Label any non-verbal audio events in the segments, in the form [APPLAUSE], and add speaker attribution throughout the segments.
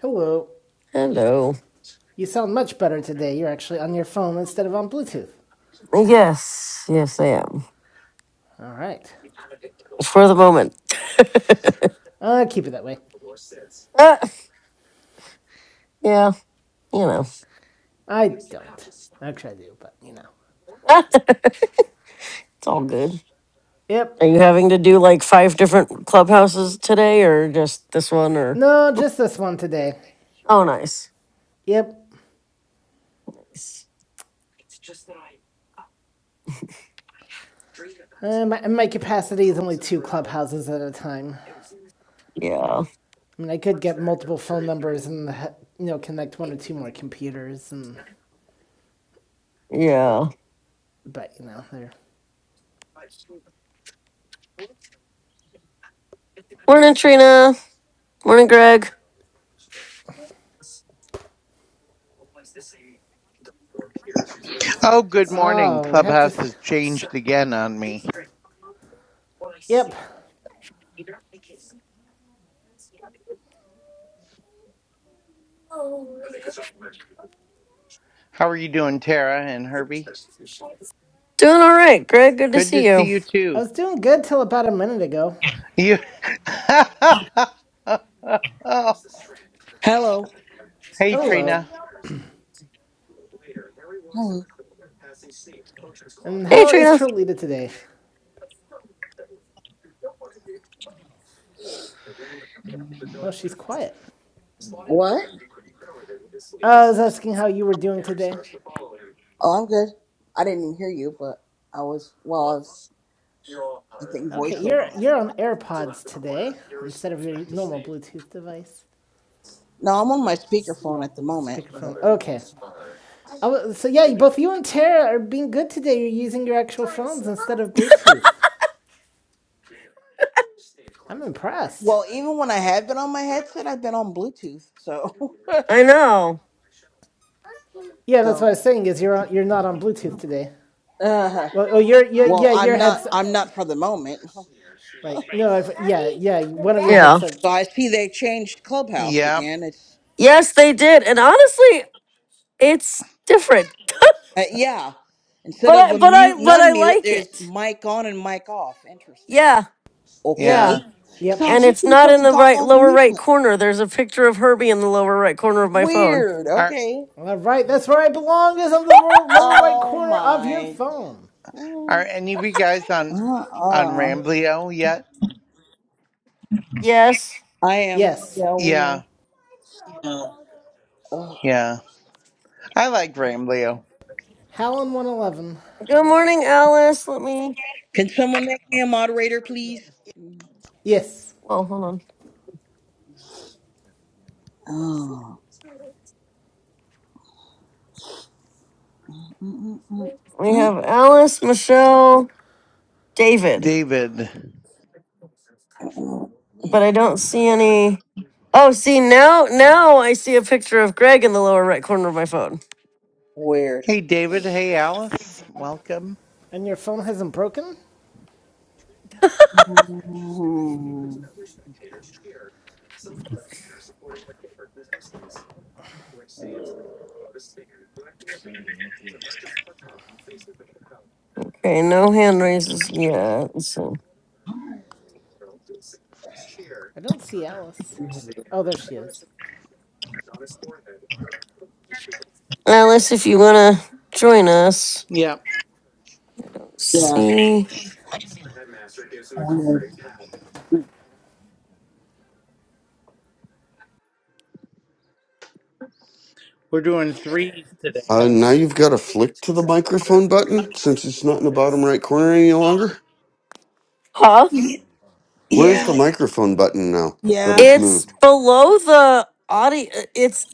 Speaker 1: Hello.
Speaker 2: Hello.
Speaker 1: You sound much better today. You're actually on your phone instead of on Bluetooth.
Speaker 2: Yes, yes, I am.
Speaker 1: All right.
Speaker 2: For the moment. [LAUGHS]
Speaker 1: Uh, keep it that way.
Speaker 2: Ah, yeah, you know,
Speaker 1: I don't. Actually, I do, but you know.
Speaker 2: [LAUGHS] it's all good.
Speaker 1: Yep.
Speaker 2: Are you having to do like five different clubhouses today or just this one or?
Speaker 1: No, just this one today.
Speaker 2: Oh, nice.
Speaker 1: Yep.
Speaker 2: Nice.
Speaker 1: Uh, my, my capacity is only two clubhouses at a time.
Speaker 2: Yeah,
Speaker 1: I mean, I could get multiple phone numbers and uh, you know connect one or two more computers, and
Speaker 2: yeah.
Speaker 1: but you know they're.
Speaker 2: Morning, Trina. Morning, Greg.
Speaker 3: Oh, good morning.
Speaker 1: Oh, we have
Speaker 3: Clubhouse
Speaker 1: to.
Speaker 3: has changed again on me.
Speaker 1: Yep.
Speaker 3: How are you doing, Tara and Herbie?
Speaker 2: Doing all right, Greg. Good to
Speaker 3: Good to
Speaker 2: see
Speaker 3: see
Speaker 2: you.
Speaker 3: you
Speaker 1: I
Speaker 3: too.
Speaker 1: was doing good till about a minute ago.
Speaker 3: You [LAUGHS]
Speaker 4: Hello.
Speaker 3: Hey
Speaker 1: Hello.
Speaker 3: Trina.
Speaker 4: Hello.
Speaker 1: And
Speaker 2: Hey,
Speaker 1: how is
Speaker 2: Trina.
Speaker 1: Trolita today? Well, she's quiet.
Speaker 4: What?
Speaker 1: Oh, I was asking how you were doing today.
Speaker 4: Oh, I'm good. I didn't even hear you, but I was, well, I, was, I think
Speaker 1: Okay,
Speaker 4: voiceover.
Speaker 1: you're you're on AirPods today instead of your normal Bluetooth device.
Speaker 4: No, I'm on my speakerphone at the moment. But,
Speaker 1: Speakerphone.
Speaker 4: um,
Speaker 1: Okay. I wa- so yeah, both you and Tara are being good today. You're using your actual phones instead of Bluetooth. I'm impressed.
Speaker 4: well, even when I have been on my headset, I've been on Bluetooth. So,
Speaker 2: I know.
Speaker 4: [LAUGHS]
Speaker 1: Yeah, that's what
Speaker 4: so,
Speaker 1: I was saying. Is you're on, you're not on Bluetooth today.
Speaker 4: uh,
Speaker 1: Well, oh, your yeah
Speaker 4: well,
Speaker 1: yeah
Speaker 4: I'm
Speaker 1: your
Speaker 4: not,
Speaker 1: headset.
Speaker 4: I'm not for the moment. So
Speaker 1: Right. No, I've, yeah yeah one of your
Speaker 2: Yeah.
Speaker 1: headset.
Speaker 4: I see they changed Clubhouse
Speaker 3: Yeah,
Speaker 4: again. It's,
Speaker 2: Yes, they did. And honestly, it's different.
Speaker 4: uh, yeah. Instead
Speaker 2: But I
Speaker 4: of a
Speaker 2: but
Speaker 4: mute
Speaker 2: I
Speaker 4: and
Speaker 2: but I
Speaker 4: unmute,
Speaker 2: like
Speaker 4: there's
Speaker 2: it.
Speaker 4: mic on and mic off. Interesting.
Speaker 2: Yeah. Yeah.
Speaker 4: Okay.
Speaker 3: yeah.
Speaker 4: Because
Speaker 1: Yep.
Speaker 4: I
Speaker 2: And
Speaker 4: was
Speaker 2: it's
Speaker 4: looking
Speaker 2: not
Speaker 4: for
Speaker 2: in
Speaker 4: the
Speaker 2: the right
Speaker 4: doggone
Speaker 2: lower
Speaker 4: mute
Speaker 2: right
Speaker 4: button.
Speaker 2: corner. There's a picture of Herbie in the lower right corner of my phone.
Speaker 4: Weird.
Speaker 3: Are
Speaker 4: Okay.
Speaker 1: All right, that's where I belong. Is on the ro- lower right
Speaker 4: Oh
Speaker 1: corner of your
Speaker 4: my.
Speaker 1: phone.
Speaker 3: are
Speaker 4: Mm.
Speaker 3: any of you guys on on
Speaker 4: Uh-uh.
Speaker 3: Rambleo yet?
Speaker 2: Yes.
Speaker 4: I am.
Speaker 1: Yes.
Speaker 4: Yeah, weird.
Speaker 3: Yeah,
Speaker 4: Ugh.
Speaker 3: yeah. I like Rambleo.
Speaker 1: Hal on 111.
Speaker 2: Good morning, Alice. Let me
Speaker 4: Can someone make me a moderator, please? Mm.
Speaker 1: Yes.
Speaker 2: Well, hold on.
Speaker 4: Oh. Mm, mm,
Speaker 2: We
Speaker 4: mm,
Speaker 2: have Alice, Michelle, David.
Speaker 3: David.
Speaker 4: mm.
Speaker 2: But I don't see any Oh, see now now I see a picture of Greg in the lower right corner of my phone.
Speaker 4: Weird.
Speaker 3: Hey David, hey Alice. Welcome.
Speaker 1: And your phone hasn't broken?
Speaker 4: Mm.
Speaker 2: Okay, no hand raises yet. so
Speaker 1: I don't see Alice. Oh, there she is.
Speaker 2: Alice, if you want to join us,
Speaker 3: Yeah.
Speaker 2: I don't
Speaker 4: Yeah.
Speaker 2: see,
Speaker 4: Weird.
Speaker 3: We're doing threes today.
Speaker 5: Uh, now you've got to flick to the microphone button since it's not in the bottom right corner any longer.
Speaker 2: huh?
Speaker 4: Y-
Speaker 5: Where's the
Speaker 4: Yeah.
Speaker 5: microphone button now that
Speaker 4: Yeah.
Speaker 5: it's
Speaker 2: It's
Speaker 5: moved?
Speaker 2: below the audio. It's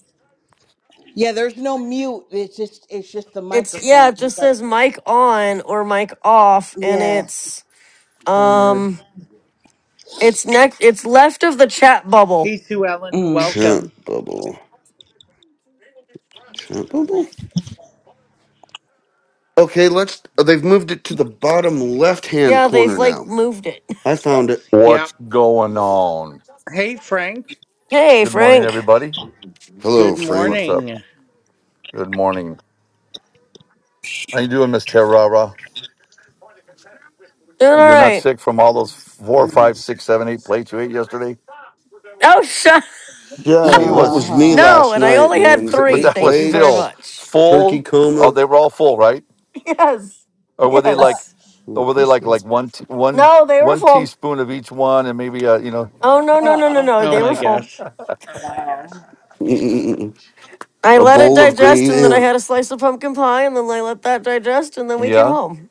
Speaker 4: Yeah. There's no mute. It's just. It's just the
Speaker 2: it's yeah.
Speaker 4: microphone.
Speaker 2: It
Speaker 4: You
Speaker 2: just
Speaker 4: gotta-
Speaker 2: says mic on or mic off, and
Speaker 4: Yeah.
Speaker 2: it's
Speaker 4: Weird.
Speaker 2: um, it's next. It's left of the chat bubble.
Speaker 3: Hey Sue Ellen,
Speaker 4: Mm.
Speaker 5: Chat
Speaker 3: welcome.
Speaker 5: bubble. Chat bubble? Okay, let's. uh, They've moved it to the bottom left hand
Speaker 2: Yeah, they've
Speaker 5: corner
Speaker 2: like
Speaker 5: now.
Speaker 2: moved it. [LAUGHS]
Speaker 5: I found it.
Speaker 3: Yeah.
Speaker 6: What's going on?
Speaker 3: Hey Frank.
Speaker 2: Hey,
Speaker 6: Good morning,
Speaker 2: Frank,
Speaker 6: everybody.
Speaker 5: Hello,
Speaker 3: Good
Speaker 5: Frank.
Speaker 6: What's up?
Speaker 3: morning.
Speaker 6: Good morning. How you doing, Miss Terrara?
Speaker 2: doing all
Speaker 6: You're not
Speaker 2: right?
Speaker 6: sick from all those four,
Speaker 4: Uh
Speaker 6: five, six, seven, eight plates you ate yesterday?
Speaker 2: Oh, [LAUGHS] shut.
Speaker 5: Yeah,
Speaker 6: She
Speaker 5: that
Speaker 6: was,
Speaker 5: was me
Speaker 4: huh.
Speaker 2: No,
Speaker 5: last
Speaker 2: and I
Speaker 5: night,
Speaker 2: only
Speaker 6: [LAUGHS]
Speaker 2: had
Speaker 5: man.
Speaker 6: but
Speaker 2: three.
Speaker 5: Eight
Speaker 6: that was
Speaker 2: Thank you very
Speaker 6: still
Speaker 5: plates,
Speaker 2: much.
Speaker 5: turkey
Speaker 6: full. Oh,
Speaker 5: coma.
Speaker 6: they were all full, right?
Speaker 2: [LAUGHS] Yes,
Speaker 6: Or were they
Speaker 4: Uh
Speaker 6: like,
Speaker 2: yes.
Speaker 5: Mm, Of
Speaker 6: or were they
Speaker 5: course,
Speaker 6: like
Speaker 5: they-
Speaker 6: like one t- one
Speaker 2: No, they were
Speaker 6: one
Speaker 2: full.
Speaker 6: teaspoon of each one, and maybe uh, you know,
Speaker 2: Oh no,
Speaker 4: uh.
Speaker 2: no, no, no,
Speaker 4: uh,
Speaker 2: no.
Speaker 3: Oh
Speaker 2: They were
Speaker 3: my
Speaker 2: full.
Speaker 3: gosh.
Speaker 4: Wow.
Speaker 5: Mm-mm-mm-mm. [LAUGHS]
Speaker 2: I
Speaker 5: a
Speaker 2: let it
Speaker 5: bowl of
Speaker 2: digest,
Speaker 5: gravy.
Speaker 2: and then I
Speaker 5: Yeah.
Speaker 2: had a slice of pumpkin pie, and then I let that digest, and then we came
Speaker 6: yeah.
Speaker 2: home.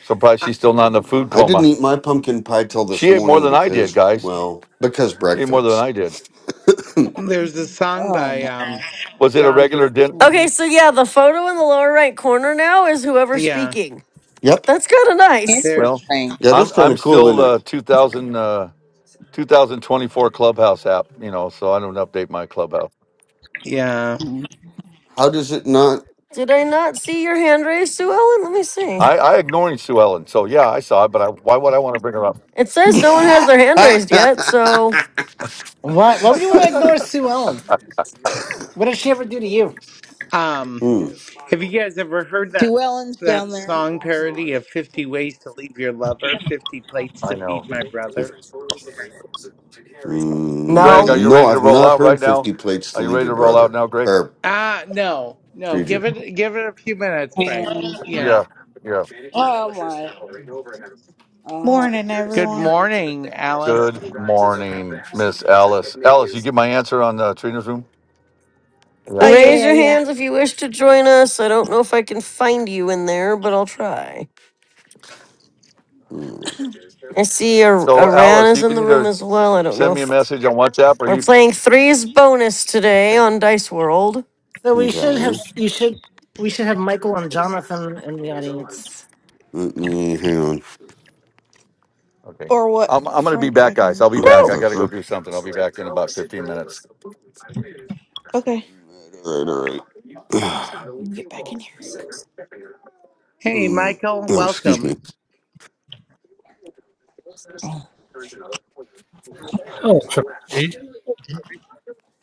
Speaker 6: Surprised
Speaker 3: Uh,
Speaker 6: she's still not in a food
Speaker 5: I didn't
Speaker 6: coma.
Speaker 5: eat my pumpkin pie till this
Speaker 6: She ate more
Speaker 5: morning
Speaker 6: than I did,
Speaker 5: because,
Speaker 6: guys.
Speaker 5: well, because
Speaker 6: She ate more than
Speaker 5: breakfast.
Speaker 6: I did.
Speaker 3: there's a song
Speaker 4: Oh
Speaker 3: by
Speaker 4: my.
Speaker 3: um
Speaker 6: Was it a
Speaker 3: John Br-
Speaker 6: regular dinner?
Speaker 4: Hmm.
Speaker 2: Okay, so yeah, the photo in the lower right corner now is whoever's
Speaker 3: yeah,
Speaker 2: speaking.
Speaker 5: Yep.
Speaker 2: That's kind of nice.
Speaker 6: Well,
Speaker 3: there's
Speaker 4: Interesting.
Speaker 5: That
Speaker 6: I'm
Speaker 5: is kind
Speaker 6: I'm
Speaker 5: of cool,
Speaker 6: still
Speaker 5: isn't
Speaker 6: uh,
Speaker 5: it?
Speaker 6: 2000 uh, 2024 Clubhouse app, you know, so I don't update my Clubhouse.
Speaker 3: yeah.
Speaker 4: Hmm.
Speaker 5: How does it not?
Speaker 2: Did I not see your hand raised, Sue Ellen? Let me see.
Speaker 6: I I ignoring Sue Ellen, so yeah, I saw it, but I, why would I want to bring her up?
Speaker 2: It
Speaker 5: [LAUGHS]
Speaker 2: says no one has their hand raised yet, so
Speaker 7: Why? Why would you want to ignore Sue Ellen? What did she ever do to you?
Speaker 3: Um
Speaker 5: hmm.
Speaker 3: have you guys ever heard that
Speaker 4: Sue Ellen's down
Speaker 3: that
Speaker 4: there.
Speaker 3: song
Speaker 4: I get
Speaker 3: parody of 50 ways to leave your lover, 50 plates
Speaker 6: I
Speaker 3: to
Speaker 6: know.
Speaker 3: feed my
Speaker 5: Fif-
Speaker 3: brother?
Speaker 6: Greg, are
Speaker 2: No.
Speaker 5: Mm,
Speaker 6: you
Speaker 5: no,
Speaker 6: ready to
Speaker 5: I've
Speaker 6: roll
Speaker 5: not
Speaker 6: out right
Speaker 5: heard
Speaker 6: now?
Speaker 5: 50 plates to
Speaker 6: Are you
Speaker 5: lead
Speaker 6: ready
Speaker 5: your
Speaker 6: to roll out
Speaker 5: brother.
Speaker 6: now, Greg?
Speaker 5: Or
Speaker 3: Ah, no. No, give
Speaker 5: Treager.
Speaker 3: it give it a few minutes,
Speaker 4: it.
Speaker 3: Frank.
Speaker 4: Um,
Speaker 3: You know.
Speaker 6: Yeah, yeah.
Speaker 4: oh my. Uh,
Speaker 8: Morning,
Speaker 3: Good
Speaker 8: everyone.
Speaker 3: morning, Alice.
Speaker 6: Good morning, Miss Alice. Alice, you get my answer on uh, Trina's room. Yeah,
Speaker 8: Oh
Speaker 6: okay.
Speaker 2: raise
Speaker 8: yeah, yeah,
Speaker 2: your
Speaker 8: yeah.
Speaker 2: hands if you wish to join us. I don't know if I can find you in there, but I'll try.
Speaker 5: Mm,
Speaker 2: I see Ar-
Speaker 6: So
Speaker 2: Aran
Speaker 6: Alice,
Speaker 2: is
Speaker 6: you
Speaker 2: in
Speaker 6: can
Speaker 2: the room
Speaker 6: either
Speaker 2: as well. I don't know
Speaker 6: send me a
Speaker 2: if
Speaker 6: message on WhatsApp or
Speaker 2: We're
Speaker 6: you.
Speaker 2: playing threes bonus today on Dice World.
Speaker 7: So we should have.
Speaker 5: okay.
Speaker 7: You should. We should have Michael and Jonathan in the audience.
Speaker 5: Let me, hang on.
Speaker 6: Okay.
Speaker 8: Or
Speaker 6: I'm,
Speaker 8: what,
Speaker 6: I'm going to be
Speaker 8: Frank? I
Speaker 6: back, guys.
Speaker 8: can.
Speaker 6: I'll be
Speaker 5: I
Speaker 6: back.
Speaker 5: have
Speaker 6: I
Speaker 2: No.
Speaker 5: the
Speaker 6: got to go
Speaker 5: herp.
Speaker 6: do something. I'll be back in about 15 minutes.
Speaker 8: Okay, I
Speaker 5: All right, all right. all right. [SIGHS]
Speaker 8: can get back in here.
Speaker 3: Hey,
Speaker 5: Mm,
Speaker 3: Michael,
Speaker 5: oh, excuse
Speaker 3: welcome.
Speaker 5: me.
Speaker 9: Oh, Trichy.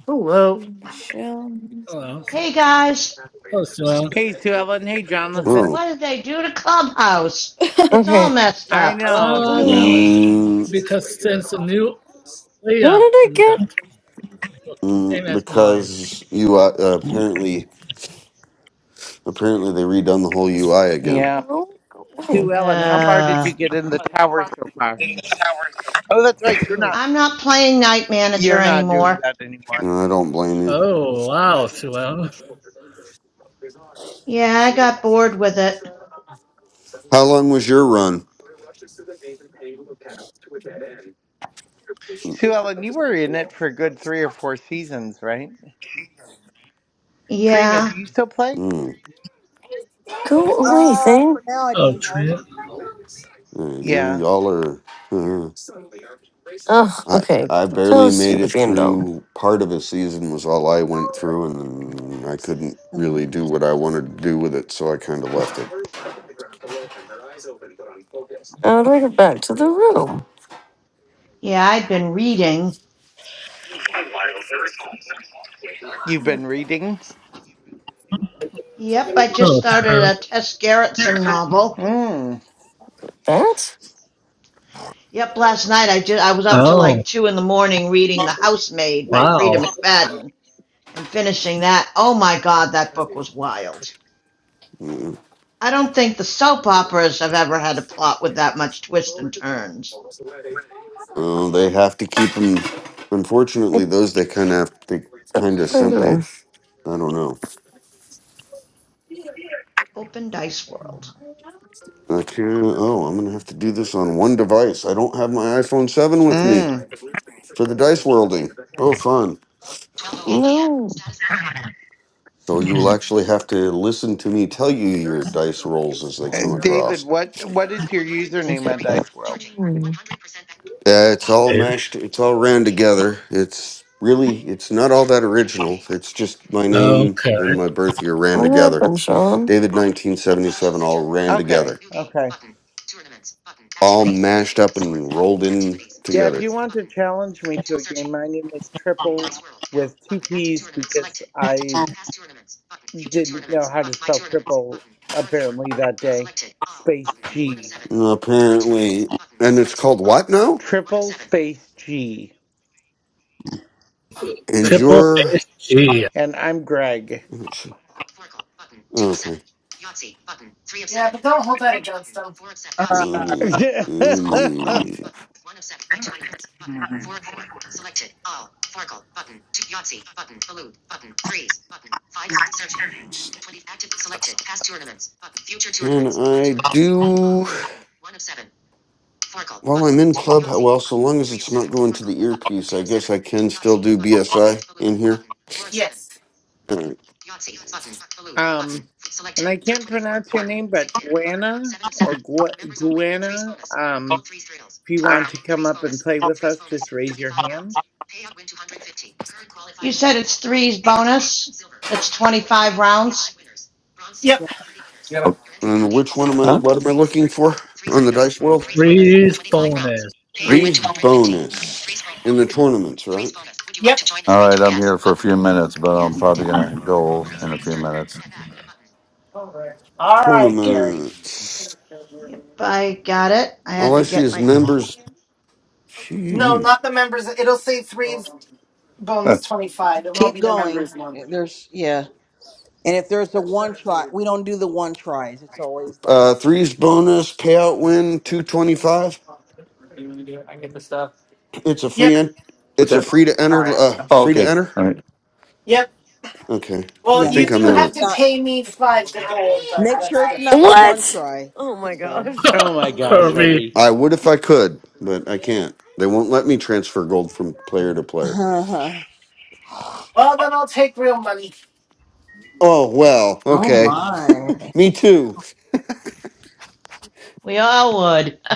Speaker 7: Hello.
Speaker 8: Mm, Michelle.
Speaker 9: Oh, well,
Speaker 10: Hey guys,
Speaker 9: oh, so,
Speaker 3: Hey, Sue Ellen. Hey,
Speaker 9: okay.
Speaker 3: Jonathan.
Speaker 5: Oh.
Speaker 10: what did they do to Clubhouse?
Speaker 8: [LAUGHS]
Speaker 10: It's all
Speaker 2: Okay.
Speaker 10: messed
Speaker 3: I
Speaker 10: up.
Speaker 3: know,
Speaker 10: [LAUGHS]
Speaker 9: Uh,
Speaker 3: Sue
Speaker 8: oh,
Speaker 3: Ellen.
Speaker 5: Mm,
Speaker 9: because since the new
Speaker 2: How
Speaker 9: layout
Speaker 2: did I
Speaker 9: you
Speaker 2: get?
Speaker 9: got looks the
Speaker 5: mm,
Speaker 9: same as mine,
Speaker 5: because you uh, apparently, apparently they redone the whole UI again.
Speaker 3: Yeah.
Speaker 2: No. Go away.
Speaker 3: Sue Ellen, how far did
Speaker 10: Uh,
Speaker 3: you
Speaker 9: it's
Speaker 3: get in the tower so far? Oh, that's right. You're
Speaker 4: Good.
Speaker 3: not.
Speaker 10: I'm not playing Night Manager
Speaker 3: You're not doing
Speaker 10: anymore.
Speaker 3: that anymore.
Speaker 5: And I don't blame you.
Speaker 9: oh wow, Suel.
Speaker 10: Yeah, I got bored with it.
Speaker 5: How long was your run? Mm,
Speaker 3: Sue Ellen, you were in it for a good three or four seasons, right? Trina,
Speaker 10: Yeah,
Speaker 3: do you still play?
Speaker 5: mm,
Speaker 2: Go away,
Speaker 4: uh,
Speaker 2: thing.
Speaker 4: for now I
Speaker 9: Oh,
Speaker 4: do, yeah.
Speaker 9: tri-
Speaker 5: mm, you're
Speaker 3: Yeah.
Speaker 5: y'all are. [LAUGHS] uh,
Speaker 2: Ugh.
Speaker 5: I
Speaker 2: Okay.
Speaker 5: I barely
Speaker 2: Clubhouse.
Speaker 5: made
Speaker 2: You
Speaker 5: it
Speaker 2: random.
Speaker 5: through. Part of a season was all I went through, and I couldn't
Speaker 4: Oh,
Speaker 5: really do what I wanted to do with it, so I kind of left it.
Speaker 2: How do I get back to the room?
Speaker 10: yeah, I'd been reading.
Speaker 3: You've been reading.
Speaker 10: Yep, I just
Speaker 9: oh,
Speaker 10: started
Speaker 9: tur-
Speaker 10: a Tess Gerritsen novel.
Speaker 3: Mm.
Speaker 2: That?
Speaker 10: Yep, last night I just I was up till like
Speaker 9: oh,
Speaker 10: two in the morning reading The Housemaid by Frida
Speaker 9: wow.
Speaker 10: McFadden and finishing that. Oh my God, that book was wild.
Speaker 5: Mm,
Speaker 10: I don't think the soap operas have ever had a plot with that much twist and turns.
Speaker 5: uh, they have to keep them.
Speaker 2: I
Speaker 5: Unfortunately, those they kind of have. They
Speaker 2: don't know
Speaker 5: kind of
Speaker 2: what I'm
Speaker 5: sim. They
Speaker 2: doing.
Speaker 5: I don't know.
Speaker 10: Open Dice World.
Speaker 5: I can't. Oh, I'm gonna have to do this on one device. I don't have my iPhone seven with me
Speaker 3: Mm.
Speaker 5: for the dice worlding. Oh, fun.
Speaker 2: No.
Speaker 5: So you will actually have to listen to me tell you your dice rolls as they come
Speaker 3: And David,
Speaker 5: across.
Speaker 3: what what is your username
Speaker 2: Okay.
Speaker 3: at
Speaker 2: That.
Speaker 3: Dice World?
Speaker 2: What
Speaker 5: Uh, it's all mashed. It's all ran together. It's really. It's not all that original. It's just my name
Speaker 9: Okay,
Speaker 5: and my birth year ran together.
Speaker 2: happened, Sean?
Speaker 5: David, nineteen seventy-seven, all ran
Speaker 3: Okay.
Speaker 5: together,
Speaker 3: Okay.
Speaker 5: all mashed up and rolled in
Speaker 3: Yeah, if
Speaker 5: together.
Speaker 3: you want to challenge me to a game, my name is Triple with two P's because I didn't know how to spell triple apparently that day. Space G.
Speaker 5: Apparently, and it's called what now?
Speaker 3: Triple space G.
Speaker 4: for
Speaker 5: And
Speaker 9: triple
Speaker 5: you're
Speaker 9: face G
Speaker 3: And I'm Greg.
Speaker 5: okay.
Speaker 7: Yeah, but don't hold that against them.
Speaker 4: her,
Speaker 5: Let me,
Speaker 3: [LAUGHS]
Speaker 5: let me, can I do? While I'm in club, well, so long as it's not going to the earpiece, I guess I can still do BSI in here.
Speaker 7: Yes.
Speaker 5: All right.
Speaker 3: um, and I can't pronounce your name, but Guana or Gu- Guana. Um, if you want to come up and play with us, just raise your hand.
Speaker 10: You said it's threes bonus. That's 25 rounds.
Speaker 7: Yep.
Speaker 4: yeah.
Speaker 6: Yeah. Oh,
Speaker 5: And which one am I?
Speaker 6: huh?
Speaker 5: What am I looking for on the dice world?
Speaker 9: freeze bonus.
Speaker 4: Three.
Speaker 5: Three's bonus in the tournaments, right?
Speaker 7: Yep.
Speaker 6: All right. I'm here for a few minutes, but I'm probably going to go in a few minutes.
Speaker 7: All right, Gary.
Speaker 5: Tournaments.
Speaker 10: Yep, I got it. I
Speaker 5: All
Speaker 10: had
Speaker 5: I
Speaker 10: to
Speaker 5: see
Speaker 10: get
Speaker 5: is
Speaker 10: my.
Speaker 5: members.
Speaker 7: No,
Speaker 5: Gee.
Speaker 7: not the members. It'll say three's
Speaker 6: Huh.
Speaker 7: bonus twenty-five. It won't
Speaker 4: Keep
Speaker 7: be the
Speaker 4: going.
Speaker 7: members one.
Speaker 4: There's yeah. And if there's a one try, we don't do the one tries. It's always the
Speaker 5: Uh,
Speaker 4: multi.
Speaker 5: three's bonus payout win two twenty five. It's a free
Speaker 7: Yep.
Speaker 5: en-
Speaker 6: What's
Speaker 5: It's a
Speaker 6: that?
Speaker 5: free to enter. Uh,
Speaker 6: Oh,
Speaker 5: free to
Speaker 6: okay.
Speaker 5: enter.
Speaker 6: All right.
Speaker 7: Yep.
Speaker 5: Okay,
Speaker 7: Well,
Speaker 5: I
Speaker 4: Yeah,
Speaker 7: you
Speaker 5: think
Speaker 4: make
Speaker 5: I'm
Speaker 7: do
Speaker 5: in
Speaker 4: sure
Speaker 7: have
Speaker 5: the
Speaker 4: it's
Speaker 7: to
Speaker 4: not.
Speaker 7: pay me five to gold, but
Speaker 4: Make sure
Speaker 7: that's
Speaker 4: it's not
Speaker 7: different.
Speaker 4: the one
Speaker 2: What?
Speaker 4: try.
Speaker 2: Oh my
Speaker 4: So.
Speaker 2: gosh.
Speaker 4: [LAUGHS]
Speaker 3: Oh my
Speaker 9: [LAUGHS]
Speaker 3: gosh,
Speaker 5: Uh,
Speaker 9: Herbie,
Speaker 3: Herbie.
Speaker 5: I would if I could, but I can't. They won't let me transfer gold from player to player.
Speaker 4: Uh,
Speaker 7: Well, then I'll take real money.
Speaker 5: Oh well,
Speaker 4: Oh
Speaker 5: okay.
Speaker 4: my.
Speaker 5: Me too.
Speaker 10: We all would. [LAUGHS]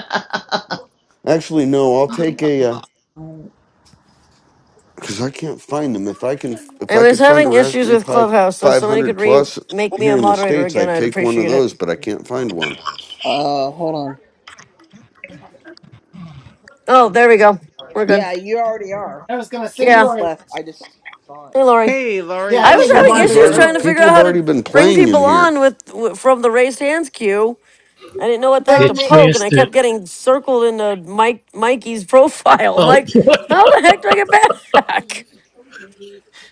Speaker 5: Actually, no. I'll take a
Speaker 4: Uh,
Speaker 5: because I can't find them. If I can, if
Speaker 2: I
Speaker 5: I
Speaker 2: was
Speaker 5: could find a
Speaker 2: having issues
Speaker 5: Raspberry
Speaker 2: with
Speaker 5: Pi
Speaker 2: Clubhouse, so if somebody
Speaker 5: 500
Speaker 2: could re
Speaker 5: plus
Speaker 2: make me
Speaker 5: here
Speaker 2: a
Speaker 5: in the
Speaker 2: moderator
Speaker 5: states,
Speaker 2: again,
Speaker 5: I'd
Speaker 2: I'd
Speaker 5: take one of
Speaker 2: appreciate it.
Speaker 5: those. But I can't find one.
Speaker 4: hold on.
Speaker 2: Oh, there we go. We're good.
Speaker 4: Yeah, you already are.
Speaker 7: I was gonna
Speaker 4: I
Speaker 7: say you
Speaker 2: Yeah.
Speaker 4: just
Speaker 7: are.
Speaker 4: left. I just saw it.
Speaker 2: Hey, Lori.
Speaker 3: Hey, Laurie,
Speaker 7: Yeah, I
Speaker 2: I was
Speaker 7: made you a
Speaker 2: having
Speaker 3: welcome.
Speaker 5: Somebody's
Speaker 7: moderator
Speaker 2: issues
Speaker 5: already.
Speaker 2: trying to
Speaker 7: earlier.
Speaker 2: figure
Speaker 5: People
Speaker 2: out
Speaker 5: have
Speaker 2: how to
Speaker 5: already been
Speaker 2: bring
Speaker 5: playing in
Speaker 2: people
Speaker 5: here.
Speaker 2: on with w- from the raised hands queue. I didn't know what the heck
Speaker 7: So
Speaker 9: they
Speaker 2: to
Speaker 7: may-
Speaker 2: poke, and I
Speaker 9: changed it.
Speaker 2: kept getting circled into Mike Mikey's [LAUGHS] profile. I'm
Speaker 9: Oh
Speaker 2: like, how
Speaker 9: boy,
Speaker 2: the heck do I get back? [LAUGHS]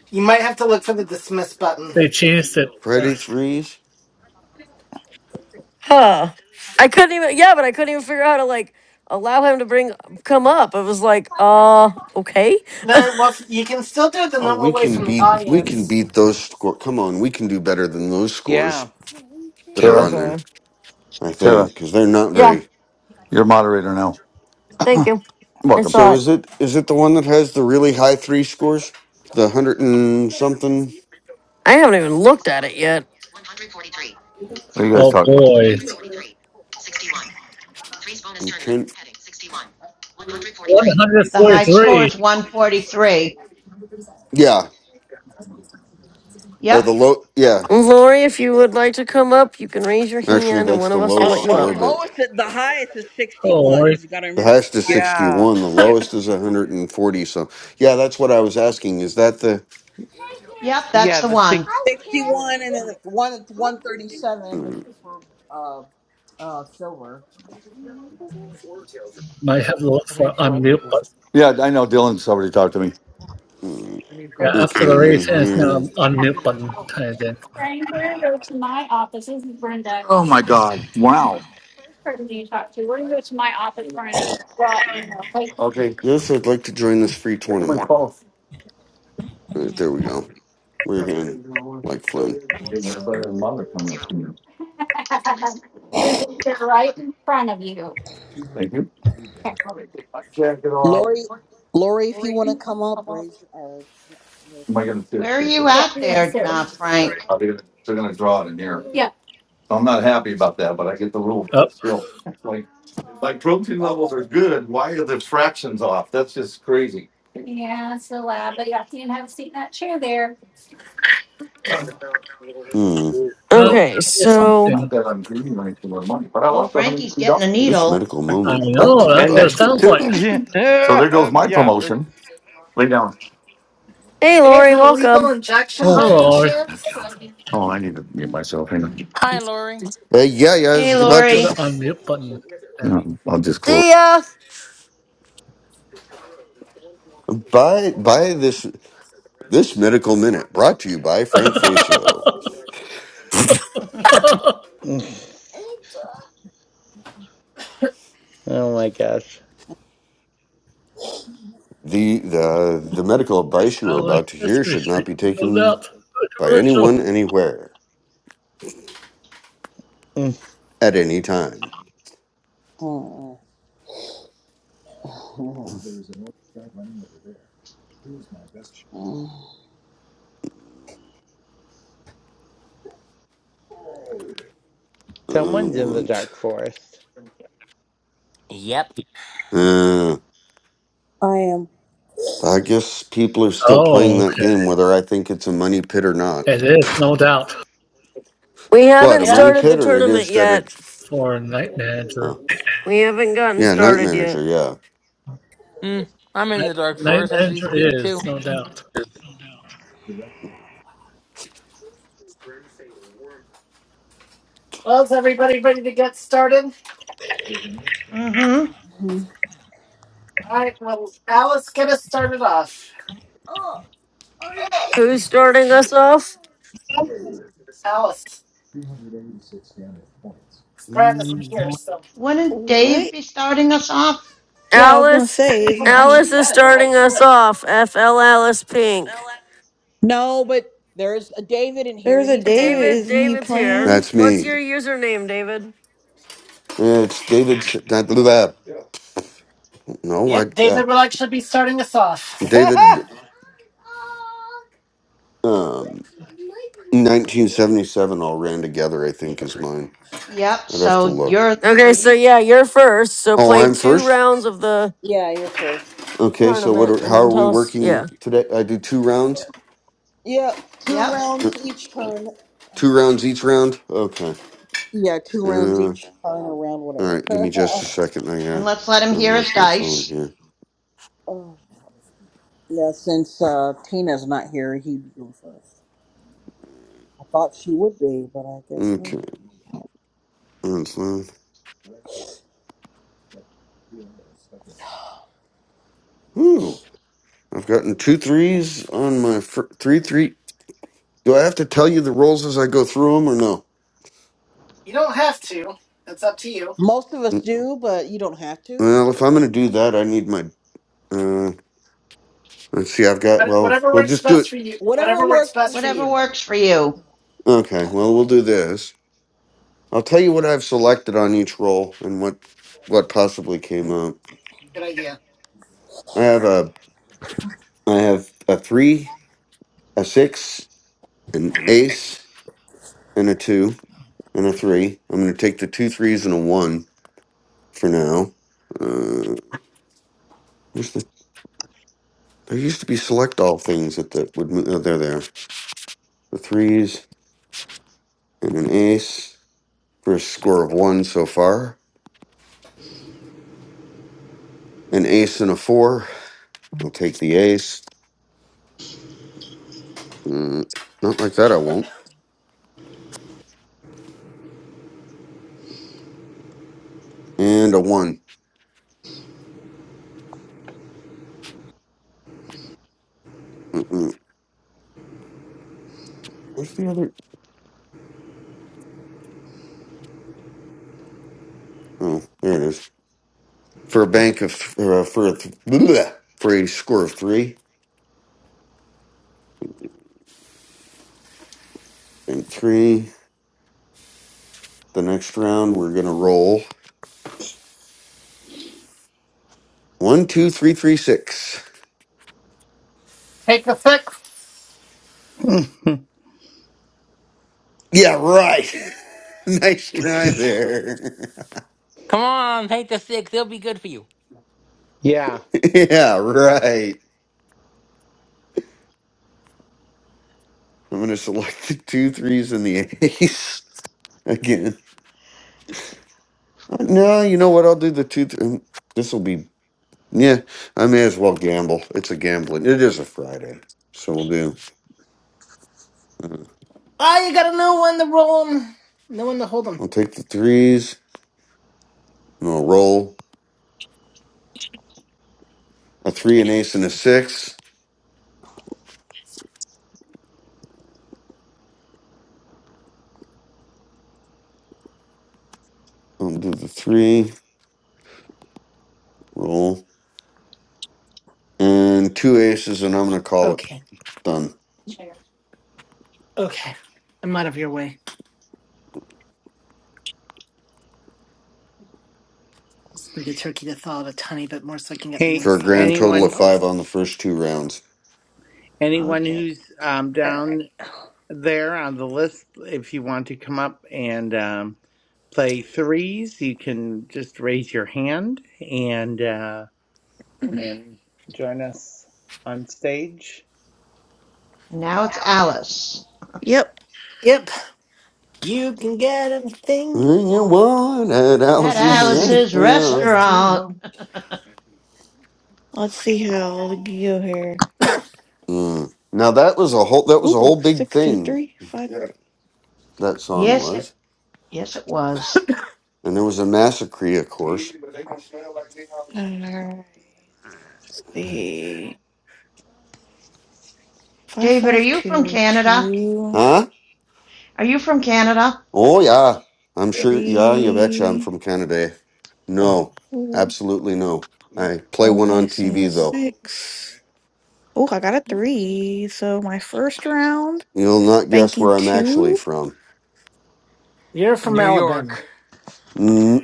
Speaker 7: you might have to look for the dismiss button.
Speaker 9: [LAUGHS] they changed it.
Speaker 5: Friday
Speaker 9: Yes.
Speaker 5: threes.
Speaker 2: Huh. I couldn't even. Yeah, but I couldn't even figure out how to like allow him to bring come up. It was like, uh, okay.
Speaker 7: Then, well, you can still do it the
Speaker 5: Oh, we
Speaker 7: normal way
Speaker 5: can
Speaker 7: from the
Speaker 5: beat. We can
Speaker 7: audience.
Speaker 5: beat those score. Come on, we can do better than those scores
Speaker 3: Yeah.
Speaker 5: that are
Speaker 6: Tara,
Speaker 5: on there.
Speaker 2: Okay.
Speaker 5: I
Speaker 6: Tara,
Speaker 5: think because they're not
Speaker 2: Yeah.
Speaker 5: very.
Speaker 6: you're moderator now.
Speaker 2: Thank you. I
Speaker 6: Welcome.
Speaker 2: saw
Speaker 5: So
Speaker 2: it.
Speaker 5: is it is it the one that has the really high three scores? The hundred and something?
Speaker 2: I haven't even looked at it yet.
Speaker 6: What do you guys
Speaker 9: Oh
Speaker 6: talk?
Speaker 9: boy,
Speaker 5: I'm trying-
Speaker 9: one hundred
Speaker 10: the high score
Speaker 9: forty-three.
Speaker 10: is 143.
Speaker 5: yeah. Or the
Speaker 10: Yep,
Speaker 5: low yeah.
Speaker 2: Lori, if you would like to come up, you can raise your
Speaker 5: Actually
Speaker 2: hand and
Speaker 5: that's
Speaker 2: one
Speaker 5: the
Speaker 2: of us will
Speaker 5: lowest
Speaker 2: let you
Speaker 4: Well,
Speaker 5: score,
Speaker 4: the
Speaker 2: up.
Speaker 5: but
Speaker 4: lowest, the highest is
Speaker 9: Oh,
Speaker 4: sixty-one because you got to
Speaker 5: the
Speaker 4: remember
Speaker 5: highest is
Speaker 4: the highest is
Speaker 5: sixty
Speaker 3: Yeah.
Speaker 5: one, the
Speaker 3: Yeah.
Speaker 5: lowest is hundred and forty so yeah, that's what I was asking. Is that the
Speaker 10: yep, that's
Speaker 3: Yeah.
Speaker 10: the
Speaker 3: The
Speaker 10: one.
Speaker 3: six.
Speaker 4: sixty-one, and then it's one it's one thirty-seven
Speaker 5: mm,
Speaker 4: for uh uh silver.
Speaker 9: might have looked for unmute button.
Speaker 6: Yeah, I know Dylan's already talked to me.
Speaker 5: mm,
Speaker 9: Yeah,
Speaker 5: okay,
Speaker 9: after the
Speaker 5: I'm in
Speaker 9: race ends, now
Speaker 5: here.
Speaker 9: unmute button kind of thing.
Speaker 6: Bring Brenda to my office. This is Brenda. Oh, my God. Wow. Person you talk to. We're gonna go to my office. We're gonna draw it in the plate. Okay.
Speaker 5: Yes, I'd like to join this free tournament. All right, there we go. We're in like Flynn.
Speaker 6: everybody and mother coming up to you. [LAUGHS] There's, they're right in front of you. Thank you. Okay,
Speaker 4: Lori, Lori, if you want to come up, raise Uh, raise
Speaker 6: Am I
Speaker 4: your
Speaker 6: gonna see
Speaker 10: Where
Speaker 4: hand.
Speaker 6: it
Speaker 10: are
Speaker 6: pretty
Speaker 10: you
Speaker 6: quick? Yeah,
Speaker 10: at
Speaker 6: you're gonna
Speaker 10: there,
Speaker 6: sit. with
Speaker 10: uh,
Speaker 6: Yeah,
Speaker 10: Frank?
Speaker 6: They're gonna draw it in here. Yeah. So I'm not happy about that, but I get the rules.
Speaker 9: Up,
Speaker 6: but still, it's like, like protein
Speaker 4: I
Speaker 6: levels are
Speaker 4: got
Speaker 6: good, why are the fractions off? That's just crazy. Yeah, it's the lab, but you have to have a seat in that chair there.
Speaker 5: Mm,
Speaker 9: oh,
Speaker 6: So,
Speaker 2: Okay,
Speaker 9: it's
Speaker 2: so.
Speaker 9: something.
Speaker 6: not that I'm giving you anything with money, but I
Speaker 10: Oh,
Speaker 6: lost a hundred
Speaker 10: Frankie's
Speaker 6: million
Speaker 10: getting a
Speaker 6: dollars.
Speaker 5: this
Speaker 10: needle.
Speaker 5: medical
Speaker 9: I
Speaker 5: moment brought
Speaker 9: know
Speaker 5: to you
Speaker 9: that's
Speaker 6: and
Speaker 9: what it
Speaker 5: by
Speaker 6: next week
Speaker 9: sounds
Speaker 5: Frank.
Speaker 3: [LAUGHS]
Speaker 9: like.
Speaker 6: too.
Speaker 3: yeah.
Speaker 6: So there goes my
Speaker 3: The...
Speaker 6: promotion. Lay down.
Speaker 2: Hey,
Speaker 7: Hey, is
Speaker 2: Lori,
Speaker 7: it a lethal
Speaker 2: welcome.
Speaker 7: injection by
Speaker 6: Okay,
Speaker 7: any
Speaker 6: let me
Speaker 9: Hello,
Speaker 6: turn that
Speaker 7: chance?
Speaker 6: down. Oh, I need to mute
Speaker 4: it. [SIGHS]
Speaker 6: myself. Hang on.
Speaker 11: Hi, Lori.
Speaker 5: Uh, yeah, yeah, I
Speaker 10: Hey,
Speaker 5: was
Speaker 9: look
Speaker 5: about to
Speaker 9: for the
Speaker 5: say
Speaker 10: Lori.
Speaker 9: unmute button. Yeah.
Speaker 6: No, I'll just close.
Speaker 2: See ya!
Speaker 5: [LAUGHS] buy buy this. This medical minute brought to you by Frank Facio.
Speaker 9: [LAUGHS]
Speaker 10: [LAUGHS] mm
Speaker 9: it
Speaker 3: Oh my gosh.
Speaker 5: The the the medical advice you are
Speaker 9: sounds like
Speaker 5: about to hear
Speaker 9: Sesame
Speaker 5: should not
Speaker 9: Street.
Speaker 5: be
Speaker 9: No
Speaker 5: taken
Speaker 9: doubt, a
Speaker 5: by
Speaker 9: commercial.
Speaker 5: anyone anywhere
Speaker 3: [LAUGHS] Mm,
Speaker 5: at any time.
Speaker 4: Oh,
Speaker 5: I
Speaker 4: oh.
Speaker 3: Someone's in the
Speaker 5: want.
Speaker 3: dark forest.
Speaker 11: Yep.
Speaker 5: Uh,
Speaker 4: I am.
Speaker 5: I guess people are still playing
Speaker 9: Oh,
Speaker 5: that
Speaker 9: okay.
Speaker 5: game, whether I think it's a money pit or not.
Speaker 9: It is no doubt
Speaker 2: We
Speaker 5: What
Speaker 2: haven't
Speaker 5: a
Speaker 7: Yep.
Speaker 5: money
Speaker 2: started the
Speaker 5: pit, or it
Speaker 2: tournament
Speaker 5: is that
Speaker 2: yet.
Speaker 5: it's.
Speaker 9: for Night Manager.
Speaker 5: Oh,
Speaker 2: We haven't gotten
Speaker 5: yeah, night
Speaker 2: started yet.
Speaker 5: manager. Yeah,
Speaker 11: Mm, I'm
Speaker 9: I
Speaker 11: in
Speaker 9: think
Speaker 11: the dark
Speaker 9: Night
Speaker 11: forest as we
Speaker 9: Manager
Speaker 11: speak,
Speaker 9: is
Speaker 11: too.
Speaker 9: no doubt.
Speaker 7: Well, is everybody ready to get started?
Speaker 10: hmm.
Speaker 7: All right. Well, Alice, get us started off.
Speaker 2: Who's starting us off?
Speaker 7: Alice, 'cause Brad isn't
Speaker 5: Mm,
Speaker 7: here, so.
Speaker 10: Wouldn't Dave
Speaker 8: what?
Speaker 10: be starting us off?
Speaker 8: Yeah, I was gonna
Speaker 2: Alice.
Speaker 8: say,
Speaker 7: Oh,
Speaker 8: isn't he?
Speaker 2: Alice
Speaker 7: actually,
Speaker 2: is
Speaker 7: yeah, you're right.
Speaker 2: starting
Speaker 7: He
Speaker 2: us
Speaker 7: would.
Speaker 2: off. FL Alice Pink.
Speaker 4: No, but there's a David in here.
Speaker 8: There's a
Speaker 4: He's
Speaker 8: David,
Speaker 4: playing.
Speaker 2: David,
Speaker 8: isn't he
Speaker 2: David's here.
Speaker 8: playing?
Speaker 5: that's
Speaker 2: What's
Speaker 5: me.
Speaker 2: your username, David?
Speaker 5: Yeah, It's David. S- Not blah, blah. No, I.
Speaker 7: Yep.
Speaker 5: Uh,
Speaker 7: David will actually be starting us
Speaker 4: [LAUGHS]
Speaker 7: off.
Speaker 5: David. Um. 1977 all ran together, I
Speaker 10: Y-
Speaker 5: think, is mine.
Speaker 10: Yep,
Speaker 5: I'd have to
Speaker 10: so
Speaker 5: look.
Speaker 10: you're, so
Speaker 2: Okay, so
Speaker 10: you,
Speaker 2: yeah, you're first. So
Speaker 5: Oh,
Speaker 2: play
Speaker 5: I'm
Speaker 2: two
Speaker 5: first?
Speaker 2: rounds of the
Speaker 4: yeah, you're first.
Speaker 5: Okay, so what
Speaker 2: tournament
Speaker 5: are,
Speaker 2: and
Speaker 5: how
Speaker 2: then
Speaker 5: are we
Speaker 2: tell us. Yeah.
Speaker 5: working today? I do two rounds?
Speaker 4: Yeah, two
Speaker 10: yep,
Speaker 5: Uh,
Speaker 4: rounds each turn.
Speaker 5: Two rounds each round? Okay.
Speaker 4: Yeah, two rooms
Speaker 5: Uh, all
Speaker 4: each turn around,
Speaker 5: right, give
Speaker 4: whatever.
Speaker 5: me just a
Speaker 4: [LAUGHS]
Speaker 5: second. I
Speaker 10: and
Speaker 5: gotta
Speaker 10: let's let him hear his
Speaker 5: unlock my phone
Speaker 10: dice.
Speaker 5: here.
Speaker 4: oh, yeah, since uh, Tina's not here, he'd go first. I thought she would be, but I guess not.
Speaker 5: Okay, that's loud. Ooh, I've gotten two threes on my fir- three three. Do I have to tell you the rolls as I go through them or no?
Speaker 7: You don't have to. That's up to you.
Speaker 4: Most of us
Speaker 5: Mm,
Speaker 4: do, but you don't have to.
Speaker 5: Well, if I'm gonna do that, I need my. Uh, let's see, I've got.
Speaker 7: What-
Speaker 5: Well,
Speaker 7: Whatever
Speaker 5: we'll
Speaker 7: works
Speaker 5: just do it.
Speaker 7: best for you.
Speaker 4: Whatever
Speaker 7: Whatever works
Speaker 4: works for
Speaker 7: best for
Speaker 4: you.
Speaker 10: Whatever
Speaker 7: you.
Speaker 10: works for you.
Speaker 5: Okay, well, we'll do this. I'll tell you what I've selected on each roll and what what possibly came up.
Speaker 7: Good idea.
Speaker 5: I have a I have a three, a six, an ace, and a two, and a three. I'm going to take the two threes and a one for now. Uh, where's the? There used to be select all things that that would move. Oh, they're there. The threes and an ace for a score of one so far. An ace and a four. I'll take the ace. Mm, not like that. I won't. And a one. Mm-mm. Where's the other? Oh, there it is. For a bank of for a, for a, th- bleh, for a score of three and three. The next round we're gonna roll one, two, three, three, six.
Speaker 7: Take the six.
Speaker 3: [LAUGHS]
Speaker 5: Yeah, right. [LAUGHS] nice try there.
Speaker 11: Come on, take the six. It'll be good for you.
Speaker 3: yeah.
Speaker 5: [LAUGHS] yeah, right. I'm gonna select the two threes and the ace [LAUGHS] again. No, you know what? I'll do the two. Th- mm, this will be yeah. I may as well gamble. It's a gambling. It is a Friday, so we'll do. uh,
Speaker 7: Ah, you gotta know when to roll 'em, know when to hold 'em.
Speaker 5: I'll take the threes. And I'll roll a three, an ace, and a six. I'll do the three, roll, and two aces, and I'm going to call it
Speaker 7: Okay.
Speaker 5: done
Speaker 7: Okay. I'm out of your way. Just need the turkey to thaw out a tiny bit more so I can get the
Speaker 3: Hey,
Speaker 5: for a grand
Speaker 7: insides
Speaker 5: total of
Speaker 3: anyone,
Speaker 7: myself.
Speaker 5: five on the first two rounds.
Speaker 3: anyone
Speaker 10: Okay,
Speaker 3: who's um,
Speaker 8: All right.
Speaker 3: down there on the list, if you want to come up and um, play threes, you can just raise your hand and uh, and join us on stage.
Speaker 10: and now it's Alice.
Speaker 8: Yep.
Speaker 7: Yep. You can get anything you
Speaker 5: When you
Speaker 7: want.
Speaker 5: want at
Speaker 10: At
Speaker 8: Mm,
Speaker 5: Alice's
Speaker 8: Let's
Speaker 7: Alice's
Speaker 8: see.
Speaker 10: Alice's
Speaker 5: restaurant.
Speaker 10: restaurant.
Speaker 7: restaurant.
Speaker 8: Let's see how we can go here.
Speaker 5: Mm. Now that was a whole that was a
Speaker 8: Ooh,
Speaker 5: whole big
Speaker 8: six, two,
Speaker 5: thing.
Speaker 8: three, five. Yeah,
Speaker 5: That
Speaker 10: [LAUGHS]
Speaker 5: song
Speaker 10: yes, it,
Speaker 5: was,
Speaker 10: yes, it was.
Speaker 5: and there was a massacre, of course.
Speaker 8: but they gonna smell like they are. All right. Let's see. Five,
Speaker 10: David, are
Speaker 8: five,
Speaker 10: you from
Speaker 8: two,
Speaker 10: Canada?
Speaker 8: two.
Speaker 5: Huh?
Speaker 10: Are you from Canada?
Speaker 5: Oh yeah, I'm sure. Yeah, you betcha. I'm
Speaker 8: Three.
Speaker 5: from Canada. No,
Speaker 8: Ooh,
Speaker 5: absolutely no. I play one on
Speaker 8: bonus in the
Speaker 5: TV though.
Speaker 8: six. Oh, I got a three. So my first round,
Speaker 5: You'll not guess
Speaker 8: banking
Speaker 5: where I'm actually
Speaker 8: two,
Speaker 5: from.
Speaker 7: You're from
Speaker 11: New
Speaker 7: Alabama.
Speaker 11: York.
Speaker 5: Mm,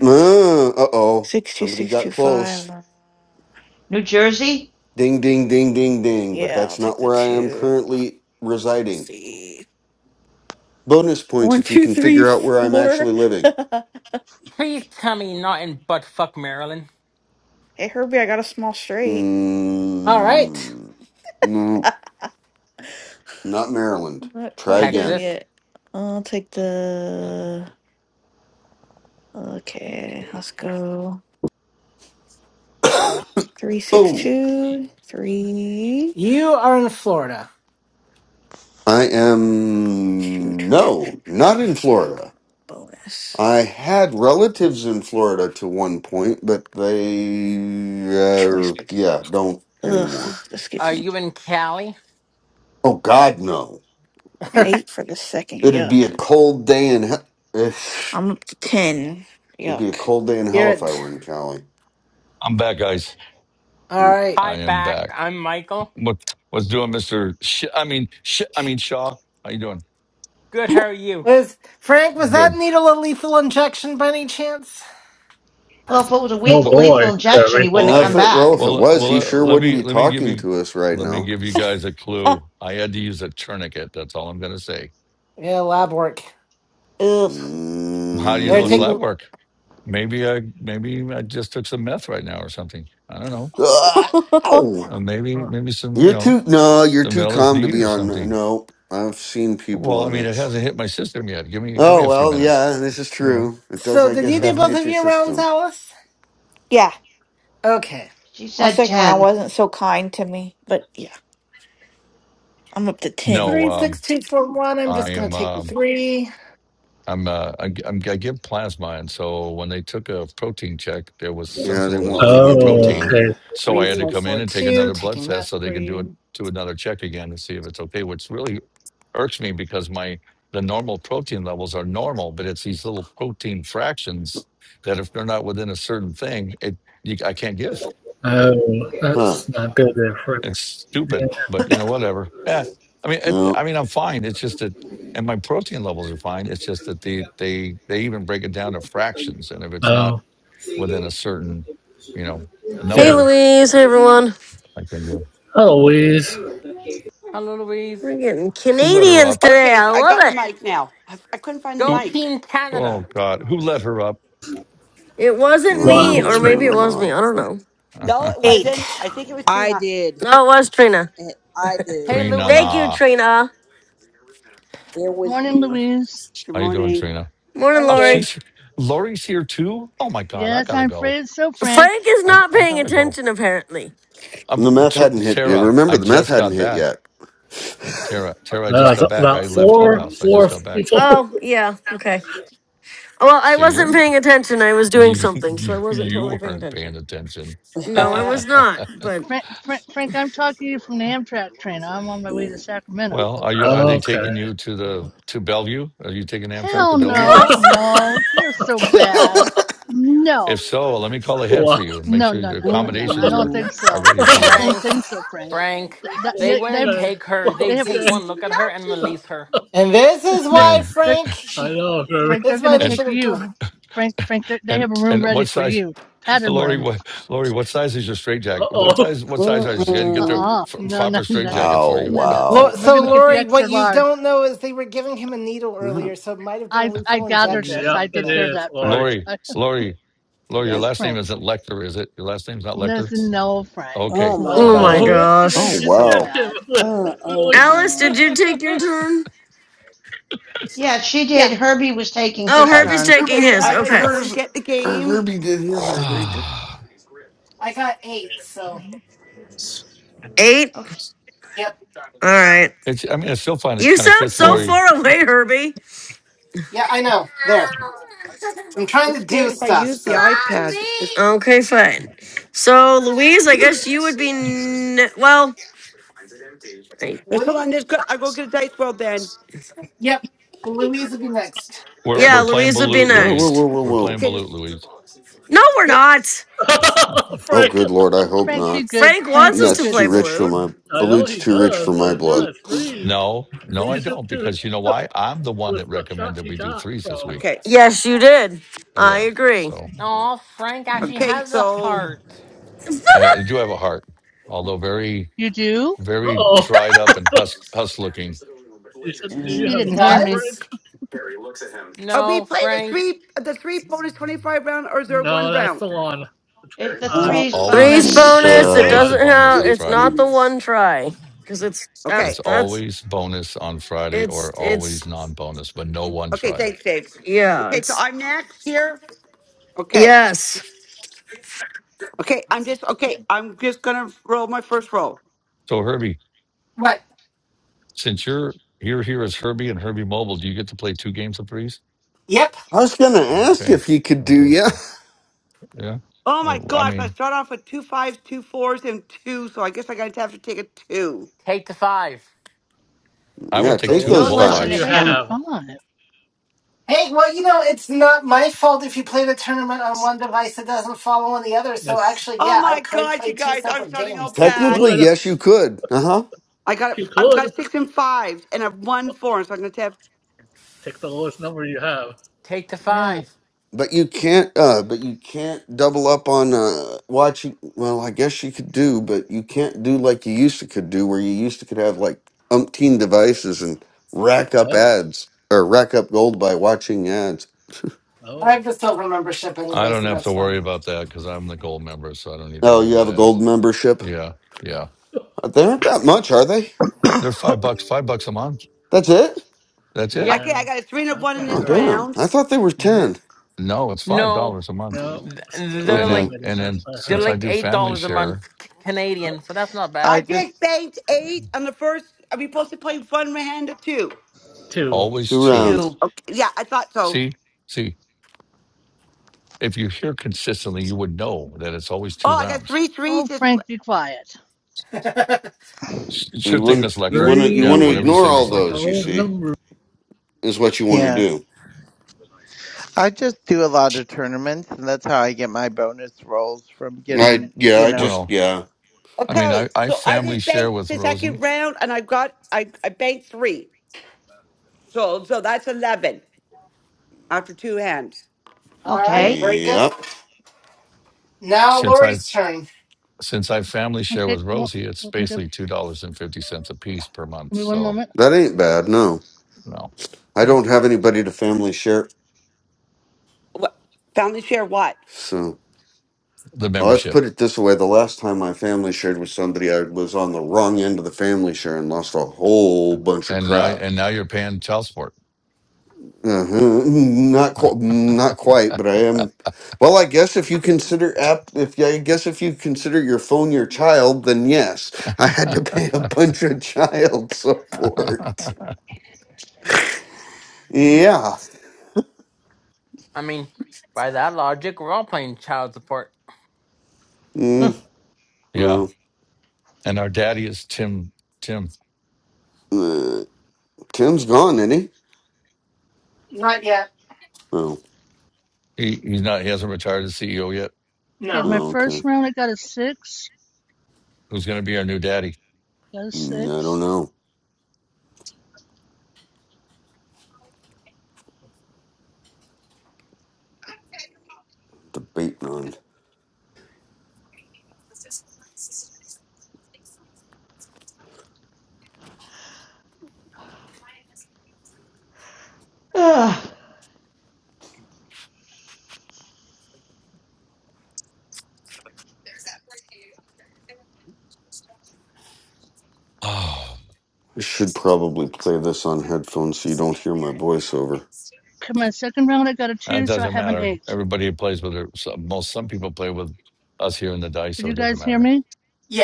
Speaker 5: Uh oh,
Speaker 8: six, two,
Speaker 5: somebody
Speaker 8: six,
Speaker 5: got
Speaker 8: two,
Speaker 5: close.
Speaker 8: five.
Speaker 10: New Jersey?
Speaker 5: Ding, ding, ding, ding, ding. But
Speaker 8: Yeah, I'll
Speaker 5: that's
Speaker 8: take
Speaker 5: not
Speaker 8: the
Speaker 5: where I am
Speaker 8: two.
Speaker 5: currently
Speaker 8: Let's
Speaker 5: residing.
Speaker 8: see.
Speaker 5: Bonus points
Speaker 8: One,
Speaker 5: if you
Speaker 8: two,
Speaker 5: can
Speaker 8: three,
Speaker 5: figure out where I'm actually
Speaker 8: four. [LAUGHS]
Speaker 5: living.
Speaker 8: hey,
Speaker 11: Please tell me you're not in buttfuck Maryland.
Speaker 8: Herbie, I got a small straight.
Speaker 7: All right.
Speaker 5: Mm,
Speaker 8: [LAUGHS] I'm
Speaker 5: no, not Maryland.
Speaker 8: not
Speaker 5: Try
Speaker 8: quite done
Speaker 5: again.
Speaker 11: Texas.
Speaker 8: yet. I'll take the. Okay, let's go.
Speaker 5: [COUGHS]
Speaker 8: Three, six,
Speaker 5: Oh,
Speaker 8: two, three.
Speaker 7: You are in Florida.
Speaker 5: I
Speaker 8: two,
Speaker 5: am
Speaker 8: two, two, two, two.
Speaker 5: no, not in
Speaker 8: Uh,
Speaker 5: Florida.
Speaker 8: Bonus.
Speaker 5: I had relatives in Florida to one point, but they,
Speaker 8: No choice,
Speaker 5: uh,
Speaker 8: but
Speaker 5: yeah, don't
Speaker 8: ugh,
Speaker 5: anymore.
Speaker 8: this gets
Speaker 11: Are
Speaker 8: me.
Speaker 11: you in Cali?
Speaker 5: Oh God, no!
Speaker 7: [LAUGHS]
Speaker 8: Eight for the second.
Speaker 5: It'd be
Speaker 8: Yuck.
Speaker 5: a cold day in hell. It'd
Speaker 8: I'm up to ten.
Speaker 5: be a
Speaker 8: Yuck.
Speaker 5: cold day in
Speaker 7: You're
Speaker 5: hell if I
Speaker 7: it.
Speaker 5: were in Cali.
Speaker 6: I'm back, guys.
Speaker 7: All
Speaker 5: Mm.
Speaker 7: right.
Speaker 6: I
Speaker 11: Hi,
Speaker 6: am
Speaker 11: back.
Speaker 6: back.
Speaker 11: I'm Michael.
Speaker 6: What what's doing, Mister? Sh- I mean, sh- I mean Shaw. How you doing?
Speaker 11: Good, how are you?
Speaker 7: Was Frank? Was that
Speaker 6: Good.
Speaker 7: needle a lethal injection by any chance?
Speaker 10: Well, if it was a
Speaker 9: Oh
Speaker 10: lethal,
Speaker 6: Well,
Speaker 9: boy,
Speaker 10: lethal injection, he
Speaker 9: Curry.
Speaker 10: wouldn't
Speaker 6: well,
Speaker 10: have
Speaker 5: Yeah, if
Speaker 10: come
Speaker 6: I
Speaker 5: it well,
Speaker 10: back.
Speaker 5: if it
Speaker 6: well,
Speaker 5: was,
Speaker 6: well.
Speaker 5: he
Speaker 6: uh,
Speaker 5: sure
Speaker 6: Let
Speaker 5: wouldn't
Speaker 6: me
Speaker 5: be
Speaker 6: let me give
Speaker 5: talking
Speaker 6: you
Speaker 5: to us right
Speaker 6: let me
Speaker 5: now.
Speaker 6: give you guys a
Speaker 8: Ah,
Speaker 6: clue. I had to use a tourniquet. That's all I'm going to say.
Speaker 7: Yeah, lab work.
Speaker 8: ugh.
Speaker 6: How do you
Speaker 7: They're
Speaker 6: know it's
Speaker 5: Mm-hmm.
Speaker 6: lab
Speaker 7: taking.
Speaker 6: work? Maybe I maybe I just took some meth right now or something. I don't know.
Speaker 8: [LAUGHS]
Speaker 5: Ow!
Speaker 6: Uh, maybe
Speaker 7: uh,
Speaker 6: maybe some you
Speaker 5: You're
Speaker 6: know
Speaker 5: too no, you're
Speaker 6: some
Speaker 5: too calm to
Speaker 6: LSD
Speaker 5: be
Speaker 6: or
Speaker 5: on.
Speaker 6: something.
Speaker 5: No, I've seen people
Speaker 6: Well, I
Speaker 5: on
Speaker 6: mean, it
Speaker 5: that.
Speaker 6: hasn't hit my system yet. Give me give me
Speaker 5: Oh
Speaker 6: a few
Speaker 5: well,
Speaker 6: minutes.
Speaker 5: yeah, this is
Speaker 6: Yeah.
Speaker 5: true. It does,
Speaker 7: So,
Speaker 5: I
Speaker 6: You know.
Speaker 7: did
Speaker 5: guess,
Speaker 7: you do
Speaker 5: have to
Speaker 7: both
Speaker 5: hit
Speaker 7: of
Speaker 5: your
Speaker 7: your rounds,
Speaker 5: system.
Speaker 7: Alice?
Speaker 8: yeah,
Speaker 7: Okay.
Speaker 10: She
Speaker 8: my
Speaker 10: said
Speaker 8: second round
Speaker 10: 10.
Speaker 8: wasn't so kind to me, but yeah, I'm up to ten.
Speaker 6: No,
Speaker 7: Three, six,
Speaker 6: um,
Speaker 7: two, four, one. I'm
Speaker 6: I
Speaker 7: just gonna
Speaker 6: am.
Speaker 7: take the
Speaker 6: um
Speaker 7: three.
Speaker 6: I'm, uh, I, g- I'm I give plasma, and so when they took a protein check, there was
Speaker 5: Yeah,
Speaker 6: something a
Speaker 5: they
Speaker 6: little bit
Speaker 5: won't
Speaker 6: off
Speaker 5: let
Speaker 6: in my
Speaker 5: me do
Speaker 9: Oh,
Speaker 6: protein,
Speaker 5: that.
Speaker 9: okay.
Speaker 6: so I
Speaker 7: Three,
Speaker 6: had to
Speaker 7: four,
Speaker 6: come in
Speaker 7: four,
Speaker 6: and take
Speaker 7: two.
Speaker 6: another blood
Speaker 7: Taking
Speaker 6: test
Speaker 7: that
Speaker 6: so they could do it
Speaker 7: three.
Speaker 6: to another check again to see if it's okay. Which really irks me because my the normal protein levels are normal, but it's these little protein fractions that if they're not within a certain thing, it you, I can't give.
Speaker 9: Oh,
Speaker 5: Huh?
Speaker 9: that's not good there for
Speaker 6: It's
Speaker 9: Yeah.
Speaker 6: stupid, but you know, whatever. Yeah. I mean, it, I
Speaker 5: No,
Speaker 6: mean, I'm fine. It's just that, and my protein levels are fine. It's just that the they they even break it down to fractions, and if it's not
Speaker 9: Oh.
Speaker 6: within a certain, you know,
Speaker 2: Hey,
Speaker 9: Yeah.
Speaker 6: number,
Speaker 2: Louise. Hey, everyone.
Speaker 6: I think. Who
Speaker 9: Oh,
Speaker 11: Hello, Louise.
Speaker 2: We're getting
Speaker 6: who let her
Speaker 2: Canadians
Speaker 6: up?
Speaker 2: today.
Speaker 12: Okay,
Speaker 2: I
Speaker 12: I
Speaker 2: love
Speaker 12: got the
Speaker 2: it.
Speaker 12: mic now. I, I couldn't find the
Speaker 11: Go
Speaker 6: Who?
Speaker 12: mic.
Speaker 11: Team
Speaker 6: Oh
Speaker 11: Canada.
Speaker 6: God, who let her up?
Speaker 2: It
Speaker 5: it
Speaker 2: wasn't
Speaker 5: wasn't
Speaker 2: me,
Speaker 9: wow.
Speaker 5: me.
Speaker 2: or
Speaker 5: I'm
Speaker 2: maybe
Speaker 5: not a
Speaker 2: it was me.
Speaker 5: mod.
Speaker 2: I don't know.
Speaker 6: [LAUGHS]
Speaker 12: No, it
Speaker 7: Eight.
Speaker 12: wasn't. I think it was
Speaker 4: I
Speaker 12: Trina.
Speaker 4: did.
Speaker 2: No, it was Trina.
Speaker 4: It, I did.
Speaker 11: Hey,
Speaker 6: Trina,
Speaker 2: Thank
Speaker 11: Louise.
Speaker 2: you,
Speaker 6: nah.
Speaker 2: Trina.
Speaker 4: It was
Speaker 13: Morning,
Speaker 4: me.
Speaker 13: Louise.
Speaker 12: Good
Speaker 6: How you doing,
Speaker 12: morning.
Speaker 6: Trina?
Speaker 2: Morning,
Speaker 4: I'm
Speaker 6: Oh,
Speaker 2: Lori.
Speaker 4: good.
Speaker 6: she's Lori's here too. Oh my God, I
Speaker 13: Yes,
Speaker 6: gotta
Speaker 13: I'm
Speaker 6: go.
Speaker 13: afraid so, Frank.
Speaker 2: Frank is
Speaker 6: I
Speaker 2: not
Speaker 6: I
Speaker 2: paying
Speaker 6: gotta go.
Speaker 2: attention, apparently.
Speaker 5: The
Speaker 6: Um,
Speaker 5: meth
Speaker 6: T-
Speaker 5: hadn't hit. You
Speaker 6: Tara, I
Speaker 5: remember the meth
Speaker 6: just
Speaker 5: hadn't
Speaker 6: got
Speaker 5: hit
Speaker 6: back.
Speaker 5: yet.
Speaker 6: Tara, Tara, I just
Speaker 9: Uh,
Speaker 2: What?
Speaker 6: got back.
Speaker 9: about
Speaker 6: I left
Speaker 9: four,
Speaker 6: Clubhouse. I just
Speaker 9: four
Speaker 6: got back.
Speaker 9: people.
Speaker 2: Oh, yeah. Okay. Well, I
Speaker 6: So you're
Speaker 2: wasn't paying attention. I was doing
Speaker 6: you [LAUGHS]
Speaker 2: something, so I
Speaker 6: you
Speaker 2: wasn't totally
Speaker 6: you
Speaker 2: paying
Speaker 6: weren't paying
Speaker 2: attention.
Speaker 6: attention. [LAUGHS]
Speaker 2: No, I
Speaker 4: [LAUGHS]
Speaker 2: was
Speaker 6: well,
Speaker 2: not, but.
Speaker 13: Frank, Frank. Frank, I'm talking to you from the Amtrak train. I'm on my way to Sacramento.
Speaker 6: are
Speaker 9: [LAUGHS]
Speaker 6: you are they
Speaker 9: okay.
Speaker 6: taking you to the to Bellevue? Are you taking Amtrak to
Speaker 13: Hell
Speaker 6: Bellevue?
Speaker 4: Mm-mm.
Speaker 9: [LAUGHS]
Speaker 13: no, no,
Speaker 2: [LAUGHS]
Speaker 13: you're so bad.
Speaker 5: [LAUGHS]
Speaker 13: No,
Speaker 6: If so, let me call ahead
Speaker 9: wow.
Speaker 6: for you and make
Speaker 13: no,
Speaker 6: sure
Speaker 13: no,
Speaker 6: the
Speaker 13: no, no, no. I
Speaker 6: accommodations
Speaker 13: don't
Speaker 6: are
Speaker 13: think
Speaker 4: Mm-mm.
Speaker 6: are
Speaker 13: so.
Speaker 6: ready for
Speaker 13: I
Speaker 6: you.
Speaker 13: don't think
Speaker 11: Frank.
Speaker 13: so, Frank.
Speaker 11: Frank.
Speaker 13: Th- That,
Speaker 11: They
Speaker 13: yeah, they,
Speaker 11: wouldn't
Speaker 9: Okay.
Speaker 11: take her.
Speaker 13: they
Speaker 11: They
Speaker 13: have,
Speaker 11: take
Speaker 9: Okay.
Speaker 11: one look at her and release her.
Speaker 7: And this is
Speaker 13: [LAUGHS]
Speaker 6: I
Speaker 13: they're,
Speaker 7: why
Speaker 6: mean,
Speaker 13: they're,
Speaker 7: Frank.
Speaker 9: I
Speaker 7: This
Speaker 9: know, very.
Speaker 13: Frank, they're
Speaker 7: is why
Speaker 13: gonna
Speaker 7: they
Speaker 6: and
Speaker 13: take
Speaker 7: should have
Speaker 13: you.
Speaker 7: given.
Speaker 13: Frank, Frank, they they
Speaker 6: and
Speaker 13: have a room
Speaker 6: and
Speaker 13: ready
Speaker 6: what
Speaker 13: for
Speaker 6: size,
Speaker 13: you.
Speaker 6: [LAUGHS]
Speaker 13: Pattern
Speaker 6: Lori?
Speaker 13: room.
Speaker 6: What Lori? What size is your straight
Speaker 9: Uh
Speaker 6: jacket? What
Speaker 9: oh.
Speaker 6: size? What size are you? I can get the
Speaker 4: Mm-mm.
Speaker 13: Uh-uh.
Speaker 6: f-
Speaker 13: No, no,
Speaker 6: proper
Speaker 13: [LAUGHS]
Speaker 6: straight
Speaker 13: no, no,
Speaker 6: jacket for
Speaker 5: oh
Speaker 6: you.
Speaker 13: no, no.
Speaker 7: Lo-
Speaker 5: wow.
Speaker 13: We're
Speaker 7: So,
Speaker 13: gonna get the
Speaker 7: Lori,
Speaker 13: extra
Speaker 7: what you
Speaker 13: large.
Speaker 7: don't know is they were giving him a needle earlier, so it might have been a
Speaker 13: I I
Speaker 7: lethal
Speaker 13: gather this.
Speaker 9: Yep,
Speaker 13: I
Speaker 7: injection.
Speaker 9: it
Speaker 13: did
Speaker 7: Though.
Speaker 13: hear
Speaker 9: is,
Speaker 13: that part.
Speaker 9: Lori.
Speaker 6: Lori,
Speaker 13: I,
Speaker 6: Lori, Lori, your
Speaker 13: yes,
Speaker 6: last name
Speaker 13: Frank.
Speaker 6: isn't Lecter, is it? Your last name's not Lecter?
Speaker 13: There's no Frank.
Speaker 4: Oh
Speaker 13: It's
Speaker 6: Okay. Just
Speaker 4: my
Speaker 9: Uh
Speaker 6: want
Speaker 2: oh
Speaker 13: not.
Speaker 6: to make
Speaker 2: my
Speaker 9: oh.
Speaker 4: god.
Speaker 6: sure.
Speaker 9: What do
Speaker 5: Oh
Speaker 2: gosh.
Speaker 13: You're
Speaker 9: they
Speaker 13: so
Speaker 5: wow.
Speaker 9: inject him
Speaker 13: bad.
Speaker 9: with?
Speaker 4: Uh,
Speaker 9: Really?
Speaker 2: Alice, did you take your
Speaker 6: [LAUGHS]
Speaker 2: turn?
Speaker 10: Yeah, she
Speaker 8: Yeah,
Speaker 10: did. Herbie was taking
Speaker 2: Oh,
Speaker 10: his
Speaker 6: I
Speaker 2: Herbie's
Speaker 10: turn.
Speaker 2: taking
Speaker 12: Okay,
Speaker 7: And I
Speaker 5: Herbie
Speaker 12: so
Speaker 2: his.
Speaker 5: did
Speaker 12: I
Speaker 7: got
Speaker 12: gotta
Speaker 2: Okay.
Speaker 12: go
Speaker 7: eight.
Speaker 12: and
Speaker 5: hers.
Speaker 12: get the
Speaker 5: or
Speaker 12: game.
Speaker 5: Herbie did his.
Speaker 6: [SIGHS]
Speaker 5: I think.
Speaker 6: ah,
Speaker 7: I got eight. So,
Speaker 2: Eight.
Speaker 10: Okay.
Speaker 7: yep.
Speaker 2: All right.
Speaker 6: it's I mean I still find it
Speaker 2: You
Speaker 6: kind of
Speaker 2: sound
Speaker 6: fits
Speaker 2: so
Speaker 6: Lori.
Speaker 2: far away, Herbie.
Speaker 7: Yeah, I know. There. I'm
Speaker 12: I'm
Speaker 7: trying to do
Speaker 12: scared if I
Speaker 7: stuff.
Speaker 12: use the
Speaker 7: So,
Speaker 12: iPad. It's,
Speaker 2: Mommy. Okay, fine. So, Louise, I guess you would be. N- well, I-
Speaker 12: it's, hold on,
Speaker 7: wouldn't
Speaker 12: there's go, I'll go get a dice world then.
Speaker 7: Yep. Louise would be next.
Speaker 6: We're
Speaker 7: Or
Speaker 2: yeah,
Speaker 6: we're playing
Speaker 2: Louise would be
Speaker 6: Balut,
Speaker 5: Whoa, whoa,
Speaker 6: Louise.
Speaker 2: next.
Speaker 5: whoa, whoa,
Speaker 6: We're
Speaker 5: whoa.
Speaker 6: playing
Speaker 12: Okay,
Speaker 6: Balut,
Speaker 12: just
Speaker 6: Louise.
Speaker 2: No, we're
Speaker 12: okay,
Speaker 2: not.
Speaker 6: [LAUGHS]
Speaker 9: [LAUGHS]
Speaker 5: Oh,
Speaker 9: Frank.
Speaker 5: good lord. I hope
Speaker 13: Frank, be
Speaker 5: not.
Speaker 13: good.
Speaker 2: Frank
Speaker 13: Frank,
Speaker 2: wants us
Speaker 13: be
Speaker 2: to
Speaker 5: That's
Speaker 13: good.
Speaker 2: play
Speaker 5: too rich for
Speaker 2: Balut.
Speaker 5: my.
Speaker 9: I know
Speaker 5: Balute's
Speaker 9: he
Speaker 5: too rich
Speaker 9: does,
Speaker 5: for
Speaker 9: but
Speaker 5: my
Speaker 9: it's
Speaker 5: blood.
Speaker 9: not. It's freeze.
Speaker 6: No, no, I
Speaker 9: Freeze him
Speaker 6: don't
Speaker 9: too
Speaker 6: because you know why? I'm the one
Speaker 9: with
Speaker 6: that
Speaker 9: the shot
Speaker 6: recommended
Speaker 9: he
Speaker 6: we do
Speaker 9: got
Speaker 6: threes this
Speaker 9: from.
Speaker 6: week.
Speaker 12: okay,
Speaker 2: Yes, you did.
Speaker 6: But
Speaker 2: I
Speaker 6: yeah,
Speaker 2: agree.
Speaker 6: so
Speaker 11: Oh, Frank actually
Speaker 12: okay.
Speaker 11: has a
Speaker 12: So
Speaker 11: heart.
Speaker 2: [LAUGHS]
Speaker 6: I, I do have a heart, although very
Speaker 13: You do?
Speaker 9: Uh
Speaker 6: very
Speaker 9: oh.
Speaker 6: dried up and husk husk looking.
Speaker 9: She said, Do you
Speaker 13: He
Speaker 9: have a
Speaker 13: didn't hear me.
Speaker 7: does?
Speaker 9: heartbreak?
Speaker 12: are we
Speaker 11: No,
Speaker 12: playing the
Speaker 11: Frank.
Speaker 12: three the three bonus twenty five round or is there
Speaker 9: No,
Speaker 12: one
Speaker 9: that's the
Speaker 12: round?
Speaker 9: one. The
Speaker 10: It's the
Speaker 9: 25,
Speaker 10: threes
Speaker 6: Always
Speaker 2: Three's
Speaker 9: a
Speaker 10: bonus.
Speaker 9: bonus
Speaker 2: bonus. It
Speaker 6: always
Speaker 9: one.
Speaker 6: a
Speaker 2: doesn't
Speaker 6: bonus
Speaker 4: uh,
Speaker 2: have.
Speaker 6: on
Speaker 2: It's
Speaker 6: Friday.
Speaker 2: not the
Speaker 4: uh,
Speaker 2: one try because it's that's
Speaker 12: Okay,
Speaker 6: It's
Speaker 2: that's
Speaker 6: always bonus on Friday or
Speaker 2: it's it's
Speaker 6: always non-bonus, but no one
Speaker 12: okay,
Speaker 6: try.
Speaker 12: thanks, Dave.
Speaker 2: Yeah,
Speaker 12: Okay, so
Speaker 2: it's
Speaker 12: I'm next here. Okay,
Speaker 2: yes.
Speaker 12: okay, I'm just okay. I'm just gonna roll my first roll.
Speaker 6: So Herbie,
Speaker 7: What?
Speaker 6: since you're you're here as Herbie and Herbie Mobile, do you get to play two games of threes?
Speaker 7: Yep.
Speaker 5: I was going to ask
Speaker 6: Okay,
Speaker 5: if you could do, yeah.
Speaker 6: Fantastic. yeah.
Speaker 12: Oh
Speaker 6: I,
Speaker 12: my
Speaker 6: I
Speaker 12: gosh, I
Speaker 6: mean,
Speaker 12: start off with two fives, two fours, and two, so I guess I gotta have to take a two.
Speaker 11: Take the five.
Speaker 6: I
Speaker 9: Take
Speaker 5: Yeah,
Speaker 6: would
Speaker 9: the
Speaker 6: take
Speaker 5: take
Speaker 6: two,
Speaker 5: those
Speaker 10: Don't
Speaker 9: lowest
Speaker 6: both
Speaker 9: number
Speaker 10: listen to
Speaker 9: you
Speaker 6: fives.
Speaker 5: fives.
Speaker 13: Take the
Speaker 10: him.
Speaker 9: have.
Speaker 13: five.
Speaker 7: Hey, well, you know, it's not my fault if you play the tournament on one device that doesn't follow on the other. So
Speaker 9: That's,
Speaker 7: actually,
Speaker 12: Oh
Speaker 7: yeah, I
Speaker 12: my
Speaker 7: could
Speaker 12: god, you
Speaker 7: play two
Speaker 12: guys, I'm
Speaker 7: separate
Speaker 12: starting out
Speaker 7: games.
Speaker 9: he
Speaker 12: bad.
Speaker 5: Technically,
Speaker 9: could.
Speaker 5: yes, you could. Uh huh.
Speaker 12: I got
Speaker 9: He
Speaker 12: I've
Speaker 9: could.
Speaker 12: got six and fives and I've one four, so I'm gonna have
Speaker 9: Take the lowest number you have.
Speaker 11: Take the
Speaker 13: Yeah.
Speaker 11: five.
Speaker 5: But you can't, uh, but you can't double up on, uh, watching. Well, I guess you could do, but you can't do like you used to could do, where you used to could have like umpteen devices and rack up
Speaker 9: Oh,
Speaker 5: ads or rack up gold by watching ads.
Speaker 7: but I
Speaker 9: oh.
Speaker 7: have the silver membership
Speaker 6: I
Speaker 7: anyway,
Speaker 6: don't
Speaker 7: so
Speaker 6: have to
Speaker 7: that's
Speaker 6: worry
Speaker 7: fine.
Speaker 6: about that because I'm the gold member, so I don't need to
Speaker 5: Oh,
Speaker 6: worry
Speaker 5: you have
Speaker 6: about
Speaker 5: a gold
Speaker 6: ads.
Speaker 5: membership?
Speaker 6: Yeah, yeah.
Speaker 9: [LAUGHS]
Speaker 5: Uh, They aren't that much, are they?
Speaker 6: They're
Speaker 3: [LAUGHS]
Speaker 6: five bucks, five bucks a month.
Speaker 5: That's it?
Speaker 6: That's it.
Speaker 11: Yeah.
Speaker 9: Yeah,
Speaker 12: okay, I got a three and a
Speaker 9: that's
Speaker 12: one in
Speaker 9: what I
Speaker 5: Oh,
Speaker 12: this
Speaker 9: heard.
Speaker 5: damn.
Speaker 12: round.
Speaker 5: I thought they were
Speaker 11: Th-
Speaker 5: 10.
Speaker 6: No, it's five
Speaker 11: no,
Speaker 6: dollars a month.
Speaker 9: No,
Speaker 11: th-
Speaker 9: it's still
Speaker 11: they're
Speaker 6: And
Speaker 9: five,
Speaker 6: then
Speaker 11: like
Speaker 5: Okay.
Speaker 9: I think
Speaker 6: and
Speaker 9: that's
Speaker 6: then
Speaker 9: what I
Speaker 11: they're
Speaker 6: since
Speaker 9: heard.
Speaker 6: I
Speaker 11: like
Speaker 6: do
Speaker 11: eight
Speaker 6: family
Speaker 11: dollars a month
Speaker 6: share,
Speaker 11: C-
Speaker 9: Oh,
Speaker 11: Canadian, so that's not bad.
Speaker 12: I
Speaker 3: I just
Speaker 12: just banked eight on the first are we supposed to play one hand or two?
Speaker 9: two.
Speaker 6: always
Speaker 5: Two
Speaker 6: two.
Speaker 5: rounds.
Speaker 10: Two.
Speaker 12: Okay, yeah, I thought so.
Speaker 6: See, see. if you hear consistently, you would know that it's always two
Speaker 12: Oh, I got
Speaker 6: rounds.
Speaker 12: three threes
Speaker 13: Oh,
Speaker 12: this
Speaker 13: Frank, be quiet.
Speaker 7: [LAUGHS] All
Speaker 6: S- Sure
Speaker 5: You
Speaker 9: Take
Speaker 6: thing,
Speaker 5: want
Speaker 6: Miss
Speaker 9: the
Speaker 5: you
Speaker 6: Lecter.
Speaker 5: want to you
Speaker 6: Yeah,
Speaker 5: want to
Speaker 9: three.
Speaker 6: whatever you
Speaker 5: ignore
Speaker 6: say,
Speaker 5: all
Speaker 6: Miss
Speaker 9: The
Speaker 6: Lecter.
Speaker 5: those. You
Speaker 9: lowest
Speaker 5: see,
Speaker 9: number.
Speaker 5: is what you want to
Speaker 3: yeah,
Speaker 5: do.
Speaker 3: I just do a lot of tournaments, and that's how I get my bonus rolls from
Speaker 5: I
Speaker 3: getting
Speaker 5: yeah.
Speaker 3: you
Speaker 5: I
Speaker 3: know.
Speaker 5: just
Speaker 6: Well,
Speaker 5: yeah
Speaker 6: I mean,
Speaker 12: okay.
Speaker 6: I, I
Speaker 12: So I
Speaker 6: family
Speaker 12: just
Speaker 6: share
Speaker 12: banked
Speaker 6: with
Speaker 12: the second
Speaker 6: Rosie.
Speaker 12: round and I got I, I banked three. So so that's eleven after two hands.
Speaker 7: right,
Speaker 10: Okay.
Speaker 7: very good.
Speaker 5: yep.
Speaker 7: Now
Speaker 6: Since I've
Speaker 7: Lori's turn.
Speaker 6: since I family share
Speaker 13: Okay.
Speaker 6: with
Speaker 13: one-
Speaker 6: Rosie, it's
Speaker 13: okay, Give
Speaker 6: basically two dollars and fifty cents a piece per month.
Speaker 13: me one
Speaker 6: So
Speaker 13: moment.
Speaker 5: That ain't bad. No,
Speaker 6: no,
Speaker 5: I don't have anybody to family share.
Speaker 12: What family share? What?
Speaker 5: So
Speaker 6: the
Speaker 5: well, let's
Speaker 6: membership,
Speaker 5: put it this way: the last time my family shared with somebody, I was on the wrong end of the family share and lost a whole bunch of
Speaker 6: and now
Speaker 5: crap.
Speaker 6: and now you're paying child support.
Speaker 5: Uh-huh. Not quite, not quite, but I am. Well, I guess if you consider app, if yeah, I guess if you consider your phone your child, then yes, I had to [LAUGHS] pay a
Speaker 6: [LAUGHS]
Speaker 5: bunch of child [LAUGHS] support. Yeah.
Speaker 11: I mean, by that logic, we're all paying child support.
Speaker 10: [SIGHS]
Speaker 5: Mm,
Speaker 10: [LAUGHS]
Speaker 6: yeah,
Speaker 5: well,
Speaker 6: and our daddy is Tim. Tim.
Speaker 5: uh, Tim's gone, isn't he?
Speaker 7: Not yet.
Speaker 5: Oh,
Speaker 6: He, he's not. He hasn't retired as CEO yet.
Speaker 13: Okay,
Speaker 7: No.
Speaker 13: my
Speaker 5: oh
Speaker 13: first
Speaker 5: okay.
Speaker 13: round I got a six.
Speaker 6: Who's going to be our new daddy?
Speaker 13: Got a
Speaker 5: Mm, I don't
Speaker 13: six.
Speaker 5: know. Debating on.
Speaker 10: Ugh.
Speaker 6: Oh.
Speaker 5: I should probably play this on headphones so you don't hear my voiceover.
Speaker 13: Okay, my second round I got a
Speaker 6: And it
Speaker 13: two, so I
Speaker 6: doesn't
Speaker 13: have an
Speaker 6: matter.
Speaker 13: eight.
Speaker 6: Everybody plays with it. Some, most some people play with us here in the dice,
Speaker 13: Did
Speaker 6: so it
Speaker 13: you
Speaker 6: doesn't
Speaker 13: guys hear
Speaker 6: matter.
Speaker 13: me?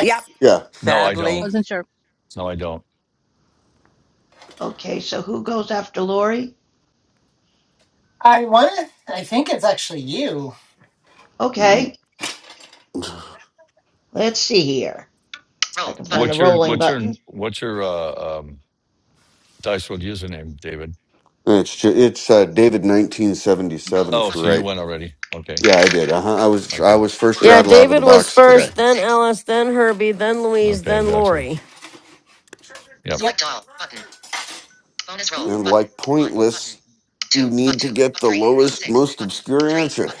Speaker 12: Yep.
Speaker 5: Yeah.
Speaker 6: No,
Speaker 13: Okay.
Speaker 6: I don't.
Speaker 11: Sadly,
Speaker 13: Wasn't sure.
Speaker 6: No, I don't.
Speaker 10: okay, so who goes after Lori?
Speaker 7: I want to. I think it's actually you.
Speaker 5: Mm,
Speaker 10: Okay, let's see here. I can find the
Speaker 6: What's your
Speaker 10: rolling
Speaker 6: what's your
Speaker 10: button.
Speaker 6: what's your uh, um, dice world username, David?
Speaker 5: It's ju- it's uh, David 1977
Speaker 6: Oh,
Speaker 5: for
Speaker 6: so you
Speaker 5: right.
Speaker 6: went already. Okay,
Speaker 5: Yeah, I did. Uh-huh. I was I
Speaker 6: okay,
Speaker 5: was first
Speaker 2: Yeah,
Speaker 5: rattle out of
Speaker 2: David
Speaker 5: the
Speaker 2: was
Speaker 5: box today.
Speaker 2: first, then Alice, then Herbie, then Louise,
Speaker 6: okay,
Speaker 2: then
Speaker 6: gotcha.
Speaker 2: Lori.
Speaker 6: Yep.
Speaker 7: Yep.
Speaker 2: Dang it.
Speaker 5: And like pointless, you need to get the lowest, most obscure answer.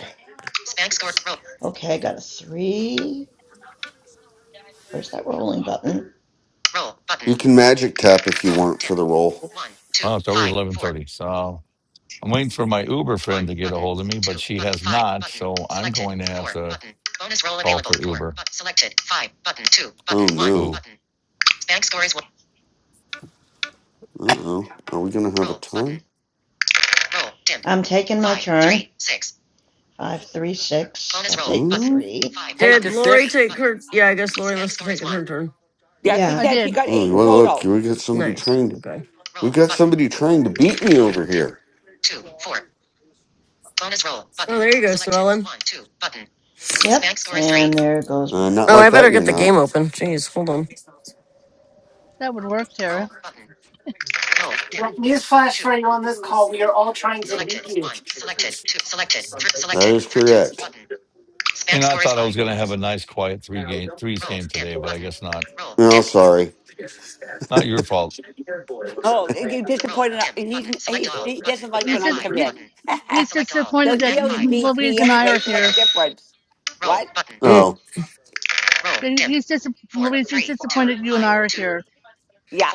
Speaker 10: Okay, I got a three. Where's that rolling button?
Speaker 5: You can magic tap if you want for the roll.
Speaker 6: Well, it's already eleven thirty. So I'm waiting for my Uber friend to get a hold of me, but she has not. So I'm going to have to call for Uber.
Speaker 5: Oh no.
Speaker 6: Boo.
Speaker 5: Uh oh. Are we gonna have a tie?
Speaker 10: Roll, dim. I'm taking my five, turn. Three, six. Five, three, six. Bonus I'll roll, take button, the
Speaker 5: Oh,
Speaker 10: three. Five,
Speaker 11: take
Speaker 2: Did
Speaker 10: Button.
Speaker 11: the
Speaker 2: Lori
Speaker 11: six.
Speaker 10: three,
Speaker 2: take
Speaker 10: button.
Speaker 2: her? Yeah, I guess Lori must have taken her turn.
Speaker 12: Yeah, she
Speaker 10: Yeah.
Speaker 13: I
Speaker 12: said she
Speaker 13: did.
Speaker 12: got eight
Speaker 5: Oh,
Speaker 12: in
Speaker 5: well,
Speaker 2: Okay.
Speaker 5: look,
Speaker 12: total.
Speaker 5: we got somebody
Speaker 2: Nice.
Speaker 5: trying to.
Speaker 2: Okay.
Speaker 5: We've got somebody trying to beat me over here.
Speaker 2: Oh, there you go, Sue Ellen.
Speaker 10: Yep. and three. there goes my
Speaker 5: Uh, not
Speaker 2: Oh, I
Speaker 5: like
Speaker 2: better
Speaker 5: that,
Speaker 10: two.
Speaker 5: you're
Speaker 2: get the game
Speaker 5: not.
Speaker 2: open. Jeez, hold on.
Speaker 13: That would work, Tara.
Speaker 7: Well, Newsflash for you on this call. We are all trying to beat you.
Speaker 5: That is correct.
Speaker 6: You know, I thought I was going to have a nice, quiet three game threes game today, but I guess not.
Speaker 5: No, sorry.
Speaker 6: Not your fault.
Speaker 12: Oh, you disappointed. he's, he's, he doesn't like
Speaker 13: He's
Speaker 12: when I
Speaker 13: just
Speaker 12: come
Speaker 13: he,
Speaker 12: in.
Speaker 13: he's
Speaker 12: [LAUGHS]
Speaker 13: disappointed
Speaker 12: so
Speaker 13: that
Speaker 12: he always beats
Speaker 13: Louise
Speaker 12: me
Speaker 13: and I
Speaker 12: anyway.
Speaker 13: are
Speaker 12: So what's the
Speaker 13: here.
Speaker 12: difference? What?
Speaker 2: Mm.
Speaker 5: Oh,
Speaker 13: He- He's dis Louise. He's disappointed you and I are here.
Speaker 12: Yeah.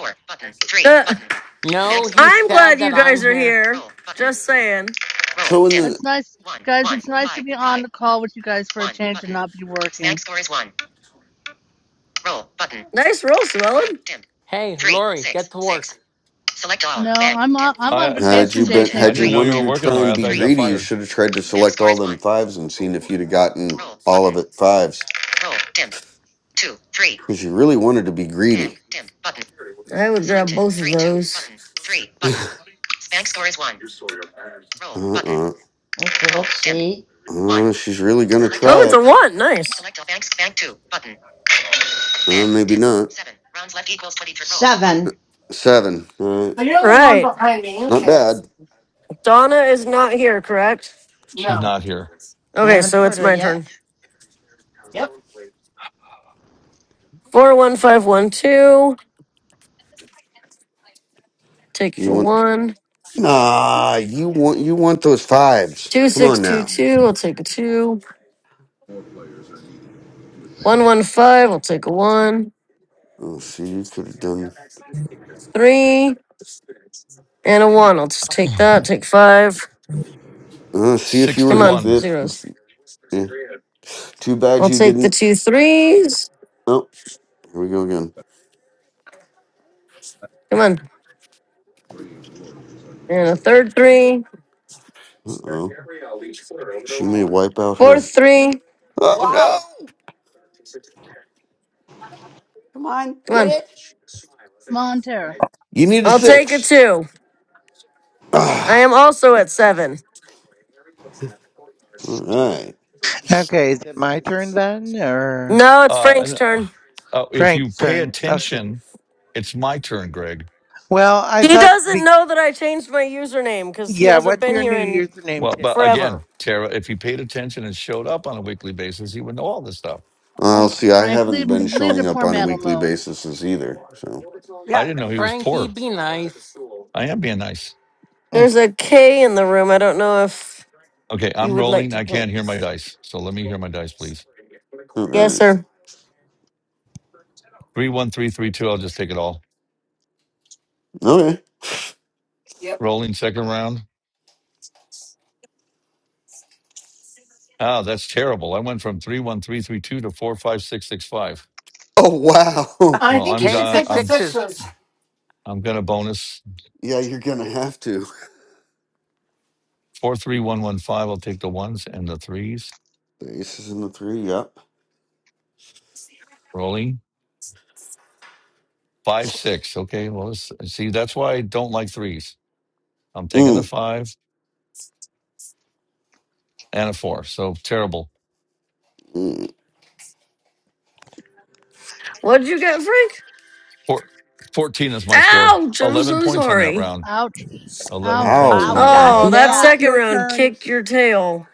Speaker 2: Uh,
Speaker 11: No, he's
Speaker 2: I'm glad
Speaker 11: sad
Speaker 2: you
Speaker 11: that I'm
Speaker 2: guys are
Speaker 11: here.
Speaker 2: here. Just saying.
Speaker 5: so in the
Speaker 13: It's nice, guys. It's nice to be on the call with you guys for a change and not be working.
Speaker 2: Nice roll, Sue Ellen.
Speaker 11: Hey, Lori, get to work.
Speaker 13: No, I'm on, I'm
Speaker 6: I,
Speaker 13: on
Speaker 6: I
Speaker 5: Had you
Speaker 13: vacation day.
Speaker 5: been,
Speaker 13: Thank
Speaker 6: I
Speaker 5: had you
Speaker 13: you,
Speaker 6: didn't know you
Speaker 5: wanted
Speaker 6: were
Speaker 5: to
Speaker 6: working,
Speaker 5: try
Speaker 6: Laurie.
Speaker 5: and
Speaker 6: I
Speaker 5: be
Speaker 6: thought you got
Speaker 5: greedy, you
Speaker 6: fired.
Speaker 5: should have tried to select all them fives and seen if you'd have gotten all of it fives. Because you really wanted to be greedy.
Speaker 2: I would grab both of those.
Speaker 5: Uh uh
Speaker 10: Okay, let's see.
Speaker 5: uh. She's really gonna
Speaker 2: Oh,
Speaker 5: try
Speaker 2: it's a
Speaker 5: it.
Speaker 2: one. Nice.
Speaker 5: Uh, maybe not.
Speaker 10: Seven. Rounds left equals twenty-three. Roll. Seven.
Speaker 5: Seven. Uh,
Speaker 7: So
Speaker 2: All
Speaker 7: you're only one
Speaker 2: right.
Speaker 7: behind me.
Speaker 5: not
Speaker 7: Okay.
Speaker 5: bad.
Speaker 2: Donna is not here, correct?
Speaker 6: She's
Speaker 7: No.
Speaker 6: not here.
Speaker 10: I
Speaker 2: Okay,
Speaker 10: haven't
Speaker 2: so
Speaker 10: heard
Speaker 2: it's
Speaker 10: her
Speaker 2: my turn.
Speaker 10: yet.
Speaker 7: Yep.
Speaker 2: Four one five one two. Take
Speaker 5: You
Speaker 2: the
Speaker 5: want?
Speaker 2: one.
Speaker 5: Nah. You want? You want those fives?
Speaker 2: Two
Speaker 5: Come
Speaker 2: six
Speaker 5: on
Speaker 2: two
Speaker 5: now.
Speaker 2: two. I'll take a two. One one five. I'll take a one.
Speaker 5: Oh, see, you could have done.
Speaker 2: Three and a one. I'll just take that. Take five.
Speaker 5: Uh, see if you were.
Speaker 2: Come
Speaker 5: If,
Speaker 2: on,
Speaker 6: Sixty-one.
Speaker 2: zeros.
Speaker 5: if eh, too bad
Speaker 2: I'll
Speaker 5: you
Speaker 2: take the
Speaker 5: didn't.
Speaker 2: two threes.
Speaker 5: Oh, here we go again.
Speaker 2: Come on, and a third three.
Speaker 5: Uh oh. She may wipe out her.
Speaker 2: Fourth three.
Speaker 5: Oh
Speaker 12: Wow.
Speaker 5: no!
Speaker 12: Come on,
Speaker 2: Come
Speaker 12: get
Speaker 2: on.
Speaker 12: it?
Speaker 13: Montera.
Speaker 5: You need a
Speaker 2: I'll take a
Speaker 5: six. [SIGHS]
Speaker 2: two. I
Speaker 5: Ah,
Speaker 2: am also at seven.
Speaker 5: all right.
Speaker 3: Okay, is it my turn then, or?
Speaker 2: No, it's
Speaker 6: Uh,
Speaker 2: Frank's
Speaker 6: and, uh,
Speaker 2: turn.
Speaker 6: uh, if you
Speaker 3: Frank's
Speaker 6: pay
Speaker 3: turn. Okay.
Speaker 6: attention, it's my turn, Greg.
Speaker 3: Well, I
Speaker 2: He
Speaker 3: thought,
Speaker 2: doesn't
Speaker 3: be-
Speaker 2: know that I changed my username because he
Speaker 3: yeah,
Speaker 2: hasn't
Speaker 3: what's
Speaker 2: been
Speaker 3: your
Speaker 2: here
Speaker 3: New
Speaker 2: in
Speaker 3: Year's name,
Speaker 6: Well, but
Speaker 3: Tara?
Speaker 2: forever.
Speaker 6: again, Tara, if he paid attention and showed up on a weekly basis, he would know all this stuff.
Speaker 5: Well,
Speaker 13: Oh,
Speaker 5: see, I
Speaker 13: Frank,
Speaker 5: haven't
Speaker 13: leave
Speaker 5: been
Speaker 13: leave the
Speaker 5: showing up
Speaker 13: poor
Speaker 5: on a
Speaker 13: man
Speaker 5: weekly
Speaker 13: alone.
Speaker 5: basis either. So,
Speaker 6: I
Speaker 12: Yeah.
Speaker 6: didn't know he was
Speaker 11: Frankie,
Speaker 6: poor.
Speaker 11: be nice.
Speaker 6: I am being nice.
Speaker 3: [LAUGHS]
Speaker 2: There's a K in the room. I don't know if
Speaker 6: Okay,
Speaker 2: you
Speaker 6: I'm
Speaker 2: would like
Speaker 6: rolling.
Speaker 2: to
Speaker 6: I
Speaker 2: join
Speaker 6: can't hear my
Speaker 2: us.
Speaker 6: dice, so let me hear my dice, please.
Speaker 5: all
Speaker 2: Yes,
Speaker 5: right.
Speaker 2: sir.
Speaker 6: Three, one, three, three, two. I'll just take it all.
Speaker 5: Okay.
Speaker 7: Yep.
Speaker 6: Rolling second round. Oh, that's terrible. I went from three, one, three, three, two to four, five, six, six, five.
Speaker 5: Oh, wow. [LAUGHS]
Speaker 7: I
Speaker 6: Well,
Speaker 7: think
Speaker 6: I'm
Speaker 7: you should
Speaker 11: Take the
Speaker 6: uh,
Speaker 7: take the
Speaker 6: I'm
Speaker 11: sixes.
Speaker 6: i
Speaker 7: sixes,
Speaker 6: I'm gonna bonus
Speaker 5: Yeah, you're going to have to.
Speaker 6: four three one one five. I'll take the ones and the threes.
Speaker 5: The ace is in the three. Yep.
Speaker 6: Rolling five six. Okay, well let's, see that's why I don't like threes. I'm taking the
Speaker 5: Mm,
Speaker 6: five and a four. So terrible.
Speaker 5: mm.
Speaker 2: What'd you get, Frank?
Speaker 6: Four fourteen is my score.
Speaker 2: Ouch! I'm
Speaker 6: Eleven
Speaker 2: so
Speaker 6: points on that
Speaker 2: sorry.
Speaker 6: round.
Speaker 13: Ouch.
Speaker 6: Eleven
Speaker 13: Ow.
Speaker 6: points on
Speaker 12: Oh,
Speaker 13: Poor
Speaker 6: that
Speaker 12: that
Speaker 13: Frank.
Speaker 2: Oh,
Speaker 6: round.
Speaker 5: Ow.
Speaker 12: is
Speaker 2: that
Speaker 4: Now
Speaker 12: bad.
Speaker 4: it's
Speaker 2: second
Speaker 4: your
Speaker 2: round
Speaker 4: turn.
Speaker 2: kicked your tail.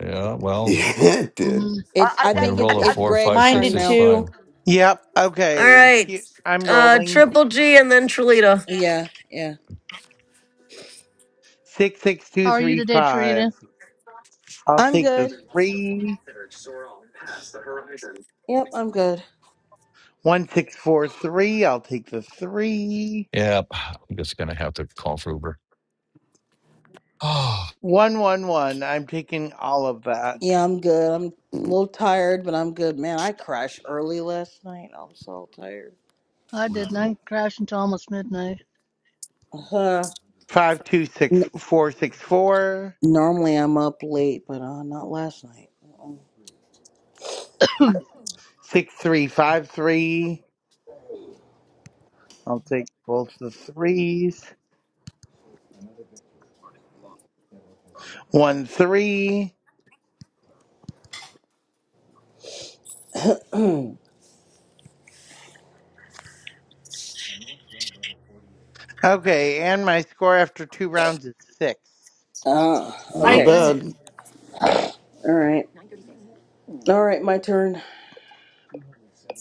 Speaker 6: Yeah.
Speaker 5: [LAUGHS]
Speaker 6: Well,
Speaker 5: Yeah, it
Speaker 13: hmm
Speaker 5: did.
Speaker 12: Uh,
Speaker 4: It's
Speaker 12: uh,
Speaker 4: I
Speaker 6: when you
Speaker 12: that's
Speaker 4: think
Speaker 12: uh,
Speaker 4: it's
Speaker 6: roll a
Speaker 12: that.
Speaker 4: it's
Speaker 6: four
Speaker 4: Greg's
Speaker 6: five six
Speaker 4: turn
Speaker 8: minded
Speaker 6: six
Speaker 4: now.
Speaker 6: five.
Speaker 8: too.
Speaker 3: Yep.
Speaker 2: All
Speaker 3: Okay.
Speaker 2: right,
Speaker 3: Here, I'm
Speaker 2: uh,
Speaker 3: rolling.
Speaker 2: Triple G and then Trelita.
Speaker 4: Yeah, yeah.
Speaker 13: How are you today, Tarita?
Speaker 3: 66235. I'll
Speaker 4: I'm
Speaker 3: take the
Speaker 4: good.
Speaker 3: 3.
Speaker 4: Yep, I'm good.
Speaker 3: 1643. I'll take the 3.
Speaker 6: Yeah, I'm just gonna have to call for Uber. [SIGHS] Oh,
Speaker 3: 111. I'm taking all of that.
Speaker 4: Yeah, I'm good. I'm a
Speaker 5: Mm,
Speaker 4: little tired, but I'm good. Man, I crashed early last night. I was so tired.
Speaker 13: I didn't. crash until almost midnight.
Speaker 4: Uh, n-
Speaker 3: 526464.
Speaker 4: normally I'm up late, but uh, not last night. Uh-uh.
Speaker 13: [CLEARS THROAT]
Speaker 3: 6353. I'll take both the 3s. 1 3. Okay, and my score after two rounds is six.
Speaker 4: Ah,
Speaker 5: Not
Speaker 7: right?
Speaker 4: okay.
Speaker 13: okay.
Speaker 5: bad.
Speaker 4: All right. All right, my turn.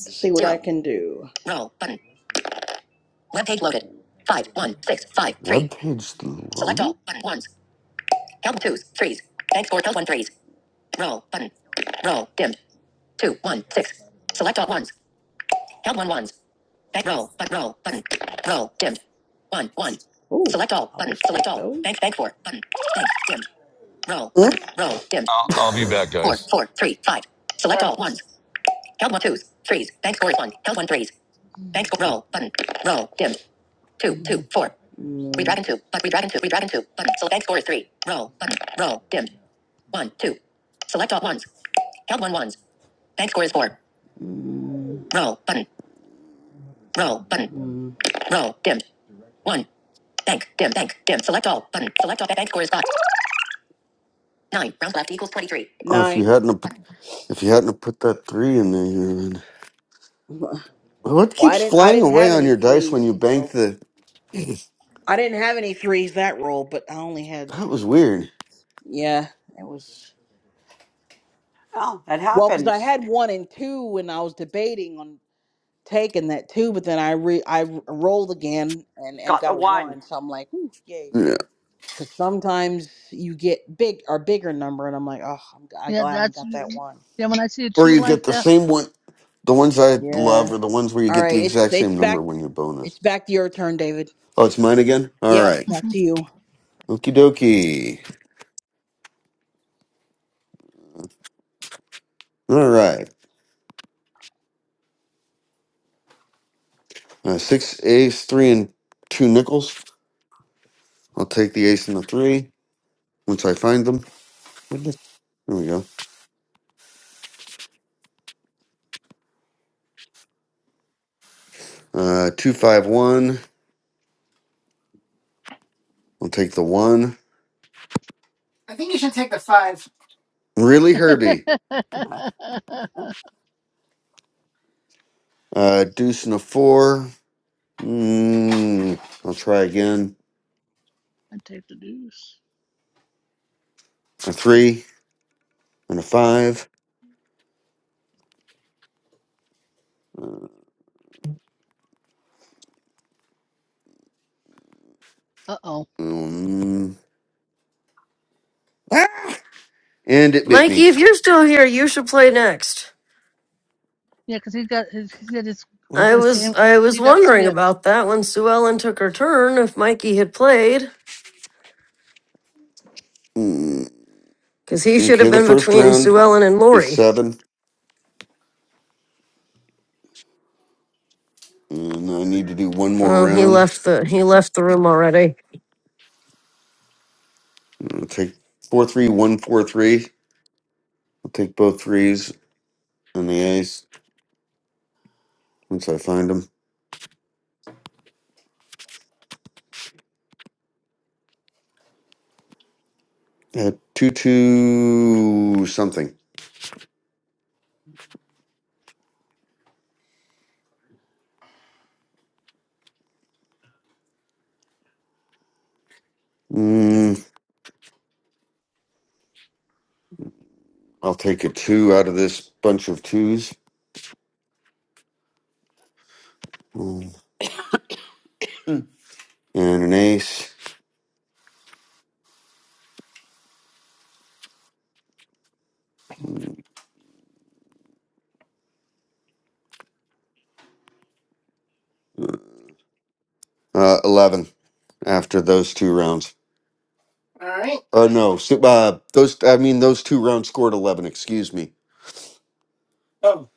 Speaker 4: Let's see what Zero. I can do. Roll. Button. Web page loaded. Five, one, six, five,
Speaker 5: Web
Speaker 4: three.
Speaker 5: page
Speaker 4: Select
Speaker 5: loaded?
Speaker 4: all. Button ones. Count twos, threes. Bank score. Count one threes. Roll button. Roll dim. Two one six. Select all ones. Held one ones. Bank roll but roll button. Roll dim. One one. Ooh, select all button. Select all. those. Bank bank four button. Bank dim. Roll
Speaker 5: Mm.
Speaker 4: button. Roll dim.
Speaker 6: I'll, I'll be
Speaker 4: One
Speaker 6: back,
Speaker 5: [LAUGHS]
Speaker 4: four
Speaker 6: guys.
Speaker 4: four three five. Select all
Speaker 7: Or,
Speaker 4: ones. Held one twos. Threes. Bank score is one. Held one threes. Bank score roll button. Roll dim. Two two four. Mm. Redragon two. But redragon two. Redragon two. Button. So bank score is three. Roll button. Roll dim. One two. Select all ones. Held one ones. Bank score is four. Mm. Roll button. Roll button. Mm. Roll dim. One. Bank dim bank dim. Select all button. Select all bank score is five. Nine. Round left equals twenty three.
Speaker 5: oh, if you
Speaker 4: Nine.
Speaker 5: hadn't have- if you hadn't have put that three in there, you would.
Speaker 4: [LAUGHS]
Speaker 5: What
Speaker 4: Well, I
Speaker 5: keeps
Speaker 4: didn't. I
Speaker 5: flying
Speaker 4: didn't
Speaker 5: away
Speaker 4: have
Speaker 5: on
Speaker 4: any
Speaker 5: your dice when
Speaker 4: threes,
Speaker 5: you bank
Speaker 4: so
Speaker 5: the?
Speaker 4: I didn't have any threes that roll. But I only had.
Speaker 5: That was weird.
Speaker 4: Yeah, it was
Speaker 12: Oh, that
Speaker 4: well because I
Speaker 12: happens.
Speaker 4: had one and two, and I was debating on taking that two, but then I re I rolled again and and
Speaker 12: Got
Speaker 4: got
Speaker 12: the
Speaker 4: a
Speaker 12: one.
Speaker 4: one. So I'm like, ooh, yay.
Speaker 5: Yeah.
Speaker 4: because sometimes you get big or bigger number, and I'm like, oh, I'm, g- I'm
Speaker 13: Yeah,
Speaker 4: glad I haven't
Speaker 13: that's.
Speaker 4: got that one.
Speaker 13: Yeah, when I see a
Speaker 5: Or
Speaker 13: two
Speaker 5: you
Speaker 13: like
Speaker 5: get the
Speaker 13: that.
Speaker 5: same one. The ones I love
Speaker 4: Yeah.
Speaker 5: are the ones where you
Speaker 4: All
Speaker 5: get the
Speaker 4: right. It's
Speaker 5: exact
Speaker 4: it's
Speaker 5: same number
Speaker 4: back.
Speaker 5: when you're bonus.
Speaker 4: It's back to your turn, David.
Speaker 5: Oh, it's mine again? All
Speaker 4: Yep.
Speaker 5: right.
Speaker 13: mm-hmm.
Speaker 4: Back to you.
Speaker 5: Okie dokie. All right. Uh, six ace, three, and two nickels. I'll take the ace and the three once I find them. Where'd they- There we go. Uh, two, five, one. I'll take the one.
Speaker 7: I think you should take the five.
Speaker 5: Really, Herbie?
Speaker 13: [LAUGHS] I
Speaker 5: Uh, deuce and a four. Mm, I'll try again.
Speaker 13: take the news.
Speaker 5: A three and a five.
Speaker 13: Uh oh.
Speaker 5: Mm, Ah! And it bit me.
Speaker 2: Mikey, if you're still here, you should play next.
Speaker 13: Yeah, 'cause he got his, he said his
Speaker 5: What's
Speaker 2: I
Speaker 13: uh,
Speaker 5: this?
Speaker 2: was
Speaker 13: game.
Speaker 2: I was
Speaker 13: He got
Speaker 2: wondering
Speaker 13: skipped.
Speaker 2: about that when Sue Ellen took her turn. If Mikey had played.
Speaker 5: Mm,
Speaker 2: because he should have
Speaker 5: okay, the
Speaker 2: been
Speaker 5: first
Speaker 2: between
Speaker 5: round
Speaker 2: Sue Ellen and
Speaker 5: is
Speaker 2: Lori.
Speaker 5: seven. And I need to do one more
Speaker 2: Well, he
Speaker 5: round.
Speaker 2: left the he left the room already.
Speaker 5: I'll take four, three, one, four, three. I'll take both threes and the ace once I find them. Uh, two, two, something. Mm, I'll take a two out of this bunch of twos Mm, and an ace. Uh, 11 after those two rounds.
Speaker 7: All right.
Speaker 5: Uh, no, so, uh, those, I mean, those two rounds scored 11, excuse me.
Speaker 7: Oh.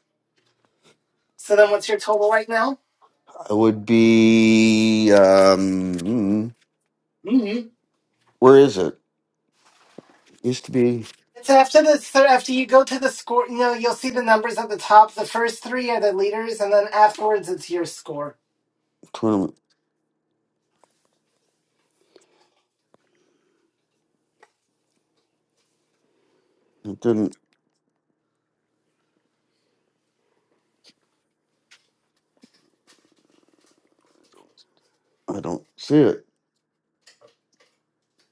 Speaker 7: So then, what's your total right now?
Speaker 5: It would be um mm,
Speaker 7: Mm-hmm.
Speaker 5: where is it? Used to be
Speaker 7: It's after the third. After you go to the score, you know you'll see the numbers at the top. The first three are the leaders, and then afterwards it's your score.
Speaker 5: tournament. It didn't I don't see it.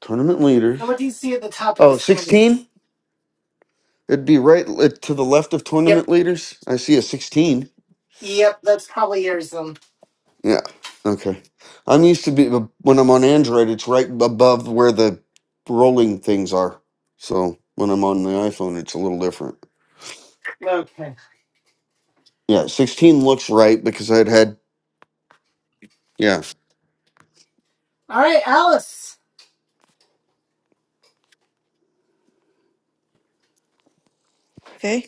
Speaker 5: Tournament
Speaker 7: So
Speaker 5: leaders.
Speaker 7: what do you see at the top of the
Speaker 5: Oh,
Speaker 7: screen?
Speaker 5: sixteen? It'd be right li- to the left of
Speaker 7: Yep.
Speaker 5: tournament leaders. I see a 16.
Speaker 7: Yep. That's probably yours then.
Speaker 5: Yeah. Okay. I'm used to be uh, when I'm on Android, it's right above where the rolling things are. So, when I'm on the iPhone, it's a little different.
Speaker 7: Okay.
Speaker 5: Yeah, 16 looks right because I'd had yeah.
Speaker 7: All right, Alice.
Speaker 8: Okay.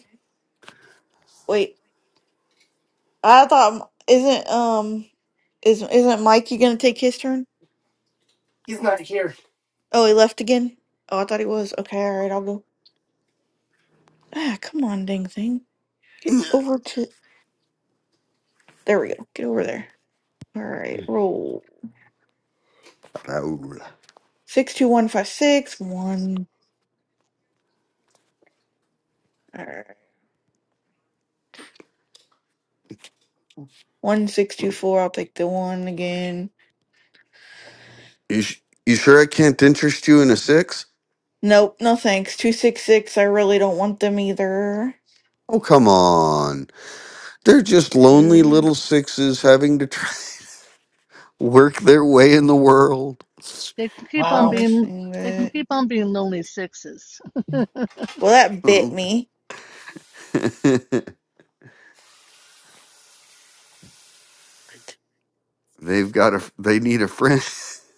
Speaker 8: Wait, I thought m- isn't um is isn't Mikey gonna take his turn?
Speaker 7: He's not here.
Speaker 8: Oh, he left again. Oh, I thought he was. Okay, all right, I'll go. Ah, come on, dang thing. Get over to. There we go. Get over there. All right, roll
Speaker 5: Raoul.
Speaker 8: six two one five six one. All right, one six two four. I'll take the one again.
Speaker 5: You, sh- you sure I can't interest you in a six?
Speaker 8: Nope, no thanks. Two six six. I really don't want them either.
Speaker 5: Oh, come on. They're just lonely
Speaker 8: Uh,
Speaker 5: little sixes having to try [LAUGHS] work their way in the world.
Speaker 13: They can keep on
Speaker 7: Wow.
Speaker 13: being.
Speaker 8: bonusing
Speaker 13: They can
Speaker 8: that.
Speaker 13: keep on being lonely sixes. [LAUGHS] they
Speaker 8: Well, that bit
Speaker 5: [LAUGHS]
Speaker 8: me.
Speaker 5: They've got a, they need a friend. [LAUGHS]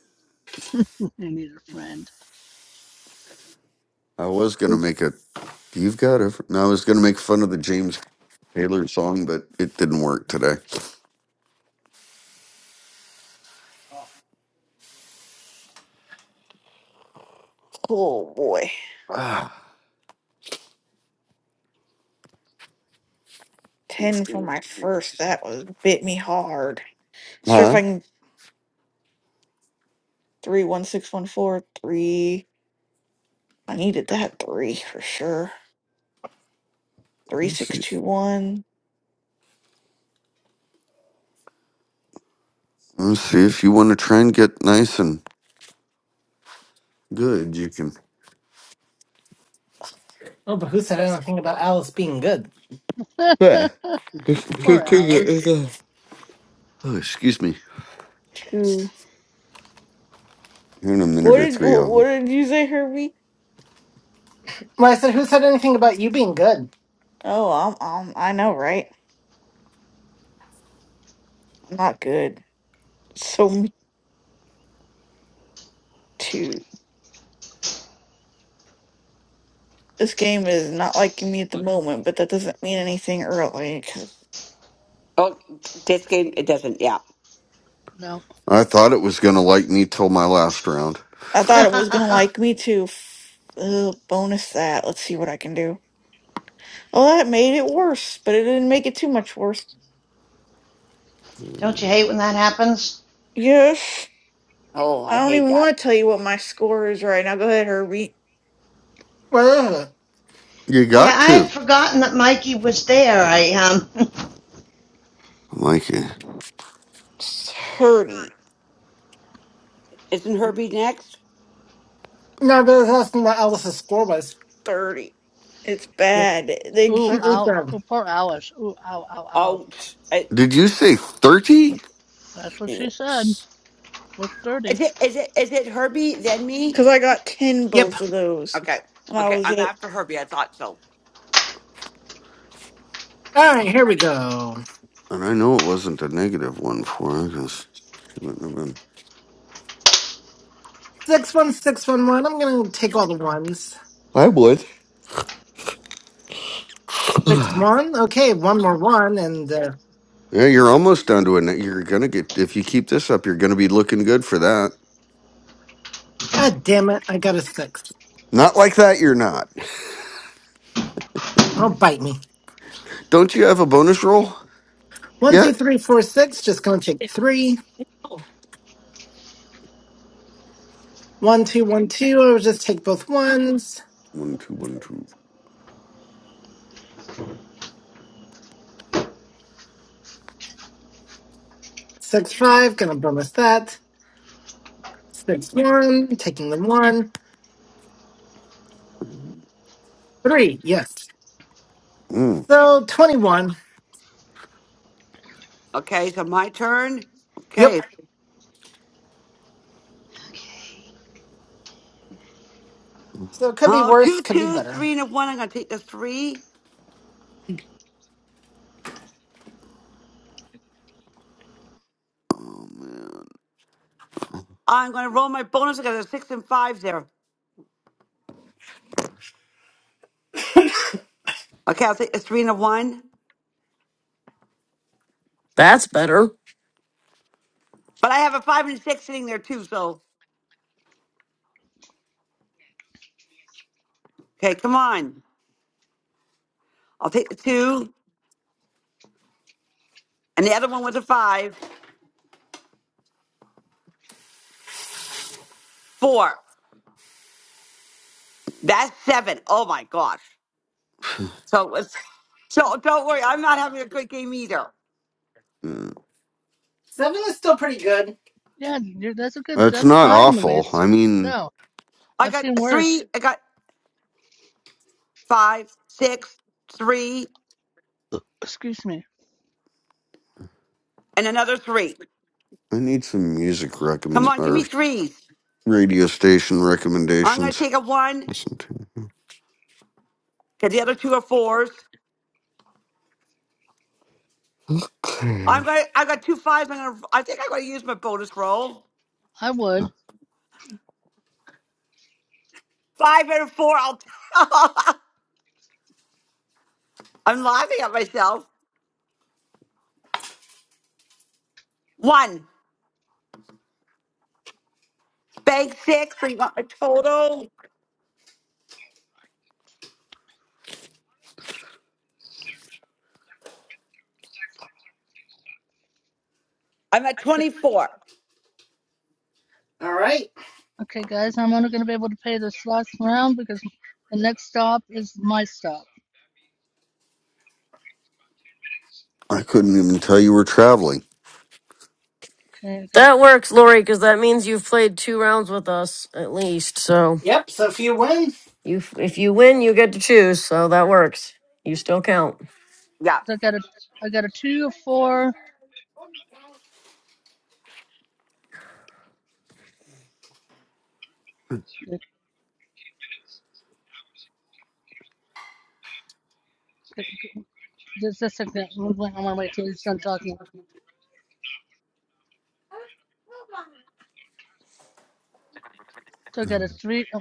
Speaker 13: need a friend.
Speaker 5: I was going to make a, you've got a, fr- no, I was going to make fun of the James Taylor song, but it didn't work today.
Speaker 8: Oh boy,
Speaker 5: [SIGHS]
Speaker 8: ten for my first. That was bit me hard. See if
Speaker 5: Ah.
Speaker 8: I
Speaker 5: huh?
Speaker 8: can three one six one four three. I needed that three for sure. Three
Speaker 5: Let's
Speaker 8: six
Speaker 5: see.
Speaker 8: two one
Speaker 5: Let's see if you want to try and get nice and good, you can.
Speaker 7: Oh, but who said anything about Alice being good?
Speaker 13: [LAUGHS]
Speaker 5: Yeah.
Speaker 13: poor Alice.
Speaker 5: [LAUGHS] Oh, excuse me.
Speaker 8: two.
Speaker 5: Here in a minute
Speaker 8: What
Speaker 5: or
Speaker 8: did
Speaker 5: three,
Speaker 8: wh- what
Speaker 5: I'll.
Speaker 8: did you say, Herbie?
Speaker 7: Well, I said who said anything about you being good?
Speaker 8: Oh, I'm, I'm, I know, right? I'm not good. So, me too. This game is not liking me at the moment, but that doesn't mean anything early, 'cause
Speaker 12: Oh, this game it doesn't. Yeah.
Speaker 13: No.
Speaker 5: I thought it was gonna like me till my last round.
Speaker 8: I thought it was gonna like me too. F- Ugh, bonus that. Let's see what I can do. Oh, that made it worse, but it didn't make it too much worse.
Speaker 10: [LAUGHS] Don't you
Speaker 5: You
Speaker 10: hate when that happens?
Speaker 8: Yes.
Speaker 12: Oh, I
Speaker 8: I don't
Speaker 12: hate
Speaker 8: even
Speaker 12: that.
Speaker 8: want to tell you what my score is right now. Go ahead, Herbie.
Speaker 7: Ugh.
Speaker 10: Yeah,
Speaker 5: got
Speaker 10: I
Speaker 5: to
Speaker 10: had forgotten that Mikey was there. I um [LAUGHS]
Speaker 5: like it.
Speaker 8: 30.
Speaker 12: Isn't Herbie next?
Speaker 7: No, but that's not what Alice's score was.
Speaker 8: 30. It's
Speaker 7: Yeah.
Speaker 8: bad. They
Speaker 13: Ooh,
Speaker 7: Uh,
Speaker 8: keep.
Speaker 7: it's,
Speaker 13: out. Oh,
Speaker 7: um,
Speaker 13: poor Alice. Ooh, ow, ow, ow.
Speaker 12: Oh,
Speaker 5: Did you say thirty?
Speaker 13: That's what she said.
Speaker 8: Yes.
Speaker 13: Was
Speaker 12: Is
Speaker 13: dirty.
Speaker 12: it is it is it Herbie then me?
Speaker 8: Because I got 10
Speaker 7: Yep.
Speaker 8: both of those.
Speaker 12: Okay.
Speaker 8: And I
Speaker 12: Okay,
Speaker 8: was
Speaker 12: I'm
Speaker 8: it.
Speaker 12: after Herbie. I thought so.
Speaker 7: All right, here we go.
Speaker 5: And I know it wasn't a negative one for her, 'cause she wouldn't have been.
Speaker 7: Six one six one one. I'm gonna take all the ones.
Speaker 5: I would. [SIGHS]
Speaker 7: Six one. Okay, one more one, and uh,
Speaker 5: yeah, you're almost down to a. ne- You're gonna get if you keep this up. You're gonna be looking good for that.
Speaker 7: ah, damn it, I got a six.
Speaker 5: Not like that. You're not.
Speaker 7: Oh, bite me.
Speaker 5: Don't you have a bonus roll
Speaker 7: One two
Speaker 5: yet?
Speaker 7: three four six. Just gonna take three. One two one two. I'll just take both ones.
Speaker 5: One two one two.
Speaker 7: Six five. Gonna bonus that. Six one. Taking the one. Three. Yes.
Speaker 5: Mm.
Speaker 7: So twenty one.
Speaker 12: Okay, so my turn.
Speaker 7: Yep.
Speaker 12: Okay.
Speaker 10: okay,
Speaker 7: So it could be
Speaker 12: Oh,
Speaker 7: worse.
Speaker 12: two
Speaker 7: Could be
Speaker 12: twos,
Speaker 7: better.
Speaker 12: three and a one. I'm gonna take the three.
Speaker 5: Oh man,
Speaker 12: I'm gonna roll my bonus. I got a six and five there. Okay, I'll take the three and a one.
Speaker 2: That's better.
Speaker 12: But I have a five and a six sitting there too, so okay, come on. I'll take the two. And the other one was a five. Four. That's seven. Oh my gosh. So it was [LAUGHS] so don't worry, I'm not having a good game either.
Speaker 5: Mm.
Speaker 7: Seven is still pretty good.
Speaker 13: Yeah, you- that's a good.
Speaker 5: that's
Speaker 13: That's
Speaker 5: not
Speaker 13: fine,
Speaker 5: awful.
Speaker 13: Louise.
Speaker 5: I mean.
Speaker 13: No,
Speaker 12: I
Speaker 13: I've
Speaker 12: got
Speaker 13: seen
Speaker 12: a three.
Speaker 13: worse.
Speaker 12: I got five, six, three,
Speaker 13: Excuse me.
Speaker 12: and another three.
Speaker 5: I need some music
Speaker 12: Come
Speaker 5: recommend
Speaker 12: on, give me
Speaker 5: or
Speaker 12: threes.
Speaker 5: radio station
Speaker 12: I'm gonna
Speaker 5: recommendations.
Speaker 12: take a one
Speaker 5: Listen to.
Speaker 12: because the other two are fours.
Speaker 5: Okay.
Speaker 12: I'm gonna. I got two fives. I'm gonna. I think I'm gonna use my bonus roll.
Speaker 13: I would.
Speaker 12: Five and a four. I'll. [LAUGHS] I'm laughing at myself. One bank six. So you got my total. I'm at 24.
Speaker 7: All right.
Speaker 13: Okay, guys, I'm only going to be able to pay this last round because the next stop is my stop.
Speaker 5: I couldn't even tell you were traveling.
Speaker 13: Okay, I got
Speaker 2: That works, Lori, because that means you've played two rounds with us at least. So
Speaker 7: Yep. So if you win,
Speaker 2: you, if you win, you get to choose. So that works. You still count.
Speaker 12: Yeah.
Speaker 13: I got a, I got a two, a four. Just a second. I'm going to wait till he's done talking. So I got a three. oh,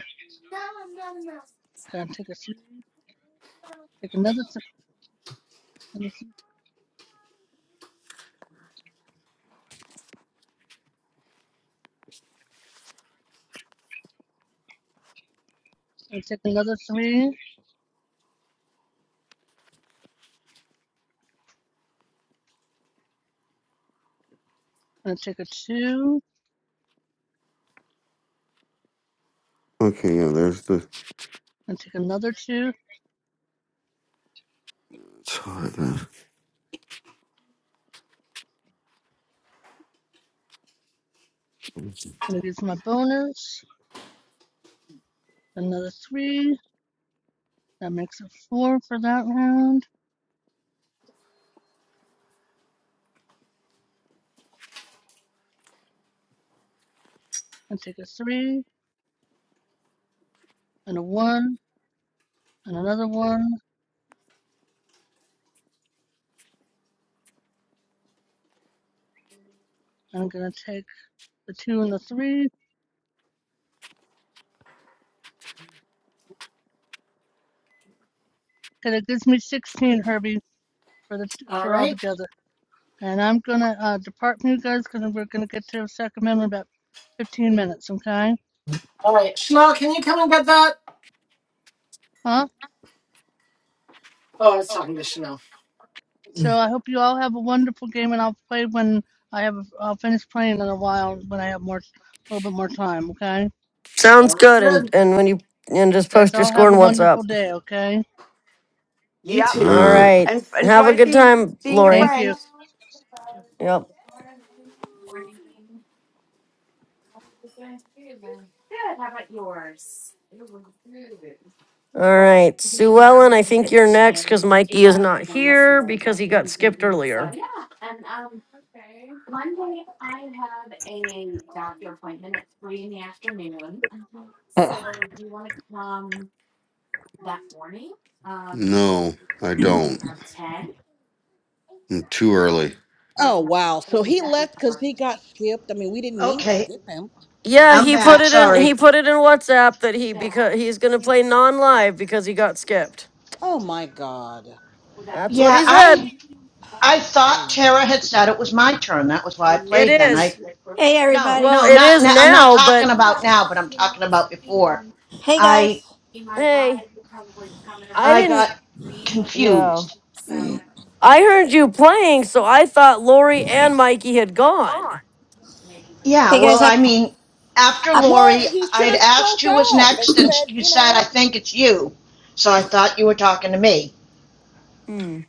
Speaker 13: Okay, take a three. Take another three. I take another three. I'll take a two.
Speaker 5: Okay, yeah, there's the.
Speaker 13: I take another two. I'm going to use my bonus. Another three. That makes a four for that round. i take a three and a one and another one. I'm gonna take the two and the three, and it gives me 16, Herbie, for the
Speaker 7: all
Speaker 13: for all
Speaker 7: right.
Speaker 13: together. And I'm gonna uh, depart from you guys because we're gonna get to Sacramento in about 15 minutes, okay?
Speaker 7: All right. Chanel, can you come and get that?
Speaker 13: Huh?
Speaker 7: Oh, I was talking to Chanel.
Speaker 13: So
Speaker 2: Mm.
Speaker 13: I hope you all have a wonderful game, and I'll play when I have I'll finish playing in a while when I have more a little bit more time, okay?
Speaker 2: Sounds
Speaker 7: Sounds
Speaker 2: good. And
Speaker 7: good.
Speaker 2: and when you and just
Speaker 13: Guys,
Speaker 2: post your
Speaker 13: all
Speaker 2: score
Speaker 13: have
Speaker 2: and
Speaker 13: a
Speaker 2: what's
Speaker 13: wonderful
Speaker 2: up.
Speaker 13: day, okay?
Speaker 7: You
Speaker 12: Yep.
Speaker 7: too.
Speaker 2: All
Speaker 5: Alright.
Speaker 2: right.
Speaker 12: And
Speaker 2: Have a
Speaker 12: enjoy
Speaker 2: good
Speaker 12: seeing
Speaker 2: time,
Speaker 12: seeing your
Speaker 2: Lori.
Speaker 13: Thank you.
Speaker 12: friends.
Speaker 2: Yep. All right, Sue Ellen. I think you're next because Mikey is not here because he got skipped earlier.
Speaker 4: Ugh.
Speaker 5: No, I don't. I'm too early.
Speaker 4: oh wow. So he left because he got skipped. I mean, we didn't mean to
Speaker 10: okay,
Speaker 4: skip him.
Speaker 2: Yeah,
Speaker 10: I'm
Speaker 2: he put
Speaker 10: back.
Speaker 2: it in.
Speaker 10: Sorry.
Speaker 2: He put it in WhatsApp that he because he's gonna play non-live because he got skipped.
Speaker 4: Oh my God.
Speaker 2: That's what
Speaker 10: Yeah,
Speaker 2: he said.
Speaker 10: I I thought
Speaker 4: Really.
Speaker 10: Tara had said it was my turn. That was why I
Speaker 2: It
Speaker 10: played then. I
Speaker 2: is.
Speaker 14: Hey
Speaker 10: no,
Speaker 14: everybody.
Speaker 2: Well,
Speaker 10: no,
Speaker 2: it
Speaker 10: not
Speaker 2: is
Speaker 10: now. I'm not
Speaker 2: now,
Speaker 10: talking
Speaker 2: but
Speaker 10: about now, but I'm talking about before.
Speaker 14: Hey
Speaker 10: I
Speaker 14: guys.
Speaker 2: hey, I
Speaker 10: I
Speaker 2: didn't.
Speaker 10: got
Speaker 2: Yeah,
Speaker 10: confused.
Speaker 2: I heard you playing, so I thought Lori and Mikey had gone.
Speaker 14: Hey
Speaker 10: Yeah,
Speaker 14: guys.
Speaker 10: well,
Speaker 14: I
Speaker 10: I mean, after
Speaker 14: I
Speaker 4: Well,
Speaker 10: Lori,
Speaker 4: he
Speaker 10: I
Speaker 4: should
Speaker 10: had
Speaker 4: have
Speaker 10: asked
Speaker 4: spoke
Speaker 10: who was
Speaker 4: up and
Speaker 10: next, and
Speaker 4: said,
Speaker 10: you
Speaker 4: you
Speaker 10: said, I
Speaker 4: know.
Speaker 10: think it's you. So I thought you were talking to me.
Speaker 2: Hmm.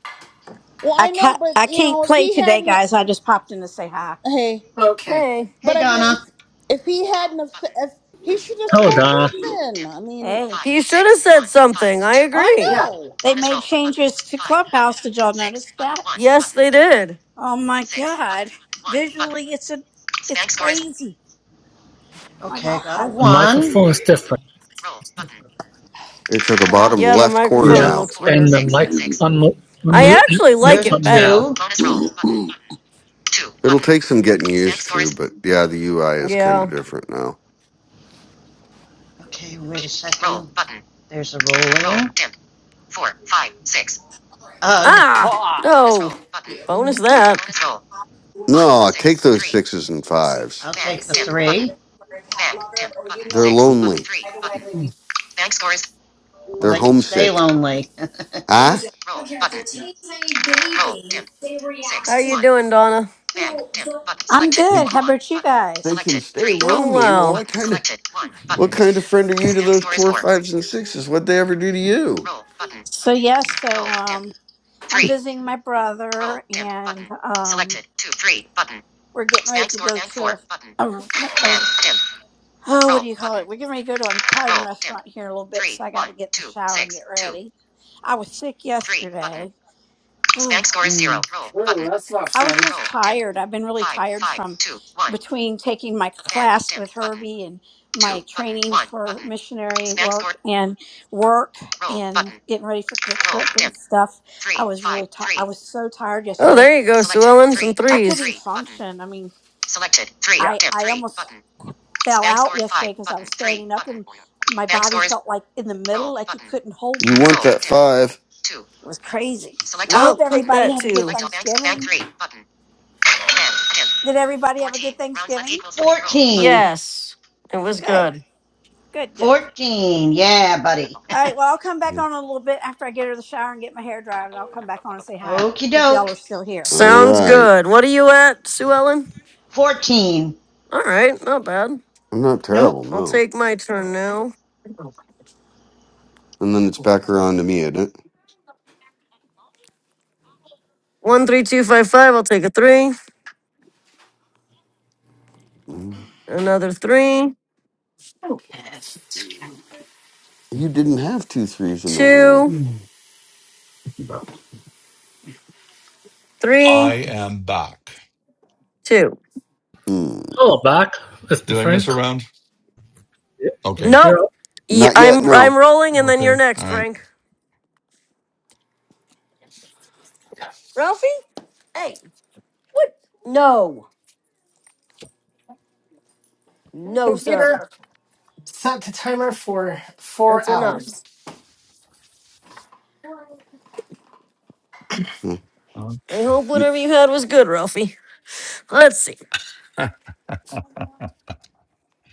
Speaker 4: Well,
Speaker 14: I
Speaker 4: I know,
Speaker 14: ca
Speaker 4: but
Speaker 14: I
Speaker 4: you
Speaker 14: can't
Speaker 4: know, if
Speaker 14: play
Speaker 4: he
Speaker 14: today,
Speaker 4: hadn't,
Speaker 14: guys. I just popped in to say hi.
Speaker 4: hey,
Speaker 7: Okay.
Speaker 2: Hey,
Speaker 10: Hey,
Speaker 4: but I mean, if,
Speaker 10: Donna.
Speaker 4: if he hadn't, have- s- if he should have
Speaker 9: Hold
Speaker 4: spoke
Speaker 9: on.
Speaker 4: up, then I mean,
Speaker 14: Hey.
Speaker 2: he should have said something. I
Speaker 4: I
Speaker 2: agree.
Speaker 7: Yeah.
Speaker 4: know.
Speaker 14: They made changes to Clubhouse. Did y'all notice that?
Speaker 2: Yes, they did.
Speaker 14: Oh my god. Visually, it's a it's crazy. My
Speaker 10: Okay, I got a
Speaker 14: god.
Speaker 9: The
Speaker 10: one.
Speaker 9: microphone is different.
Speaker 5: It's at the
Speaker 14: Yeah.
Speaker 5: bottom
Speaker 2: Yeah, the
Speaker 5: left corner
Speaker 9: Yes,
Speaker 2: microphone
Speaker 5: now.
Speaker 2: looks
Speaker 9: and
Speaker 2: weird.
Speaker 9: the mic
Speaker 4: Did
Speaker 9: unmute,
Speaker 2: I
Speaker 9: unmute,
Speaker 2: actually like
Speaker 9: mute
Speaker 10: There's a
Speaker 2: it
Speaker 9: button now.
Speaker 2: better.
Speaker 10: two.
Speaker 5: It'll take some getting used to, but yeah, the UI is kind of
Speaker 2: Yeah.
Speaker 5: different now.
Speaker 10: Okay, wait a second. Roll There's a Roll rolling. Roll, Ugh,
Speaker 2: Ah.
Speaker 12: Ah.
Speaker 2: No. Bonus that.
Speaker 5: No, I take those sixes and fives.
Speaker 10: I'll take the three. Button.
Speaker 5: They're lonely.
Speaker 10: Well,
Speaker 5: They're
Speaker 10: they can stay
Speaker 5: homesick.
Speaker 10: lonely. [LAUGHS]
Speaker 5: Huh?
Speaker 2: How you doing, Donna?
Speaker 14: I'm
Speaker 5: They
Speaker 14: good. How
Speaker 5: can,
Speaker 14: about you
Speaker 5: they
Speaker 14: guys?
Speaker 5: can stay
Speaker 2: Doing
Speaker 5: lonely. Well, I
Speaker 2: well.
Speaker 5: kind of. What kind of friend are you to those four, fives, and sixes? What'd they ever do to you?
Speaker 14: So yes, so um I'm visiting my brother and um we're getting ready to go to a, a, a oh what do you call it? We're getting ready to go to an Italian restaurant here in a little bit, so I gotta get in the shower and get ready. I was sick yesterday. [SIGHS]
Speaker 2: Mm.
Speaker 7: Oh, that's not
Speaker 14: I was
Speaker 7: fun.
Speaker 14: just tired. I've been really tired from between taking my class with Herbie and my training for missionary work and work and getting ready for the trip and stuff. I was really tired. I was so tired
Speaker 2: Oh,
Speaker 14: yesterday.
Speaker 2: there you go, Sue Ellen. Some
Speaker 14: I couldn't
Speaker 2: threes.
Speaker 14: even function. I mean,
Speaker 12: Yeah.
Speaker 14: I I almost fell out yesterday because I was standing up and my body felt like in the middle, like it couldn't hold
Speaker 5: You
Speaker 14: me.
Speaker 5: want that five?
Speaker 14: It was crazy. I hope
Speaker 2: Nope, take
Speaker 14: everybody
Speaker 2: that
Speaker 14: had a good
Speaker 2: too.
Speaker 14: Thanksgiving. Did everybody have a good Thanksgiving?
Speaker 10: 14.
Speaker 2: Yes, it was
Speaker 14: Good,
Speaker 2: good.
Speaker 14: good, good.
Speaker 10: 14. Yeah, buddy.
Speaker 14: All right. Well, I'll come back
Speaker 5: Yeah.
Speaker 14: on a little bit after I get out of the shower and get my hair dry, and I'll come back on and say
Speaker 10: [LAUGHS]
Speaker 14: hi
Speaker 10: Okey
Speaker 14: if y'all are
Speaker 10: doke.
Speaker 14: still here.
Speaker 5: All
Speaker 2: Sounds
Speaker 5: right.
Speaker 2: good. What are you at, Sue Ellen?
Speaker 10: 14.
Speaker 2: All right, not bad.
Speaker 5: I'm not terrible,
Speaker 10: Nope.
Speaker 2: I'll
Speaker 5: no.
Speaker 2: take my turn now.
Speaker 5: And then it's back around to me, isn't it?
Speaker 2: One, three, two, five, five. I'll take a three.
Speaker 5: Mm.
Speaker 2: Another three,
Speaker 5: You didn't have two threes in that round.
Speaker 2: two,
Speaker 6: I
Speaker 2: three,
Speaker 6: am back.
Speaker 2: two.
Speaker 5: Mm.
Speaker 9: Hello, Buck. Mr.
Speaker 6: Did I miss a
Speaker 9: Frank.
Speaker 6: round? Okay.
Speaker 2: Nope.
Speaker 9: You're up?
Speaker 2: Y-
Speaker 5: Not yet,
Speaker 2: I'm I'm
Speaker 5: no.
Speaker 2: rolling, and then you're
Speaker 6: Okay. All
Speaker 2: next,
Speaker 6: right.
Speaker 2: Frank. Ralphie. Hey, what? No, no, sir.
Speaker 7: Computer set the timer for four
Speaker 2: That's enough.
Speaker 7: hours.
Speaker 5: Mm.
Speaker 6: Okay.
Speaker 2: I hope
Speaker 5: You,
Speaker 2: whatever you had was good, Ralphie. Let's see.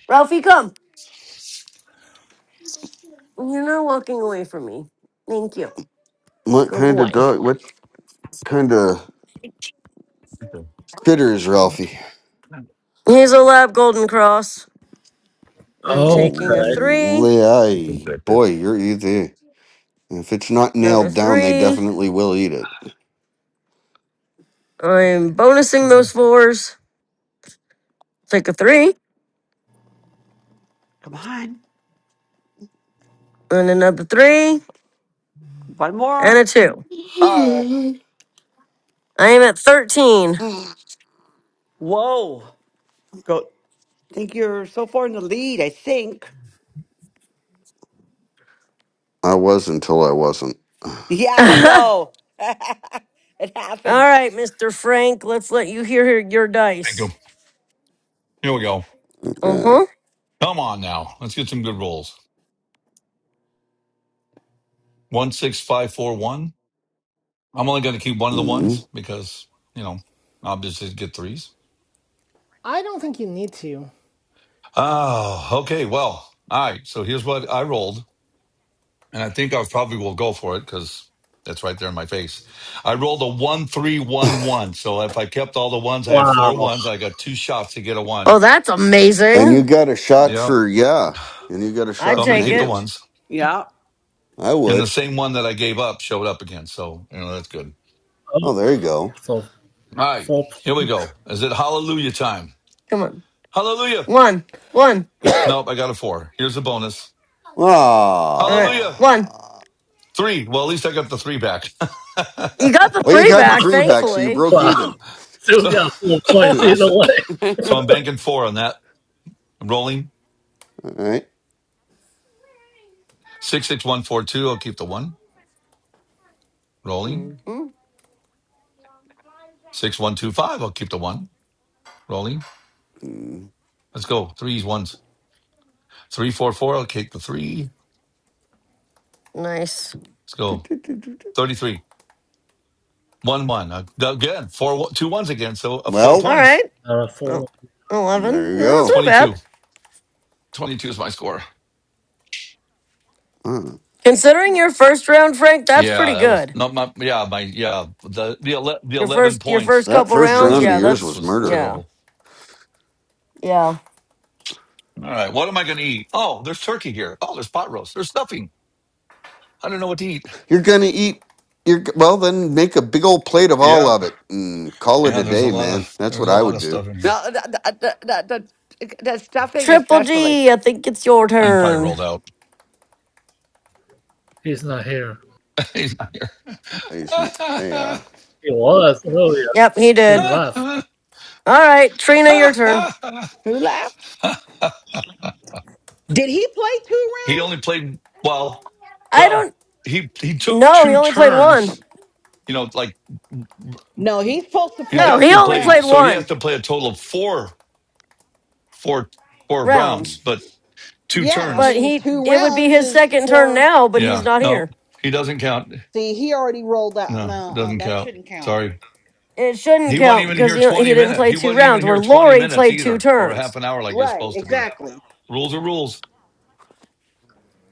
Speaker 2: Ralphie, come. You're not walking away from me. Thank you.
Speaker 5: what
Speaker 2: Good
Speaker 5: kind of
Speaker 2: boy.
Speaker 5: dog? What kind of
Speaker 6: I
Speaker 5: critter is Ralphie?
Speaker 2: Here's a lab golden cross. I'm
Speaker 5: Oh,
Speaker 9: Oh,
Speaker 2: taking a
Speaker 9: okay.
Speaker 2: three,
Speaker 6: think
Speaker 5: lay-
Speaker 6: that's it.
Speaker 5: boy, you're either. If it's not
Speaker 2: another
Speaker 5: nailed down, they
Speaker 2: three.
Speaker 5: definitely will eat it.
Speaker 2: I'm bonusing those fours. Take a three,
Speaker 12: Come on.
Speaker 2: and another three,
Speaker 12: One
Speaker 2: and
Speaker 12: more.
Speaker 2: a two.
Speaker 12: Oh.
Speaker 2: I am at 13.
Speaker 12: Whoa. Go. think you're so far in the lead, I think.
Speaker 5: I was until I wasn't.
Speaker 12: Yeah,
Speaker 2: [LAUGHS] All
Speaker 12: I know. [LAUGHS] it happened.
Speaker 2: right, Mr. Frank, let's let you hear your
Speaker 6: Thank
Speaker 2: dice.
Speaker 6: you. Here we go.
Speaker 2: Uh
Speaker 5: Right.
Speaker 2: huh.
Speaker 6: Come on now. Let's get some good rolls. One six five four one. I'm only going to keep one of the
Speaker 5: Mm.
Speaker 6: ones because you know obviously get threes.
Speaker 1: I don't think you need to.
Speaker 6: Oh, okay. Well, all right. So here's what I rolled, and I think I probably will go for it because that's right there in my face. I rolled a one three one
Speaker 5: [LAUGHS]
Speaker 6: one. So if I kept all the ones, I have four
Speaker 9: Wow.
Speaker 6: ones. I got two shots to get a one.
Speaker 2: Oh, that's
Speaker 5: And you
Speaker 2: amazing.
Speaker 5: got a shot
Speaker 6: Yep.
Speaker 5: for yeah. And you got a shot
Speaker 2: I'd
Speaker 6: So I'm
Speaker 5: for
Speaker 6: going to
Speaker 2: take
Speaker 6: keep the
Speaker 2: it.
Speaker 5: negatives.
Speaker 6: ones.
Speaker 12: Yeah.
Speaker 5: I
Speaker 6: And the
Speaker 5: would.
Speaker 6: same one that I gave up showed up again. So, you know, that's good.
Speaker 9: Oh,
Speaker 5: Oh, there you go.
Speaker 9: so
Speaker 6: All right,
Speaker 9: four
Speaker 6: here we
Speaker 9: points.
Speaker 6: go. Is it hallelujah time?
Speaker 2: Come on.
Speaker 6: Hallelujah.
Speaker 2: One, one.
Speaker 6: Nope, I got a four. Here's a bonus.
Speaker 2: All right,
Speaker 6: Hallelujah.
Speaker 2: one.
Speaker 5: Ah.
Speaker 6: Three. Well, at least I got the three back.
Speaker 2: You got the
Speaker 5: Well, you
Speaker 2: three
Speaker 5: got the
Speaker 2: back,
Speaker 5: three back, so you
Speaker 2: thankfully.
Speaker 5: broke
Speaker 9: Wow.
Speaker 5: even.
Speaker 9: [LAUGHS]
Speaker 6: [LAUGHS]
Speaker 9: Still
Speaker 6: so,
Speaker 9: got four
Speaker 2: [LAUGHS]
Speaker 5: [LAUGHS]
Speaker 9: points
Speaker 6: [COUGHS]
Speaker 5: All
Speaker 9: either
Speaker 6: so
Speaker 9: way.
Speaker 6: so I'm banking four on that. Rolling.
Speaker 5: right.
Speaker 6: 66142. I'll keep the one. Rolling.
Speaker 2: hmm
Speaker 6: 6125. I'll keep the one. Rolling.
Speaker 5: Mm.
Speaker 6: Let's go. Threes, ones. 344. I'll keep the three.
Speaker 2: Nice.
Speaker 6: Let's
Speaker 5: Do,
Speaker 6: go.
Speaker 5: do, do, do, do.
Speaker 6: 33. One one. Uh, good. Four two ones again. So uh, four
Speaker 5: Well,
Speaker 2: All right.
Speaker 6: points.
Speaker 9: Uh,
Speaker 2: Oh,
Speaker 9: four.
Speaker 5: there
Speaker 2: 11.
Speaker 5: you
Speaker 2: Yeah, that's
Speaker 5: go.
Speaker 2: not
Speaker 6: 22.
Speaker 2: bad.
Speaker 6: 22 is my score.
Speaker 5: Huh.
Speaker 2: Considering your first round, Frank, that's
Speaker 6: Yeah,
Speaker 2: pretty
Speaker 6: that was
Speaker 2: good.
Speaker 6: not my. Yeah, my. Yeah, the the ele- the
Speaker 2: Your
Speaker 6: eleven
Speaker 2: first your first
Speaker 6: points.
Speaker 5: That
Speaker 2: couple
Speaker 6: The
Speaker 5: first
Speaker 2: rounds,
Speaker 5: round of
Speaker 6: eleven
Speaker 2: yeah,
Speaker 5: yours
Speaker 6: points
Speaker 2: that's
Speaker 5: was
Speaker 6: was
Speaker 5: murder.
Speaker 2: yeah.
Speaker 6: terrible.
Speaker 2: Yeah.
Speaker 6: All right, what am I going to eat? Oh, there's turkey here. Oh, there's pot roast. There's stuffing. I don't know what to eat.
Speaker 5: You're gonna eat. You're g- well. Then make a big old plate of all
Speaker 6: Yeah,
Speaker 5: of it and call it
Speaker 6: yeah.
Speaker 5: a
Speaker 6: There's a
Speaker 5: day,
Speaker 6: lot
Speaker 5: man.
Speaker 6: of
Speaker 5: That's
Speaker 6: there's
Speaker 5: what
Speaker 6: a
Speaker 5: I
Speaker 6: lot
Speaker 5: would
Speaker 6: of
Speaker 5: do.
Speaker 6: stuff in here.
Speaker 12: No, the, the, the, the, the stuffing
Speaker 2: Triple
Speaker 12: especially.
Speaker 2: G, I think it's your
Speaker 6: I can probably
Speaker 2: turn.
Speaker 6: rolled out.
Speaker 9: He's not here.
Speaker 6: [LAUGHS] He's not
Speaker 5: I just know. Yeah.
Speaker 9: He was earlier.
Speaker 2: Yep, he
Speaker 9: He
Speaker 2: did.
Speaker 9: left.
Speaker 2: All right, Trina, your turn.
Speaker 6: here.
Speaker 12: Who left?
Speaker 6: [LAUGHS]
Speaker 4: he play two
Speaker 6: He
Speaker 4: rounds?
Speaker 6: only played well.
Speaker 2: I
Speaker 6: Well,
Speaker 2: don't
Speaker 6: he he took
Speaker 2: No, he
Speaker 6: two
Speaker 2: only played one.
Speaker 6: turns. You know, like
Speaker 4: No, he's supposed to
Speaker 6: he's
Speaker 4: play
Speaker 2: No,
Speaker 6: got
Speaker 2: he
Speaker 6: to
Speaker 4: two
Speaker 2: only
Speaker 6: play.
Speaker 2: played
Speaker 6: So he
Speaker 4: rounds.
Speaker 6: has
Speaker 2: one
Speaker 6: to play a total of four, four, four
Speaker 5: Hmm.
Speaker 2: rounds,
Speaker 6: rounds, but two
Speaker 4: Yeah, I
Speaker 2: but
Speaker 6: turns.
Speaker 4: mean,
Speaker 2: he
Speaker 4: two
Speaker 2: it would be
Speaker 4: rounds
Speaker 2: his
Speaker 4: is
Speaker 2: second turn
Speaker 4: for.
Speaker 2: now, but he's
Speaker 6: Yeah,
Speaker 2: not
Speaker 6: no,
Speaker 2: here.
Speaker 6: he doesn't count.
Speaker 4: See, he already rolled out.
Speaker 6: No, it
Speaker 4: No, uh,
Speaker 6: doesn't
Speaker 4: that
Speaker 6: count.
Speaker 4: shouldn't count.
Speaker 6: Sorry.
Speaker 2: It shouldn't
Speaker 6: He wasn't
Speaker 2: count
Speaker 6: even
Speaker 2: because
Speaker 6: here
Speaker 2: he he
Speaker 6: 20
Speaker 2: didn't
Speaker 6: minutes.
Speaker 2: play
Speaker 6: He
Speaker 2: two
Speaker 6: wasn't even
Speaker 2: rounds. Where
Speaker 6: here 20
Speaker 2: Lori
Speaker 6: minutes
Speaker 2: played two
Speaker 6: either, or a half
Speaker 2: turns.
Speaker 6: an hour like you're
Speaker 4: Right,
Speaker 6: supposed to be.
Speaker 4: exactly.
Speaker 6: Rules are rules.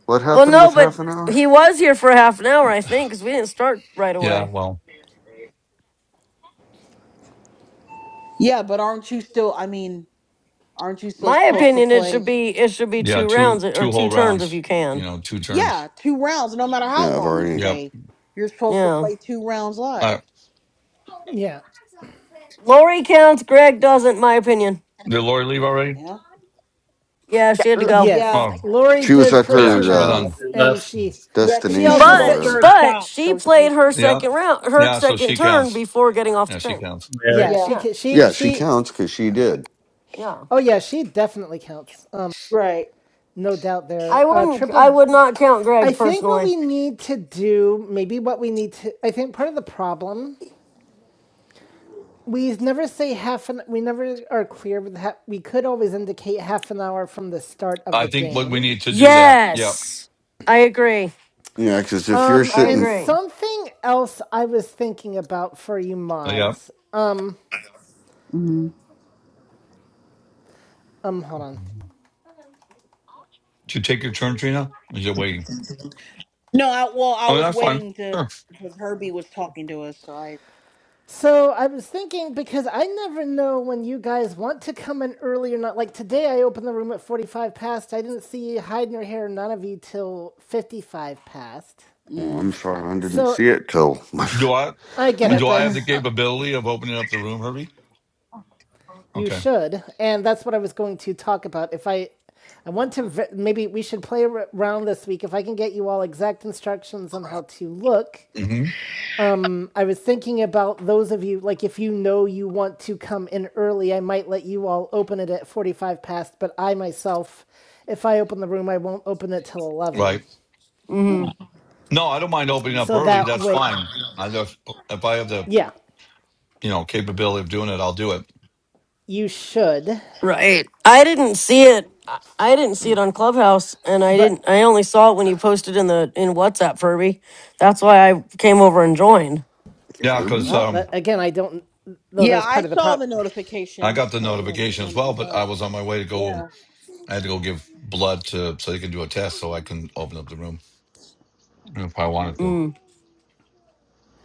Speaker 5: What
Speaker 2: Well,
Speaker 5: happened
Speaker 2: no,
Speaker 5: with
Speaker 2: but
Speaker 5: half an hour?
Speaker 2: he was here for half an hour, I think, because we didn't start right
Speaker 6: Yeah,
Speaker 2: away.
Speaker 6: well,
Speaker 4: Yeah, but aren't you still? I mean, aren't you still
Speaker 2: My
Speaker 4: supposed to
Speaker 2: opinion, it
Speaker 4: play?
Speaker 2: should be it should be
Speaker 6: yeah,
Speaker 2: two
Speaker 6: two
Speaker 2: rounds or
Speaker 6: two
Speaker 2: two
Speaker 6: whole
Speaker 2: turns if you
Speaker 6: rounds, you
Speaker 2: can.
Speaker 6: know, two turns.
Speaker 4: Yeah, two rounds. No matter how
Speaker 5: Yeah, I've
Speaker 4: long you
Speaker 5: already.
Speaker 6: Yep.
Speaker 4: stay, you're supposed to
Speaker 2: Yeah.
Speaker 4: play two rounds
Speaker 6: Uh,
Speaker 4: live.
Speaker 1: Yeah.
Speaker 2: Lori counts. Greg doesn't. My opinion.
Speaker 6: did Lori leave already?
Speaker 4: Yeah.
Speaker 2: Yeah, she had to go.
Speaker 4: Yeah.
Speaker 1: Yes.
Speaker 6: Oh.
Speaker 1: Lori
Speaker 5: She was
Speaker 1: did
Speaker 5: at
Speaker 6: Oh,
Speaker 1: play
Speaker 6: yeah,
Speaker 1: two
Speaker 5: her
Speaker 6: she was
Speaker 5: uh,
Speaker 6: on.
Speaker 1: rounds
Speaker 9: Only
Speaker 1: and
Speaker 9: left.
Speaker 1: she
Speaker 4: Yeah, because
Speaker 1: she
Speaker 4: she was
Speaker 5: destination
Speaker 1: also
Speaker 5: or
Speaker 4: close
Speaker 2: But
Speaker 1: said
Speaker 4: to
Speaker 1: she
Speaker 4: her
Speaker 5: wherever.
Speaker 2: but
Speaker 4: stop,
Speaker 2: she
Speaker 4: so
Speaker 2: played
Speaker 4: she.
Speaker 2: her
Speaker 6: Yeah,
Speaker 2: second round, her
Speaker 6: yeah. So
Speaker 2: second
Speaker 6: she
Speaker 2: turn
Speaker 6: counts.
Speaker 2: before getting off the
Speaker 6: Yeah, she
Speaker 2: train.
Speaker 6: counts.
Speaker 9: Mary.
Speaker 1: yeah,
Speaker 4: Yeah.
Speaker 1: she
Speaker 2: Yeah,
Speaker 1: she
Speaker 5: Yeah, she
Speaker 1: she
Speaker 5: counts because she did.
Speaker 2: yeah.
Speaker 1: Oh yeah, she definitely counts. Um
Speaker 4: Right.
Speaker 1: no doubt there.
Speaker 2: I
Speaker 1: Uh
Speaker 2: wouldn't. I
Speaker 1: triple
Speaker 2: would not count
Speaker 1: I
Speaker 2: Greg
Speaker 1: think what
Speaker 2: personally.
Speaker 1: we need to do, maybe what we need to I think part of the problem We never say half an. We never are clear with. Ha- we could always indicate half an hour from the start of
Speaker 6: I
Speaker 1: the
Speaker 6: think what we
Speaker 1: game.
Speaker 6: need to do that. Yeah,
Speaker 2: Yes. I agree.
Speaker 5: Yeah, because if you're
Speaker 1: Um,
Speaker 2: I
Speaker 1: and
Speaker 5: sitting,
Speaker 2: agree.
Speaker 1: something else I was thinking about for you
Speaker 6: yeah.
Speaker 1: mods.
Speaker 4: hmm
Speaker 1: Um, hold on.
Speaker 6: Did you take your turn, Trina? Or Is it waiting?
Speaker 4: No, I well, I
Speaker 6: Oh,
Speaker 4: was
Speaker 6: that's fine.
Speaker 4: waiting to
Speaker 6: Sure.
Speaker 4: because Herbie was talking to us, so I.
Speaker 1: So I was thinking because I never know when you guys want to come in early or not. Like today, I opened the room at forty-five past. I didn't see hide nor hair none of you till fifty-five past.
Speaker 5: oh,
Speaker 4: Mm.
Speaker 5: I'm sorry, I didn't
Speaker 1: So
Speaker 5: see it till
Speaker 6: Do I
Speaker 1: I get
Speaker 4: [CLEARS THROAT]
Speaker 1: it,
Speaker 6: do I have
Speaker 1: but
Speaker 6: the capability of opening up the room, Herbie?
Speaker 1: You
Speaker 6: Okay.
Speaker 1: should, and that's what I was going to talk about. If I, I want to maybe we should play around this week. If I can get you all exact instructions on how to look,
Speaker 6: hmm
Speaker 1: I was thinking about those of you like if you know you want to come in early, I might let you all open it at forty-five past. But I myself, if I open the room, I won't open it till
Speaker 6: Right.
Speaker 1: eleven.
Speaker 4: Yeah.
Speaker 2: hmm
Speaker 6: No, I don't mind opening
Speaker 4: hmm
Speaker 6: up
Speaker 1: So
Speaker 6: early.
Speaker 1: that
Speaker 6: That's
Speaker 1: way,
Speaker 6: fine. I just if I have the
Speaker 1: yeah,
Speaker 6: you know capability of doing it, I'll do it.
Speaker 1: you should.
Speaker 2: Right. I didn't see it. I I didn't see it on Clubhouse, and I
Speaker 1: But
Speaker 2: didn't. I only saw it when you posted in the in WhatsApp, Furby. That's why I came over and joined.
Speaker 5: [LAUGHS]
Speaker 6: Yeah, because
Speaker 5: Furby.
Speaker 1: well,
Speaker 6: um,
Speaker 1: that, again, I don't. Though
Speaker 4: yeah,
Speaker 1: that's
Speaker 4: I
Speaker 1: part of the
Speaker 4: saw the
Speaker 1: prop.
Speaker 6: I
Speaker 4: notification.
Speaker 6: got the
Speaker 4: So when
Speaker 6: notification as
Speaker 4: when it
Speaker 6: well,
Speaker 4: was
Speaker 6: but I
Speaker 4: up.
Speaker 6: was on my way to go.
Speaker 4: Yeah.
Speaker 6: I had to go give blood to so they can do a test, so I can open up the room if I wanted to.
Speaker 2: Mm.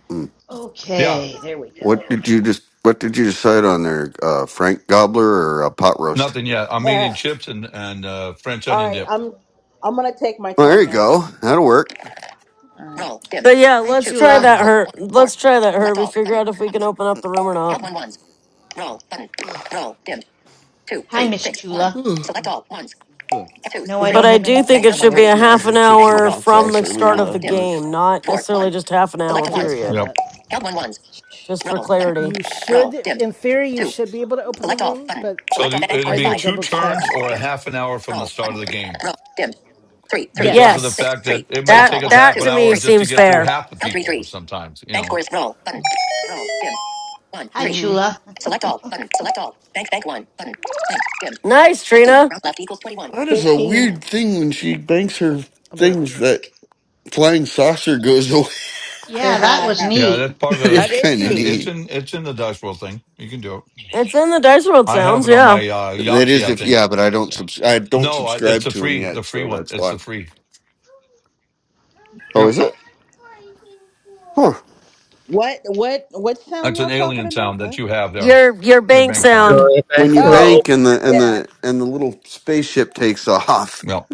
Speaker 5: Hmm.
Speaker 6: Yeah,
Speaker 10: Okay, there we
Speaker 5: What
Speaker 10: go.
Speaker 5: did you just? What did you decide on there, uh, Frank Gobbler or a pot roast?
Speaker 6: nothing yet. I'm eating chips and and uh,
Speaker 4: [LAUGHS]
Speaker 6: French
Speaker 4: All
Speaker 6: onion
Speaker 4: right,
Speaker 6: dip.
Speaker 4: I'm I'm gonna take my
Speaker 5: Well, there
Speaker 4: turn
Speaker 5: you
Speaker 4: now.
Speaker 5: go. That'll work.
Speaker 4: All
Speaker 2: But yeah,
Speaker 10: Hi,
Speaker 2: let's try
Speaker 10: Chula.
Speaker 2: that. Her. Let's try that, Herbie. Figure out if we
Speaker 4: right.
Speaker 2: can open up the room or not.
Speaker 4: Count one ones. Roll button.
Speaker 5: [SIGHS]
Speaker 4: Roll dimmed. Two,
Speaker 10: Hi,
Speaker 4: three,
Speaker 10: Miss
Speaker 4: six, one.
Speaker 10: Chula.
Speaker 5: yeah,
Speaker 4: Select all ones. Twos,
Speaker 10: No, I
Speaker 2: But
Speaker 10: don't
Speaker 4: threes.
Speaker 2: I
Speaker 10: have
Speaker 2: do
Speaker 10: anything
Speaker 2: think
Speaker 4: Bank
Speaker 2: it
Speaker 10: for
Speaker 4: count one
Speaker 2: should be
Speaker 10: you.
Speaker 2: a
Speaker 4: threes.
Speaker 5: I
Speaker 2: half an
Speaker 5: had chips
Speaker 4: Bank
Speaker 5: and
Speaker 2: hour
Speaker 4: roll
Speaker 5: hot
Speaker 4: button.
Speaker 2: from
Speaker 5: sauce
Speaker 2: the
Speaker 5: earlier
Speaker 2: start of
Speaker 4: Roll
Speaker 2: the
Speaker 5: that
Speaker 4: dimmed.
Speaker 5: night.
Speaker 2: game, not
Speaker 4: Four,
Speaker 2: necessarily
Speaker 4: one.
Speaker 2: just half an hour
Speaker 4: Select
Speaker 1: Okay, let's
Speaker 4: ones.
Speaker 1: try
Speaker 2: period,
Speaker 6: Yep.
Speaker 1: that.
Speaker 4: Count one ones.
Speaker 2: just for
Speaker 4: Roll button.
Speaker 2: clarity.
Speaker 1: You
Speaker 4: Roll
Speaker 1: should,
Speaker 4: dimmed.
Speaker 1: in theory, you
Speaker 4: Two.
Speaker 1: should be able to open the
Speaker 4: Select all
Speaker 1: room,
Speaker 4: button.
Speaker 1: but
Speaker 6: So
Speaker 4: Select all.
Speaker 6: the-
Speaker 4: Bank
Speaker 6: it'll
Speaker 4: score
Speaker 1: I
Speaker 4: is
Speaker 6: be
Speaker 1: will
Speaker 4: five.
Speaker 6: two
Speaker 1: double
Speaker 6: turns
Speaker 1: check.
Speaker 6: or a
Speaker 4: Dimmed.
Speaker 6: half an hour from the
Speaker 4: Roll
Speaker 6: start
Speaker 4: button.
Speaker 6: of the game
Speaker 4: Roll dimmed. Three, three, five,
Speaker 6: because of
Speaker 1: Yes,
Speaker 6: the
Speaker 2: Yes,
Speaker 4: six,
Speaker 6: fact that
Speaker 4: three.
Speaker 6: it may
Speaker 4: Select
Speaker 2: that
Speaker 4: all
Speaker 6: take us
Speaker 4: ones,
Speaker 2: that
Speaker 6: half an
Speaker 2: to
Speaker 4: twos,
Speaker 2: me
Speaker 6: hour
Speaker 4: three.
Speaker 6: just to
Speaker 2: seems
Speaker 6: get through
Speaker 2: fair.
Speaker 6: half the
Speaker 4: Count three
Speaker 6: people
Speaker 4: threes.
Speaker 6: sometimes. You
Speaker 4: Bank
Speaker 6: know,
Speaker 4: scores roll button. Roll dim. One
Speaker 10: Hi,
Speaker 4: three.
Speaker 2: hmm
Speaker 10: Chula.
Speaker 4: Select all
Speaker 10: [LAUGHS]
Speaker 4: button. Select all. Bank bank one button. Bank dim.
Speaker 2: Nice,
Speaker 4: Fifteen.
Speaker 2: Trina.
Speaker 4: Round left equals twenty one.
Speaker 5: That is a
Speaker 4: Fifteen. Button.
Speaker 5: weird thing when she banks her
Speaker 1: I'll be right
Speaker 5: things
Speaker 1: back.
Speaker 5: that flying saucer goes away.
Speaker 10: yeah, that was
Speaker 4: [LAUGHS]
Speaker 6: Yeah,
Speaker 10: neat.
Speaker 6: that's
Speaker 5: [LAUGHS]
Speaker 6: part
Speaker 5: that
Speaker 6: of
Speaker 5: is
Speaker 12: That is
Speaker 5: kind of
Speaker 6: it,
Speaker 12: neat.
Speaker 5: neat.
Speaker 6: it's in it's in the Dashwell thing. You can do it.
Speaker 2: It's in the Dice World
Speaker 6: I have
Speaker 2: sounds,
Speaker 6: it on
Speaker 2: yeah.
Speaker 6: my uh,
Speaker 5: That
Speaker 6: Yahtzee,
Speaker 5: is
Speaker 6: I
Speaker 5: if
Speaker 6: think.
Speaker 5: yeah, but I don't subs- I don't
Speaker 6: No, I- it's
Speaker 5: subscribe
Speaker 6: a
Speaker 5: to him
Speaker 6: free the
Speaker 5: yet,
Speaker 6: free
Speaker 5: so
Speaker 6: one.
Speaker 5: that's
Speaker 6: It's
Speaker 5: why.
Speaker 6: the free.
Speaker 5: Oh,
Speaker 6: Yep.
Speaker 5: is it? Huh.
Speaker 4: what what what sound
Speaker 6: It's
Speaker 4: y'all
Speaker 6: an
Speaker 4: talking
Speaker 6: alien
Speaker 4: about?
Speaker 6: sound that
Speaker 4: What?
Speaker 6: you have there.
Speaker 2: Your your
Speaker 6: Your
Speaker 2: bank
Speaker 6: bank sound.
Speaker 2: sound.
Speaker 9: You're a
Speaker 5: When
Speaker 9: back
Speaker 5: you
Speaker 9: row.
Speaker 5: bank
Speaker 4: Oh
Speaker 5: and the and
Speaker 4: yeah.
Speaker 5: the and the little spaceship takes [LAUGHS] off.
Speaker 6: Yep.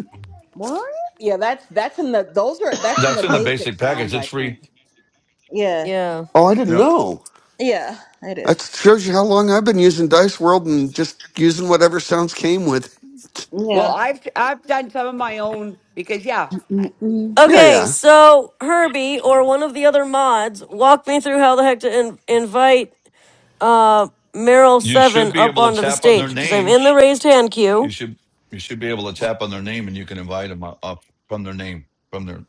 Speaker 4: What? Yeah, that's that's in the those
Speaker 10: [COUGHS]
Speaker 4: are that's in the
Speaker 6: That's in the
Speaker 10: well,
Speaker 4: basic
Speaker 6: basic package.
Speaker 4: sounds I
Speaker 6: It's
Speaker 4: think.
Speaker 6: free.
Speaker 4: Yeah.
Speaker 2: Yeah.
Speaker 5: Oh, I didn't
Speaker 6: Yep.
Speaker 5: know.
Speaker 4: Yeah, it is.
Speaker 5: That shows you how long I've been using Dice World and just using whatever sounds came with.
Speaker 12: Well,
Speaker 4: Yeah.
Speaker 12: I've I've done some of my own because yeah. [LAUGHS]
Speaker 4: Mm-mm.
Speaker 5: Yeah,
Speaker 2: Okay,
Speaker 5: yeah.
Speaker 2: so Herbie or one of the other mods, walk me through how the heck to in- invite uh Meryl
Speaker 6: You
Speaker 2: Seven
Speaker 6: should be
Speaker 2: up
Speaker 6: able to
Speaker 2: onto the
Speaker 6: tap on their
Speaker 2: stage because I'm
Speaker 6: name.
Speaker 2: in the raised hand
Speaker 6: You
Speaker 2: queue.
Speaker 6: should you should be able to tap on their name, and you can invite them up up from their name from their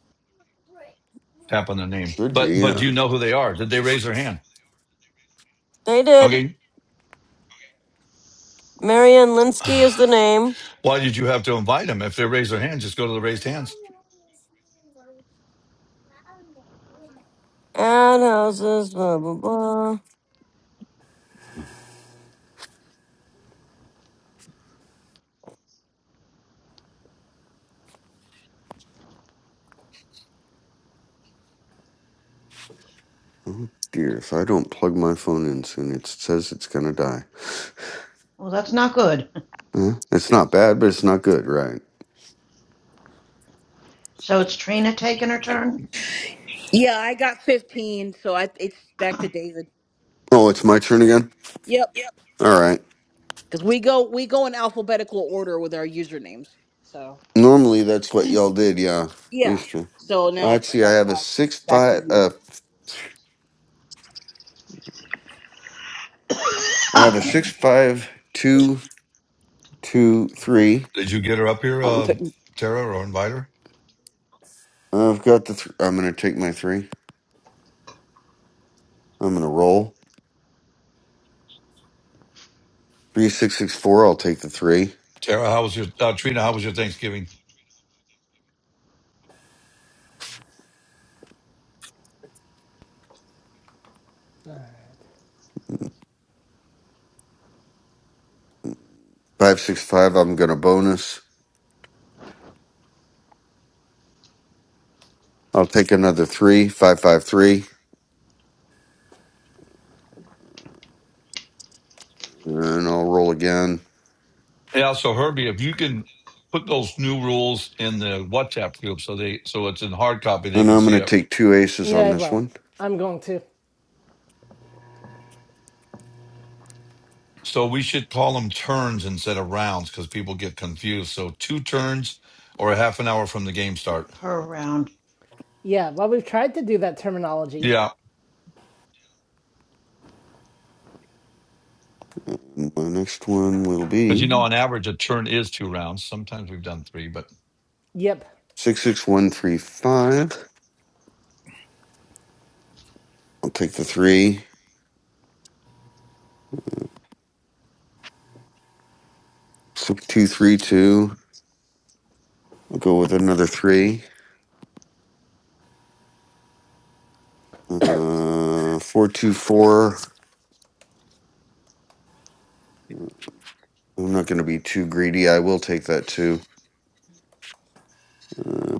Speaker 6: tap on their name.
Speaker 5: Should be,
Speaker 6: But but do
Speaker 5: yeah.
Speaker 6: you know who they are? Did they raise their hand?
Speaker 2: They did.
Speaker 6: Okay.
Speaker 2: Marianne
Speaker 6: [SIGHS]
Speaker 2: Linsky is the name.
Speaker 6: Why did you have to invite them? If they raise their hand, just go to the raised hands.
Speaker 2: Ad houses, blah, blah, blah.
Speaker 5: Oh dear, if I don't plug my phone in soon, it says it's gonna die.
Speaker 10: that's not good.
Speaker 5: Huh? It's not bad, but it's not good, right?
Speaker 10: So it's Trina taking her turn?
Speaker 4: Yeah, I got 15, so I it's back to David.
Speaker 5: Oh, it's my turn again?
Speaker 4: Yep.
Speaker 5: All right.
Speaker 4: because we go we go in alphabetical order with our usernames. So
Speaker 5: Normally, that's what y'all did. Yeah,
Speaker 4: yeah.
Speaker 5: used to.
Speaker 4: So now it's,
Speaker 5: Actually, I
Speaker 4: that's
Speaker 5: have a
Speaker 4: why it's
Speaker 5: six
Speaker 4: back to
Speaker 5: five.
Speaker 4: you.
Speaker 5: Uh,
Speaker 10: [COUGHS]
Speaker 5: I have a six five two two three.
Speaker 6: Did you get her up here,
Speaker 12: Um,
Speaker 6: uh,
Speaker 12: t-
Speaker 6: Tara, or invite her?
Speaker 5: I've got the. Th- I'm gonna take my three. I'm gonna roll three six six four. I'll take the three
Speaker 6: Tara, how was your uh, Trina? How was your Thanksgiving?
Speaker 5: five six five. I'm gonna bonus. I'll take another three five five three, and I'll roll again.
Speaker 6: Yeah. So Herbie, if you can put those new rules in the WhatsApp group, so they so it's in hard copy, they
Speaker 5: And
Speaker 6: can
Speaker 5: I'm
Speaker 6: see
Speaker 5: gonna
Speaker 6: it.
Speaker 5: take two aces on
Speaker 1: Yeah,
Speaker 5: this
Speaker 1: well,
Speaker 5: one.
Speaker 1: I'm going to.
Speaker 6: So we should call them turns instead of rounds because people get confused. So two turns or a half an hour from the game start.
Speaker 10: her round.
Speaker 1: Yeah, well, we've tried to do that terminology.
Speaker 6: Yeah,
Speaker 5: And my next one will
Speaker 6: because you know
Speaker 5: be
Speaker 6: on average a turn is two rounds. Sometimes we've done three, but
Speaker 1: Yep,
Speaker 5: six six one three five. I'll take the three six two three two. I'll go with another three. Uh, four, two, four. I'm not going to be too greedy. I will take that two. Uh,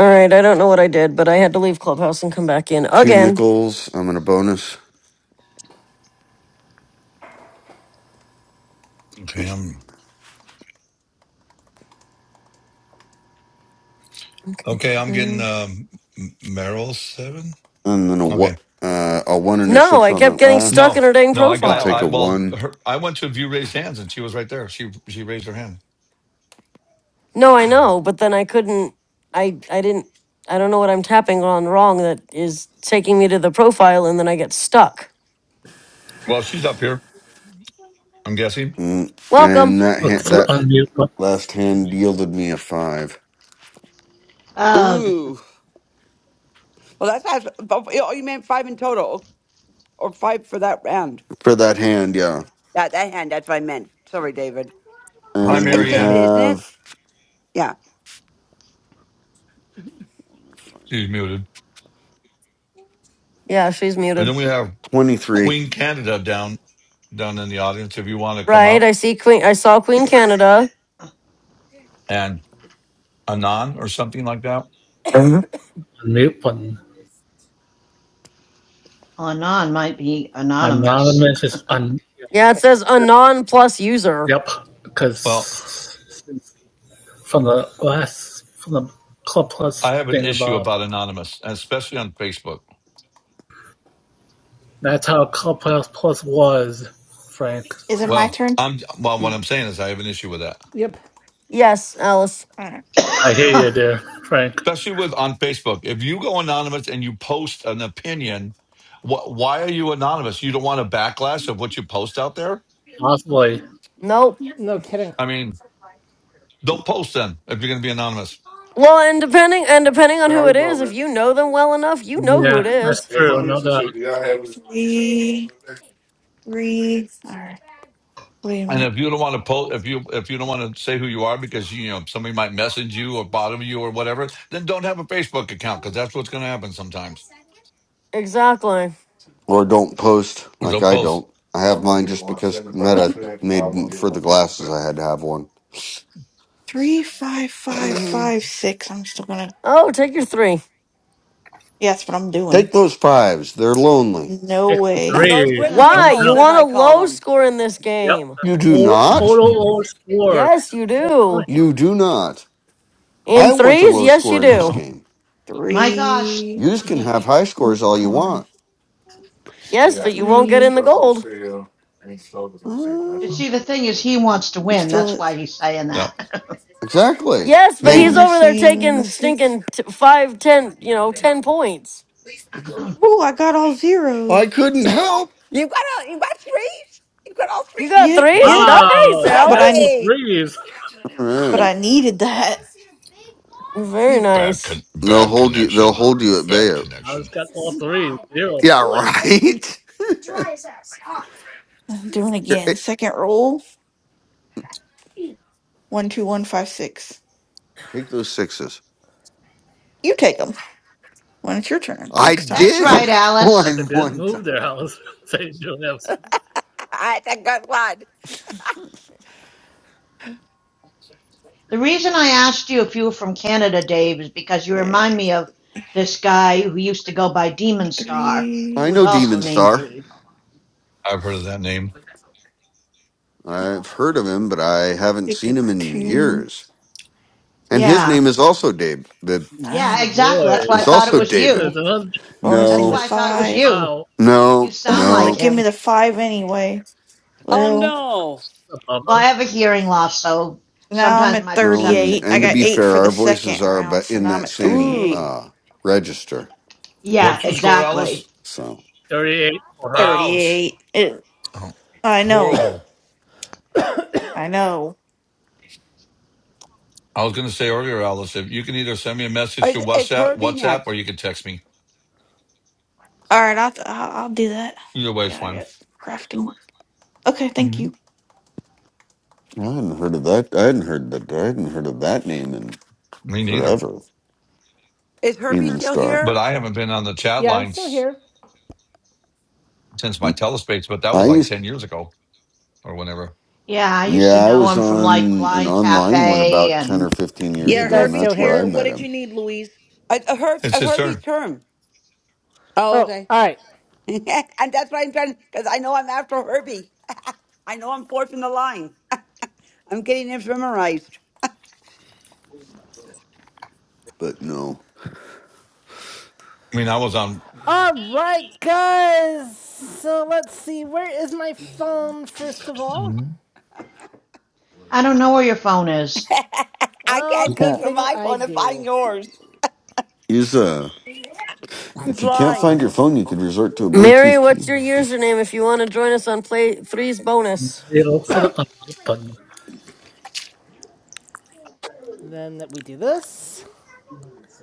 Speaker 2: All right, I don't know what I did, but I had to leave Clubhouse and come back in
Speaker 5: two
Speaker 2: again.
Speaker 5: nickels. I'm in a bonus,
Speaker 6: okay, I'm
Speaker 2: Okay,
Speaker 6: okay. I'm getting
Speaker 2: can I?
Speaker 6: um, M- Merrill seven.
Speaker 5: and then a
Speaker 6: Okay,
Speaker 5: what? Uh, a one and a
Speaker 2: No,
Speaker 5: six
Speaker 2: I
Speaker 5: on
Speaker 2: kept
Speaker 5: that
Speaker 2: getting
Speaker 5: last.
Speaker 2: stuck
Speaker 6: No,
Speaker 2: in her dang
Speaker 6: no, I
Speaker 5: I'll
Speaker 6: got
Speaker 5: take
Speaker 2: profile.
Speaker 6: I
Speaker 5: a
Speaker 6: well
Speaker 5: one,
Speaker 6: her I went to view raised hands and she was right there. She she raised her hand.
Speaker 2: No, I know, but then I couldn't. I I didn't. I don't know what I'm tapping on wrong that is taking me to the profile, and then I get stuck.
Speaker 6: Well, she's up here, I'm guessing.
Speaker 5: Mm,
Speaker 2: Welcome.
Speaker 5: and that
Speaker 9: Look
Speaker 5: hand,
Speaker 9: for the
Speaker 5: that
Speaker 9: unmute button.
Speaker 5: last hand yielded me a five
Speaker 10: Ugh.
Speaker 12: Ooh. Well, that's that's. but- Oh, oh, you meant five in total, or five for that round?
Speaker 5: for that hand. Yeah,
Speaker 12: That that hand. That's what I meant. Sorry, David.
Speaker 6: Hi
Speaker 12: It's
Speaker 5: and we
Speaker 12: it's David,
Speaker 6: Marianne.
Speaker 12: isn't it?
Speaker 5: have
Speaker 12: Yeah.
Speaker 6: She's muted.
Speaker 2: Yeah, she's
Speaker 6: And
Speaker 2: muted.
Speaker 6: then we have
Speaker 5: twenty three.
Speaker 6: Queen Canada down down in the audience if you want to come
Speaker 2: Right, I
Speaker 6: up
Speaker 2: see Queen. I saw
Speaker 10: [COUGHS]
Speaker 2: Queen Canada.
Speaker 6: and Anon or something like that.
Speaker 9: Unmute button.
Speaker 10: Anon might be anonymous.
Speaker 9: Anonymous
Speaker 10: [COUGHS]
Speaker 9: is un.
Speaker 2: Yeah, it says a non plus user.
Speaker 9: Yep.
Speaker 6: Well,
Speaker 9: Because from the last from the club plus
Speaker 6: I have an
Speaker 9: thing,
Speaker 6: issue
Speaker 9: Bob.
Speaker 6: about anonymous, especially on Facebook.
Speaker 9: That's how Clubhouse Plus was, Frank.
Speaker 8: Is it
Speaker 9: Oh,
Speaker 8: my
Speaker 6: Well,
Speaker 8: turn?
Speaker 6: I'm well. What I'm
Speaker 2: Mm.
Speaker 6: saying is, I have an issue with that,
Speaker 1: yep,
Speaker 2: Yes, Alice.
Speaker 8: All right.
Speaker 9: I hear you there, Frank.
Speaker 6: especially with on Facebook. If you go anonymous and you post an opinion, wh- why are you anonymous? You don't want a backlash of what you post out there.
Speaker 9: Possibly.
Speaker 2: Nope.
Speaker 1: no kidding.
Speaker 6: I mean, don't post then if you're going to be anonymous.
Speaker 2: Well, and depending and depending on who it is, if you know them well enough, you know who it
Speaker 9: Yeah, that's
Speaker 2: is.
Speaker 9: true. No doubt.
Speaker 8: Three, three. All right. Wait a
Speaker 6: And
Speaker 8: minute.
Speaker 6: if you don't want to post, if you if you don't want to say who you are because you know somebody might message you or bother you or whatever, then don't have a Facebook account because that's what's going to happen sometimes.
Speaker 2: Exactly.
Speaker 5: Or don't post
Speaker 6: Or
Speaker 5: like
Speaker 6: don't
Speaker 5: I
Speaker 6: post.
Speaker 5: don't. I have mine just because Meta made for the glasses. I had to have one.
Speaker 8: Three, five, five,
Speaker 2: Mm-hmm.
Speaker 8: five, six. I'm still gonna.
Speaker 2: Oh, take your three.
Speaker 8: Yeah, that's what I'm doing.
Speaker 5: Take those fives. They're lonely.
Speaker 8: No
Speaker 9: Six to
Speaker 12: Now
Speaker 8: way.
Speaker 12: those
Speaker 9: three.
Speaker 12: wooden
Speaker 9: No
Speaker 2: Why? You
Speaker 12: nickels,
Speaker 9: doubt.
Speaker 12: as
Speaker 2: want a
Speaker 12: I call
Speaker 2: low
Speaker 12: them.
Speaker 2: score in this
Speaker 9: Yep.
Speaker 2: game.
Speaker 5: You
Speaker 9: The
Speaker 5: do not?
Speaker 6: [LAUGHS]
Speaker 9: total old score.
Speaker 2: Yes, you
Speaker 9: Total point.
Speaker 2: do.
Speaker 5: You do not.
Speaker 2: In
Speaker 5: I want a
Speaker 2: threes,
Speaker 5: low
Speaker 2: yes you
Speaker 5: score in this
Speaker 2: do.
Speaker 5: game.
Speaker 10: My gosh.
Speaker 8: Three.
Speaker 5: Yous
Speaker 10: [LAUGHS]
Speaker 5: can have
Speaker 10: See,
Speaker 5: high scores
Speaker 8: Oh,
Speaker 5: all you
Speaker 8: come on.
Speaker 5: want.
Speaker 2: Yes, but you won't get
Speaker 8: Three.
Speaker 2: in the gold.
Speaker 5: Uh,
Speaker 10: the thing is, he wants to
Speaker 8: I'm
Speaker 10: win.
Speaker 8: still
Speaker 10: That's
Speaker 8: at
Speaker 10: why he's saying
Speaker 6: no,
Speaker 10: that.
Speaker 5: exactly.
Speaker 2: Yes, but he's
Speaker 5: Maybe.
Speaker 2: over there
Speaker 8: bonusing the
Speaker 2: taking
Speaker 8: six.
Speaker 2: stinking t- five, ten, you know, ten points.
Speaker 10: [COUGHS]
Speaker 8: Ooh, I got all
Speaker 5: I
Speaker 8: zeros.
Speaker 5: couldn't help.
Speaker 12: You got all, you got three? You got all
Speaker 2: You got
Speaker 12: three?
Speaker 8: Yeah,
Speaker 2: threes?
Speaker 8: yeah.
Speaker 2: Nice,
Speaker 9: Wow. See
Speaker 8: But
Speaker 9: that
Speaker 8: I
Speaker 9: all
Speaker 2: Alice.
Speaker 12: Hey!
Speaker 9: threes.
Speaker 5: All
Speaker 8: but
Speaker 9: [LAUGHS]
Speaker 5: right.
Speaker 8: I needed that.
Speaker 2: Very
Speaker 6: bad
Speaker 2: nice.
Speaker 6: con-
Speaker 5: They'll
Speaker 6: bad
Speaker 5: hold you they'll
Speaker 6: connection,
Speaker 5: hold you at
Speaker 6: bad
Speaker 5: bay.
Speaker 9: House
Speaker 6: connection.
Speaker 9: got all threes. Zero
Speaker 5: Yeah,
Speaker 9: point.
Speaker 5: right.
Speaker 8: [LAUGHS] I'm doing it again. Second roll. One, two, one, five, six.
Speaker 5: [LAUGHS] Take those sixes.
Speaker 8: You take 'em. When it's your turn
Speaker 5: I
Speaker 8: next time.
Speaker 10: That's
Speaker 5: did
Speaker 10: right,
Speaker 5: [LAUGHS]
Speaker 9: That's
Speaker 10: Alice.
Speaker 9: a
Speaker 5: one
Speaker 9: good
Speaker 5: one time.
Speaker 9: move there, House. [LAUGHS] St. Joseph.
Speaker 12: I, I got one.
Speaker 10: The reason I asked you if you were from Canada, Dave, is because you
Speaker 8: Okay,
Speaker 10: remind me of this guy who used to go by Demon Star,
Speaker 8: three.
Speaker 5: I
Speaker 10: who was
Speaker 5: know
Speaker 10: also
Speaker 5: Demon
Speaker 10: named
Speaker 5: Star.
Speaker 10: Dave.
Speaker 6: I've heard of that name.
Speaker 5: I've heard of him, but I haven't
Speaker 8: Take
Speaker 5: seen
Speaker 8: the
Speaker 5: him in
Speaker 8: two.
Speaker 5: years. And his
Speaker 10: Yeah.
Speaker 5: name is also Dave.
Speaker 8: Nah.
Speaker 10: Yeah,
Speaker 9: Oh,
Speaker 10: exactly.
Speaker 9: boy.
Speaker 10: That's why I
Speaker 12: Uh,
Speaker 5: There's
Speaker 10: thought it
Speaker 5: also
Speaker 10: was
Speaker 9: So
Speaker 5: David.
Speaker 10: you.
Speaker 9: it's another
Speaker 10: That's
Speaker 8: Bonusing the
Speaker 5: No,
Speaker 10: why I thought it was
Speaker 8: five.
Speaker 10: you.
Speaker 9: Wow.
Speaker 5: no,
Speaker 10: You sound
Speaker 8: Ugh,
Speaker 10: like
Speaker 8: like
Speaker 5: no,
Speaker 8: give me
Speaker 10: him.
Speaker 8: the five anyway.
Speaker 12: Oh
Speaker 8: Well,
Speaker 12: no.
Speaker 9: A
Speaker 10: Well,
Speaker 9: bummer.
Speaker 10: I have a hearing loss, so
Speaker 8: so now I'm
Speaker 10: sometimes
Speaker 8: at
Speaker 10: my
Speaker 5: no, and
Speaker 10: perception
Speaker 8: 38. I
Speaker 10: can
Speaker 5: and to
Speaker 10: be
Speaker 8: got
Speaker 5: be
Speaker 8: eight
Speaker 5: fair,
Speaker 10: different.
Speaker 8: for the
Speaker 5: our
Speaker 8: second
Speaker 5: voices are
Speaker 8: round,
Speaker 5: but
Speaker 8: so
Speaker 5: in
Speaker 8: now I'm
Speaker 5: that
Speaker 8: at
Speaker 5: same
Speaker 8: 38.
Speaker 12: Ooh.
Speaker 5: uh register.
Speaker 10: Yeah,
Speaker 6: What's your score,
Speaker 10: exactly.
Speaker 6: Alice?
Speaker 5: So
Speaker 9: 38 for her.
Speaker 6: Ouch.
Speaker 8: 38. It,
Speaker 6: Oh,
Speaker 8: I know.
Speaker 6: horrible.
Speaker 8: I know.
Speaker 6: I was going to say earlier, Alice, if you can either send me a message through
Speaker 12: Is, is
Speaker 6: WhatsApp,
Speaker 12: Herbie
Speaker 6: WhatsApp, or
Speaker 12: next?
Speaker 6: you can text me.
Speaker 8: All right, I'll, I'll I'll do that.
Speaker 6: Either way is
Speaker 8: Yeah, I
Speaker 6: fine.
Speaker 8: got crafting. work. Okay, thank
Speaker 6: hmm
Speaker 8: you.
Speaker 5: I hadn't heard of that. I hadn't heard that. I hadn't heard of that name in
Speaker 6: Me neither.
Speaker 5: forever.
Speaker 12: Is Herbie
Speaker 5: Demon
Speaker 12: still
Speaker 5: Star.
Speaker 6: But
Speaker 12: here?
Speaker 6: I haven't been on the chat
Speaker 1: Yeah, I'm still
Speaker 6: lines
Speaker 1: here.
Speaker 6: since my telespace, but that
Speaker 5: I
Speaker 6: was like
Speaker 5: used.
Speaker 6: 10 years ago or whenever.
Speaker 10: Yeah, I used to
Speaker 5: Yeah, I
Speaker 10: know
Speaker 5: was
Speaker 10: him from like
Speaker 5: on an
Speaker 10: Blind
Speaker 5: online one
Speaker 10: Cafe,
Speaker 5: about ten or
Speaker 10: and
Speaker 5: fifteen
Speaker 1: Do
Speaker 5: years
Speaker 1: you
Speaker 4: Yeah,
Speaker 5: ago,
Speaker 1: guys
Speaker 5: and
Speaker 4: Herbie's
Speaker 1: still
Speaker 5: that's
Speaker 1: hear
Speaker 5: where I
Speaker 4: here.
Speaker 1: me?
Speaker 4: What
Speaker 5: met
Speaker 4: did you
Speaker 5: him.
Speaker 4: need, Louise?
Speaker 12: A, a, Herb,
Speaker 6: It's
Speaker 12: a
Speaker 6: his
Speaker 12: Herbie's
Speaker 6: turn.
Speaker 12: term.
Speaker 4: Oh,
Speaker 1: Oh,
Speaker 4: okay.
Speaker 1: alright.
Speaker 12: [LAUGHS] and that's why I'm trying, because I know I'm after Herbie. [LAUGHS] I know I'm fourth in the line. [LAUGHS] I'm getting it memorized.
Speaker 5: But no,
Speaker 6: I mean, I was on.
Speaker 1: Alright, guys! So let's see, where is my phone, first of all?
Speaker 6: Mhm.
Speaker 10: I don't know where your phone is.
Speaker 12: [LAUGHS] I
Speaker 1: Well,
Speaker 12: can't
Speaker 1: good
Speaker 12: see
Speaker 4: Yeah.
Speaker 12: from
Speaker 1: thing
Speaker 12: my
Speaker 1: I
Speaker 12: phone if I'm
Speaker 1: do.
Speaker 12: yours.
Speaker 5: he's a.
Speaker 12: I'm
Speaker 5: If you can't find
Speaker 12: blind.
Speaker 5: your phone, you could resort to a
Speaker 2: Mary,
Speaker 5: Bluetooth
Speaker 2: what's your
Speaker 5: keyboard.
Speaker 2: username if you want to join us on Play Three's bonus?
Speaker 9: You look for the under button.
Speaker 1: And then that we do this.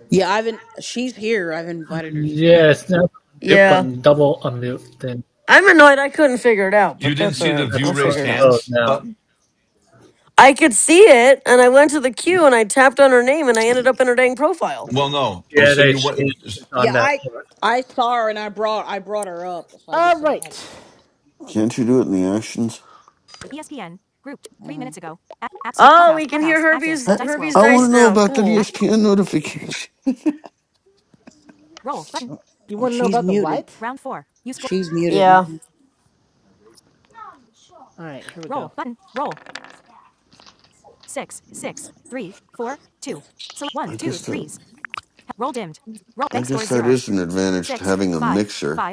Speaker 4: Yeah, I've in, she's here. I've invited her to speak.
Speaker 9: Yes, now mute
Speaker 2: Yeah.
Speaker 9: button, double unmute thing.
Speaker 2: I'm annoyed I couldn't figure it out,
Speaker 6: You
Speaker 2: but
Speaker 6: didn't
Speaker 2: that's all
Speaker 6: see the
Speaker 2: right.
Speaker 6: view
Speaker 9: That's
Speaker 2: I'll
Speaker 9: how
Speaker 6: raised
Speaker 2: figure it
Speaker 9: it
Speaker 2: out.
Speaker 9: goes
Speaker 6: hands
Speaker 9: now.
Speaker 6: button?
Speaker 2: I could see it, and I went to the queue and I tapped on her name and I ended up in her dang profile.
Speaker 6: Well, no. Oh,
Speaker 9: Yeah,
Speaker 6: so
Speaker 9: they
Speaker 6: you went.
Speaker 9: changed it on
Speaker 4: Yeah,
Speaker 9: that
Speaker 4: I
Speaker 9: part.
Speaker 4: I saw her and I brought I brought her up. So I just invited.
Speaker 1: Alright.
Speaker 5: Can't you do it in the actions?
Speaker 4: Uh,
Speaker 2: Oh, we can hear Herbie's
Speaker 5: I,
Speaker 2: Herbie's
Speaker 5: I want
Speaker 2: dice
Speaker 5: to know
Speaker 2: now.
Speaker 5: about that
Speaker 2: Cool.
Speaker 5: ESPN notification.
Speaker 1: Do you
Speaker 4: well,
Speaker 1: want to know
Speaker 4: she's
Speaker 1: about the
Speaker 4: muted.
Speaker 1: what?
Speaker 4: She's muted
Speaker 2: Yeah.
Speaker 4: now.
Speaker 1: All right, here we
Speaker 5: I guess that I guess that is an advantage to having a mixer.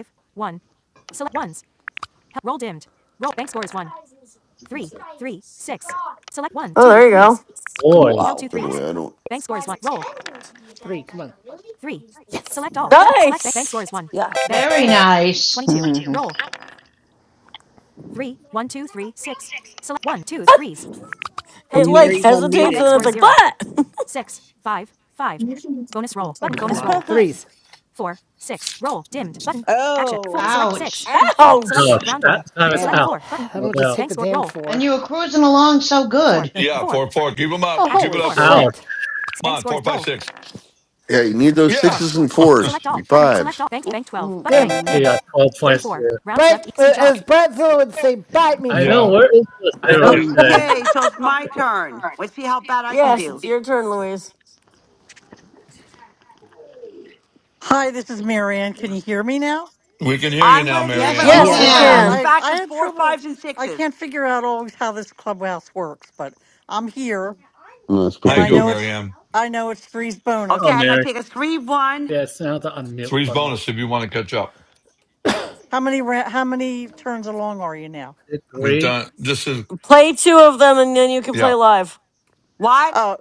Speaker 2: Oh, there you go.
Speaker 9: Boy,
Speaker 12: Wow.
Speaker 5: That way, I don't.
Speaker 1: Three, come on.
Speaker 2: Nice.
Speaker 12: Yeah.
Speaker 10: Very nice.
Speaker 4: Mhm. And
Speaker 2: It like
Speaker 4: Mary's
Speaker 2: hesitates and
Speaker 4: unmuted
Speaker 2: then it's
Speaker 4: now.
Speaker 2: like, what?
Speaker 1: Come
Speaker 4: [LAUGHS]
Speaker 1: Threes.
Speaker 4: oh,
Speaker 10: Ouch.
Speaker 2: Ouch.
Speaker 9: gosh, that time it's
Speaker 4: damn.
Speaker 9: ouch,
Speaker 1: [SIGHS] Then
Speaker 9: no
Speaker 1: we'll just
Speaker 9: doubt.
Speaker 1: four.
Speaker 10: And you were cruising along so good.
Speaker 6: Yeah, four, four. Keep them
Speaker 1: Oh,
Speaker 6: up. Keep it up, Irby.
Speaker 1: button.
Speaker 9: Ouch,
Speaker 6: Come on, four, five, six.
Speaker 5: Yeah, you need those
Speaker 6: Yeah.
Speaker 5: sixes and fours, and fives.
Speaker 4: Mm-mm.
Speaker 9: he got 12 points there.
Speaker 1: But, off. Bratzo would say, bite me,
Speaker 6: [LAUGHS]
Speaker 9: I
Speaker 6: yeah.
Speaker 9: know,
Speaker 1: Frank.
Speaker 9: where is the zero
Speaker 4: Mm,
Speaker 9: today?
Speaker 4: uh,
Speaker 12: Okay, so it's my turn. Let's see how bad I can
Speaker 2: Yes, it's
Speaker 12: do.
Speaker 2: your turn, Louise.
Speaker 15: Hi, this is Marianne. Can you hear me now?
Speaker 6: We can hear you
Speaker 12: I'm
Speaker 6: now,
Speaker 12: going
Speaker 10: [LAUGHS]
Speaker 12: to use
Speaker 10: yes,
Speaker 12: my
Speaker 10: we
Speaker 6: Marianne.
Speaker 15: All
Speaker 2: Yes,
Speaker 12: bonus
Speaker 4: Yeah.
Speaker 2: we
Speaker 12: right
Speaker 15: right.
Speaker 12: off the
Speaker 10: can.
Speaker 2: can.
Speaker 15: I,
Speaker 12: back
Speaker 15: I
Speaker 12: is
Speaker 15: had
Speaker 12: four,
Speaker 15: trouble.
Speaker 12: fives, and
Speaker 15: I
Speaker 12: sixes.
Speaker 15: can't figure out always how this clubhouse works, but I'm here,
Speaker 5: No, that's
Speaker 6: How
Speaker 15: and
Speaker 6: you
Speaker 15: I
Speaker 5: because they
Speaker 6: doing,
Speaker 15: know it's
Speaker 6: Marianne?
Speaker 15: I know it's three's
Speaker 12: Okay,
Speaker 9: Oh,
Speaker 12: I'm going
Speaker 15: bonus.
Speaker 12: to
Speaker 9: Mary.
Speaker 12: take a three, one.
Speaker 9: Yeah, it's now the unmute
Speaker 6: Three's
Speaker 9: button.
Speaker 6: bonus if you want to catch up.
Speaker 15: How many ra- how many turns along are you now?
Speaker 9: I did
Speaker 6: We've
Speaker 9: three.
Speaker 6: done this is
Speaker 2: Play two of them and then you can play
Speaker 6: yeah.
Speaker 2: live.
Speaker 12: What?
Speaker 15: Oh,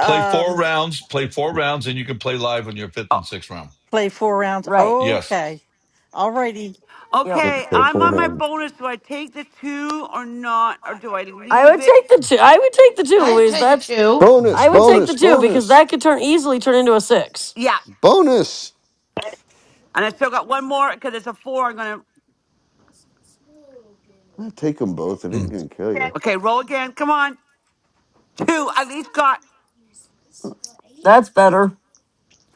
Speaker 6: Play four rounds, play four rounds, and you can play live on your fifth
Speaker 12: Oh,
Speaker 6: and sixth round.
Speaker 15: play four rounds.
Speaker 2: Right.
Speaker 6: Yes.
Speaker 15: Okay, all righty.
Speaker 2: Yep.
Speaker 5: didn't
Speaker 12: okay,
Speaker 5: play
Speaker 12: I'm on my
Speaker 5: forehand.
Speaker 12: bonus. Do I take the two or not? Or do I
Speaker 2: I
Speaker 12: leave
Speaker 2: would
Speaker 12: it?
Speaker 2: take the two. I would take the two,
Speaker 10: I'd
Speaker 2: Louise.
Speaker 10: take a
Speaker 2: That's
Speaker 10: two.
Speaker 5: Bonus,
Speaker 2: I would take the
Speaker 5: bonus,
Speaker 2: two because
Speaker 5: bonus,
Speaker 2: that could turn easily turn into a six.
Speaker 12: Yeah.
Speaker 5: bonus.
Speaker 12: And I still got one more because it's a four. I'm going to.
Speaker 5: I take them both. It ain't
Speaker 6: Mm.
Speaker 5: gonna kill you.
Speaker 12: Okay, roll again. Come on. Two. I at least got.
Speaker 2: That's better.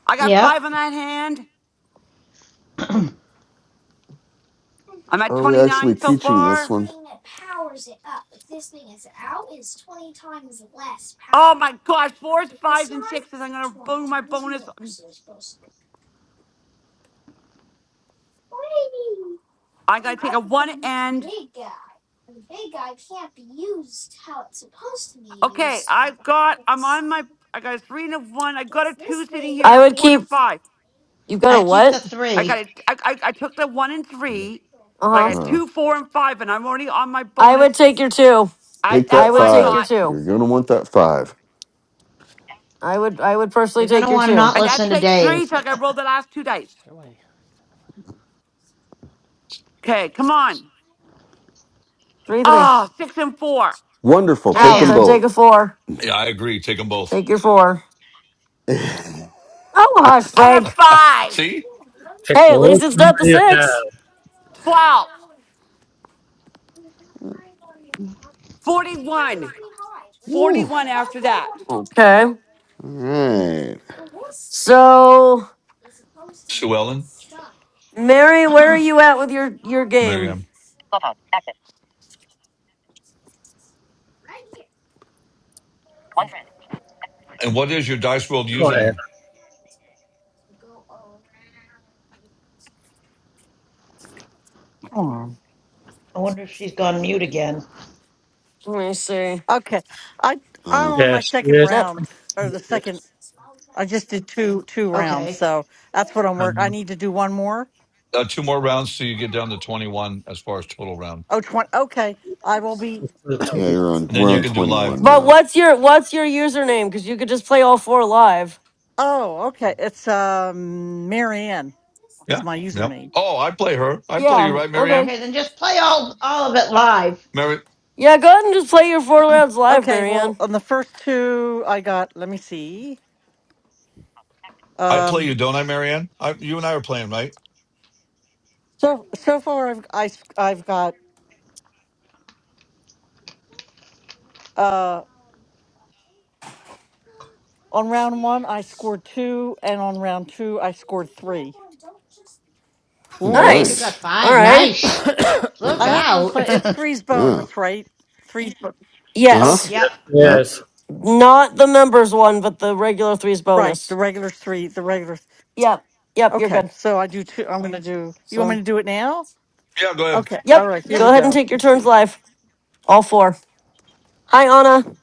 Speaker 12: I got
Speaker 10: Yep.
Speaker 12: five on that hand.
Speaker 10: [CLEARS THROAT]
Speaker 12: I'm at
Speaker 5: Are we actually
Speaker 12: 29 so
Speaker 5: teaching this
Speaker 12: far.
Speaker 5: one?
Speaker 12: Oh my gosh, fours, fives, and sixes. I'm going to boom my bonus. I gotta take a one and okay, I've got I'm on my I got a three and a one. I got a two sitting here
Speaker 2: I
Speaker 12: and a
Speaker 2: would
Speaker 12: four and a
Speaker 2: keep.
Speaker 12: five.
Speaker 2: You've got a
Speaker 10: I'd keep the
Speaker 2: what?
Speaker 12: I got
Speaker 10: three.
Speaker 12: a, I, I, I took the one and
Speaker 5: Mm,
Speaker 12: three,
Speaker 2: Uh
Speaker 12: but I
Speaker 2: huh.
Speaker 12: got
Speaker 5: Uh,
Speaker 12: two, four, and five, and I'm already on my
Speaker 2: I
Speaker 12: bonus.
Speaker 2: would take your two.
Speaker 12: I
Speaker 5: take
Speaker 2: I
Speaker 12: that's
Speaker 5: that
Speaker 2: would
Speaker 12: why I
Speaker 2: take your
Speaker 12: thought.
Speaker 5: five.
Speaker 2: two.
Speaker 5: You're gonna want that five.
Speaker 2: I would. I would personally
Speaker 10: You're going
Speaker 2: take
Speaker 10: to
Speaker 2: your
Speaker 10: want to
Speaker 2: two.
Speaker 10: not
Speaker 12: And
Speaker 10: listen
Speaker 12: that
Speaker 10: to
Speaker 12: takes three,
Speaker 10: Dave.
Speaker 12: so I gotta roll the last two dice.
Speaker 1: Where do
Speaker 12: Okay, come on.
Speaker 2: Three, three.
Speaker 12: Oh, six and four.
Speaker 10: [LAUGHS]
Speaker 5: Wonderful. Take
Speaker 2: Ouch!
Speaker 5: them
Speaker 2: I'd
Speaker 10: Damn.
Speaker 2: take a
Speaker 5: both.
Speaker 2: four.
Speaker 6: Yeah, I agree. Take them both.
Speaker 2: Take your four.
Speaker 5: [LAUGHS]
Speaker 2: Oh hush,
Speaker 12: And a
Speaker 2: Frank.
Speaker 12: five.
Speaker 6: See?
Speaker 9: Pick
Speaker 2: Hey,
Speaker 9: the
Speaker 2: at least
Speaker 9: lowest
Speaker 2: it's
Speaker 9: number
Speaker 2: not the
Speaker 9: you have.
Speaker 2: six.
Speaker 12: Twelve. Forty-one.
Speaker 5: Woo. All
Speaker 12: Forty-one after that.
Speaker 2: Okay.
Speaker 5: right.
Speaker 2: So.
Speaker 6: Sue Ellen,
Speaker 10: [CLEARS THROAT]
Speaker 2: Mary, where are
Speaker 10: I
Speaker 2: you at with your your game?
Speaker 6: Marianne.
Speaker 15: Clubhouse. Active. One friend.
Speaker 6: And what is your Dice World
Speaker 9: Go ahead.
Speaker 6: username?
Speaker 10: wonder if she's gone mute again.
Speaker 2: Let me see.
Speaker 15: Okay, I I'm
Speaker 5: Uh,
Speaker 15: on my
Speaker 9: Yes,
Speaker 15: second
Speaker 9: yes,
Speaker 2: No,
Speaker 15: round or the
Speaker 9: unmuted.
Speaker 15: second. I just did two two rounds,
Speaker 10: Okay.
Speaker 15: so that's what I'm work. I
Speaker 9: Um,
Speaker 15: need to do one more.
Speaker 6: Uh, two more rounds till you get down to 21 as far as total round.
Speaker 15: Oh, 20. Okay. I will be.
Speaker 9: what's the
Speaker 5: yeah,
Speaker 9: total?
Speaker 5: you're on.
Speaker 6: And then
Speaker 5: We're
Speaker 9: Yeah,
Speaker 6: you
Speaker 5: on
Speaker 6: can do live.
Speaker 5: 21
Speaker 2: but
Speaker 5: now.
Speaker 2: what's your what's your username? Because you could just play all four live.
Speaker 15: Oh, okay. It's um Marianne is
Speaker 6: Yeah.
Speaker 15: my
Speaker 6: Yep.
Speaker 15: username.
Speaker 6: Oh, I play her. I play you,
Speaker 2: Yeah.
Speaker 6: right,
Speaker 2: Okay.
Speaker 6: Marianne?
Speaker 10: Okay, then just play all, all of it live.
Speaker 6: Mary,
Speaker 2: Yeah. Go ahead and just play your four
Speaker 10: [CLEARS THROAT]
Speaker 2: rounds live,
Speaker 15: Okay. Well,
Speaker 2: Marianne.
Speaker 15: on the first two, I got. Let me see.
Speaker 6: I play
Speaker 15: Um.
Speaker 6: you, don't I, Marianne? I, you and I are playing, right?
Speaker 15: So so far, I've I, have i have got. Uh. On round one, I scored two, and on round two, I scored three.
Speaker 5: Mm,
Speaker 10: So you
Speaker 12: True.
Speaker 2: Nice.
Speaker 10: got
Speaker 5: Nice.
Speaker 2: All
Speaker 10: five.
Speaker 2: right.
Speaker 10: Nice. Look
Speaker 15: I
Speaker 5: Uh-uh.
Speaker 15: hope I'm
Speaker 10: out.
Speaker 15: playing. It's three's
Speaker 5: Yeah.
Speaker 15: bonus, right? Three's. bo-
Speaker 10: [LAUGHS]
Speaker 5: Uh-huh.
Speaker 15: Okay.
Speaker 2: Yes.
Speaker 10: yep.
Speaker 9: yeah,
Speaker 5: Yep.
Speaker 9: yes.
Speaker 2: Not the members one, but the regular threes
Speaker 15: Right. The
Speaker 2: bonus.
Speaker 15: regular three. The regular.
Speaker 2: Yep. Yep. You're
Speaker 15: Okay.
Speaker 2: good.
Speaker 15: So I do two. I'm gonna do. You want me
Speaker 2: So.
Speaker 15: to do it now?
Speaker 6: Yeah, go ahead.
Speaker 15: Okay. All
Speaker 2: Yep.
Speaker 15: right. Here
Speaker 10: Yep.
Speaker 2: Go
Speaker 15: we
Speaker 2: ahead and
Speaker 15: go.
Speaker 2: take your
Speaker 15: Let's
Speaker 2: turns
Speaker 15: see.
Speaker 2: live. All four. Hi, Anna.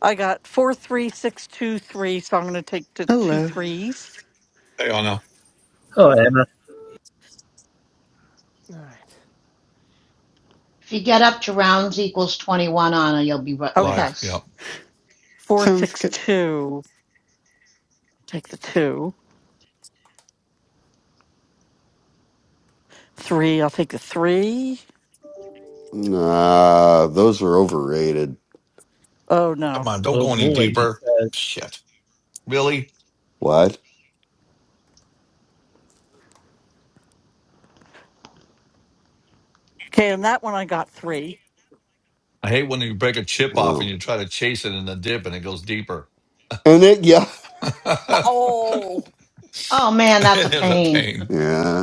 Speaker 15: I got four three six two three, so I'm gonna take the two
Speaker 16: Hello.
Speaker 15: threes.
Speaker 6: Hey, Anna.
Speaker 9: Oh, Anna.
Speaker 1: I? All right.
Speaker 10: If you get up to rounds equals 21 Anna, you'll be with
Speaker 15: Okay.
Speaker 6: Live. Yeah.
Speaker 10: us.
Speaker 15: Four
Speaker 16: Sounds
Speaker 15: six
Speaker 16: good.
Speaker 15: two. Take the two. Three, I'll take the three.
Speaker 5: Nah, those are overrated.
Speaker 15: Oh
Speaker 6: Come
Speaker 15: no.
Speaker 6: on. Don't go
Speaker 9: Oh
Speaker 6: any
Speaker 9: boy, he
Speaker 6: deeper.
Speaker 9: says.
Speaker 6: Shit. Really?
Speaker 5: What?
Speaker 15: Okay, and that one I got three.
Speaker 6: I hate when you break a chip off and
Speaker 5: Wow.
Speaker 6: you try to chase it in the dip and it goes deeper.
Speaker 5: And it, yeah. [LAUGHS]
Speaker 6: [LAUGHS] it
Speaker 12: Oh.
Speaker 10: Oh man, that's a
Speaker 6: is a
Speaker 10: pain.
Speaker 6: pain.
Speaker 5: Yeah.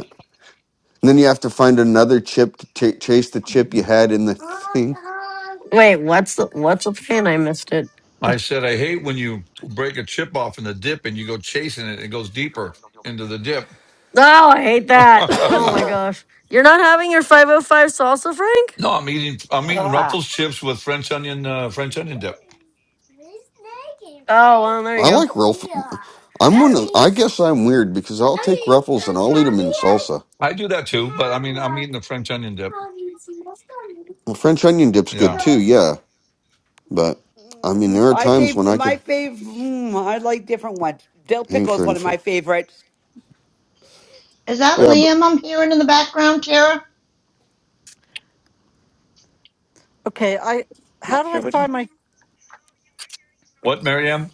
Speaker 5: And then you have to find another chip to ch- chase the chip you had in the [LAUGHS] thing.
Speaker 2: Wait. What's the what's the pin? I missed it.
Speaker 6: I said, I hate when you break a chip off in the dip and you go chasing it and it goes deeper into the dip.
Speaker 2: Oh, I hate
Speaker 6: [LAUGHS] no,
Speaker 2: that. Oh my
Speaker 5: Yeah.
Speaker 6: I'm
Speaker 2: gosh. You're not having your 505 salsa, Frank?
Speaker 6: eating, I'm eating
Speaker 15: Ah.
Speaker 6: Ruffles chips with French onion, uh, French onion dip.
Speaker 2: Oh, well, there you
Speaker 5: I
Speaker 2: go.
Speaker 5: like Ruffles. I'm one of, I guess I'm weird because I'll take Ruffles and I'll eat them in salsa.
Speaker 6: I do that too, but I mean, I'm eating the French onion dip.
Speaker 5: Well, French onion dip's good
Speaker 6: Yeah.
Speaker 5: too, yeah. But, I mean,
Speaker 12: Mm,
Speaker 5: there are
Speaker 12: I
Speaker 5: times
Speaker 12: say
Speaker 5: when I get
Speaker 12: my favorite. I like different ones. Dill pickle is
Speaker 5: hankering
Speaker 12: one of my
Speaker 5: for,
Speaker 12: favorites.
Speaker 10: Is that
Speaker 12: But
Speaker 5: yeah, but
Speaker 10: Liam I'm hearing in the background, Tara?
Speaker 15: Okay, I how
Speaker 12: not
Speaker 15: do
Speaker 12: sure
Speaker 15: I
Speaker 12: which
Speaker 15: find my
Speaker 6: What, Maryam?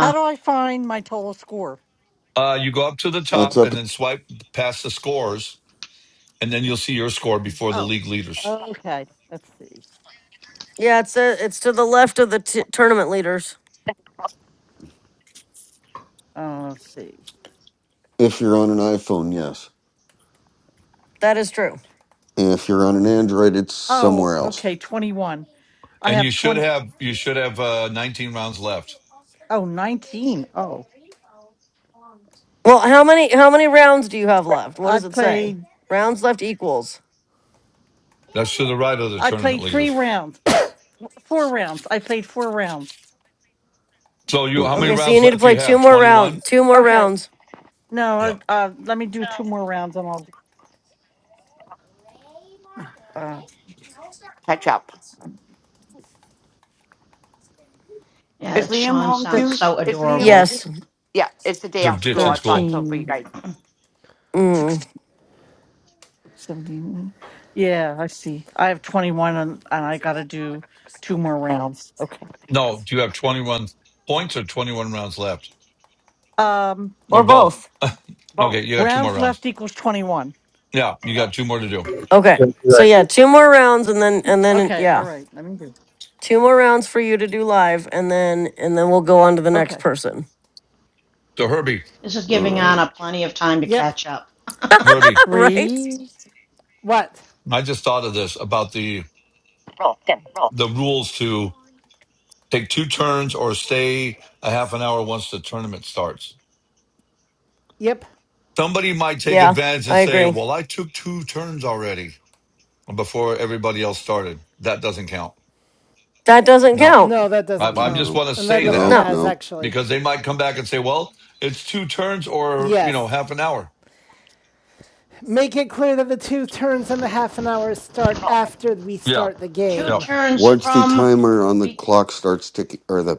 Speaker 15: how do I find my total score?
Speaker 6: Uh, you go up to the
Speaker 5: it's
Speaker 6: top
Speaker 5: up.
Speaker 6: and then swipe past the scores and then you'll see your score before the
Speaker 15: Oh,
Speaker 6: league leaders.
Speaker 15: okay. Let's see.
Speaker 2: Yeah, it's uh it's to the left of the t- tournament leaders.
Speaker 15: Uh, let's see.
Speaker 5: If you're on an iPhone, yes.
Speaker 2: That is true.
Speaker 5: If you're on an Android, it's
Speaker 15: Oh,
Speaker 5: somewhere else.
Speaker 15: okay, 21. I
Speaker 6: And you
Speaker 15: have
Speaker 6: should
Speaker 15: 20.
Speaker 6: have you should have uh, 19 rounds left.
Speaker 15: Oh, 19. Oh,
Speaker 2: Well, how many how many rounds do you have left? What
Speaker 15: I
Speaker 2: does it say?
Speaker 15: played
Speaker 2: Rounds left equals.
Speaker 6: That's to the right of the
Speaker 15: I
Speaker 6: tournament
Speaker 15: played three
Speaker 6: leaders.
Speaker 15: rounds. Four rounds. I played four rounds.
Speaker 6: So you how many
Speaker 5: Okay.
Speaker 2: Okay, so you
Speaker 6: rounds
Speaker 2: need to
Speaker 6: left do
Speaker 2: play
Speaker 6: you
Speaker 2: two
Speaker 6: have?
Speaker 2: more
Speaker 6: 21.
Speaker 2: round, two more
Speaker 15: Okay.
Speaker 2: rounds.
Speaker 15: No, uh,
Speaker 6: Yeah.
Speaker 15: uh, let me do two more rounds and I'll be done.
Speaker 12: ketchup. Is
Speaker 10: yeah,
Speaker 12: Liam
Speaker 10: Sean
Speaker 12: home
Speaker 10: sounds
Speaker 12: too?
Speaker 15: 6,
Speaker 10: so
Speaker 12: Is Liam?
Speaker 10: adorable.
Speaker 2: Yes.
Speaker 12: Is, yeah, it's the day
Speaker 6: They're
Speaker 12: off school.
Speaker 6: ditching
Speaker 12: I thought
Speaker 6: school.
Speaker 12: so for you
Speaker 15: thirteen,
Speaker 12: guys.
Speaker 2: Mm.
Speaker 15: sixteen, seventeen. Yeah, I see. I have 21 and, and I got to do two more rounds. Okay.
Speaker 6: No, do you have 21 points or 21 rounds left
Speaker 15: Um,
Speaker 6: or
Speaker 2: Or
Speaker 6: both?
Speaker 2: both.
Speaker 6: [LAUGHS]
Speaker 12: Boom.
Speaker 6: okay, you got two more
Speaker 15: Rounds
Speaker 6: rounds.
Speaker 15: left equals 21.
Speaker 6: Yeah, you got two more to do.
Speaker 2: Okay.
Speaker 9: Good,
Speaker 2: So
Speaker 9: good.
Speaker 2: yeah, two more rounds and then and then
Speaker 15: Okay. All
Speaker 2: yeah,
Speaker 15: right. Let me do.
Speaker 2: two more rounds for you to do live and then and then we'll go on to the next
Speaker 15: Okay.
Speaker 2: person.
Speaker 6: So Herbie,
Speaker 10: This is
Speaker 5: All
Speaker 10: giving
Speaker 5: right.
Speaker 10: Anna plenty of time to
Speaker 1: Yep.
Speaker 10: catch up. [LAUGHS]
Speaker 6: Herbie,
Speaker 2: [LAUGHS] right?
Speaker 15: Three.
Speaker 1: What?
Speaker 6: I just thought of this about the
Speaker 15: Roll, dim, roll,
Speaker 6: the rules to take two turns or stay a half an hour once the tournament starts.
Speaker 1: Yep.
Speaker 6: Somebody might take
Speaker 2: Yeah,
Speaker 6: advantage and
Speaker 2: I
Speaker 6: say,
Speaker 2: agree.
Speaker 6: "Well, I took two turns already before everybody else started." That doesn't count.
Speaker 2: That doesn't
Speaker 6: No,
Speaker 2: count.
Speaker 1: No, that
Speaker 6: I,
Speaker 1: doesn't
Speaker 6: I
Speaker 1: count.
Speaker 6: just
Speaker 5: Nope.
Speaker 6: want to
Speaker 1: And that
Speaker 6: say
Speaker 1: never
Speaker 6: that
Speaker 5: Nope.
Speaker 2: No.
Speaker 1: has,
Speaker 5: Nope.
Speaker 1: actually.
Speaker 6: because they might come back and say, "Well, it's two turns or you know
Speaker 1: Yes.
Speaker 6: half an hour."
Speaker 1: Make it clear that the two turns and the half an hour start
Speaker 15: roll.
Speaker 1: after we
Speaker 6: Yeah,
Speaker 1: start the
Speaker 10: Two
Speaker 6: yeah.
Speaker 1: game.
Speaker 10: turns
Speaker 5: Once the
Speaker 10: from.
Speaker 5: timer on the
Speaker 10: Be-
Speaker 5: clock starts ticking, or the,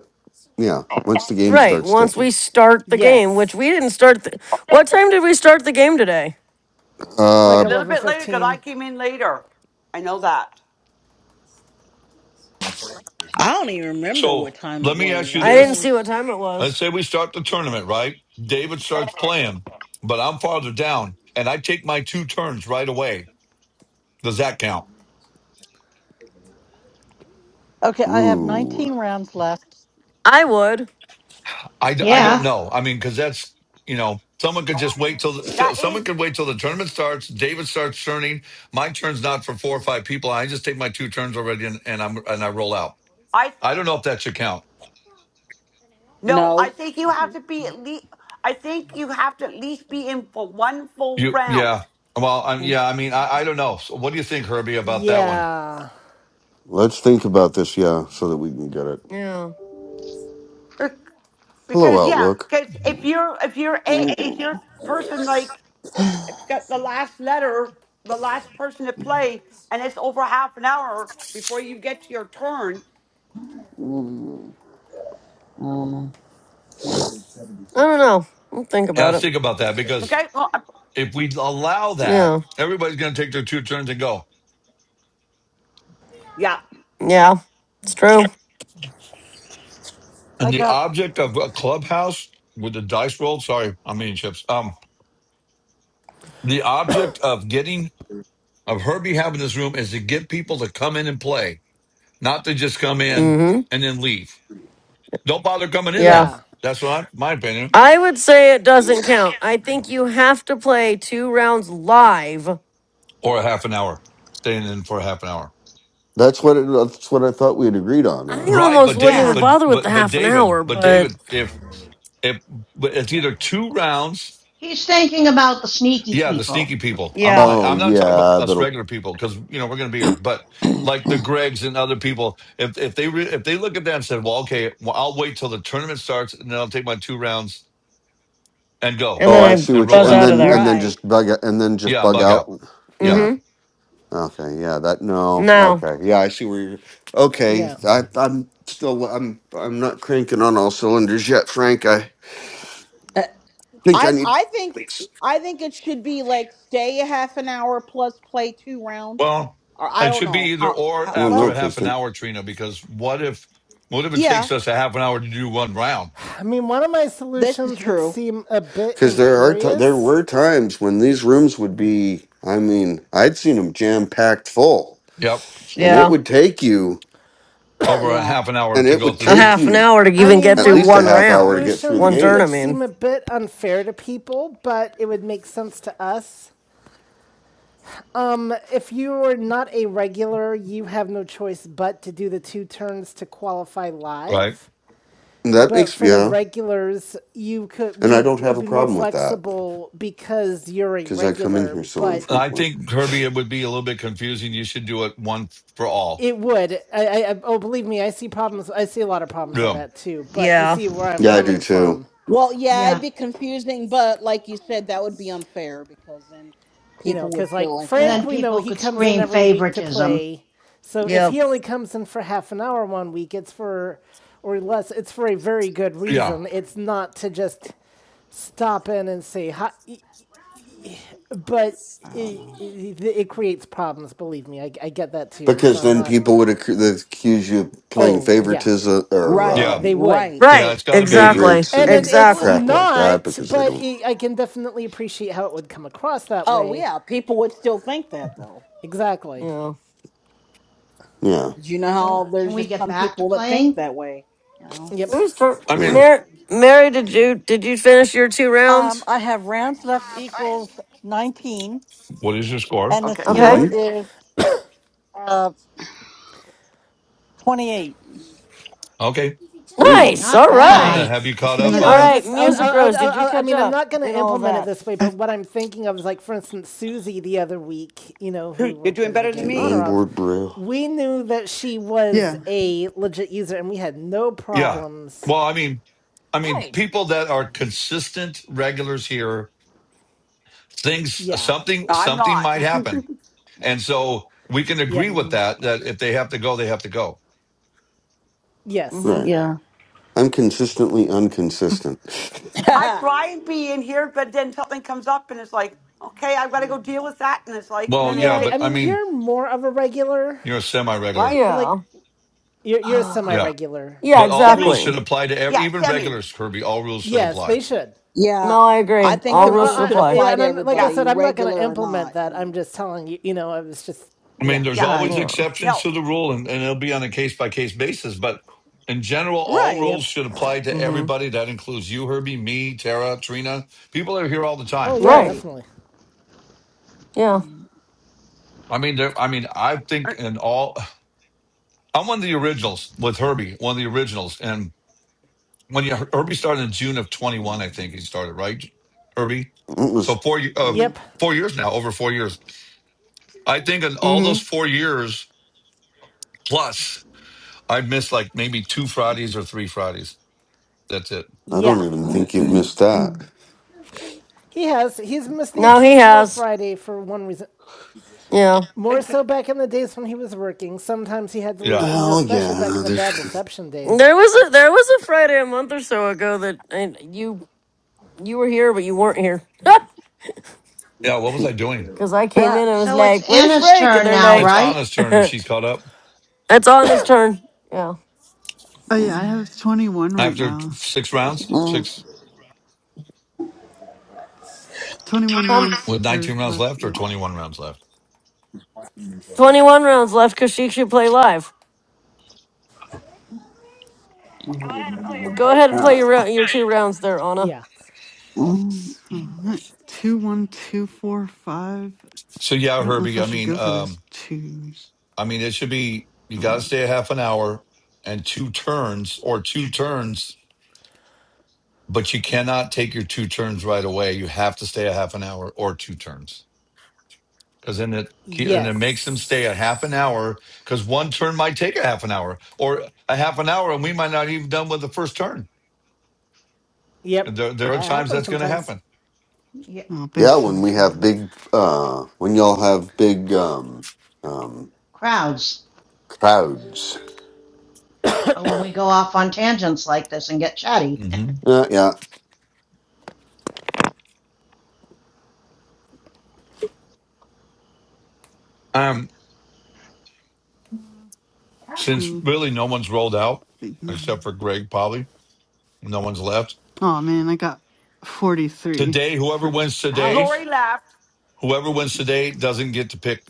Speaker 5: yeah, once the game
Speaker 2: Right.
Speaker 5: starts
Speaker 2: Once we
Speaker 5: ticking.
Speaker 2: start the game, which
Speaker 1: Yes.
Speaker 2: we didn't start. The, what time did we start the game today?
Speaker 1: Like
Speaker 12: A
Speaker 5: Uh,
Speaker 12: little bit later because I
Speaker 1: 11:15.
Speaker 12: came in later. I know that.
Speaker 4: I don't even remember what
Speaker 6: So
Speaker 4: time it
Speaker 6: let me ask
Speaker 4: was.
Speaker 6: you
Speaker 4: I
Speaker 2: I
Speaker 4: know
Speaker 2: didn't
Speaker 4: it
Speaker 6: this:
Speaker 2: see what
Speaker 4: was
Speaker 2: time it
Speaker 6: Let's
Speaker 2: was.
Speaker 6: say we start the tournament, right? David starts playing, but I'm farther down, and I take my two turns right away. Does that count?
Speaker 15: Okay. I have
Speaker 5: ooh.
Speaker 15: 19 rounds left.
Speaker 2: I would.
Speaker 6: I I d- I
Speaker 15: I,
Speaker 6: don't
Speaker 10: yeah,
Speaker 6: know. I mean, because that's you know someone could just wait till the, so-
Speaker 12: That is.
Speaker 6: someone could wait till the tournament starts. David starts turning. My turn's not for four or five people. I just take my two turns already and, and I'm and I roll out.
Speaker 12: I
Speaker 6: I don't know if that should count.
Speaker 12: no. I
Speaker 4: no.
Speaker 12: think you have to be at least. I think you have to at least be in for one full
Speaker 6: You
Speaker 12: round.
Speaker 6: yeah. Well, I'm, yeah. I mean, I, I don't know. So what do you think, Herbie, about that one?
Speaker 1: Yeah.
Speaker 5: Let's think about this, yeah, so that we can get it.
Speaker 2: Yeah.
Speaker 5: Hello,
Speaker 12: because yeah
Speaker 5: Outlook.
Speaker 12: because if you're if you're a
Speaker 4: Mm,
Speaker 12: if you're person like if it's got the last letter the last person to play and it's over half an hour before you get to your turn
Speaker 4: mm, I don't know.
Speaker 2: I don't know. We'll think
Speaker 6: Yeah,
Speaker 2: about
Speaker 6: let's
Speaker 2: it.
Speaker 6: think about that
Speaker 12: okay
Speaker 6: because
Speaker 12: well, I-
Speaker 6: if we allow that,
Speaker 2: Yeah.
Speaker 6: everybody's going to take their two turns and go.
Speaker 12: yeah
Speaker 2: Yeah. It's true.
Speaker 15: I
Speaker 6: And the
Speaker 15: got
Speaker 6: object of a clubhouse with the dice roll. Sorry, I'm eating chips. Um, the object of getting of her behalf in this room is to get people to come in and play, not to just come in
Speaker 2: Mm hmm.
Speaker 6: and then leave. Don't bother coming in
Speaker 2: Yeah.
Speaker 6: then.
Speaker 1: Yeah.
Speaker 6: That's what I, my opinion.
Speaker 2: I would say it doesn't count. I think you have to play two rounds live.
Speaker 6: Or a half an hour, staying in for a half an hour.
Speaker 5: That's what it, that's what I thought we had agreed on
Speaker 2: I
Speaker 5: already.
Speaker 6: Right,
Speaker 2: almost
Speaker 6: but
Speaker 2: wouldn't
Speaker 6: Dave,
Speaker 10: yeah.
Speaker 2: even
Speaker 6: but
Speaker 2: bother with the
Speaker 6: but but
Speaker 2: half an
Speaker 6: David,
Speaker 2: hour,
Speaker 6: but David,
Speaker 2: but
Speaker 6: if if but it's either two rounds,
Speaker 10: He's thinking about the sneaky
Speaker 6: yeah, the
Speaker 10: people.
Speaker 6: sneaky people. I'm
Speaker 2: yeah.
Speaker 6: I, I'm
Speaker 5: Oh
Speaker 6: not talking about
Speaker 5: yeah,
Speaker 6: us
Speaker 5: that'll.
Speaker 6: regular people because you know we're going to be here, but like the Gregs and other people, if if they re, if they look at that and said, well, okay, well, I'll wait till the tournament starts and then I'll take my two rounds and go
Speaker 2: And
Speaker 5: Oh, I
Speaker 2: then I
Speaker 5: see
Speaker 6: and
Speaker 5: what you're.
Speaker 6: roll
Speaker 2: buzz
Speaker 5: And
Speaker 2: out
Speaker 6: out.
Speaker 2: of
Speaker 5: then
Speaker 2: there.
Speaker 5: and then
Speaker 4: Right.
Speaker 5: just bug out, and then just
Speaker 6: Yeah, and
Speaker 5: bug
Speaker 6: bug out.
Speaker 5: out.
Speaker 6: Yeah.
Speaker 5: Yeah.
Speaker 2: Mm-hmm.
Speaker 5: Okay, yeah, that no.
Speaker 2: No.
Speaker 5: Okay, yeah, I see where you're. Okay,
Speaker 1: Yeah.
Speaker 5: I, I'm still. I'm. I'm not cranking on all cylinders yet, Frank. I
Speaker 4: Uh,
Speaker 5: think
Speaker 4: I
Speaker 5: I need.
Speaker 4: I think I think it should be like stay a half an hour plus play two rounds.
Speaker 6: Well,
Speaker 4: Or I
Speaker 6: it
Speaker 4: don't
Speaker 6: should be
Speaker 4: know
Speaker 6: either
Speaker 4: how
Speaker 6: or
Speaker 4: how
Speaker 5: Well,
Speaker 6: after
Speaker 5: no,
Speaker 4: well.
Speaker 6: a half
Speaker 5: because
Speaker 6: an
Speaker 5: then,
Speaker 6: hour, Trina, because what if what if it
Speaker 4: Yeah,
Speaker 6: takes us a half an hour to do one round?
Speaker 1: I mean, one of my
Speaker 4: this is
Speaker 1: solutions would
Speaker 4: true.
Speaker 1: seem a bit
Speaker 5: because there are ti there
Speaker 1: imperious.
Speaker 5: were times when these rooms would be. I mean, I'd seen them jam packed full,
Speaker 6: Yep.
Speaker 5: and it
Speaker 2: Yeah.
Speaker 5: would take you,
Speaker 6: Over a
Speaker 4: Yeah.
Speaker 6: half an hour
Speaker 5: and
Speaker 6: to
Speaker 5: it
Speaker 6: go
Speaker 5: would
Speaker 6: through
Speaker 2: A
Speaker 5: take
Speaker 6: Pew,
Speaker 2: half an
Speaker 5: you
Speaker 2: hour to
Speaker 1: I
Speaker 2: even
Speaker 1: mean,
Speaker 2: get
Speaker 5: at
Speaker 2: through
Speaker 1: one of
Speaker 5: least a
Speaker 2: one
Speaker 1: my
Speaker 5: half hour to
Speaker 2: round,
Speaker 5: get through the
Speaker 2: one
Speaker 1: solutions
Speaker 2: turn. I
Speaker 1: would
Speaker 5: games.
Speaker 1: seem
Speaker 2: mean.
Speaker 1: a bit unfair to people, but it would make sense to us. If you are not a regular, you have no choice but to do the two turns to qualify
Speaker 6: right?
Speaker 1: live.
Speaker 5: And that
Speaker 1: But
Speaker 5: makes
Speaker 1: for the
Speaker 5: yeah,
Speaker 1: regulars, you could
Speaker 5: and I
Speaker 1: we
Speaker 5: don't have
Speaker 1: could
Speaker 5: a
Speaker 1: be more
Speaker 5: problem with that
Speaker 1: flexible because you're a
Speaker 5: because I come in
Speaker 1: regular,
Speaker 5: here so
Speaker 1: but
Speaker 6: I
Speaker 5: infrequent.
Speaker 6: think Kirby, it would be a little bit confusing. You should do it one for all.
Speaker 1: it would. I, I, oh, believe me, I see problems. I see a lot of problems with
Speaker 6: Yeah.
Speaker 1: that too. But you
Speaker 2: Yeah.
Speaker 1: see where I'm
Speaker 5: Yeah, I do
Speaker 1: coming
Speaker 5: too.
Speaker 1: from.
Speaker 4: Well, yeah, it'd
Speaker 10: Yeah.
Speaker 4: be confusing, but like you said, that would be unfair because then
Speaker 1: you
Speaker 4: people
Speaker 1: know,
Speaker 4: would
Speaker 1: because
Speaker 4: feel
Speaker 1: like
Speaker 4: like
Speaker 10: And
Speaker 4: that.
Speaker 1: Frank,
Speaker 10: then
Speaker 1: we know
Speaker 10: people
Speaker 1: he
Speaker 10: could
Speaker 1: comes in
Speaker 10: scream
Speaker 1: every week to
Speaker 10: favoritism.
Speaker 1: play. So if
Speaker 2: Yep.
Speaker 1: he only comes in for half an hour one week, it's for or less. It's for a very good
Speaker 6: Yeah.
Speaker 1: reason. It's not to just stop in and say hi, but
Speaker 4: I don't
Speaker 1: it,
Speaker 4: know.
Speaker 1: it, it creates problems. Believe me, I, I get that too, and so
Speaker 5: Because
Speaker 1: I'm
Speaker 5: then
Speaker 1: not.
Speaker 5: people would accu- they'd accuse you of playing
Speaker 1: Oh yeah,
Speaker 5: favoritism or
Speaker 4: Right,
Speaker 6: Yeah.
Speaker 1: they
Speaker 5: um,
Speaker 1: would.
Speaker 4: right.
Speaker 6: Yeah.
Speaker 2: Right.
Speaker 6: It's gotta be
Speaker 2: Exactly.
Speaker 5: favorites
Speaker 1: And it,
Speaker 5: and
Speaker 1: it's
Speaker 10: Who
Speaker 2: Exactly.
Speaker 5: crap like that
Speaker 1: not,
Speaker 5: because they
Speaker 1: but
Speaker 5: don't.
Speaker 1: it, I can definitely appreciate how it would come across that
Speaker 4: Oh
Speaker 1: way.
Speaker 4: yeah, people would still think that though.
Speaker 1: Exactly.
Speaker 2: Yeah.
Speaker 5: Yeah,
Speaker 4: You know
Speaker 10: can
Speaker 4: how
Speaker 10: can
Speaker 4: there's
Speaker 10: we
Speaker 4: just
Speaker 10: get
Speaker 4: some
Speaker 10: back to
Speaker 4: people that think
Speaker 10: playing?
Speaker 4: that way, you know?
Speaker 1: Yep.
Speaker 2: Who's turn?
Speaker 6: I
Speaker 5: yeah.
Speaker 6: mean,
Speaker 2: Mary, Mary, did you did you finish your two
Speaker 15: Um,
Speaker 2: rounds?
Speaker 15: I have rounds left equals 19,
Speaker 6: what is your score?
Speaker 15: and the
Speaker 12: okay
Speaker 10: Yep.
Speaker 2: Okay.
Speaker 12: good
Speaker 15: score
Speaker 1: Yep.
Speaker 5: hmm
Speaker 15: is uh 28.
Speaker 6: Okay.
Speaker 5: Ooh,
Speaker 2: Nice.
Speaker 10: Not
Speaker 2: All
Speaker 6: Anna,
Speaker 15: 28.
Speaker 10: bad.
Speaker 2: right.
Speaker 1: Nice,
Speaker 6: have you
Speaker 16: [LAUGHS]
Speaker 6: caught
Speaker 1: but
Speaker 6: up,
Speaker 1: you know,
Speaker 2: All
Speaker 1: I'm
Speaker 6: Anna?
Speaker 16: nice.
Speaker 2: right.
Speaker 1: just, I, will
Speaker 2: Music
Speaker 1: I,
Speaker 2: Rose,
Speaker 1: will I,
Speaker 2: did you
Speaker 1: I, I
Speaker 2: catch
Speaker 1: mean, I'm
Speaker 2: up
Speaker 1: not going
Speaker 2: in
Speaker 1: to
Speaker 2: all of
Speaker 1: implement it
Speaker 2: that?
Speaker 1: this way,
Speaker 16: Uh,
Speaker 1: but what I'm thinking of is like, for instance, Susie the other week, you know, who
Speaker 12: [LAUGHS]
Speaker 1: we're
Speaker 12: you're doing
Speaker 1: playing the
Speaker 12: better than
Speaker 1: game
Speaker 5: the
Speaker 1: in honor
Speaker 12: me
Speaker 1: of,
Speaker 5: onboard braille.
Speaker 1: we knew that she was
Speaker 16: yeah.
Speaker 1: a legit user, and we had no
Speaker 6: Yeah.
Speaker 1: problems.
Speaker 6: Well, I mean, I mean,
Speaker 2: Right.
Speaker 6: people that are consistent regulars here, things
Speaker 1: Yeah.
Speaker 6: something
Speaker 12: No, i'm
Speaker 6: something
Speaker 12: not
Speaker 6: might
Speaker 12: [LAUGHS]
Speaker 6: happen. And so we can agree
Speaker 1: Yep.
Speaker 6: with that that if they have to go, they have to go.
Speaker 1: Yes.
Speaker 2: Mm-hmm.
Speaker 5: Right.
Speaker 4: Yeah.
Speaker 5: I'm consistently unconsistent.
Speaker 10: [LAUGHS]
Speaker 12: i
Speaker 4: [LAUGHS]
Speaker 12: try and be in here but then something comes up and it's like okay i've got to go deal with that and it's like
Speaker 6: Well,
Speaker 12: then i
Speaker 6: yeah,
Speaker 1: Yeah.
Speaker 12: get
Speaker 6: but
Speaker 1: I
Speaker 6: I
Speaker 1: mean,
Speaker 6: mean,
Speaker 1: you're more of a regular,
Speaker 6: you're a
Speaker 12: what
Speaker 6: semi-regular.
Speaker 1: but
Speaker 2: Yeah.
Speaker 1: like, you're you're a
Speaker 6: Yeah.
Speaker 1: semi-regular.
Speaker 2: Yeah,
Speaker 6: But all rules
Speaker 12: semi
Speaker 2: exactly.
Speaker 6: should apply to ev-
Speaker 12: yeah
Speaker 6: even
Speaker 12: semi
Speaker 6: regulars, Kirby. All rules should
Speaker 1: Yes,
Speaker 6: apply.
Speaker 1: they should.
Speaker 4: yeah,
Speaker 2: No, I
Speaker 4: I
Speaker 2: agree.
Speaker 4: think
Speaker 2: All
Speaker 4: the
Speaker 1: Oh, I,
Speaker 2: rules
Speaker 4: rules
Speaker 2: should
Speaker 4: should
Speaker 1: I,
Speaker 2: apply.
Speaker 1: yeah,
Speaker 4: apply to
Speaker 1: and I'm like
Speaker 12: yeah
Speaker 1: I
Speaker 4: everybody,
Speaker 1: said, I'm not gonna
Speaker 4: regular or
Speaker 1: implement
Speaker 4: not, you
Speaker 1: that. I'm
Speaker 4: know?
Speaker 1: just telling you. You know, I was just
Speaker 6: I mean,
Speaker 1: yeah.
Speaker 6: there's
Speaker 12: yeah
Speaker 6: always
Speaker 10: right.
Speaker 2: Yeah.
Speaker 6: exceptions
Speaker 12: no
Speaker 6: to the rule and, and it'll be on a case by case basis, but in general, all
Speaker 4: Right,
Speaker 6: rules
Speaker 1: Yep.
Speaker 6: should apply to
Speaker 2: hmm
Speaker 6: everybody. That includes you, Herbie, me, Tara, Trina. People are here all the time
Speaker 1: Oh yeah,
Speaker 2: Right.
Speaker 4: right.
Speaker 1: definitely.
Speaker 2: Yeah.
Speaker 6: I mean, there, I mean, I
Speaker 12: Uh,
Speaker 6: think in all, I'm one of the originals with Herbie, one of the originals. And when you, Herbie started in June of 21, I think he started, right? Herbie.
Speaker 5: It
Speaker 6: So
Speaker 5: was.
Speaker 6: four, ye- uh,
Speaker 4: Mm.
Speaker 1: Yep.
Speaker 6: four years now, over four years. I think in all
Speaker 2: hmm
Speaker 6: those four years plus, I missed like maybe two Fridays or three Fridays. That's it.
Speaker 5: I don't
Speaker 1: Yeah.
Speaker 5: even think you've missed that.
Speaker 1: He has. He's missed the
Speaker 2: No, he
Speaker 1: occasional
Speaker 2: has.
Speaker 1: Friday for one reason.
Speaker 2: Yeah.
Speaker 1: More
Speaker 12: okay.
Speaker 1: so back in the days when he was working. Sometimes he had to leave,
Speaker 6: Yeah.
Speaker 1: you know,
Speaker 5: Well,
Speaker 1: especially back in
Speaker 5: yeah.
Speaker 1: the bad
Speaker 5: There's,
Speaker 1: reception days.
Speaker 2: There was a there was a Friday a month or so ago that and you you were here but you weren't here [LAUGHS]
Speaker 6: Yeah. What was I doing?
Speaker 2: because I came
Speaker 4: Ah,
Speaker 2: in and was
Speaker 10: So it's
Speaker 2: like, "Where's
Speaker 10: Anna's
Speaker 2: Frank?" and
Speaker 10: turn
Speaker 2: they're
Speaker 10: now,
Speaker 6: It's
Speaker 2: like,
Speaker 10: right?
Speaker 6: Anna's
Speaker 2: [LAUGHS]
Speaker 6: turn if she's
Speaker 2: "It's
Speaker 6: caught up
Speaker 2: on his turn." Yeah.
Speaker 16: Oh, yeah. I
Speaker 4: Mm.
Speaker 16: have 21 right
Speaker 6: after
Speaker 16: now.
Speaker 6: six rounds,
Speaker 4: mm,
Speaker 6: six
Speaker 16: 21
Speaker 2: Um,
Speaker 16: rounds
Speaker 6: with
Speaker 16: are
Speaker 6: 19 rounds
Speaker 16: left
Speaker 6: left or
Speaker 16: yet.
Speaker 6: 21 rounds left.
Speaker 2: twenty one rounds left because she should play live. Go ahead and play your rou- your two rounds there, Anna.
Speaker 1: Yeah.
Speaker 4: mm.
Speaker 16: So, alright. two, one, two, four, five.
Speaker 6: So yeah,
Speaker 16: I don't know if
Speaker 6: Herbie,
Speaker 16: I
Speaker 6: I
Speaker 16: should
Speaker 6: mean,
Speaker 16: go for those
Speaker 6: um,
Speaker 16: twos.
Speaker 6: I mean, it should be you got to
Speaker 16: Probably.
Speaker 6: stay a half an hour and two turns or two turns, but you cannot take your two turns right away. You have to stay a half an hour or two turns because then it and it makes them stay a half an
Speaker 1: Yes.
Speaker 6: hour because one turn might take a half an hour or a half an hour, and we might not even done with the first turn.
Speaker 1: Yep.
Speaker 6: There, there are
Speaker 1: That
Speaker 6: times
Speaker 1: happens
Speaker 6: that's going to
Speaker 1: sometimes.
Speaker 6: happen.
Speaker 10: Yeah,
Speaker 16: Oh, bank
Speaker 5: yeah, when
Speaker 16: seven
Speaker 5: we
Speaker 16: for
Speaker 5: have
Speaker 16: that.
Speaker 5: big, uh, when y'all have big, um, um,
Speaker 10: crowds.
Speaker 5: crowds.
Speaker 10: Oh, when we go off on tangents like this and get chatty.
Speaker 6: hmm
Speaker 5: Uh, yeah.
Speaker 6: Um, since
Speaker 16: Two,
Speaker 6: really no one's rolled out
Speaker 16: big
Speaker 6: except
Speaker 16: nine.
Speaker 6: for Greg, probably no one's left
Speaker 16: Oh, man. I got 43
Speaker 6: today. Whoever
Speaker 16: for.
Speaker 6: wins today
Speaker 1: Ouch.
Speaker 12: Lori laughed.
Speaker 6: whoever wins today doesn't get to pick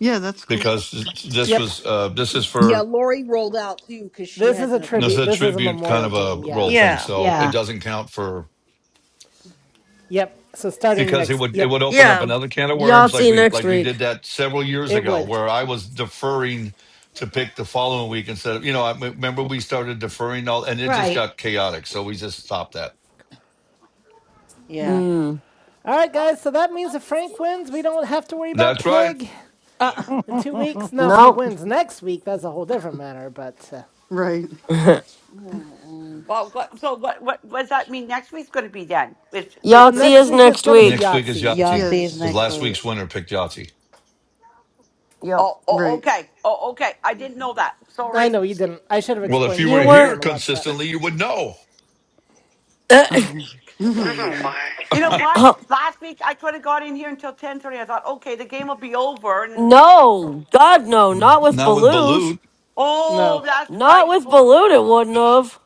Speaker 16: Yeah, that's cool.
Speaker 6: because this
Speaker 1: Yep.
Speaker 6: was uh, this is
Speaker 4: Yeah,
Speaker 6: for
Speaker 4: Lori rolled out too because she
Speaker 1: This is
Speaker 4: had
Speaker 1: a
Speaker 4: to
Speaker 6: this is
Speaker 1: tribute.
Speaker 6: a
Speaker 4: take her
Speaker 1: This is
Speaker 4: time.
Speaker 1: a
Speaker 6: tribute kind
Speaker 1: memorial
Speaker 6: of
Speaker 1: game.
Speaker 6: a
Speaker 1: Yeah.
Speaker 6: role thing,
Speaker 2: Yeah.
Speaker 6: so
Speaker 10: Yeah.
Speaker 6: it doesn't count for
Speaker 1: Yep. So starting
Speaker 6: because it
Speaker 1: next.
Speaker 6: would it would
Speaker 1: Yep.
Speaker 6: open up
Speaker 2: Yeah.
Speaker 6: another can of
Speaker 2: Y'all
Speaker 6: worms
Speaker 2: see
Speaker 6: like
Speaker 2: you
Speaker 6: we
Speaker 2: next
Speaker 6: like we
Speaker 2: week.
Speaker 6: did that several years
Speaker 1: It
Speaker 6: ago
Speaker 1: would.
Speaker 6: where I was deferring to pick the following week instead of you know I remember we started deferring all and it just
Speaker 10: Right.
Speaker 6: got chaotic, so we just stopped that.
Speaker 16: Hmm.
Speaker 4: Yeah.
Speaker 2: Mm.
Speaker 1: All right, guys. So that means if Frank wins, we don't have to worry about
Speaker 6: That's right.
Speaker 1: Pig.
Speaker 4: Uh,
Speaker 1: in two weeks. Now, if he
Speaker 2: Nope.
Speaker 1: wins next week, that's a whole different matter. But uh,
Speaker 16: Right.
Speaker 2: [LAUGHS]
Speaker 4: mm-mm.
Speaker 12: Well, what, so what, what? What does that mean? Next week's going to be then. With, with,
Speaker 1: oh,
Speaker 2: Y'all
Speaker 12: with,
Speaker 2: see
Speaker 1: next
Speaker 2: us
Speaker 1: week is
Speaker 2: next
Speaker 1: gonna be
Speaker 2: week.
Speaker 6: Next week is
Speaker 1: Yahtzee.
Speaker 4: Y'all
Speaker 6: Yahtzee
Speaker 16: Yeah,
Speaker 4: see us
Speaker 16: that's
Speaker 6: because
Speaker 4: next
Speaker 6: last
Speaker 16: shots.
Speaker 4: week.
Speaker 6: week's
Speaker 4: [LAUGHS]
Speaker 6: winner picked Yahtzee.
Speaker 2: Yep.
Speaker 12: oh, oh,
Speaker 16: Right.
Speaker 12: okay. Oh, okay. I didn't know that.
Speaker 1: I
Speaker 12: Sorry.
Speaker 1: know you didn't. I should have
Speaker 6: Well, if
Speaker 1: explained it
Speaker 6: you
Speaker 1: to
Speaker 6: were
Speaker 2: You
Speaker 1: those of you
Speaker 2: weren't.
Speaker 6: here
Speaker 1: on the WhatsApp.
Speaker 6: consistently, you would know.
Speaker 2: [COUGHS] [CLEARS THROAT]
Speaker 4: Oh.
Speaker 16: [LAUGHS] Oh,
Speaker 4: Oh
Speaker 16: my.
Speaker 4: my.
Speaker 12: You
Speaker 6: [LAUGHS]
Speaker 12: know what?
Speaker 6: Not
Speaker 2: oh,
Speaker 12: Last week I could have got in here until ten thirty. I thought, okay, the game will be over, and
Speaker 2: no. God, no. Not with
Speaker 6: with
Speaker 2: Balut.
Speaker 6: Balut.
Speaker 12: oh,
Speaker 1: No,
Speaker 12: that's
Speaker 2: Not
Speaker 12: right.
Speaker 2: with
Speaker 12: Bl-
Speaker 2: Balut, it wouldn't have.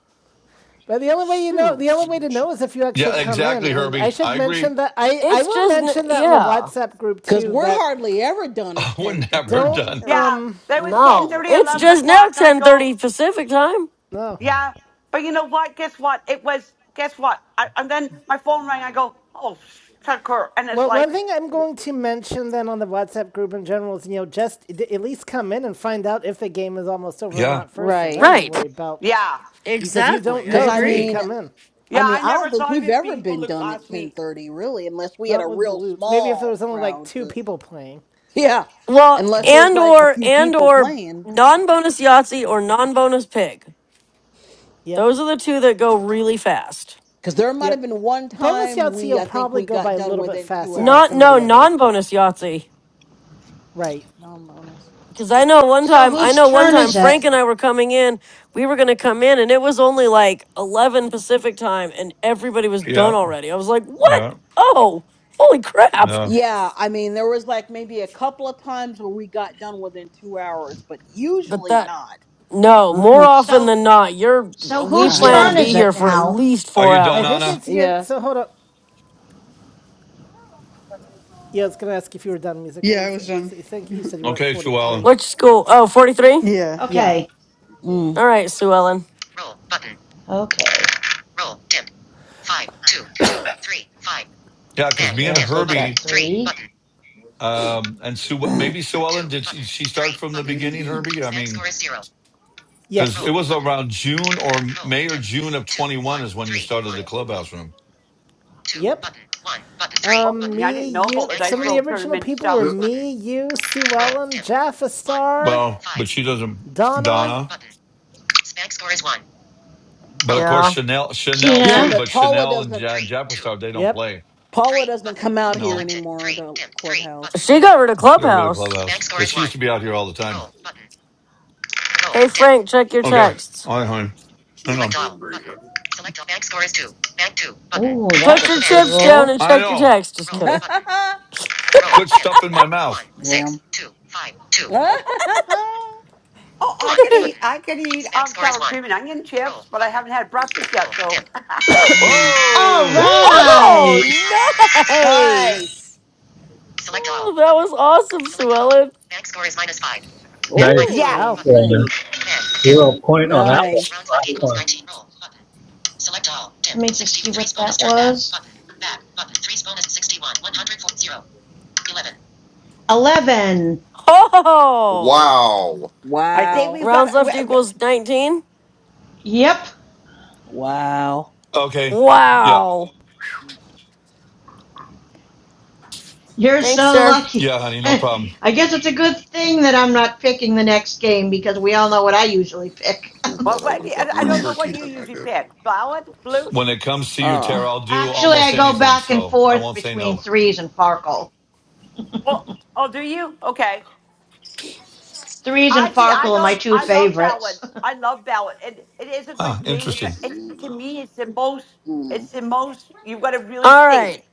Speaker 1: but the only way you know,
Speaker 2: Shoot.
Speaker 1: the only way to know is if you actually
Speaker 6: Yeah,
Speaker 1: come
Speaker 6: exactly,
Speaker 1: in. And I
Speaker 6: Herbie.
Speaker 1: should
Speaker 6: I agree.
Speaker 1: mention that I I
Speaker 2: It's
Speaker 1: will
Speaker 2: just. N-
Speaker 1: mention that in the
Speaker 2: yeah.
Speaker 1: WhatsApp group
Speaker 4: Because
Speaker 1: too.
Speaker 4: we're
Speaker 1: That
Speaker 4: hardly ever done
Speaker 6: [LAUGHS]
Speaker 4: at
Speaker 6: I
Speaker 4: 10. thirty.
Speaker 6: wouldn't have her
Speaker 4: well, I
Speaker 1: don't
Speaker 4: think
Speaker 6: done.
Speaker 4: there was.
Speaker 12: Yeah,
Speaker 1: um
Speaker 12: there was ten
Speaker 2: No.
Speaker 12: thirty,
Speaker 2: It's
Speaker 12: eleven
Speaker 2: just now
Speaker 12: o'clock, and I go,
Speaker 2: 10.30 Pacific time.
Speaker 1: no.
Speaker 6: Mm.
Speaker 12: yeah. But you know what? Guess what? It was. Guess what? I, and then my phone rang. I
Speaker 4: Mm.
Speaker 12: go, oh, Tucker, and it's
Speaker 1: Well,
Speaker 12: like,
Speaker 1: one thing I'm going to mention then on the WhatsApp group in general is you know just d- at least come in and find out if the game is almost over or
Speaker 6: Yeah,
Speaker 1: not first, and
Speaker 4: Right.
Speaker 1: then
Speaker 2: Right.
Speaker 1: worry about
Speaker 12: yeah,
Speaker 1: you because you don't
Speaker 2: Exactly. I
Speaker 4: Because
Speaker 1: know
Speaker 4: I
Speaker 1: till you
Speaker 4: mean,
Speaker 2: agree.
Speaker 1: come in.
Speaker 4: I
Speaker 12: yeah.
Speaker 4: mean,
Speaker 12: I
Speaker 4: I
Speaker 12: never
Speaker 4: don't think
Speaker 12: thought of
Speaker 4: we've
Speaker 12: it
Speaker 4: ever
Speaker 12: being
Speaker 4: been
Speaker 12: balut
Speaker 4: done at
Speaker 12: last week.
Speaker 4: 10:30, really, unless we had a
Speaker 1: Not with
Speaker 4: real
Speaker 1: Balut. Maybe if there
Speaker 4: small
Speaker 1: was only like
Speaker 4: crowd,
Speaker 1: two
Speaker 4: but
Speaker 1: people playing.
Speaker 4: [LAUGHS] yeah,
Speaker 2: Well,
Speaker 4: unless there was
Speaker 2: and
Speaker 4: like a
Speaker 2: or,
Speaker 4: few
Speaker 2: and
Speaker 4: people
Speaker 2: or
Speaker 4: playing
Speaker 2: non-bonus Yahtzee or non-bonus Pig.
Speaker 1: Yep.
Speaker 2: Those are the two that go really fast.
Speaker 4: cuz there might have
Speaker 1: Yep.
Speaker 4: been one
Speaker 1: Bonus
Speaker 4: time
Speaker 1: Yahtzee
Speaker 4: we
Speaker 1: will
Speaker 4: I think
Speaker 1: probably
Speaker 4: we
Speaker 1: go by
Speaker 4: got
Speaker 1: a
Speaker 4: done
Speaker 1: little bit
Speaker 4: within 2
Speaker 1: faster than
Speaker 2: Not
Speaker 4: hours,
Speaker 1: some of
Speaker 2: no
Speaker 4: but
Speaker 1: the others, but
Speaker 2: non-bonus Yahtzee.
Speaker 1: right.
Speaker 4: non-bonus.
Speaker 2: Because I know one
Speaker 10: So
Speaker 2: time, I
Speaker 10: whose
Speaker 2: know one
Speaker 10: turn
Speaker 2: time
Speaker 10: is
Speaker 2: Frank
Speaker 10: it?
Speaker 2: and I were coming in. We were gonna come in, and it was only like eleven Pacific time, and everybody was done
Speaker 6: yeah,
Speaker 2: already. I was like, "What?
Speaker 6: yeah,
Speaker 2: Oh, holy crap!"
Speaker 6: yeah.
Speaker 4: Yeah, I mean, there was like maybe a couple of times where we got done within 2 hours, but
Speaker 2: But
Speaker 4: usually
Speaker 2: that
Speaker 4: not.
Speaker 2: no, more
Speaker 4: Uh-huh.
Speaker 2: often
Speaker 10: So,
Speaker 2: than not, you're
Speaker 10: so
Speaker 2: we
Speaker 10: whose
Speaker 2: plan to
Speaker 4: Yeah.
Speaker 10: turn
Speaker 2: be
Speaker 10: is
Speaker 2: here
Speaker 10: it
Speaker 2: for at
Speaker 10: now?
Speaker 2: least
Speaker 6: Are
Speaker 2: four
Speaker 6: you done,
Speaker 1: I think
Speaker 2: hours.
Speaker 6: Anna?
Speaker 1: it's your.
Speaker 4: Yeah.
Speaker 1: So hold on. Yeah, I was going to ask if you were done music,
Speaker 16: Yeah, I
Speaker 1: Rose.
Speaker 16: was done.
Speaker 1: I think you said you were at
Speaker 6: Okay, Sue Ellen.
Speaker 1: 43.
Speaker 2: Which school? Oh, 43?
Speaker 16: Yeah.
Speaker 1: Yeah.
Speaker 10: Okay.
Speaker 4: Mm.
Speaker 2: All right, Sue Ellen.
Speaker 10: Okay.
Speaker 6: Yeah, because
Speaker 10: Okay,
Speaker 6: me
Speaker 10: I'll
Speaker 6: and
Speaker 10: take that
Speaker 6: Herbie
Speaker 10: three.
Speaker 6: um, and Sue, maybe Sue Ellen, did she, she start from the
Speaker 5: Beanie
Speaker 6: beginning,
Speaker 5: Bean.
Speaker 6: Herbie? I mean, because it
Speaker 1: Yes.
Speaker 6: was around June or May or June of 21 is when you started the clubhouse room.
Speaker 1: Yep. Um,
Speaker 12: Yeah, I
Speaker 1: me,
Speaker 12: didn't know about
Speaker 1: you.
Speaker 12: the dice
Speaker 1: Some of the
Speaker 12: roll
Speaker 1: original
Speaker 12: tournament
Speaker 1: people were
Speaker 12: stuff.
Speaker 5: There's
Speaker 1: me, you, Sue Ellen, Jaffa Star,
Speaker 6: Well, but she doesn't,
Speaker 1: Donna.
Speaker 6: Donna. But of course,
Speaker 2: Yeah,
Speaker 6: Chanel, Chanel
Speaker 4: Yeah,
Speaker 10: Tina.
Speaker 6: too,
Speaker 4: but
Speaker 6: but
Speaker 4: Paula
Speaker 6: Chanel and
Speaker 4: doesn't
Speaker 6: ja- Japper Star, they don't
Speaker 1: Yep.
Speaker 6: play.
Speaker 4: Paula doesn't come out here
Speaker 6: No,
Speaker 4: anymore to clubhouse,
Speaker 2: she
Speaker 4: so.
Speaker 2: got rid of
Speaker 6: she got rid of
Speaker 2: Clubhouse.
Speaker 6: clubhouse because she used to be out here all the time.
Speaker 2: Hey Frank, check your
Speaker 6: Okay.
Speaker 2: texts.
Speaker 6: All right, honey.
Speaker 5: no
Speaker 6: Hang on.
Speaker 5: cranberry.
Speaker 10: Ooh, that
Speaker 2: Put
Speaker 10: was a
Speaker 2: your
Speaker 10: good
Speaker 2: chips down
Speaker 10: roll.
Speaker 2: and
Speaker 6: I
Speaker 2: check your
Speaker 6: know.
Speaker 2: texts. Just
Speaker 4: [LAUGHS]
Speaker 2: kidding.
Speaker 6: Quit stuffing my mouth.
Speaker 4: Damn. [LAUGHS]
Speaker 12: Oh, I could eat.
Speaker 2: [LAUGHS]
Speaker 12: I could eat um, sour cream and onion chips, but I haven't had breakfast yet. So
Speaker 4: Mhm.
Speaker 10: All
Speaker 6: Oh,
Speaker 4: Ooh.
Speaker 10: right.
Speaker 2: oh,
Speaker 12: [LAUGHS] Nice.
Speaker 2: nice. Oh, that was awesome, Sue Ellen.
Speaker 9: Nice.
Speaker 1: Wow.
Speaker 4: Ooh.
Speaker 12: Yes.
Speaker 9: Yeah,
Speaker 4: Nice.
Speaker 9: zero point on that one.
Speaker 4: Nice.
Speaker 9: Last one.
Speaker 10: Let me just see what that was. 11.
Speaker 2: Oh,
Speaker 5: Wow.
Speaker 12: I think
Speaker 4: Wow.
Speaker 12: we've
Speaker 2: rounds
Speaker 12: got. we-
Speaker 2: left
Speaker 12: we-
Speaker 2: equals 19.
Speaker 10: Yep.
Speaker 4: Wow.
Speaker 6: okay. Yeah,
Speaker 2: Wow.
Speaker 10: You're
Speaker 2: Thanks,
Speaker 10: so
Speaker 2: sir.
Speaker 10: lucky.
Speaker 6: yeah, honey,
Speaker 10: [LAUGHS]
Speaker 6: no problem.
Speaker 10: I guess it's a good thing that I'm not picking the next game because we all know what I usually pick.
Speaker 5: I
Speaker 12: What,
Speaker 10: [LAUGHS]
Speaker 5: thought I
Speaker 12: what,
Speaker 5: would
Speaker 12: do
Speaker 5: have
Speaker 12: you- I
Speaker 5: got
Speaker 12: I
Speaker 5: more
Speaker 12: don't know
Speaker 5: turkey
Speaker 12: what you
Speaker 5: than I
Speaker 12: usually
Speaker 5: did.
Speaker 12: pick. Ballad? Blute?
Speaker 6: When it comes to you, Tara,
Speaker 4: Uh.
Speaker 6: I'll do
Speaker 10: Actually,
Speaker 6: almost
Speaker 10: I go
Speaker 6: anything,
Speaker 10: back and
Speaker 6: so I
Speaker 10: forth
Speaker 6: won't say
Speaker 10: between
Speaker 6: no.
Speaker 10: threes and Farkle.
Speaker 12: Oh,
Speaker 10: [LAUGHS]
Speaker 12: oh, do you? Okay.
Speaker 10: Threes and
Speaker 12: I see. I
Speaker 10: Farkle are my
Speaker 12: don't.
Speaker 10: two
Speaker 12: I love
Speaker 10: favorites.
Speaker 12: ballads. I love ballad, and it is a
Speaker 6: Huh,
Speaker 12: good game. It's a.
Speaker 6: interesting.
Speaker 12: It's to me. It's the most.
Speaker 4: mm.
Speaker 12: It's the most. You've got to really
Speaker 2: All
Speaker 12: think.
Speaker 2: right.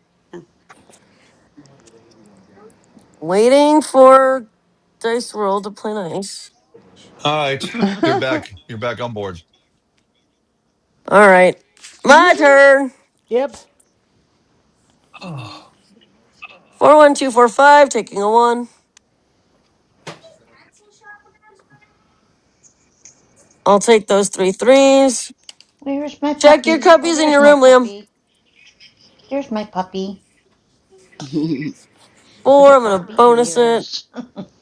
Speaker 2: Waiting for Dice Roll to play nice.
Speaker 6: All right,
Speaker 10: [LAUGHS]
Speaker 6: you're
Speaker 4: [LAUGHS]
Speaker 6: back. You're back on board. [SIGHS]
Speaker 2: All right. My turn.
Speaker 1: Yep.
Speaker 6: Oh.
Speaker 2: 41245, taking a 1. I'll take those three threes.
Speaker 10: Where's my
Speaker 2: Check your
Speaker 10: puppy? Oh,
Speaker 2: cubbies in
Speaker 10: there's
Speaker 2: your
Speaker 10: my
Speaker 2: room, Liam.
Speaker 10: puppy. There's my puppy with the
Speaker 2: 4, I'm going to
Speaker 10: floppy
Speaker 2: bonus it.
Speaker 10: ears. [LAUGHS]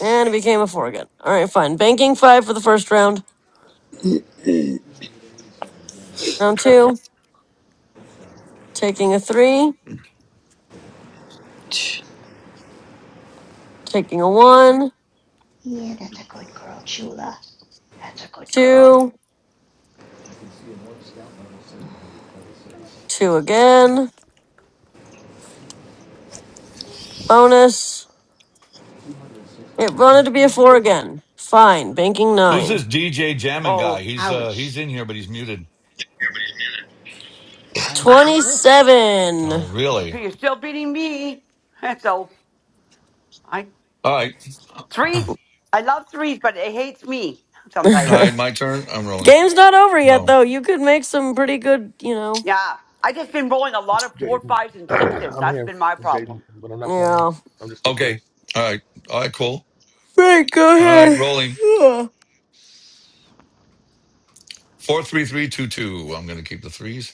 Speaker 2: And it became a 4 again. All right, fine. Banking 5 for the first round. Round two, taking a three, taking a one,
Speaker 10: yeah, that's a good girl, Chula. That's a good girl.
Speaker 2: two, two again. Bonus. It wanted to be a four again. Fine, banking
Speaker 6: Who's
Speaker 2: nine.
Speaker 6: this DJ jamming
Speaker 12: Oh,
Speaker 6: guy? He's uh he's
Speaker 10: Ouch.
Speaker 6: in here, but he's muted.
Speaker 1: I don't know.
Speaker 2: 27.
Speaker 6: Oh, really?
Speaker 12: you're still beating me. [LAUGHS] And so I.
Speaker 6: All right, [CLEARS THROAT] all
Speaker 12: Threes, I love threes, but it hates me sometimes.
Speaker 6: right.
Speaker 2: [LAUGHS]
Speaker 6: My turn. I'm rolling.
Speaker 2: Game's not over yet,
Speaker 6: No.
Speaker 2: though. You could make some pretty good, you know.
Speaker 12: Yeah, I just been rolling a lot
Speaker 17: It's
Speaker 12: of four,
Speaker 17: Jaden.
Speaker 12: fives,
Speaker 17: [CLEARS THROAT]
Speaker 12: and sixes.
Speaker 17: I'm
Speaker 12: That's
Speaker 17: here.
Speaker 12: been my
Speaker 17: It's Jaden,
Speaker 12: problem
Speaker 17: but I'm not playing.
Speaker 2: Yeah.
Speaker 17: I'm just listening.
Speaker 6: Okay. All right. All right. Cool.
Speaker 2: Right, go
Speaker 6: All right.
Speaker 2: ahead.
Speaker 6: Rolling.
Speaker 2: Ugh.
Speaker 6: Four, three, three, two, two. I'm gonna keep the threes.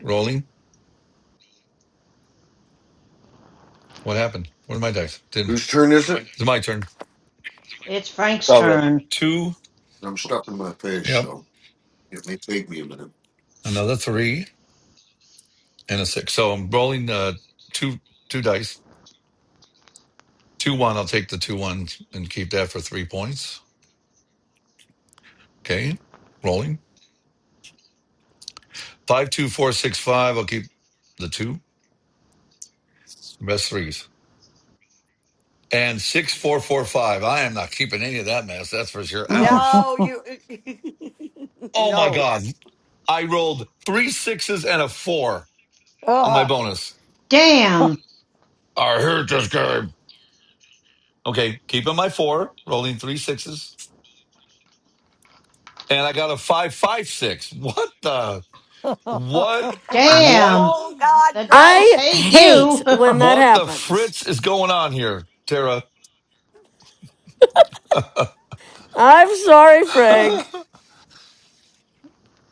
Speaker 6: Rolling. What happened? What did my dice? Did
Speaker 5: Whose turn is it?
Speaker 6: it's my turn.
Speaker 10: It's Frank's turn.
Speaker 6: Two.
Speaker 5: I'm stuck in my face,
Speaker 6: Yep.
Speaker 5: so it may take me a minute.
Speaker 6: Another three and a six. So I'm rolling uh two two dice. Two one. I'll take the two ones and keep that for three points. Okay. Rolling. Five two four six five. I'll keep the two. Best threes. And six
Speaker 12: on
Speaker 6: four
Speaker 12: threes.
Speaker 6: four five. I am not keeping any of that mess, that's for sure.
Speaker 15: [LAUGHS]
Speaker 6: Ouch.
Speaker 12: No, you. [LAUGHS]
Speaker 6: Oh my
Speaker 12: no.
Speaker 6: god. I rolled three sixes and a four on my
Speaker 15: Ugh.
Speaker 6: bonus.
Speaker 10: Damn.
Speaker 6: I hate this game. Okay, keeping my four, rolling three sixes and I got a five five six. What the what what
Speaker 10: Damn.
Speaker 12: Oh God,
Speaker 10: The
Speaker 12: no.
Speaker 10: dice
Speaker 2: I
Speaker 10: hate
Speaker 2: hate
Speaker 10: you.
Speaker 2: when that
Speaker 6: what the
Speaker 2: happens.
Speaker 6: fritz is going on here, Tara? [LAUGHS]
Speaker 2: I'm sorry,
Speaker 6: All
Speaker 2: Frank.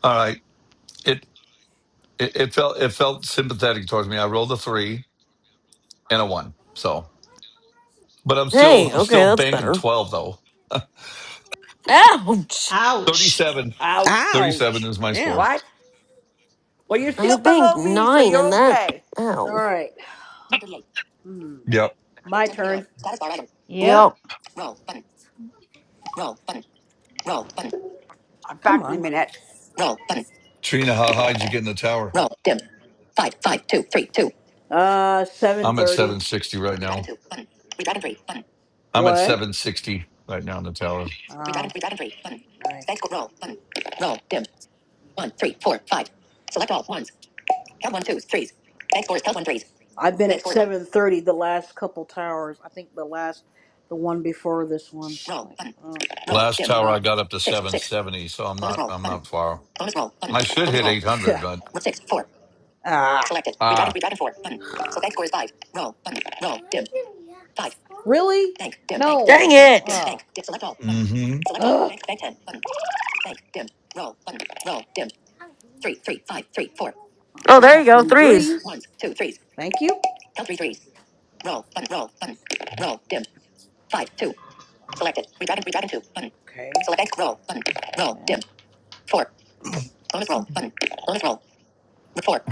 Speaker 6: right, it, it it felt it felt sympathetic towards me. I rolled a three and a one, so but I'm still
Speaker 2: Hey,
Speaker 6: I'm
Speaker 2: okay,
Speaker 6: still
Speaker 2: that's
Speaker 6: banking
Speaker 2: better.
Speaker 6: twelve though. [LAUGHS]
Speaker 10: [LAUGHS]
Speaker 2: Ouch!
Speaker 10: Ouch.
Speaker 6: 37,
Speaker 12: Ouch.
Speaker 6: 37
Speaker 4: Ouch.
Speaker 6: is my score.
Speaker 4: Damn.
Speaker 12: What? Well, you're
Speaker 2: I
Speaker 12: still
Speaker 2: banked
Speaker 12: below me, so
Speaker 2: nine
Speaker 12: you're
Speaker 2: in that.
Speaker 12: okay.
Speaker 4: All
Speaker 2: Ow.
Speaker 4: right. Hmm.
Speaker 6: Yep.
Speaker 4: My turn.
Speaker 2: Yep.
Speaker 10: Yep.
Speaker 12: I'm
Speaker 4: Come
Speaker 12: back in a
Speaker 4: on.
Speaker 12: minute.
Speaker 6: Trina, how high did you get in the tower?
Speaker 4: Uh, seven
Speaker 6: I'm at
Speaker 4: thirty.
Speaker 6: 760 right now. I'm at
Speaker 4: What?
Speaker 6: 760 right now in the tower.
Speaker 4: Redrive Oh, and redrive and three. Button. right. Thanks. Roll. Button. Roll. Dim. One, three, four, five. Select all ones. Count one twos, threes. Bank scores. Count one threes. I've been Bank at scores seven thirty the last couple towers. I think the last, the one before this one. Roll. Like, Button. oh, Roll.
Speaker 6: Last
Speaker 4: Dim.
Speaker 6: tower I
Speaker 4: not.
Speaker 6: got up to
Speaker 4: Six. Six.
Speaker 6: 770, so I'm
Speaker 4: Bonus
Speaker 6: not
Speaker 4: roll.
Speaker 6: I'm
Speaker 4: Button.
Speaker 6: not far.
Speaker 4: Bonus roll. Button.
Speaker 6: I should
Speaker 4: Bonus
Speaker 6: hit
Speaker 4: roll. [LAUGHS]
Speaker 6: 800,
Speaker 4: Yeah.
Speaker 6: but
Speaker 4: Six. Four. Ah. Selected. Redrive and
Speaker 6: ah,
Speaker 4: redrive and four. Button. So bank score is five. Roll. Button. Roll. Dim. Five. Really? Bank. Dim. no. Bank.
Speaker 2: Dang
Speaker 4: Dim. No. Bank. Dim. Oh.
Speaker 2: it!
Speaker 4: Bank. Dim. Select all. Button.
Speaker 6: mm-hmm,
Speaker 4: Select all. Ugh. Bank. Bank ten. Button. Bank. Dim. Roll. Button. Roll. Dim. Three, three, five, three, four.
Speaker 2: Oh,
Speaker 4: Select
Speaker 2: there you
Speaker 4: all.
Speaker 2: go.
Speaker 4: Them
Speaker 2: Threes.
Speaker 4: threes. Ones, two, threes. Thank you. Count Selected. Redragon. Redragon two. Button. Okay. Select bank. Roll. Button. Roll. Dim. Four. Bonus roll. Button. Bonus roll. With Four.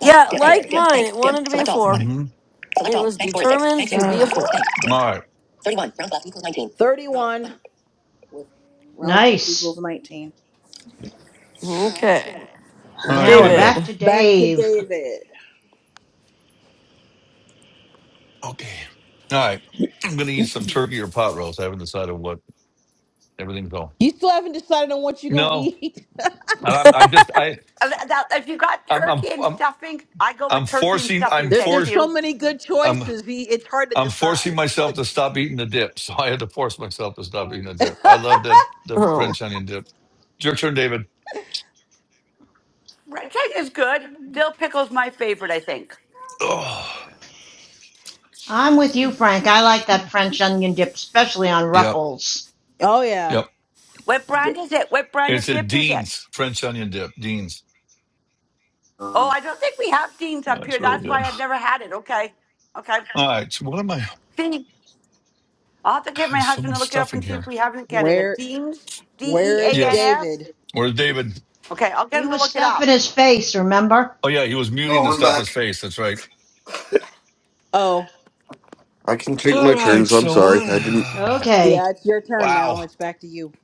Speaker 4: Bank.
Speaker 2: Yeah,
Speaker 4: Dim. Okay. Bank.
Speaker 2: like
Speaker 4: Okay. Dim.
Speaker 2: mine,
Speaker 4: Bank.
Speaker 2: it
Speaker 4: Dim.
Speaker 2: wanted to be a
Speaker 4: Select all.
Speaker 2: four.
Speaker 4: Button.
Speaker 6: mm-hmm.
Speaker 4: Select
Speaker 2: It
Speaker 4: all.
Speaker 2: was
Speaker 4: Bank score is six. Bank
Speaker 2: determined to
Speaker 4: six. Button.
Speaker 2: be a
Speaker 4: bank.
Speaker 2: four.
Speaker 4: Dim.
Speaker 6: All right,
Speaker 4: Thirty-one. Rounds left equals nineteen. Thirty-one. With rounds left equals
Speaker 10: Nice.
Speaker 4: nineteen.
Speaker 2: Okay,
Speaker 6: all right,
Speaker 10: Now we're
Speaker 6: David.
Speaker 10: back
Speaker 2: David.
Speaker 10: to
Speaker 4: Back to
Speaker 10: Dave.
Speaker 4: David.
Speaker 6: Okay, all right. I'm gonna eat some turkey or pot roast. I haven't decided what everything's all.
Speaker 4: You still haven't decided on what you're gonna
Speaker 6: No,
Speaker 4: eat.
Speaker 6: I- I'm I just I
Speaker 12: Uh, Now, if you got
Speaker 6: I'm I'm
Speaker 12: turkey and
Speaker 6: I'm,
Speaker 12: stuffing, I go with
Speaker 6: I'm
Speaker 12: turkey and
Speaker 6: forcing
Speaker 12: stuffing.
Speaker 6: I'm
Speaker 4: There,
Speaker 12: Thank
Speaker 4: there's
Speaker 6: forced
Speaker 4: so
Speaker 12: you.
Speaker 4: many good
Speaker 6: I'm
Speaker 4: choices. He, it's hard to
Speaker 6: I'm forcing
Speaker 4: decide. [LAUGHS]
Speaker 6: myself to stop eating the dip. [LAUGHS] So I had to force myself to stop eating the dip. I love that the
Speaker 2: Oh,
Speaker 6: French onion dip. It's your turn, David.
Speaker 12: Red cake is good. Dill pickle's my favorite, I think.
Speaker 6: Oh,
Speaker 10: [LAUGHS] I'm with you, Frank. I like that French onion dip, especially on
Speaker 6: yep,
Speaker 10: ruffles.
Speaker 4: Oh yeah.
Speaker 6: yep.
Speaker 12: What
Speaker 4: D-
Speaker 12: brand is it? What brand
Speaker 6: It's
Speaker 12: of
Speaker 6: a
Speaker 12: dip is it?
Speaker 6: Dean's French onion dip. Dean's.
Speaker 12: Oh,
Speaker 5: Um,
Speaker 12: I don't think we have Dean's
Speaker 6: Yeah,
Speaker 12: up
Speaker 6: it's
Speaker 12: here.
Speaker 6: really
Speaker 12: That's
Speaker 6: good.
Speaker 12: why I've never had it. Okay. Okay.
Speaker 6: All right. So what am I?
Speaker 12: Dean. I'll have to
Speaker 6: I
Speaker 12: get my
Speaker 6: have so
Speaker 12: husband to
Speaker 6: much
Speaker 12: look it up
Speaker 6: stuff in
Speaker 12: and see if
Speaker 6: here.
Speaker 12: we have it in Canada.
Speaker 4: Where
Speaker 12: Dean's, D E
Speaker 4: where is
Speaker 12: A N
Speaker 6: Yes.
Speaker 12: S.
Speaker 4: David?
Speaker 6: Where's David?
Speaker 12: Okay. I'll get
Speaker 10: He
Speaker 12: him to
Speaker 10: was
Speaker 12: look it up.
Speaker 10: stuffing his face, remember?
Speaker 6: Oh yeah, he was muting
Speaker 5: oh,
Speaker 6: to
Speaker 5: I'm
Speaker 6: stuff his
Speaker 5: back.
Speaker 6: face. That's right.
Speaker 4: Oh
Speaker 5: I can take
Speaker 6: All
Speaker 5: my
Speaker 6: right.
Speaker 5: turns. I'm
Speaker 6: So
Speaker 5: sorry.
Speaker 6: what?
Speaker 5: I didn't.
Speaker 6: [SIGHS]
Speaker 10: Okay.
Speaker 4: yeah, it's your turn
Speaker 6: Wow.
Speaker 4: now. It's back to you.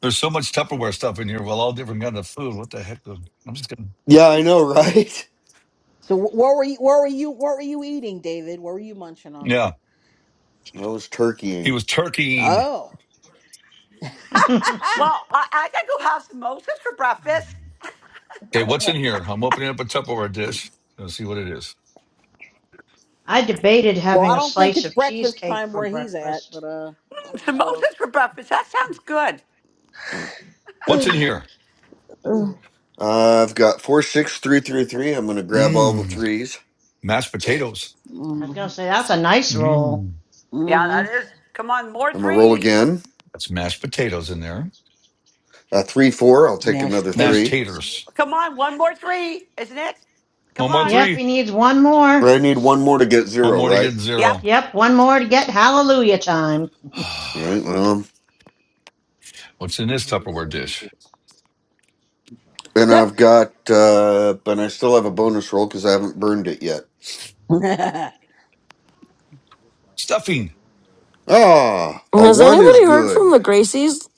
Speaker 6: There's so much Tupperware stuff in here. Well, all different kind of food. What the heck? I'm just gonna.
Speaker 5: Yeah, I know, right?
Speaker 4: So wh- what were you? What were you? What were you eating, David? What were you munching on?
Speaker 6: Yeah.
Speaker 5: [LAUGHS] I was
Speaker 6: He
Speaker 5: turkeying.
Speaker 6: was turkeying.
Speaker 4: Oh.
Speaker 10: [LAUGHS]
Speaker 4: [LAUGHS]
Speaker 10: I
Speaker 12: Well, I, I got to go have samosas for breakfast. [LAUGHS]
Speaker 6: Okay. What's in here? I'm opening up a Tupperware dish. Let's see what it is.
Speaker 10: debated
Speaker 4: Well,
Speaker 10: having
Speaker 4: I
Speaker 10: a
Speaker 4: don't think
Speaker 10: slice
Speaker 4: it's
Speaker 10: of
Speaker 4: breakfast
Speaker 10: cheesecake
Speaker 4: time
Speaker 10: for
Speaker 4: where he's at,
Speaker 10: breakfast.
Speaker 4: but uh.
Speaker 12: Mm, Samosas for breakfast. That sounds good.
Speaker 5: Uh,
Speaker 6: What's
Speaker 4: uh
Speaker 6: in here?
Speaker 5: I've got four, six, three, three, three. I'm going to grab all the
Speaker 6: Mmm.
Speaker 5: threes.
Speaker 6: Mashed potatoes.
Speaker 10: I was going
Speaker 4: mm
Speaker 10: to say, that's a nice roll.
Speaker 6: Mm,
Speaker 12: Yeah,
Speaker 4: hmm
Speaker 12: that
Speaker 4: [SIGHS]
Speaker 12: is. Come on, more
Speaker 5: I'm going to roll
Speaker 12: threes.
Speaker 5: again.
Speaker 6: that's mashed potatoes in there.
Speaker 5: Uh, three, four. I'll take
Speaker 4: Mashed
Speaker 5: another
Speaker 6: Mashed
Speaker 5: three.
Speaker 4: potatoes.
Speaker 6: taters.
Speaker 12: Come on, one more three, isn't it? Come
Speaker 6: One more
Speaker 12: on.
Speaker 10: Yep,
Speaker 6: three.
Speaker 10: he needs one more.
Speaker 5: But I need one more to get
Speaker 6: One
Speaker 5: zero,
Speaker 6: more to
Speaker 5: right?
Speaker 6: get zero.
Speaker 12: Yep.
Speaker 10: Yep, one more to get hallelujah time. [LAUGHS]
Speaker 6: [SIGHS]
Speaker 5: All right. Well,
Speaker 6: What's in this Tupperware dish?
Speaker 5: and I've got, uh, but I still have a bonus roll because I haven't burned it yet.
Speaker 4: [LAUGHS]
Speaker 6: Stuffing.
Speaker 5: Ah, a
Speaker 2: has
Speaker 5: one is
Speaker 2: anybody heard from the
Speaker 5: good.
Speaker 2: Gracies?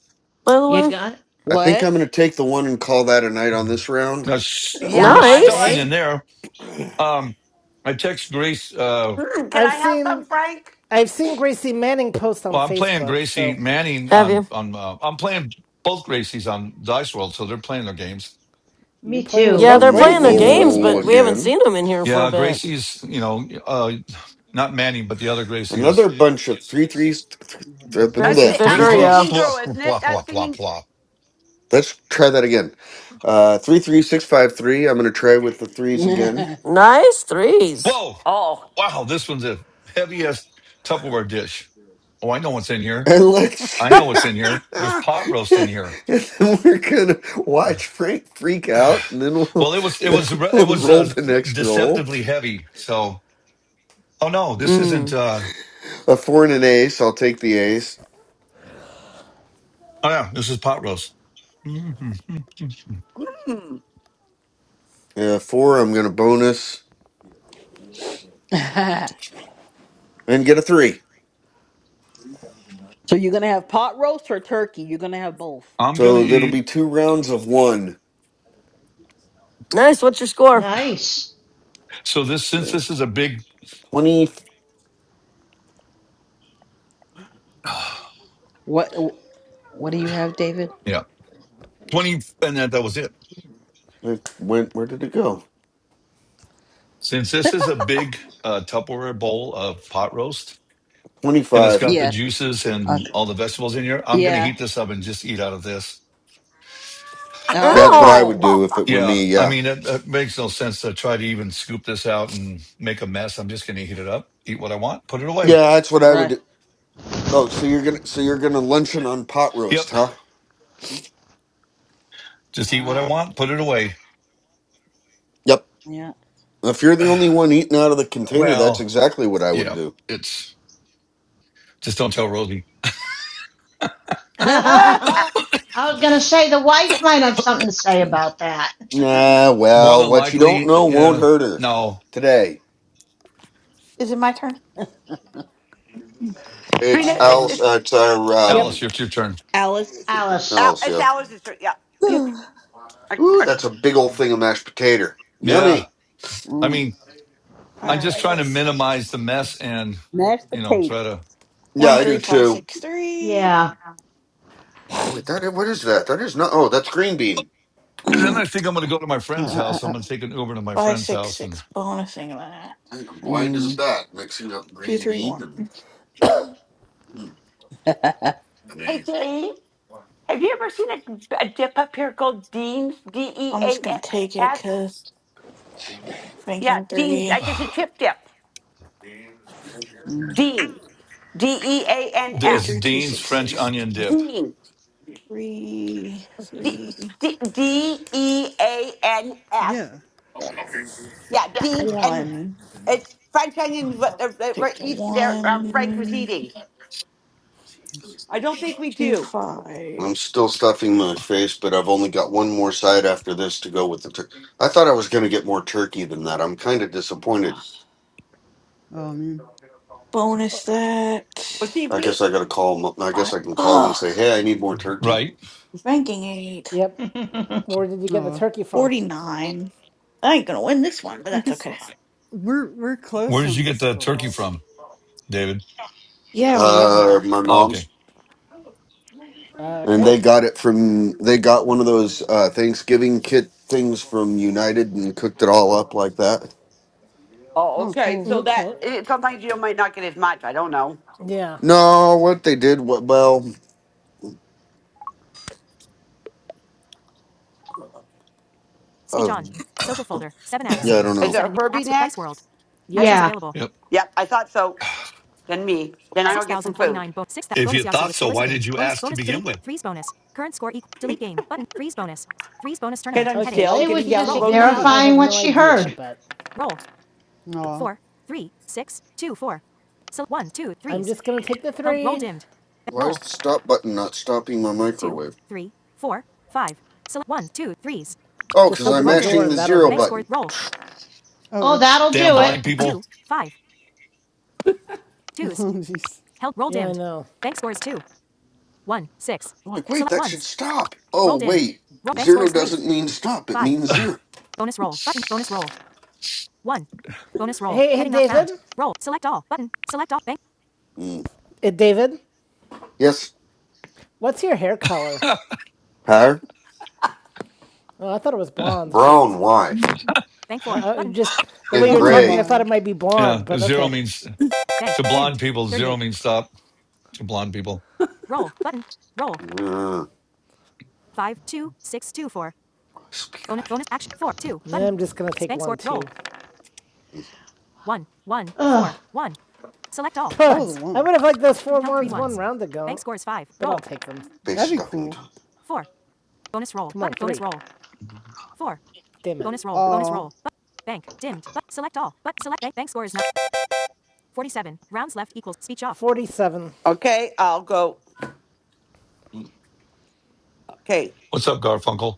Speaker 2: By the
Speaker 10: You
Speaker 2: way,
Speaker 10: got it?
Speaker 5: I think
Speaker 4: what?
Speaker 5: I'm going to take the one and call that a night on this round.
Speaker 6: No stu-
Speaker 12: Yeah, I
Speaker 6: stuffing
Speaker 2: nice.
Speaker 6: in
Speaker 10: Okay.
Speaker 12: would.
Speaker 6: there. Um, I text Grace. Uh,
Speaker 12: Mm, Can
Speaker 1: I've
Speaker 12: I have some,
Speaker 1: seen
Speaker 12: Frank?
Speaker 1: I've seen Gracie Manning post on
Speaker 6: well, I'm playing
Speaker 1: Facebook,
Speaker 6: Gracie
Speaker 1: so
Speaker 6: Manning
Speaker 2: Have
Speaker 6: on
Speaker 2: you?
Speaker 6: on. Uh, I'm playing both Gracies on Dice World, so they're playing their games.
Speaker 1: you're
Speaker 10: Me
Speaker 1: playing with
Speaker 10: too.
Speaker 2: Yeah,
Speaker 1: both
Speaker 5: I'm
Speaker 2: they're
Speaker 5: going to
Speaker 2: playing their
Speaker 1: Gracies. Oh
Speaker 2: games,
Speaker 5: roll
Speaker 2: but
Speaker 1: dear.
Speaker 2: we haven't
Speaker 5: again.
Speaker 2: seen them in here for a
Speaker 6: Yeah,
Speaker 2: bit.
Speaker 6: Gracie's. You know, uh, not Manning, but the other Gracie
Speaker 5: Another
Speaker 6: is.
Speaker 5: bunch of three threes. Th- th- th-
Speaker 12: That's
Speaker 2: Gracie
Speaker 12: the,
Speaker 5: bleh,
Speaker 6: Blah
Speaker 12: um,
Speaker 5: three
Speaker 2: Fisher,
Speaker 12: that's
Speaker 6: blah
Speaker 2: yeah.
Speaker 12: singing
Speaker 6: blah
Speaker 12: girl,
Speaker 5: threes.
Speaker 12: isn't
Speaker 6: blah
Speaker 12: it?
Speaker 6: blah
Speaker 12: That's
Speaker 6: blah
Speaker 12: singing.
Speaker 6: blah.
Speaker 5: Let's try that again. Uh, three three six five three. I'm going to try with the threes again,
Speaker 4: Yeah.
Speaker 2: Nice threes.
Speaker 6: Whoa!
Speaker 12: Oh,
Speaker 6: Wow, this one's the heaviest Tupperware dish. Oh, I know what's in here.
Speaker 5: and let's.
Speaker 6: I know what's in here.
Speaker 5: [LAUGHS]
Speaker 6: There's pot roast in here.
Speaker 5: and then we're gonna watch Frank freak
Speaker 6: [SIGHS]
Speaker 5: out, and then
Speaker 6: Well,
Speaker 5: we'll,
Speaker 6: it was
Speaker 5: [LAUGHS]
Speaker 6: it
Speaker 5: then
Speaker 6: was it
Speaker 5: we'll
Speaker 6: was
Speaker 5: roll
Speaker 6: uh,
Speaker 5: the next roll.
Speaker 6: deceptively heavy. So, oh no, this
Speaker 2: Hmm.
Speaker 6: isn't. uh
Speaker 5: A four and an ace. I'll take the ace.
Speaker 6: Oh yeah, this is pot roast. [LAUGHS] I'm
Speaker 12: Hmm. [LAUGHS]
Speaker 5: Uh, four, I'm going to bonus
Speaker 4: [LAUGHS]
Speaker 5: and get a three.
Speaker 4: So you're gonna have pot roast or turkey? You're gonna have both.
Speaker 6: gonna
Speaker 5: So that'll
Speaker 6: eat.
Speaker 5: be two rounds of one.
Speaker 2: Nice. What's your score?
Speaker 10: Nice.
Speaker 6: So this since this is a big,
Speaker 5: 20.
Speaker 6: [SIGHS]
Speaker 4: What What do you have, David?
Speaker 6: yeah, twenty, and that that was it.
Speaker 5: It went, where did it go?
Speaker 6: Since this is a big uh, Tupperware bowl of pot roast, and it's
Speaker 5: 25.
Speaker 6: got the
Speaker 4: Yeah.
Speaker 6: juices and
Speaker 4: Okay.
Speaker 6: all the vegetables in here. I'm going to
Speaker 4: Yeah.
Speaker 6: heat this up and just eat out of this.
Speaker 4: Oh,
Speaker 1: Yep.
Speaker 12: Oh
Speaker 5: That's
Speaker 4: okay.
Speaker 5: what I
Speaker 12: my
Speaker 5: would
Speaker 2: Ow.
Speaker 5: do if
Speaker 12: God.
Speaker 5: it were
Speaker 6: Yeah,
Speaker 5: me.
Speaker 6: I
Speaker 5: Yeah.
Speaker 6: mean, it, it makes no sense to try to even scoop this out and make a mess. I'm just going to heat it up, eat what I want, put it away.
Speaker 5: Yeah, that's what I would
Speaker 4: Right.
Speaker 5: do. Oh, so you're gonna so you're gonna luncheon on pot
Speaker 6: Yep,
Speaker 5: roast, huh?
Speaker 4: All
Speaker 6: just eat what I
Speaker 4: right.
Speaker 6: want, put it away.
Speaker 5: Yep.
Speaker 4: Yeah.
Speaker 5: If you're the
Speaker 6: [SIGHS]
Speaker 5: only one eating out of the container, that's
Speaker 6: Well,
Speaker 5: exactly what I would
Speaker 6: yeah,
Speaker 5: do.
Speaker 6: it's just don't tell Rosie.
Speaker 10: [LAUGHS] I
Speaker 4: [LAUGHS]
Speaker 10: was going to say the wife might have something to say about that. [LAUGHS]
Speaker 5: Nah,
Speaker 6: More
Speaker 5: well,
Speaker 6: than
Speaker 5: what you don't
Speaker 6: likely,
Speaker 5: know won't
Speaker 6: yeah.
Speaker 5: hurt her.
Speaker 6: No,
Speaker 5: Today,
Speaker 8: Is it my turn?
Speaker 5: it's
Speaker 12: Trina, it's,
Speaker 5: else.
Speaker 4: Um
Speaker 12: it's,
Speaker 5: Uh, it's our
Speaker 1: Yep.
Speaker 5: um
Speaker 6: Alice, it's your turn.
Speaker 4: Alice.
Speaker 10: Alice.
Speaker 12: Al-
Speaker 5: else.
Speaker 12: it's
Speaker 5: Yeah.
Speaker 12: Alice. It's, yeah. It's,
Speaker 8: Yep.
Speaker 4: [SIGHS]
Speaker 12: I,
Speaker 5: Ooh,
Speaker 12: I,
Speaker 5: that's a big old thing of mashed potato. Yummy.
Speaker 6: Yeah, I
Speaker 4: Mm,
Speaker 6: mean,
Speaker 8: All
Speaker 6: I'm
Speaker 4: mm.
Speaker 6: just
Speaker 8: right,
Speaker 6: trying to
Speaker 8: let's see.
Speaker 6: minimize the mess and
Speaker 4: Mashed
Speaker 6: you know
Speaker 4: potato.
Speaker 6: try to
Speaker 5: Yeah,
Speaker 8: One,
Speaker 5: I
Speaker 8: three,
Speaker 5: do
Speaker 8: five,
Speaker 5: too.
Speaker 8: six, three,
Speaker 10: Yeah.
Speaker 5: Oh, wait, that what is that? That is not. Oh, that's green bean.
Speaker 6: then I think I'm going to go to my
Speaker 4: Uh,
Speaker 6: friend's
Speaker 4: uh, uh,
Speaker 6: house. I'm
Speaker 4: uh.
Speaker 6: going to take an Uber to my
Speaker 8: five,
Speaker 6: friend's
Speaker 8: six,
Speaker 6: house, and
Speaker 8: six. Bonusing that.
Speaker 5: I'm blind as a
Speaker 4: Mm.
Speaker 5: bat, mixing up
Speaker 8: two
Speaker 5: green
Speaker 8: three one.
Speaker 5: bean and. Hmm,
Speaker 4: [LAUGHS]
Speaker 5: I
Speaker 12: hey,
Speaker 5: mean,
Speaker 12: Dean, have you ever seen a, a dip up here called Dean's? D E
Speaker 8: I'm just
Speaker 12: A N
Speaker 8: gonna take it
Speaker 12: S?
Speaker 8: because
Speaker 12: Yeah,
Speaker 8: banking
Speaker 12: Dean.
Speaker 6: [SIGHS]
Speaker 8: three
Speaker 12: Like it's a
Speaker 6: ah,
Speaker 12: chip dip.
Speaker 4: Mm.
Speaker 12: Dean. D E A N
Speaker 8: three
Speaker 6: it's
Speaker 12: S.
Speaker 8: three two
Speaker 6: Dean's
Speaker 5: so-
Speaker 8: six
Speaker 6: French
Speaker 8: six
Speaker 6: onion dip.
Speaker 12: Dean.
Speaker 8: three
Speaker 12: D
Speaker 8: three
Speaker 12: D E A N S.
Speaker 16: Yeah.
Speaker 12: Yeah, Dean's. And
Speaker 8: one.
Speaker 12: it's French onion, what they're, they're, they're,
Speaker 8: Take the
Speaker 12: eat- they're, um, Frank was
Speaker 8: one
Speaker 12: eating.
Speaker 16: Jeez.
Speaker 12: I don't think we
Speaker 8: two
Speaker 12: do.
Speaker 5: I'm
Speaker 8: five.
Speaker 5: still stuffing my face, but I've only got one more side after this to go with the. Tur- I thought I was going to get more turkey than that. I'm kind of
Speaker 8: Ugh.
Speaker 5: disappointed.
Speaker 16: Oh man.
Speaker 8: Bonus that.
Speaker 12: Well, see,
Speaker 5: I guess
Speaker 12: we
Speaker 5: I got to call. m- I guess
Speaker 8: Five.
Speaker 5: I can call and
Speaker 8: Ugh.
Speaker 5: say, "Hey, I need more turkey."
Speaker 6: Right?
Speaker 8: Banking eight,
Speaker 1: Yep.
Speaker 10: [LAUGHS]
Speaker 1: Where did you get the
Speaker 16: Oh,
Speaker 1: turkey
Speaker 8: forty-nine.
Speaker 1: from?
Speaker 8: I ain't gonna win this one, but
Speaker 16: I
Speaker 8: that's
Speaker 16: guess
Speaker 8: okay.
Speaker 16: we're we're close
Speaker 6: Where did
Speaker 16: on
Speaker 6: you
Speaker 16: the
Speaker 6: get the turkey
Speaker 16: scores
Speaker 6: from, David?
Speaker 8: Yeah,
Speaker 16: because
Speaker 8: we
Speaker 16: I have.
Speaker 5: Uh,
Speaker 8: are.
Speaker 5: my
Speaker 6: Oh,
Speaker 5: mom's,
Speaker 6: okay.
Speaker 1: Uh,
Speaker 5: and
Speaker 1: okay.
Speaker 5: they got it from. They got one of those uh, Thanksgiving kit things from United and cooked it all up like that.
Speaker 12: Oh,
Speaker 16: Oh,
Speaker 12: okay.
Speaker 16: cool.
Speaker 12: So that
Speaker 1: Okay.
Speaker 12: it, sometimes you might not get as much. I don't know.
Speaker 1: Yeah.
Speaker 5: No, what they did, what, well, uh, yeah, I
Speaker 6: [COUGHS]
Speaker 5: don't
Speaker 12: Is
Speaker 5: know.
Speaker 12: it Herbie next?
Speaker 1: Yep.
Speaker 10: Yeah.
Speaker 6: yep. [SIGHS]
Speaker 12: Yep, I thought so. Then me. Then I will get some food.
Speaker 6: If you thought so, why did you ask to begin with?
Speaker 12: Because I'm
Speaker 1: Okay. Why
Speaker 12: still
Speaker 10: She
Speaker 1: it
Speaker 10: was
Speaker 12: getting
Speaker 1: keeps
Speaker 12: down the
Speaker 10: just
Speaker 1: kicking button. me out, I
Speaker 12: routine.
Speaker 10: verifying
Speaker 1: have
Speaker 10: what
Speaker 1: no
Speaker 10: she
Speaker 1: idea,
Speaker 10: heard.
Speaker 1: but
Speaker 16: Oh,
Speaker 1: I'm just gonna take the three.
Speaker 5: Why is the stop button not stopping my microwave? Oh,
Speaker 1: Just
Speaker 5: because
Speaker 1: open
Speaker 5: I'm
Speaker 1: the door
Speaker 5: mashing
Speaker 1: and
Speaker 5: the
Speaker 1: that'll do it.
Speaker 5: zero
Speaker 1: it.
Speaker 5: button.
Speaker 16: oh,
Speaker 10: Oh,
Speaker 16: oops.
Speaker 10: that'll
Speaker 6: Damn
Speaker 10: do it.
Speaker 6: blind people.
Speaker 16: [LAUGHS] Oh, jeez.
Speaker 1: Held, dimmed. Yeah, I know.
Speaker 5: I'm like, wait, that should stop. Oh, wait, zero doesn't mean stop, it means zero.
Speaker 1: Hey, hey, David.
Speaker 5: Mm.
Speaker 1: Eh, David,
Speaker 5: Yes,
Speaker 1: what's your hair
Speaker 6: [LAUGHS]
Speaker 1: color?
Speaker 6: yeah.
Speaker 5: Higher.
Speaker 1: Oh, I thought it was blonde.
Speaker 5: Brown,
Speaker 1: Just,
Speaker 5: why?
Speaker 1: uh, uh, just the way
Speaker 5: And
Speaker 1: you were
Speaker 16: Oh
Speaker 1: talking, I
Speaker 5: gray.
Speaker 1: thought
Speaker 16: my.
Speaker 1: it might be blonde, but
Speaker 6: Zero
Speaker 1: okay.
Speaker 6: means to blonde people. Zero means stop to blonde people.
Speaker 5: Mm. This be good.
Speaker 1: Yeah, I'm just gonna take one Bank score,
Speaker 10: Ugh.
Speaker 1: [LAUGHS] Huh,
Speaker 16: Oh, the
Speaker 1: I
Speaker 16: one.
Speaker 1: would have liked those four ones one round ago. but I'll take them.
Speaker 5: Face
Speaker 16: That'd be
Speaker 5: stuffing
Speaker 16: cool.
Speaker 5: time.
Speaker 1: Come on, Damn it.
Speaker 16: Oh,
Speaker 1: Forty-seven.
Speaker 12: Okay, I'll go. Okay.
Speaker 6: What's up, Garfunkel?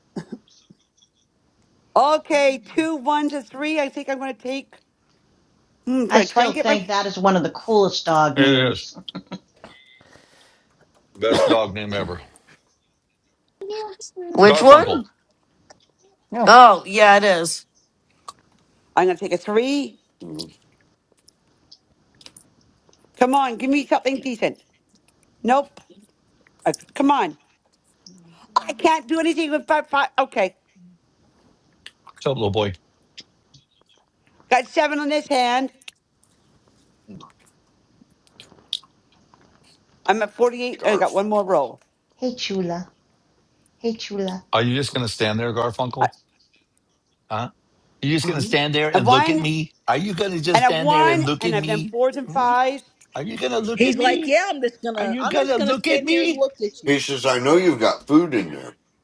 Speaker 12: Okay, two ones a three. I think I'm going to take. Hmm, should
Speaker 10: I
Speaker 12: I try and
Speaker 10: still
Speaker 12: get my.
Speaker 10: think that is one of the coolest dog
Speaker 6: It is
Speaker 10: names.
Speaker 6: best dog name ever.
Speaker 2: Which
Speaker 6: Garfunkel.
Speaker 2: one?
Speaker 6: What's
Speaker 2: Oh, yeah, it is.
Speaker 12: I'm going to take a three.
Speaker 5: Mm.
Speaker 12: Come on, give me something decent. Nope. I, come on. I can't do anything with five, five. Okay.
Speaker 6: up, little boy?
Speaker 12: Got seven on this hand. I'm at 48, and I got one more
Speaker 5: Garfunkel.
Speaker 12: roll.
Speaker 10: Hey, Chula. Hey, Chula.
Speaker 6: Are you just going to stand there,
Speaker 12: I,
Speaker 6: Garfunkel? Huh? You're just going to
Speaker 5: Mhm.
Speaker 6: stand there
Speaker 12: a
Speaker 6: and look at
Speaker 12: one.
Speaker 6: me? Are you going to just
Speaker 12: And I've
Speaker 6: stand there and
Speaker 12: won,
Speaker 6: look
Speaker 12: and
Speaker 6: at
Speaker 12: I've done
Speaker 6: me?
Speaker 12: fours and
Speaker 6: Hmm?
Speaker 12: fives,
Speaker 6: Are you going to look at
Speaker 4: He's like,
Speaker 6: me?
Speaker 4: yeah, I'm just
Speaker 6: Are
Speaker 4: gonna,
Speaker 6: you
Speaker 4: I'm
Speaker 6: going
Speaker 4: just
Speaker 6: to
Speaker 4: gonna
Speaker 6: look at
Speaker 4: stand here and
Speaker 6: me?
Speaker 4: look at
Speaker 5: He
Speaker 4: you.
Speaker 5: says, I know you've got food in there.
Speaker 4: [LAUGHS]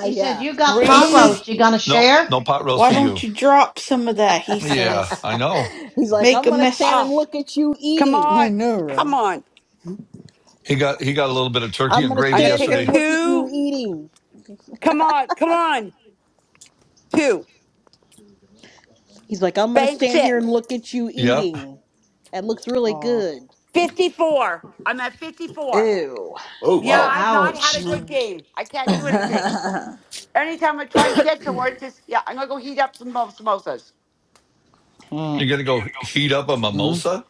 Speaker 10: He says, You got
Speaker 8: He
Speaker 10: pot
Speaker 8: says,
Speaker 12: three.
Speaker 10: roast. You going to
Speaker 6: No,
Speaker 10: share?
Speaker 6: no pot roast
Speaker 8: "Why
Speaker 6: for
Speaker 8: don't
Speaker 6: you.
Speaker 8: you drop some of that?" He
Speaker 6: Yeah,
Speaker 8: says.
Speaker 6: I know.
Speaker 4: He's like,
Speaker 8: Make
Speaker 4: I'm
Speaker 8: a
Speaker 4: gonna
Speaker 8: mess.
Speaker 4: stand and
Speaker 12: Ah,
Speaker 4: look at you
Speaker 12: come
Speaker 16: I
Speaker 12: on,
Speaker 4: eating.
Speaker 16: know,
Speaker 12: come
Speaker 16: right?
Speaker 12: on.
Speaker 16: [LAUGHS]
Speaker 6: He got he got a little bit of turkey
Speaker 4: I'm
Speaker 6: and
Speaker 16: Thing.
Speaker 4: gonna
Speaker 12: I'm
Speaker 6: gravy
Speaker 12: gonna
Speaker 4: stand
Speaker 12: take a
Speaker 4: here and
Speaker 6: yesterday.
Speaker 4: look at you
Speaker 12: two.
Speaker 4: eating.
Speaker 12: Come on, come on. Two.
Speaker 4: He's like, I'm gonna
Speaker 12: Bank
Speaker 4: stand here and
Speaker 12: six.
Speaker 4: look at you
Speaker 6: Yep.
Speaker 4: eating. That looks really
Speaker 16: Oh,
Speaker 4: good.
Speaker 12: 54. I'm at 54.
Speaker 4: Ew.
Speaker 5: Oh,
Speaker 12: Yeah,
Speaker 4: Yeah.
Speaker 5: wow.
Speaker 12: I've not had a
Speaker 10: Ouch.
Speaker 12: good
Speaker 16: no.
Speaker 12: game. I can't do anything.
Speaker 4: [LAUGHS]
Speaker 12: Anytime I try and get somewhere, it's just, yeah, I'm gonna go heat up some mo- samosas.
Speaker 6: You're going to go heat up a
Speaker 4: Mm.
Speaker 6: mimosa?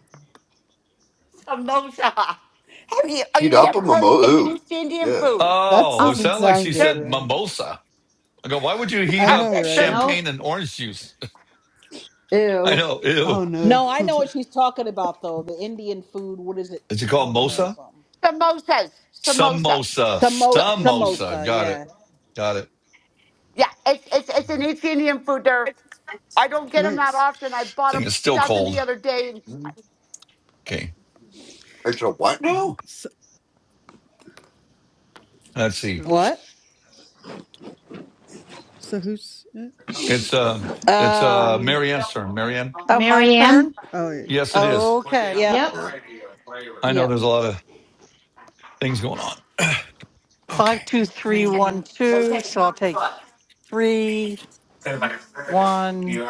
Speaker 12: Samosa. [LAUGHS] Have you, have you
Speaker 5: Heat up a
Speaker 12: never heard of
Speaker 5: mimo.
Speaker 12: Indonesian
Speaker 5: Ooh,
Speaker 12: Indian
Speaker 5: yeah.
Speaker 12: food?
Speaker 16: That
Speaker 6: Oh, it
Speaker 12: Um,
Speaker 16: doesn't
Speaker 6: sounded like
Speaker 16: sound
Speaker 6: she
Speaker 16: good,
Speaker 12: there,
Speaker 6: said
Speaker 16: right?
Speaker 6: mimosa. I go, why would you heat
Speaker 16: I
Speaker 6: up
Speaker 16: know, right?
Speaker 12: [LAUGHS]
Speaker 6: champagne
Speaker 10: Nope.
Speaker 6: and orange juice? [LAUGHS] I
Speaker 4: Ew.
Speaker 6: know. Ew.
Speaker 16: Oh no.
Speaker 4: No, I know
Speaker 16: [LAUGHS]
Speaker 4: what she's talking about though. The Indian food. What is it?
Speaker 6: Did you call it
Speaker 4: Mimosa or
Speaker 6: mosa?
Speaker 4: something?
Speaker 12: Samosas, samosas.
Speaker 6: Samosa.
Speaker 4: Samo-
Speaker 12: So
Speaker 16: What's the
Speaker 6: Samosa.
Speaker 4: samosa.
Speaker 16: most
Speaker 6: Got it.
Speaker 4: Yeah.
Speaker 6: Got it.
Speaker 12: yeah, it's it's it's an East Indian food. There, I don't get them that
Speaker 16: nice?
Speaker 12: often. I bought
Speaker 6: Thing
Speaker 12: a
Speaker 6: is still
Speaker 12: dozen
Speaker 6: cold.
Speaker 12: the other day. No,
Speaker 5: Mm.
Speaker 6: Okay,
Speaker 5: I said, what now?
Speaker 16: So,
Speaker 6: let's see.
Speaker 16: uh,
Speaker 4: What?
Speaker 16: so who's it
Speaker 6: It's uh,
Speaker 16: next?
Speaker 6: it's
Speaker 16: I think.
Speaker 6: uh,
Speaker 4: Um.
Speaker 12: No,
Speaker 6: Marianne's turn.
Speaker 12: okay.
Speaker 6: Marianne,
Speaker 12: I'll-
Speaker 15: oh, my turn?
Speaker 10: Marianne?
Speaker 16: Oh yeah.
Speaker 6: yes, it is.
Speaker 15: Okay.
Speaker 4: Yep.
Speaker 10: Yep.
Speaker 5: Yeah.
Speaker 6: I know
Speaker 4: Yep.
Speaker 6: there's a lot of things going on. [CLEARS THROAT]
Speaker 15: Five,
Speaker 6: okay,
Speaker 15: two, three,
Speaker 4: Mm-hmm.
Speaker 15: one,
Speaker 12: They
Speaker 15: two.
Speaker 12: say Two. and-
Speaker 15: So I'll
Speaker 12: What
Speaker 15: take three, one.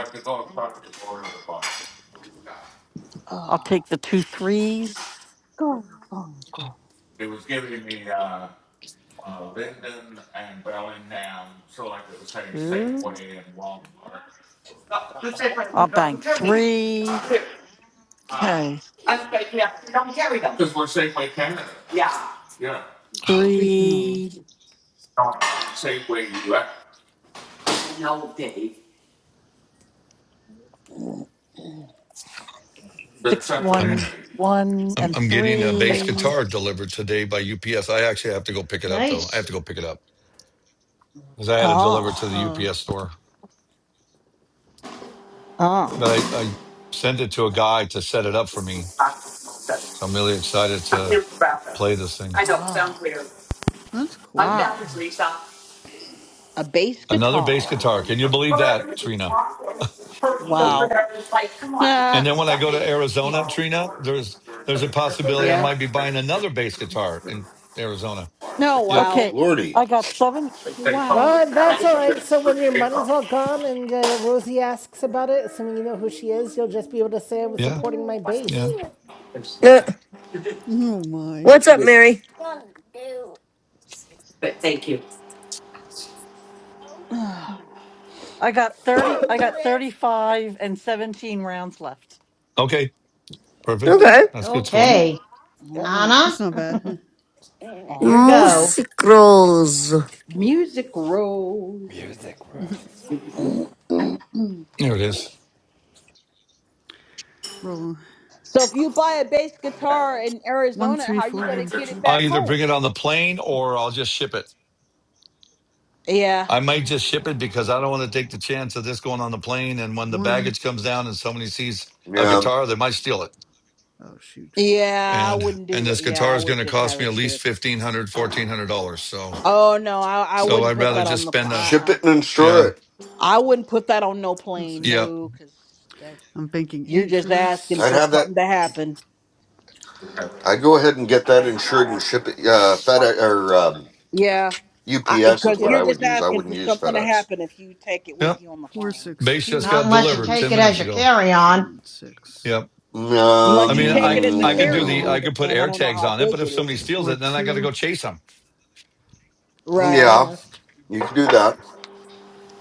Speaker 15: I'll
Speaker 4: Oh.
Speaker 15: take the two threes.
Speaker 4: Go, Funko.
Speaker 15: Two.
Speaker 12: you
Speaker 15: I'll
Speaker 12: don't
Speaker 15: bank
Speaker 12: carry them.
Speaker 15: three. Okay.
Speaker 12: I'm like, yeah, you don't carry them. Yeah.
Speaker 16: No.
Speaker 15: Three,
Speaker 12: No, Dave.
Speaker 15: six,
Speaker 6: I'm,
Speaker 15: one, one,
Speaker 6: I'm
Speaker 15: and
Speaker 6: I'm getting a bass
Speaker 15: three.
Speaker 6: guitar delivered today by UPS. I actually have to go pick it up though. I have to
Speaker 10: Nice.
Speaker 6: go pick it up because I had it delivered to the
Speaker 4: Ah.
Speaker 16: Uh,
Speaker 6: UPS store.
Speaker 4: Ah.
Speaker 6: But I I sent it to a guy to set it up for me. So I'm really excited to play this thing.
Speaker 4: Ah.
Speaker 16: that's cool.
Speaker 4: Ah. A bass
Speaker 6: Another bass
Speaker 4: guitar.
Speaker 6: guitar. Can you believe that, Trina?
Speaker 5: Good
Speaker 4: Wow. Nah.
Speaker 6: And then when I go to Arizona, Trina, there's there's a possibility I
Speaker 4: Yeah.
Speaker 6: might be buying another bass guitar in Arizona.
Speaker 4: No,
Speaker 6: Yep.
Speaker 4: wow.
Speaker 15: Okay,
Speaker 5: lordy.
Speaker 15: I got seven.
Speaker 4: Wow.
Speaker 1: Well, that's all right. So when your money's all gone and uh, Rosie asks about it, assuming you know who she is, you'll just be able to say I was
Speaker 6: Yeah.
Speaker 1: supporting my
Speaker 6: Yeah.
Speaker 1: base.
Speaker 2: [LAUGHS]
Speaker 16: Oh my.
Speaker 2: What's up, Mary?
Speaker 4: Ah,
Speaker 15: I got thirty. I got thirty-five and seventeen rounds left.
Speaker 6: Okay. Perfect.
Speaker 2: Okay.
Speaker 4: Mm,
Speaker 6: That's good
Speaker 1: All
Speaker 6: score.
Speaker 16: Mm,
Speaker 1: right.
Speaker 10: Okay.
Speaker 4: mm,
Speaker 16: That's
Speaker 10: Anna?
Speaker 16: not bad. huh.
Speaker 10: [LAUGHS] Your
Speaker 4: aw, man.
Speaker 16: All
Speaker 10: go.
Speaker 16: right.
Speaker 2: Musicros.
Speaker 4: Music rose.
Speaker 1: Music
Speaker 16: [LAUGHS]
Speaker 1: Rose.
Speaker 6: There it is.
Speaker 16: Roll. on.
Speaker 4: So if you buy a bass guitar in
Speaker 16: One,
Speaker 4: Arizona,
Speaker 16: three,
Speaker 4: how are you
Speaker 16: four,
Speaker 4: gonna
Speaker 16: one,
Speaker 4: get it
Speaker 16: four.
Speaker 6: I'll
Speaker 4: back
Speaker 6: either bring
Speaker 4: home?
Speaker 6: it on the plane or I'll just ship it.
Speaker 4: Yeah.
Speaker 6: I might just ship it because I don't want to take the chance of this going on the plane and
Speaker 16: A
Speaker 6: when the
Speaker 16: one.
Speaker 6: baggage comes down and somebody sees a
Speaker 5: Yeah.
Speaker 6: guitar, they might steal it.
Speaker 16: Oh, shoot.
Speaker 4: Yeah, I
Speaker 6: And
Speaker 4: wouldn't do
Speaker 6: and this
Speaker 4: that. Yeah,
Speaker 6: guitar
Speaker 4: I
Speaker 6: is
Speaker 4: would
Speaker 6: going to
Speaker 4: just
Speaker 6: cost
Speaker 4: have
Speaker 6: me
Speaker 4: it
Speaker 6: at least
Speaker 4: shipped.
Speaker 6: $1500 $1400. So
Speaker 4: Oh no, I I
Speaker 6: so
Speaker 4: wouldn't
Speaker 6: I'd
Speaker 4: put
Speaker 6: rather
Speaker 4: that on
Speaker 6: just
Speaker 4: the
Speaker 6: spend
Speaker 4: plane.
Speaker 6: a
Speaker 5: Ship
Speaker 4: Uh-uh.
Speaker 5: it and insure
Speaker 6: yeah.
Speaker 5: it.
Speaker 4: I wouldn't put that on no
Speaker 16: No,
Speaker 4: plane,
Speaker 16: sorry.
Speaker 6: Yeah.
Speaker 4: no, because that
Speaker 16: I'm banking
Speaker 4: you're
Speaker 16: eight for
Speaker 4: just asking
Speaker 5: I'd
Speaker 4: for
Speaker 16: this.
Speaker 5: have that.
Speaker 4: something to happen.
Speaker 5: I'd go ahead and get that insured and ship it. Uh, FedEx or um,
Speaker 4: Yeah,
Speaker 5: UPS is
Speaker 4: because
Speaker 5: what
Speaker 4: you're
Speaker 5: I
Speaker 1: Yep.
Speaker 5: would
Speaker 4: just
Speaker 5: use. I
Speaker 4: asking
Speaker 5: wouldn't
Speaker 4: for
Speaker 5: use
Speaker 4: something to
Speaker 5: FedEx.
Speaker 4: happen if you take it
Speaker 6: Yep.
Speaker 4: with you on the
Speaker 16: Four,
Speaker 4: plane.
Speaker 16: six,
Speaker 6: Base just
Speaker 10: Not
Speaker 6: got
Speaker 16: four.
Speaker 10: unless you
Speaker 6: delivered
Speaker 10: take
Speaker 6: 10
Speaker 16: Bonus
Speaker 10: it as
Speaker 16: set.
Speaker 6: minutes
Speaker 10: your
Speaker 6: ago.
Speaker 10: carry
Speaker 16: Three,
Speaker 10: on.
Speaker 16: one, six.
Speaker 6: Yep. I
Speaker 4: Unless
Speaker 5: Um,
Speaker 4: you
Speaker 6: mean,
Speaker 4: take
Speaker 6: I
Speaker 4: it as a
Speaker 16: Three,
Speaker 6: I could do
Speaker 4: carry
Speaker 6: the
Speaker 4: on,
Speaker 6: I
Speaker 4: but
Speaker 6: could put
Speaker 4: then I
Speaker 6: air
Speaker 4: don't know
Speaker 6: tags
Speaker 4: how
Speaker 6: on it,
Speaker 4: big
Speaker 6: but if
Speaker 4: it
Speaker 6: somebody
Speaker 4: is.
Speaker 6: steals
Speaker 16: four,
Speaker 6: it, then I got to go
Speaker 16: two.
Speaker 6: chase them.
Speaker 4: Right.
Speaker 5: yeah,
Speaker 1: Yeah.
Speaker 5: you could do that.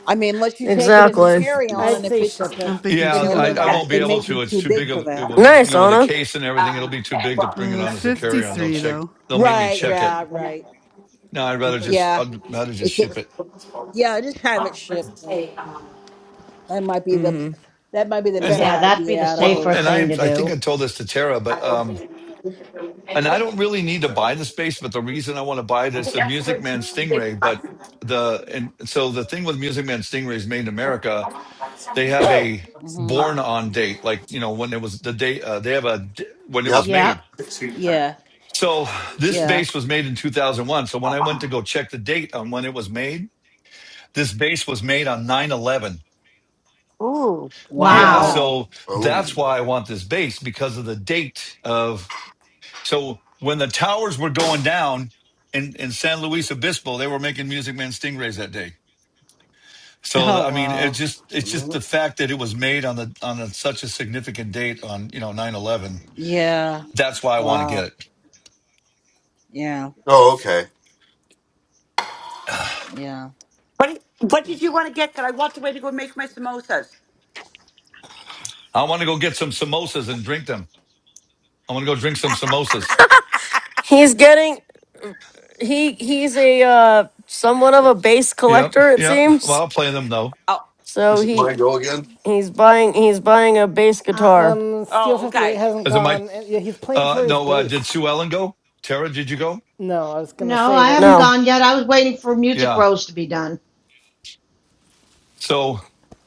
Speaker 4: I mean, unless you take it
Speaker 16: And a
Speaker 4: as a
Speaker 2: Exactly.
Speaker 16: three.
Speaker 4: carry on,
Speaker 1: I'd
Speaker 4: and if
Speaker 1: say
Speaker 4: it's,
Speaker 1: ship it.
Speaker 16: I'm banking
Speaker 4: you
Speaker 6: Yeah,
Speaker 4: know,
Speaker 16: two
Speaker 4: it
Speaker 16: on
Speaker 4: may
Speaker 6: I,
Speaker 16: that
Speaker 6: I
Speaker 4: not,
Speaker 16: round.
Speaker 6: won't be
Speaker 4: it
Speaker 6: able
Speaker 4: may be
Speaker 6: to. It's
Speaker 4: too
Speaker 6: too
Speaker 4: big
Speaker 6: big
Speaker 4: for
Speaker 6: of it
Speaker 4: that.
Speaker 6: will you
Speaker 2: Nice,
Speaker 6: know with the
Speaker 2: Anna.
Speaker 6: case and everything. It'll be too big to bring it
Speaker 16: Uh,
Speaker 6: on as a carry on. They'll
Speaker 16: 53,
Speaker 6: check.
Speaker 16: though.
Speaker 6: They'll make me
Speaker 4: Right.
Speaker 6: check it.
Speaker 4: Yeah. Right.
Speaker 6: No, I'd rather just
Speaker 4: Yeah.
Speaker 6: I'd rather just
Speaker 4: If it,
Speaker 6: ship it.
Speaker 4: yeah, just have it shipped, and that might be the,
Speaker 2: hmm
Speaker 4: that might be the
Speaker 6: And
Speaker 4: better
Speaker 10: Yeah, that'd be
Speaker 4: idea
Speaker 10: the
Speaker 4: out of
Speaker 6: well,
Speaker 10: safer
Speaker 6: and
Speaker 4: those.
Speaker 10: thing
Speaker 6: I
Speaker 10: to
Speaker 6: I think
Speaker 10: do.
Speaker 6: I told this to Tara, but um, and I don't really need to buy the space, but the reason I want to buy it is the Music Man Stingray, but the and so the thing with Music Man Stingray is made in America they have a
Speaker 4: hmm
Speaker 6: born on date, like you know when it was the date. Uh, they have a when it was
Speaker 5: Yep.
Speaker 10: Yeah.
Speaker 6: made.
Speaker 4: Yeah.
Speaker 6: So this
Speaker 4: Yeah.
Speaker 6: base was made in 2001. So when I went to go check the date on when it was made, this base was made on nine eleven.
Speaker 1: Oh
Speaker 6: Yeah,
Speaker 10: Wow.
Speaker 1: wow.
Speaker 4: Wow.
Speaker 6: so
Speaker 5: Oh.
Speaker 6: that's why I want this base because of the date of. So when the towers were going down in in San Luis Obispo, they were making Music Man Stingrays that day. So
Speaker 4: Oh
Speaker 6: I mean, it's
Speaker 4: wow.
Speaker 6: just it's just
Speaker 5: Mm.
Speaker 6: the fact that it was made on the on a, such a significant date on you know nine eleven.
Speaker 4: Yeah.
Speaker 6: That's why I want to get
Speaker 4: Wow.
Speaker 6: it.
Speaker 4: Yeah.
Speaker 5: Oh, okay.
Speaker 4: Yeah.
Speaker 12: what what did you want to get? Because I walked away to go make my samosas.
Speaker 6: I want to go get some samosas and drink them. I want to go drink some samosas.
Speaker 2: He's getting he he's a uh somewhat of a bass
Speaker 6: Yep,
Speaker 2: collector it
Speaker 6: yep. Well,
Speaker 2: seems.
Speaker 6: I'll play them though.
Speaker 12: Oh,
Speaker 2: So
Speaker 5: Is it my
Speaker 2: he
Speaker 5: go again?
Speaker 2: he's buying he's buying a bass
Speaker 10: Uh,
Speaker 2: guitar.
Speaker 1: Um, Steel
Speaker 12: oh,
Speaker 1: fifty eight
Speaker 12: okay.
Speaker 1: hasn't
Speaker 6: As it might.
Speaker 1: gone, yeah, he's playing
Speaker 6: Uh,
Speaker 1: for his
Speaker 6: no, uh, did
Speaker 1: base.
Speaker 6: Sue Ellen go? Tara, did you go?
Speaker 1: No, I was gonna
Speaker 10: no,
Speaker 1: say
Speaker 10: I haven't
Speaker 1: that's.
Speaker 2: No.
Speaker 10: gone yet. I was waiting for Music
Speaker 6: Yeah.
Speaker 10: Rose to be done.
Speaker 6: So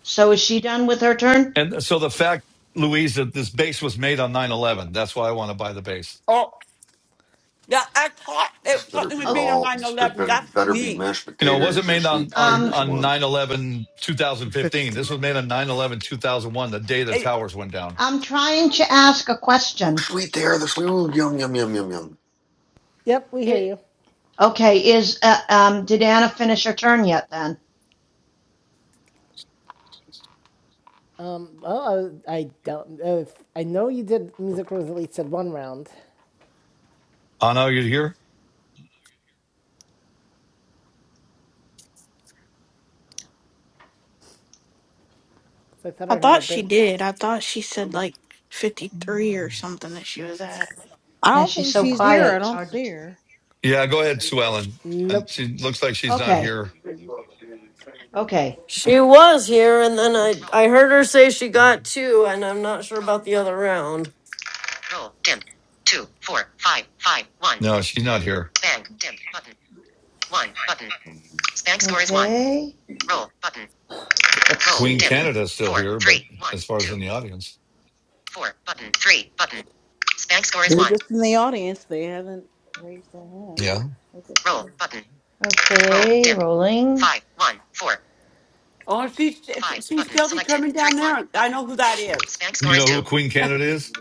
Speaker 10: So is she done with her turn?
Speaker 6: and so the fact, Louise, that this base was made on 9-11. That's why I want to buy the base.
Speaker 12: Oh, yeah, I thought
Speaker 5: This
Speaker 12: it,
Speaker 5: better
Speaker 12: something was
Speaker 5: be
Speaker 10: Oh,
Speaker 12: made on
Speaker 5: all.
Speaker 12: nine
Speaker 5: This be-
Speaker 12: eleven.
Speaker 5: better,
Speaker 12: That's
Speaker 5: better be
Speaker 12: me.
Speaker 5: mashed
Speaker 6: You know, it wasn't
Speaker 5: potatoes or
Speaker 6: made on
Speaker 5: sweet
Speaker 6: on
Speaker 10: um,
Speaker 5: potatoes.
Speaker 6: on
Speaker 5: One.
Speaker 6: 9-11,
Speaker 16: Or
Speaker 6: 2015.
Speaker 16: 53.
Speaker 6: This was made on 9-11, 2001, the day the towers went down.
Speaker 10: I'm trying to ask a
Speaker 5: Oh,
Speaker 10: question.
Speaker 5: sweet there. The sweet. Ooh, yum, yum, yum, yum,
Speaker 1: Yep, we hear
Speaker 10: It
Speaker 1: you.
Speaker 10: okay? Is uh, um, did Anna finish her turn yet? Then
Speaker 1: Um, oh, I, I don't. Uh, I know you did. Music Rose at least said one round. round. 'cause
Speaker 6: Anna, are you here?
Speaker 1: I thought
Speaker 8: I
Speaker 1: I heard her
Speaker 8: thought she
Speaker 1: bank.
Speaker 8: did. I thought she said like 53 or something that she was at.
Speaker 4: I
Speaker 10: yeah,
Speaker 4: don't
Speaker 10: she's
Speaker 4: think
Speaker 10: so
Speaker 4: she's here.
Speaker 10: quiet.
Speaker 4: I
Speaker 10: It's
Speaker 4: don't
Speaker 10: hard to.
Speaker 4: see
Speaker 10: T-
Speaker 4: her.
Speaker 6: Yeah, go ahead, Sue Ellen. And
Speaker 1: Nope.
Speaker 6: she looks like she's not
Speaker 10: okay.
Speaker 6: here.
Speaker 10: Okay.
Speaker 2: She was here and then I I heard her say she got two and I'm not sure about the other round.
Speaker 6: No, she's not here.
Speaker 10: Okay. Let's see.
Speaker 6: Queen Canada's still here, but as far as in the audience,
Speaker 4: They're just in the audience. They haven't raised their hands.
Speaker 6: yeah.
Speaker 4: They're just there.
Speaker 10: Okay, rolling.
Speaker 12: Oh, she's she's still determined down there. I know who that is.
Speaker 6: You know who Queen Canada is?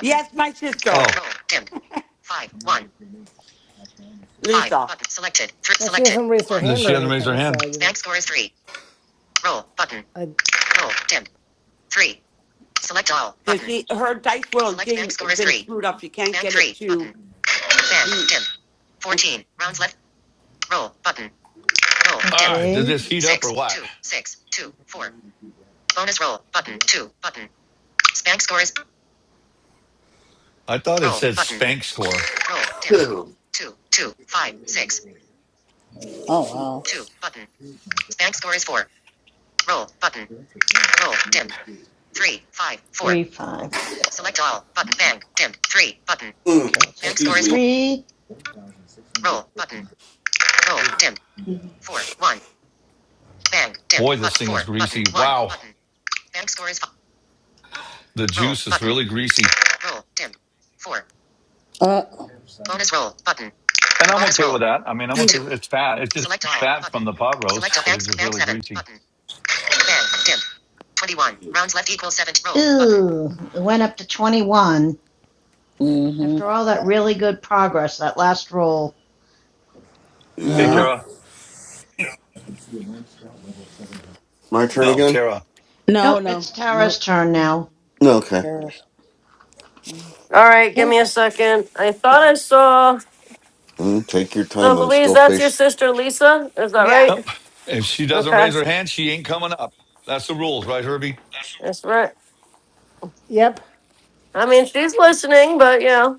Speaker 12: Yes, my sister,
Speaker 6: Oh,
Speaker 12: Lisa,
Speaker 1: Well, she hasn't raised her
Speaker 6: then
Speaker 1: hand
Speaker 6: she
Speaker 1: or
Speaker 6: hasn't raised her
Speaker 1: anything, so
Speaker 6: hand.
Speaker 1: I didn't. I.
Speaker 12: because she her dice world game has been screwed up. She can't get it to me. It's,
Speaker 6: All right, did
Speaker 10: Okay. Dim.
Speaker 6: this heat up or what? I thought it said spank score.
Speaker 5: yum. [LAUGHS] [CLEARS THROAT]
Speaker 4: Oh
Speaker 10: Three, five, four. Okay,
Speaker 5: Mm,
Speaker 10: i
Speaker 5: excuse me.
Speaker 10: three.
Speaker 5: [SIGHS]
Speaker 6: Boy, this thing is greasy. Wow, the juice is really greasy.
Speaker 4: wow. Uh.
Speaker 6: And I'm okay with that. I mean, I'm okay with it's fat. It's just fat from the pot roast, but it's just really greasy.
Speaker 10: Ooh, Button. it went up to 21.
Speaker 4: hmm
Speaker 10: After all that really good progress, that last roll.
Speaker 6: Hey,
Speaker 4: Yeah.
Speaker 5: Yeah.
Speaker 6: Tara.
Speaker 10: [LAUGHS]
Speaker 5: My turn
Speaker 6: No,
Speaker 5: again?
Speaker 6: Tara.
Speaker 10: nope,
Speaker 4: No. No.
Speaker 10: it's Tara's
Speaker 4: Nope.
Speaker 10: turn now.
Speaker 5: No, Okay.
Speaker 4: There is.
Speaker 2: All right, give me a second. I thought I saw
Speaker 5: Mm, take your
Speaker 2: so
Speaker 5: time. I'm
Speaker 2: Louise,
Speaker 5: still
Speaker 2: that's your
Speaker 5: faced.
Speaker 2: sister Lisa, is that
Speaker 12: yeah,
Speaker 2: right?
Speaker 6: Nope. If she doesn't
Speaker 2: Okay.
Speaker 6: raise her hand, she ain't coming up. That's the rules, right, Herbie?
Speaker 2: That's right.
Speaker 1: Yep.
Speaker 2: I mean, she's listening, but yeah.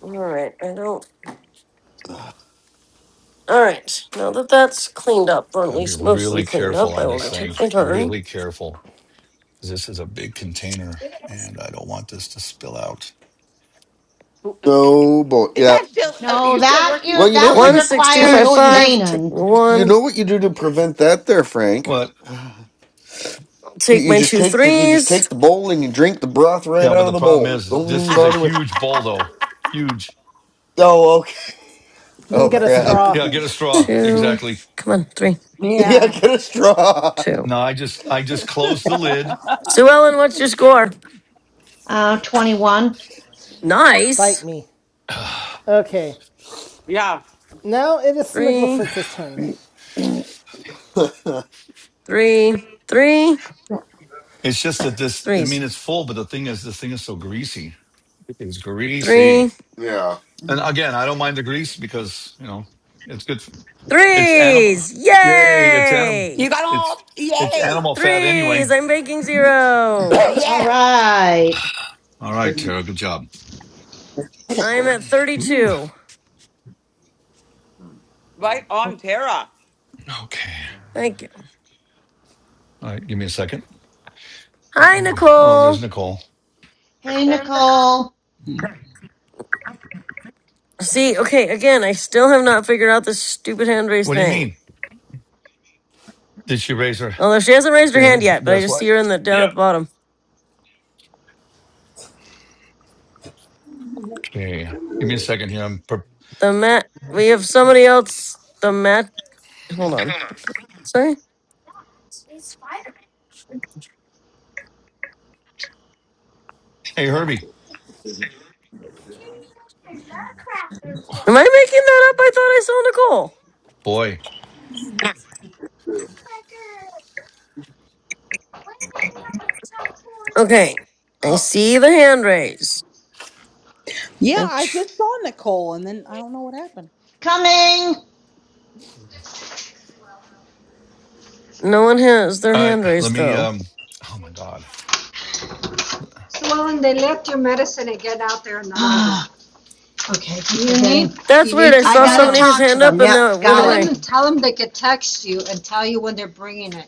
Speaker 2: All right. I don't. All right. Now that that's cleaned up, or at
Speaker 6: Got to be
Speaker 2: least mostly
Speaker 6: really
Speaker 2: cleaned up,
Speaker 6: careful
Speaker 2: I
Speaker 6: on this
Speaker 2: will take
Speaker 6: thing.
Speaker 2: my turn.
Speaker 6: Really careful. 'Cause This is a big container, and I don't want this to spill out.
Speaker 5: No, boy.
Speaker 12: is
Speaker 5: Yeah.
Speaker 12: that still? Uh,
Speaker 10: No,
Speaker 12: you still
Speaker 10: that
Speaker 12: working,
Speaker 10: you
Speaker 5: Well, you know
Speaker 12: Mister?
Speaker 10: that
Speaker 5: what
Speaker 10: would
Speaker 5: you
Speaker 2: One
Speaker 5: do.
Speaker 2: six two
Speaker 5: Well,
Speaker 10: require
Speaker 5: you
Speaker 2: five
Speaker 5: know what you do.
Speaker 2: five. Take the
Speaker 10: explaining.
Speaker 5: You
Speaker 2: one.
Speaker 5: know what you do to prevent that, there, Frank.
Speaker 6: What?
Speaker 5: [SIGHS]
Speaker 2: I'll
Speaker 5: You
Speaker 2: take
Speaker 5: you
Speaker 2: my
Speaker 5: just
Speaker 2: two
Speaker 5: take the you just
Speaker 2: threes.
Speaker 5: take the bowl and you drink the broth right
Speaker 6: Yeah, but
Speaker 5: out
Speaker 6: the
Speaker 5: of the
Speaker 6: problem
Speaker 5: bowl.
Speaker 6: is,
Speaker 5: Don't
Speaker 6: this
Speaker 5: even
Speaker 6: is a
Speaker 5: bother with.
Speaker 6: huge bowl, though. Huge.
Speaker 5: Oh, okay.
Speaker 1: Then
Speaker 5: Oh
Speaker 1: get a
Speaker 5: crap.
Speaker 1: straw.
Speaker 6: Yeah, get a
Speaker 5: [LAUGHS]
Speaker 6: straw.
Speaker 2: Two.
Speaker 6: Exactly.
Speaker 2: Come on. Three.
Speaker 5: Yeah,
Speaker 4: Yeah.
Speaker 5: get a straw.
Speaker 2: Two.
Speaker 6: No, I just, I just closed the lid.
Speaker 2: Sue Ellen, what's your score?
Speaker 10: Uh, 21.
Speaker 1: Bite
Speaker 2: Nice.
Speaker 1: me.
Speaker 6: [SIGHS]
Speaker 1: Okay.
Speaker 12: Yeah,
Speaker 1: Now it is Smiggler
Speaker 2: Three.
Speaker 1: Fritz's turn.
Speaker 5: [LAUGHS]
Speaker 2: Three. Three.
Speaker 6: It's just that this, I mean,
Speaker 2: Threes.
Speaker 6: it's full, but the thing is, this thing is so greasy. It's greasy.
Speaker 2: Three.
Speaker 5: yeah.
Speaker 6: And again, I don't mind the grease because, you know, it's good. For, it's animal.
Speaker 2: Threes.
Speaker 6: Yay. It's animal.
Speaker 2: Yay!
Speaker 12: you got
Speaker 6: It's,
Speaker 12: all.
Speaker 6: it's
Speaker 12: Yay!
Speaker 6: animal fat anyway.
Speaker 2: Threes. I'm making zero.
Speaker 10: All
Speaker 12: Yes,
Speaker 10: right.
Speaker 6: All right,
Speaker 4: Didn't.
Speaker 6: Tara. Good job.
Speaker 2: I'm at
Speaker 6: Ooh.
Speaker 2: 32.
Speaker 5: Hmm.
Speaker 12: right on, Tara.
Speaker 6: Okay.
Speaker 2: Thank you.
Speaker 6: All right. Give me a second.
Speaker 2: Hi,
Speaker 6: Oh,
Speaker 2: Nicole.
Speaker 6: there's Nicole.
Speaker 10: Hey, Nicole.
Speaker 2: See, okay, again, I still have not figured out this stupid hand raise
Speaker 6: What do you
Speaker 2: thing.
Speaker 6: mean? Did she raise her?
Speaker 2: Although she hasn't raised her
Speaker 6: Yeah.
Speaker 2: hand yet, but I
Speaker 6: That's
Speaker 2: just
Speaker 6: why.
Speaker 2: see her in the down
Speaker 6: Yeah.
Speaker 2: at the bottom.
Speaker 6: Okay. Give me a second here. I'm, per-
Speaker 2: The mat. We have somebody else. The mat. Hold on. Sorry.
Speaker 6: hey, Herbie.
Speaker 2: Am I making that up? I thought I saw Nicole.
Speaker 6: Boy.
Speaker 2: Okay, I
Speaker 10: Oh,
Speaker 2: see the hand raise.
Speaker 4: Yeah,
Speaker 2: And
Speaker 4: I
Speaker 2: tr-
Speaker 4: just saw Nicole, and then I don't know what happened.
Speaker 10: coming.
Speaker 2: No one has their
Speaker 6: All right.
Speaker 2: hand
Speaker 6: Let
Speaker 2: raised
Speaker 6: me,
Speaker 2: though.
Speaker 6: um, oh my God.
Speaker 10: So Sloan, they left your medicine and get out there and [GASPS] the Okay. You need,
Speaker 2: That's
Speaker 10: you
Speaker 2: weird.
Speaker 10: need
Speaker 2: I
Speaker 10: to I
Speaker 2: saw
Speaker 10: call I gotta 'em.
Speaker 2: somebody his
Speaker 10: talk to
Speaker 2: hand up
Speaker 10: them.
Speaker 2: and
Speaker 10: Yep,
Speaker 2: then
Speaker 10: Call
Speaker 2: it went
Speaker 10: got them it.
Speaker 2: away.
Speaker 10: and tell them they could text you and tell you when they're bringing it.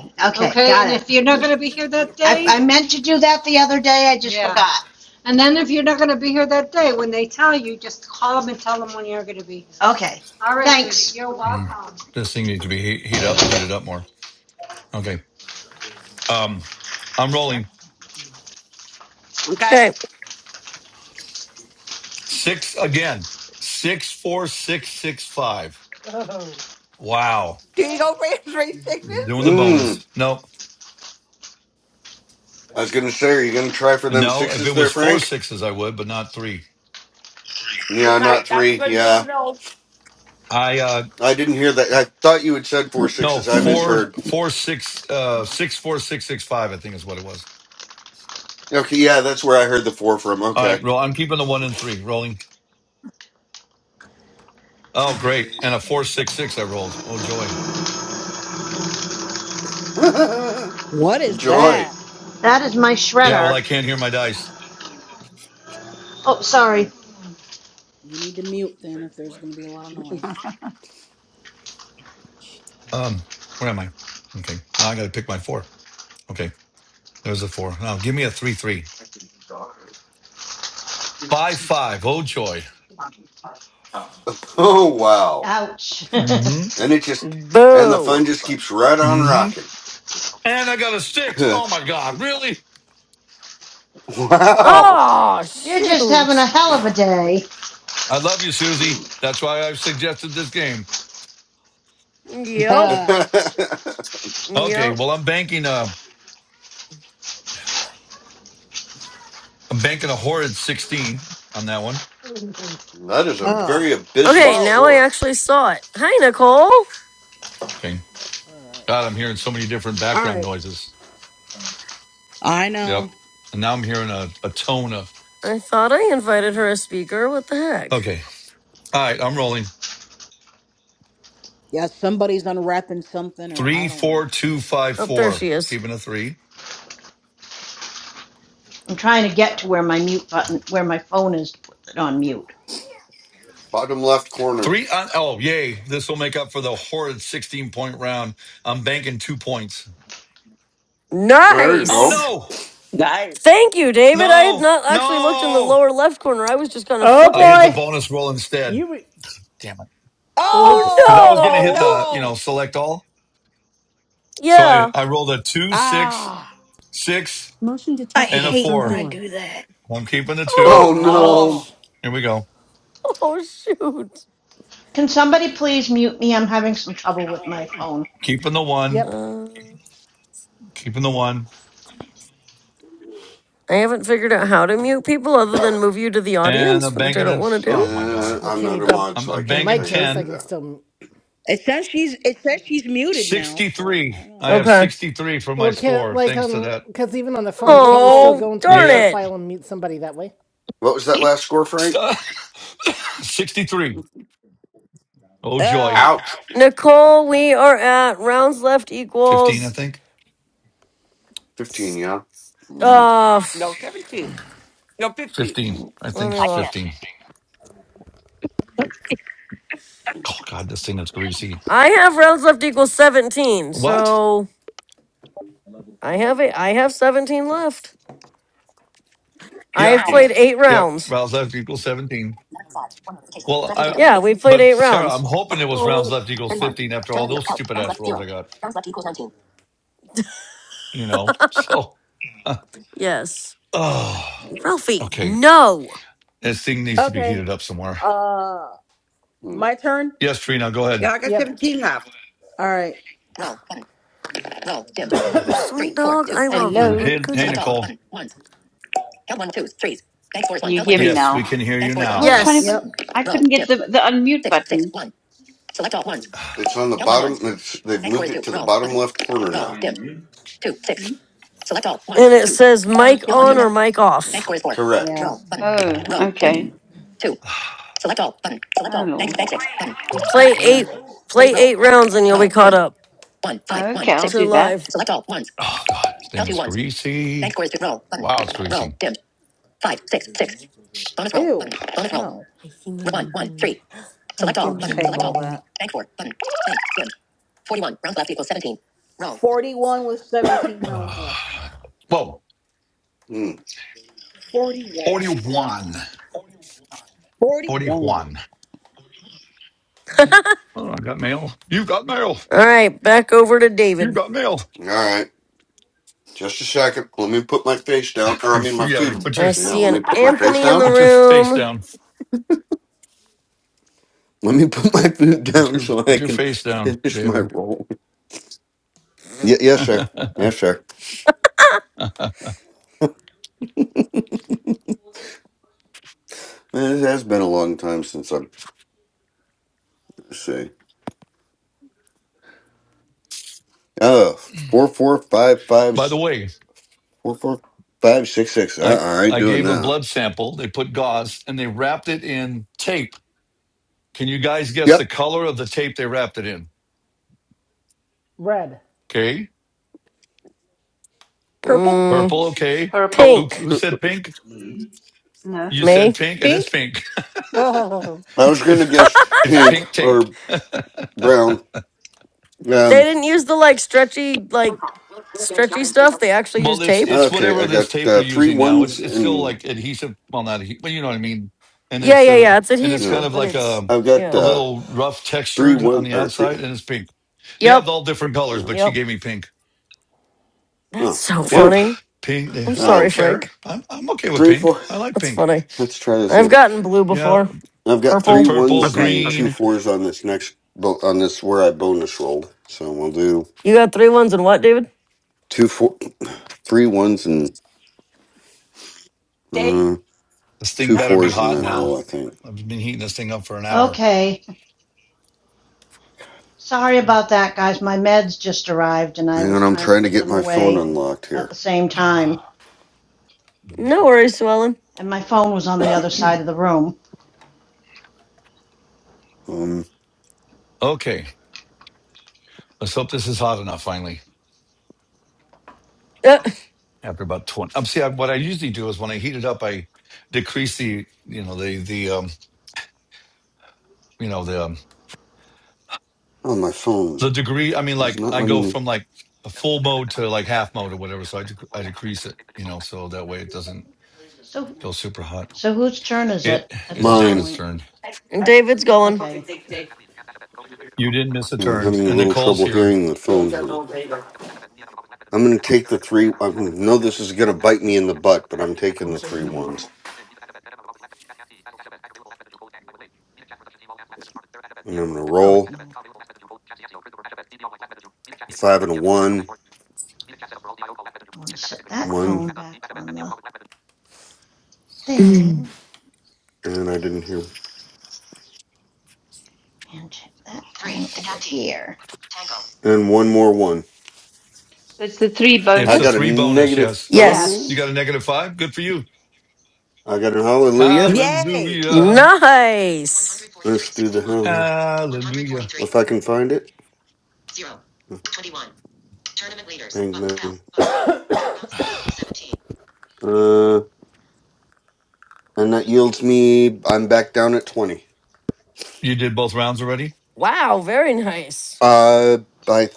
Speaker 5: That would have
Speaker 10: okay,
Speaker 5: made
Speaker 10: Okay,
Speaker 5: good
Speaker 10: got and it. if you're not gonna be
Speaker 5: sweet
Speaker 10: here
Speaker 5: potato
Speaker 10: that I,
Speaker 5: pie
Speaker 10: day, I
Speaker 5: filling.
Speaker 10: meant to do that the other day, I just Yeah. forgot. and then if you're not gonna be here that day, when they tell you, just call them and tell them when you're gonna be. here. Okay, All right, Thanks. Judy, You're
Speaker 6: Mm,
Speaker 10: welcome.
Speaker 6: this thing needs to be heat, heat up, heated up more. Okay. Um, I'm rolling
Speaker 12: Okay,
Speaker 2: Okay.
Speaker 6: six again. Six, four, six, six, five. Wow.
Speaker 12: do you go [LAUGHS] for your three sixes?
Speaker 6: Doing the
Speaker 5: Mmm.
Speaker 6: bonus. No,
Speaker 5: I was gonna say, are you gonna try for them
Speaker 6: no. If
Speaker 5: sixes
Speaker 6: it
Speaker 5: there,
Speaker 6: was four
Speaker 5: Frank?
Speaker 6: sixes, I would, but not three.
Speaker 5: Yeah,
Speaker 12: Okay,
Speaker 5: not
Speaker 12: that's a
Speaker 5: three.
Speaker 12: good rule to
Speaker 5: Yeah,
Speaker 12: know.
Speaker 6: I, uh,
Speaker 5: I didn't hear that. I thought you had said four
Speaker 6: no,
Speaker 5: sixes. I
Speaker 6: four,
Speaker 5: misheard.
Speaker 6: four, six, uh, six, four, six, six, five, I think is what it was.
Speaker 5: Okay, yeah, that's where I heard the four from.
Speaker 6: All
Speaker 5: Okay,
Speaker 6: right. Roll. I'm keeping the one and three rolling. Oh, great. And a four, six, six I rolled. Oh, joy.
Speaker 5: [LAUGHS]
Speaker 4: What is
Speaker 5: joy.
Speaker 4: that?
Speaker 10: that is my
Speaker 6: Yeah. Well,
Speaker 10: shredder.
Speaker 6: I can't hear my dice.
Speaker 10: Oh, sorry.
Speaker 4: You need to mute then if there's going to be a lot of noise.
Speaker 6: Um, where am I? Okay. Now I got to pick my four. Okay. There's a four. Now give me a three, three. Five, five. Oh, joy.
Speaker 5: Oh wow,
Speaker 10: Ouch.
Speaker 6: Mm-hmm.
Speaker 10: [LAUGHS]
Speaker 5: and it just and the
Speaker 2: Boo.
Speaker 5: fun just keeps right on
Speaker 6: Mm-hmm.
Speaker 5: rocking.
Speaker 6: And I got a six.
Speaker 5: [LAUGHS]
Speaker 6: Oh, my God. Really?
Speaker 5: wow.
Speaker 2: Oh,
Speaker 10: You're just having a
Speaker 2: shoot.
Speaker 10: hell of a day.
Speaker 6: I love you, Susie.
Speaker 5: Mm.
Speaker 6: That's why I've suggested this game.
Speaker 4: [LAUGHS]
Speaker 5: [LAUGHS]
Speaker 2: Yep.
Speaker 4: oh,
Speaker 5: that
Speaker 6: Okay.
Speaker 2: Yep.
Speaker 6: Well, I'm banking, a, am banking a horrid 16 on that one.
Speaker 5: is a
Speaker 4: all
Speaker 5: very abysmal
Speaker 2: Okay, now
Speaker 12: Whoa,
Speaker 2: I
Speaker 5: score.
Speaker 2: actually saw it. Hi, Nicole.
Speaker 6: Okay.
Speaker 1: All
Speaker 6: God,
Speaker 1: right.
Speaker 6: I'm hearing so many different background
Speaker 4: right.
Speaker 6: noises.
Speaker 4: I
Speaker 6: Yep.
Speaker 4: know.
Speaker 6: And now I'm hearing a, a tone of,
Speaker 2: I thought I invited her as speaker. What the heck?
Speaker 6: okay. All right. I'm rolling.
Speaker 4: Yeah, somebody's unwrapping something, or I
Speaker 6: Three,
Speaker 4: don't know.
Speaker 6: four, two, five,
Speaker 2: Oh, there
Speaker 6: four.
Speaker 2: she is.
Speaker 6: Keeping a three.
Speaker 10: I'm trying to get to where my mute button, where my phone is, to put it on mute.
Speaker 5: Bottom left corner.
Speaker 6: Three. Uh, oh, yay. This will make up for the horrid 16 point round. I'm banking two points.
Speaker 5: There you
Speaker 6: Oh,
Speaker 5: go.
Speaker 2: Nice.
Speaker 6: no.
Speaker 12: nice.
Speaker 2: Thank you, David. I had
Speaker 6: No.
Speaker 2: not actually looked in the lower
Speaker 6: No.
Speaker 2: left corner. I was just kind of
Speaker 1: Oh
Speaker 6: I hit
Speaker 2: flipping.
Speaker 6: the
Speaker 1: boy!
Speaker 6: bonus roll instead.
Speaker 1: You. Re-
Speaker 6: Damn it. Because
Speaker 1: Oops.
Speaker 6: I was going to
Speaker 12: Oh
Speaker 6: hit
Speaker 4: Oh,
Speaker 2: Oh,
Speaker 6: the, you know, select all.
Speaker 2: no.
Speaker 6: So I,
Speaker 2: Yeah.
Speaker 6: I rolled a two, six,
Speaker 4: ah.
Speaker 6: six,
Speaker 8: I
Speaker 6: and a
Speaker 8: hate when
Speaker 6: four.
Speaker 8: I do that.
Speaker 6: I'm keeping the two.
Speaker 5: Oh
Speaker 2: Oh,
Speaker 12: no! Oh,
Speaker 1: Ouch.
Speaker 6: Here we go.
Speaker 2: [LAUGHS] oh shoot.
Speaker 10: Can somebody please mute me? I'm having some trouble with my phone.
Speaker 6: Keeping the one,
Speaker 1: Yep.
Speaker 2: Uh,
Speaker 6: keeping the one.
Speaker 2: I haven't figured out how to mute people other than move you to the
Speaker 6: And
Speaker 2: audience,
Speaker 6: I'm
Speaker 2: which I
Speaker 6: banking
Speaker 2: don't
Speaker 6: it.
Speaker 2: want to
Speaker 5: no.
Speaker 2: do.
Speaker 6: Oh, my
Speaker 5: Uh,
Speaker 6: God.
Speaker 1: Well,
Speaker 5: I'm
Speaker 1: can you
Speaker 5: not a
Speaker 1: dub?
Speaker 5: mod,
Speaker 6: I'm,
Speaker 5: so I
Speaker 6: I'm
Speaker 1: In
Speaker 5: can't
Speaker 1: my
Speaker 6: banking
Speaker 5: tell you how to
Speaker 1: case, I
Speaker 5: do
Speaker 6: 10.
Speaker 1: can
Speaker 5: that.
Speaker 1: still.
Speaker 4: It says she's. It says she's muted now. So I
Speaker 6: 63.
Speaker 4: don't
Speaker 6: I
Speaker 4: know.
Speaker 6: have
Speaker 2: Okay.
Speaker 6: 63 for my
Speaker 1: Well, can
Speaker 6: score
Speaker 1: like
Speaker 6: thanks to
Speaker 1: um,
Speaker 6: that.
Speaker 1: because even on the phone, can't you still
Speaker 12: whoa!
Speaker 2: Oh,
Speaker 1: go into her
Speaker 2: darn
Speaker 6: Yeah.
Speaker 2: it.
Speaker 1: profile and mute somebody that way?
Speaker 5: What was that last score,
Speaker 6: [LAUGHS]
Speaker 5: Frank?
Speaker 6: Stop. [COUGHS] 63. Oh, joy.
Speaker 4: Ah.
Speaker 5: Ouch.
Speaker 2: Nicole, we are at rounds left
Speaker 6: 15, I
Speaker 2: equals.
Speaker 6: think.
Speaker 5: 15, yeah.
Speaker 2: Uh,
Speaker 12: No, seventeen. No, 50.
Speaker 6: 15. I
Speaker 2: let
Speaker 6: think
Speaker 2: me
Speaker 15: I
Speaker 6: it's
Speaker 15: can
Speaker 2: look.
Speaker 6: 15. Oh, God, this thing is greasy.
Speaker 2: I have rounds left equals seventeen,
Speaker 6: What?
Speaker 2: so I have a I have seventeen left. I have
Speaker 6: Yep.
Speaker 5: Hmm,
Speaker 2: played eight
Speaker 6: Yep.
Speaker 2: rounds.
Speaker 6: Rounds left equals 17.
Speaker 4: Map five, one notification.
Speaker 6: Well,
Speaker 4: Crafting Kingdom,
Speaker 6: I,
Speaker 2: Yeah,
Speaker 4: eighteen
Speaker 2: we
Speaker 4: minutes ago.
Speaker 2: played
Speaker 6: but
Speaker 2: eight
Speaker 6: Sarah, I'm
Speaker 2: rounds.
Speaker 6: hoping it was rounds
Speaker 12: Uh-oh.
Speaker 6: left equals
Speaker 4: thirty-one.
Speaker 6: 15 after
Speaker 4: Turn
Speaker 6: all
Speaker 4: on the
Speaker 6: those
Speaker 4: help.
Speaker 6: stupid
Speaker 4: Rounds
Speaker 6: ass
Speaker 4: left,
Speaker 6: rolls
Speaker 4: zero.
Speaker 6: I got,
Speaker 4: Rounds left equals nineteen.
Speaker 6: you know? So, [SIGHS]
Speaker 2: Yes,
Speaker 6: [LAUGHS] oh,
Speaker 2: Ralphie.
Speaker 6: okay.
Speaker 2: No,
Speaker 6: This thing needs to be
Speaker 4: Okay.
Speaker 6: heated up somewhere.
Speaker 4: Uh,
Speaker 5: hmm.
Speaker 4: my turn.
Speaker 6: Yes, Trina, go ahead.
Speaker 12: Yeah, I got
Speaker 1: Yep.
Speaker 12: 17 left.
Speaker 4: All right. Roll Roll roll. one. one, dim.
Speaker 2: sweet
Speaker 4: Three, four,
Speaker 2: dog,
Speaker 4: two,
Speaker 2: I
Speaker 4: five,
Speaker 2: love you,
Speaker 4: one.
Speaker 18: Hello,
Speaker 2: but
Speaker 6: Hey,
Speaker 2: good
Speaker 6: hey,
Speaker 4: Select all
Speaker 2: lord.
Speaker 6: Nicole.
Speaker 4: button. ones. Count one, twos, threes. Bank score is
Speaker 18: can
Speaker 4: one.
Speaker 18: you
Speaker 4: count one
Speaker 18: hear me
Speaker 4: threes.
Speaker 6: Yes, we
Speaker 18: now?
Speaker 6: can hear
Speaker 4: Yep.
Speaker 6: you
Speaker 4: Roll
Speaker 18: I was
Speaker 6: now.
Speaker 4: roll.
Speaker 18: trying
Speaker 2: Yes,
Speaker 4: Yep.
Speaker 18: to,
Speaker 4: Button.
Speaker 18: I couldn't
Speaker 4: Roll dim.
Speaker 18: get the,
Speaker 4: dim.
Speaker 18: the unmute
Speaker 4: Six, six,
Speaker 18: button.
Speaker 4: one. Select all ones.
Speaker 5: It's on the
Speaker 4: Count one
Speaker 5: bottom.
Speaker 4: ones.
Speaker 5: It's, they've
Speaker 4: Bank score
Speaker 5: moved
Speaker 4: is Two
Speaker 5: it to the
Speaker 4: Roll,
Speaker 5: bottom
Speaker 4: button.
Speaker 5: left corner
Speaker 4: Roll,
Speaker 5: now.
Speaker 4: dim. two,
Speaker 18: Hmm?
Speaker 4: six. Select all ones,
Speaker 2: and it
Speaker 4: twos.
Speaker 2: says
Speaker 18: No, I was
Speaker 2: mic
Speaker 4: Count on
Speaker 18: talking
Speaker 2: on
Speaker 4: twos.
Speaker 2: or
Speaker 18: here.
Speaker 2: mic
Speaker 4: Bank
Speaker 2: off.
Speaker 4: score is four. Yeah.
Speaker 5: Correct.
Speaker 4: Roll button.
Speaker 18: Oh,
Speaker 4: Roll
Speaker 18: okay.
Speaker 4: dim. Two.
Speaker 6: [SIGHS]
Speaker 4: Select all button. Select
Speaker 18: Oh,
Speaker 4: all. Bank
Speaker 18: Lord.
Speaker 4: bank six button. Bank
Speaker 2: Play
Speaker 4: dim.
Speaker 2: eight.
Speaker 4: Thirty
Speaker 2: Play
Speaker 4: roll
Speaker 2: eight
Speaker 4: button.
Speaker 2: rounds, and you'll
Speaker 4: Roll
Speaker 2: be caught
Speaker 4: dim.
Speaker 2: up
Speaker 4: One
Speaker 18: Oh,
Speaker 4: five
Speaker 18: okay,
Speaker 4: one
Speaker 18: I'll
Speaker 2: to
Speaker 4: six.
Speaker 18: do that.
Speaker 2: live.
Speaker 4: Select all ones.
Speaker 6: Oh God, this thing
Speaker 4: Count two
Speaker 6: is
Speaker 4: ones. Bank
Speaker 6: greasy.
Speaker 4: score is two. Roll button.
Speaker 6: Wow, it's
Speaker 4: Roll
Speaker 6: greasy.
Speaker 4: dim. Five six six. Bonus roll Ew. button. Bonus roll. No.
Speaker 2: I see
Speaker 4: One
Speaker 2: mighty
Speaker 4: one
Speaker 2: boy.
Speaker 4: three.
Speaker 2: I
Speaker 4: Select all
Speaker 2: see
Speaker 4: I'll button.
Speaker 2: mighty
Speaker 4: Select all. all.
Speaker 2: boy.
Speaker 4: That. Bank four button. Bank dim. Forty one rounds left equals seventeen. Roll. Forty one with seventeen rounds
Speaker 6: Uh,
Speaker 4: left.
Speaker 6: whoa,
Speaker 5: Hmm.
Speaker 4: 41.
Speaker 6: 41.
Speaker 4: 41.
Speaker 6: 41. Oh, I got mail. You got mail.
Speaker 2: All right, back over to
Speaker 6: You
Speaker 2: David.
Speaker 6: got mail.
Speaker 5: All right. Just a second. Let me put my face down. Or,
Speaker 6: You,
Speaker 5: I mean, my
Speaker 6: yeah, you
Speaker 5: food.
Speaker 6: put your
Speaker 2: I
Speaker 5: Yeah,
Speaker 2: see
Speaker 5: let
Speaker 2: an
Speaker 5: me put my face
Speaker 12: [LAUGHS]
Speaker 2: Anthony in the
Speaker 5: down.
Speaker 6: put your face
Speaker 2: room.
Speaker 6: down.
Speaker 5: Let me put my food [LAUGHS]
Speaker 6: Put
Speaker 5: down
Speaker 6: your
Speaker 5: so
Speaker 6: put
Speaker 5: I
Speaker 6: your
Speaker 5: can
Speaker 6: face down,
Speaker 5: finish my
Speaker 6: David.
Speaker 5: roll. Y-
Speaker 6: [LAUGHS]
Speaker 5: yes, sir.
Speaker 6: By
Speaker 5: Yes, sir. Man, it has been a long time since I've, let's see. Oh, four, four, five, five,
Speaker 6: the
Speaker 5: s-
Speaker 6: way,
Speaker 5: four, four, five, six, six. Uh,
Speaker 6: I
Speaker 5: I ain't
Speaker 6: I
Speaker 5: doing
Speaker 6: gave a
Speaker 5: that.
Speaker 6: blood sample. They put gauze and they wrapped it in tape. Can you guys guess
Speaker 5: Yep.
Speaker 6: the color of the tape they wrapped it in?
Speaker 1: Red.
Speaker 6: Okay,
Speaker 8: Purple?
Speaker 2: Mm,
Speaker 6: purple. Okay, who
Speaker 18: Purple.
Speaker 2: pink.
Speaker 6: who said pink?
Speaker 18: No.
Speaker 6: You said
Speaker 2: May.
Speaker 6: pink, and it's
Speaker 8: Pink?
Speaker 6: pink. [LAUGHS]
Speaker 15: Oh,
Speaker 5: I was gonna
Speaker 6: It's
Speaker 5: guess
Speaker 6: it's
Speaker 5: pink
Speaker 6: pink tape.
Speaker 5: or
Speaker 6: [LAUGHS]
Speaker 5: brown.
Speaker 2: They
Speaker 5: Um.
Speaker 2: didn't use the like stretchy, like stretchy stuff. They actually used
Speaker 6: Well, it's
Speaker 2: tape.
Speaker 6: it's
Speaker 5: Okay,
Speaker 6: whatever
Speaker 5: I got
Speaker 6: this tape they're
Speaker 5: uh, three
Speaker 6: using now. It's
Speaker 5: ones
Speaker 6: it's still
Speaker 5: and you
Speaker 6: like adhesive. Well, not adhe- but you know what I mean. And
Speaker 2: Yeah,
Speaker 6: it's
Speaker 2: yeah,
Speaker 6: uh
Speaker 2: yeah. It's
Speaker 6: and it's kind
Speaker 5: know
Speaker 2: adhesive,
Speaker 6: of
Speaker 2: but
Speaker 6: like
Speaker 2: it's
Speaker 6: a
Speaker 5: I've got
Speaker 6: a
Speaker 2: yeah.
Speaker 5: uh,
Speaker 6: little rough
Speaker 5: three
Speaker 6: textured on
Speaker 5: one
Speaker 6: the
Speaker 5: or three.
Speaker 6: outside, and it's pink. They
Speaker 2: Yep,
Speaker 6: have all different
Speaker 5: You
Speaker 6: colors,
Speaker 5: know,
Speaker 6: but she
Speaker 2: yep.
Speaker 6: gave me pink.
Speaker 2: That's
Speaker 5: oh,
Speaker 2: so
Speaker 6: Yep,
Speaker 5: wonderful.
Speaker 2: funny.
Speaker 6: pink. yeah.
Speaker 2: I'm
Speaker 6: I
Speaker 2: sorry,
Speaker 6: don't
Speaker 5: Um,
Speaker 6: care.
Speaker 2: Frank.
Speaker 6: I'm I'm okay with
Speaker 5: three
Speaker 6: pink.
Speaker 5: four.
Speaker 6: I like
Speaker 2: That's
Speaker 6: pink.
Speaker 2: funny.
Speaker 5: [LAUGHS] Let's try this
Speaker 2: I've
Speaker 5: again.
Speaker 2: gotten blue
Speaker 6: Yeah,
Speaker 2: before.
Speaker 5: I've got
Speaker 6: there's
Speaker 5: three
Speaker 2: Purple.
Speaker 6: purple,
Speaker 5: ones
Speaker 12: Okay,
Speaker 5: and
Speaker 12: okay.
Speaker 5: two
Speaker 6: green.
Speaker 5: fours on this next bo- on this where I bonus rolled. So we'll do
Speaker 2: You got three ones and what, David?
Speaker 5: two four, three ones and uh,
Speaker 12: Day?
Speaker 6: This thing
Speaker 5: two
Speaker 6: better be
Speaker 5: fours in
Speaker 6: hot
Speaker 5: that
Speaker 6: now.
Speaker 5: roll. I think.
Speaker 6: I've been heating this thing up for an hour.
Speaker 10: Okay. Sorry about that, guys. My meds just arrived and I
Speaker 5: Hang
Speaker 10: was
Speaker 5: on, I'm
Speaker 10: trying to
Speaker 5: trying to
Speaker 10: put
Speaker 5: get
Speaker 10: them
Speaker 5: my phone
Speaker 10: away
Speaker 5: unlocked
Speaker 10: at
Speaker 5: here.
Speaker 10: the same
Speaker 6: [SIGHS]
Speaker 10: time.
Speaker 2: No worries, Sue Ellen.
Speaker 10: And my phone was on the other side of the room.
Speaker 5: Um.
Speaker 6: Okay. Let's hope this is hot enough finally.
Speaker 2: Uh,
Speaker 6: After about twenty, um, see, I, what I usually do is when I heat it up, I decrease the, you know, the the um, you know the um,
Speaker 5: Oh, my phone
Speaker 6: the degree. I mean,
Speaker 5: is
Speaker 6: like
Speaker 5: not
Speaker 6: I
Speaker 5: letting
Speaker 6: go
Speaker 5: me.
Speaker 6: from like a full mode to like half mode or whatever. So I dec I decrease it, you know, so that way it doesn't
Speaker 10: So
Speaker 6: go super hot.
Speaker 10: so whose turn is
Speaker 6: It
Speaker 10: it at
Speaker 6: is
Speaker 10: this
Speaker 5: Mine.
Speaker 6: David's
Speaker 10: point?
Speaker 6: turn.
Speaker 2: and David's going.
Speaker 10: Okay.
Speaker 6: You didn't miss a
Speaker 5: I'm
Speaker 6: turn,
Speaker 5: having a
Speaker 6: and
Speaker 5: little
Speaker 6: Nicole's
Speaker 5: trouble
Speaker 6: here.
Speaker 5: hearing the phone here. I'm going to take the three. I know this is going to bite me in the butt, but I'm taking the three ones. And I'm going to
Speaker 10: Oh
Speaker 5: roll
Speaker 10: no.
Speaker 5: a five and a one.
Speaker 10: I want to set that
Speaker 5: One.
Speaker 10: phone back on the
Speaker 2: [CLEARS THROAT]
Speaker 10: thing
Speaker 5: And I didn't hear.
Speaker 10: and check that thing over here.
Speaker 5: And one more one.
Speaker 18: So it's the three
Speaker 5: I
Speaker 6: It's a
Speaker 5: got a
Speaker 18: bonus.
Speaker 6: three bonus.
Speaker 5: negative
Speaker 6: Yes,
Speaker 2: yes.
Speaker 6: you
Speaker 10: Yes.
Speaker 6: got
Speaker 5: five.
Speaker 6: a negative five. Good for you.
Speaker 5: I got a hallelujah.
Speaker 12: Yay!
Speaker 6: Hallelujah,
Speaker 2: Nice.
Speaker 5: Let's do the hell.
Speaker 6: hallelujah.
Speaker 5: If I can find it. Bang, bang. Uh, and that yields me. I'm back down at 20.
Speaker 6: You did both rounds already.
Speaker 2: Wow, very nice.
Speaker 5: Uh, I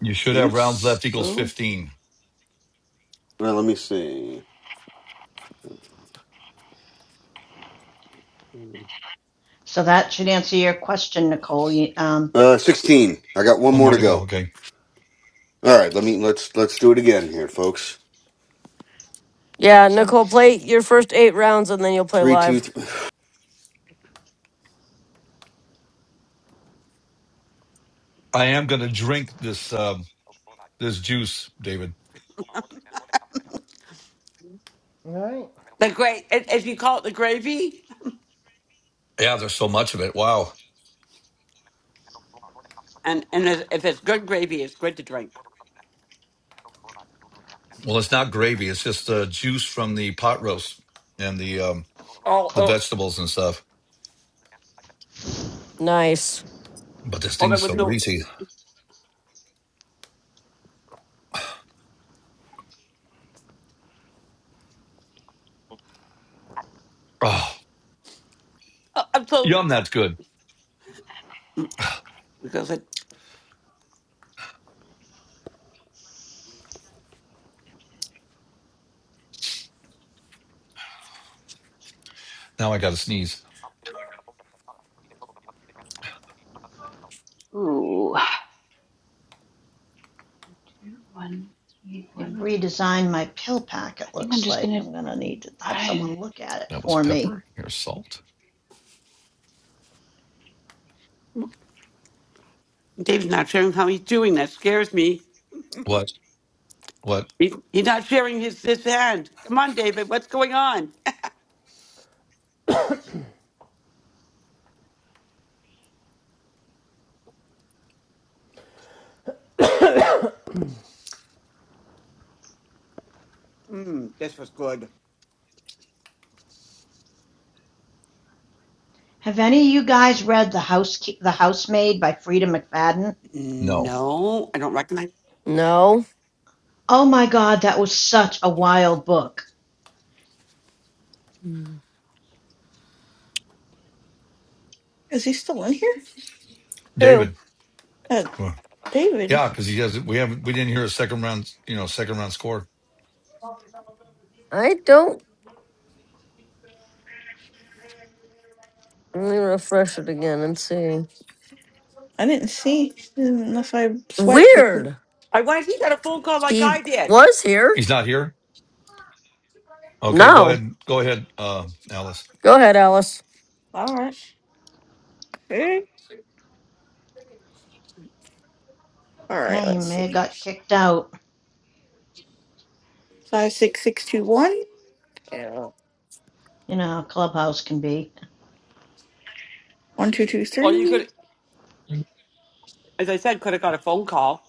Speaker 6: You should have
Speaker 5: think
Speaker 6: rounds left equals
Speaker 5: so.
Speaker 6: 15.
Speaker 5: Well, let me see.
Speaker 10: So that should answer your question, Nicole. You, um,
Speaker 5: Uh, sixteen. I got one
Speaker 6: One
Speaker 5: more
Speaker 6: more
Speaker 5: to
Speaker 6: to go.
Speaker 5: go.
Speaker 6: Okay.
Speaker 5: All right, let me let's let's do it again here, folks.
Speaker 2: Yeah,
Speaker 10: so
Speaker 2: Nicole, play your first eight rounds and then you'll play
Speaker 5: Three, two,
Speaker 2: live.
Speaker 5: three.
Speaker 6: I am going to drink this um, this juice, David.
Speaker 1: All right.
Speaker 12: The great, if if you call it the gravy,
Speaker 6: Yeah, there's so much of it. Wow.
Speaker 12: and, and if if it's good gravy, it's good to drink.
Speaker 6: Well, it's not gravy. It's just uh, juice from the pot roast and the um,
Speaker 12: Oh,
Speaker 6: the
Speaker 12: oh,
Speaker 6: vegetables and stuff.
Speaker 2: Nice.
Speaker 6: But this
Speaker 12: oh, that
Speaker 6: thing's
Speaker 12: was
Speaker 6: so
Speaker 12: no.
Speaker 6: greasy. Oh,
Speaker 12: Uh, I'm so,
Speaker 6: yum. That's good.
Speaker 12: because I,
Speaker 6: Now I got to sneeze.
Speaker 18: Ooh. Two, one, three,
Speaker 10: They
Speaker 18: one, three.
Speaker 10: redesigned my pill pack,
Speaker 18: I
Speaker 10: it
Speaker 18: think I'm
Speaker 10: looks
Speaker 18: just
Speaker 10: like.
Speaker 18: going to,
Speaker 10: I'm gonna need to have
Speaker 18: I
Speaker 10: someone look at it
Speaker 6: That was
Speaker 10: for me.
Speaker 6: pepper. Here's salt.
Speaker 12: David's not sharing how he's doing. That scares me.
Speaker 6: What? What?
Speaker 12: He, he's not sharing his, his hand. Come on, David, what's going on? [LAUGHS] Mm, this was good.
Speaker 10: Have any of you guys read The House The Housemaid by Frida McFadden?
Speaker 6: No,
Speaker 12: No, I don't recognize.
Speaker 2: No.
Speaker 10: Oh my god, that was such a wild book.
Speaker 2: Mm.
Speaker 8: Is he still in here?
Speaker 6: David.
Speaker 2: Who?
Speaker 8: Uh,
Speaker 6: What?
Speaker 8: David.
Speaker 6: Yeah, because he has. We haven't. We didn't hear a second round. You know, second round score.
Speaker 2: I don't. Let me refresh it again and see.
Speaker 8: I didn't see unless I swiped too quick.
Speaker 2: Weird.
Speaker 12: I why he got a phone call like
Speaker 2: He
Speaker 12: I did?
Speaker 2: was here.
Speaker 6: He's not here. Okay, go
Speaker 2: No.
Speaker 6: ahead. Go ahead, uh, Alice.
Speaker 2: Go ahead, Alice.
Speaker 8: All right. All
Speaker 10: Yeah,
Speaker 8: right,
Speaker 10: he
Speaker 8: let's
Speaker 10: may have
Speaker 8: see.
Speaker 10: got kicked out.
Speaker 8: 56621
Speaker 10: You know how Clubhouse can be.
Speaker 12: Or you
Speaker 8: 1223
Speaker 12: could. as I said, could have got a phone call.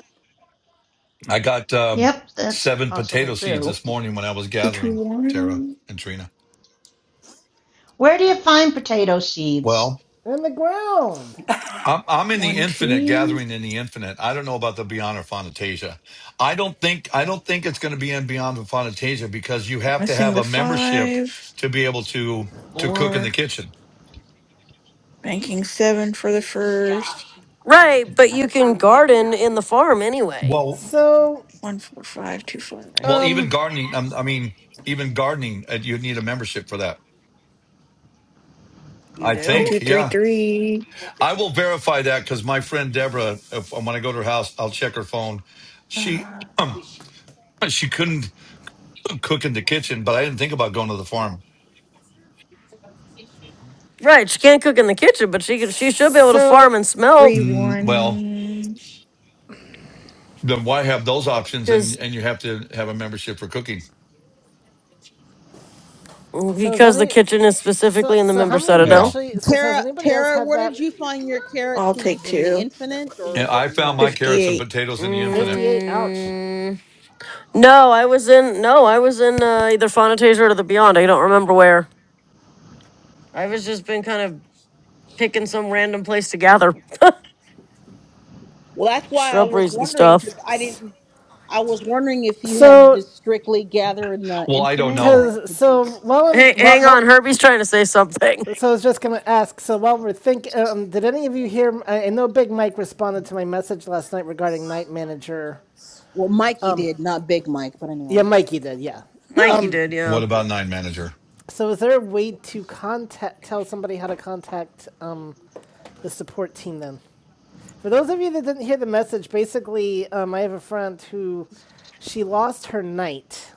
Speaker 6: I got um,
Speaker 10: Yep, that's
Speaker 6: seven
Speaker 10: possible
Speaker 6: potato seeds
Speaker 10: too.
Speaker 6: this morning when I was gathering, Tara
Speaker 8: 221 1
Speaker 6: and Trina.
Speaker 10: Where do you find potato seeds?
Speaker 6: Well,
Speaker 1: In the ground.
Speaker 6: I'm, I'm in the
Speaker 8: One 2. two three. Two
Speaker 6: infinite,
Speaker 8: two one.
Speaker 6: gathering in the infinite. I don't know about the Beyond or Fontasia. I don't think I don't think it's going to be in Beyond or Fontasia because you
Speaker 8: One two.
Speaker 6: have to
Speaker 8: Missing
Speaker 6: have
Speaker 8: the
Speaker 6: a membership
Speaker 8: 5
Speaker 6: to be able to to cook in the
Speaker 8: 4
Speaker 6: kitchen.
Speaker 8: banking 7 for the first
Speaker 2: Right, but you can garden in the farm anyway.
Speaker 6: Well,
Speaker 1: So
Speaker 6: well,
Speaker 8: 14525
Speaker 6: even
Speaker 1: um,
Speaker 6: gardening. um, I mean, even gardening, uh, you need a membership for that.
Speaker 2: You
Speaker 6: I
Speaker 8: One,
Speaker 2: do?
Speaker 8: two,
Speaker 6: think,
Speaker 8: three,
Speaker 6: yeah.
Speaker 8: three.
Speaker 6: I will verify that because my friend Deborah, if, when I go to her house, I'll check her phone. She
Speaker 8: Uh,
Speaker 6: [CLEARS THROAT] um, she couldn't cook in the kitchen, but I didn't think about going to the farm.
Speaker 2: Right, she can't cook in the kitchen, but she could, she should be able to
Speaker 1: so
Speaker 2: farm and smelt
Speaker 8: three,
Speaker 6: Mm, well,
Speaker 8: one.
Speaker 6: then why have those options? And
Speaker 2: because
Speaker 6: and you have to have a membership for cooking.
Speaker 1: So is
Speaker 2: because the
Speaker 1: any
Speaker 2: kitchen is
Speaker 1: so
Speaker 2: specifically in the
Speaker 1: so
Speaker 2: member
Speaker 1: how many of you
Speaker 6: Yeah,
Speaker 2: citadel.
Speaker 1: actually so, so has
Speaker 4: Tara,
Speaker 1: anybody else
Speaker 4: Tara,
Speaker 1: had
Speaker 4: where did
Speaker 1: that?
Speaker 4: you find your carrot
Speaker 8: I'll take
Speaker 4: seeds? In the
Speaker 8: two.
Speaker 4: infinite or
Speaker 6: and
Speaker 4: the
Speaker 6: I found
Speaker 1: No,
Speaker 6: my
Speaker 4: beyond?
Speaker 6: carrots and
Speaker 8: 58.
Speaker 6: potatoes in the infinite.
Speaker 1: fifty-eight. Ouch.
Speaker 2: Mm. No, I was in no, I was in uh, either Fauna Taser or the Beyond. I don't remember where. I was just been kind of picking some random place to gather [LAUGHS]
Speaker 4: Well, that's why I was
Speaker 2: shrubberies and
Speaker 4: wondering because
Speaker 2: stuff.
Speaker 4: I didn't. I was wondering if you had to
Speaker 1: So
Speaker 4: just strictly gather in the
Speaker 6: Well, I don't
Speaker 4: infinite,
Speaker 6: know.
Speaker 4: or
Speaker 1: because
Speaker 4: could you?
Speaker 1: so while I'm
Speaker 2: Hey,
Speaker 1: while,
Speaker 2: hang on,
Speaker 1: while
Speaker 2: Herbie's trying to say something.
Speaker 1: so I was just gonna ask. So while we're thinking, um, did any of you hear? I, I know Big Mike responded to my message last night regarding Night Manager.
Speaker 4: Well, Mikey did, not Big Mike, but
Speaker 1: Yeah,
Speaker 4: anyway,
Speaker 1: Mikey did. Yeah.
Speaker 4: [LAUGHS] Huh.
Speaker 2: Mikey
Speaker 1: Um.
Speaker 2: did, yeah.
Speaker 6: What about Nine Manager?
Speaker 1: So is there a way to contact tell somebody how to contact um the support team then? For those of you that didn't hear the message, basically, um, I have a friend who she lost her knight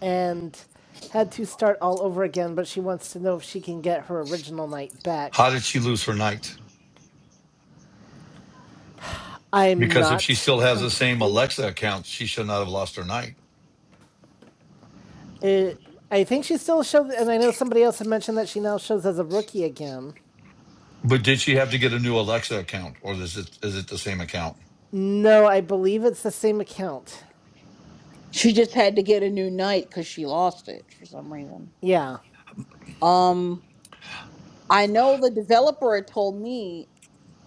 Speaker 1: and had to start all over again, but she wants to know if she can get her original knight
Speaker 6: How
Speaker 1: back.
Speaker 6: did she lose her night?
Speaker 1: I'm
Speaker 6: Because if she
Speaker 1: not
Speaker 6: still has the same
Speaker 1: complete.
Speaker 6: Alexa account, she should not have lost her night.
Speaker 1: Uh, I think she still shows, and I know somebody else had mentioned that she now shows as a rookie again.
Speaker 6: But did she have to get a new Alexa account, or is it is it the same account?
Speaker 1: No, I believe it's the same account.
Speaker 4: she just had to get a new night because she lost it for some reason.
Speaker 1: Yeah.
Speaker 4: Um, I know the developer had told me.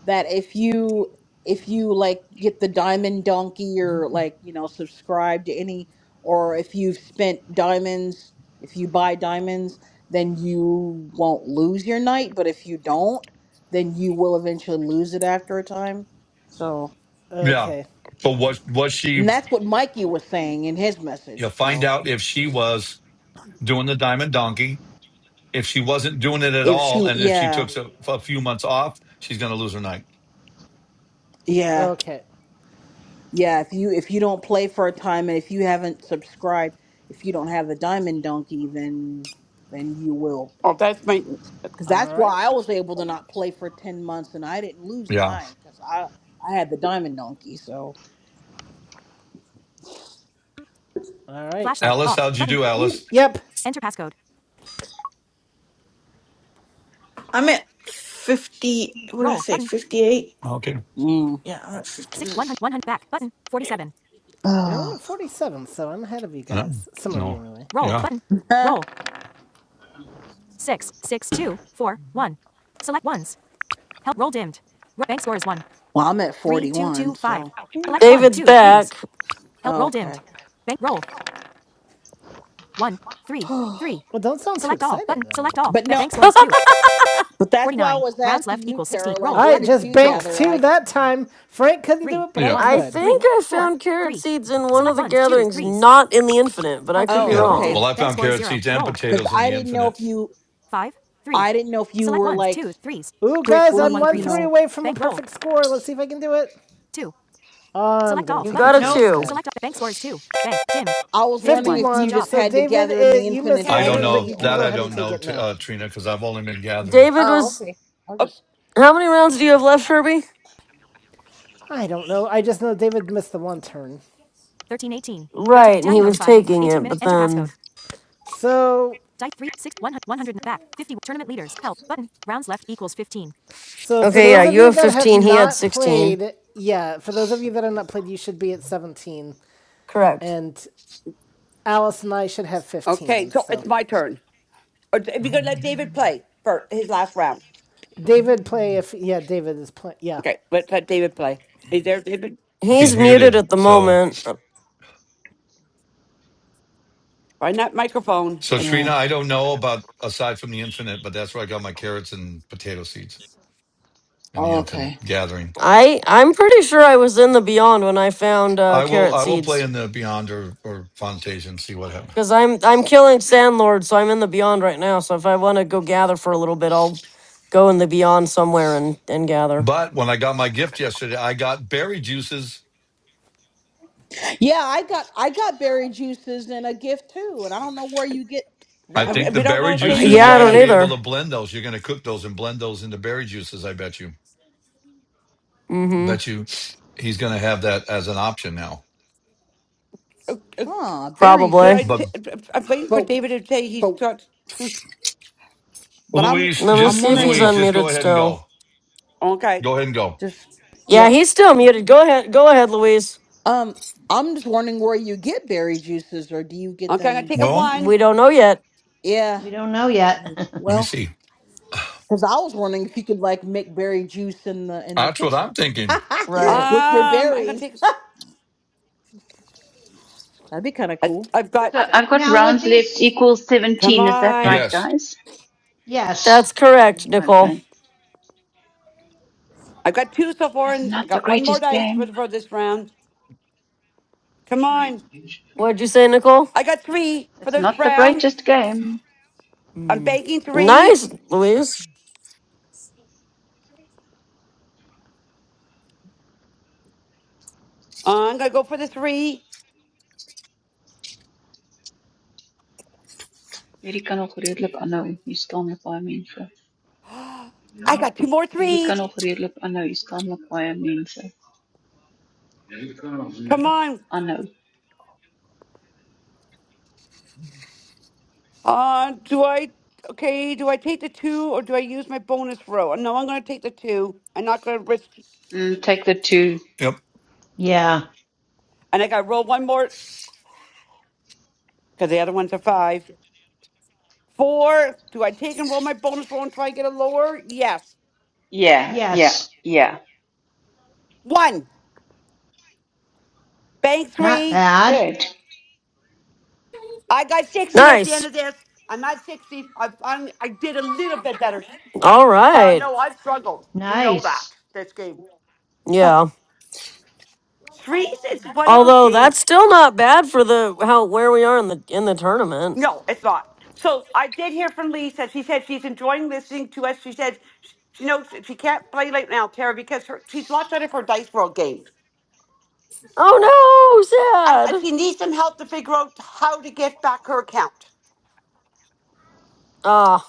Speaker 4: that if you if you like get the diamond donkey or like you know subscribe to any or if you've spent diamonds if you buy diamonds then you won't lose your night but if you don't then you will eventually lose it after a time so
Speaker 6: Yeah.
Speaker 1: Okay.
Speaker 6: So was was she?
Speaker 4: and that's what mikey was saying in his
Speaker 6: You know,
Speaker 4: message
Speaker 6: find
Speaker 4: so
Speaker 6: out if she was doing the diamond donkey. If she wasn't doing it at
Speaker 4: if
Speaker 6: all,
Speaker 4: she
Speaker 6: and if she
Speaker 4: yeah
Speaker 6: took a, a few months off, she's going to lose her night.
Speaker 4: yeah
Speaker 1: Okay.
Speaker 4: yeah if you if you don't play for a time and if you haven't subscribed if you don't have the diamond donkey then then you will
Speaker 12: Oh, that's my.
Speaker 4: because
Speaker 1: All
Speaker 4: that's
Speaker 1: right.
Speaker 4: why I was able to not play for ten months, and I didn't lose
Speaker 6: Yeah.
Speaker 4: mine because I I had the diamond donkey. So,
Speaker 1: All right.
Speaker 6: Alice, how'd you do, Alice?
Speaker 1: Yep.
Speaker 8: I'm at 50. What did I say? 58?
Speaker 6: Okay.
Speaker 4: mm.
Speaker 8: Yeah, I'm at 58.
Speaker 4: [SIGHS]
Speaker 1: And I'm at
Speaker 4: well,
Speaker 1: 47, so I'm ahead of you
Speaker 6: Yeah.
Speaker 1: guys. Some of you,
Speaker 6: No.
Speaker 1: anyway.
Speaker 6: Yeah.
Speaker 4: I'm at forty one, so Mm.
Speaker 2: David's back.
Speaker 4: okay. [SIGHS] but
Speaker 1: Well, don't sound so excited. all.
Speaker 4: no,
Speaker 2: [LAUGHS]
Speaker 4: but that's why I was asking you, Tara. Like,
Speaker 1: I
Speaker 4: where did
Speaker 1: just
Speaker 4: you
Speaker 1: banked
Speaker 4: gather?
Speaker 1: roll. two
Speaker 4: Like,
Speaker 1: that time. Frank couldn't do it, but I
Speaker 6: Yeah.
Speaker 2: I
Speaker 1: could.
Speaker 2: think I found carrot seeds in one of the gatherings, not in the infinite, but I could be
Speaker 4: oh,
Speaker 6: Yeah.
Speaker 2: wrong.
Speaker 4: okay,
Speaker 6: Well, I found carrot seeds and
Speaker 4: because
Speaker 6: potatoes in
Speaker 4: I
Speaker 6: the
Speaker 4: didn't know if
Speaker 6: infinite.
Speaker 4: you, I didn't know if you were like
Speaker 1: Ooh, guys, I'm one
Speaker 4: strictly, you
Speaker 1: three
Speaker 4: know.
Speaker 1: away from a perfect roll. score. Let's see if I can do it. Um, I'm gonna
Speaker 2: You
Speaker 1: take
Speaker 2: got
Speaker 1: the
Speaker 2: a
Speaker 1: two
Speaker 10: Nope,
Speaker 1: instead.
Speaker 2: two.
Speaker 4: I was wondering if
Speaker 1: 51.
Speaker 4: you just
Speaker 1: So,
Speaker 4: had to
Speaker 1: David,
Speaker 4: gather in
Speaker 1: uh,
Speaker 4: the
Speaker 1: you
Speaker 4: infinite
Speaker 1: missed your
Speaker 6: I don't
Speaker 12: Okay.
Speaker 1: turn, but
Speaker 6: know
Speaker 4: only,
Speaker 1: you can
Speaker 6: that.
Speaker 1: go
Speaker 6: I
Speaker 4: or
Speaker 1: ahead
Speaker 4: you
Speaker 1: and
Speaker 6: don't
Speaker 1: take
Speaker 4: know.
Speaker 6: know,
Speaker 1: it
Speaker 6: t-
Speaker 1: now.
Speaker 6: uh, Trina, because I've only been gathering.
Speaker 2: David was.
Speaker 12: O-
Speaker 2: How many rounds do you have left, Herbie?
Speaker 1: I don't know. I just know David missed the one turn.
Speaker 2: Right, and he was taking it, but then.
Speaker 1: So, So for Speech
Speaker 2: Okay,
Speaker 1: those
Speaker 2: yeah,
Speaker 1: off. of
Speaker 2: you
Speaker 1: you
Speaker 2: have
Speaker 1: that have
Speaker 2: 15, he had
Speaker 1: not
Speaker 2: 16.
Speaker 1: played, yeah, for those of you that have not played, you should be at 17,
Speaker 2: Correct.
Speaker 1: and Alice and I should have
Speaker 12: Okay,
Speaker 1: 15.
Speaker 12: so
Speaker 1: So
Speaker 12: it's my turn. Or d- If you're going to let
Speaker 6: [LAUGHS]
Speaker 12: David play for his last round.
Speaker 1: David play if yeah, David is playing. Yeah,
Speaker 12: Okay, let's let David play. Is there, David?
Speaker 6: He's
Speaker 2: He's muted
Speaker 6: muted,
Speaker 2: at the
Speaker 6: so.
Speaker 2: moment. Uh,
Speaker 12: Find that microphone.
Speaker 6: So
Speaker 12: It's,
Speaker 4: Yeah.
Speaker 6: Trina, I don't know about aside from the infinite, but that's where I got my carrots and potato seeds in the infinite
Speaker 4: Okay.
Speaker 6: gathering.
Speaker 2: I I'm pretty sure I was in the Beyond when I found uh,
Speaker 6: I will
Speaker 2: carrot
Speaker 6: I will play
Speaker 2: seeds
Speaker 6: in the beyond or, or Fantasia and see what happens.
Speaker 2: because I'm I'm killing Sandlord, so I'm in the Beyond right now. So if I want to go gather for a little bit, I'll go in the Beyond somewhere and and gather.
Speaker 6: But when I got my gift yesterday, I got berry juices.
Speaker 4: Yeah, I got I got berry juices in a gift too, and I don't know where you get
Speaker 6: I
Speaker 12: I-
Speaker 4: them,
Speaker 12: I-
Speaker 6: think the
Speaker 12: we don't know
Speaker 6: berry
Speaker 12: if
Speaker 4: or
Speaker 2: Uh,
Speaker 4: do
Speaker 12: David's
Speaker 4: you
Speaker 6: juices
Speaker 2: Yeah,
Speaker 6: you're
Speaker 2: I
Speaker 4: have
Speaker 6: gonna
Speaker 2: don't
Speaker 4: to?
Speaker 6: be
Speaker 12: playing.
Speaker 6: able
Speaker 2: either.
Speaker 6: to blend those. You're gonna cook those and blend those into berry juices, I bet you.
Speaker 2: Mm-hmm.
Speaker 6: Bet you he's gonna have that as an option now.
Speaker 12: O- o-
Speaker 4: Huh, berry
Speaker 12: Should
Speaker 2: Probably.
Speaker 12: I?
Speaker 6: But
Speaker 12: T-
Speaker 4: juices.
Speaker 12: I'm waiting for
Speaker 4: But
Speaker 12: David to say he's
Speaker 4: but
Speaker 12: got. [LAUGHS]
Speaker 4: but I'm
Speaker 6: Louise,
Speaker 2: Let me
Speaker 4: I'm
Speaker 6: just
Speaker 2: see if he's
Speaker 4: wondering
Speaker 6: Louise,
Speaker 4: where
Speaker 6: just go
Speaker 2: unmuted
Speaker 6: ahead and
Speaker 2: still.
Speaker 6: go.
Speaker 12: Okay.
Speaker 6: Go ahead and go.
Speaker 4: just
Speaker 2: Yeah,
Speaker 1: yep.
Speaker 2: he's still muted. Go ahead. Go ahead, Louise.
Speaker 4: um I'm just wondering where you get berry juices, or do you get
Speaker 12: Okay, I'm going to
Speaker 4: them?
Speaker 12: take a
Speaker 6: Well,
Speaker 12: one.
Speaker 2: We don't know yet.
Speaker 4: Yeah,
Speaker 10: we don't know yet.
Speaker 6: let me
Speaker 4: well,
Speaker 6: see.
Speaker 4: because I was wondering if you could like make berry juice in the
Speaker 6: [SIGHS]
Speaker 4: in the
Speaker 6: That's what I'm
Speaker 4: kitchen
Speaker 6: thinking.
Speaker 4: [LAUGHS]
Speaker 2: Right.
Speaker 4: with your
Speaker 12: Um, I'm going to
Speaker 4: berries.
Speaker 12: take.
Speaker 4: That'd be kind of
Speaker 12: I,
Speaker 4: cool.
Speaker 12: I've got.
Speaker 18: So I've
Speaker 10: [LAUGHS]
Speaker 18: got
Speaker 10: now with
Speaker 18: rounds left
Speaker 10: these
Speaker 18: equals
Speaker 12: Come
Speaker 18: 17. Is that right,
Speaker 12: on.
Speaker 6: Yes.
Speaker 18: guys?
Speaker 2: That's
Speaker 10: yes.
Speaker 2: correct, Nicole.
Speaker 18: Okay.
Speaker 12: I've got two so far,
Speaker 18: That's
Speaker 12: and I
Speaker 18: not the
Speaker 12: got one more
Speaker 18: greatest
Speaker 12: dice for,
Speaker 18: game.
Speaker 12: for this round. Come on.
Speaker 2: What'd you say, Nicole?
Speaker 12: I got three for
Speaker 18: That's
Speaker 12: this
Speaker 18: not the
Speaker 12: round.
Speaker 18: greatest game.
Speaker 12: I'm
Speaker 2: Mm.
Speaker 12: banking three.
Speaker 2: Nice, Louise.
Speaker 12: Uh, I'm gonna go for the three.
Speaker 18: Hierdie kan nog redelik aanhou. Hier staan 'n paar mense.
Speaker 12: I got two more
Speaker 18: So hierdie kan
Speaker 12: threes.
Speaker 18: nog redelik aanhou. Hier staan nog baie mense.
Speaker 12: Come on.
Speaker 18: Aanhou.
Speaker 12: Uh, do I? Okay. Do I take the two or do I use my bonus roll? No, I'm gonna take the two. I'm not gonna risk.
Speaker 18: Mm, take the two.
Speaker 6: Yep.
Speaker 10: Yeah.
Speaker 12: And I got to roll one more because the other one's a five. Four. Do I take and roll my bonus roll and try to get a lower? Yes.
Speaker 18: Yeah, yeah,
Speaker 10: Yes.
Speaker 18: yeah.
Speaker 12: One. Bank
Speaker 10: Not
Speaker 12: three.
Speaker 10: bad.
Speaker 18: Good.
Speaker 12: I got sixty at the end
Speaker 2: Nice.
Speaker 12: of this. I'm not sixty. I I'm, I did a little bit better.
Speaker 2: All
Speaker 12: Uh,
Speaker 2: right.
Speaker 12: no, I've struggled. You know that
Speaker 10: Nice.
Speaker 12: this game.
Speaker 2: Yeah.
Speaker 12: Threes is one of those
Speaker 2: Although
Speaker 12: games.
Speaker 2: that's still not bad for the how where we are in the in the tournament.
Speaker 12: No, it's not. So I did hear from Lisa. She said she's enjoying listening to us. She said sh- she knows that she can't play right now, Tara, because her, she's locked out of her Dice World game,
Speaker 2: Oh
Speaker 12: and
Speaker 2: no,
Speaker 12: uh,
Speaker 2: sad.
Speaker 12: she needs some help to figure out how to get back her account.
Speaker 2: Ah,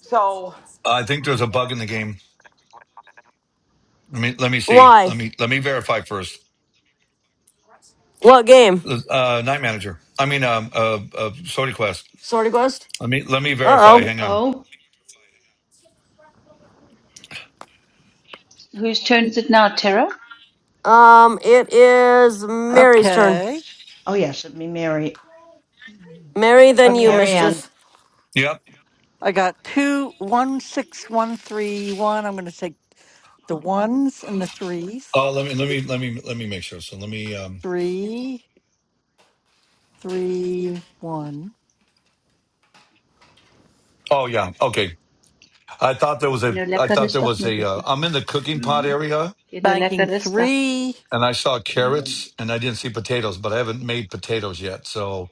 Speaker 12: So
Speaker 6: I think there's a bug in the game. Let me let me see.
Speaker 2: why?
Speaker 6: Let me let me verify first.
Speaker 2: What game?
Speaker 6: Uh, uh, Night Manager. I mean, um, uh, uh, Sorty Quest.
Speaker 2: Sorty Quest.
Speaker 6: Let me let me verify.
Speaker 2: Uh oh.
Speaker 6: Hang on.
Speaker 10: Oh,
Speaker 18: Whose turn is it now, Tara?
Speaker 2: Um, it is
Speaker 10: I,
Speaker 2: Mary's turn.
Speaker 15: okay,
Speaker 10: oh yes, it'd be Mary,
Speaker 2: Mary,
Speaker 10: be
Speaker 2: then you,
Speaker 15: okay.
Speaker 10: Mary Ann.
Speaker 2: mischief.
Speaker 6: Yep.
Speaker 15: I got two, one, six, one, three, one. I'm going to take the ones and the threes.
Speaker 6: Oh, let me let me let me let me make sure. So let me. Um,
Speaker 15: Three, three, one.
Speaker 6: oh yeah. Okay. I thought there was
Speaker 18: Jy
Speaker 6: a.
Speaker 18: nou
Speaker 6: I
Speaker 18: lekker
Speaker 6: thought there
Speaker 18: rustig
Speaker 6: was
Speaker 18: met
Speaker 6: a.
Speaker 18: dit.
Speaker 6: Uh, I'm in the cooking pot area,
Speaker 18: Jy nou
Speaker 15: Banking
Speaker 18: lekker rustig.
Speaker 15: three,
Speaker 6: and I saw carrots, and I didn't see potatoes, but I haven't made potatoes yet. So,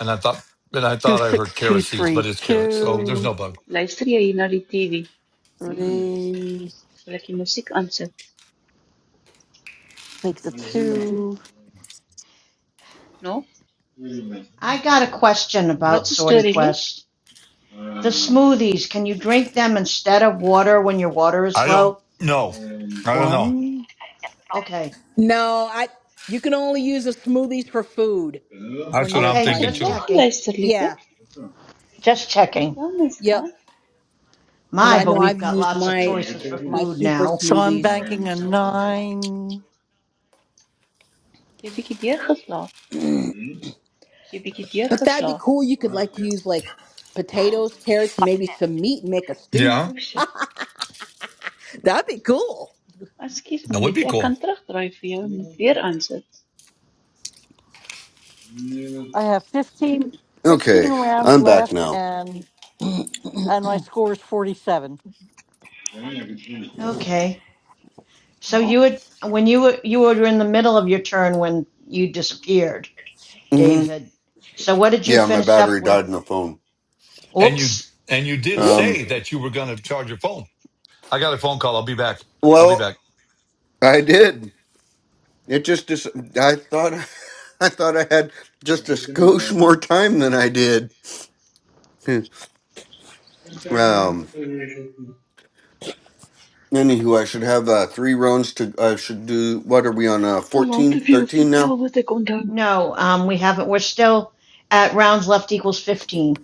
Speaker 6: and I thought, and I
Speaker 15: two,
Speaker 6: thought I heard
Speaker 15: six, two,
Speaker 6: carrot seeds, but
Speaker 15: three,
Speaker 6: it's carrots. So there's
Speaker 15: two,
Speaker 6: no bug.
Speaker 18: Luister jy hier na die TV?
Speaker 15: three.
Speaker 18: Sal ek die musiek aansit?
Speaker 15: Take the two.
Speaker 18: No?
Speaker 10: I got a question about
Speaker 18: Wat 'n
Speaker 10: Sorty
Speaker 18: storie lief?
Speaker 10: Quest. The smoothies, can you drink them instead of water when your water is
Speaker 6: I don't
Speaker 10: low?
Speaker 6: know. I don't know.
Speaker 10: Okay,
Speaker 4: No, I you can only use the smoothies for food
Speaker 6: That's
Speaker 4: when
Speaker 6: what
Speaker 4: you're
Speaker 6: I'm
Speaker 10: okay,
Speaker 18: Ons het
Speaker 6: thinking
Speaker 10: just
Speaker 4: fighting.
Speaker 18: klaar
Speaker 6: too.
Speaker 10: checking,
Speaker 18: geluister, lief hè?
Speaker 4: Yeah.
Speaker 10: just checking.
Speaker 18: Ja, my
Speaker 4: Yep,
Speaker 18: skat.
Speaker 4: because
Speaker 10: My,
Speaker 4: I
Speaker 10: but
Speaker 4: know
Speaker 10: we've
Speaker 4: I've
Speaker 10: got
Speaker 4: used
Speaker 10: lots of
Speaker 4: my
Speaker 10: choices for
Speaker 4: my
Speaker 10: food
Speaker 4: super
Speaker 10: now.
Speaker 15: So I'm
Speaker 4: smoothies.
Speaker 15: banking a nine.
Speaker 18: Jy het bietjie deurgeslaap. Jy het bietjie
Speaker 4: But that'd be
Speaker 18: deurgeslaap.
Speaker 4: cool. You could like use like potatoes, carrots, maybe some meat and make a stew.
Speaker 6: Yeah,
Speaker 18: O shit.
Speaker 4: That'd be cool.
Speaker 18: Ekskuus my
Speaker 6: that would
Speaker 18: lief,
Speaker 6: be
Speaker 18: ek
Speaker 6: cool.
Speaker 18: kan terugdraai vir jou en dit weer aansit.
Speaker 15: I have 15 15
Speaker 5: Okay,
Speaker 15: rounds
Speaker 5: I'm back
Speaker 15: left,
Speaker 5: now.
Speaker 15: and and my score is forty-seven.
Speaker 10: Okay, so
Speaker 18: Ja,
Speaker 10: you would, when you were, you were in the middle of your turn when you disappeared,
Speaker 5: Mm-hmm.
Speaker 10: David. So what did you
Speaker 5: Yeah, my
Speaker 10: finish
Speaker 5: battery
Speaker 10: up
Speaker 5: died
Speaker 10: with?
Speaker 5: in the phone.
Speaker 6: And you
Speaker 10: Oops,
Speaker 6: and you did
Speaker 5: Um.
Speaker 6: say that you were going to charge your phone. I got a phone call. I'll be back. I'll be
Speaker 5: Well,
Speaker 6: back.
Speaker 5: I did. It just dis- I thought [LAUGHS] I thought I had just a skosh more time than I did. [LAUGHS] Hmm. um. Anywho, I should have uh, three rounds to. I should do. What are we on? Uh,
Speaker 18: That's a lot
Speaker 5: 14,
Speaker 18: of you.
Speaker 5: 13
Speaker 18: Vertel
Speaker 5: now.
Speaker 18: wat ik onthou.
Speaker 10: no, um, we haven't, we're still at rounds left equals 15.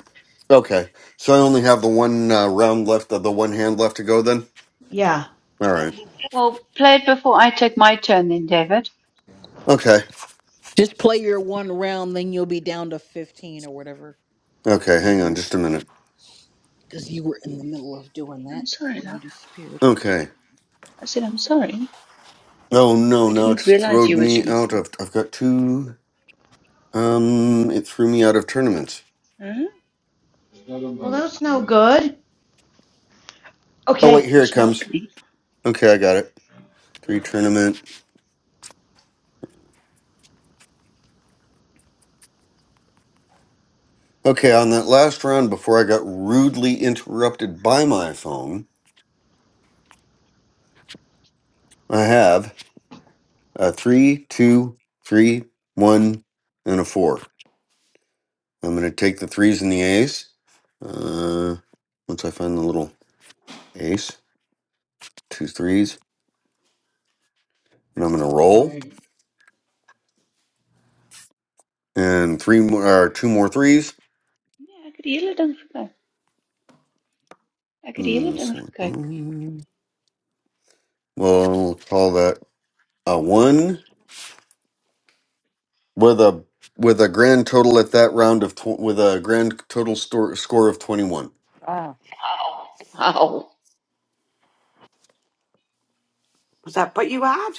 Speaker 5: Okay, so I only have the one uh, round left of the one hand left to go. Then.
Speaker 10: Yeah.
Speaker 5: All right.
Speaker 18: Well, play it before I take my turn then, David.
Speaker 5: Okay.
Speaker 4: Just play your one round, then you'll be down to fifteen or whatever.
Speaker 5: Okay.
Speaker 4: And
Speaker 5: Hang on
Speaker 4: then
Speaker 5: just a minute.
Speaker 4: because you were in the middle of doing that
Speaker 18: I'm sorry,
Speaker 4: before you
Speaker 18: love.
Speaker 4: disappeared.
Speaker 5: Okay.
Speaker 18: I said I'm sorry.
Speaker 5: Oh no,
Speaker 18: I
Speaker 5: now
Speaker 18: didn't
Speaker 5: it's
Speaker 18: realize
Speaker 5: throwed
Speaker 18: you were
Speaker 5: me out
Speaker 18: sleeping.
Speaker 5: of. I've got two. Um, it threw me out of tournaments.
Speaker 18: Huh?
Speaker 10: Well, that's no good.
Speaker 5: Oh
Speaker 18: Ek
Speaker 5: wait,
Speaker 18: het
Speaker 10: Okay.
Speaker 5: here it
Speaker 18: gesnork
Speaker 5: comes.
Speaker 18: nie.
Speaker 5: Okay, I got it. Three tournament. Okay, on that last round before I got rudely interrupted by my phone, I have a three, two, three, one, and a four. I'm gonna take the threes and the ace. Uh, once I find the little ace, two threes, and I'm gonna roll. And three more, or two more threes.
Speaker 18: Nee, ek het die hele ding gekyk. Ek het die hele
Speaker 5: Mm,
Speaker 18: ding
Speaker 5: so,
Speaker 18: gekyk.
Speaker 5: um, well, we'll call that a one with a with a grand total at that round of tw- with a grand total store, score of twenty one.
Speaker 18: Wow.
Speaker 12: was that what you had?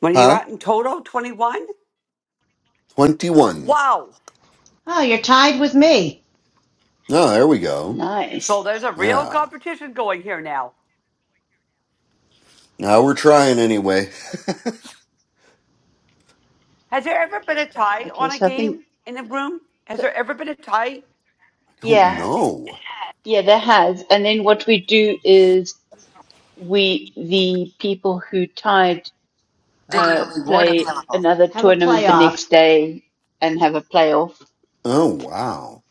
Speaker 12: What are you
Speaker 5: Huh?
Speaker 12: at in total? Twenty-one.
Speaker 5: Twenty one.
Speaker 12: Wow.
Speaker 10: Oh, you're tied with me.
Speaker 5: Oh, there we go.
Speaker 12: So
Speaker 18: Nice.
Speaker 12: there's a real
Speaker 5: Yeah.
Speaker 12: competition going here now.
Speaker 5: Now we're trying anyway.
Speaker 12: Has there ever been a tie
Speaker 18: Okay,
Speaker 12: on a
Speaker 18: so I think,
Speaker 12: game in the room? Has
Speaker 18: so,
Speaker 12: there ever been a tie?
Speaker 5: I don't
Speaker 18: yeah,
Speaker 5: know.
Speaker 18: yeah, there has. And then what we do is we, the people who tied, uh, play another
Speaker 10: Have a
Speaker 18: tournament the next
Speaker 10: playoff.
Speaker 18: day and have a playoff.
Speaker 5: Oh wow.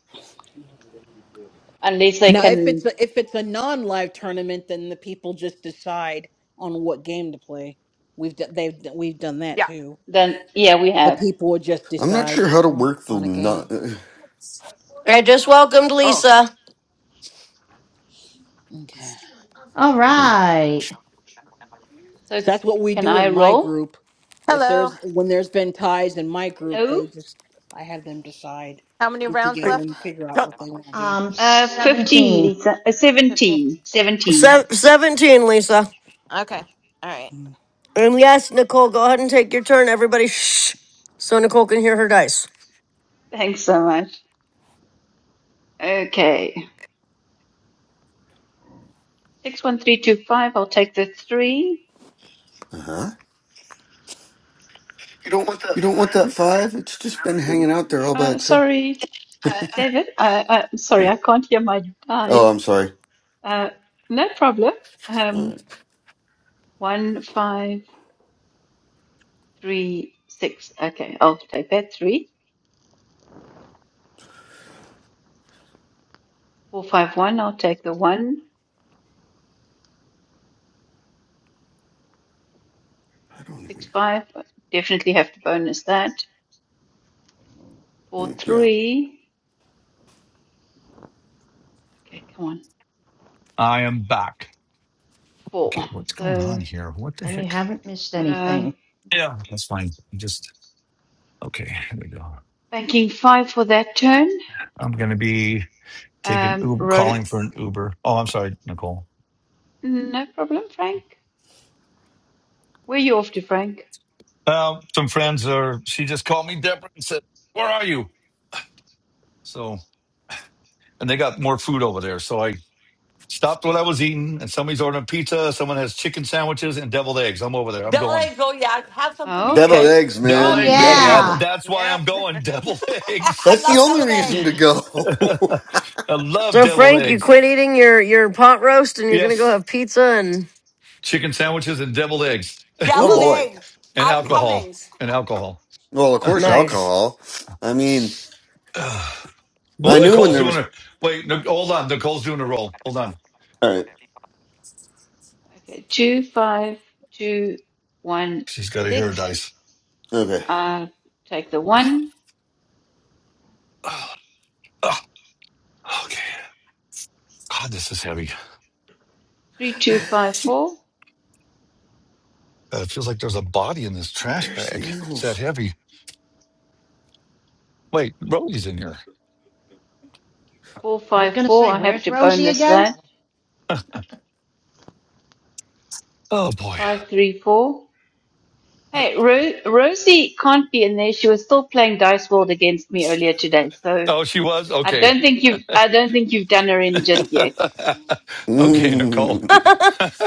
Speaker 18: Unless they
Speaker 4: Now, if
Speaker 18: can,
Speaker 4: it's a, if it's a non-live tournament, then the people just decide on what game to play. We've d- they've d- we've done that
Speaker 12: Yeah.
Speaker 4: too.
Speaker 18: then yeah, we
Speaker 4: The
Speaker 18: have.
Speaker 4: people would just
Speaker 5: I'm not
Speaker 4: decide
Speaker 5: sure how to
Speaker 4: on
Speaker 5: work the
Speaker 4: on a game.
Speaker 5: nut.
Speaker 2: I just welcomed
Speaker 12: Oh.
Speaker 2: Lisa.
Speaker 4: Okay.
Speaker 10: All right.
Speaker 18: So
Speaker 4: 'Cause that's what we
Speaker 18: can
Speaker 4: do in
Speaker 18: I
Speaker 4: my
Speaker 18: roll?
Speaker 4: group. If
Speaker 19: Hello.
Speaker 4: there's when there's been ties in my group,
Speaker 18: Hello.
Speaker 4: they just I have them decide,
Speaker 19: How many
Speaker 4: get
Speaker 19: rounds
Speaker 12: Right.
Speaker 4: together,
Speaker 19: left?
Speaker 4: and figure out
Speaker 12: So,
Speaker 4: what they want to do.
Speaker 10: Um,
Speaker 18: Uh, 15,
Speaker 10: 17.
Speaker 18: Lisa. Uh,
Speaker 19: 15.
Speaker 18: 17. 17.
Speaker 2: Se-
Speaker 19: Seventeen.
Speaker 2: Seventeen, Lisa.
Speaker 19: Okay. All right.
Speaker 4: Mm.
Speaker 2: And yes, Nicole, go ahead and take your turn. Everybody, shh, so Nicole can hear her dice.
Speaker 18: Thanks so much. Okay. 61325, I'll take the three.
Speaker 5: Uh huh. You don't want that five? It's just been hanging out there all by
Speaker 18: Uh,
Speaker 5: itself.
Speaker 18: sorry, David. I, I,
Speaker 5: Hmm.
Speaker 18: sorry, I can't hear my
Speaker 5: Oh,
Speaker 18: dice.
Speaker 5: I'm sorry.
Speaker 18: Uh, no problem.
Speaker 5: All
Speaker 18: Um,
Speaker 5: right.
Speaker 18: one, five, three, six. Okay, I'll take that three. Four, five, one, I'll take the one.
Speaker 5: I don't
Speaker 18: Six,
Speaker 5: know.
Speaker 18: five, definitely have to bonus that. four,
Speaker 5: Mm, Yeah.
Speaker 18: three. Okay, come on,
Speaker 6: I am back.
Speaker 18: four.
Speaker 6: Okay, what's going on
Speaker 18: So
Speaker 6: here? What the
Speaker 10: And you
Speaker 6: heck?
Speaker 10: haven't missed
Speaker 18: um,
Speaker 10: anything.
Speaker 6: Yeah, that's fine. Just okay. Here we go.
Speaker 18: banking five for that turn.
Speaker 6: I'm going to be taking
Speaker 18: Um,
Speaker 6: Uber,
Speaker 18: roll.
Speaker 6: calling for an Uber. Oh, I'm sorry, Nicole.
Speaker 18: No problem, Frank. Where are you off to, Frank?
Speaker 6: Well, some friends are. She just called me, Deborah, and said, "Where are you?" So, and they got more food over there. So I Stopped what I was eating, and somebody's ordering pizza. Someone has chicken sandwiches and deviled eggs. I'm over there. I'm
Speaker 12: Deviled
Speaker 6: going.
Speaker 12: eggs. Oh, yeah. Have some for me,
Speaker 18: Oh,
Speaker 5: Deviled
Speaker 12: Frank.
Speaker 18: okay.
Speaker 5: eggs,
Speaker 6: Deviled
Speaker 10: Oh,
Speaker 5: man.
Speaker 6: eggs,
Speaker 5: You got to have
Speaker 6: baby.
Speaker 10: yeah.
Speaker 5: them.
Speaker 6: That's why
Speaker 19: Yep.
Speaker 6: I'm going. Deviled
Speaker 12: [LAUGHS]
Speaker 6: [LAUGHS]
Speaker 12: I
Speaker 6: eggs.
Speaker 5: That's the
Speaker 12: love
Speaker 5: only
Speaker 12: deviled
Speaker 18: [LAUGHS]
Speaker 5: reason
Speaker 12: eggs.
Speaker 5: to
Speaker 6: [LAUGHS]
Speaker 5: go. [LAUGHS]
Speaker 6: I
Speaker 5: oh,
Speaker 6: love
Speaker 2: So
Speaker 6: deviled
Speaker 2: Frank, you
Speaker 6: eggs.
Speaker 2: quit eating your your pot roast, and you're gonna go
Speaker 6: Yes,
Speaker 2: have pizza and
Speaker 6: chicken sandwiches and deviled eggs
Speaker 12: Deviled
Speaker 2: ooh,
Speaker 5: boy.
Speaker 12: eggs.
Speaker 6: and
Speaker 12: I'm
Speaker 6: alcohol
Speaker 12: coming. [LAUGHS]
Speaker 2: nice.
Speaker 6: and alcohol.
Speaker 5: Well, of course,
Speaker 2: nice.
Speaker 5: alcohol. I mean,
Speaker 6: [SIGHS] Ugh.
Speaker 5: I
Speaker 6: Well,
Speaker 5: knew when
Speaker 6: Nicole's
Speaker 5: there
Speaker 6: doing
Speaker 5: was.
Speaker 4: Woohoo!
Speaker 6: her. Wait, Nic- hold on. Nicole's doing a roll. Hold on.
Speaker 5: All right.
Speaker 18: Okay, two, five, two, one,
Speaker 6: She's got to hear her
Speaker 18: six.
Speaker 6: dice.
Speaker 5: Okay.
Speaker 18: I'll take the one.
Speaker 6: Ugh. Ugh. [SIGHS] Okay. God, this is heavy.
Speaker 18: Three, two, five, four.
Speaker 6: Uh, it feels like there's a body in this trash
Speaker 5: Bears and
Speaker 6: bag. It's that
Speaker 5: Eagles.
Speaker 6: heavy. Wait, Rolly's in here.
Speaker 18: Four,
Speaker 10: I was
Speaker 18: five,
Speaker 10: going to
Speaker 18: four.
Speaker 10: say,
Speaker 18: I have
Speaker 10: where's
Speaker 18: to
Speaker 10: Rosie
Speaker 19: Hold on.
Speaker 18: bonus
Speaker 10: again?
Speaker 19: Hold
Speaker 18: that.
Speaker 19: on.
Speaker 10: [LAUGHS]
Speaker 6: Oh boy.
Speaker 18: Five, three, four. Hey, Ro- Rosie can't be in there. She was still playing Dice World against me earlier today. So
Speaker 6: Oh, she was?
Speaker 18: I
Speaker 6: Okay.
Speaker 18: don't think you've I don't think you've done her in just
Speaker 6: [LAUGHS]
Speaker 18: yet.
Speaker 6: okay, Nicole.
Speaker 5: Mm.
Speaker 6: [LAUGHS]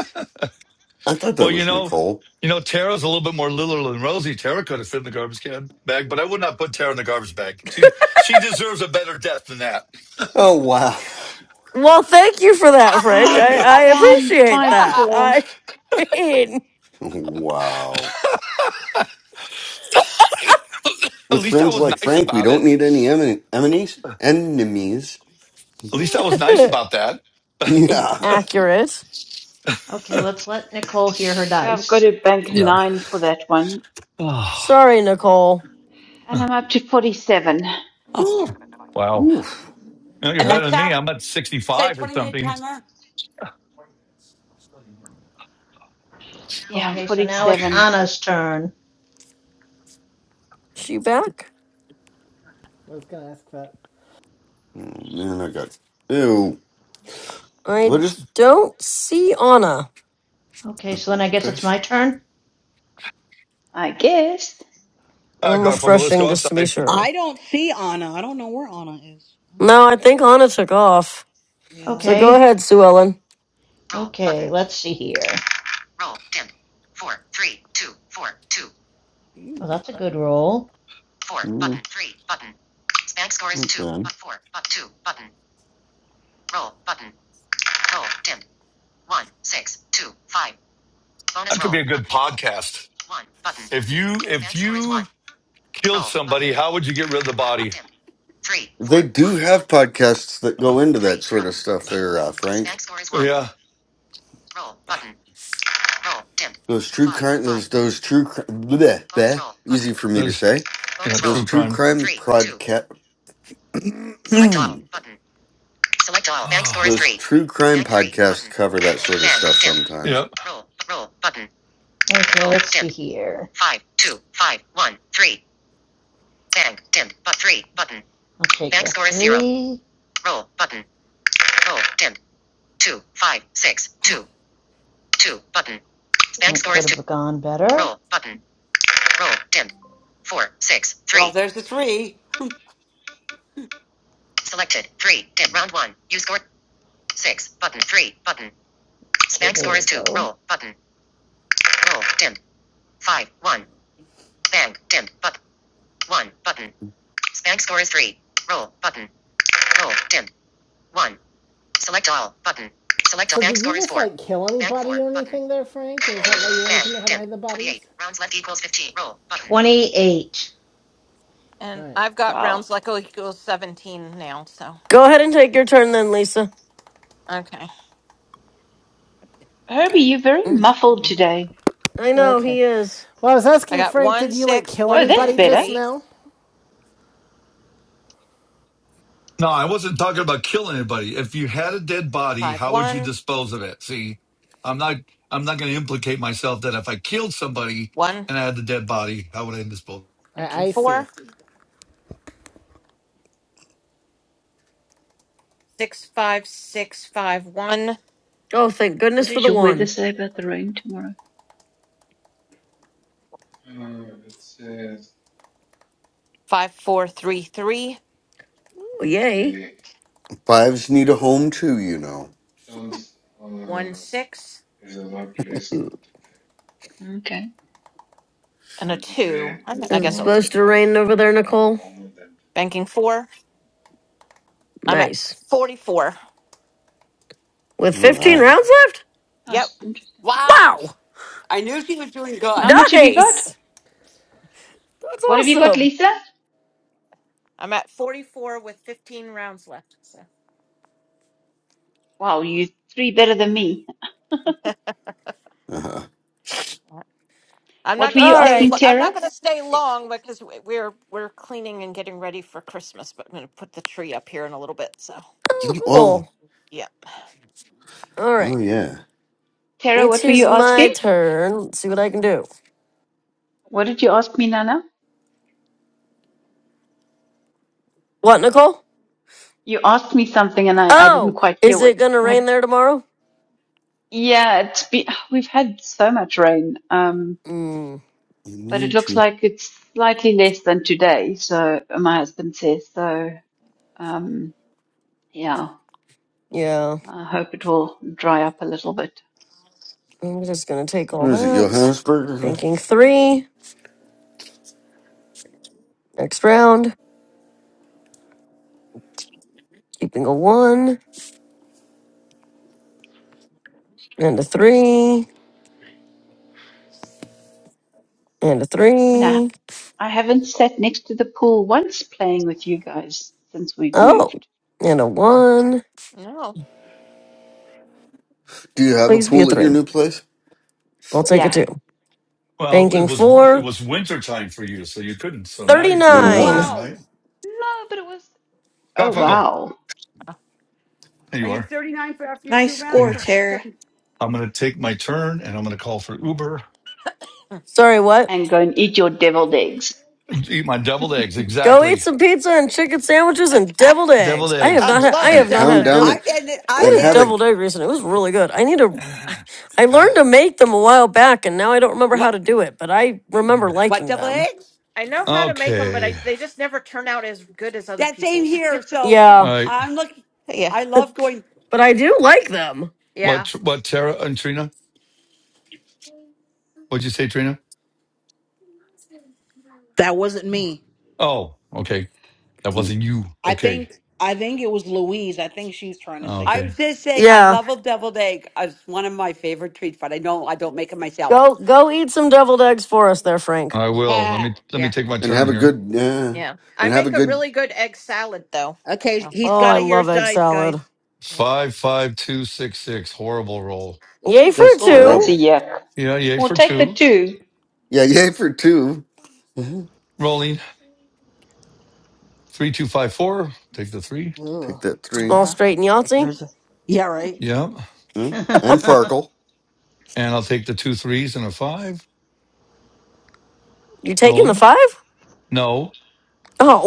Speaker 5: [LAUGHS] I thought that
Speaker 6: well, you
Speaker 5: was
Speaker 6: know,
Speaker 5: Nicole.
Speaker 6: you know, Tara's a little bit more little than Rosie. Tara could have fit in the garbage can bag, but I would not put Tara in the garbage bag. She she deserves a better death than that.
Speaker 5: Oh, wow. [LAUGHS]
Speaker 2: Well, thank you for that, Frank.
Speaker 18: Oh
Speaker 2: I I
Speaker 18: damn,
Speaker 2: appreciate
Speaker 18: five
Speaker 12: Yeah.
Speaker 2: that.
Speaker 18: four.
Speaker 2: I mean,
Speaker 5: Wow.
Speaker 6: [LAUGHS] At
Speaker 5: With
Speaker 6: least I
Speaker 5: friends
Speaker 6: was
Speaker 5: like
Speaker 6: nice
Speaker 5: Frank, we
Speaker 6: about
Speaker 5: don't
Speaker 6: it.
Speaker 5: need any em- enemies. Enemies.
Speaker 6: At least I was nice about that.
Speaker 2: [LAUGHS]
Speaker 5: Yeah.
Speaker 2: accurate.
Speaker 10: Okay,
Speaker 6: [LAUGHS]
Speaker 10: let's let Nicole hear her
Speaker 18: Yeah, I've got
Speaker 10: dice.
Speaker 18: to bank
Speaker 6: yep. [SIGHS]
Speaker 18: nine for that one.
Speaker 6: Oh.
Speaker 2: Sorry, Nicole.
Speaker 18: And I'm up to forty seven.
Speaker 6: Whew. Wow.
Speaker 5: Oof.
Speaker 6: You know, you're better than me.
Speaker 12: Alexa,
Speaker 10: Okay.
Speaker 6: I'm at
Speaker 12: set a
Speaker 6: 65 or
Speaker 12: 20 minute
Speaker 6: something. Okay.
Speaker 12: timer.
Speaker 18: Yeah, I'm
Speaker 10: Okay, so
Speaker 18: forty
Speaker 10: now
Speaker 6: All
Speaker 10: it's
Speaker 18: seven,
Speaker 10: Anna's turn.
Speaker 2: Is she back?
Speaker 1: I was gonna ask that.
Speaker 5: Oh, man, I got. Ew. What
Speaker 2: I
Speaker 5: is
Speaker 2: don't see Anna.
Speaker 10: Okay, so then I guess it's my
Speaker 5: best?
Speaker 10: turn?
Speaker 18: I guess.
Speaker 6: right,
Speaker 2: I'm
Speaker 6: Garfunkel,
Speaker 10: Okay.
Speaker 6: let's
Speaker 2: refreshing
Speaker 6: go
Speaker 2: just to be
Speaker 6: outside.
Speaker 2: sure.
Speaker 4: I don't see Anna. I don't know where Anna is.
Speaker 2: No, I think Anna took off.
Speaker 4: Yeah,
Speaker 2: So go
Speaker 10: Okay.
Speaker 2: ahead, Sue Ellen.
Speaker 10: Okay, let's see here. Well, that's a good roll.
Speaker 5: Mm, not bad.
Speaker 6: That could be a good podcast. If you if you killed somebody, how would you get rid of the body?
Speaker 5: They do have podcasts that go into that sort of stuff, there, uh, Frank.
Speaker 6: Yeah,
Speaker 5: Those true crime, those those true cri- bleh, bleh, easy for me to
Speaker 6: that's
Speaker 5: say.
Speaker 6: you know,
Speaker 5: Those
Speaker 6: true
Speaker 5: true
Speaker 6: crime. [SIGHS]
Speaker 5: crime podcast, [CLEARS THROAT] those
Speaker 6: Oh,
Speaker 5: true crime podcasts cover that sort of stuff sometimes.
Speaker 6: yeah.
Speaker 10: Okay, let's see here. i could have gone better.
Speaker 12: Oh, there's the three.
Speaker 1: So did you just like kill anybody or anything there, Frank? Is that why you wanted to know how to hide the bodies?
Speaker 10: 28.
Speaker 1: All
Speaker 19: And
Speaker 1: right.
Speaker 19: I've got
Speaker 18: Wow.
Speaker 19: rounds like oh equals 17 now. So,
Speaker 2: Go ahead and take your turn then, Lisa.
Speaker 19: okay.
Speaker 18: Herbie, you're very
Speaker 2: Mm, excuse
Speaker 18: muffled
Speaker 2: me.
Speaker 18: today.
Speaker 2: I know,
Speaker 1: Okay.
Speaker 2: he is.
Speaker 1: Well, I was
Speaker 19: I
Speaker 1: asking
Speaker 19: got
Speaker 1: Frank,
Speaker 19: one,
Speaker 1: did you like
Speaker 19: six,
Speaker 1: kill
Speaker 18: Oh,
Speaker 19: one, two,
Speaker 18: that's
Speaker 1: anybody
Speaker 18: better.
Speaker 1: just
Speaker 19: three,
Speaker 1: now?
Speaker 6: No, I wasn't talking about killing anybody. If you had a dead body,
Speaker 19: five,
Speaker 6: how would you
Speaker 19: one,
Speaker 6: dispose of it? See, I'm not I'm not going to implicate myself that if I killed somebody
Speaker 19: one,
Speaker 6: and I had the dead body, how would I dispose?
Speaker 1: I,
Speaker 19: nineteen,
Speaker 1: I see.
Speaker 19: four, six, five, six, five, one,
Speaker 2: Oh, thank goodness
Speaker 18: What
Speaker 2: for
Speaker 18: does
Speaker 2: the
Speaker 18: your weather
Speaker 2: one.
Speaker 18: say about the rain tomorrow?
Speaker 19: five, four, three, three,
Speaker 2: Ooh, yay.
Speaker 5: Fives need a home too, you know.
Speaker 19: one, six,
Speaker 2: Ooh.
Speaker 18: Okay.
Speaker 19: and a two. I, I
Speaker 2: Is it
Speaker 19: guess I'll
Speaker 2: supposed
Speaker 19: take
Speaker 2: to rain over there, Nicole?
Speaker 19: banking four. I'm at
Speaker 2: Nice.
Speaker 19: 44.
Speaker 2: With 15
Speaker 5: All right.
Speaker 2: rounds left?
Speaker 18: Oh,
Speaker 19: Yep.
Speaker 18: it's interesting.
Speaker 12: Wow.
Speaker 2: Wow!
Speaker 12: I knew she was doing good.
Speaker 18: How much have you got?
Speaker 2: Nice! That's
Speaker 18: What have you got,
Speaker 2: awesome.
Speaker 18: Lisa?
Speaker 19: I'm at 44 with 15 rounds left. So.
Speaker 18: Wow, you three better than me.
Speaker 5: Uh-huh.
Speaker 19: I'm
Speaker 18: What
Speaker 19: not
Speaker 18: were
Speaker 19: going
Speaker 18: you
Speaker 19: to
Speaker 2: All
Speaker 19: stay.
Speaker 2: right.
Speaker 18: asking,
Speaker 19: lo- I'm
Speaker 18: Tara?
Speaker 19: not going to stay long because w- we're we're cleaning and getting ready for Christmas. But I'm going to put the tree up here in a little bit. So
Speaker 2: Oh,
Speaker 5: Whoa.
Speaker 2: cool.
Speaker 19: yep.
Speaker 2: All
Speaker 5: Oh
Speaker 2: right.
Speaker 5: yeah.
Speaker 18: Tara,
Speaker 2: It
Speaker 18: what were you
Speaker 2: is my
Speaker 18: asking?
Speaker 2: turn. Let's see what I can do.
Speaker 18: What did you ask me, Nana?
Speaker 2: What, Nicole?
Speaker 18: you asked me something and I, I didn't
Speaker 2: Oh,
Speaker 18: quite hear
Speaker 2: is
Speaker 18: what,
Speaker 2: it going to
Speaker 18: what,
Speaker 2: rain there tomorrow?
Speaker 18: yeah, it's been, we've had so much rain. Um,
Speaker 2: Mm,
Speaker 5: You
Speaker 18: but it
Speaker 5: need
Speaker 18: looks
Speaker 5: to.
Speaker 18: like it's slightly less than today. So uh, my husband says, so, um, yeah,
Speaker 2: yeah.
Speaker 18: I hope it will dry up a little bit.
Speaker 2: I'm just going to take all
Speaker 5: What is it,
Speaker 2: that.
Speaker 5: Johannesburg?
Speaker 2: Banking three. Next round. Keeping a one and a three and a
Speaker 18: I mean, I,
Speaker 2: three.
Speaker 18: I haven't sat next to the pool once playing with you guys since we've
Speaker 2: Oh,
Speaker 18: moved.
Speaker 2: and a one.
Speaker 19: No,
Speaker 5: Do you have a
Speaker 2: Please be a
Speaker 5: pool at your
Speaker 2: three.
Speaker 5: new place?
Speaker 2: I'll take a
Speaker 18: Yeah.
Speaker 2: two.
Speaker 6: Well, it
Speaker 2: Banking
Speaker 6: was it
Speaker 2: four.
Speaker 6: was winter time for you, so you couldn't. So now you pretty
Speaker 5: No,
Speaker 6: much
Speaker 2: 39.
Speaker 6: can,
Speaker 5: no.
Speaker 12: Wow.
Speaker 6: right?
Speaker 18: No, but it was, oh
Speaker 19: Mm.
Speaker 6: Garfunkel,
Speaker 18: wow.
Speaker 6: there
Speaker 12: Are
Speaker 6: you
Speaker 12: you
Speaker 6: are.
Speaker 12: 39 for after your two
Speaker 8: Nice
Speaker 6: Okay.
Speaker 8: score,
Speaker 12: rounds? Or
Speaker 8: Tara.
Speaker 12: 30?
Speaker 6: I'm going to take my turn and I'm going to call for Uber.
Speaker 2: Sorry, what?
Speaker 18: And go and eat your deviled eggs.
Speaker 6: Eat my deviled eggs.
Speaker 2: Go eat
Speaker 6: Exactly.
Speaker 2: some pizza and chicken
Speaker 12: [LAUGHS]
Speaker 2: sandwiches and deviled
Speaker 12: I'm
Speaker 6: Deviled
Speaker 2: eggs. I have
Speaker 19: I
Speaker 2: not
Speaker 6: eggs.
Speaker 2: had I
Speaker 19: love
Speaker 2: have
Speaker 5: And
Speaker 2: not
Speaker 19: deviled
Speaker 5: pound
Speaker 2: had a
Speaker 5: down
Speaker 19: eggs.
Speaker 2: devil
Speaker 5: the
Speaker 12: in. it.
Speaker 2: I
Speaker 12: I'm
Speaker 5: and
Speaker 2: had a
Speaker 5: have
Speaker 12: in.
Speaker 5: a.
Speaker 2: deviled egg recently. It was really good. I need to
Speaker 6: [SIGHS]
Speaker 2: I learned to make them a while back and now I don't remember how
Speaker 12: What?
Speaker 2: to do it, but I remember
Speaker 12: What,
Speaker 2: liking
Speaker 12: double
Speaker 2: them.
Speaker 12: eggs?
Speaker 19: [LAUGHS] I know how to make them, but
Speaker 6: Okay.
Speaker 19: I, they just never turn out as good as other
Speaker 12: That same
Speaker 19: people's.
Speaker 12: here. So
Speaker 6: All
Speaker 2: Yeah,
Speaker 6: right.
Speaker 12: I'm looking.
Speaker 19: [LAUGHS] yeah,
Speaker 12: I love going.
Speaker 2: but I do like them.
Speaker 19: yeah,
Speaker 6: What, what, Tara and Trina? What'd you say, Trina?
Speaker 4: that wasn't me.
Speaker 6: Oh, okay. That
Speaker 5: [SIGHS]
Speaker 6: wasn't you.
Speaker 4: I
Speaker 6: Okay.
Speaker 4: think I think it was Louise. I think she's trying to
Speaker 6: Ah,
Speaker 4: say something.
Speaker 12: I
Speaker 6: Okay.
Speaker 12: was just saying I
Speaker 2: Yeah.
Speaker 12: love a deviled egg. It's one of my favorite treats, but I know I don't make it myself.
Speaker 2: Go go eat some deviled eggs for us there, Frank.
Speaker 6: I
Speaker 4: [LAUGHS]
Speaker 6: will. Let
Speaker 4: Yeah.
Speaker 6: me, let me
Speaker 19: yeah,
Speaker 6: take my
Speaker 5: and
Speaker 6: turn
Speaker 5: have a
Speaker 6: here.
Speaker 5: good yeah,
Speaker 19: yeah. I
Speaker 5: and have a
Speaker 19: make a
Speaker 5: good.
Speaker 19: really good egg salad though.
Speaker 4: okay,
Speaker 19: So
Speaker 4: he's
Speaker 2: Oh,
Speaker 4: got
Speaker 2: I
Speaker 4: to hear
Speaker 2: love
Speaker 4: his
Speaker 2: egg
Speaker 4: dice, guys.
Speaker 2: salad.
Speaker 19: yeah,
Speaker 6: Five, five, two, six, six. Horrible roll.
Speaker 2: Yay
Speaker 4: Ooh.
Speaker 2: for
Speaker 5: That's
Speaker 18: Oh, that's
Speaker 2: two.
Speaker 18: a
Speaker 5: terrible.
Speaker 18: yuck.
Speaker 6: Yeah. Yay
Speaker 18: We'll
Speaker 6: for
Speaker 18: take the
Speaker 6: two.
Speaker 18: two.
Speaker 5: Yeah, [LAUGHS] yay for 2 Mhm.
Speaker 6: Rolling three, two, five, four. Take the three.
Speaker 4: Ooh.
Speaker 5: Take that three.
Speaker 2: Small
Speaker 4: Okay.
Speaker 2: straight and Yahtzee.
Speaker 4: There's a, yeah, right?
Speaker 6: Yeah.
Speaker 5: Huh? And
Speaker 10: [LAUGHS]
Speaker 5: Farkle.
Speaker 6: And I'll take the two threes and a five.
Speaker 2: You taking the
Speaker 6: Rolling.
Speaker 2: five?
Speaker 6: No.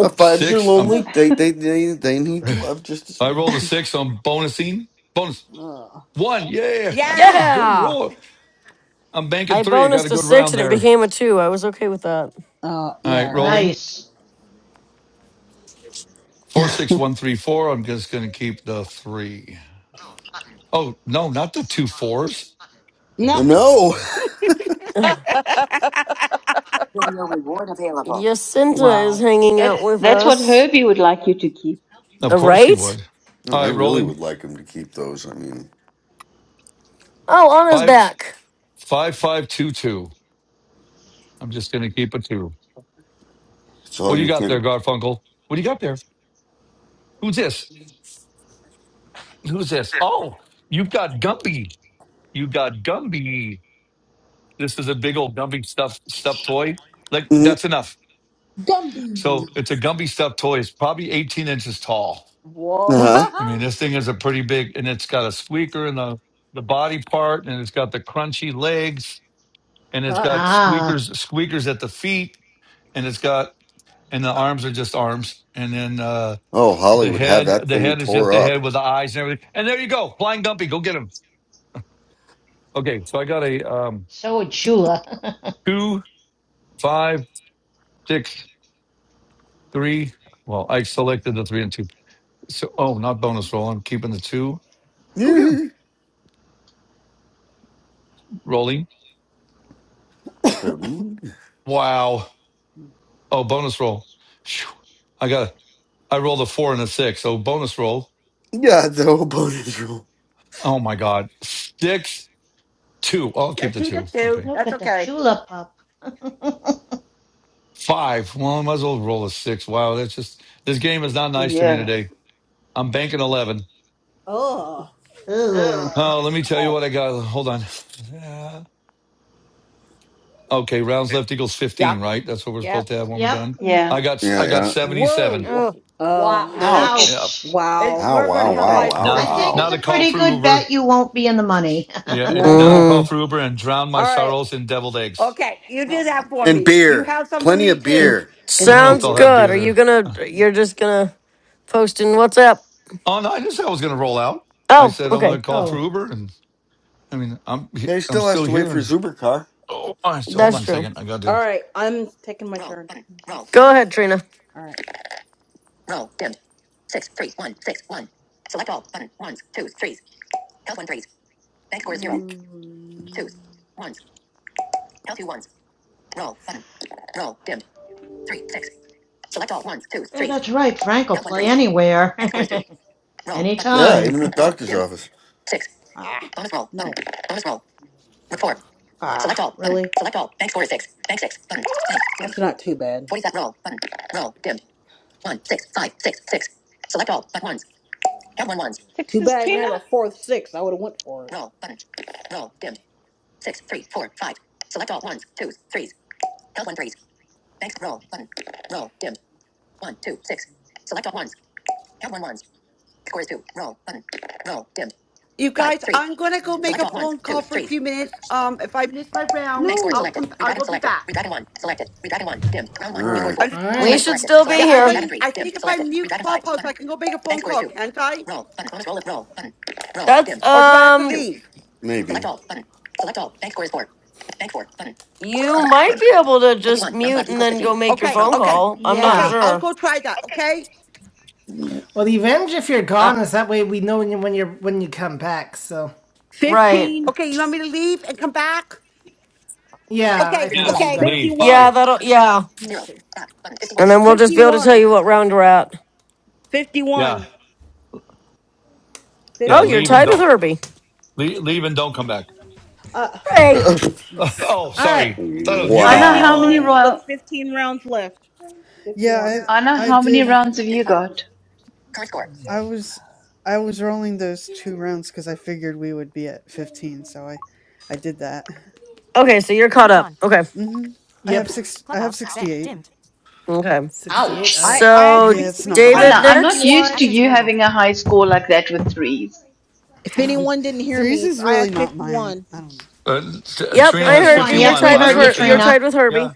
Speaker 5: Uh, fives are
Speaker 6: Six. Um,
Speaker 5: lonely. They
Speaker 18: [LAUGHS]
Speaker 5: they they they
Speaker 6: [SIGHS]
Speaker 5: need love just as
Speaker 6: I rolled a
Speaker 5: much as.
Speaker 6: six. So I'm bonusing. Bonus.
Speaker 4: Ugh.
Speaker 6: One. Yeah. I got a
Speaker 12: Yeah.
Speaker 6: good
Speaker 2: Yeah.
Speaker 6: roll. I'm banking
Speaker 2: I
Speaker 6: three. I got
Speaker 2: bonused
Speaker 6: a
Speaker 2: a
Speaker 6: good
Speaker 2: six
Speaker 6: round
Speaker 2: and it
Speaker 6: there.
Speaker 2: became a two. I was okay with that.
Speaker 4: Uh,
Speaker 6: All
Speaker 4: yeah,
Speaker 6: right,
Speaker 4: right?
Speaker 6: rolling.
Speaker 10: nice.
Speaker 6: Four, six, one, three, four. I'm just going to keep the three. Oh, no, not the two fours. Oh,
Speaker 4: No.
Speaker 6: my
Speaker 5: I know.
Speaker 6: God.
Speaker 5: [LAUGHS]
Speaker 2: [SIGHS]
Speaker 19: [LAUGHS]
Speaker 2: Jacinta is
Speaker 4: Wow.
Speaker 2: hanging out
Speaker 18: That's
Speaker 2: with
Speaker 18: that's what
Speaker 2: us.
Speaker 18: Herbie would like you to keep.
Speaker 6: Of
Speaker 2: Uh,
Speaker 6: course he
Speaker 2: Right?
Speaker 6: would.
Speaker 5: No,
Speaker 6: All
Speaker 5: I
Speaker 6: right,
Speaker 5: really
Speaker 6: rolling.
Speaker 5: would like him to keep those. I mean,
Speaker 2: Oh, Anna's
Speaker 6: Five,
Speaker 2: back.
Speaker 6: five, five, two, two. I'm just going to keep a two.
Speaker 5: it's
Speaker 6: What
Speaker 5: all
Speaker 6: do you
Speaker 5: you
Speaker 6: got there,
Speaker 5: can.
Speaker 6: Garfunkel? What do you got there? Who's this? Who's this? Oh, you've got Gumby. You got Gumby. This is a big old Gumby stuffed stuffed toy. Like
Speaker 5: hmm
Speaker 6: that's enough.
Speaker 4: Gumby.
Speaker 6: So it's a Gumby stuffed toy. It's probably 18 inches tall.
Speaker 5: Uh
Speaker 4: [LAUGHS]
Speaker 12: Whoa.
Speaker 5: huh.
Speaker 6: I mean, this thing is a pretty big, and it's got a squeaker in the the body part, and it's got the crunchy legs, and it's
Speaker 4: Uh,
Speaker 6: got
Speaker 10: Ah,
Speaker 6: squeakers squeakers at the feet, and it's got and the arms are just arms, and then uh,
Speaker 5: Oh, Holly
Speaker 6: the
Speaker 5: would have
Speaker 6: head
Speaker 5: that
Speaker 6: the
Speaker 5: thing
Speaker 6: head is just
Speaker 5: tore
Speaker 6: the
Speaker 5: up.
Speaker 6: head with the eyes and everything. And there you go, flying Dumpy, go get him. Okay, so I got a um,
Speaker 10: so would Chula. [LAUGHS]
Speaker 6: two, five, six, three. Well, I selected the three and two. So oh, not bonus roll. I'm keeping the two.
Speaker 5: [LAUGHS]
Speaker 6: Go get him.
Speaker 5: Cody.
Speaker 6: Rolling.
Speaker 16: [COUGHS]
Speaker 6: Wow. Oh, bonus roll. Phew. I got I rolled a four and a six. So bonus roll.
Speaker 5: Yeah, the whole bonus roll.
Speaker 6: Oh my God. Six, two. Oh, I'll
Speaker 12: Yeah,
Speaker 6: keep the
Speaker 12: keep it
Speaker 6: two.
Speaker 12: too.
Speaker 6: Okay.
Speaker 10: Look
Speaker 12: That's
Speaker 10: at the
Speaker 12: okay.
Speaker 10: Chula pup. [LAUGHS]
Speaker 6: Five. Well, I might as well roll a six. Wow. That's just, this game is not nice to me
Speaker 18: Yeah.
Speaker 6: today. I'm banking 11.
Speaker 4: oh.
Speaker 10: Ugh.
Speaker 6: Oh, let me tell you what I got. Hold on. Yeah. Okay. Rounds left equals
Speaker 12: Yeah.
Speaker 6: 15, right? That's what we're
Speaker 19: yeah.
Speaker 6: supposed to have when we're
Speaker 10: Yep.
Speaker 6: done.
Speaker 16: Mm,
Speaker 6: I
Speaker 18: Yeah.
Speaker 6: got,
Speaker 5: Yeah,
Speaker 6: I got
Speaker 5: yeah.
Speaker 6: 77.
Speaker 12: Whoa.
Speaker 19: Oh,
Speaker 12: [LAUGHS]
Speaker 5: Ow!
Speaker 4: Oh.
Speaker 12: Wow.
Speaker 18: Ouch.
Speaker 6: Yeah.
Speaker 10: Ouch.
Speaker 12: It,
Speaker 4: Wow.
Speaker 12: we're going to
Speaker 5: Wow!
Speaker 12: have
Speaker 5: Wow!
Speaker 12: high
Speaker 4: Okay.
Speaker 5: Wow!
Speaker 10: I
Speaker 12: scores
Speaker 6: Now,
Speaker 12: in this.
Speaker 10: think
Speaker 5: Wow!
Speaker 6: now
Speaker 10: it's
Speaker 6: to
Speaker 10: a
Speaker 6: call
Speaker 10: pretty
Speaker 6: for
Speaker 10: good
Speaker 6: Uber.
Speaker 10: bet you won't be in the money.
Speaker 6: Yeah. And
Speaker 4: Uh-huh.
Speaker 6: now to
Speaker 4: All
Speaker 2: hmm
Speaker 6: call for Uber and drown my
Speaker 4: right.
Speaker 6: sorrows in deviled eggs.
Speaker 12: Okay, you do that for
Speaker 5: And
Speaker 12: me. You
Speaker 5: beer.
Speaker 12: have some for
Speaker 5: Plenty
Speaker 12: me
Speaker 5: of
Speaker 4: And
Speaker 12: too.
Speaker 5: beer.
Speaker 6: I don't
Speaker 4: and
Speaker 6: know if
Speaker 2: Sounds
Speaker 6: they'll
Speaker 4: beer.
Speaker 6: have
Speaker 2: good.
Speaker 6: beer
Speaker 2: Are you
Speaker 6: there.
Speaker 2: gonna you're just gonna post in WhatsApp?
Speaker 6: Oh no, I just said I was going to roll out. I
Speaker 2: Oh,
Speaker 6: said I'm going
Speaker 2: okay.
Speaker 6: to
Speaker 10: [LAUGHS]
Speaker 6: call for
Speaker 10: oh.
Speaker 6: Uber, and I mean I'm
Speaker 5: Yeah, he
Speaker 6: I'm
Speaker 5: still has
Speaker 6: still
Speaker 5: to wait
Speaker 6: here.
Speaker 5: for
Speaker 6: And
Speaker 5: his Uber car.
Speaker 6: oh, I- hold
Speaker 2: That's
Speaker 6: on a
Speaker 2: true.
Speaker 6: second, I got
Speaker 4: All
Speaker 6: to.
Speaker 4: right. I'm taking my turn. All
Speaker 2: Go ahead, Trina.
Speaker 4: right.
Speaker 10: Yeah, that's
Speaker 4: Mm.
Speaker 10: right. Frank will play anywhere, [LAUGHS]
Speaker 5: Yeah, even
Speaker 10: anytime.
Speaker 5: at
Speaker 10: [LAUGHS]
Speaker 5: doctor's office.
Speaker 4: Six. Ah. Bonus roll. No. Bonus roll. Report. Ah, Select all. Button. Really? Button. Select all. Bank score is six. Bank six. Button. Bank. That's not too bad. Forty-seven. Roll. Button. Roll. Dim. One. Six. Five. Six. Six. Select all. But ones. Count one ones. Too bad
Speaker 18: Sixes,
Speaker 4: I didn't
Speaker 18: Trina?
Speaker 4: have a fourth six. I would have went for it. Roll. Button. Roll. Dim. Six. Three. Four. Five. Select all. Ones. Twos. Threes. Count one threes. Bank. Roll. Button. Roll. Dim. One. Two. Six. Select all ones. Count one ones. Score is two. Roll. Button. Roll. Dim.
Speaker 12: You
Speaker 4: Five.
Speaker 12: guys,
Speaker 4: Three.
Speaker 12: I'm going to go make
Speaker 4: Select
Speaker 12: a
Speaker 4: all ones.
Speaker 12: phone call
Speaker 4: Twos.
Speaker 12: for a
Speaker 4: Threes.
Speaker 12: few minutes. Um, if I miss my round,
Speaker 4: Next word
Speaker 12: I'll
Speaker 4: selected.
Speaker 12: come. I
Speaker 4: Redragon
Speaker 12: will be
Speaker 4: selected.
Speaker 12: back.
Speaker 4: Redragon one. Selected. Redragon one. Dim. Round
Speaker 5: All
Speaker 4: one. Uh, scored
Speaker 5: right,
Speaker 4: four.
Speaker 1: All
Speaker 4: no.
Speaker 2: We
Speaker 4: Select
Speaker 1: right.
Speaker 2: should
Speaker 4: selected.
Speaker 2: still be
Speaker 12: Yeah,
Speaker 4: Selected.
Speaker 12: I'm
Speaker 2: here.
Speaker 10: Okay,
Speaker 4: Redragon
Speaker 12: going to,
Speaker 4: three.
Speaker 12: I
Speaker 4: Dim.
Speaker 12: think if I
Speaker 4: Selected.
Speaker 12: mute
Speaker 4: Redragon five.
Speaker 12: Clubhouse, I
Speaker 4: Button.
Speaker 12: can go make a
Speaker 4: Bank
Speaker 12: phone
Speaker 4: score is
Speaker 12: call,
Speaker 4: two.
Speaker 12: can't I?
Speaker 4: Roll. Button. Bonus roll. Roll. Button. Roll. Dim.
Speaker 2: That's
Speaker 12: Or do I have to
Speaker 2: um
Speaker 4: Two.
Speaker 12: leave?
Speaker 4: Select
Speaker 5: maybe.
Speaker 4: all. Button. Select all. Bank score is four. Bank four. Button.
Speaker 2: you
Speaker 4: Button.
Speaker 2: might
Speaker 4: Dim.
Speaker 2: be able to just
Speaker 4: Fifty-one. Round
Speaker 2: mute
Speaker 4: left
Speaker 2: and
Speaker 4: equals
Speaker 2: then
Speaker 4: fifteen.
Speaker 2: go make your
Speaker 12: Okay,
Speaker 2: phone
Speaker 4: Roll. Button.
Speaker 12: okay,
Speaker 2: call. I'm not
Speaker 10: yeah.
Speaker 12: okay, I'll
Speaker 2: sure.
Speaker 12: go try that, okay?
Speaker 1: Well, the advantage if you're
Speaker 2: Uh,
Speaker 1: gone is that way we know when you when you're when you come back. So.
Speaker 2: right.
Speaker 4: Fifteen.
Speaker 12: Okay, you want me to leave and come back?
Speaker 1: Yeah, I
Speaker 12: Okay,
Speaker 1: think that'll
Speaker 4: 137.
Speaker 6: Yes,
Speaker 1: be
Speaker 12: okay,
Speaker 1: better.
Speaker 6: leave.
Speaker 4: 51.
Speaker 2: Yeah,
Speaker 6: Bye.
Speaker 2: that'll
Speaker 4: 137.
Speaker 2: yeah.
Speaker 4: Zero. see. Back. Button.
Speaker 2: And
Speaker 4: 51.
Speaker 2: then we'll just be able to
Speaker 4: 51.
Speaker 2: tell you what
Speaker 4: score.
Speaker 2: round we're at.
Speaker 6: Yeah,
Speaker 4: 51.
Speaker 6: yeah.
Speaker 2: Oh, you're
Speaker 6: Leave
Speaker 4: 51.
Speaker 16: and
Speaker 6: and
Speaker 2: tied with
Speaker 6: don't
Speaker 2: Herbie.
Speaker 6: leave, leave and don't come back.
Speaker 4: Uh,
Speaker 2: Frank.
Speaker 5: [LAUGHS]
Speaker 6: [LAUGHS]
Speaker 16: just,
Speaker 6: Oh,
Speaker 1: All right.
Speaker 6: sorry. I thought I was muted.
Speaker 18: Anna, how many
Speaker 4: 51
Speaker 5: wow.
Speaker 4: with
Speaker 18: royal
Speaker 4: 15 rounds left. 51.
Speaker 16: yeah,
Speaker 18: Anna,
Speaker 16: I, I
Speaker 18: how many
Speaker 16: did.
Speaker 18: rounds have you
Speaker 4: 51.
Speaker 18: got?
Speaker 4: Current score.
Speaker 16: I was I was rolling those 2 rounds because I figured we would be at 15, so I I did that.
Speaker 2: Okay, so you're caught up. Okay.
Speaker 16: Mhm. I have
Speaker 1: Yep.
Speaker 16: 6 I have 68.
Speaker 2: Okay.
Speaker 1: 68. All
Speaker 18: Ouch.
Speaker 4: I,
Speaker 1: right.
Speaker 4: I have
Speaker 2: So
Speaker 16: Yeah,
Speaker 4: 50,
Speaker 16: it's not
Speaker 4: I
Speaker 16: good.
Speaker 18: Anna,
Speaker 4: have
Speaker 2: David
Speaker 18: I'm not
Speaker 2: next.
Speaker 18: used
Speaker 4: 51.
Speaker 18: to you having a high score like that with threes.
Speaker 4: If
Speaker 16: [LAUGHS]
Speaker 4: anyone didn't hear me,
Speaker 16: Threes
Speaker 4: it's
Speaker 16: is
Speaker 4: I
Speaker 16: really
Speaker 4: have
Speaker 16: not my
Speaker 4: 51.
Speaker 16: I don't know.
Speaker 6: Uh, T-
Speaker 2: Yep,
Speaker 6: Trina
Speaker 2: I
Speaker 6: has
Speaker 2: heard
Speaker 10: 51.
Speaker 2: you. You're
Speaker 10: Yep,
Speaker 6: 51.
Speaker 10: we
Speaker 2: tied
Speaker 6: Well, I
Speaker 2: with
Speaker 10: heard you,
Speaker 6: heard
Speaker 2: her you're
Speaker 6: Trina.
Speaker 10: Trina.
Speaker 2: tied with Herbie.
Speaker 6: Yeah.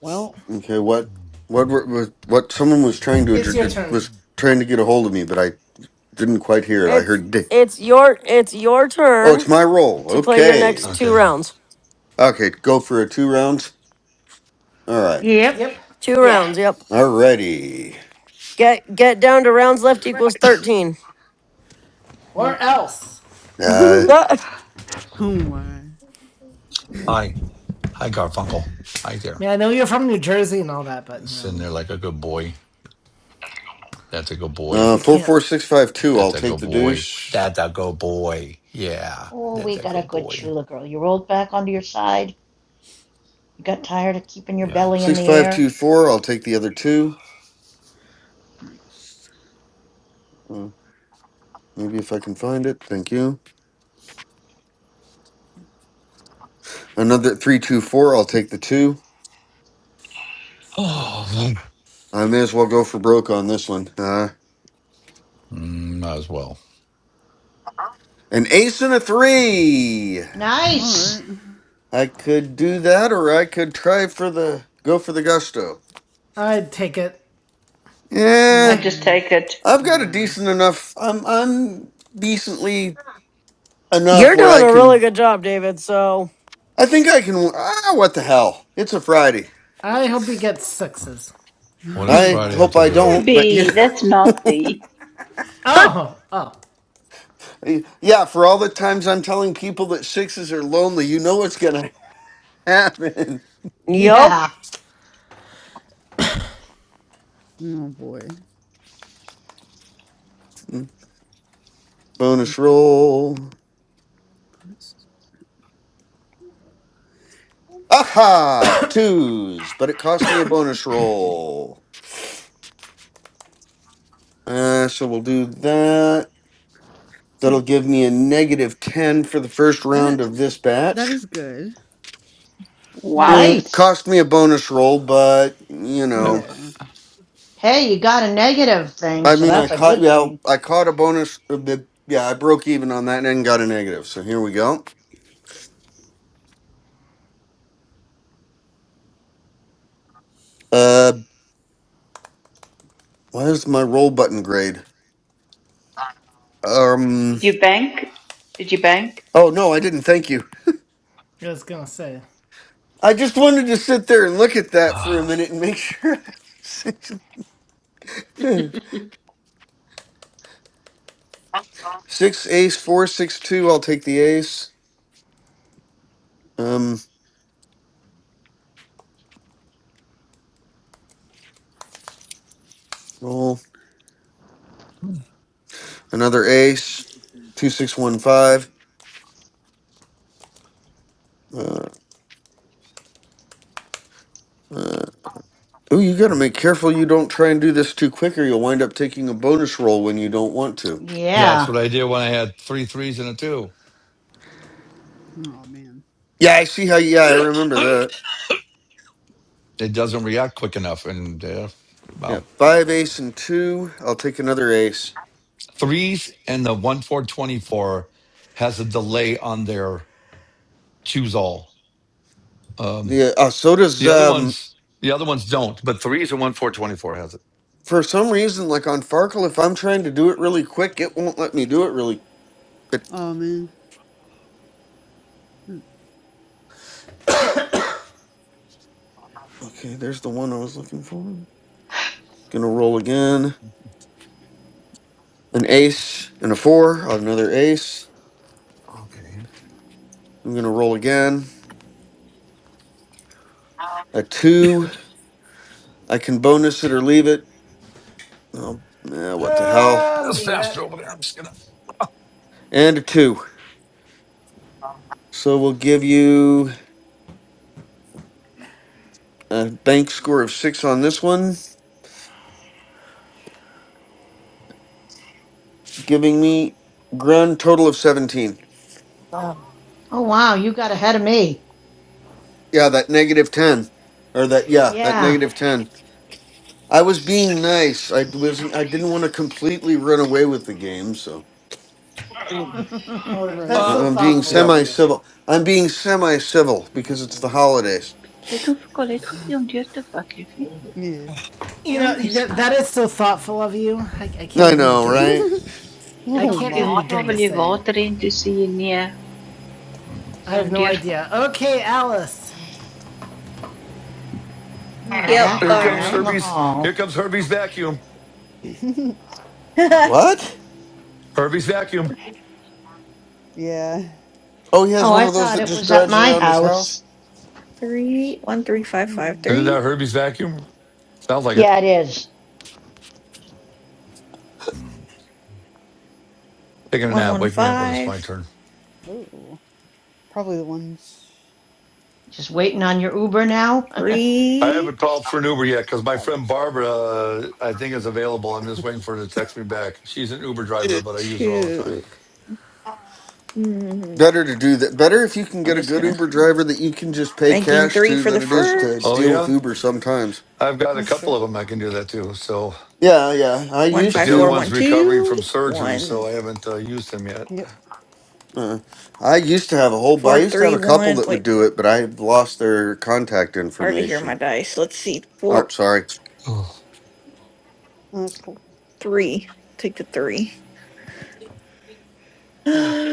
Speaker 4: Well,
Speaker 5: Okay, what? What were- was? What? Someone was trying to
Speaker 1: It's your
Speaker 5: addr-
Speaker 1: turn.
Speaker 5: was trying to get a hold of me, but I didn't quite hear it. I
Speaker 2: It's
Speaker 5: heard. Di-
Speaker 2: it's your it's your
Speaker 5: oh, it's
Speaker 2: turn
Speaker 5: my roll.
Speaker 2: to play your next
Speaker 5: Okay.
Speaker 2: two
Speaker 6: Okay.
Speaker 2: rounds.
Speaker 5: Okay, go for a two rounds. All right.
Speaker 10: Yep.
Speaker 1: Yep.
Speaker 2: Two
Speaker 18: Yeah.
Speaker 2: rounds, yep.
Speaker 5: Alrighty.
Speaker 2: Get get down to rounds left equals thirteen.
Speaker 1: Or
Speaker 16: Yep.
Speaker 1: else.
Speaker 5: Uh,
Speaker 16: [LAUGHS]
Speaker 2: Uh,
Speaker 16: oh my.
Speaker 6: Hi. Hi, Garfunkel. Hi
Speaker 1: I
Speaker 6: there.
Speaker 1: mean, I know you're from New Jersey and all that, but, you know, I
Speaker 6: Sitting
Speaker 1: mean,
Speaker 6: there like a good boy. That's a good
Speaker 1: I
Speaker 6: boy.
Speaker 1: guess
Speaker 5: uh,
Speaker 1: we
Speaker 5: four
Speaker 1: can't.
Speaker 5: four six five two. I'll
Speaker 6: That's a
Speaker 5: take
Speaker 6: good
Speaker 5: the
Speaker 6: boy.
Speaker 5: deuce.
Speaker 6: That's a good boy. Yeah.
Speaker 10: Oh,
Speaker 6: That's
Speaker 10: we
Speaker 6: a
Speaker 10: got a
Speaker 6: good
Speaker 10: good
Speaker 6: boy.
Speaker 10: Chula girl. You rolled back onto your side. You got tired of keeping your
Speaker 6: Yeah. [SIGHS]
Speaker 10: belly in
Speaker 5: Six
Speaker 10: the
Speaker 5: five
Speaker 10: air.
Speaker 5: two four. I'll take the other two.
Speaker 16: Nice.
Speaker 5: Uh, Maybe if I can find it. Thank you. Another three, two, four. I'll take the two.
Speaker 6: Oh,
Speaker 16: Mm.
Speaker 5: I may as well go for broke on this one. Uh,
Speaker 6: mm, might as well.
Speaker 5: an ace and a three.
Speaker 16: All right.
Speaker 10: Nice.
Speaker 5: I could do that, or I could try for the go for the gusto.
Speaker 1: I'd take it.
Speaker 18: I
Speaker 5: Yeah,
Speaker 18: just
Speaker 16: Mm,
Speaker 18: take it.
Speaker 5: I've got a
Speaker 16: Yeah. [LAUGHS]
Speaker 5: decent enough. I'm I'm decently
Speaker 2: You're
Speaker 5: enough where
Speaker 2: doing
Speaker 5: I
Speaker 2: a really
Speaker 5: can.
Speaker 2: good job, David. So,
Speaker 5: I think I can. Ah, what the hell? It's a Friday.
Speaker 1: I hope he gets sixes.
Speaker 6: What does
Speaker 16: Oh
Speaker 5: I
Speaker 6: Friday have
Speaker 5: hope
Speaker 16: my.
Speaker 6: to
Speaker 5: I
Speaker 6: do with it?
Speaker 5: don't, but you.
Speaker 18: Herbie, that's
Speaker 5: [LAUGHS]
Speaker 18: nasty.
Speaker 1: Oh! Oh.
Speaker 5: yeah, for all the times I'm telling people that sixes are lonely, you know what's gonna happen.
Speaker 2: [LAUGHS] yup.
Speaker 10: Yeah,
Speaker 16: Oh boy. Mm,
Speaker 5: Bonus roll.
Speaker 16: what is-
Speaker 5: Aha! Twos, but it cost me a bonus roll. Uh, so we'll do that. That'll
Speaker 16: See
Speaker 5: give me a negative 10 for the first round
Speaker 16: that
Speaker 5: of this
Speaker 16: that
Speaker 5: batch.
Speaker 16: is good.
Speaker 18: Wow.
Speaker 5: It
Speaker 10: nice.
Speaker 5: cost me a bonus roll, but, you
Speaker 6: I,
Speaker 5: know,
Speaker 16: Yeah.
Speaker 10: Hey, you got a negative thing,
Speaker 5: I
Speaker 10: so
Speaker 5: mean, I
Speaker 10: that's a
Speaker 5: caught,
Speaker 10: good
Speaker 5: yeah,
Speaker 10: thing.
Speaker 5: I caught a bonus, uh, the- yeah, I broke even on that and then got a negative. So here we go. Uh, why is my roll button grade? Um,
Speaker 18: Did you bank? Did you bank?
Speaker 5: oh no, I didn't. Thank you.
Speaker 1: I was gonna say.
Speaker 5: I just wanted to sit there and look at
Speaker 6: [SIGHS]
Speaker 5: that for a
Speaker 6: ah.
Speaker 5: minute and make sure. [LAUGHS] six, six ace, four, six, two. I'll take the ace. Um, roll another ace, two, six, one, five. Uh, uh, oh, you got to make careful you don't try and do this too quick, or you'll wind up taking a bonus roll when you don't want to.
Speaker 6: that's
Speaker 10: Yeah.
Speaker 6: what I did when I had three threes and a two.
Speaker 16: Oh man.
Speaker 5: Yeah, I see how. Yeah, I remember that.
Speaker 6: It doesn't react quick enough. And, uh,
Speaker 5: Yeah,
Speaker 6: wow.
Speaker 5: five ace and two. I'll take another ace.
Speaker 6: Threes and the one four twenty four has a delay on their choose all. Um,
Speaker 5: Yeah. Uh, so does
Speaker 6: the other
Speaker 5: um.
Speaker 6: ones, the other ones don't, but threes and one four twenty four has it.
Speaker 5: for some reason, like on Farkle, if I'm trying to do it really quick, it won't let me do it really. But
Speaker 16: Oh man, Mm,
Speaker 5: okay, there's the one I was looking for. Gonna roll again. An ace and a four. Another ace.
Speaker 6: Okay,
Speaker 5: I'm gonna roll again. A two. I can bonus it or leave it. Oh, eh,
Speaker 6: I-
Speaker 5: what the hell?
Speaker 1: Uh,
Speaker 6: that's
Speaker 1: leave it.
Speaker 6: faster over there. I'm just gonna.
Speaker 5: And a two. So we'll give you a bank score of six on this one, giving me grand total of seventeen.
Speaker 10: Oh, wow, you got ahead of me.
Speaker 5: Yeah, that negative ten, or that yeah, that
Speaker 10: Yeah.
Speaker 5: negative ten. I was being nice. I wasn't. I didn't want to completely run away with the game, so
Speaker 10: [LAUGHS] oh,
Speaker 1: Oh,
Speaker 16: right?
Speaker 1: that's
Speaker 5: I-
Speaker 6: Uh,
Speaker 1: so
Speaker 5: I'm being
Speaker 1: thoughtful of
Speaker 6: yep.
Speaker 1: you.
Speaker 5: semi-civil. I'm being semi-civil because it's the holidays.
Speaker 18: Jy het hom vir Colet
Speaker 16: [LAUGHS]
Speaker 18: gegee om deur te vat, liefie.
Speaker 16: yeah.
Speaker 1: You
Speaker 18: Ja,
Speaker 1: know,
Speaker 18: my
Speaker 1: that,
Speaker 18: skat.
Speaker 1: that is so thoughtful of you. I, I can't
Speaker 5: I
Speaker 1: even
Speaker 5: know,
Speaker 1: begin.
Speaker 5: right?
Speaker 16: [LAUGHS]
Speaker 18: Sy
Speaker 1: I
Speaker 18: het
Speaker 16: oh
Speaker 18: nog
Speaker 1: can't
Speaker 18: veel
Speaker 16: my.
Speaker 1: even
Speaker 18: gevra
Speaker 1: begin to
Speaker 18: wil jy
Speaker 1: say.
Speaker 18: water hê en toe sê jy nee. Sy
Speaker 1: I
Speaker 18: kan
Speaker 1: have
Speaker 18: hom
Speaker 1: no
Speaker 18: deurvat.
Speaker 1: idea. Okay, Alice.
Speaker 10: they're
Speaker 8: Yep.
Speaker 6: Here
Speaker 8: All
Speaker 10: vacuuming
Speaker 6: comes
Speaker 10: out in the
Speaker 8: right.
Speaker 6: Herbie's.
Speaker 10: hall.
Speaker 6: Here comes Herbie's vacuum.
Speaker 16: [LAUGHS]
Speaker 8: [LAUGHS]
Speaker 5: What?
Speaker 6: Herbie's vacuum.
Speaker 16: yeah.
Speaker 5: Oh, he has
Speaker 10: Oh,
Speaker 5: one
Speaker 10: I
Speaker 5: of those
Speaker 10: thought
Speaker 5: that
Speaker 10: it
Speaker 5: just
Speaker 10: was at
Speaker 5: drives
Speaker 10: my
Speaker 5: around his house.
Speaker 10: house.
Speaker 8: Three, one three five five
Speaker 6: Isn't
Speaker 16: Mm.
Speaker 8: three,
Speaker 6: that Herbie's vacuum? Sounds like it.
Speaker 10: Yeah, it is.
Speaker 16: It's-
Speaker 6: Taking a
Speaker 8: one,
Speaker 6: nap.
Speaker 8: one,
Speaker 6: Wake me up when it's my
Speaker 8: five,
Speaker 6: turn.
Speaker 16: Oh, probably the ones.
Speaker 10: Just
Speaker 16: Yeah,
Speaker 10: waiting on your Uber now? [LAUGHS]
Speaker 6: I
Speaker 8: three,
Speaker 6: haven't called for an Uber yet because my
Speaker 16: that
Speaker 6: friend
Speaker 16: works.
Speaker 6: Barbara, uh, I think, is available. I'm just waiting for her to text me back. She's an Uber driver, but I use her all the time.
Speaker 8: two. Mm,
Speaker 5: Better to do that. Better if you can
Speaker 8: I'm
Speaker 5: get a
Speaker 8: just
Speaker 5: good
Speaker 8: gonna
Speaker 5: Uber driver that you can just pay
Speaker 8: banking
Speaker 5: cash
Speaker 8: three
Speaker 5: to
Speaker 8: for the
Speaker 5: than it is to
Speaker 6: Oh,
Speaker 8: first.
Speaker 5: deal with
Speaker 6: yeah.
Speaker 5: Uber sometimes.
Speaker 6: I've got a
Speaker 16: That's
Speaker 6: couple
Speaker 16: good.
Speaker 6: of them I can do that too. So,
Speaker 5: Yeah, yeah. I
Speaker 8: One,
Speaker 6: but
Speaker 5: used
Speaker 8: five,
Speaker 6: the other
Speaker 8: four,
Speaker 5: to.
Speaker 8: one,
Speaker 6: one's recovering
Speaker 8: two
Speaker 6: from surgery, so
Speaker 8: one
Speaker 6: I haven't uh, used him yet.
Speaker 16: Yep,
Speaker 5: Uh, I used to have a whole. I
Speaker 8: four
Speaker 5: used to have
Speaker 8: three
Speaker 5: a
Speaker 8: one.
Speaker 5: couple that
Speaker 8: Wait.
Speaker 5: would do it, but I lost their contact
Speaker 8: Hard to hear my
Speaker 5: information.
Speaker 8: dice. Let's see.
Speaker 5: Oh,
Speaker 8: Four,
Speaker 5: sorry.
Speaker 6: Oh.
Speaker 16: oh, that's cool.
Speaker 8: three.
Speaker 16: Mm,
Speaker 8: Take the
Speaker 16: sorry.
Speaker 8: three. [GASPS]
Speaker 6: Are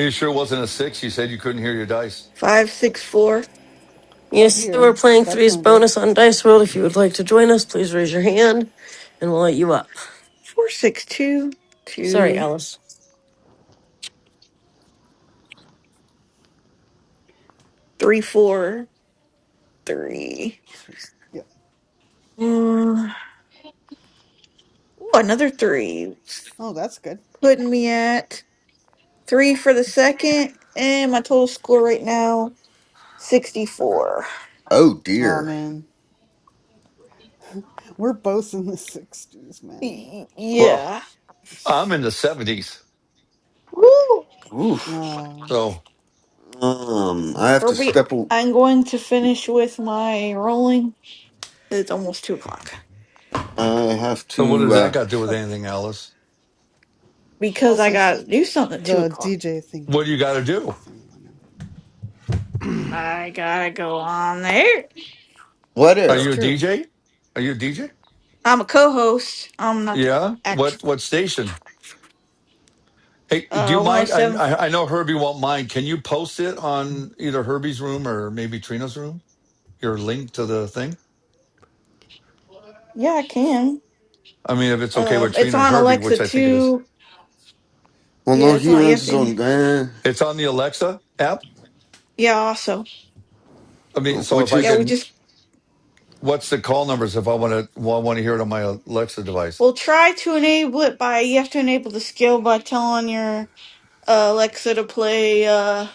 Speaker 6: you sure it wasn't a six? You said you couldn't hear your dice.
Speaker 8: [SIGHS] Five, six, four,
Speaker 16: Oh
Speaker 2: Yes, we're
Speaker 16: dear,
Speaker 2: playing
Speaker 16: that's
Speaker 2: three's
Speaker 16: not good.
Speaker 2: bonus on Dice World. If you would like to join us, please raise your hand, and we'll let you up.
Speaker 8: four, six, two,
Speaker 2: Sorry,
Speaker 8: two,
Speaker 2: Alice.
Speaker 8: three, four,
Speaker 16: Mm,
Speaker 8: three.
Speaker 16: sorry. Yep.
Speaker 8: Mm. Ooh, another three.
Speaker 16: Oh, that's good.
Speaker 8: Putting me at three for the second. And my total score right now, 64.
Speaker 5: Oh
Speaker 16: Oh
Speaker 5: dear.
Speaker 16: man, we're both in the sixties, man.
Speaker 8: Y-
Speaker 6: Well,
Speaker 8: Yeah.
Speaker 6: I'm in the
Speaker 16: Jeez.
Speaker 6: 70s.
Speaker 8: Woo!
Speaker 5: Oof.
Speaker 16: No.
Speaker 6: So,
Speaker 5: Um,
Speaker 6: so
Speaker 5: I have to
Speaker 8: Herbie,
Speaker 5: step. a-
Speaker 8: I'm going to finish with my rolling. It's almost two o'clock
Speaker 5: I have
Speaker 6: what does
Speaker 5: to.
Speaker 6: that
Speaker 5: uh
Speaker 6: got to do with
Speaker 16: Okay.
Speaker 6: anything, Alice?
Speaker 8: because I
Speaker 16: Also,
Speaker 8: gotta
Speaker 16: she,
Speaker 8: do something at two
Speaker 16: the
Speaker 8: o'clock.
Speaker 16: DJ thingy.
Speaker 6: What do you got to do?
Speaker 16: Someone else.
Speaker 8: I gotta go on there.
Speaker 5: What
Speaker 6: Are
Speaker 16: That's
Speaker 6: you
Speaker 5: air?
Speaker 6: a
Speaker 16: true.
Speaker 6: DJ? Are you a DJ?
Speaker 8: I'm a co-host. I'm not the
Speaker 6: Yeah. What
Speaker 8: actual
Speaker 6: what station? Hey, do you
Speaker 8: uh
Speaker 6: mind? I
Speaker 8: 107.
Speaker 6: I I know Herbie won't mind. Can you post it on either Herbie's room or maybe Trina's room? Your link to the thing.
Speaker 8: Yeah, I can.
Speaker 6: I mean, if it's okay with
Speaker 8: Um, it's
Speaker 6: Trina and
Speaker 8: on
Speaker 6: Herbie,
Speaker 8: Alexa
Speaker 6: which I think it is.
Speaker 8: too.
Speaker 5: Well,
Speaker 8: Yeah,
Speaker 5: no,
Speaker 8: it's
Speaker 5: he
Speaker 8: on. You
Speaker 5: runs
Speaker 8: have to.
Speaker 5: his
Speaker 8: ena-
Speaker 5: own. Uh,
Speaker 6: It's on the Alexa app.
Speaker 8: Yeah, also.
Speaker 6: I mean, so if
Speaker 5: which
Speaker 6: I
Speaker 8: Yeah, we
Speaker 5: is
Speaker 6: can,
Speaker 8: just
Speaker 6: what's the call numbers if I want to well, I want to hear it on my Alexa device?
Speaker 8: we'll try to enable it by you have to enable the skill by telling your uh, Alexa to play uh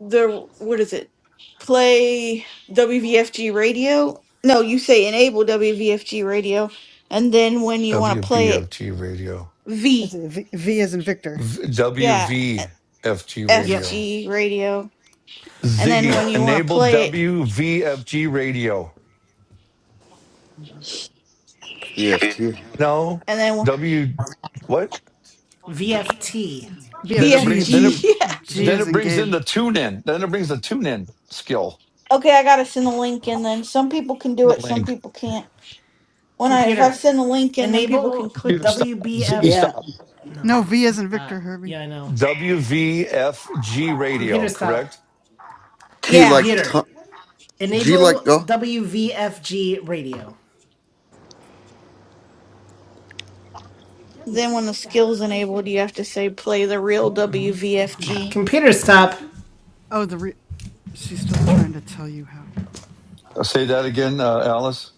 Speaker 8: the what is it? Play WVFG radio. No, you say enable WVFG radio, and then when you want to play it,
Speaker 6: WBFG radio.
Speaker 16: Is
Speaker 8: V.
Speaker 16: it v, v is in Victor.
Speaker 6: V-
Speaker 8: Yeah,
Speaker 6: WVFG
Speaker 1: Yep.
Speaker 16: Yes.
Speaker 6: radio.
Speaker 8: FG radio. And then
Speaker 6: Ziggy,
Speaker 8: when you want to
Speaker 6: enable
Speaker 8: play it,
Speaker 6: WVFG radio.
Speaker 5: EFT. T
Speaker 6: No,
Speaker 8: and then
Speaker 6: W. What?
Speaker 1: VFT.
Speaker 16: VFG,
Speaker 6: Then it
Speaker 16: G,
Speaker 6: bring then
Speaker 16: G
Speaker 8: VFG.
Speaker 6: it
Speaker 16: G
Speaker 6: then
Speaker 1: G.
Speaker 16: is
Speaker 6: it
Speaker 16: in
Speaker 6: brings in
Speaker 16: Gabe.
Speaker 6: the tune in. Then it brings the tune in skill.
Speaker 8: [LAUGHS] okay, I gotta send a link in then. Some people can do
Speaker 6: The
Speaker 8: it, some
Speaker 6: link.
Speaker 8: people can't. When I if I
Speaker 1: Computer.
Speaker 8: send a link in, then people can
Speaker 1: Enable
Speaker 8: click
Speaker 6: Computer
Speaker 8: them.
Speaker 6: stop. Ziggy
Speaker 1: WBF.
Speaker 4: yeah.
Speaker 6: stop.
Speaker 1: No,
Speaker 16: No, V is in Victor,
Speaker 1: that.
Speaker 16: Herbie.
Speaker 1: Yeah, I know.
Speaker 6: WVFG radio.
Speaker 1: Computer stop.
Speaker 6: Correct.
Speaker 5: T
Speaker 8: Yeah.
Speaker 5: like t-
Speaker 1: Computer.
Speaker 5: G like
Speaker 1: Enable
Speaker 5: go.
Speaker 1: WVFG radio.
Speaker 8: Then when the skill's enabled, you have to say play the real WVFG.
Speaker 1: Computer stop.
Speaker 16: Oh, the re- she's still trying to tell you how.
Speaker 6: Uh, say that again, uh, Alice.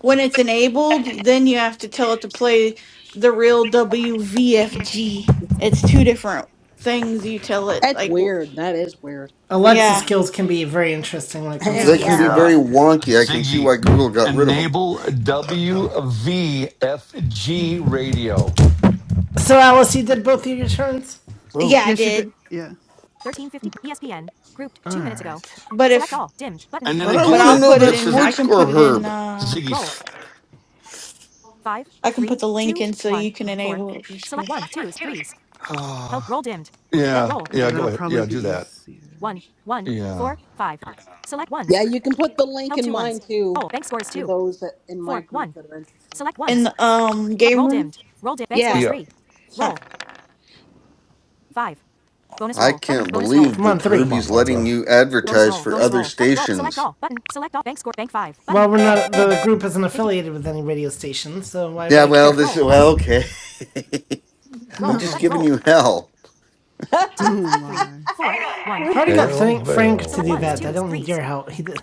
Speaker 8: When it's enabled, then you have to tell it to play the real WVFG. It's two different things you tell it.
Speaker 4: That's
Speaker 8: Like, w-
Speaker 4: weird. That is weird. I
Speaker 1: Alexa
Speaker 8: yeah,
Speaker 4: never.
Speaker 1: skills can be very interesting when it comes
Speaker 4: [LAUGHS]
Speaker 16: Yeah,
Speaker 1: to
Speaker 5: They can be
Speaker 4: yeah.
Speaker 16: sure.
Speaker 1: listening.
Speaker 6: Yeah.
Speaker 5: very wonky. I can see
Speaker 6: Ziggy.
Speaker 5: why Google got rid of them.
Speaker 6: Enable WVFG radio.
Speaker 1: So, Alice, you
Speaker 16: Oh,
Speaker 1: did both
Speaker 16: shoot.
Speaker 1: of your turns?
Speaker 8: yeah,
Speaker 5: Whoa.
Speaker 8: I
Speaker 16: Yeah, she did.
Speaker 8: did.
Speaker 16: Yeah.
Speaker 1: all right
Speaker 8: But if
Speaker 6: And then
Speaker 5: But
Speaker 6: it
Speaker 5: I
Speaker 8: But
Speaker 6: gives.
Speaker 5: want
Speaker 8: I'll
Speaker 5: to
Speaker 6: It,
Speaker 5: know
Speaker 8: put it
Speaker 5: that
Speaker 6: this
Speaker 8: in. I
Speaker 5: sports
Speaker 6: isn't
Speaker 8: can
Speaker 5: score,
Speaker 8: put it in.
Speaker 5: Herb.
Speaker 8: Uh,
Speaker 6: Ziggy stop.
Speaker 8: I can put the link in so you can enable it. if you scroll.
Speaker 4: One, two, three.
Speaker 6: [SIGHS] yeah.
Speaker 16: Yeah,
Speaker 6: Yeah. Go
Speaker 16: that'll
Speaker 6: ahead.
Speaker 16: probably
Speaker 6: Yeah. Do
Speaker 16: be
Speaker 6: that.
Speaker 16: easier.
Speaker 6: Yeah.
Speaker 4: Yeah, you can put the link in mine too for those that in my group that are interested.
Speaker 8: In the um game room.
Speaker 4: Yeah.
Speaker 6: Yeah.
Speaker 8: Huh.
Speaker 5: I can't believe
Speaker 1: Come on,
Speaker 5: that
Speaker 1: three.
Speaker 6: Come on,
Speaker 5: Herbie's letting
Speaker 6: Barbara.
Speaker 5: you advertise for other stations.
Speaker 1: Well, we're not. The group isn't affiliated with any radio station, so why would
Speaker 5: Yeah,
Speaker 1: I
Speaker 5: well,
Speaker 1: care?
Speaker 5: this well, okay.
Speaker 16: [LAUGHS]
Speaker 5: [LAUGHS] I'm just
Speaker 16: oh,
Speaker 5: giving you hell.
Speaker 4: [LAUGHS]
Speaker 16: oh my.
Speaker 1: already got Frank Frank to that. do help. He, d-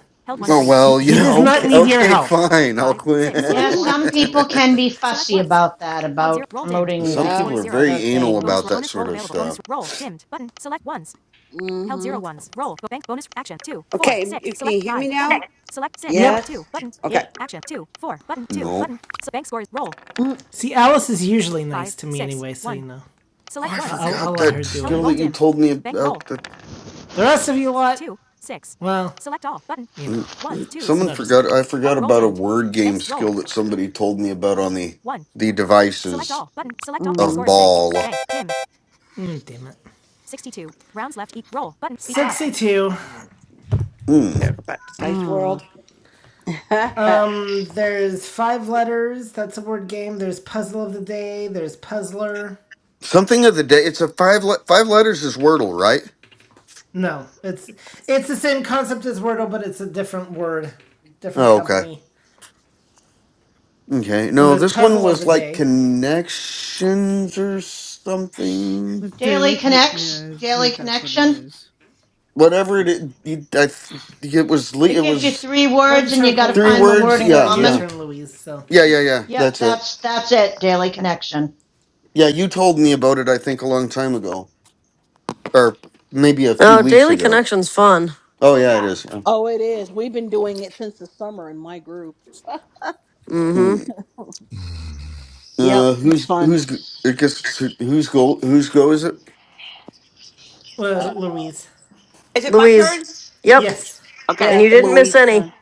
Speaker 5: Oh
Speaker 4: Mm.
Speaker 5: well, you
Speaker 1: he does bank
Speaker 5: know,
Speaker 1: not
Speaker 5: okay,
Speaker 1: need zero. your
Speaker 5: okay,
Speaker 1: help.
Speaker 5: fine, I'll quit.
Speaker 10: Yeah, some
Speaker 16: [LAUGHS]
Speaker 10: people can
Speaker 5: [LAUGHS]
Speaker 10: be fussy about that, about promoting
Speaker 5: Some
Speaker 4: Yeah.
Speaker 5: people are
Speaker 10: other
Speaker 5: very anal about
Speaker 10: things.
Speaker 5: that sort of stuff.
Speaker 4: Mm-hmm.
Speaker 12: okay, you can you hear me now?
Speaker 4: Yes.
Speaker 12: Okay,
Speaker 10: Yep.
Speaker 5: No,
Speaker 4: Mm-mm.
Speaker 1: See, Alice is usually you
Speaker 5: oh,
Speaker 1: I-
Speaker 5: I
Speaker 1: I'll
Speaker 5: forgot
Speaker 1: let her
Speaker 5: that
Speaker 1: do
Speaker 5: skill that you told me about. That
Speaker 1: The rest of you lot, well, you
Speaker 5: mm.
Speaker 1: know.
Speaker 5: someone
Speaker 1: No, just
Speaker 5: forgot.
Speaker 1: kidding.
Speaker 5: I forgot about a word game skill that somebody told me about on the the devices of ball.
Speaker 1: Mm, damn it. 62.
Speaker 5: Mm.
Speaker 4: Mm. [LAUGHS]
Speaker 1: Um, there's five letters. That's a word game. There's puzzle of the day. There's puzzler.
Speaker 5: Something of the day. It's a five le- five letters is Wordle, right?
Speaker 1: No, it's it's the same concept as Wordle, but it's a different word, different
Speaker 5: Oh, okay,
Speaker 1: company.
Speaker 5: okay.
Speaker 1: And
Speaker 5: No,
Speaker 1: there's
Speaker 5: this one
Speaker 1: puzzle of
Speaker 5: was
Speaker 1: the
Speaker 5: like
Speaker 1: day,
Speaker 5: connections or something.
Speaker 10: Daily
Speaker 16: daily con-
Speaker 10: Connects,
Speaker 16: Yeah, I
Speaker 10: Daily
Speaker 16: think that's what it
Speaker 10: Connection.
Speaker 16: is.
Speaker 5: whatever it it- you, I, th- it was le-
Speaker 10: It
Speaker 5: it
Speaker 10: gives you
Speaker 5: was
Speaker 10: three
Speaker 1: but
Speaker 10: words
Speaker 1: it's
Speaker 10: and you
Speaker 1: her.
Speaker 10: got to
Speaker 5: three
Speaker 10: find
Speaker 1: It's,
Speaker 10: the
Speaker 5: words
Speaker 10: word in
Speaker 1: it's uh,
Speaker 5: yeah
Speaker 1: your
Speaker 5: yeah
Speaker 10: common.
Speaker 1: turn, Louise. So,
Speaker 5: yeah yeah yeah
Speaker 10: Yep,
Speaker 5: that's it
Speaker 10: that's that's it, Daily Connection.
Speaker 5: yeah you told me about it i think a long time ago or maybe a few
Speaker 2: Oh,
Speaker 5: weeks
Speaker 2: daily
Speaker 5: ago
Speaker 2: connections fun.
Speaker 5: oh yeah it is yeah.
Speaker 4: oh, it is. We've been doing it since the summer in my group.
Speaker 2: Mm-hmm.
Speaker 5: Mm. uh
Speaker 4: Yep, it's
Speaker 5: who's
Speaker 4: fun.
Speaker 5: who's g- i guess it's who- who's goal whose go is it
Speaker 1: uh, Louise.
Speaker 12: is it my
Speaker 2: Louise.
Speaker 12: turn?
Speaker 2: Yep.
Speaker 1: Yes.
Speaker 12: Okay,
Speaker 4: Yeah,
Speaker 2: And you
Speaker 4: it's
Speaker 2: didn't miss
Speaker 4: Louise's
Speaker 2: any.
Speaker 4: turn.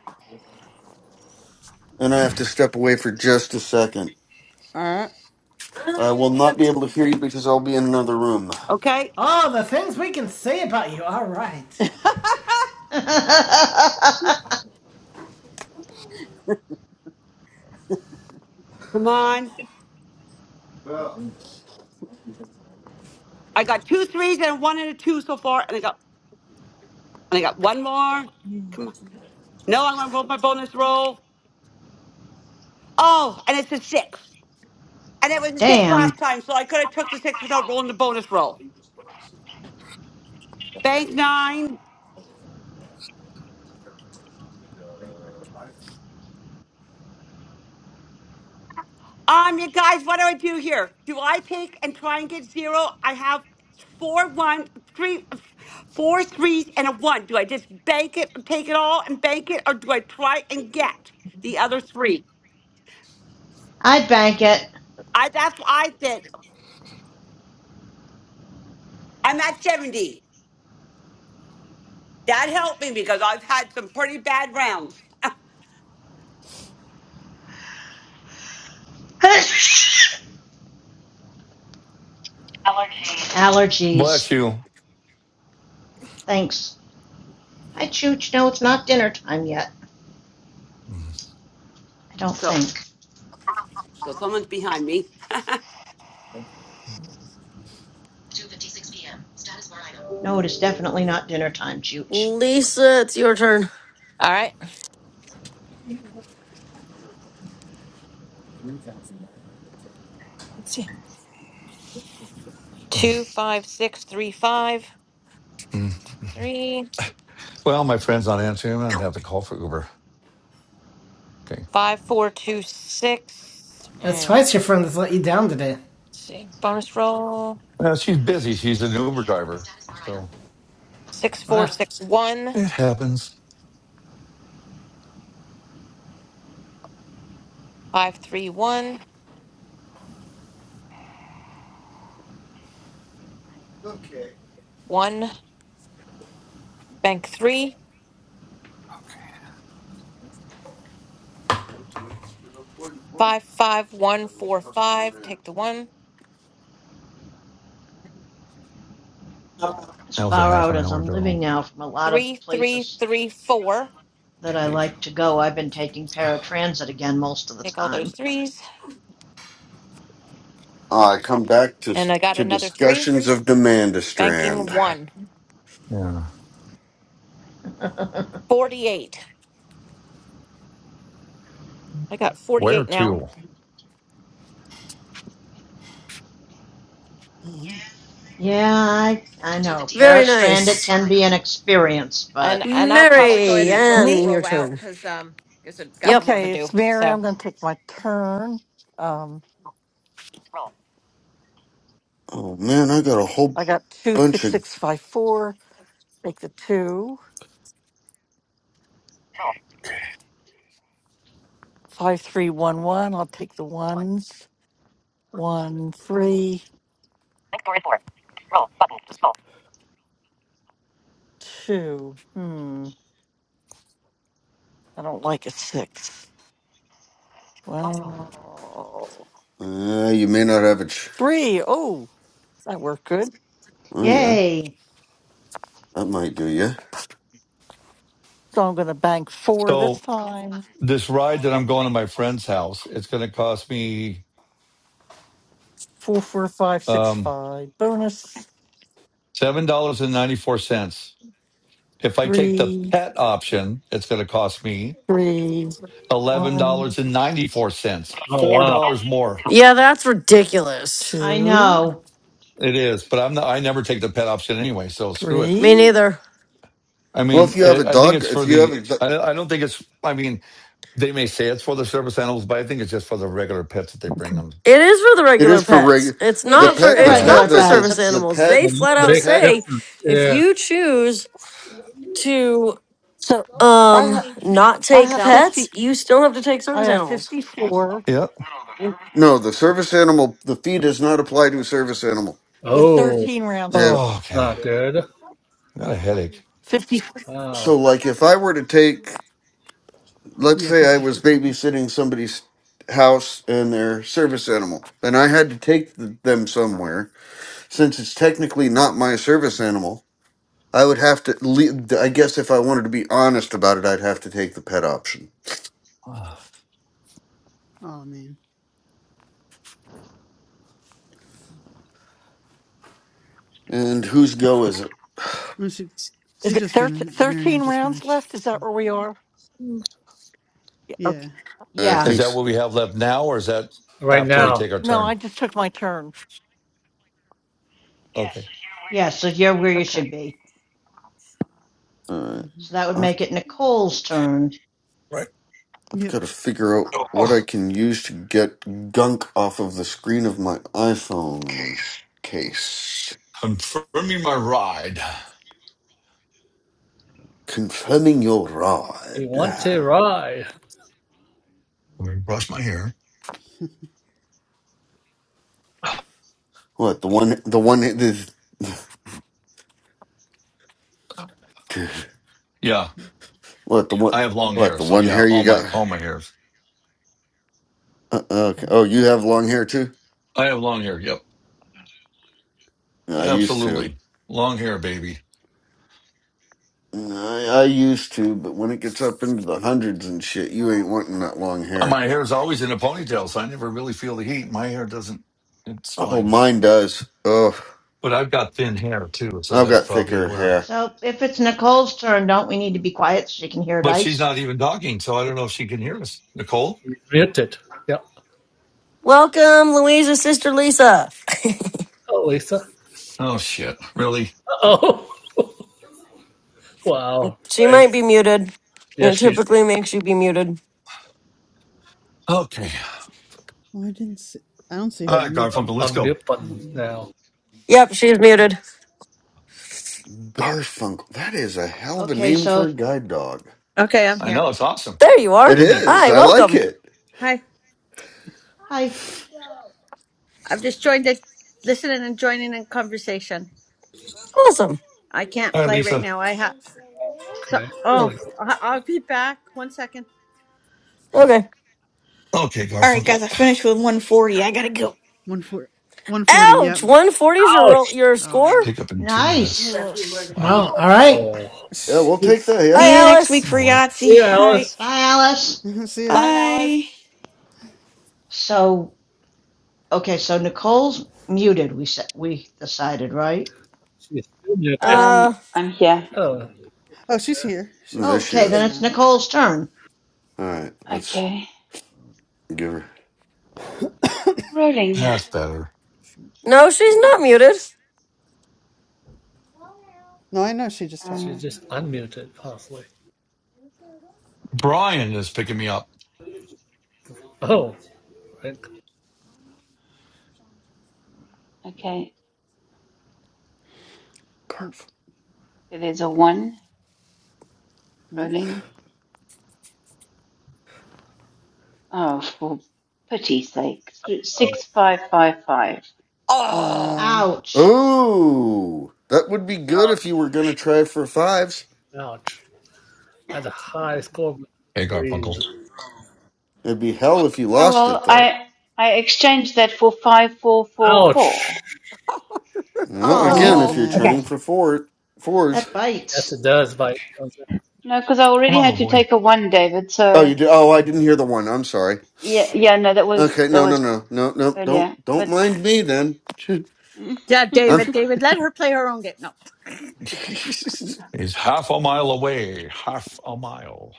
Speaker 5: and i have to step away for just a second
Speaker 4: All right.
Speaker 5: i will not be able to hear you because i'll be in another room
Speaker 12: okay,
Speaker 1: Oh, the things we can say about you. All right.
Speaker 4: [LAUGHS]
Speaker 10: [LAUGHS]
Speaker 12: come on. I got two threes and a one and a two so far, and I got, and I got one more. Come on. No, I'm going to roll my bonus roll. Oh, and it's a six. And it was a six
Speaker 10: Damn.
Speaker 12: last time, so I could have took the six without rolling the bonus roll. Bank nine. Um, you guys, what do I do here? Do I take and try and get zero? I have four one three four threes and a one. Do I just bank it and take it all and bank it or do I try and get the other three?
Speaker 10: i bank it.
Speaker 12: I that's what I did. I'm at 70. That helped me because I've had some pretty bad rounds.
Speaker 10: [LAUGHS]
Speaker 6: Bless
Speaker 10: Allergies.
Speaker 6: you.
Speaker 10: Thanks. Hi, Chooch. No, it's not dinner time yet. I don't
Speaker 12: So
Speaker 10: think.
Speaker 12: so someone's behind me.
Speaker 10: No, it is definitely not dinner time, Chooch.
Speaker 2: Lisa, it's your turn.
Speaker 19: all right. Let's see. Two, five, six, three, five,
Speaker 6: [LAUGHS]
Speaker 19: three.
Speaker 6: Well, my friend's not answering. I'm gonna have to call for Uber. Okay.
Speaker 19: Five, four, two, six.
Speaker 1: That's
Speaker 19: And let's
Speaker 1: twice your friend has let you down today.
Speaker 19: see, bonus roll.
Speaker 6: Well, she's busy. She's an Uber driver, so
Speaker 19: Six, four,
Speaker 1: Wow.
Speaker 19: six, one.
Speaker 6: it happens.
Speaker 19: Five, three, one. One. Bank three. Five, five, one, four, five. Take the one.
Speaker 10: as
Speaker 6: That was a
Speaker 10: far
Speaker 6: half
Speaker 10: out
Speaker 6: an
Speaker 10: as
Speaker 6: hour
Speaker 10: I'm
Speaker 6: ago.
Speaker 10: living now from a lot of the
Speaker 19: Three, three,
Speaker 10: places
Speaker 19: three, four.
Speaker 10: that I
Speaker 6: Heck.
Speaker 10: like to go. I've been taking paratransit again most of the
Speaker 19: Take all those
Speaker 10: time.
Speaker 19: threes.
Speaker 5: I come back to
Speaker 19: And I got
Speaker 5: to
Speaker 19: another three.
Speaker 5: discussions of
Speaker 19: Banking
Speaker 5: Demandastrand.
Speaker 19: one.
Speaker 6: Yeah.
Speaker 10: [LAUGHS]
Speaker 19: Forty-eight. I got
Speaker 6: Where
Speaker 19: forty-eight now.
Speaker 6: to?
Speaker 10: yeah, I, I know.
Speaker 2: Very
Speaker 10: Paratransit
Speaker 2: nice.
Speaker 10: can be an experience, but
Speaker 19: And and I'll
Speaker 10: it's
Speaker 19: probably go ahead
Speaker 2: Mary,
Speaker 10: cheap.
Speaker 19: and roll
Speaker 15: Me-
Speaker 2: and your
Speaker 19: roll out
Speaker 2: turn.
Speaker 19: because um because I've got
Speaker 2: Yep.
Speaker 19: more to
Speaker 15: Okay,
Speaker 19: do.
Speaker 15: it's Mary.
Speaker 19: So
Speaker 15: I'm going to take my turn. Um,
Speaker 5: Oh man, I got a whole
Speaker 15: I got two
Speaker 5: bunch
Speaker 15: six
Speaker 5: of.
Speaker 15: six five four. Take the two. Five three one one. I'll take the ones. One three two. Hmm. I don't like a six. Wow.
Speaker 5: Uh, you may not have a. Ch-
Speaker 15: Three. Oh, that worked good.
Speaker 5: oh yeah,
Speaker 10: Yay!
Speaker 5: that might do you.
Speaker 15: So I'm going to bank four this
Speaker 6: So
Speaker 15: time.
Speaker 6: this ride that I'm going to my friend's house, it's going to cost me
Speaker 15: Four, four, five, six,
Speaker 6: um,
Speaker 15: five. Bonus.
Speaker 6: seven dollars and ninety four cents. If I take the
Speaker 15: Three,
Speaker 6: pet option, it's going to cost me
Speaker 15: three, one,
Speaker 6: $11.94,
Speaker 9: Oh
Speaker 6: $4
Speaker 9: wow,
Speaker 6: more.
Speaker 2: Yeah, that's ridiculous.
Speaker 10: I
Speaker 15: two,
Speaker 10: know.
Speaker 6: It is, but I'm not, I never take the pet option anyway, so screw it.
Speaker 2: Me
Speaker 15: three.
Speaker 2: neither.
Speaker 6: I
Speaker 5: Well,
Speaker 6: mean,
Speaker 5: if you have
Speaker 6: I,
Speaker 5: a
Speaker 6: I think
Speaker 5: dog,
Speaker 6: it's for
Speaker 5: if you have
Speaker 6: the,
Speaker 5: a, do-
Speaker 6: I, I don't think it's, I mean, they may say it's for the service animals, but I think it's just for the regular pets that they bring them.
Speaker 2: It is for the
Speaker 5: it
Speaker 2: regular
Speaker 5: is for
Speaker 2: pets.
Speaker 5: reg.
Speaker 2: It's
Speaker 10: It
Speaker 5: The
Speaker 2: not
Speaker 10: is for
Speaker 2: for
Speaker 5: pet,
Speaker 10: the
Speaker 5: the
Speaker 2: it's
Speaker 6: Yeah.
Speaker 5: pet,
Speaker 10: regular
Speaker 2: not for
Speaker 5: the
Speaker 10: pets.
Speaker 5: the
Speaker 2: service
Speaker 5: the
Speaker 10: It's
Speaker 2: animals.
Speaker 5: pet,
Speaker 2: They
Speaker 9: Oh,
Speaker 2: flat
Speaker 9: that's a
Speaker 5: the
Speaker 2: out
Speaker 9: big
Speaker 5: pet.
Speaker 2: say
Speaker 9: difference.
Speaker 2: if
Speaker 9: Yeah.
Speaker 2: you choose to
Speaker 15: So I
Speaker 2: um
Speaker 15: ha-
Speaker 2: not
Speaker 15: I
Speaker 2: take
Speaker 15: have
Speaker 10: self.
Speaker 2: pets,
Speaker 15: fifty.
Speaker 2: you still have to take
Speaker 15: I
Speaker 2: service
Speaker 15: have
Speaker 2: animals.
Speaker 15: fifty-four
Speaker 6: Yeah.
Speaker 15: with,
Speaker 5: No, the service animal. The fee does not apply to a service animal.
Speaker 15: with
Speaker 9: Oh,
Speaker 15: thirteen rounds
Speaker 5: Uh,
Speaker 6: Oh,
Speaker 15: left.
Speaker 6: okay.
Speaker 9: not good.
Speaker 6: I got a headache. [SIGHS]
Speaker 15: Fifty.
Speaker 9: Wow.
Speaker 5: so, like, if I were to take let's
Speaker 16: Yeah,
Speaker 5: say I was
Speaker 16: 54.
Speaker 5: babysitting somebody's house and their service animal, and I had to take th- them somewhere, since it's technically not my service animal, I would have to, le- I guess if I wanted to be honest about it, I'd have to take the pet option.
Speaker 6: Ah.
Speaker 16: Oh, man.
Speaker 5: And whose go is it? [SIGHS]
Speaker 16: No, She, she
Speaker 15: Is it
Speaker 16: just
Speaker 15: thir-
Speaker 16: finished. Marianne
Speaker 15: thirteen
Speaker 16: just
Speaker 15: rounds
Speaker 16: finished.
Speaker 15: left? Is that
Speaker 16: So,
Speaker 15: where we are? Okay.
Speaker 16: yeah.
Speaker 5: I
Speaker 10: Yeah,
Speaker 6: Is
Speaker 5: think
Speaker 6: that
Speaker 5: s-
Speaker 6: what we have left now, or is that
Speaker 9: Right
Speaker 6: after we
Speaker 15: That's
Speaker 9: now,
Speaker 6: take our
Speaker 15: no.
Speaker 6: turn?
Speaker 15: I just took my turn.
Speaker 6: Okay.
Speaker 10: yeah, so you're where you
Speaker 15: Okay.
Speaker 10: should be.
Speaker 5: uh,
Speaker 16: hmm
Speaker 10: So that would
Speaker 5: I've,
Speaker 10: make it Nicole's turn.
Speaker 6: Right.
Speaker 5: I've
Speaker 16: Yep.
Speaker 5: got to figure out what
Speaker 6: Oh,
Speaker 5: I can use to get gunk off of the screen of my iPhone case.
Speaker 6: confirming my ride.
Speaker 5: Confirming your
Speaker 9: you want
Speaker 5: rod.
Speaker 9: to ride?
Speaker 6: Let me brush my hair.
Speaker 16: [LAUGHS]
Speaker 5: What the one? The one? [LAUGHS] This,
Speaker 6: Yeah.
Speaker 5: what the one?
Speaker 6: I have long
Speaker 5: What
Speaker 6: hair,
Speaker 5: the
Speaker 6: so
Speaker 5: one
Speaker 6: yeah,
Speaker 5: hair you
Speaker 6: all
Speaker 5: got?
Speaker 6: my all my hairs.
Speaker 5: Uh, okay. Oh, you have long hair too.
Speaker 6: I have long hair. Yep.
Speaker 5: Yeah, I used to.
Speaker 6: Absolutely. Long hair, baby.
Speaker 5: Nah, I, I used to, but when it gets up into the hundreds and shit, you ain't wanting that long hair.
Speaker 6: My hair is always in a ponytail, so I never really feel the heat. My hair doesn't, it's
Speaker 5: Oh,
Speaker 6: fine.
Speaker 5: mine does. Oh,
Speaker 6: But I've got thin hair too, so
Speaker 5: I've
Speaker 6: that's
Speaker 5: got
Speaker 6: probably
Speaker 5: thicker
Speaker 6: where.
Speaker 5: hair.
Speaker 10: So if it's Nicole's turn, don't we need to be quiet so she can hear
Speaker 6: But she's
Speaker 10: Dice?
Speaker 6: not even talking, so I don't know if she can hear us. Nicole?
Speaker 9: She's muted. Yep.
Speaker 2: Welcome Louisa's sister Lisa.
Speaker 9: Oh, Lisa.
Speaker 6: Oh, shit. Really?
Speaker 9: Oh, [LAUGHS] wow.
Speaker 2: She
Speaker 9: Frank.
Speaker 2: might be muted.
Speaker 9: Yes,
Speaker 2: It
Speaker 9: she.
Speaker 2: typically makes you be muted.
Speaker 6: Okay.
Speaker 16: Well, I didn't see. I don't see
Speaker 6: All
Speaker 16: her
Speaker 6: right,
Speaker 9: Um,
Speaker 16: muted,
Speaker 6: Garfunkel,
Speaker 16: but
Speaker 6: let's go.
Speaker 9: Unmute
Speaker 16: I don't
Speaker 9: button
Speaker 16: know.
Speaker 9: now.
Speaker 2: Yep, she's muted.
Speaker 5: Garfunkel. That is a hell of a
Speaker 10: Okay,
Speaker 5: name for
Speaker 10: so
Speaker 5: a guide dog.
Speaker 20: Okay, I'm
Speaker 6: I
Speaker 20: here.
Speaker 6: know. It's awesome,
Speaker 2: There you are.
Speaker 5: It
Speaker 6: isn't it?
Speaker 5: is.
Speaker 2: Hi,
Speaker 5: I like
Speaker 2: welcome.
Speaker 5: it.
Speaker 20: Hi.
Speaker 10: hi.
Speaker 20: I've just joined it, listening and joining in conversation.
Speaker 2: Awesome.
Speaker 20: I can't
Speaker 6: All right,
Speaker 20: play right
Speaker 6: Lisa.
Speaker 20: now. I have. So,
Speaker 9: Okay. Oh,
Speaker 20: oh,
Speaker 9: Lisa.
Speaker 20: I- I'll be back. One second.
Speaker 2: Okay.
Speaker 6: Okay,
Speaker 8: All right,
Speaker 6: Garfunkel.
Speaker 8: guys. I finished with 140. I gotta go.
Speaker 16: One four, one forty. Yep.
Speaker 2: Ouch! 140 is your roll
Speaker 9: ouch.
Speaker 2: your
Speaker 16: Oh
Speaker 2: score?
Speaker 16: wow.
Speaker 6: Pick up in two minutes.
Speaker 10: Nice.
Speaker 8: Yes.
Speaker 6: Wow.
Speaker 1: Well, all right.
Speaker 9: Oh.
Speaker 16: [SIGHS]
Speaker 5: Yeah, we'll
Speaker 9: Oh,
Speaker 5: take
Speaker 16: Jeez.
Speaker 5: that. Yeah.
Speaker 2: Bye,
Speaker 5: [LAUGHS]
Speaker 8: See you next
Speaker 2: Alice.
Speaker 8: week
Speaker 6: You
Speaker 8: for
Speaker 6: know what?
Speaker 8: Yahtzee.
Speaker 9: Yeah,
Speaker 8: All
Speaker 9: Alice.
Speaker 8: right.
Speaker 10: Bye, Alice.
Speaker 16: [LAUGHS] see ya.
Speaker 12: Bye,
Speaker 8: Bye.
Speaker 12: Alice.
Speaker 10: So, okay, so Nicole's muted, we said we decided, right?
Speaker 9: She's still muted.
Speaker 2: Uh,
Speaker 18: Um, I'm here.
Speaker 9: Oh,
Speaker 16: Oh, she's here. She's
Speaker 5: There she
Speaker 10: Okay,
Speaker 16: she's there
Speaker 5: is.
Speaker 10: then it's
Speaker 16: now.
Speaker 10: Nicole's turn.
Speaker 5: All right.
Speaker 16: Yeah.
Speaker 5: Let's
Speaker 18: Okay.
Speaker 5: give her.
Speaker 16: [COUGHS]
Speaker 18: Rolling.
Speaker 6: That's better.
Speaker 16: She-
Speaker 2: no, she's not muted.
Speaker 16: no, I know she just talked.
Speaker 9: she
Speaker 18: Uh,
Speaker 9: just
Speaker 16: Yeah.
Speaker 9: unmuted possibly.
Speaker 6: Brian is picking me up.
Speaker 9: Oh, right.
Speaker 18: okay.
Speaker 16: Hmm,
Speaker 18: there's a one.
Speaker 16: Nice.
Speaker 18: Rolling. Oh, for pity's sake.
Speaker 9: Oh,
Speaker 18: Six, five, five, five.
Speaker 16: Oh
Speaker 12: Oh,
Speaker 16: no.
Speaker 10: Ouch.
Speaker 5: Ooh, that would be good if you were going to try for fives.
Speaker 9: ouch, ouch. That's a high score.
Speaker 6: Hey,
Speaker 9: Please.
Speaker 6: Garfunkel.
Speaker 5: It'd be hell if you
Speaker 18: Oh,
Speaker 5: lost it,
Speaker 18: well,
Speaker 5: though.
Speaker 18: I, I exchanged that for five, four, four,
Speaker 9: Ouch.
Speaker 18: four.
Speaker 12: oh
Speaker 5: Well,
Speaker 10: Oh,
Speaker 5: again,
Speaker 10: you
Speaker 16: Oh
Speaker 5: if
Speaker 12: no.
Speaker 5: you're
Speaker 16: man,
Speaker 5: trying for four fours.
Speaker 10: that
Speaker 9: Yes,
Speaker 10: bites.
Speaker 9: it does
Speaker 6: Okay.
Speaker 9: bite.
Speaker 18: No, because I
Speaker 6: Come
Speaker 18: already
Speaker 6: on, little
Speaker 18: had to
Speaker 6: boy.
Speaker 18: take a one, David.
Speaker 5: Oh, you
Speaker 18: So
Speaker 5: did. Oh, I didn't hear the one. I'm sorry.
Speaker 18: yeah, yeah, no, that was,
Speaker 5: Okay,
Speaker 18: that
Speaker 5: no, no,
Speaker 18: was
Speaker 5: no, no, no. Don't
Speaker 18: earlier,
Speaker 5: don't
Speaker 18: but
Speaker 5: mind me then. Shoot.
Speaker 18: [LAUGHS] okay.
Speaker 20: Yeah,
Speaker 5: I'm.
Speaker 20: David. David, let her play her own game. No.
Speaker 5: [LAUGHS] I
Speaker 6: It's half a mile away. Half a mile.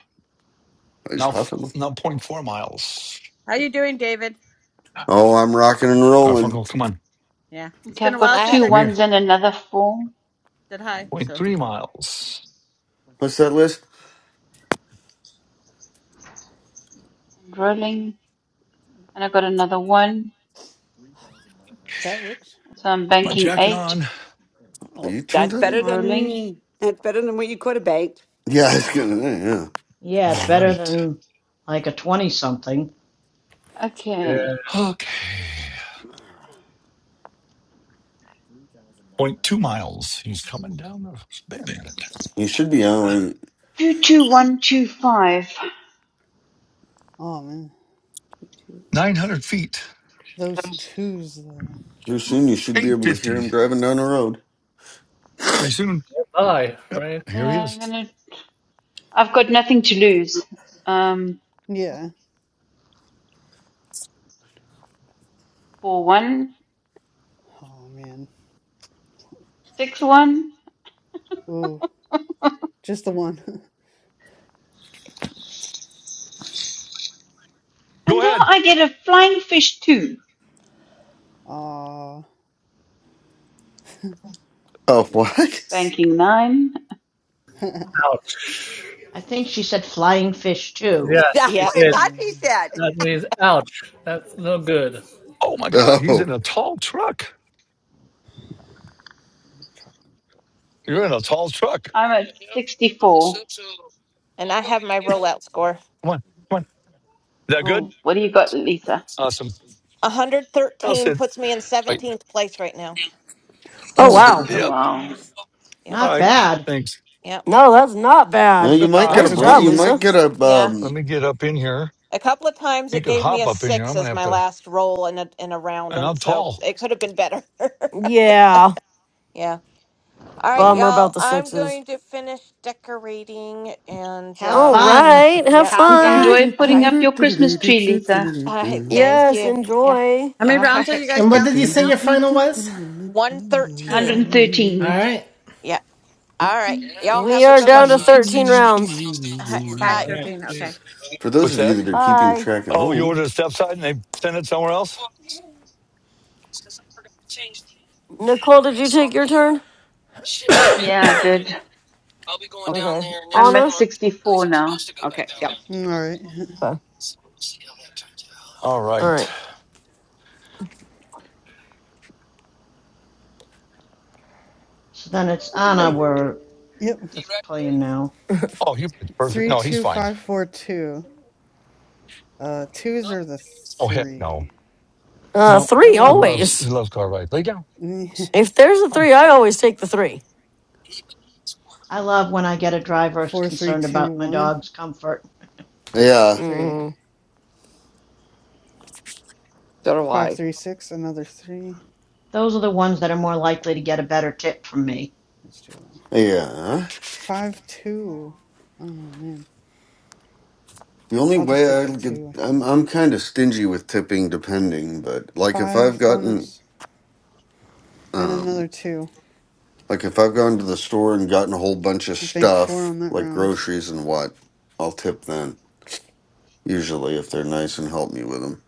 Speaker 5: was
Speaker 6: Now, f-
Speaker 5: huffing.
Speaker 6: now point four miles.
Speaker 20: How you doing, David?
Speaker 5: Oh, I'm rocking and rolling.
Speaker 6: Garfunkel, come on.
Speaker 20: Yeah. It's been
Speaker 18: I've
Speaker 20: a while
Speaker 18: got
Speaker 19: I ha-
Speaker 20: since
Speaker 18: two
Speaker 20: I
Speaker 6: Come
Speaker 18: ones
Speaker 6: here.
Speaker 18: and another four. I'm
Speaker 20: said hi.
Speaker 6: Point
Speaker 20: So,
Speaker 6: three miles.
Speaker 5: What's that list?
Speaker 18: rolling and I got another one.
Speaker 16: that works.
Speaker 18: So I'm
Speaker 6: Put my
Speaker 18: banking
Speaker 6: jacket
Speaker 18: eight.
Speaker 6: on.
Speaker 12: Oh,
Speaker 5: You turned
Speaker 12: that's
Speaker 5: that
Speaker 12: better
Speaker 5: in?
Speaker 16: Mm.
Speaker 18: Rolling.
Speaker 12: than that's better than what you could have banked.
Speaker 5: Yeah, [LAUGHS] it's
Speaker 6: Oh,
Speaker 5: gonna. Yeah, yeah.
Speaker 10: Yeah, it's
Speaker 6: all
Speaker 10: better
Speaker 6: right.
Speaker 10: than like a 20 something.
Speaker 9: Yeah.
Speaker 18: Okay.
Speaker 6: Okay. point 0.2. Coming down the bend.
Speaker 5: you should be on.
Speaker 18: 22125.
Speaker 16: Oh man,
Speaker 6: 900 feet.
Speaker 16: those twos though.
Speaker 5: Here soon, you should be able to hear
Speaker 6: 850.
Speaker 5: him driving down the road.
Speaker 6: Pretty soon.
Speaker 9: Bye,
Speaker 6: Yep.
Speaker 9: Frank.
Speaker 6: Here he
Speaker 18: I'm
Speaker 6: is.
Speaker 18: gonna, I've got nothing to lose. Um,
Speaker 16: Yeah.
Speaker 18: four one,
Speaker 16: Oh man.
Speaker 18: six one.
Speaker 16: Ooh, just the one.
Speaker 18: And
Speaker 6: Go
Speaker 18: now
Speaker 6: ahead.
Speaker 18: I get a flying fish too.
Speaker 16: [LAUGHS] Aw,
Speaker 5: Oh, what?
Speaker 16: yikes.
Speaker 5: [LAUGHS]
Speaker 18: Banking nine.
Speaker 16: [LAUGHS]
Speaker 9: Ouch.
Speaker 10: I think she said flying fish too.
Speaker 9: Yes,
Speaker 12: That's
Speaker 9: she
Speaker 12: what
Speaker 19: yep.
Speaker 12: I
Speaker 9: did.
Speaker 12: thought she
Speaker 16: Okay.
Speaker 12: said.
Speaker 9: That means ouch. That's no good.
Speaker 6: Oh, my God. He's
Speaker 5: Oh.
Speaker 6: in a tall truck.
Speaker 16: Try-
Speaker 6: You're in a tall truck.
Speaker 18: I'm at 64.
Speaker 19: And I have my rollout score.
Speaker 6: Come on. Come on. Is that good?
Speaker 18: Oh, what do you got, Lisa?
Speaker 6: Awesome. I'll
Speaker 19: 113
Speaker 6: sit.
Speaker 19: puts me in
Speaker 6: Wait.
Speaker 19: 17th place right now.
Speaker 2: Oh,
Speaker 19: So,
Speaker 2: wow.
Speaker 18: Oh,
Speaker 6: Yep.
Speaker 18: wow.
Speaker 19: yeah,
Speaker 6: All
Speaker 10: Not
Speaker 6: right.
Speaker 10: bad.
Speaker 6: Thanks.
Speaker 19: yeah,
Speaker 2: No, that's not
Speaker 5: Uh,
Speaker 2: bad.
Speaker 5: you might get
Speaker 6: I
Speaker 5: a
Speaker 2: Nice
Speaker 5: bron.
Speaker 2: job,
Speaker 6: agree.
Speaker 5: You might
Speaker 2: Lisa.
Speaker 5: get a
Speaker 19: yeah.
Speaker 6: Let
Speaker 5: um.
Speaker 6: me get up in here.
Speaker 19: A couple of times
Speaker 6: You
Speaker 19: it
Speaker 6: could
Speaker 19: gave me
Speaker 6: hop
Speaker 19: a
Speaker 6: up in here.
Speaker 19: six
Speaker 6: I'm gonna
Speaker 19: as
Speaker 6: have
Speaker 19: my
Speaker 6: to.
Speaker 19: last roll in a, in a round,
Speaker 6: And I'm
Speaker 19: and so
Speaker 6: tall.
Speaker 19: it could have been better. [LAUGHS]
Speaker 2: Yeah,
Speaker 19: yeah. All right,
Speaker 2: bummer about
Speaker 19: y'all.
Speaker 2: the
Speaker 19: I'm
Speaker 2: sixes.
Speaker 19: going to finish decorating, and
Speaker 10: Have
Speaker 2: All
Speaker 19: um,
Speaker 10: fun.
Speaker 2: right,
Speaker 10: [LAUGHS]
Speaker 2: have
Speaker 19: yep.
Speaker 12: How
Speaker 19: Yeah.
Speaker 2: fun.
Speaker 18: Enjoy
Speaker 12: fine.
Speaker 19: All
Speaker 18: putting
Speaker 19: right.
Speaker 18: up your Christmas tree, Lisa.
Speaker 19: All right. Thank
Speaker 2: Yes,
Speaker 19: you. Yeah.
Speaker 2: enjoy.
Speaker 20: how many
Speaker 19: All
Speaker 20: rounds are
Speaker 19: right.
Speaker 20: you guys
Speaker 1: And what
Speaker 20: down
Speaker 1: did
Speaker 20: to
Speaker 1: you say
Speaker 20: now?
Speaker 1: your final was?
Speaker 19: 113.
Speaker 1: All
Speaker 18: 113.
Speaker 1: right.
Speaker 19: Yeah. All right. Y'all
Speaker 2: We
Speaker 19: have a
Speaker 2: are
Speaker 19: good
Speaker 2: down
Speaker 19: one.
Speaker 2: to 13 rounds.
Speaker 19: All right.
Speaker 20: Okay,
Speaker 19: Bye.
Speaker 9: All right.
Speaker 20: thirteen. Okay.
Speaker 9: See.
Speaker 5: For those
Speaker 6: What's
Speaker 5: of you
Speaker 6: that?
Speaker 5: that are keeping
Speaker 2: Bye.
Speaker 5: track at
Speaker 6: Oh, you
Speaker 5: home,
Speaker 6: ordered a step side and they sent it somewhere else.
Speaker 2: Nicole, did you take your turn?
Speaker 18: Yeah, I did.
Speaker 12: Oh,
Speaker 2: Okay.
Speaker 18: I'm at
Speaker 2: Anna?
Speaker 18: 64 now.
Speaker 12: okay. Yeah.
Speaker 16: Mm, All right. [LAUGHS]
Speaker 2: Okay.
Speaker 6: All
Speaker 2: All
Speaker 6: right.
Speaker 2: right.
Speaker 10: So then it's Anna
Speaker 6: Hey.
Speaker 10: we're
Speaker 16: Yep.
Speaker 10: playing now.
Speaker 2: [LAUGHS]
Speaker 6: Oh, you it's perfect.
Speaker 16: Three,
Speaker 6: No, he's
Speaker 16: two,
Speaker 6: fine.
Speaker 16: five, four, two. Uh, twos are the
Speaker 6: Oh heck, no,
Speaker 16: three.
Speaker 2: Uh,
Speaker 6: no.
Speaker 10: I
Speaker 2: three
Speaker 6: He
Speaker 10: love when
Speaker 6: loves
Speaker 10: you
Speaker 6: he
Speaker 2: always.
Speaker 6: loves car rides. Lay down.
Speaker 16: [LAUGHS]
Speaker 2: If there's a
Speaker 6: Come
Speaker 2: three, I always take the three.
Speaker 10: I love when I get a driver
Speaker 16: Four, three,
Speaker 10: concerned
Speaker 16: two,
Speaker 10: about my
Speaker 16: one,
Speaker 10: dog's comfort.
Speaker 5: yeah,
Speaker 16: three.
Speaker 2: Mm.
Speaker 16: Five, three, six. Another three.
Speaker 10: Those are the ones that are more likely to get a better tip from me.
Speaker 16: Let's do
Speaker 5: yeah.
Speaker 16: five, two. Oh man,
Speaker 5: The only
Speaker 16: I'll just
Speaker 5: way
Speaker 16: take
Speaker 5: I
Speaker 16: that
Speaker 5: get,
Speaker 16: two. I think
Speaker 5: I'm I'm kind of stingy with tipping, depending. But like, if
Speaker 16: five
Speaker 5: I've gotten,
Speaker 16: bonus and
Speaker 5: um,
Speaker 16: another two.
Speaker 5: Like if I've gone to the store and gotten a whole bunch of
Speaker 16: I bank four
Speaker 5: stuff,
Speaker 16: on that
Speaker 5: like
Speaker 16: round.
Speaker 5: groceries and what, I'll tip then. Usually, if they're nice and help me with them.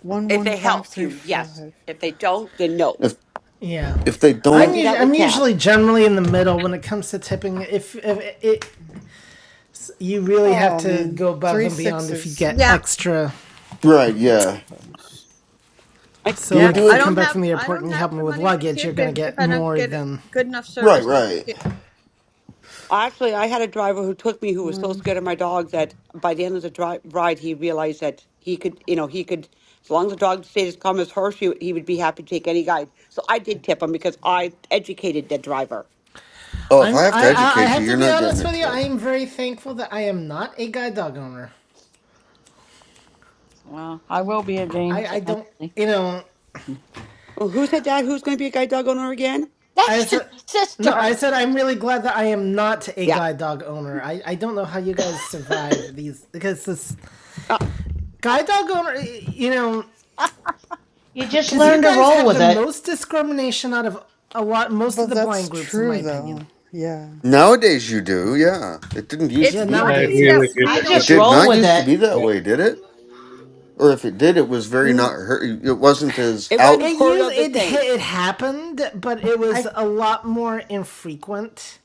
Speaker 16: One,
Speaker 12: If
Speaker 16: one,
Speaker 12: they
Speaker 16: five,
Speaker 12: help
Speaker 16: three,
Speaker 12: you, yes.
Speaker 16: five.
Speaker 12: If they don't, then no.
Speaker 5: If
Speaker 1: Yeah.
Speaker 5: if they
Speaker 12: I
Speaker 1: I'm
Speaker 5: don't,
Speaker 12: do
Speaker 1: usually
Speaker 12: that with
Speaker 1: I'm
Speaker 12: cab.
Speaker 1: usually generally in the middle when it comes to tipping. If if it, it's- you really have
Speaker 16: Oh
Speaker 1: to
Speaker 16: man,
Speaker 1: go above
Speaker 16: three
Speaker 1: and beyond if you
Speaker 16: sixes.
Speaker 1: get
Speaker 20: Yeah.
Speaker 1: extra.
Speaker 5: right?
Speaker 16: Yeah,
Speaker 5: Yeah.
Speaker 16: bonus
Speaker 5: Do
Speaker 1: So
Speaker 5: you
Speaker 20: Yeah.
Speaker 1: like
Speaker 16: five,
Speaker 5: do
Speaker 1: if
Speaker 20: I
Speaker 1: we
Speaker 16: six,
Speaker 20: don't
Speaker 1: come
Speaker 5: it?
Speaker 16: two.
Speaker 1: back from
Speaker 20: have.
Speaker 1: the
Speaker 20: I
Speaker 1: airport
Speaker 20: don't
Speaker 1: and you
Speaker 20: have
Speaker 1: help me
Speaker 20: the
Speaker 1: with
Speaker 20: money to
Speaker 1: luggage,
Speaker 20: tip
Speaker 1: you're gonna
Speaker 20: if if
Speaker 1: get
Speaker 20: I don't
Speaker 1: more
Speaker 20: get
Speaker 1: than.
Speaker 20: good enough
Speaker 5: Right,
Speaker 20: service to
Speaker 5: right.
Speaker 20: tip.
Speaker 12: I actually I had a driver who took me who was so
Speaker 16: One.
Speaker 12: scared of my dog that by the end of the dri ride he realized that he could, you know, he could as long as the dog stayed as calm as her, he would be happy to take any guide. So I did
Speaker 16: Good.
Speaker 12: tip him
Speaker 16: That's
Speaker 12: because
Speaker 16: another one.
Speaker 12: I educated the driver.
Speaker 5: Oh, if
Speaker 1: I'm
Speaker 5: I have to
Speaker 1: I I, I
Speaker 5: educate you,
Speaker 1: have to
Speaker 5: you're
Speaker 1: be
Speaker 5: not getting
Speaker 1: honest
Speaker 5: a
Speaker 1: with you. I
Speaker 5: tip.
Speaker 1: am very thankful that I am not a guide dog owner.
Speaker 20: Well, I will be again.
Speaker 1: I
Speaker 20: so-
Speaker 1: I don't you know
Speaker 12: Well, who said that? Who's going to be a guide dog owner again?
Speaker 1: I
Speaker 20: That's your
Speaker 1: said no. I
Speaker 20: sister.
Speaker 1: said I'm really glad that I am not a
Speaker 12: Yeah.
Speaker 1: guide dog owner. I I don't know how you guys
Speaker 10: [COUGHS]
Speaker 1: survive these because this
Speaker 12: Uh,
Speaker 1: guide dog owner, you know,
Speaker 10: [LAUGHS] you just
Speaker 1: because you
Speaker 10: learn
Speaker 5: There-
Speaker 10: to
Speaker 1: guys
Speaker 10: roll
Speaker 1: have
Speaker 10: with
Speaker 1: the
Speaker 10: it.
Speaker 1: most discrimination out of a lot most of
Speaker 16: But
Speaker 1: the
Speaker 16: that's
Speaker 1: blind groups, in my
Speaker 16: true
Speaker 1: opinion.
Speaker 16: though. Yeah.
Speaker 5: Nowadays, you do. Yeah, it didn't used
Speaker 1: Yeah,
Speaker 5: to
Speaker 20: It's
Speaker 5: be.
Speaker 9: I
Speaker 1: nowadays,
Speaker 20: lucky
Speaker 9: agree with
Speaker 20: that
Speaker 1: yes.
Speaker 9: you
Speaker 20: we
Speaker 9: there,
Speaker 10: I
Speaker 5: It
Speaker 20: don't.
Speaker 10: just
Speaker 9: Herbie.
Speaker 5: did
Speaker 10: roll
Speaker 5: not
Speaker 10: with
Speaker 5: used to
Speaker 10: it.
Speaker 5: be that way,
Speaker 9: Yeah.
Speaker 5: did it? Or if it did, it was very
Speaker 12: mm,
Speaker 5: not. her- It wasn't as
Speaker 12: it wasn't
Speaker 5: out.
Speaker 1: It
Speaker 12: heard
Speaker 1: used
Speaker 12: of the
Speaker 1: it ha-
Speaker 12: same.
Speaker 1: it happened, but it was
Speaker 10: I
Speaker 1: a lot more infrequent.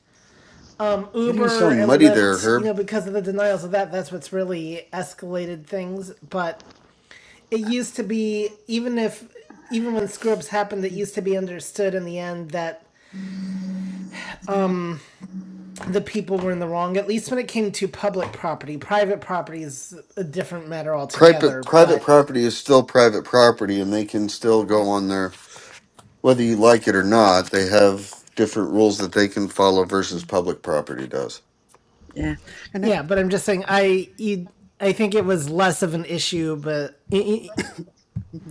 Speaker 5: Why do you
Speaker 1: Uber
Speaker 5: sound
Speaker 1: and
Speaker 5: muddy there,
Speaker 1: Lyft, you
Speaker 5: Herb?
Speaker 1: know, because of the denials of that, that's what's really escalated things. But it used to be even if even when screw-ups happened it
Speaker 16: Mm,
Speaker 1: used to be understood in the end that the people were in the wrong at least when it came to public property private property is a different matter
Speaker 5: private
Speaker 1: altogether
Speaker 5: private
Speaker 1: but
Speaker 5: property is still private property and they can still go on their whether you like it or not they have different rules that they can follow versus
Speaker 16: mm.
Speaker 5: public property does
Speaker 20: Yeah.
Speaker 16: And I,
Speaker 1: yeah but i'm just saying i you, i think it was less of an issue but it,
Speaker 16: [COUGHS] [LAUGHS]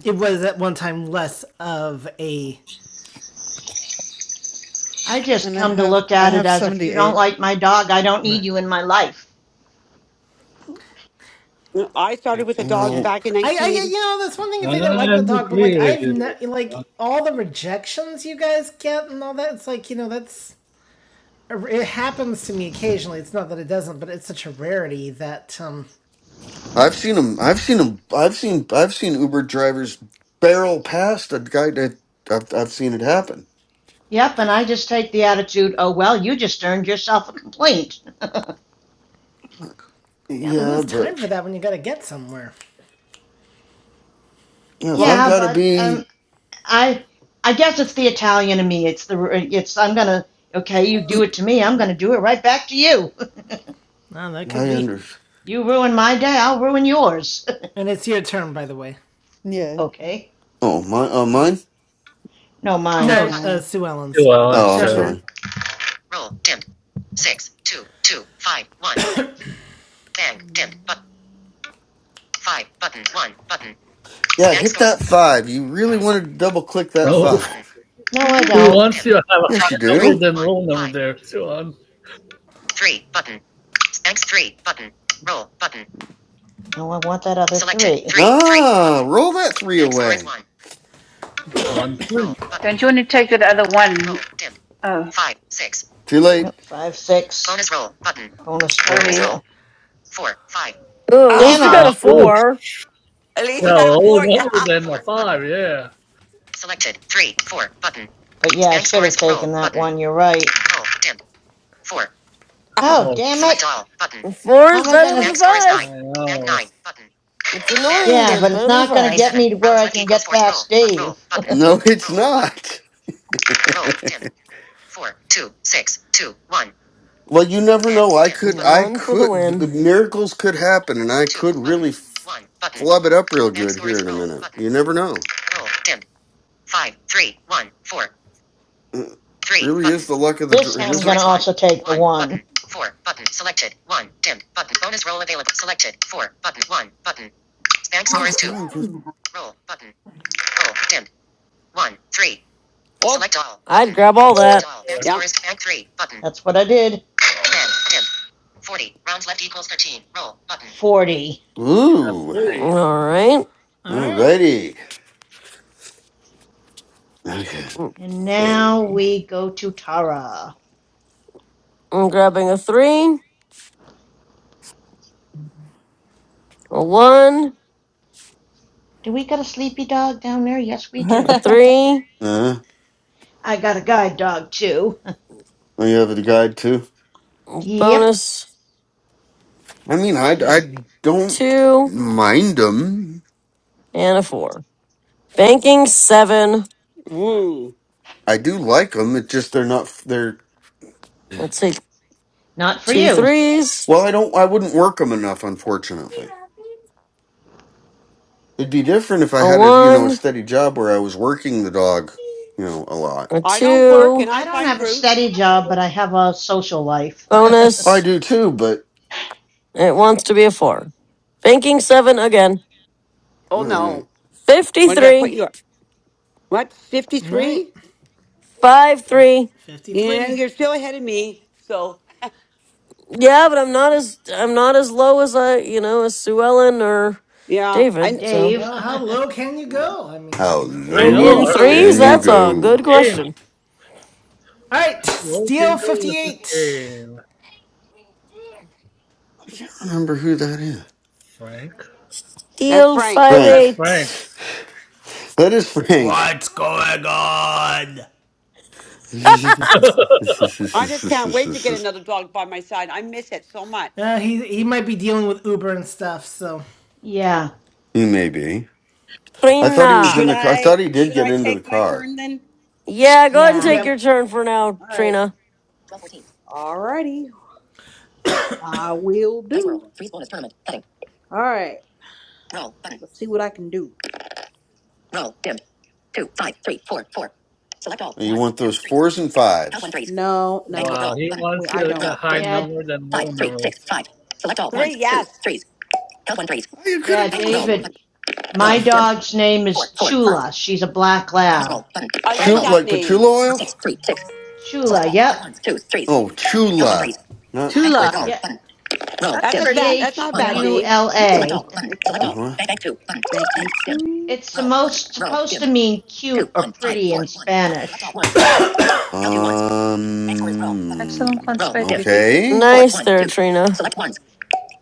Speaker 1: it was at one time less of a
Speaker 10: I just
Speaker 16: and I
Speaker 10: come to
Speaker 16: have
Speaker 10: look
Speaker 16: I
Speaker 10: at it
Speaker 16: have
Speaker 10: as if you don't
Speaker 16: 78.
Speaker 10: like my dog, I don't need you in my life.
Speaker 12: Mm, I
Speaker 5: you
Speaker 12: started with a dog
Speaker 10: Eh,
Speaker 5: know
Speaker 12: back in
Speaker 1: I, I, you
Speaker 12: 1980.
Speaker 1: know, that's one thing if they don't like
Speaker 9: I
Speaker 1: the dog, but
Speaker 9: agree
Speaker 1: like
Speaker 9: with
Speaker 1: I've
Speaker 9: you
Speaker 1: not
Speaker 9: there.
Speaker 1: like all the rejections you guys get and all that. It's like you know that's it happens to me occasionally. It's not that it doesn't, but it's such a rarity that um
Speaker 5: i've seen them i've seen them i've seen i've seen uber drivers barrel past a guy that i've, I've seen it happen
Speaker 10: Yep, and I just take the attitude, oh well, you just earned yourself a complaint.
Speaker 1: yeah, but
Speaker 5: yeah
Speaker 1: who's time
Speaker 5: but
Speaker 1: for that when you gotta get somewhere?
Speaker 5: you
Speaker 10: [LAUGHS]
Speaker 5: know, if
Speaker 12: Well,
Speaker 5: i've
Speaker 10: yeah,
Speaker 12: see,
Speaker 5: got to
Speaker 10: but
Speaker 5: be
Speaker 10: um, I I guess it's the Italian in me. It's the it's I'm gonna okay, you do it to me, I'm gonna do it right back to you.
Speaker 1: Oh, that could
Speaker 5: i
Speaker 1: be.
Speaker 5: under
Speaker 10: [LAUGHS] you ruin my day, I'll ruin yours.
Speaker 1: And it's your turn, by the way.
Speaker 10: [LAUGHS]
Speaker 16: Yeah.
Speaker 10: okay.
Speaker 5: oh my oh
Speaker 16: Mhm.
Speaker 5: mine
Speaker 10: No,
Speaker 18: No,
Speaker 10: mine.
Speaker 1: No,
Speaker 18: s-
Speaker 1: uh,
Speaker 16: No.
Speaker 1: Sue
Speaker 9: Two
Speaker 1: Ellen's.
Speaker 9: on,
Speaker 5: oh
Speaker 18: so
Speaker 5: i'm
Speaker 9: sir.
Speaker 18: Helen,
Speaker 5: sorry
Speaker 16: [LAUGHS]
Speaker 5: yeah hit that five you really wanted to double click that
Speaker 9: Oh,
Speaker 5: five
Speaker 10: No, I
Speaker 9: he
Speaker 10: don't.
Speaker 9: wants you to have a
Speaker 5: yes you
Speaker 9: high
Speaker 5: do
Speaker 9: number than low number there. Two on.
Speaker 10: No, I want that other three. three,
Speaker 5: Ah, roll that three away.
Speaker 9: One thing.
Speaker 18: don't you want to take that other one? Oh,
Speaker 5: Too
Speaker 10: No,
Speaker 5: late.
Speaker 10: five, six, bonus roll. Bonus
Speaker 18: sorry.
Speaker 2: Oh, at least
Speaker 10: Damn
Speaker 12: ah,
Speaker 2: you got
Speaker 9: Uh,
Speaker 2: a
Speaker 10: it!
Speaker 9: oh,
Speaker 18: Oh.
Speaker 2: four.
Speaker 12: at least you
Speaker 9: no,
Speaker 12: got a
Speaker 9: low
Speaker 12: four, [LAUGHS] yeah.
Speaker 9: number than a five. Yeah.
Speaker 10: But yeah, I should have taken that one, you're right. Oh,
Speaker 9: Oh,
Speaker 10: damn it!
Speaker 2: A four
Speaker 10: How am
Speaker 2: is
Speaker 10: I
Speaker 2: better
Speaker 10: gonna,
Speaker 2: than a five.
Speaker 9: I know.
Speaker 2: It's annoying,
Speaker 10: yeah,
Speaker 2: but it's
Speaker 10: but it's
Speaker 2: better than
Speaker 10: not gonna
Speaker 2: five.
Speaker 10: get me to where I can get past Dave. [LAUGHS]
Speaker 5: No, it's not. [LAUGHS] well, you never know. I could, I
Speaker 2: One for the
Speaker 5: could, the
Speaker 2: win.
Speaker 5: miracles could happen, and I could really f- flub it up real good here in a minute. You never know. It really is the luck of the.
Speaker 10: This
Speaker 5: dr- It
Speaker 10: time I'm gonna
Speaker 5: isn't.
Speaker 10: also take one, the one.
Speaker 5: it is not just-
Speaker 12: Oh,
Speaker 2: I'd
Speaker 9: Take
Speaker 2: grab all that.
Speaker 12: yeah.
Speaker 10: That's what I did. Forty.
Speaker 9: She's at
Speaker 5: Ooh.
Speaker 9: 40.
Speaker 2: All right.
Speaker 1: All right,
Speaker 5: Alrighty. Okay.
Speaker 2: Let's
Speaker 10: And
Speaker 2: see.
Speaker 10: now we go to Tara.
Speaker 2: I'm grabbing a three, a one,
Speaker 10: Do we got a sleepy dog down there? Yes, we
Speaker 2: a
Speaker 20: [LAUGHS]
Speaker 10: do.
Speaker 2: three,
Speaker 5: Uh,
Speaker 10: I got a guide dog too. [LAUGHS]
Speaker 5: oh, you have a guide too.
Speaker 2: a
Speaker 10: Yep.
Speaker 2: bonus
Speaker 5: I mean, I,
Speaker 10: She
Speaker 5: I don't
Speaker 2: two,
Speaker 5: mind them.
Speaker 2: and a four. Banking seven.
Speaker 12: Woo.
Speaker 5: I do like them. It's just they're not. They're
Speaker 2: I'll take
Speaker 10: not for
Speaker 2: two
Speaker 10: you.
Speaker 2: threes,
Speaker 5: Well, I don't. I wouldn't work them enough, unfortunately. It'd be different if I
Speaker 2: a
Speaker 5: had a you know a
Speaker 2: one,
Speaker 5: steady job where I was working the dog, you know, a lot.
Speaker 2: a
Speaker 12: I don't work
Speaker 2: two,
Speaker 12: and
Speaker 10: I
Speaker 12: I
Speaker 10: don't
Speaker 12: find
Speaker 10: have a
Speaker 12: roots.
Speaker 10: steady job, but I have a social life. [LAUGHS]
Speaker 5: I
Speaker 2: bonus.
Speaker 5: do too, but
Speaker 2: It wants to be a four. Banking seven again.
Speaker 12: Oh,
Speaker 5: all right.
Speaker 12: no. When did I put
Speaker 2: 53,
Speaker 12: you up? What,
Speaker 1: all right.
Speaker 12: 53?
Speaker 2: 5
Speaker 1: Fif-
Speaker 2: 3.
Speaker 12: Yeah,
Speaker 1: Fifty-three.
Speaker 12: you're still ahead of me. So,
Speaker 2: Yeah, but I'm not as I'm not as low as I you know as Sue Ellen or
Speaker 12: yeah. I,
Speaker 2: David. So
Speaker 10: Dave.
Speaker 1: Well, how low can you go? I mean,
Speaker 5: How
Speaker 1: you know.
Speaker 9: I
Speaker 2: in
Speaker 9: know
Speaker 2: in
Speaker 5: low
Speaker 9: her
Speaker 12: okay,
Speaker 9: late
Speaker 12: here
Speaker 2: threes,
Speaker 12: you
Speaker 5: can you
Speaker 2: that's
Speaker 12: go.
Speaker 2: a good
Speaker 5: go? Uh,
Speaker 9: game.
Speaker 2: question.
Speaker 1: All right,
Speaker 9: Who can
Speaker 1: Steel
Speaker 9: go with this
Speaker 1: fifty-eight.
Speaker 9: game?
Speaker 5: I can't remember who that is.
Speaker 9: Frank?
Speaker 12: That's
Speaker 2: Deal five
Speaker 12: Frank's.
Speaker 9: That's
Speaker 5: Frank.
Speaker 9: Frank.
Speaker 2: eight
Speaker 5: That is Frank.
Speaker 1: What's going on?
Speaker 12: I just can't wait to
Speaker 5: [LAUGHS]
Speaker 12: get another dog by my side. I miss it so much.
Speaker 1: Uh, he he might be dealing with Uber and stuff, so.
Speaker 10: [LAUGHS] yeah.
Speaker 5: he may be. I thought he was in
Speaker 4: should
Speaker 5: the
Speaker 2: Trina.
Speaker 5: car. I
Speaker 4: I
Speaker 5: thought he did
Speaker 4: should
Speaker 5: get
Speaker 4: I
Speaker 5: into the
Speaker 4: take my
Speaker 5: car.
Speaker 4: turn then?
Speaker 2: Yeah, go ahead and
Speaker 10: Yeah.
Speaker 2: take your
Speaker 1: Yep.
Speaker 2: turn for now,
Speaker 4: All right.
Speaker 2: Trina.
Speaker 4: Twelve fourteen. All righty. I will do. Dice World, Freeze bonus tournament. Heading. All right. Roll button. right. Let's see what I can do. Roll dim. Two five three four four. Select all.
Speaker 5: You
Speaker 4: One
Speaker 5: want
Speaker 4: two
Speaker 5: those
Speaker 4: three.
Speaker 5: fours and
Speaker 4: Count
Speaker 5: fives?
Speaker 4: one threes. No, no. Thanks,
Speaker 9: Wow,
Speaker 4: roll
Speaker 9: he
Speaker 4: button. Wait,
Speaker 9: wants
Speaker 4: I
Speaker 9: you
Speaker 4: don't. Roll roll.
Speaker 9: to
Speaker 4: Roll roll roll.
Speaker 9: high
Speaker 4: dim. dim.
Speaker 10: Yeah.
Speaker 9: number than
Speaker 4: Five
Speaker 9: low
Speaker 4: three
Speaker 9: numbers.
Speaker 4: six five. Select all. ones
Speaker 12: Three,
Speaker 4: two
Speaker 12: yes.
Speaker 4: threes. Count one threes.
Speaker 5: Well, You could have
Speaker 10: Yeah,
Speaker 4: Thanks.
Speaker 5: done this.
Speaker 4: Roll.
Speaker 10: David.
Speaker 4: Button.
Speaker 10: My
Speaker 4: Roll dim.
Speaker 10: dog's name is
Speaker 4: Four four five.
Speaker 10: Chula. She's a black
Speaker 4: Bonus
Speaker 10: lab.
Speaker 4: Bonus button.
Speaker 12: I
Speaker 4: Bonus
Speaker 5: Chew
Speaker 12: like
Speaker 4: roll.
Speaker 12: that
Speaker 5: like patchouli
Speaker 12: name.
Speaker 5: oil.
Speaker 4: Six, three, six.
Speaker 10: Chula.
Speaker 4: Select all.
Speaker 10: Yep.
Speaker 4: But ones, twos, threes.
Speaker 5: Oh,
Speaker 4: No one
Speaker 5: Chula.
Speaker 4: threes.
Speaker 5: Not
Speaker 4: Bank score
Speaker 20: Tula.
Speaker 4: is
Speaker 5: okay.
Speaker 4: roll.
Speaker 10: Yep.
Speaker 4: Button. Roll.
Speaker 20: That's
Speaker 12: That's
Speaker 4: Dim.
Speaker 12: a
Speaker 10: C
Speaker 12: bad,
Speaker 20: pretty.
Speaker 12: that's not
Speaker 10: H
Speaker 12: a
Speaker 4: One,
Speaker 12: bad
Speaker 18: Yeah,
Speaker 4: one.
Speaker 10: U
Speaker 12: name.
Speaker 10: L
Speaker 4: Select all.
Speaker 10: A.
Speaker 4: Button. Select
Speaker 5: Uh
Speaker 4: all.
Speaker 5: huh.
Speaker 4: Bank, bank two. Button. Bank, bank dim.
Speaker 10: It's the
Speaker 4: Roll. Button.
Speaker 10: most
Speaker 4: Roll.
Speaker 10: supposed
Speaker 4: Dim.
Speaker 10: to mean cute
Speaker 4: Two,
Speaker 10: or
Speaker 4: one, five,
Speaker 10: pretty in
Speaker 4: four, one. Select all
Speaker 10: Spanish.
Speaker 4: ones. Count two ones.
Speaker 5: Um.
Speaker 4: Bank score is roll. Button.
Speaker 18: excellent
Speaker 4: Roll.
Speaker 18: كونسبيت
Speaker 4: Dim.
Speaker 18: اللي فيكي
Speaker 5: Okay.
Speaker 4: Four,
Speaker 2: Nice
Speaker 4: one,
Speaker 2: there,
Speaker 4: two.
Speaker 2: Trina.
Speaker 4: Select ones.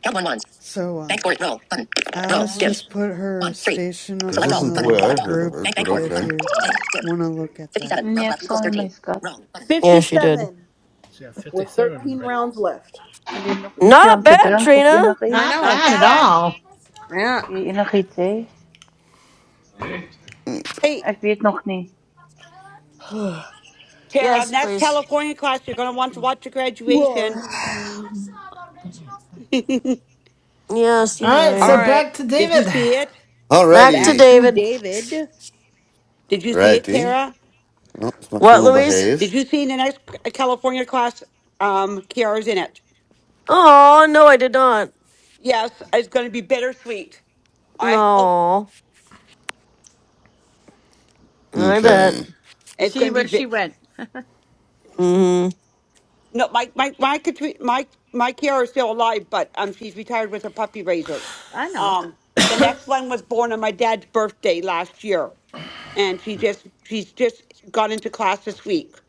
Speaker 4: Count one ones.
Speaker 16: so
Speaker 4: Bank
Speaker 16: um
Speaker 4: score is roll. Button. Roll.
Speaker 16: Alice
Speaker 4: Dim.
Speaker 16: just put her
Speaker 4: One, three.
Speaker 16: station
Speaker 5: That
Speaker 16: up
Speaker 4: Select
Speaker 16: on
Speaker 4: all.
Speaker 5: isn't the
Speaker 4: Button.
Speaker 5: way
Speaker 16: the
Speaker 5: I
Speaker 4: Select all.
Speaker 5: heard of
Speaker 16: group
Speaker 5: it,
Speaker 4: Bank, bank
Speaker 5: but
Speaker 4: four.
Speaker 16: if
Speaker 4: Button.
Speaker 5: okay.
Speaker 16: you
Speaker 4: Bank dim.
Speaker 16: want to look at that.
Speaker 4: Fifty-seven. Rounds
Speaker 18: اني
Speaker 4: left equals
Speaker 18: اكسوني ما
Speaker 4: thirteen.
Speaker 18: يسقط
Speaker 4: Roll. Button.
Speaker 2: Yeah, she did.
Speaker 4: Fifty-seven.
Speaker 9: She has
Speaker 4: with
Speaker 9: 57
Speaker 4: 13
Speaker 9: already.
Speaker 4: rounds left.
Speaker 18: لانه يسيوم
Speaker 2: Not bad,
Speaker 18: تدرنك وفي
Speaker 2: Trina.
Speaker 4: I
Speaker 18: انغيت
Speaker 10: Not
Speaker 12: Not
Speaker 4: know.
Speaker 10: bad at
Speaker 12: bad.
Speaker 10: all.
Speaker 4: Yeah.
Speaker 18: في انغيتي
Speaker 12: Hey,
Speaker 18: اكبيت نخني
Speaker 12: Tara,
Speaker 2: Yes,
Speaker 12: next
Speaker 2: please.
Speaker 12: California class, you're going to want to
Speaker 16: Mm.
Speaker 12: watch your graduation.
Speaker 4: Roar.
Speaker 12: [LAUGHS] Did
Speaker 2: Yes,
Speaker 1: All
Speaker 2: you
Speaker 1: right,
Speaker 4: All
Speaker 1: so
Speaker 2: may.
Speaker 4: right,
Speaker 1: back to
Speaker 12: you
Speaker 1: David.
Speaker 12: see it?
Speaker 2: Back to
Speaker 4: back
Speaker 5: Alrighty.
Speaker 4: to
Speaker 2: David.
Speaker 4: David.
Speaker 12: Did you see it,
Speaker 5: Alrighty.
Speaker 12: Tara?
Speaker 5: Well, if my
Speaker 2: What,
Speaker 5: phone will
Speaker 2: Louise?
Speaker 5: behave.
Speaker 12: Did you see the next California class? Um, Kiara's in it.
Speaker 2: Oh no, I did not.
Speaker 12: Yes, it's going to be bittersweet. I hope
Speaker 2: No, I bet.
Speaker 5: Okay.
Speaker 20: To
Speaker 12: it's going
Speaker 20: see
Speaker 12: to be.
Speaker 20: where she
Speaker 12: Bit-
Speaker 20: went.
Speaker 2: Mm-hmm.
Speaker 12: no, my my my Katri- my my Kiara is still alive, but um, she's retired with her puppy raisers.
Speaker 20: I know.
Speaker 12: Um, the next one was born on my dad's birthday last year, and she just she's just got into class this week.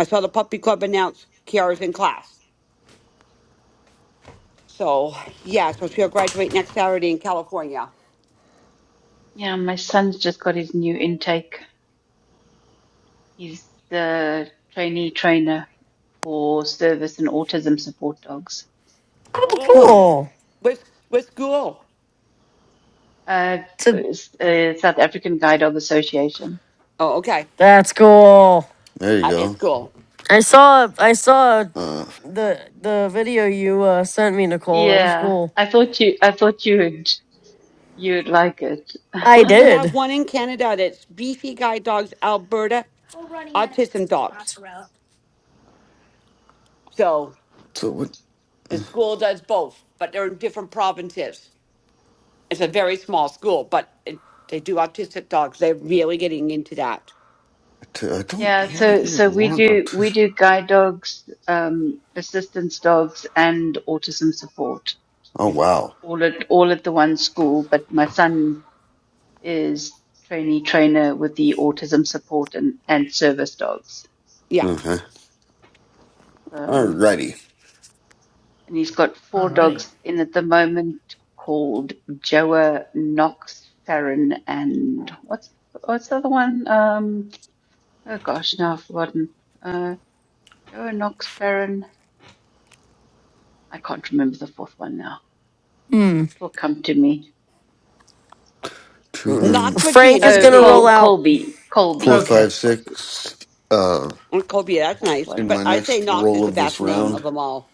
Speaker 12: I saw the puppy club announce Kiara's in class. So yeah, so she'll graduate next Saturday in California.
Speaker 18: Yeah, my son's just got his new intake. He's the trainee trainer for service and autism support dogs.
Speaker 2: Oh,
Speaker 5: Huh.
Speaker 12: Oh,
Speaker 2: cool.
Speaker 12: with with school.
Speaker 18: Uh,
Speaker 2: To
Speaker 18: s- uh, South African Guide Dog Association.
Speaker 12: Oh, okay.
Speaker 2: That's cool.
Speaker 5: There you
Speaker 12: At his
Speaker 5: go.
Speaker 12: school.
Speaker 2: I saw I saw
Speaker 5: Uh.
Speaker 2: the the video you uh, sent me, Nicole. That was
Speaker 18: Yeah,
Speaker 2: cool.
Speaker 18: I thought you I thought you'd you'd like it. [LAUGHS]
Speaker 2: I
Speaker 12: But we have
Speaker 2: did.
Speaker 12: one in Canada that's Beefy Guide Dogs Alberta Autism Dogs. So
Speaker 5: So what?
Speaker 12: the
Speaker 5: I
Speaker 12: school does both, but they're in different provinces. It's a very small school, but it, they do autistic dogs. They're really getting into that.
Speaker 5: t- I don't
Speaker 18: Yeah,
Speaker 5: know that
Speaker 18: so
Speaker 5: you would
Speaker 18: so we
Speaker 5: want a.
Speaker 18: do
Speaker 5: T-
Speaker 18: we do guide dogs, um, assistance dogs, and autism support
Speaker 5: oh
Speaker 12: If-
Speaker 5: wow.
Speaker 18: all at all at the one school. But my son is trainee trainer with the autism support and and service dogs.
Speaker 12: Yeah.
Speaker 5: Okay.
Speaker 18: So and
Speaker 5: Alrighty.
Speaker 18: he's got four
Speaker 1: Alrighty.
Speaker 18: dogs in at the moment called Joa, Knox, Farron, and what's what's the other one? Um, oh gosh, now I've forgotten. Uh, Joa, Knox, Farron. I can't remember the fourth one now.
Speaker 2: Hmm.
Speaker 18: It will come to me.
Speaker 5: Two
Speaker 2: Mm.
Speaker 12: Knox
Speaker 5: rooms.
Speaker 12: would be a
Speaker 2: Frank is
Speaker 18: Oh,
Speaker 12: neat
Speaker 2: gonna roll
Speaker 18: col-
Speaker 12: name.
Speaker 2: out.
Speaker 18: Colby.
Speaker 5: Four,
Speaker 18: Colby.
Speaker 1: Okay.
Speaker 5: five,
Speaker 18: That's what it is.
Speaker 5: six. Uh.
Speaker 12: And Cobia, that's
Speaker 18: Fourth
Speaker 12: nice.
Speaker 18: one.
Speaker 5: In
Speaker 12: But
Speaker 5: my
Speaker 12: I say
Speaker 5: next
Speaker 12: Knox
Speaker 5: roll
Speaker 12: is the
Speaker 5: of this
Speaker 12: best name of
Speaker 5: round.
Speaker 12: them all.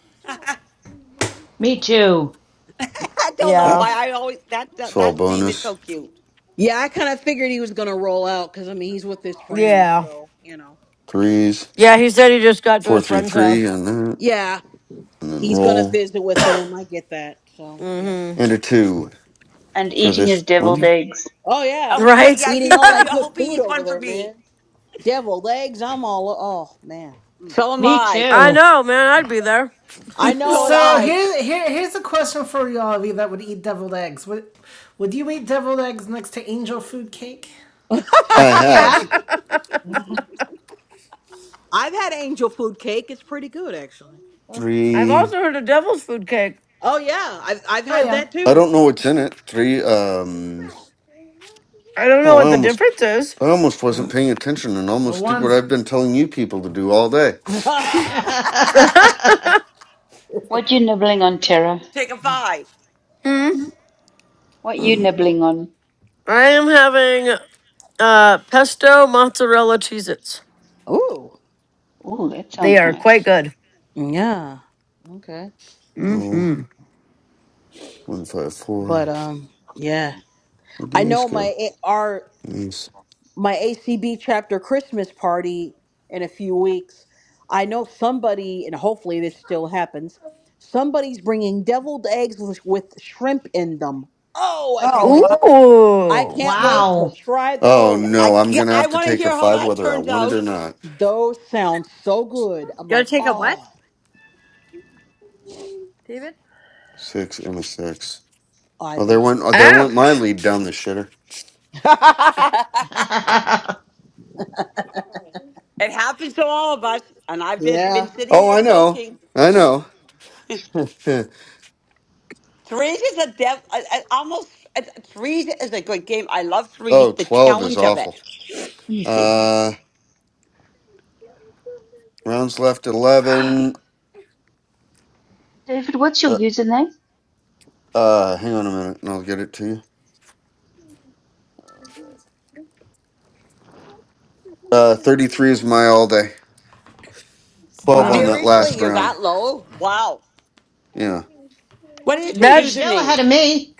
Speaker 10: Me too.
Speaker 12: I don't know
Speaker 2: Yeah.
Speaker 5: Ah.
Speaker 12: why I always that
Speaker 5: It's
Speaker 12: that,
Speaker 5: all
Speaker 12: that name is
Speaker 5: bonus
Speaker 12: so cute.
Speaker 4: Yeah, I kind of figured he was gonna roll out because I mean he's with his friends,
Speaker 2: Yeah.
Speaker 4: so you know.
Speaker 5: threes,
Speaker 2: Yeah, he said he just got to
Speaker 5: four,
Speaker 2: his
Speaker 5: three,
Speaker 2: friend's
Speaker 5: three,
Speaker 2: house.
Speaker 5: and that,
Speaker 4: Yeah,
Speaker 5: and then
Speaker 4: he's gonna
Speaker 5: roll
Speaker 4: visit with them. I get that. So yeah.
Speaker 2: Mm-hmm.
Speaker 5: and a two
Speaker 18: And
Speaker 5: for
Speaker 18: eating
Speaker 5: this
Speaker 18: his deviled
Speaker 5: one.
Speaker 18: eggs.
Speaker 4: Oh yeah,
Speaker 12: Oh, yeah,
Speaker 2: Right?
Speaker 12: yeah
Speaker 4: eating
Speaker 12: he's,
Speaker 4: all
Speaker 12: he,
Speaker 4: that
Speaker 12: I
Speaker 4: good
Speaker 12: hope he
Speaker 4: food
Speaker 12: eats
Speaker 4: over
Speaker 12: one for
Speaker 4: there,
Speaker 12: me.
Speaker 4: man. Deviled eggs. I'm all. Oh man. Mm.
Speaker 12: So am
Speaker 10: Me
Speaker 12: I.
Speaker 2: I
Speaker 10: too.
Speaker 2: know, man, I'd be there.
Speaker 12: [LAUGHS]
Speaker 4: I
Speaker 12: so am
Speaker 4: know.
Speaker 1: So
Speaker 12: I.
Speaker 4: Um,
Speaker 1: here, here, here's a question for y'all of you that would eat deviled eggs. Would, would you eat deviled eggs next to angel food cake?
Speaker 5: I
Speaker 2: [LAUGHS]
Speaker 4: [LAUGHS]
Speaker 10: Yeah.
Speaker 5: have
Speaker 4: I've had angel food cake. It's pretty good actually.
Speaker 2: I've
Speaker 5: three.
Speaker 2: also heard of devil's food cake.
Speaker 4: Oh yeah, I've I've
Speaker 1: Oh
Speaker 4: had
Speaker 1: yeah.
Speaker 4: that
Speaker 5: I
Speaker 4: too.
Speaker 5: don't know what's in it. Three. Um.
Speaker 2: I don't know
Speaker 5: Oh, I
Speaker 2: what the
Speaker 5: almost,
Speaker 2: difference is.
Speaker 5: I almost wasn't paying attention and
Speaker 1: Well,
Speaker 5: almost did what
Speaker 1: one's.
Speaker 5: I've been telling you people to do all day.
Speaker 4: [LAUGHS]
Speaker 5: [SIGHS]
Speaker 2: [LAUGHS]
Speaker 10: [LAUGHS]
Speaker 18: What you nibbling on, Tara?
Speaker 12: Take a five.
Speaker 2: Hmm.
Speaker 18: What you nibbling on?
Speaker 2: I am having Uh, pesto, mozzarella, Cheez Its.
Speaker 4: Ooh,
Speaker 18: Oh, that
Speaker 2: They
Speaker 18: sounds
Speaker 2: are
Speaker 18: nice.
Speaker 2: quite good.
Speaker 4: yeah, okay.
Speaker 5: Oh,
Speaker 2: Mm-hmm.
Speaker 5: one five four.
Speaker 4: But um, yeah,
Speaker 5: Where'd
Speaker 4: I
Speaker 5: the ace
Speaker 4: know my
Speaker 5: go?
Speaker 4: A- our
Speaker 5: Ace.
Speaker 4: my ACB chapter Christmas party in a few weeks. I know somebody, and hopefully this still happens. Somebody's bringing deviled eggs with, with shrimp in them. Oh, I can't
Speaker 20: Oh,
Speaker 4: wait
Speaker 20: wow.
Speaker 4: to I
Speaker 2: Ooh.
Speaker 4: can't
Speaker 1: Oh my.
Speaker 4: wait to
Speaker 10: wow.
Speaker 4: try
Speaker 5: Oh
Speaker 12: I
Speaker 5: no,
Speaker 4: those.
Speaker 5: I'm
Speaker 12: yeah,
Speaker 5: gonna
Speaker 12: I
Speaker 5: have to
Speaker 12: want to
Speaker 5: take a
Speaker 12: hear how
Speaker 5: five
Speaker 12: that
Speaker 5: whether I
Speaker 12: turns
Speaker 5: want it or
Speaker 12: out.
Speaker 5: not.
Speaker 4: Those sound so good. I'm
Speaker 20: Gotta
Speaker 4: like,
Speaker 20: take a what?
Speaker 4: oh,
Speaker 20: David?
Speaker 5: Six and a six.
Speaker 4: I
Speaker 5: Well, there
Speaker 4: think
Speaker 5: went,
Speaker 4: he's
Speaker 5: oh, there went my
Speaker 2: Ouch.
Speaker 5: lead down the shitter.
Speaker 4: [LAUGHS] yeah.
Speaker 10: [LAUGHS]
Speaker 12: It happens to all of us, and I've just been
Speaker 4: Let
Speaker 12: sitting
Speaker 5: Oh,
Speaker 12: there
Speaker 5: I know.
Speaker 12: soaking.
Speaker 5: I know. [LAUGHS]
Speaker 12: Threes is a dev. I, I almost I- threes is a good game. I love threes.
Speaker 5: Oh,
Speaker 12: The
Speaker 5: twelve is
Speaker 12: challenge of
Speaker 5: awful.
Speaker 12: it.
Speaker 4: me see.
Speaker 5: Uh, rounds left
Speaker 18: [GASPS]
Speaker 5: 11.
Speaker 18: David, what's your
Speaker 5: Uh,
Speaker 18: username?
Speaker 5: uh, hang on a minute and I'll get it to you. Uh, 33 is my all day.
Speaker 1: All
Speaker 5: 12
Speaker 18: Wow.
Speaker 5: on
Speaker 1: right.
Speaker 5: that
Speaker 12: Seriously,
Speaker 5: last
Speaker 12: you're
Speaker 5: round.
Speaker 12: that low? Wow.
Speaker 5: Yeah.
Speaker 12: What is your
Speaker 10: You're
Speaker 2: That's
Speaker 10: still
Speaker 12: username?
Speaker 10: ahead of me.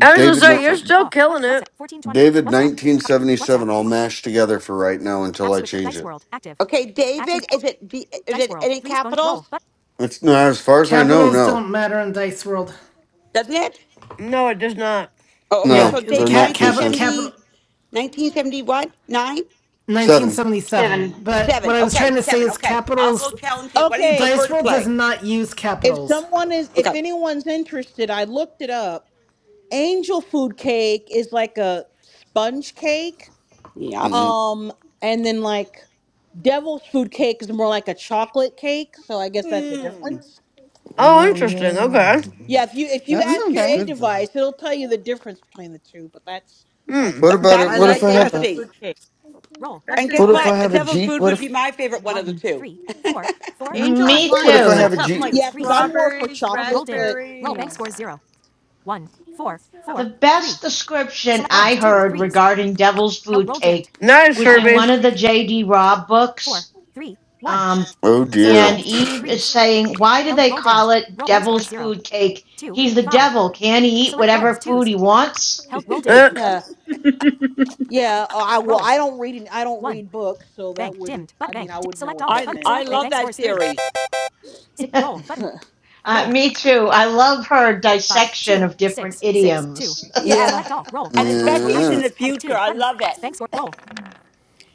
Speaker 2: I was gonna
Speaker 5: David, ni-
Speaker 2: say,
Speaker 5: uh,
Speaker 2: you're still killing it.
Speaker 5: David 1977 all mashed together for right now until I change it.
Speaker 12: Okay, David. Is it D- is it any capitals?
Speaker 5: It's no, as far as I know,
Speaker 1: Capitals
Speaker 5: no.
Speaker 1: don't matter in Dice World.
Speaker 12: Doesn't it?
Speaker 2: no, it does not.
Speaker 12: Oh, okay.
Speaker 1: Yeah,
Speaker 12: So
Speaker 5: No,
Speaker 1: the
Speaker 5: they're
Speaker 12: David,
Speaker 5: not
Speaker 1: cap,
Speaker 5: case
Speaker 1: capital
Speaker 5: sensitive.
Speaker 1: capital.
Speaker 12: 1970, what? Nine?
Speaker 5: 7
Speaker 1: 1977.
Speaker 18: Seven.
Speaker 1: But
Speaker 12: Seven.
Speaker 1: what I was
Speaker 12: Okay,
Speaker 1: trying to say
Speaker 12: seven.
Speaker 1: is
Speaker 12: Okay. I'll go
Speaker 1: capitals.
Speaker 12: challenge you. What do you
Speaker 4: Okay,
Speaker 12: prefer
Speaker 1: Dice
Speaker 12: to
Speaker 1: World does
Speaker 12: play?
Speaker 1: not use
Speaker 4: If
Speaker 1: capitals.
Speaker 4: someone is, if
Speaker 12: Okay.
Speaker 4: anyone's interested, I looked it up. Angel food cake is like a sponge cake.
Speaker 12: Yep.
Speaker 5: Mm.
Speaker 4: Um, and then like devil's food cake is more like a chocolate cake. So I guess that's the
Speaker 12: Hmm.
Speaker 4: difference.
Speaker 2: Oh,
Speaker 5: Oh,
Speaker 2: interesting.
Speaker 5: yeah.
Speaker 2: Okay.
Speaker 4: Yeah, if you if you
Speaker 16: That
Speaker 4: ask your
Speaker 16: sounds
Speaker 4: A
Speaker 18: Okay.
Speaker 16: good though.
Speaker 4: device, it'll tell you the difference between the two. But that's that's
Speaker 2: Hmm.
Speaker 5: What
Speaker 12: Th-
Speaker 4: how I
Speaker 5: about
Speaker 12: that
Speaker 5: it?
Speaker 20: I
Speaker 12: is
Speaker 5: What
Speaker 4: yeah
Speaker 5: if
Speaker 20: like
Speaker 5: I have
Speaker 20: angel
Speaker 5: a,
Speaker 12: interesting.
Speaker 20: food cake.
Speaker 12: And
Speaker 20: Especially
Speaker 12: guess
Speaker 5: what if
Speaker 20: put
Speaker 12: what?
Speaker 5: I
Speaker 12: A
Speaker 5: have a
Speaker 12: devil's
Speaker 5: G?
Speaker 12: food
Speaker 5: What
Speaker 12: would
Speaker 5: if
Speaker 12: be my favorite one of the two.
Speaker 20: Angel, as
Speaker 10: Me
Speaker 20: long as
Speaker 5: What
Speaker 4: yeah
Speaker 20: you
Speaker 5: if I
Speaker 10: too.
Speaker 20: put
Speaker 5: have a
Speaker 20: something
Speaker 5: G?
Speaker 20: like
Speaker 4: yeah because I'm more for
Speaker 20: strawberries,
Speaker 4: chocolate, but you know
Speaker 20: raspberries.
Speaker 10: The best description I heard regarding Devil's Food Cake
Speaker 2: Nice,
Speaker 10: was in
Speaker 2: Herbie.
Speaker 10: one of the J.D. Robb books. Um,
Speaker 5: Oh
Speaker 10: and
Speaker 5: dear.
Speaker 12: Oh.
Speaker 10: Eve is saying, Why do they call it Devil's Food Cake? He's the devil. Can he eat whatever food he wants?
Speaker 2: Uh,
Speaker 4: uh,
Speaker 18: [LAUGHS]
Speaker 4: yeah uh, I well I don't read I don't read books, so that wouldn't I mean I wouldn't know what that
Speaker 12: I
Speaker 4: meant,
Speaker 12: I
Speaker 4: but
Speaker 12: love that series.
Speaker 10: [LAUGHS] uh, me too. I love her dissection of different idioms. [LAUGHS]
Speaker 12: Yes.
Speaker 4: yeah.
Speaker 12: And especially it's in
Speaker 5: Yeah.
Speaker 12: the future. I love it.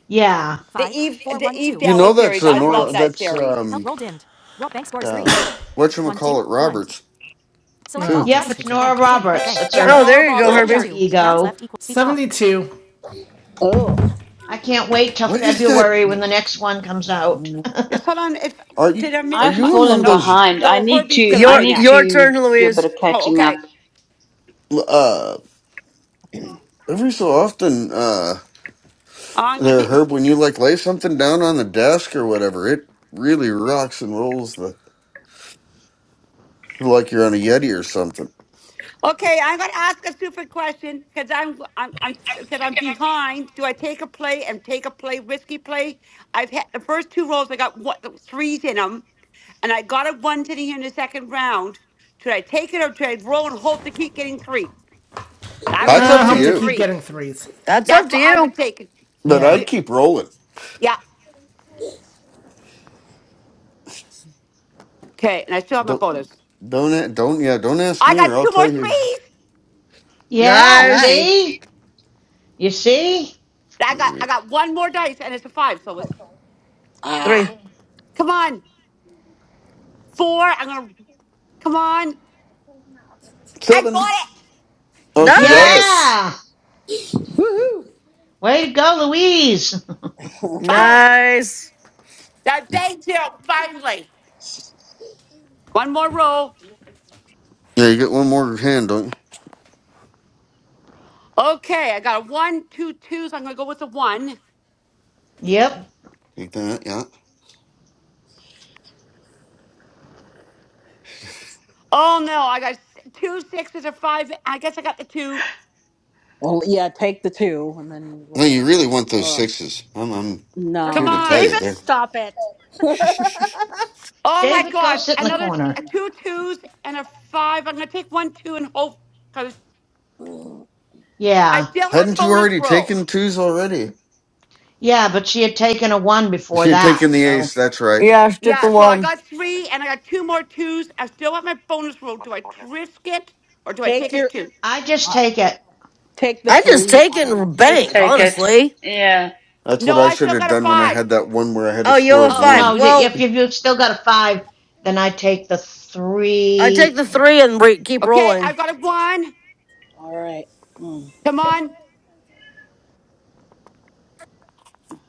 Speaker 10: Yeah.
Speaker 12: The Eve the Eve
Speaker 5: You know
Speaker 12: Dallas
Speaker 5: that's
Speaker 12: series.
Speaker 5: a
Speaker 12: I love
Speaker 5: Nora.
Speaker 12: that
Speaker 5: That's
Speaker 12: series.
Speaker 5: um um. What you call it, Roberts?
Speaker 1: No,
Speaker 5: Too.
Speaker 10: Yep,
Speaker 1: just
Speaker 10: it's
Speaker 1: take it.
Speaker 10: Nora Roberts. That's
Speaker 12: Yeah,
Speaker 10: her
Speaker 2: oh,
Speaker 12: Nora
Speaker 2: there you go,
Speaker 12: Roberts, yeah.
Speaker 10: alter
Speaker 2: Herbie.
Speaker 10: ego.
Speaker 1: 72.
Speaker 4: Oh,
Speaker 10: I can't wait till
Speaker 5: What is that?
Speaker 10: February when the next one comes
Speaker 16: Aw. [CLEARS THROAT]
Speaker 10: out.
Speaker 12: Just hold on. If
Speaker 5: Are you
Speaker 12: did I
Speaker 5: are
Speaker 12: miss
Speaker 18: I've
Speaker 12: my
Speaker 5: you in one of
Speaker 18: fallen
Speaker 12: no
Speaker 5: those?
Speaker 18: behind. I
Speaker 12: no
Speaker 18: need
Speaker 12: Herbie's
Speaker 18: to
Speaker 12: gonna
Speaker 18: I
Speaker 12: play
Speaker 2: Your
Speaker 18: need
Speaker 12: next.
Speaker 2: your
Speaker 18: to
Speaker 2: turn,
Speaker 18: do a bit
Speaker 2: Louise.
Speaker 18: of
Speaker 12: Oh,
Speaker 18: catching up.
Speaker 12: okay.
Speaker 5: Uh, every so
Speaker 16: Mhm.
Speaker 5: often, uh,
Speaker 12: Oh, I'm gonna.
Speaker 5: there,
Speaker 12: T-
Speaker 5: Herb, when you like lay something down on the desk or whatever, it really rocks and rolls the like you're on a Yeti or something.
Speaker 12: okay, I'm gonna ask a stupid question because I'm I'm I'm because I'm behind. Do I take a play and take a play risky play? I've had the first two rolls. I got what threes in them, and I got a one to the in the second round. Should I take it or should I roll and hope to keep getting three? I would
Speaker 5: That's
Speaker 12: roll
Speaker 1: I uh,
Speaker 5: up
Speaker 12: and
Speaker 5: to
Speaker 1: hope
Speaker 12: take the
Speaker 2: Mm,
Speaker 1: to
Speaker 5: you,
Speaker 1: keep
Speaker 12: three.
Speaker 1: getting threes.
Speaker 2: that's up
Speaker 12: That's
Speaker 2: to
Speaker 12: what I would
Speaker 2: you.
Speaker 12: take.
Speaker 5: but
Speaker 1: Yeah.
Speaker 5: I'd
Speaker 12: D-
Speaker 5: keep rolling.
Speaker 12: Yeah. Okay, and I still have my
Speaker 5: Don't
Speaker 12: bonus.
Speaker 5: don't a- don't yeah. Don't ask
Speaker 12: I
Speaker 5: me, or
Speaker 12: got
Speaker 5: I'll
Speaker 12: two more
Speaker 5: tell you.
Speaker 12: threes.
Speaker 10: Yeah,
Speaker 2: Nice.
Speaker 18: Nice.
Speaker 10: see? You see?
Speaker 12: I got I got one more dice, and it's a five. So it's
Speaker 2: Three.
Speaker 4: ah.
Speaker 12: come on four. I'm gonna. Come on. I
Speaker 5: Seven.
Speaker 12: got it.
Speaker 5: Oh, she got it.
Speaker 2: Nice.
Speaker 10: Yeah. Way to go, Louise.
Speaker 4: [LAUGHS] well,
Speaker 12: Five.
Speaker 2: Nice.
Speaker 12: Now, thank you. Finally. One more roll.
Speaker 5: Yeah, you get one more hand, don't
Speaker 12: Okay, I got a one, two twos. I'm going to go with the one.
Speaker 10: [LAUGHS] yep.
Speaker 5: you? Take that. Yeah.
Speaker 12: Oh, no. I got s- two sixes or five. I guess I got the two.
Speaker 4: yeah, take the two and then
Speaker 5: No,
Speaker 4: roll.
Speaker 5: you really want those
Speaker 4: Ugh.
Speaker 5: sixes. I'm, I'm
Speaker 20: That's-
Speaker 12: Come
Speaker 5: here to
Speaker 4: No.
Speaker 5: tell you.
Speaker 12: on.
Speaker 20: David,
Speaker 5: There.
Speaker 20: stop it.
Speaker 4: [LAUGHS]
Speaker 5: [LAUGHS]
Speaker 12: Oh, my
Speaker 10: David, go
Speaker 12: gosh.
Speaker 10: sit in the
Speaker 12: Another
Speaker 10: corner.
Speaker 12: a two twos and a five. I'm going to take one, two, and hope because I
Speaker 10: Yeah.
Speaker 12: still have
Speaker 5: Hadn't you
Speaker 12: bonus
Speaker 5: already
Speaker 12: roll.
Speaker 5: taken twos already?
Speaker 10: Yeah, but she had taken a one before
Speaker 5: She had
Speaker 10: that,
Speaker 5: taken the
Speaker 10: so
Speaker 5: ace. That's right.
Speaker 2: Yeah, stick the
Speaker 12: Yeah, so I
Speaker 2: one.
Speaker 12: got three and I got two more twos. I still have my bonus roll. Do I risk it or do I
Speaker 4: take
Speaker 12: take a
Speaker 4: your,
Speaker 12: two?
Speaker 10: I just
Speaker 4: uh,
Speaker 10: take it.
Speaker 4: take the
Speaker 2: I just
Speaker 4: three.
Speaker 2: take
Speaker 4: I
Speaker 2: it
Speaker 4: don't
Speaker 2: and
Speaker 4: know.
Speaker 18: Just
Speaker 2: bank,
Speaker 18: take it.
Speaker 2: honestly.
Speaker 18: Yeah.
Speaker 5: That's what
Speaker 12: No,
Speaker 5: I
Speaker 12: I
Speaker 5: should
Speaker 12: still
Speaker 5: have
Speaker 12: got a
Speaker 5: done when I
Speaker 12: five.
Speaker 5: had that one where I had a
Speaker 2: Oh, you
Speaker 5: score
Speaker 2: have a
Speaker 5: of
Speaker 10: Oh,
Speaker 2: five.
Speaker 10: no,
Speaker 5: one.
Speaker 2: Well,
Speaker 10: if you've still got a five, then I take the
Speaker 2: I take
Speaker 10: three.
Speaker 2: the three and re- keep
Speaker 12: Okay,
Speaker 2: rolling.
Speaker 12: I've got a one.
Speaker 4: All right. Mm.
Speaker 12: Come on.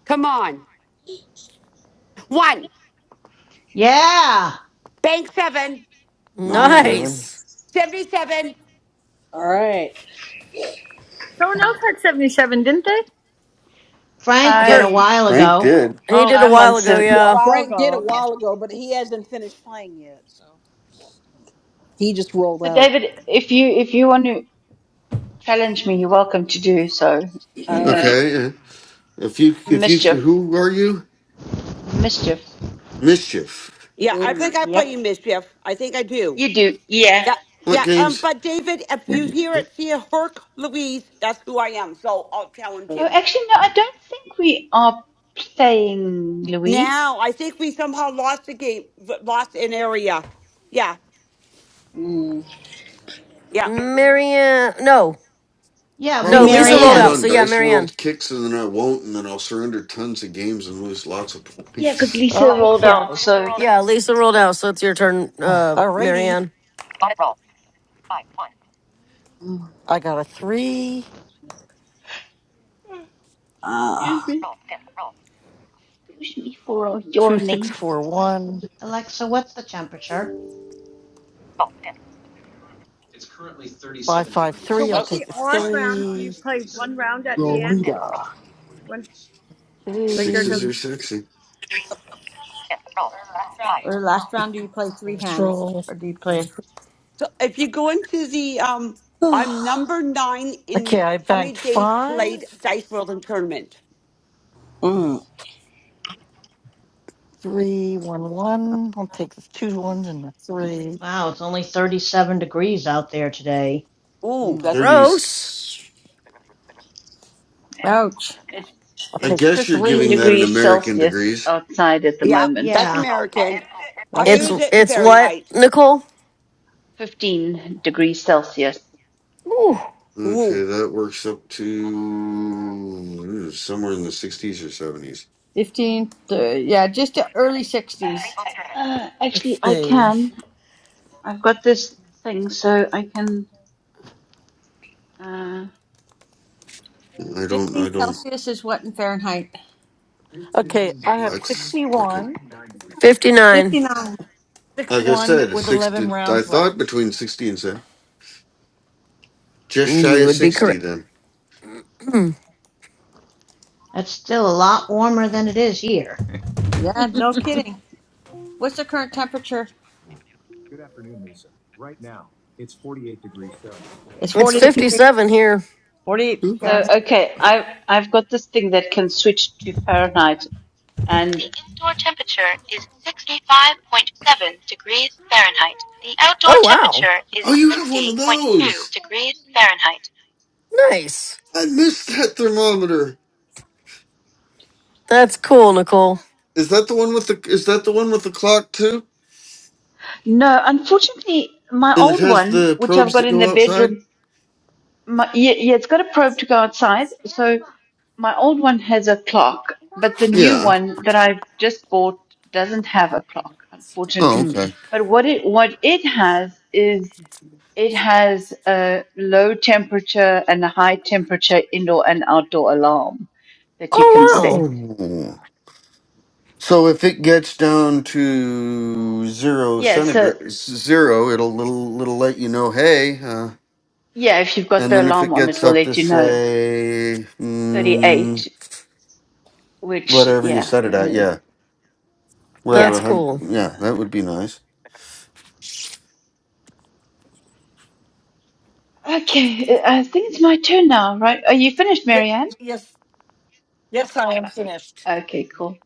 Speaker 12: Come on. One.
Speaker 10: Yeah.
Speaker 12: Bank seven.
Speaker 4: All
Speaker 5: Wait,
Speaker 4: right.
Speaker 5: seven.
Speaker 2: Nice.
Speaker 12: 77.
Speaker 4: All right.
Speaker 20: someone else had seventy seven, didn't they?
Speaker 10: Frank did a
Speaker 2: Her,
Speaker 18: I'm
Speaker 10: while
Speaker 5: Frank
Speaker 10: ago.
Speaker 5: did.
Speaker 2: he
Speaker 20: Oh,
Speaker 2: did a
Speaker 18: I'm on
Speaker 2: while ago,
Speaker 18: some
Speaker 20: A
Speaker 4: Yeah,
Speaker 2: yeah.
Speaker 20: while
Speaker 4: Frank did a
Speaker 20: ago. Okay.
Speaker 4: while ago, but he hasn't finished playing yet, so he just rolled
Speaker 18: So
Speaker 4: out.
Speaker 18: David, if you if you want to challenge me, you're welcome to do so. Um
Speaker 5: Okay. uh, If you, if you,
Speaker 18: mischief.
Speaker 5: who are you?
Speaker 18: Mischief.
Speaker 5: Mischief.
Speaker 12: Yeah, I
Speaker 4: Mm.
Speaker 12: think I play you
Speaker 18: Yep.
Speaker 12: mischief. I think I do.
Speaker 18: You do. Yeah.
Speaker 12: Yeah,
Speaker 5: What
Speaker 12: yeah. Um,
Speaker 5: games?
Speaker 12: but David, if you hear it, see a Herc Louise, that's who I am. So I'll challenge
Speaker 18: Oh
Speaker 12: you.
Speaker 18: actually no, I don't think we are playing Louise.
Speaker 12: Now, I think we somehow lost the game, v- lost an area. Yeah,
Speaker 4: Mm.
Speaker 12: yeah.
Speaker 2: Marianne, no,
Speaker 10: Yeah, it'll be
Speaker 2: no,
Speaker 5: Problem is,
Speaker 2: Lisa
Speaker 5: I'll
Speaker 2: rolled
Speaker 5: get
Speaker 10: Marianne.
Speaker 2: out.
Speaker 5: on
Speaker 2: So yeah,
Speaker 5: Dice
Speaker 2: Marianne.
Speaker 5: World kicks and then I won't, and then I'll surrender tons of games and lose lots of [LAUGHS]
Speaker 18: Yeah, because
Speaker 5: points.
Speaker 18: Lisa rolled out,
Speaker 15: Okay.
Speaker 18: so
Speaker 2: Yeah, Lisa rolled out. So it's your turn,
Speaker 4: [SIGHS]
Speaker 2: uh,
Speaker 15: Alrighty.
Speaker 2: Marianne.
Speaker 15: Audit roll. Five. One. I got a three,
Speaker 18: excuse
Speaker 4: Ah.
Speaker 18: me.
Speaker 15: Roll. Dim. Roll.
Speaker 18: Excuse me for
Speaker 15: two,
Speaker 18: yawning.
Speaker 15: six, four, one,
Speaker 10: Alexa, what's the temperature?
Speaker 15: Roll. Dim. five, five,
Speaker 20: So
Speaker 15: three. I'll
Speaker 20: what's
Speaker 12: Oh,
Speaker 20: the
Speaker 15: take the
Speaker 20: odd round? Do you
Speaker 15: three.
Speaker 20: play one round at the
Speaker 15: Roll.
Speaker 20: end?
Speaker 15: Dim.
Speaker 20: When
Speaker 15: Roll.
Speaker 20: like there's
Speaker 15: Three.
Speaker 20: a
Speaker 5: Sixes are sexy.
Speaker 15: Dim. Roll. Five.
Speaker 20: Or last round, do you play three
Speaker 15: Let's
Speaker 20: hands?
Speaker 15: roll.
Speaker 20: Or do you play.
Speaker 12: so if you go into the, um,
Speaker 4: Mm.
Speaker 12: I'm
Speaker 4: Ah. [SIGHS]
Speaker 12: number nine in
Speaker 15: Okay, I
Speaker 12: how many
Speaker 15: banked
Speaker 12: days
Speaker 15: five,
Speaker 12: played Dice World and Tournament.
Speaker 4: Mm.
Speaker 15: three, one, one. I'll take the two ones and the three.
Speaker 10: Wow, it's only 37 degrees out there today.
Speaker 12: Ooh, that's
Speaker 16: man.
Speaker 2: Gross.
Speaker 5: Thirties.
Speaker 20: Ouch.
Speaker 18: It's
Speaker 15: I'll
Speaker 5: I
Speaker 18: it's
Speaker 15: take the
Speaker 5: guess you're
Speaker 18: 15
Speaker 15: three.
Speaker 5: giving that
Speaker 15: Roll.
Speaker 5: in
Speaker 18: degrees
Speaker 5: American
Speaker 18: Celsius
Speaker 5: degrees.
Speaker 18: outside at the
Speaker 12: Yep,
Speaker 18: moment.
Speaker 12: that's
Speaker 10: Yeah,
Speaker 15: Dim. Three.
Speaker 12: American. I
Speaker 20: That's
Speaker 2: It's
Speaker 20: enough.
Speaker 12: use it in
Speaker 2: it's what
Speaker 12: Fahrenheit.
Speaker 2: Nicole?
Speaker 18: 15 degrees Celsius.
Speaker 2: Ooh.
Speaker 5: Okay,
Speaker 12: Ooh,
Speaker 5: that works up to uh, somewhere in the sixties or seventies.
Speaker 20: 15, th- yeah, just the early 60s.
Speaker 15: Bonus tournament.
Speaker 18: Uh, actually,
Speaker 15: Let's
Speaker 18: I
Speaker 15: see.
Speaker 18: can. I've got this thing, so I can. Uh,
Speaker 5: I don't.
Speaker 20: 15
Speaker 5: I don't.
Speaker 20: Celsius is what in Fahrenheit?
Speaker 15: Okay, I have
Speaker 5: That's like a,
Speaker 15: 61,
Speaker 2: Fifty-nine.
Speaker 20: 59.
Speaker 15: 6
Speaker 5: like I
Speaker 15: 1
Speaker 5: said, a
Speaker 15: with 11
Speaker 5: sixty. I
Speaker 15: rounds
Speaker 5: thought
Speaker 15: left.
Speaker 5: between sixty and seven, just shy
Speaker 2: You
Speaker 5: of
Speaker 2: would be
Speaker 5: sixty.
Speaker 2: correct.
Speaker 5: Then.
Speaker 2: [CLEARS THROAT]
Speaker 10: that's still a lot warmer than it is here.
Speaker 20: Yeah, no kidding. What's the current temperature? It's
Speaker 2: it's
Speaker 20: 48 degrees.
Speaker 2: fifty-seven here.
Speaker 20: 48
Speaker 5: Ooh.
Speaker 18: so
Speaker 20: Fahrenheit.
Speaker 18: okay, I've I've got this thing that can switch to Fahrenheit, and the indoor temperature is 65.7 degrees Fahrenheit. The outdoor
Speaker 2: Oh wow,
Speaker 18: temperature is
Speaker 5: Oh, you have one
Speaker 18: 60.2
Speaker 5: of those.
Speaker 18: degrees Fahrenheit.
Speaker 2: nice.
Speaker 5: I missed that thermometer.
Speaker 2: That's cool, Nicole.
Speaker 5: Is that the one with the? Is that the one with the clock too?
Speaker 18: No, unfortunately, my
Speaker 5: And it
Speaker 18: old
Speaker 5: has
Speaker 18: one,
Speaker 5: the
Speaker 18: which I've
Speaker 5: probes
Speaker 18: got
Speaker 5: that
Speaker 18: in the
Speaker 5: go
Speaker 18: bedroom,
Speaker 5: outside.
Speaker 18: My, yeah, yeah, it's got a probe to go outside. So my old one has a clock, but the new
Speaker 5: Yeah.
Speaker 18: one that I've just bought doesn't have a clock,
Speaker 5: Oh,
Speaker 18: unfortunately.
Speaker 5: okay.
Speaker 2: Mm.
Speaker 18: But what it what it has is it has a low temperature and a high temperature indoor and outdoor alarm that you can
Speaker 2: Oh,
Speaker 18: set.
Speaker 2: wow.
Speaker 5: Oh, so if it gets down to zero
Speaker 18: Yeah, so
Speaker 5: centigrade, zero, it'll little little let you know, hey. Uh,
Speaker 18: yeah, if you've got
Speaker 5: and
Speaker 18: the
Speaker 5: then if
Speaker 18: alarm
Speaker 5: it
Speaker 18: on, it
Speaker 5: gets
Speaker 18: will
Speaker 5: up to
Speaker 18: let you know.
Speaker 5: say mm,
Speaker 18: 38, which
Speaker 5: whatever you
Speaker 18: yeah,
Speaker 5: set it at,
Speaker 18: uh,
Speaker 5: yeah, wherever
Speaker 18: yeah.
Speaker 2: That's
Speaker 5: a hundred,
Speaker 2: cool.
Speaker 5: yeah, that would be nice.
Speaker 18: Okay, I I think it's my turn now, right? Are you finished,
Speaker 15: Yeah,
Speaker 18: Marianne?
Speaker 15: yes, yes, I am
Speaker 18: Uh,
Speaker 15: finished.
Speaker 18: Okay, cool.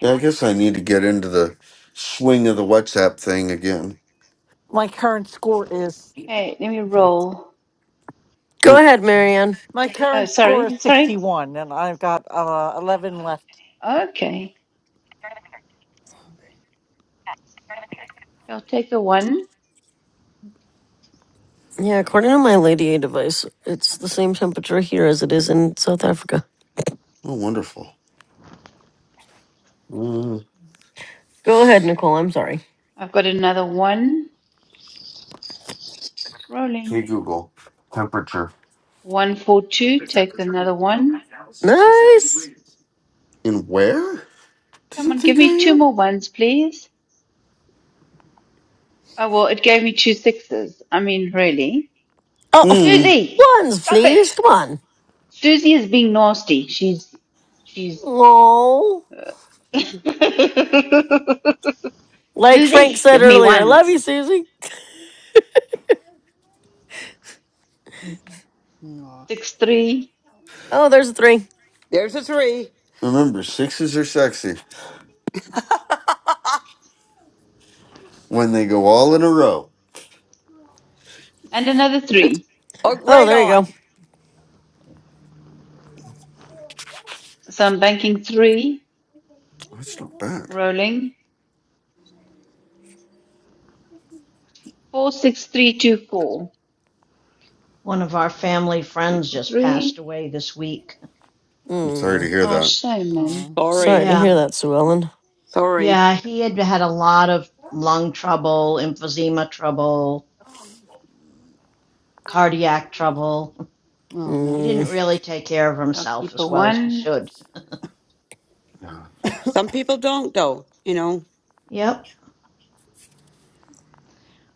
Speaker 5: Yeah, I guess I need to get into the swing of the WhatsApp thing again.
Speaker 15: My current score is
Speaker 18: Hey, let me
Speaker 15: okay.
Speaker 18: roll.
Speaker 2: Go
Speaker 5: Mm,
Speaker 2: ahead, Marianne.
Speaker 15: My
Speaker 18: Oh,
Speaker 15: current score is
Speaker 18: sorry, sorry.
Speaker 15: sixty-one, and I've got uh, eleven left.
Speaker 18: Okay, I'll take the one.
Speaker 2: Yeah, according to my Lady A device, it's the same temperature here as it is in South Africa.
Speaker 5: oh, wonderful. Mm,
Speaker 2: Go ahead, Nicole. I'm sorry.
Speaker 18: I've got another one.
Speaker 5: hey
Speaker 18: Rolling.
Speaker 5: Google,
Speaker 18: One, four, two. Take another one.
Speaker 2: Nice.
Speaker 5: in where do
Speaker 18: Come
Speaker 5: you
Speaker 18: on, give
Speaker 5: think I
Speaker 18: me two
Speaker 5: am?
Speaker 18: more ones, please. Oh, well, it gave me two sixes. I mean, really.
Speaker 2: Oh,
Speaker 5: Mm,
Speaker 18: Susie,
Speaker 2: ones,
Speaker 18: stop
Speaker 2: please.
Speaker 18: it.
Speaker 2: Come on.
Speaker 18: Susie is being nasty. She's, she's.
Speaker 2: Oh.
Speaker 18: [LAUGHS]
Speaker 2: Like Frank
Speaker 18: Susie,
Speaker 2: said
Speaker 18: give me
Speaker 2: earlier, love
Speaker 18: ones.
Speaker 2: you, Susie.
Speaker 16: Aw. Aw.
Speaker 18: six three
Speaker 2: Oh, there's a three.
Speaker 12: there's a three.
Speaker 5: remember, sixes are sexy. when they go all in a row.
Speaker 18: and another three.
Speaker 12: Oh,
Speaker 2: Oh,
Speaker 12: great
Speaker 2: there you
Speaker 12: on.
Speaker 2: go.
Speaker 18: So I'm banking three,
Speaker 5: That's not bad.
Speaker 18: rolling four six three two four.
Speaker 10: [LAUGHS] One of our family
Speaker 18: Keep
Speaker 10: friends
Speaker 18: a
Speaker 10: just passed
Speaker 18: three.
Speaker 10: away this week.
Speaker 5: I'm sorry to
Speaker 2: Mm.
Speaker 5: hear
Speaker 18: Oh
Speaker 5: that.
Speaker 18: shame man.
Speaker 16: Oh
Speaker 2: Sorry
Speaker 12: Sorry.
Speaker 2: to
Speaker 10: Yeah,
Speaker 2: hear that, Sue Ellen.
Speaker 12: Sorry.
Speaker 10: yeah, he had had a lot of lung trouble, emphysema trouble, cardiac trouble. [LAUGHS] He
Speaker 16: no.
Speaker 10: didn't
Speaker 2: Mm.
Speaker 10: really take care of
Speaker 18: I'll
Speaker 10: himself
Speaker 18: keep
Speaker 10: as
Speaker 18: a
Speaker 10: well as he
Speaker 18: one.
Speaker 10: should.
Speaker 5: Yeah.
Speaker 12: Some people don't, though, you know.
Speaker 10: Yep,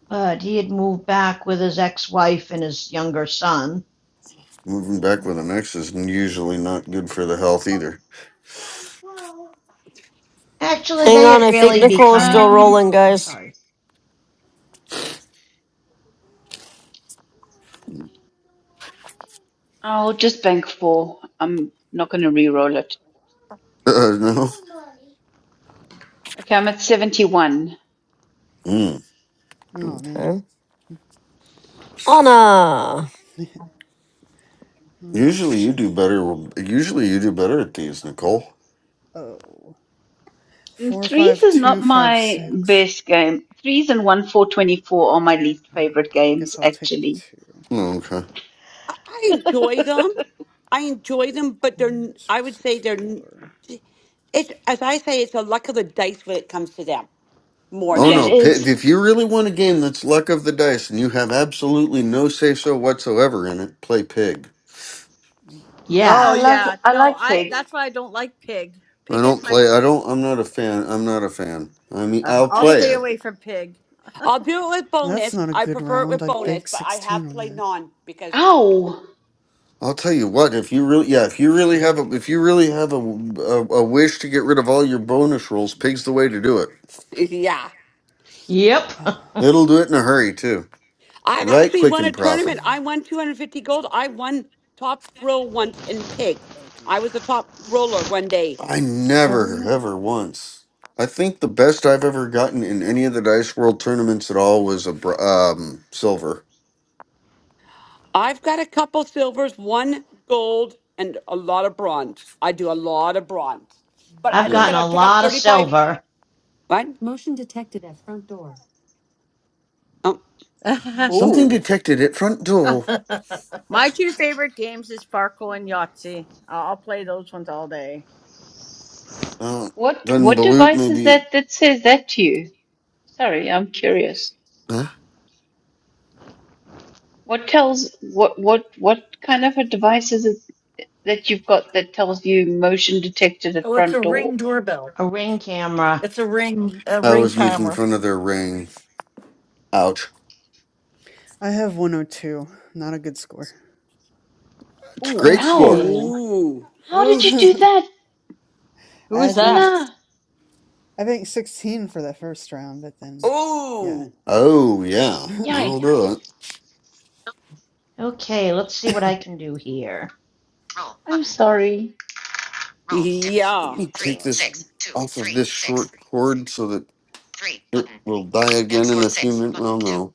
Speaker 10: but he had moved back with his ex wife and his younger son
Speaker 5: Moving back with an ex is usually not good for the health either. [LAUGHS]
Speaker 10: Actually,
Speaker 2: Hang
Speaker 10: they
Speaker 2: on.
Speaker 10: had
Speaker 2: I think
Speaker 10: really
Speaker 2: Nicole is
Speaker 10: become.
Speaker 2: still
Speaker 18: Um
Speaker 2: rolling,
Speaker 10: Oh,
Speaker 2: guys.
Speaker 10: sorry.
Speaker 18: I'll just bank four. I'm not gonna re-roll it.
Speaker 5: Uh, no.
Speaker 18: Okay, I'm at seventy one.
Speaker 5: Mm.
Speaker 16: Oh man.
Speaker 2: Okay.
Speaker 16: [LAUGHS] All
Speaker 2: Anna.
Speaker 5: Usually
Speaker 16: right.
Speaker 5: you do better. Usually you do better at these,
Speaker 16: Oh wow.
Speaker 5: Nicole.
Speaker 16: Oh. Four
Speaker 18: Threes
Speaker 16: five
Speaker 18: is not
Speaker 16: two five
Speaker 18: my
Speaker 16: six.
Speaker 18: best game. Threes and one four twenty four are my least
Speaker 16: Uh,
Speaker 18: favorite games
Speaker 16: guess I'll take a
Speaker 18: actually.
Speaker 16: two.
Speaker 5: Oh, Okay.
Speaker 12: I, I enjoy them. I enjoy them, but they're,
Speaker 16: One
Speaker 12: n- I
Speaker 16: six
Speaker 12: would say
Speaker 16: six
Speaker 12: they're, n-
Speaker 16: four.
Speaker 12: it's, as I say, it's a luck of the dice when it comes to them more
Speaker 18: No
Speaker 5: Oh
Speaker 18: it
Speaker 5: no!
Speaker 12: than,
Speaker 5: Pi-
Speaker 18: is.
Speaker 5: If you really want a game that's luck of the dice and you have absolutely no say so whatsoever in it, play Pig.
Speaker 16: Mm, No,
Speaker 10: Yeah.
Speaker 20: Oh,
Speaker 18: I love
Speaker 20: yeah.
Speaker 18: I
Speaker 20: No,
Speaker 18: like
Speaker 20: I.
Speaker 18: pig.
Speaker 20: that's why I don't like pig.
Speaker 5: I
Speaker 20: Pig
Speaker 5: don't
Speaker 20: is my.
Speaker 5: play. I don't. I'm not a fan. I'm not a fan. I mean,
Speaker 20: Uh,
Speaker 5: I'll
Speaker 20: I'll
Speaker 18: And
Speaker 5: play
Speaker 20: stay
Speaker 18: it's
Speaker 5: it.
Speaker 20: away from pig.
Speaker 12: I'll do it with
Speaker 16: that's
Speaker 12: bonus.
Speaker 16: not a
Speaker 12: I
Speaker 16: good
Speaker 12: prefer it
Speaker 16: round.
Speaker 12: with
Speaker 16: I
Speaker 12: bonus,
Speaker 16: big
Speaker 12: but I
Speaker 16: sixteen
Speaker 12: have
Speaker 16: on
Speaker 12: played
Speaker 16: that.
Speaker 12: non because,
Speaker 18: ow.
Speaker 5: I'll tell you what, if you really, yeah, if you really
Speaker 16: Yeah.
Speaker 5: have a, if you really have a, a, a wish to get rid of all your bonus rolls,
Speaker 16: Shoot.
Speaker 5: pig's the way to do it.
Speaker 12: [LAUGHS] yeah.
Speaker 10: Yep.
Speaker 16: Uh,
Speaker 10: [LAUGHS]
Speaker 5: It'll do it in a hurry too,
Speaker 12: I've
Speaker 5: right?
Speaker 12: actually
Speaker 5: Quick
Speaker 12: won a
Speaker 5: and
Speaker 16: so.
Speaker 5: proper.
Speaker 12: tournament. I won 250 gold. I won top roll once in pig.
Speaker 16: Oh
Speaker 12: I
Speaker 16: dear.
Speaker 12: was the top roller one day.
Speaker 5: I
Speaker 16: So I'm in
Speaker 5: never,
Speaker 16: the
Speaker 5: ever once. I think the best I've ever gotten in any of the Dice World tournaments at all
Speaker 16: ninety
Speaker 5: was a br-
Speaker 16: four.
Speaker 5: um, silver.
Speaker 12: I've got a couple silvers, one gold, and a lot of bronze. I do a lot of bronze. But I
Speaker 10: I've
Speaker 12: look at
Speaker 10: gotten
Speaker 5: No,
Speaker 12: I
Speaker 10: a
Speaker 12: pick up
Speaker 10: lot of
Speaker 12: 35.
Speaker 10: silver.
Speaker 12: What? Oh.
Speaker 20: [LAUGHS]
Speaker 16: One,
Speaker 5: Something
Speaker 18: Ooh.
Speaker 5: detected at front door.
Speaker 20: my two favorite games is Farco and
Speaker 16: one,
Speaker 20: Yahtzee. I'll I'll play
Speaker 16: five,
Speaker 20: those ones all day.
Speaker 5: Uh,
Speaker 18: What
Speaker 5: then
Speaker 18: what
Speaker 5: Balut
Speaker 18: device is
Speaker 5: maybe.
Speaker 16: one.
Speaker 18: that that says that to you? Sorry, I'm curious.
Speaker 5: Huh?
Speaker 18: What tells what what what kind of a device is it that you've got that tells you motion detected at
Speaker 15: Oh, it's a
Speaker 18: front door?
Speaker 15: ring doorbell.
Speaker 10: A ring camera.
Speaker 15: It's a ring,
Speaker 16: Yeah.
Speaker 15: a
Speaker 5: I
Speaker 15: ring
Speaker 5: was making
Speaker 15: camera.
Speaker 5: fun of their ring. Ouch!
Speaker 16: I have 102. Not a good score.
Speaker 5: It's a
Speaker 18: Oh,
Speaker 5: great score.
Speaker 10: Okay.
Speaker 18: ow!
Speaker 12: Ooh.
Speaker 18: How
Speaker 16: [LAUGHS]
Speaker 18: did
Speaker 20: Ooh,
Speaker 18: you do
Speaker 16: I
Speaker 18: that,
Speaker 20: who is
Speaker 16: had
Speaker 20: that?
Speaker 16: bank
Speaker 18: Anna?
Speaker 16: I banked 16 for that first round, but then yeah.
Speaker 12: Ooh.
Speaker 5: Oh
Speaker 16: [LAUGHS]
Speaker 5: yeah,
Speaker 16: oh
Speaker 5: I'll do
Speaker 18: Yikes!
Speaker 5: it.
Speaker 10: Okay, let's see what I can do here.
Speaker 18: I'm sorry.
Speaker 5: Let
Speaker 12: Yeah.
Speaker 5: me take this
Speaker 16: man.
Speaker 5: off of this short cord so that it will die again in a few minutes. Well, no.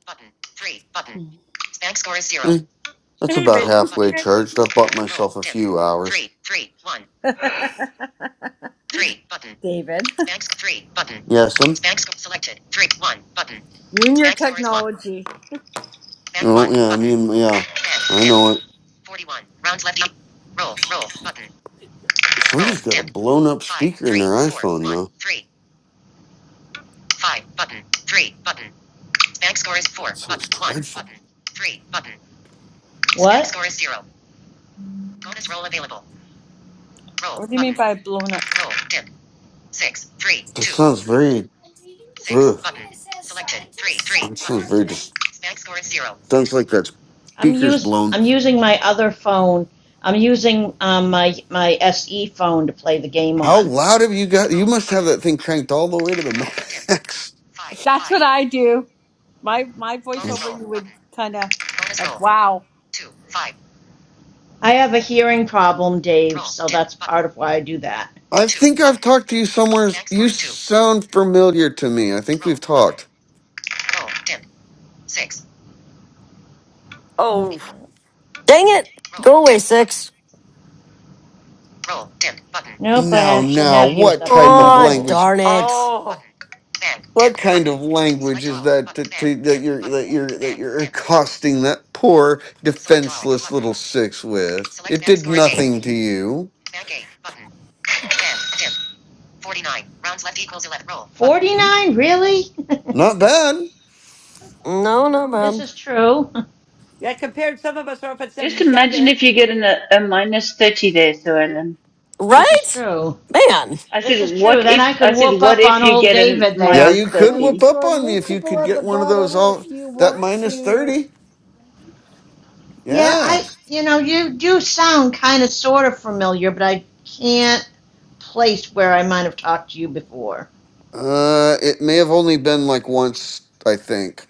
Speaker 16: Hmm.
Speaker 5: Eh, that's about
Speaker 20: David.
Speaker 5: halfway charged. I've bought myself a few hours.
Speaker 20: [LAUGHS] David.
Speaker 5: Yeah, some.
Speaker 20: You and your technology.
Speaker 5: Oh, yeah, I mean, yeah. I know it. Somebody's got a blown up speaker in their iPhone, though. That sounds dreadful.
Speaker 10: What?
Speaker 20: What do you mean by blown up?
Speaker 5: That sounds very. Ugh. That sounds very. Dis- sounds like that
Speaker 10: I'm
Speaker 5: speaker's
Speaker 10: use
Speaker 5: blown.
Speaker 10: I'm using my other phone. I'm using um, my my SE phone to play the game
Speaker 5: How
Speaker 10: on.
Speaker 5: loud have you got? You must have that thing cranked all the way to the [LAUGHS] max.
Speaker 20: If that's what I do, my my voiceover, you would kind of like, wow,
Speaker 10: I have a hearing problem, Dave, so that's part of why I do that.
Speaker 5: I think I've talked to you somewhere. You sound familiar to me. I think we've talked.
Speaker 10: Okay.
Speaker 12: Oh.
Speaker 2: Dang it! Go away, six.
Speaker 10: Nope, I
Speaker 5: Now,
Speaker 10: actually
Speaker 5: now,
Speaker 10: have used
Speaker 5: what
Speaker 10: up all
Speaker 5: type
Speaker 10: my
Speaker 5: of
Speaker 2: Aw,
Speaker 10: rolls.
Speaker 5: language?
Speaker 2: darn it.
Speaker 12: Oh.
Speaker 5: What kind of language is that to, to, that you're that you're that you're accosting that poor defenseless little six with? It did nothing to you.
Speaker 10: Forty
Speaker 5: What?
Speaker 10: nine, really?
Speaker 5: Not bad.
Speaker 2: No, no
Speaker 10: [LAUGHS] this
Speaker 2: bad.
Speaker 10: is true. [LAUGHS]
Speaker 12: Yeah, compared some of us are up at
Speaker 18: Just imagine
Speaker 12: 77.
Speaker 18: if you get an, a, a minus thirty there, Sue Ellen.
Speaker 10: This is
Speaker 2: Right?
Speaker 10: true.
Speaker 2: Man.
Speaker 18: I
Speaker 10: This is
Speaker 18: said,
Speaker 10: true.
Speaker 18: what
Speaker 10: Then
Speaker 18: if?
Speaker 10: I could
Speaker 18: I said,
Speaker 10: whoop
Speaker 18: what
Speaker 10: up
Speaker 18: if
Speaker 10: on
Speaker 18: you
Speaker 10: old
Speaker 18: get a
Speaker 10: David
Speaker 5: Yeah,
Speaker 10: there.
Speaker 18: minus
Speaker 5: you
Speaker 10: [LAUGHS]
Speaker 5: could
Speaker 1: And
Speaker 5: whoop
Speaker 18: thirty?
Speaker 1: to
Speaker 5: up
Speaker 1: our
Speaker 5: on me
Speaker 1: new
Speaker 5: if you
Speaker 1: people
Speaker 5: could
Speaker 1: at the
Speaker 5: get one of those
Speaker 1: bottom,
Speaker 5: all
Speaker 1: if you
Speaker 5: that
Speaker 1: want
Speaker 5: minus
Speaker 1: to.
Speaker 5: thirty.
Speaker 10: Yeah,
Speaker 5: Yeah.
Speaker 10: I, you know, you do sound kind of sort of familiar, but I can't place where I might have talked to you before.
Speaker 5: Uh, it may have only been like once. I think.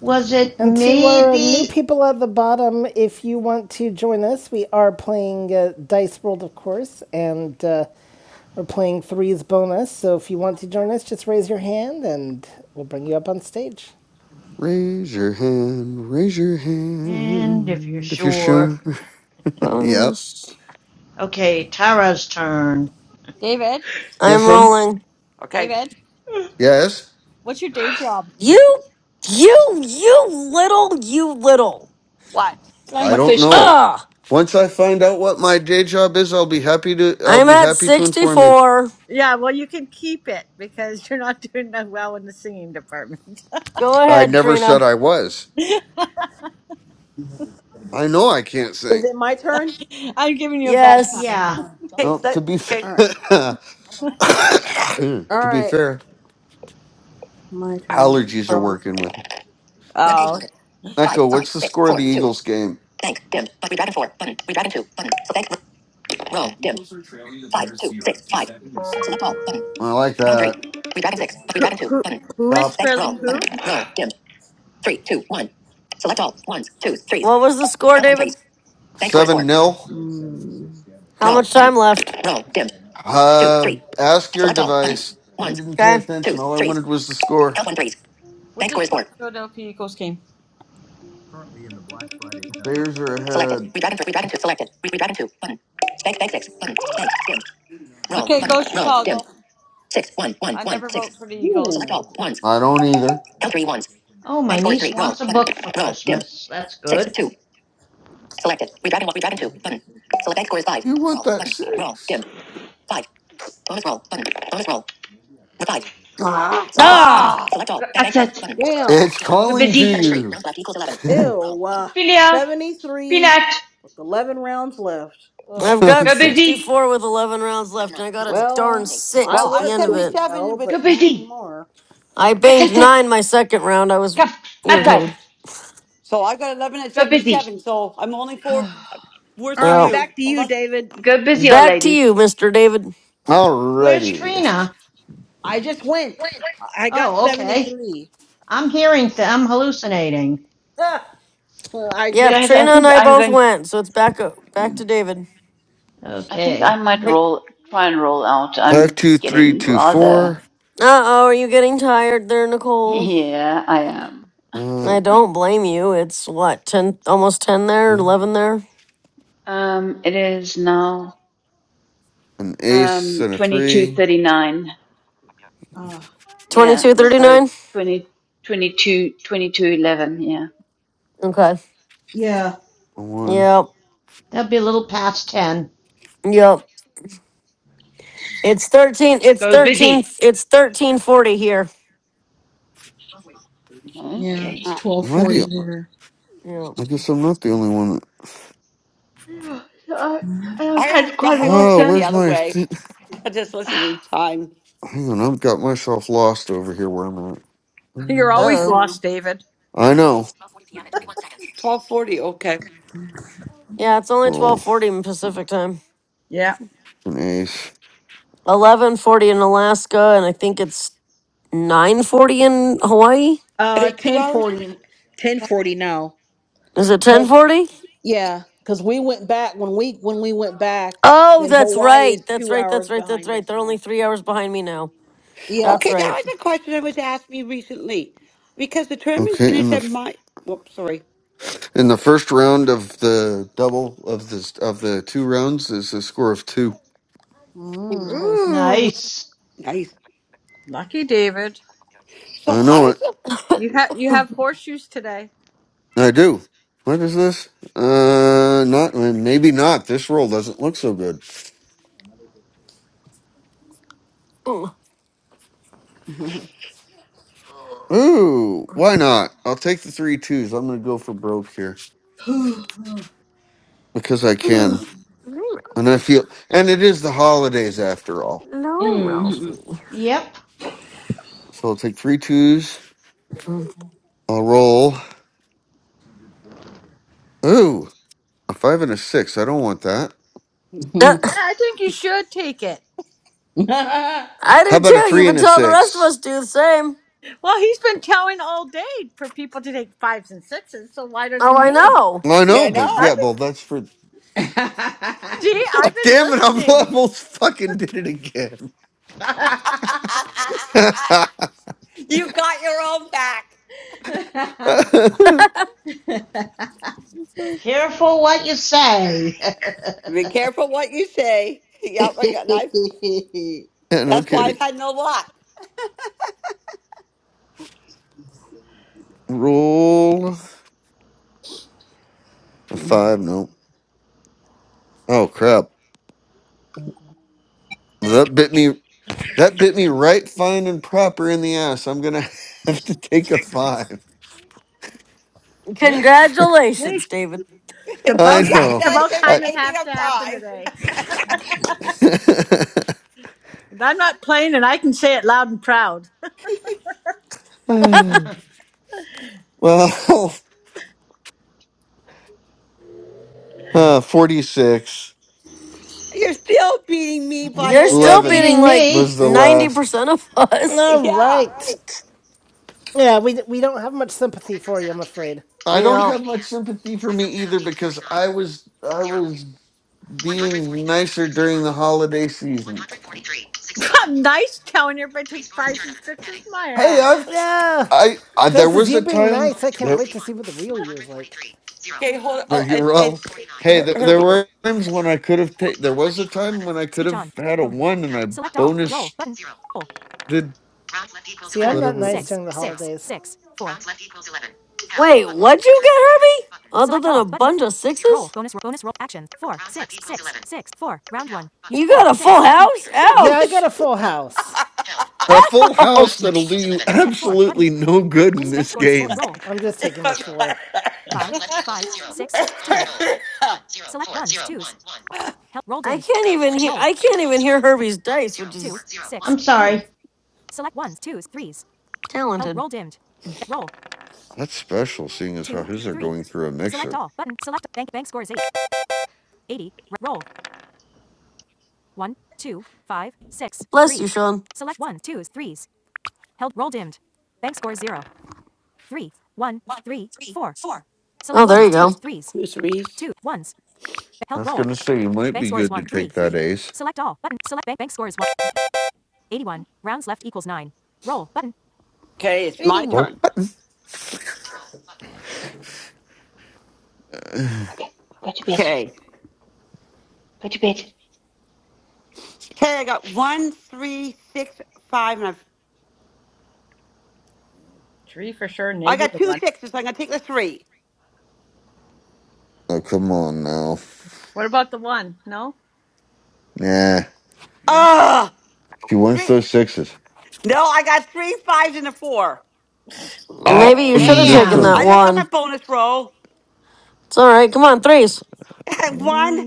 Speaker 10: Was it
Speaker 1: And to our new
Speaker 10: maybe?
Speaker 1: people at the bottom, if you want to join us, we are playing uh, Dice World, of course, and uh, we're playing Threes Bonus. So if you want to join us, just raise your hand and we'll bring you up on stage.
Speaker 5: Raise your hand. Raise your
Speaker 10: And if you're
Speaker 5: hand if you're
Speaker 10: sure.
Speaker 5: sure. [LAUGHS] yep.
Speaker 2: Bonus.
Speaker 10: Okay, Tara's turn.
Speaker 20: David,
Speaker 2: I'm
Speaker 5: Yes, um.
Speaker 2: rolling.
Speaker 12: Okay.
Speaker 20: David,
Speaker 5: Yes.
Speaker 20: what's your day job?
Speaker 2: You, you, you little, you little.
Speaker 12: What?
Speaker 5: I
Speaker 18: Flying
Speaker 12: What is
Speaker 5: don't
Speaker 18: fish case.
Speaker 5: know.
Speaker 2: Ugh!
Speaker 5: Once I find out what my day job is, I'll be happy to. I'll
Speaker 2: I'm
Speaker 5: be
Speaker 2: at
Speaker 5: happy to inform you.
Speaker 2: 64.
Speaker 20: Yeah, well, you can keep it because you're not doing that well in the singing department.
Speaker 2: Go
Speaker 5: I
Speaker 2: ahead,
Speaker 5: never said
Speaker 2: Trina.
Speaker 5: I was. I know I can't sing.
Speaker 4: Is it my turn?
Speaker 20: [LAUGHS] I'm giving you a bad
Speaker 2: Yes.
Speaker 20: time.
Speaker 10: Yeah.
Speaker 12: okay,
Speaker 5: Well,
Speaker 4: All
Speaker 5: to
Speaker 12: let
Speaker 5: be [LAUGHS]
Speaker 12: okay.
Speaker 4: right.
Speaker 5: fa- [COUGHS]
Speaker 4: All
Speaker 5: to be
Speaker 4: right.
Speaker 5: fair,
Speaker 4: My
Speaker 5: allergies are
Speaker 4: turn.
Speaker 5: working with me.
Speaker 4: Web page
Speaker 20: Oh,
Speaker 4: loaded. Five,
Speaker 5: Echo,
Speaker 4: five,
Speaker 5: what's the
Speaker 4: six,
Speaker 5: score of
Speaker 4: four,
Speaker 5: the
Speaker 4: two.
Speaker 5: Eagles game?
Speaker 4: Bank dimmed. But redragon four button. Redragon two button. So bank row dimmed. Five, two, six, five. Select all button.
Speaker 5: I like
Speaker 4: Round three.
Speaker 5: that.
Speaker 4: Redragon six. But redragon two button.
Speaker 20: Who is
Speaker 5: Stop
Speaker 4: Bank
Speaker 20: trailing
Speaker 4: roll button.
Speaker 20: who?
Speaker 4: Roll dimmed. Three, two, one. Select all ones, twos, threes.
Speaker 2: What was the score,
Speaker 4: Count one
Speaker 2: David?
Speaker 4: threes. Bank score is
Speaker 5: seven
Speaker 4: four.
Speaker 5: nil.
Speaker 2: How
Speaker 4: Roll
Speaker 2: much
Speaker 4: button.
Speaker 2: time left?
Speaker 4: Roll dimmed. Two,
Speaker 5: Uh,
Speaker 4: three.
Speaker 5: ask your
Speaker 4: Select all button.
Speaker 5: device. I didn't pay
Speaker 2: Okay.
Speaker 5: attention.
Speaker 4: Twos,
Speaker 5: All I
Speaker 4: threes.
Speaker 5: wanted was the score.
Speaker 4: Count one threes.
Speaker 20: what
Speaker 4: Bank
Speaker 20: does
Speaker 4: score is four.
Speaker 20: Philadelphia Eagles game?
Speaker 5: Bears are
Speaker 4: Selected.
Speaker 5: ahead.
Speaker 4: Redragon three. Redragon two. Selected. Re- Redragon two button. Bank bank six button. Bank dimmed. Roll.
Speaker 20: Okay,
Speaker 4: Button.
Speaker 20: go
Speaker 4: Roll. Dim.
Speaker 20: Chicago.
Speaker 4: six one one
Speaker 20: I
Speaker 4: one
Speaker 20: never
Speaker 4: six
Speaker 20: vote for the
Speaker 4: One.
Speaker 20: Eagles.
Speaker 4: Select all ones.
Speaker 5: I don't either.
Speaker 4: count three ones.
Speaker 10: Oh, my
Speaker 4: Bank score is
Speaker 10: niece
Speaker 4: three. Roll.
Speaker 10: wants a
Speaker 4: Button.
Speaker 10: book for
Speaker 4: Roll. Dim.
Speaker 10: Christmas. That's
Speaker 4: Six.
Speaker 10: good.
Speaker 4: Two. Selected. Redraft in one. Redraft in two. Button. Select bank score is five.
Speaker 5: You want
Speaker 4: Roll.
Speaker 5: that
Speaker 4: Button. Roll.
Speaker 5: six?
Speaker 4: Dim. Five. Bonus roll. Button. Bonus roll. With five. Ah. Select all. Button.
Speaker 2: Ah!
Speaker 12: Ah.
Speaker 4: Select
Speaker 18: Go,
Speaker 4: all. Bank bank
Speaker 18: that's
Speaker 4: ten.
Speaker 18: it.
Speaker 4: Button. Damn.
Speaker 5: It's
Speaker 4: Dim.
Speaker 18: Go
Speaker 5: calling to
Speaker 18: busy.
Speaker 4: Seventy-three.
Speaker 5: you.
Speaker 4: Rounds left equals eleven.
Speaker 5: [LAUGHS]
Speaker 4: Ew. Uh,
Speaker 18: Philia,
Speaker 4: Seventy-three
Speaker 18: Peanut,
Speaker 4: with eleven rounds left. Ugh.
Speaker 2: I've got
Speaker 18: go
Speaker 5: okay.
Speaker 18: busy,
Speaker 2: 64 with 11 rounds
Speaker 4: Round
Speaker 2: left,
Speaker 4: nine.
Speaker 2: and I got a
Speaker 4: Well,
Speaker 2: darn
Speaker 4: I
Speaker 2: six
Speaker 12: Well,
Speaker 2: at
Speaker 12: I'm
Speaker 2: the
Speaker 4: was
Speaker 2: end of it.
Speaker 4: doing
Speaker 12: 77
Speaker 4: well,
Speaker 18: go
Speaker 12: with,
Speaker 4: but not
Speaker 18: busy.
Speaker 4: anymore.
Speaker 2: I
Speaker 18: Hut, hut,
Speaker 2: banged
Speaker 18: hut.
Speaker 2: nine my second round. I was
Speaker 18: Come
Speaker 4: Okay.
Speaker 18: outside,
Speaker 2: irritated.
Speaker 12: so I got 11 at
Speaker 18: go busy,
Speaker 12: 77. So I'm only four worse
Speaker 4: All
Speaker 12: than
Speaker 4: right,
Speaker 2: Well,
Speaker 12: you.
Speaker 4: back to
Speaker 12: Oh,
Speaker 4: you,
Speaker 12: that's
Speaker 4: David.
Speaker 18: go busy, old
Speaker 2: back to
Speaker 18: lady.
Speaker 2: you, Mr. David.
Speaker 10: Where's
Speaker 5: Alrighty.
Speaker 10: Trina?
Speaker 4: I just went. I got
Speaker 10: Oh, okay.
Speaker 4: 73. [LAUGHS]
Speaker 10: I'm hearing, th- I'm hallucinating.
Speaker 4: Ah, so I
Speaker 2: Yep,
Speaker 4: just
Speaker 18: Guys, I
Speaker 2: Trina
Speaker 4: went.
Speaker 2: and
Speaker 18: think
Speaker 2: I
Speaker 18: I'm
Speaker 2: both
Speaker 18: going.
Speaker 2: went, so it's back up, back to David.
Speaker 18: I think I
Speaker 10: Okay.
Speaker 18: might
Speaker 12: great.
Speaker 18: roll, try and roll out.
Speaker 5: Five,
Speaker 18: I'm
Speaker 5: two, three,
Speaker 18: getting
Speaker 5: two,
Speaker 18: rather.
Speaker 5: four.
Speaker 18: [LAUGHS]
Speaker 2: Uh oh, are you getting tired there, Nicole?
Speaker 18: Yeah, I am.
Speaker 5: Uh,
Speaker 2: I don't blame you. It's what ten, almost ten there,
Speaker 5: an
Speaker 2: eleven there,
Speaker 18: Um, it is now
Speaker 5: ace
Speaker 18: um
Speaker 5: and a three.
Speaker 18: 22:39.
Speaker 4: Uh,
Speaker 18: Yeah,
Speaker 2: twenty-two
Speaker 18: so
Speaker 2: thirty-nine.
Speaker 18: twenty twenty-two twenty-two eleven. Yeah,
Speaker 2: Okay.
Speaker 4: yeah,
Speaker 5: A one.
Speaker 2: Yep.
Speaker 10: That'd be a little past 10.
Speaker 2: Yep. It's thirteen. It's
Speaker 18: go
Speaker 2: thirteen.
Speaker 18: busy.
Speaker 2: It's thirteen forty here.
Speaker 4: yeah.
Speaker 18: Okay.
Speaker 4: It's
Speaker 12: Uh,
Speaker 5: Am I
Speaker 4: 1240
Speaker 5: the?
Speaker 4: here.
Speaker 2: Yep.
Speaker 5: I guess I'm not the only one. That,
Speaker 18: Yeah, so I, I've
Speaker 12: I
Speaker 18: had
Speaker 12: don't,
Speaker 18: quite a
Speaker 12: I
Speaker 18: long
Speaker 12: work
Speaker 5: oh,
Speaker 12: with
Speaker 18: day.
Speaker 12: the
Speaker 5: where's
Speaker 12: other
Speaker 5: my?
Speaker 12: way.
Speaker 5: Th-
Speaker 12: I just listen to the
Speaker 18: [SIGHS]
Speaker 12: time.
Speaker 5: Hang on, I've got myself lost over here. Where I'm at.
Speaker 20: You're
Speaker 2: Uh
Speaker 5: Um,
Speaker 20: always Mhm.
Speaker 2: oh.
Speaker 20: lost, David.
Speaker 5: I know.
Speaker 12: 1240. Okay. Are
Speaker 2: Yeah, it's only
Speaker 5: Roll
Speaker 2: twelve forty in Pacific time.
Speaker 20: Yeah.
Speaker 5: an ace.
Speaker 2: eleven forty in Alaska, and I think it's nine forty in Hawaii.
Speaker 4: Uh,
Speaker 12: they two hours?
Speaker 4: 1040. 1040 now.
Speaker 2: Is it ten
Speaker 4: 'Cause-
Speaker 2: forty?
Speaker 4: yeah, because we went back, when we when we went back,
Speaker 2: Oh,
Speaker 4: then
Speaker 2: that's
Speaker 4: Hawaii is
Speaker 2: right. That's
Speaker 4: two
Speaker 2: right. That's
Speaker 4: hours
Speaker 2: right. That's
Speaker 4: behind
Speaker 2: right.
Speaker 4: us
Speaker 2: They're only
Speaker 4: now.
Speaker 2: three hours behind me now.
Speaker 4: Yeah.
Speaker 2: That's
Speaker 12: Okay. That
Speaker 2: right.
Speaker 12: was a question I was asked me recently because the tournament's
Speaker 5: Okay,
Speaker 12: finished
Speaker 5: in the
Speaker 12: at
Speaker 5: f-
Speaker 12: my, whoops, sorry.
Speaker 5: in the first round of the double of this of the two rounds is a score of two.
Speaker 12: Oh,
Speaker 2: Nice.
Speaker 20: Ooh,
Speaker 10: Nice.
Speaker 12: nice.
Speaker 20: lucky David.
Speaker 12: So
Speaker 5: I
Speaker 12: how
Speaker 5: know
Speaker 12: does
Speaker 5: it.
Speaker 20: You have you have horseshoes today.
Speaker 5: I do. What is this? Uh, not uh, maybe not. This roll doesn't look so good.
Speaker 2: Mm.
Speaker 4: Mm.
Speaker 5: Ooh, why not? I'll take the three twos. I'm gonna go for broke here because I can,
Speaker 2: Hey,
Speaker 5: and I
Speaker 2: Ralphie.
Speaker 5: feel, and it is the holidays after all.
Speaker 2: No, Ralphie.
Speaker 10: Yep.
Speaker 5: So I'll take three twos.
Speaker 2: Mm.
Speaker 5: I'll roll. Ooh, a five and a six. I don't want that.
Speaker 12: [LAUGHS]
Speaker 2: Uh,
Speaker 20: Yeah, I think you should take it.
Speaker 2: I
Speaker 5: How
Speaker 2: do
Speaker 5: about a
Speaker 2: too. You've
Speaker 5: three
Speaker 2: been
Speaker 5: and a
Speaker 2: telling the rest of us
Speaker 5: six?
Speaker 2: to do the same.
Speaker 20: Well, he's been telling all day for people to take fives and sixes, so why
Speaker 2: Oh,
Speaker 20: doesn't
Speaker 2: I
Speaker 20: he?
Speaker 2: know.
Speaker 5: I
Speaker 12: Yeah, I
Speaker 5: know, but yeah,
Speaker 20: I've
Speaker 12: know.
Speaker 5: well,
Speaker 20: been,
Speaker 5: that's for
Speaker 20: see,
Speaker 5: Oh,
Speaker 20: I've been
Speaker 5: damn it, I [LAUGHS]
Speaker 20: listening.
Speaker 5: almost fucking did it again.
Speaker 20: [LAUGHS]
Speaker 12: [LAUGHS] you got your own back.
Speaker 5: [LAUGHS]
Speaker 10: Careful what you say.
Speaker 12: Be careful what you say. [LAUGHS] Yep, I got knife.
Speaker 4: [LAUGHS] [LAUGHS]
Speaker 5: yeah, no
Speaker 12: That's why I've
Speaker 5: kidding.
Speaker 12: had no luck.
Speaker 5: Roll a five, no. Oh crap. That bit me that bit me right fine and proper in the ass. I'm gonna [LAUGHS] have to take a five.
Speaker 20: see,
Speaker 2: Congratulations,
Speaker 20: it's
Speaker 2: David.
Speaker 12: [LAUGHS]
Speaker 20: about
Speaker 5: I
Speaker 20: ha-
Speaker 5: know.
Speaker 20: it's about
Speaker 12: Congratulations for
Speaker 5: I
Speaker 20: time it
Speaker 12: taking
Speaker 20: have
Speaker 12: a
Speaker 20: to happen
Speaker 12: five.
Speaker 20: today. And I'm not playing, and I can say it loud and proud.
Speaker 5: [LAUGHS]
Speaker 10: [LAUGHS]
Speaker 5: well [LAUGHS] uh, 46.
Speaker 12: You're still beating me by
Speaker 10: You're
Speaker 2: You're
Speaker 12: over.
Speaker 10: still
Speaker 2: still
Speaker 5: 11
Speaker 2: beating
Speaker 10: beating
Speaker 2: like
Speaker 5: was
Speaker 10: me.
Speaker 5: the
Speaker 2: ninety
Speaker 5: last.
Speaker 2: percent of [LAUGHS] us.
Speaker 1: All
Speaker 12: Yeah.
Speaker 1: right. Yeah, we, we don't have much sympathy for you, I'm afraid.
Speaker 5: I don't
Speaker 2: Yeah.
Speaker 5: have much sympathy for me either because I was I was being nicer during the holiday season.
Speaker 20: [LAUGHS] I'm nice telling everybody to take fives and sixes. My
Speaker 5: Hey,
Speaker 20: ass.
Speaker 5: I've
Speaker 1: Yeah.
Speaker 5: I, I there
Speaker 1: This is
Speaker 5: was
Speaker 1: you
Speaker 5: a
Speaker 1: being
Speaker 5: time
Speaker 1: nice. I can't
Speaker 5: there
Speaker 1: wait to see what the real you is like.
Speaker 12: Okay, hold.
Speaker 5: there
Speaker 12: Oh,
Speaker 5: you
Speaker 12: it's
Speaker 5: well
Speaker 12: it's
Speaker 5: hey
Speaker 12: her.
Speaker 5: there,
Speaker 12: her
Speaker 5: there were times when I could have taken there was a time when I could have had a one and I bonus did
Speaker 1: See, four, I'm not
Speaker 5: whatever it
Speaker 1: nice
Speaker 5: was.
Speaker 1: during the holidays. six,
Speaker 2: Wait, what'd you get, Herbie? Other than a bunch of sixes? You got a full house?
Speaker 1: Yeah, I got
Speaker 2: Ouch!
Speaker 1: a full house.
Speaker 5: A full house that'll do
Speaker 2: Ouch!
Speaker 5: you absolutely no good in this game.
Speaker 1: I'm just taking the four.
Speaker 12: [LAUGHS]
Speaker 20: [LAUGHS]
Speaker 2: I can't even hear I can't even hear Herbie's
Speaker 10: One
Speaker 2: dice,
Speaker 10: zero
Speaker 2: which
Speaker 10: four,
Speaker 2: is
Speaker 10: zero, one. I'm sorry.
Speaker 2: talented.
Speaker 5: That's special seeing as how his are going through a mixer.
Speaker 2: Bless you, Sean. Oh, there you go.
Speaker 12: Miss Reese.
Speaker 5: I was gonna say it might be good to take that ace.
Speaker 12: Okay, it's my
Speaker 1: 81.
Speaker 5: Well,
Speaker 12: turn.
Speaker 5: [SIGHS]
Speaker 18: okay, go to bed.
Speaker 12: Okay.
Speaker 18: Go to bed.
Speaker 12: Okay, I got one, three, six, five, and I've,
Speaker 20: Three for sure,
Speaker 12: I
Speaker 20: maybe
Speaker 12: got
Speaker 20: the
Speaker 12: two
Speaker 20: one.
Speaker 12: sixes. So I'm going to take the three.
Speaker 5: oh come on now.
Speaker 20: What about the one? No.
Speaker 5: Nah.
Speaker 20: No,
Speaker 12: Ah,
Speaker 5: She wins
Speaker 12: three.
Speaker 5: those sixes.
Speaker 12: No, I got three fives and a four.
Speaker 2: Maybe
Speaker 5: Oh
Speaker 2: you should have
Speaker 5: no.
Speaker 2: taken
Speaker 10: Damn.
Speaker 2: that
Speaker 12: I just got my
Speaker 2: one.
Speaker 12: bonus roll.
Speaker 2: It's alright, come on, threes.
Speaker 12: [LAUGHS] and one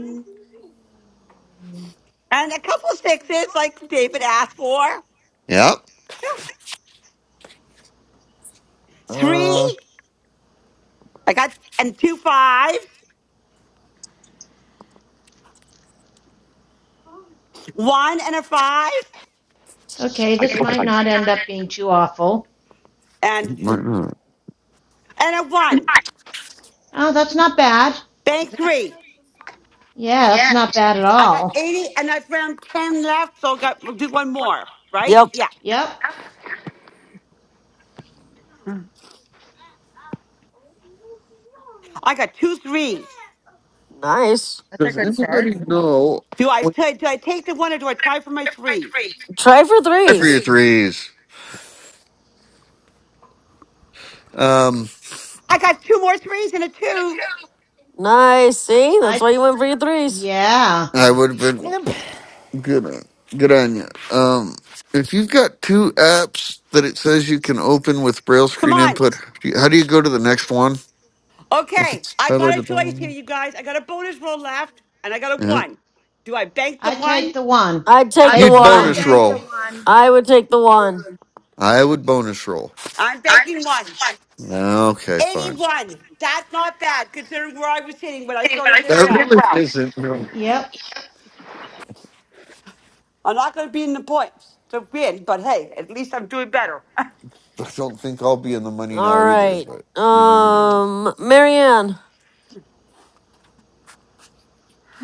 Speaker 12: and a couple sixes, like David asked for.
Speaker 5: Yep. [LAUGHS]
Speaker 12: Three.
Speaker 5: Uh,
Speaker 12: I got and two fives. One and a five.
Speaker 10: Okay, this might not end up being too awful.
Speaker 12: And
Speaker 5: might not.
Speaker 12: and a one.
Speaker 10: Oh, that's not bad.
Speaker 12: Bank three.
Speaker 10: Yeah, that's
Speaker 5: Yeah.
Speaker 10: not bad at
Speaker 12: I got
Speaker 10: all.
Speaker 12: 80 and I found 10 left, so I got we'll do one more, right?
Speaker 2: Yep.
Speaker 12: Yeah.
Speaker 10: Yep.
Speaker 12: I got two threes.
Speaker 2: Nice.
Speaker 20: that's a
Speaker 5: Does
Speaker 20: good start.
Speaker 5: anybody know
Speaker 12: Do I
Speaker 5: when you
Speaker 12: t- do I take the one or do I try for my threes?
Speaker 2: Try for
Speaker 5: try for your
Speaker 2: threes.
Speaker 5: threes? Um,
Speaker 12: I got two more threes and a two.
Speaker 2: Nice. See? That's
Speaker 10: I
Speaker 2: why you went for your threes.
Speaker 10: yeah.
Speaker 5: I would have been
Speaker 1: Yep.
Speaker 5: good. on- Good on you. Um, if you've got two apps that it says you can open with braille
Speaker 12: Come
Speaker 5: screen
Speaker 12: on.
Speaker 5: input, do you- how do you go to the next one if
Speaker 12: Okay.
Speaker 5: it's
Speaker 12: I got a
Speaker 5: highlighted the
Speaker 12: choice here,
Speaker 5: wrong
Speaker 12: you guys. I got a bonus roll left and I got a
Speaker 5: one? Yeah,
Speaker 12: one. Do I bank the
Speaker 10: I
Speaker 12: one?
Speaker 10: take the one.
Speaker 2: I'd
Speaker 20: I
Speaker 2: take the
Speaker 10: Take
Speaker 5: you'd
Speaker 10: the
Speaker 20: I
Speaker 2: one.
Speaker 5: bonus
Speaker 10: one.
Speaker 20: banked a
Speaker 5: roll.
Speaker 20: one.
Speaker 2: I would take the one.
Speaker 5: I would bonus roll.
Speaker 12: I'm banking one.
Speaker 5: Okay, fine.
Speaker 12: 81. That's not bad considering where I was sitting when I started
Speaker 5: That
Speaker 12: this round.
Speaker 5: really isn't. No.
Speaker 10: Yep.
Speaker 12: I'm not going to be in the points to win, but hey, at least I'm doing better. [LAUGHS]
Speaker 5: I don't think I'll be in the money now either,
Speaker 2: Alright.
Speaker 5: but you never know.
Speaker 2: Um Marianne.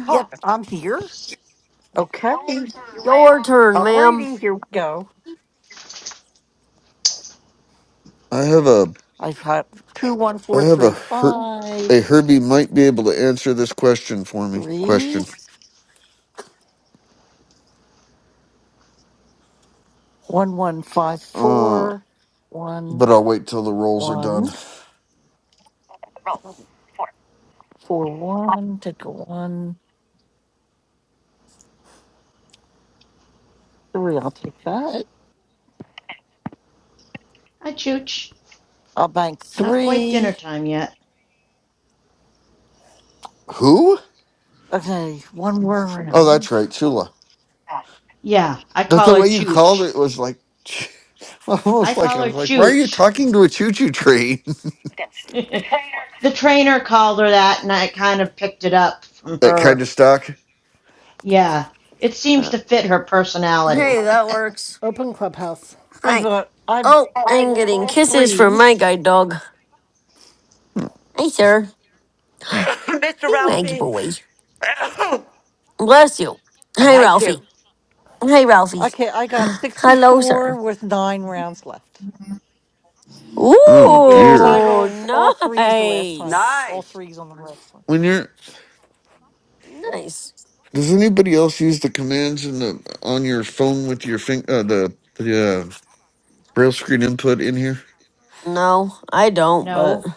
Speaker 15: Yep, I'm here. Okay.
Speaker 2: Your turn, ma'am.
Speaker 15: Alrighty, here we go.
Speaker 5: I have a
Speaker 15: I've got two, one,
Speaker 5: I
Speaker 15: four,
Speaker 5: have a
Speaker 15: three,
Speaker 5: her, a
Speaker 15: five,
Speaker 5: Herbie might be able to answer this question for me.
Speaker 15: three,
Speaker 5: Question.
Speaker 15: one, one, five,
Speaker 5: Uh
Speaker 15: four, one,
Speaker 5: but I'll wait till the rolls are
Speaker 15: one.
Speaker 5: done.
Speaker 15: Four one, take a one, three. I'll take that.
Speaker 10: I chooch.
Speaker 15: I'll bank
Speaker 10: Not quite dinner
Speaker 15: three.
Speaker 10: time yet.
Speaker 5: Who?
Speaker 15: Okay, one more
Speaker 5: Oh that's
Speaker 15: round.
Speaker 5: right, Chula.
Speaker 15: I
Speaker 10: Yeah, I
Speaker 5: But
Speaker 10: call
Speaker 5: the
Speaker 10: her
Speaker 5: way you called
Speaker 10: chooch.
Speaker 5: it was like [LAUGHS]
Speaker 10: I
Speaker 5: almost like
Speaker 10: call
Speaker 5: I
Speaker 10: her
Speaker 5: was like, why are you
Speaker 10: chooch.
Speaker 5: talking to a choo choo train?
Speaker 10: [LAUGHS] the trainer called her that, and I kind of picked it up from
Speaker 5: [LAUGHS]
Speaker 10: [LAUGHS]
Speaker 5: that kind
Speaker 10: her.
Speaker 5: of stuck.
Speaker 10: Yeah, it seems to fit her
Speaker 2: Hey,
Speaker 10: personality.
Speaker 2: that works.
Speaker 1: Open clubhouse.
Speaker 2: Hi.
Speaker 15: got I
Speaker 2: Oh, I'm getting kisses from my guide dog. Hi, sir.
Speaker 12: [COUGHS] Mr.
Speaker 2: Hi, Waggy
Speaker 12: Ralphie,
Speaker 2: boy.
Speaker 12: [LAUGHS]
Speaker 2: Bless you. Hi,
Speaker 12: Thank
Speaker 2: Ralphie.
Speaker 12: you.
Speaker 2: Hi, Ralphie.
Speaker 15: okay. I got sixty
Speaker 2: Hello, sir.
Speaker 15: four with nine rounds left.
Speaker 5: Oh
Speaker 15: Yeah, because I
Speaker 5: dear.
Speaker 2: Ooh,
Speaker 15: rolled all threes the last time.
Speaker 2: nice.
Speaker 15: All
Speaker 12: Nice.
Speaker 15: threes on the last one.
Speaker 5: When you're
Speaker 15: Yep.
Speaker 2: Nice.
Speaker 5: does anybody else use the commands in the on your phone with your fing uh, the the uh, braille screen input in here?
Speaker 2: No, I
Speaker 10: [LAUGHS]
Speaker 2: don't, but
Speaker 10: no.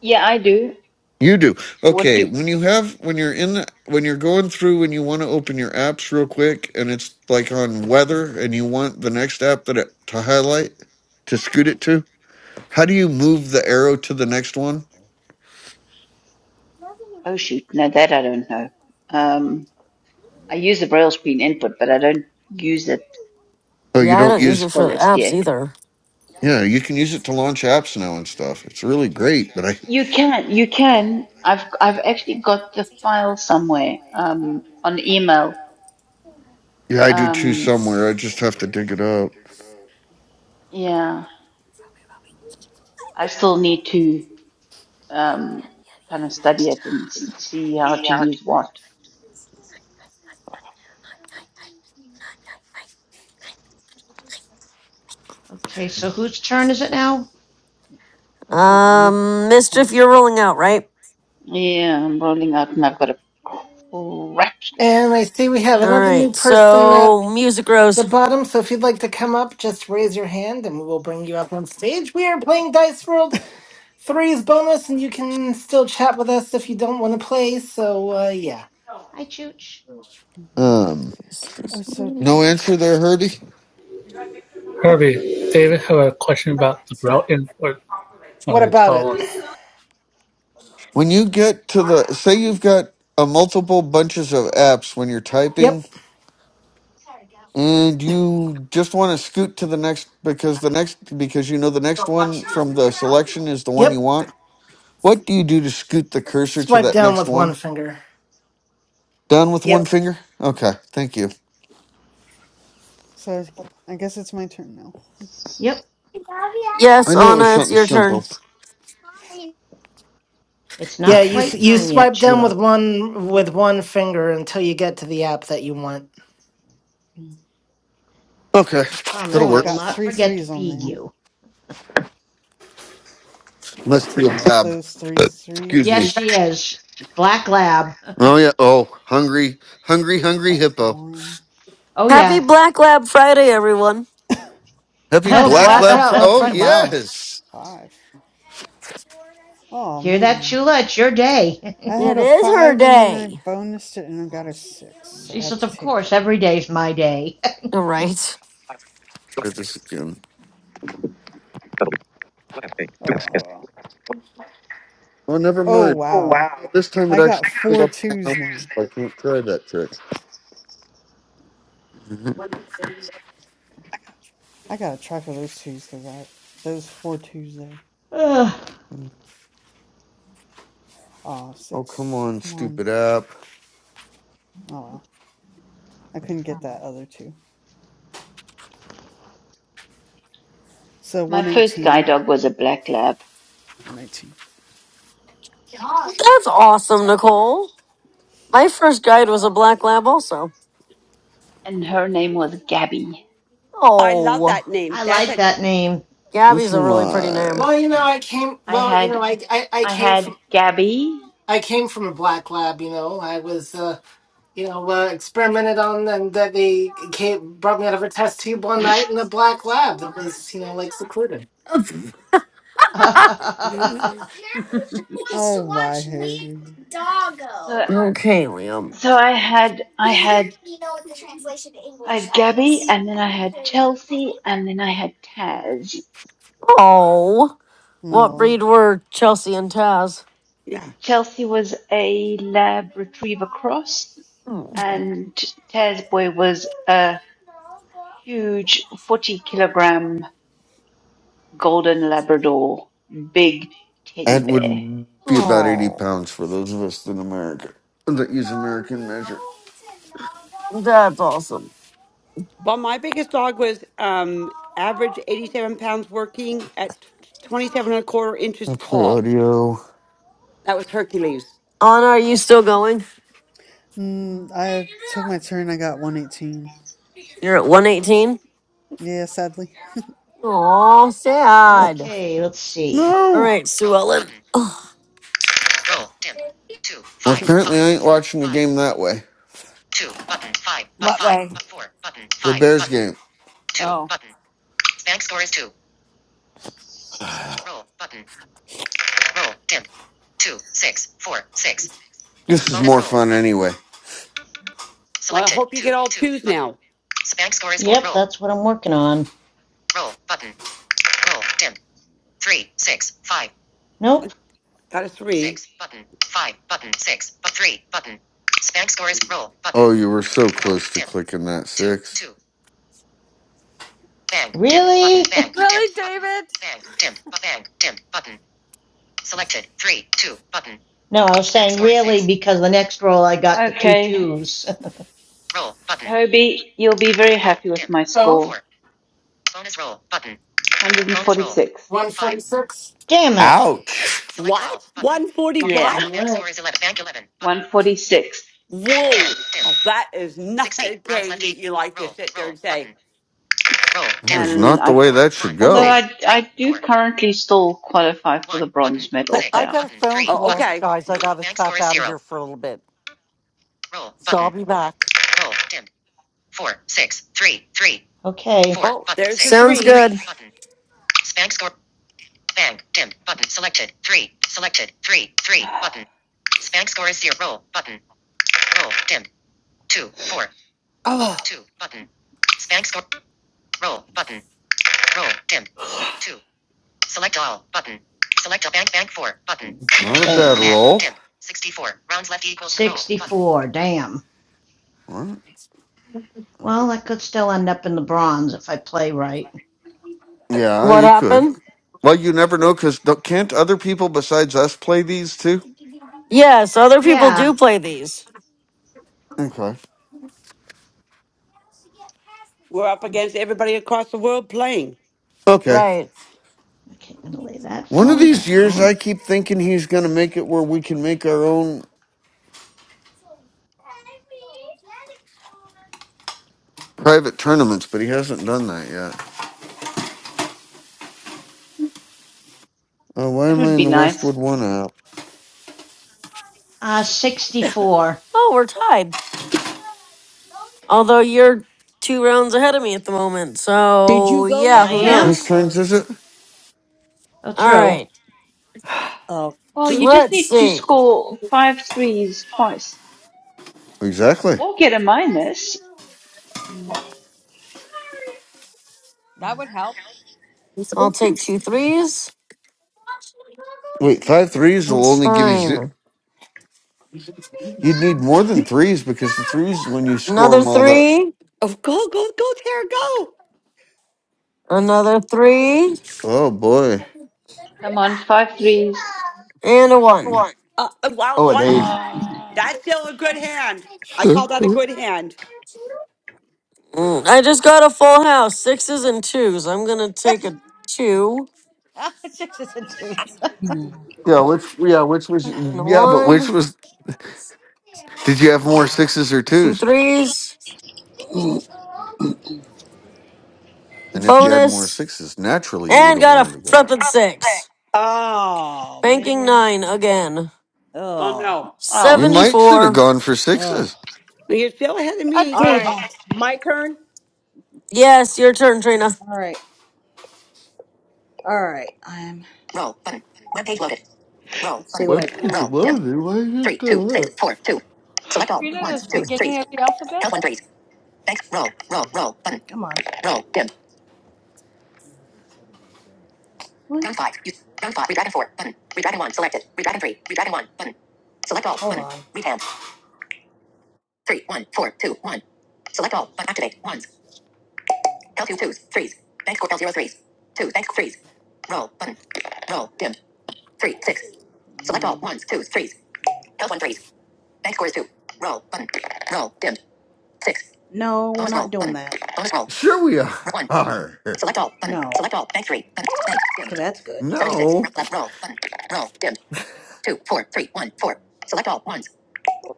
Speaker 18: Yeah, I do.
Speaker 5: You do.
Speaker 18: What do
Speaker 5: Okay,
Speaker 18: you?
Speaker 5: when you have when you're in the, when you're going through and you want to open your apps real quick and it's like on weather and you want the next app that it, to highlight to scoot it to, how do you move the arrow to the next one?
Speaker 18: Oh shoot, no, that I don't know. Um, I use the braille screen input, but I don't use it
Speaker 5: Oh, you
Speaker 2: yeah, I
Speaker 5: don't
Speaker 2: don't
Speaker 18: to
Speaker 2: use
Speaker 18: its
Speaker 5: use
Speaker 2: it for the
Speaker 18: fullest
Speaker 2: apps
Speaker 18: yet.
Speaker 2: either.
Speaker 5: yeah, you can use it to launch apps now and stuff. It's really great, but I
Speaker 18: You can, you can. I've I've actually got the file somewhere um, on email.
Speaker 5: yeah, I do too
Speaker 18: Um,
Speaker 5: somewhere. I just have to dig it up.
Speaker 18: yeah, I still need to um, kind of study it and see how to use what.
Speaker 10: Okay, so whose turn is it now?
Speaker 16: Was it
Speaker 2: Um, Mischief,
Speaker 16: Nicole?
Speaker 2: you're rolling out, right?
Speaker 18: Yeah, I'm rolling out and I've got a crap score.
Speaker 7: And I see we have
Speaker 2: All
Speaker 7: another new
Speaker 2: right,
Speaker 7: person at
Speaker 2: so Music
Speaker 7: the
Speaker 2: Rose.
Speaker 7: bottom. So if you'd like to come up, just raise your hand and we will bring you up on stage. We are playing Dice World. Three's bonus, and you can still chat with us if you don't want to play. So, uh, yeah.
Speaker 10: Hi, Chooch.
Speaker 16: hmm
Speaker 5: Um,
Speaker 16: Oh, so
Speaker 5: no answer there, Herdy.
Speaker 9: Herbie, David had a question about the Braille input on
Speaker 7: What
Speaker 9: his
Speaker 7: about
Speaker 9: phone.
Speaker 7: it?
Speaker 9: Good
Speaker 5: When you get to the say you've got a multiple bunches of apps when you're typing
Speaker 7: Yep.
Speaker 5: And you just want to scoot to the next because the next because you know the next one from the selection is the one you
Speaker 7: Yep.
Speaker 5: want. What do you do to scoot the cursor to
Speaker 7: Swipe
Speaker 5: that
Speaker 7: down
Speaker 5: next
Speaker 7: with one
Speaker 5: one?
Speaker 7: finger.
Speaker 5: Down with one
Speaker 7: Yep.
Speaker 5: finger? Okay, thank you.
Speaker 16: so I guess it's my turn now.
Speaker 10: Yep,
Speaker 2: Yes,
Speaker 5: I knew it
Speaker 16: All
Speaker 5: was
Speaker 2: Anna,
Speaker 16: right.
Speaker 2: it's
Speaker 5: something
Speaker 2: your turn.
Speaker 5: simple.
Speaker 10: it's
Speaker 7: Yeah,
Speaker 10: not
Speaker 5: Okay.
Speaker 7: you s-
Speaker 10: quite
Speaker 7: you
Speaker 10: time yet,
Speaker 7: swipe down with
Speaker 10: Chula.
Speaker 7: one with
Speaker 16: Oh,
Speaker 7: one finger until you get to the app that you want.
Speaker 16: mm.
Speaker 5: Okay.
Speaker 10: I
Speaker 5: That'll
Speaker 16: oh,
Speaker 10: promise
Speaker 16: I
Speaker 10: I
Speaker 5: work.
Speaker 10: will
Speaker 16: got
Speaker 10: not
Speaker 16: three
Speaker 10: forget to
Speaker 16: threes on
Speaker 10: feed
Speaker 16: there.
Speaker 10: you.
Speaker 16: I'll
Speaker 5: Must be
Speaker 16: take
Speaker 5: a lab.
Speaker 16: those three
Speaker 5: Excuse
Speaker 10: Yes,
Speaker 5: me.
Speaker 16: threes.
Speaker 10: she is. Black Lab. [LAUGHS]
Speaker 5: Oh yeah. Oh, hungry, hungry, hungry
Speaker 16: Five,
Speaker 5: hippo.
Speaker 16: one,
Speaker 10: oh,
Speaker 2: Happy
Speaker 10: yeah.
Speaker 2: Black Lab Friday, everyone.
Speaker 5: Happy
Speaker 7: Oh,
Speaker 5: black
Speaker 7: Black
Speaker 5: lab
Speaker 7: Rock
Speaker 5: for
Speaker 10: [LAUGHS]
Speaker 7: Love
Speaker 5: oh
Speaker 7: Friday. Wow.
Speaker 5: yes.
Speaker 16: five. Oh
Speaker 10: Hear that,
Speaker 16: man.
Speaker 10: Chula? It's your day.
Speaker 16: I had
Speaker 2: It
Speaker 16: a
Speaker 2: is her
Speaker 16: five and then I
Speaker 2: day.
Speaker 16: bonused it and I got a six,
Speaker 10: [LAUGHS]
Speaker 16: so
Speaker 10: she
Speaker 16: I have
Speaker 10: says,
Speaker 16: to
Speaker 10: Of
Speaker 16: take it.
Speaker 10: course, every day's my day.
Speaker 2: All right.
Speaker 5: Try this again.
Speaker 16: Oh,
Speaker 5: Oh never
Speaker 16: oh
Speaker 5: mind.
Speaker 16: wow!
Speaker 5: This time
Speaker 16: I
Speaker 5: it
Speaker 16: got
Speaker 5: actually pulled
Speaker 16: four
Speaker 5: up the
Speaker 16: twos
Speaker 5: app.
Speaker 16: now.
Speaker 5: so I can't try that trick.
Speaker 16: I gotta try for those twos because I those four twos there. Oh,
Speaker 5: [LAUGHS] oh, come
Speaker 16: six.
Speaker 5: on,
Speaker 16: Come on.
Speaker 5: stupid app.
Speaker 16: Oh well, I couldn't get that other two. So
Speaker 18: My
Speaker 16: one
Speaker 18: first guide
Speaker 16: eighteen.
Speaker 18: dog was a black lab,
Speaker 16: One eighteen.
Speaker 2: That's awesome, Nicole. My first guide was a black lab, also.
Speaker 18: and her name was Gabby.
Speaker 12: I love
Speaker 2: Oh,
Speaker 12: that
Speaker 10: [LAUGHS]
Speaker 12: name.
Speaker 10: I
Speaker 12: That's
Speaker 10: like
Speaker 12: a
Speaker 10: that name.
Speaker 2: Gabby's a
Speaker 5: Listen
Speaker 2: really pretty
Speaker 5: live.
Speaker 2: name.
Speaker 7: Well, you know, I came.
Speaker 18: I
Speaker 7: Well, you
Speaker 18: had
Speaker 7: know, I, I I
Speaker 18: I
Speaker 7: came
Speaker 18: had
Speaker 7: from
Speaker 18: Gabby.
Speaker 7: I came from a black lab. You know, I was uh, you know uh, experimented on, and that they came, brought me out of a test tube one night in a black lab that was you know like secluded.
Speaker 10: [LAUGHS]
Speaker 18: [LAUGHS]
Speaker 16: Oh my Harry.
Speaker 18: So
Speaker 2: Doggo. Okay, Liam.
Speaker 18: so I had I had I had Gabby, and then I had Chelsea, and then I had Taz.
Speaker 2: Oh, what
Speaker 16: Oh,
Speaker 2: breed were Chelsea and Taz?
Speaker 12: yeah.
Speaker 18: Chelsea was a lab retriever cross,
Speaker 2: Oh,
Speaker 18: and Taz Boy was a huge forty kilogram golden Labrador, big teddy
Speaker 5: That
Speaker 18: bear.
Speaker 5: would be about 80 pounds for those of us in America that use American measure.
Speaker 2: That's awesome.
Speaker 12: Well, my biggest dog was um average eighty seven pounds working at twenty seven and a quarter inches
Speaker 5: I play
Speaker 12: tall.
Speaker 5: audio.
Speaker 12: That was Hercules.
Speaker 2: Anna, are you still going?
Speaker 16: mm, I took my turn. I got one eighteen.
Speaker 2: You're at 118?
Speaker 16: Yeah, sadly.
Speaker 2: Oh,
Speaker 5: Oh,
Speaker 2: sad.
Speaker 10: okay, let's see.
Speaker 2: All
Speaker 5: no!
Speaker 2: right, Sue Ellen.
Speaker 5: Well, apparently I ain't watching the game that way.
Speaker 20: What way?
Speaker 5: The Bears game.
Speaker 20: Oh,
Speaker 5: [SIGHS] this is more fun anyway.
Speaker 12: Well, I hope you get all twos now.
Speaker 10: Yep, that's what I'm working on. Nope.
Speaker 12: Got a three.
Speaker 5: Oh, you were so close to clicking that six.
Speaker 10: Really? Dim,
Speaker 20: Really, David?
Speaker 10: No, I was saying really because the next roll I got the two
Speaker 18: Okay,
Speaker 10: twos.
Speaker 18: Hobie, you'll be very happy with my score.
Speaker 7: Oh,
Speaker 18: 146.
Speaker 7: one forty-six.
Speaker 10: [LAUGHS] Damn it.
Speaker 5: Ouch!
Speaker 12: What? One forty
Speaker 18: Yeah,
Speaker 12: what?
Speaker 7: All right.
Speaker 18: 146.
Speaker 12: Whoa. Oh, that is not a game that you like to sit there and say,
Speaker 5: That is
Speaker 18: And
Speaker 5: not the
Speaker 18: I,
Speaker 5: way that should
Speaker 18: although
Speaker 5: go.
Speaker 18: I, I do currently still qualify for the bronze
Speaker 15: I,
Speaker 18: medal
Speaker 15: I
Speaker 18: payout.
Speaker 15: got a phone
Speaker 12: Oh,
Speaker 15: call,
Speaker 12: okay.
Speaker 15: guys. I got to tap out of here for a little bit, so I'll be back.
Speaker 10: Okay.
Speaker 12: Oh, there's the
Speaker 2: Sounds
Speaker 12: threes.
Speaker 2: good.
Speaker 18: [SIGHS]
Speaker 12: Oh,
Speaker 5: Not a bad
Speaker 10: Damn.
Speaker 5: roll.
Speaker 10: 64. Damn.
Speaker 5: What?
Speaker 10: Well, I could still end up in the bronze if I play right.
Speaker 5: Yeah,
Speaker 2: What
Speaker 5: you could.
Speaker 2: happened?
Speaker 5: Well, you never know because can't other people besides us play these too?
Speaker 2: Yes, other people
Speaker 10: Yeah.
Speaker 2: do play these.
Speaker 5: Okay.
Speaker 12: we're up against everybody across the world playing.
Speaker 5: Okay.
Speaker 2: Right.
Speaker 10: Okay, I'm gonna lay that
Speaker 5: One of
Speaker 10: phone
Speaker 5: these years,
Speaker 10: down.
Speaker 5: I keep thinking he's going to make it where we can make our own private tournaments, but he hasn't done that yet. Oh, why
Speaker 18: That
Speaker 5: am I
Speaker 18: would
Speaker 5: in
Speaker 18: be
Speaker 5: the
Speaker 18: nice.
Speaker 5: Westwood One app?
Speaker 10: Uh, 64.
Speaker 2: Oh, we're tied. Although you're two rounds ahead of me at the moment.
Speaker 4: Did you
Speaker 2: So,
Speaker 4: go
Speaker 2: yeah,
Speaker 10: I
Speaker 4: yet,
Speaker 2: who
Speaker 10: am?
Speaker 4: Tara?
Speaker 5: Whose
Speaker 2: knows?
Speaker 4: Or are
Speaker 5: turns is it?
Speaker 4: you?
Speaker 10: Oh,
Speaker 2: All
Speaker 10: true.
Speaker 2: right.
Speaker 4: Oh,
Speaker 18: Well,
Speaker 12: Who's
Speaker 18: you just
Speaker 2: Let's
Speaker 18: need to
Speaker 2: see.
Speaker 18: score five threes twice
Speaker 5: Exactly.
Speaker 18: or get a minus.
Speaker 20: that would help.
Speaker 2: I'll take two threes.
Speaker 5: Wait, five threes will
Speaker 2: That's
Speaker 5: only give you. Z-
Speaker 2: fine.
Speaker 5: You'd need more than threes because the threes, when you score
Speaker 2: Another
Speaker 5: them all that.
Speaker 2: three.
Speaker 12: Oh, go, go, go, Tara, go.
Speaker 2: Another three.
Speaker 5: Oh boy.
Speaker 18: Come on, five threes.
Speaker 2: And a one.
Speaker 12: Uh, uh, wow,
Speaker 5: Oh, an
Speaker 12: one is,
Speaker 5: eight.
Speaker 18: Ah,
Speaker 12: that's still a good hand. I call that a good hand.
Speaker 2: Mm, I just got a full house. Sixes and twos. I'm going to
Speaker 20: [LAUGHS]
Speaker 2: take a two
Speaker 20: Sixes and twos. [LAUGHS]
Speaker 4: hmm.
Speaker 5: Yeah, which yeah, which was
Speaker 2: and a
Speaker 5: yeah, but which
Speaker 2: one.
Speaker 5: was? Did you have more sixes or twos?
Speaker 2: Two threes.
Speaker 5: And if you had more
Speaker 2: Bonus.
Speaker 5: sixes, naturally you would
Speaker 2: And
Speaker 5: have
Speaker 2: got
Speaker 5: wanted
Speaker 2: a
Speaker 5: to go.
Speaker 2: flippin' six.
Speaker 4: oh
Speaker 2: Banking
Speaker 4: man.
Speaker 2: nine again.
Speaker 12: Oh,
Speaker 4: Oh,
Speaker 12: no.
Speaker 5: You
Speaker 18: ouch.
Speaker 5: might should have
Speaker 2: 74.
Speaker 5: gone for
Speaker 4: oh.
Speaker 5: sixes.
Speaker 12: You're still ahead of
Speaker 20: A
Speaker 12: me.
Speaker 4: All
Speaker 12: So
Speaker 4: right,
Speaker 20: David.
Speaker 4: my turn.
Speaker 2: Yes, your turn, Trina.
Speaker 4: All right, all right. I'm roll button. Web page loaded. Roll. Let's see button. what I
Speaker 5: What
Speaker 18: [SIGHS]
Speaker 5: page
Speaker 4: Roll dim.
Speaker 5: loaded? Why did you
Speaker 4: Three, two, six,
Speaker 5: do
Speaker 4: four, two.
Speaker 20: Is
Speaker 4: Select all
Speaker 20: peanut
Speaker 4: ones,
Speaker 20: is
Speaker 4: twos,
Speaker 5: that?
Speaker 4: threes.
Speaker 20: beginning of the alphabet?
Speaker 4: Count one threes. Thanks. Roll, roll, roll. Button. Come on. Roll dim. What? Round five. You, round five. Redragon four. Button. Redragon one. Selected. Redragon three. Redragon one. Button. Select all. Hold button. on. Read hand. Three, one, four, two, one. Select all. But activate. Ones. L2 threes. Bank score L0 Two, bank threes. Roll, button. Roll, dimmed. Three, six. Select all ones, twos, threes. L1 threes. Bank score is two. Roll, button. Roll, dimmed. Six. No, bonus we're not roll, doing button. that. Bonus roll.
Speaker 5: Sure we
Speaker 4: One.
Speaker 5: are.
Speaker 4: Select all. Button. No. Select all. Bank three. Button. Bank. Dimmed. So that's good. 76.
Speaker 5: No.
Speaker 4: Roll, left, roll. Button. Roll. Dimmed. Two, four, three, one, four. Select all. Ones.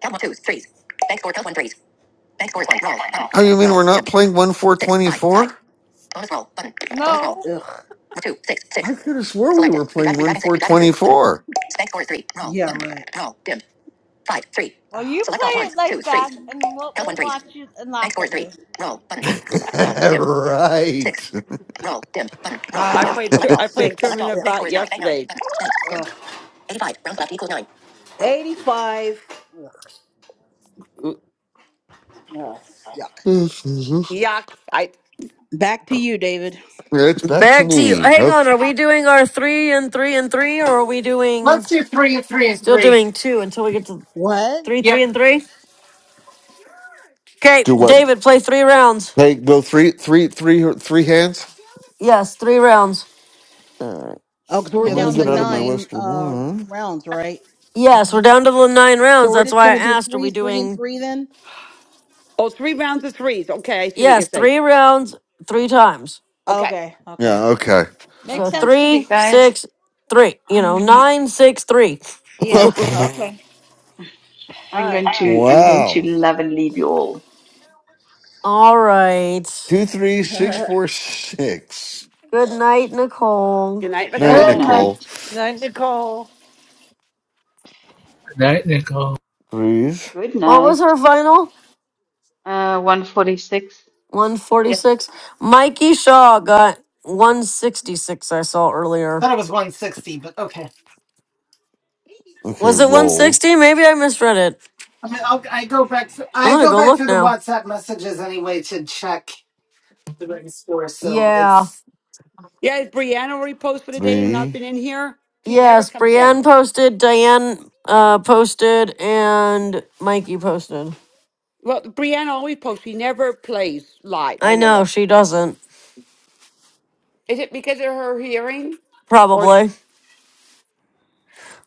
Speaker 4: L1 threes. Bank score L1 threes. Bank score is one. Roll. Button.
Speaker 5: Oh, you mean
Speaker 4: Roll.
Speaker 5: we're not
Speaker 4: Dimmed.
Speaker 5: playing one four
Speaker 4: Six,
Speaker 5: twenty
Speaker 4: five, five.
Speaker 5: four?
Speaker 4: Bonus roll. Button. Bonus roll.
Speaker 20: No.
Speaker 4: Ugh. Two, six,
Speaker 5: I
Speaker 4: six.
Speaker 5: could have swore we
Speaker 4: Selected.
Speaker 5: were
Speaker 4: Redraft,
Speaker 5: playing one
Speaker 4: redraft,
Speaker 5: four
Speaker 4: six, redraft, two.
Speaker 5: twenty
Speaker 4: Button.
Speaker 5: four.
Speaker 4: Spank score is three. Roll. Yeah, button. right. Roll. Dim. Five, three.
Speaker 20: Well,
Speaker 4: Ah.
Speaker 20: you
Speaker 4: Select all
Speaker 20: play it
Speaker 4: ones,
Speaker 20: like
Speaker 4: twos, threes.
Speaker 20: that, and we'll,
Speaker 4: Count
Speaker 20: we'll
Speaker 4: one threes.
Speaker 20: watch you and
Speaker 4: Bank
Speaker 20: laugh
Speaker 4: score is
Speaker 20: at you.
Speaker 4: three. Roll. Button.
Speaker 5: [LAUGHS]
Speaker 4: Roll. Dim.
Speaker 5: Right.
Speaker 4: Six. Roll. Dim. Button. Roll. Dim. Ah,
Speaker 12: I
Speaker 4: dim.
Speaker 5: [LAUGHS]
Speaker 12: played, tur-
Speaker 4: Select all.
Speaker 12: I
Speaker 4: Button.
Speaker 12: played a
Speaker 4: Six. Select
Speaker 12: tournament
Speaker 4: all.
Speaker 12: of
Speaker 4: Ugh. Bank
Speaker 12: that
Speaker 4: score is nine. Bank nine.
Speaker 12: yesterday.
Speaker 4: Button. Ugh. 85. Rounds left equals nine. 85. Ugh.
Speaker 12: Mm,
Speaker 5: it's
Speaker 12: Yuck. I,
Speaker 4: Back to you, David.
Speaker 5: back to
Speaker 2: Back to you.
Speaker 5: me.
Speaker 2: Hang
Speaker 5: Okay.
Speaker 2: on, are we doing our three and three and three, or are we doing
Speaker 7: Let's do three and three and
Speaker 2: still
Speaker 7: three.
Speaker 2: doing two until we get to
Speaker 4: What?
Speaker 2: three, three,
Speaker 7: Yep.
Speaker 2: and three? Okay,
Speaker 5: Do what?
Speaker 2: David, play three rounds.
Speaker 5: Hey, go three, three, three, three hands.
Speaker 2: Yes, three rounds.
Speaker 5: All right.
Speaker 4: Oh, because
Speaker 16: [LAUGHS]
Speaker 4: we're
Speaker 16: yeah,
Speaker 5: Well, let me
Speaker 16: that's
Speaker 4: down
Speaker 16: a
Speaker 4: to
Speaker 5: get
Speaker 16: good
Speaker 5: out of my
Speaker 16: idea.
Speaker 4: nine
Speaker 5: Westwood
Speaker 4: uh
Speaker 5: one.
Speaker 4: rounds, right? I
Speaker 2: Yes, we're
Speaker 4: think.
Speaker 2: down to the nine
Speaker 4: So
Speaker 2: rounds.
Speaker 4: we're
Speaker 2: That's
Speaker 4: just
Speaker 2: why I
Speaker 4: gonna do
Speaker 2: asked, are we
Speaker 4: three, three, and
Speaker 2: doing
Speaker 4: three then?
Speaker 12: oh, three rounds of threes. Okay. I see what you're
Speaker 2: yes,
Speaker 12: saying.
Speaker 2: three rounds three times.
Speaker 12: Okay.
Speaker 4: Okay,
Speaker 5: Yeah.
Speaker 4: okay,
Speaker 5: Okay.
Speaker 20: Makes
Speaker 2: So
Speaker 4: okay.
Speaker 20: sense to me.
Speaker 18: Okay,
Speaker 2: three,
Speaker 18: guys,
Speaker 2: six, three. You
Speaker 18: I'm
Speaker 2: know,
Speaker 18: gonna,
Speaker 2: nine, six, three.
Speaker 5: [LAUGHS]
Speaker 4: Yeah,
Speaker 2: [LAUGHS]
Speaker 4: okay. All
Speaker 18: I'm
Speaker 4: right.
Speaker 18: going to, I'm going to
Speaker 5: wow.
Speaker 18: love and leave you all.
Speaker 2: All right.
Speaker 4: [LAUGHS]
Speaker 5: 23646.
Speaker 2: Good night, Nicole.
Speaker 12: Good night,
Speaker 5: Night,
Speaker 18: Good
Speaker 7: Good
Speaker 12: Nicole.
Speaker 7: night.
Speaker 5: Nicole.
Speaker 18: night.
Speaker 15: Now, Nicole.
Speaker 9: Night Nicole.
Speaker 5: Breathe.
Speaker 18: Good
Speaker 2: What was
Speaker 18: night.
Speaker 2: her final?
Speaker 18: Uh, 146.
Speaker 2: 146. Mikey Shaw got 166, I saw earlier.
Speaker 7: Thought it was 160, but okay.
Speaker 5: Okay,
Speaker 2: Was it
Speaker 5: roll.
Speaker 2: 160? Maybe I misread it.
Speaker 7: I mean, I'll, I go back. Th-
Speaker 2: I'm
Speaker 7: I
Speaker 2: gonna
Speaker 7: go
Speaker 2: go
Speaker 7: back
Speaker 2: look
Speaker 7: through the
Speaker 2: now.
Speaker 7: WhatsApp messages anyway to check the ring score. So
Speaker 2: Yeah.
Speaker 7: it's
Speaker 12: Yeah. Is Brianna already post for the day? Not
Speaker 5: Three,
Speaker 12: been in here? She never
Speaker 2: Yes,
Speaker 12: comes in.
Speaker 2: Brienne posted, Diane uh, posted, and Mikey posted.
Speaker 12: Well, Brianna always posts. She never plays live. I
Speaker 2: I
Speaker 12: know
Speaker 2: know,
Speaker 12: that.
Speaker 2: she doesn't.
Speaker 12: Is it because of her hearing? Or,
Speaker 2: Probably.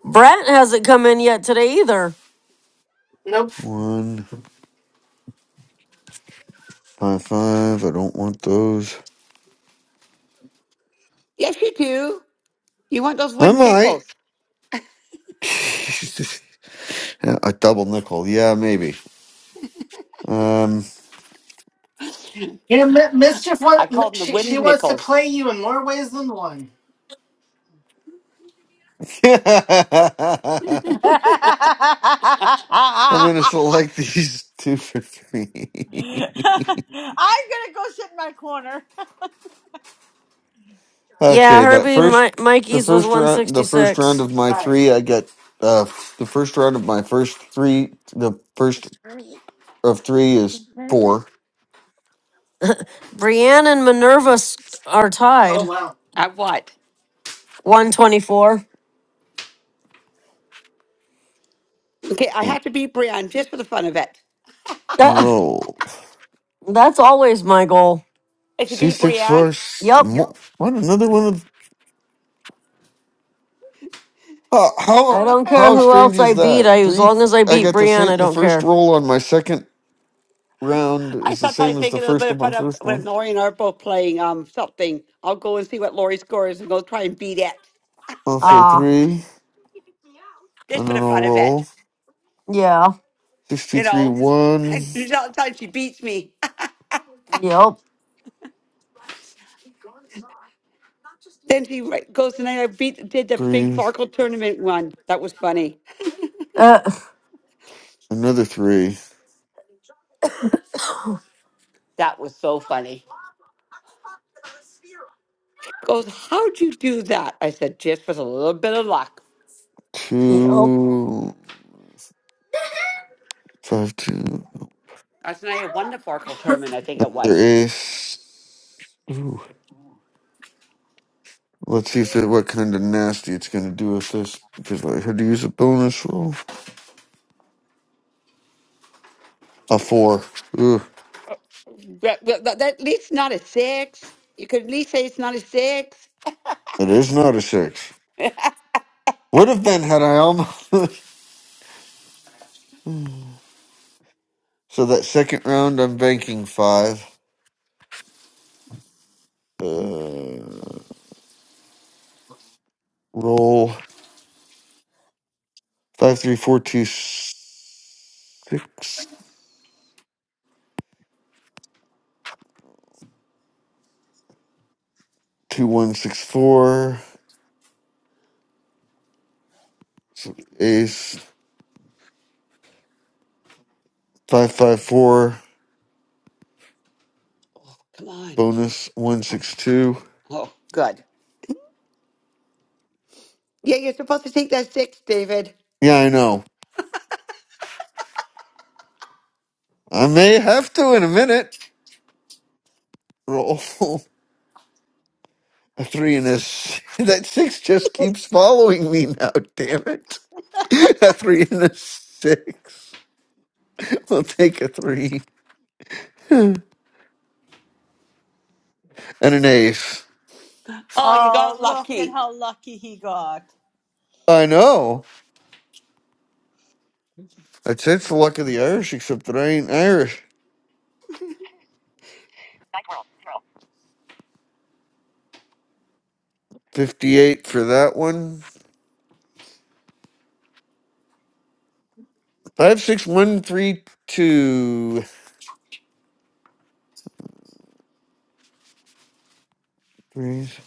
Speaker 2: Brett hasn't come in yet today either.
Speaker 7: nope.
Speaker 5: one, five, five. I don't want those.
Speaker 12: yes, you do. You want those
Speaker 5: I
Speaker 12: wooden
Speaker 5: might.
Speaker 12: nickels?
Speaker 5: [LAUGHS] Yeah, A double nickel. Yeah, maybe. Um,
Speaker 7: Yeah, Mi- mischief.
Speaker 12: I
Speaker 7: What
Speaker 12: call them the
Speaker 7: she she
Speaker 12: wooden
Speaker 7: wants to
Speaker 12: nickels.
Speaker 7: play you in more ways than one.
Speaker 5: [LAUGHS] I'm
Speaker 20: [LAUGHS] I'm
Speaker 5: going to select these [LAUGHS] two for three. [LAUGHS]
Speaker 20: gonna go sit in my corner. [LAUGHS]
Speaker 2: Yeah,
Speaker 5: Okay, that
Speaker 2: Herbie,
Speaker 5: first,
Speaker 2: Mi-
Speaker 5: the
Speaker 2: Mikey's was
Speaker 5: first round, the first round
Speaker 2: 166.
Speaker 5: of my
Speaker 7: All right.
Speaker 5: three, I get uh f- the first round of my first three. The first of three is four.
Speaker 2: Brienne and Minerva s- are
Speaker 7: Oh
Speaker 2: tied.
Speaker 7: wow.
Speaker 12: I what?
Speaker 2: 124.
Speaker 12: Okay, I have to beat Brienne just for the fun of it.
Speaker 2: [LAUGHS]
Speaker 5: Roll
Speaker 2: That's always my goal.
Speaker 12: If you
Speaker 5: C
Speaker 12: beat
Speaker 5: six
Speaker 12: Brienne,
Speaker 5: first.
Speaker 2: Yep.
Speaker 5: Mo- What another one of how
Speaker 2: I
Speaker 5: how
Speaker 20: Oh, you
Speaker 2: don't
Speaker 20: guys
Speaker 2: care
Speaker 5: how
Speaker 20: have
Speaker 2: who
Speaker 5: strange
Speaker 2: else I
Speaker 5: is
Speaker 20: me.
Speaker 2: beat.
Speaker 5: that?
Speaker 2: I as
Speaker 5: Three.
Speaker 2: long as I
Speaker 5: I
Speaker 2: beat
Speaker 5: got the
Speaker 2: Brienne,
Speaker 5: same.
Speaker 2: I
Speaker 5: The
Speaker 2: don't
Speaker 5: first
Speaker 2: care.
Speaker 5: roll on my second round
Speaker 12: I
Speaker 5: is the same
Speaker 12: sometimes
Speaker 5: as
Speaker 12: make
Speaker 5: the
Speaker 12: a little bit
Speaker 5: first of
Speaker 12: of
Speaker 5: my
Speaker 12: fun of
Speaker 5: first
Speaker 12: when
Speaker 5: one.
Speaker 12: Lori and I are both playing um something. I'll go and see what Lori scores and go try and beat it.
Speaker 5: I'll say
Speaker 12: When,
Speaker 2: Ah,
Speaker 5: three,
Speaker 12: just
Speaker 5: and then
Speaker 12: for the
Speaker 5: I'll
Speaker 12: fun of it,
Speaker 5: roll
Speaker 2: yeah.
Speaker 5: six two
Speaker 12: you
Speaker 5: three
Speaker 12: know.
Speaker 5: one
Speaker 12: And sometimes she beats me. [LAUGHS]
Speaker 2: Yep.
Speaker 12: Then she ri- goes tonight. I beat did the big
Speaker 5: three
Speaker 12: Farkle tournament one. That was funny.
Speaker 2: Uh,
Speaker 5: another three.
Speaker 12: That was so funny. Goes, how'd you do that? I said, just with a little bit of luck.
Speaker 2: yep.
Speaker 5: two, five, two.
Speaker 12: Last night I won the Farkle tournament, I think it
Speaker 5: Another
Speaker 12: was.
Speaker 5: ace. Ooh. Let's see if it, what kind of nasty it's gonna do with this. Because I had to use a bonus roll. A four. Ooh,
Speaker 12: That, that, that- at least not a six. You could at least say it's not a six.
Speaker 5: it is not a six. Would have been had I almost. [LAUGHS] so that second round, I'm banking five. Uh, roll five, three, four, two, s- six, two, one, six, four. So ace. 554
Speaker 12: Oh, come on.
Speaker 5: bonus
Speaker 12: Oh,
Speaker 5: 162.
Speaker 12: oh, good. Yeah, you're supposed to take that six, David.
Speaker 5: Yeah, I know. I may have to in a minute. Roll [LAUGHS] a three and a six. [LAUGHS] That six just keeps following me now, damn it. [LAUGHS] A three and a six. We'll take a three [SIGHS] and an ace.
Speaker 12: Oh, you got
Speaker 20: Oh, look at
Speaker 12: lucky.
Speaker 20: how lucky he got.
Speaker 5: I know. That's it's the luck of the Irish, except that I ain't Irish. 58 for that one. Five, six, one, three, two. Threes.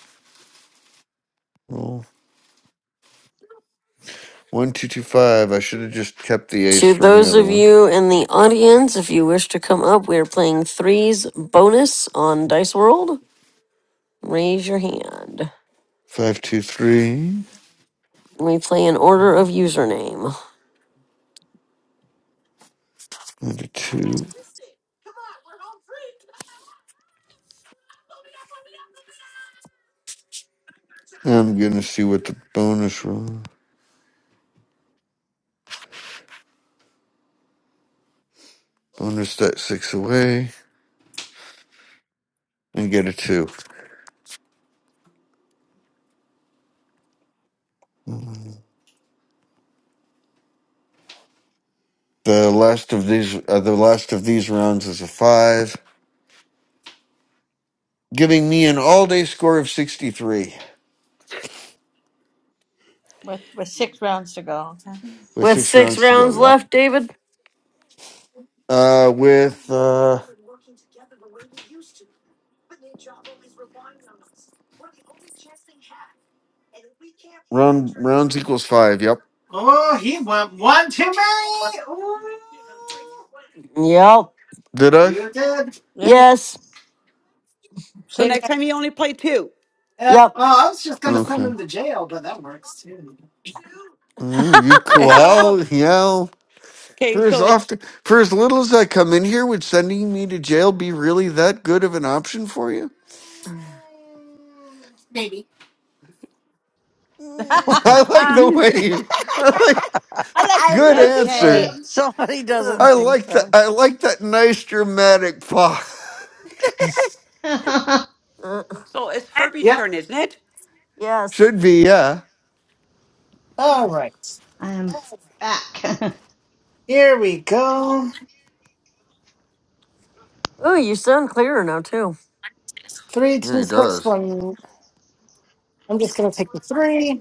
Speaker 5: Roll. One, two, two, five. I should have just kept the ace
Speaker 2: To
Speaker 5: from the
Speaker 2: those
Speaker 5: other
Speaker 2: of
Speaker 5: one.
Speaker 2: you in the audience, if you wish to come up, we are playing threes bonus on Dice World. Raise your hand.
Speaker 5: Five, two, three.
Speaker 2: We play in order of username.
Speaker 5: Another two. I'm gonna see what the bonus roll. Bonus that six away and get a two. The last of these, uh, the last of these rounds is a five, giving me an all-day score of sixty-three
Speaker 20: with with six rounds to go. Okay.
Speaker 5: with
Speaker 2: With
Speaker 5: six
Speaker 2: six
Speaker 5: rounds to go.
Speaker 2: rounds
Speaker 5: Yep.
Speaker 2: left, David.
Speaker 5: Uh, with uh, round rounds equals five. Yep.
Speaker 7: Oh, he went one too many. Ooh,
Speaker 2: Yep.
Speaker 5: Did I?
Speaker 7: you did.
Speaker 20: Yeah, you
Speaker 2: Yes.
Speaker 12: So
Speaker 20: completed
Speaker 12: next
Speaker 20: it.
Speaker 12: time you only play two. [LAUGHS]
Speaker 7: Yep.
Speaker 2: Yep.
Speaker 7: Oh, I was just gonna send
Speaker 5: Okay.
Speaker 7: him to jail, but that works too.
Speaker 5: Mm, you
Speaker 12: Oh,
Speaker 5: well, yeah.
Speaker 12: okay,
Speaker 5: For as
Speaker 12: so it's
Speaker 5: often, for as little as I come in here, would sending me to jail be really that good of an option for you?
Speaker 7: Maybe.
Speaker 20: [LAUGHS]
Speaker 5: Mm, [LAUGHS] I like
Speaker 20: I
Speaker 5: the way you. I like
Speaker 20: like to see
Speaker 5: good
Speaker 20: him
Speaker 12: [LAUGHS]
Speaker 5: answer.
Speaker 10: Okay.
Speaker 20: squirm.
Speaker 15: Somebody [LAUGHS]
Speaker 2: Uh,
Speaker 15: doesn't
Speaker 5: I
Speaker 15: think
Speaker 5: like that.
Speaker 15: so.
Speaker 5: I like that nice dramatic pause. [LAUGHS]
Speaker 10: [LAUGHS] I
Speaker 2: uh,
Speaker 12: so it's Herbie's
Speaker 7: Yep.
Speaker 12: turn, isn't it?
Speaker 2: yes.
Speaker 5: Should be yeah.
Speaker 7: All right.
Speaker 10: am back.
Speaker 7: Here we go.
Speaker 2: Oh, you sound clearer now too.
Speaker 7: Three,
Speaker 5: Yeah,
Speaker 7: two,
Speaker 5: he
Speaker 7: six,
Speaker 5: does.
Speaker 7: one. I'm just gonna take the three.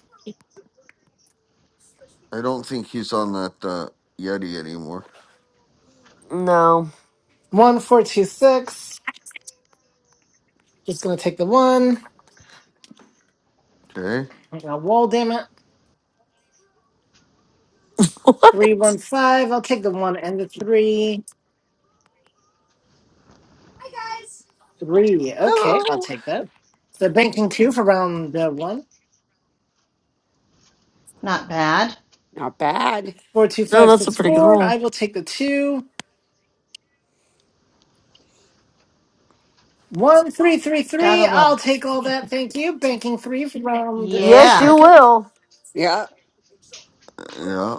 Speaker 5: I don't think he's on that uh, Yeti anymore.
Speaker 2: No.
Speaker 7: One, four, two, six. Just gonna take the one.
Speaker 5: Okay.
Speaker 7: I got a wall, damn it.
Speaker 2: [LAUGHS]
Speaker 7: Three,
Speaker 2: What?
Speaker 7: one, five. I'll take the one and the three. Three. Okay, I'll
Speaker 5: Hello.
Speaker 7: take that. So banking two for round uh, one.
Speaker 10: [LAUGHS] Not bad.
Speaker 12: Not bad.
Speaker 7: Four, two,
Speaker 2: No,
Speaker 7: five,
Speaker 2: that's a
Speaker 7: six,
Speaker 2: pretty good
Speaker 7: four.
Speaker 2: roll.
Speaker 7: I will take the two. One, three, three,
Speaker 10: Gotta
Speaker 7: three.
Speaker 10: love
Speaker 7: I'll take all
Speaker 10: it.
Speaker 7: that.
Speaker 10: [LAUGHS]
Speaker 7: Thank you. Banking three for round
Speaker 2: Yes,
Speaker 10: yeah.
Speaker 2: you
Speaker 7: second.
Speaker 2: will.
Speaker 12: Yeah.
Speaker 5: Yeah.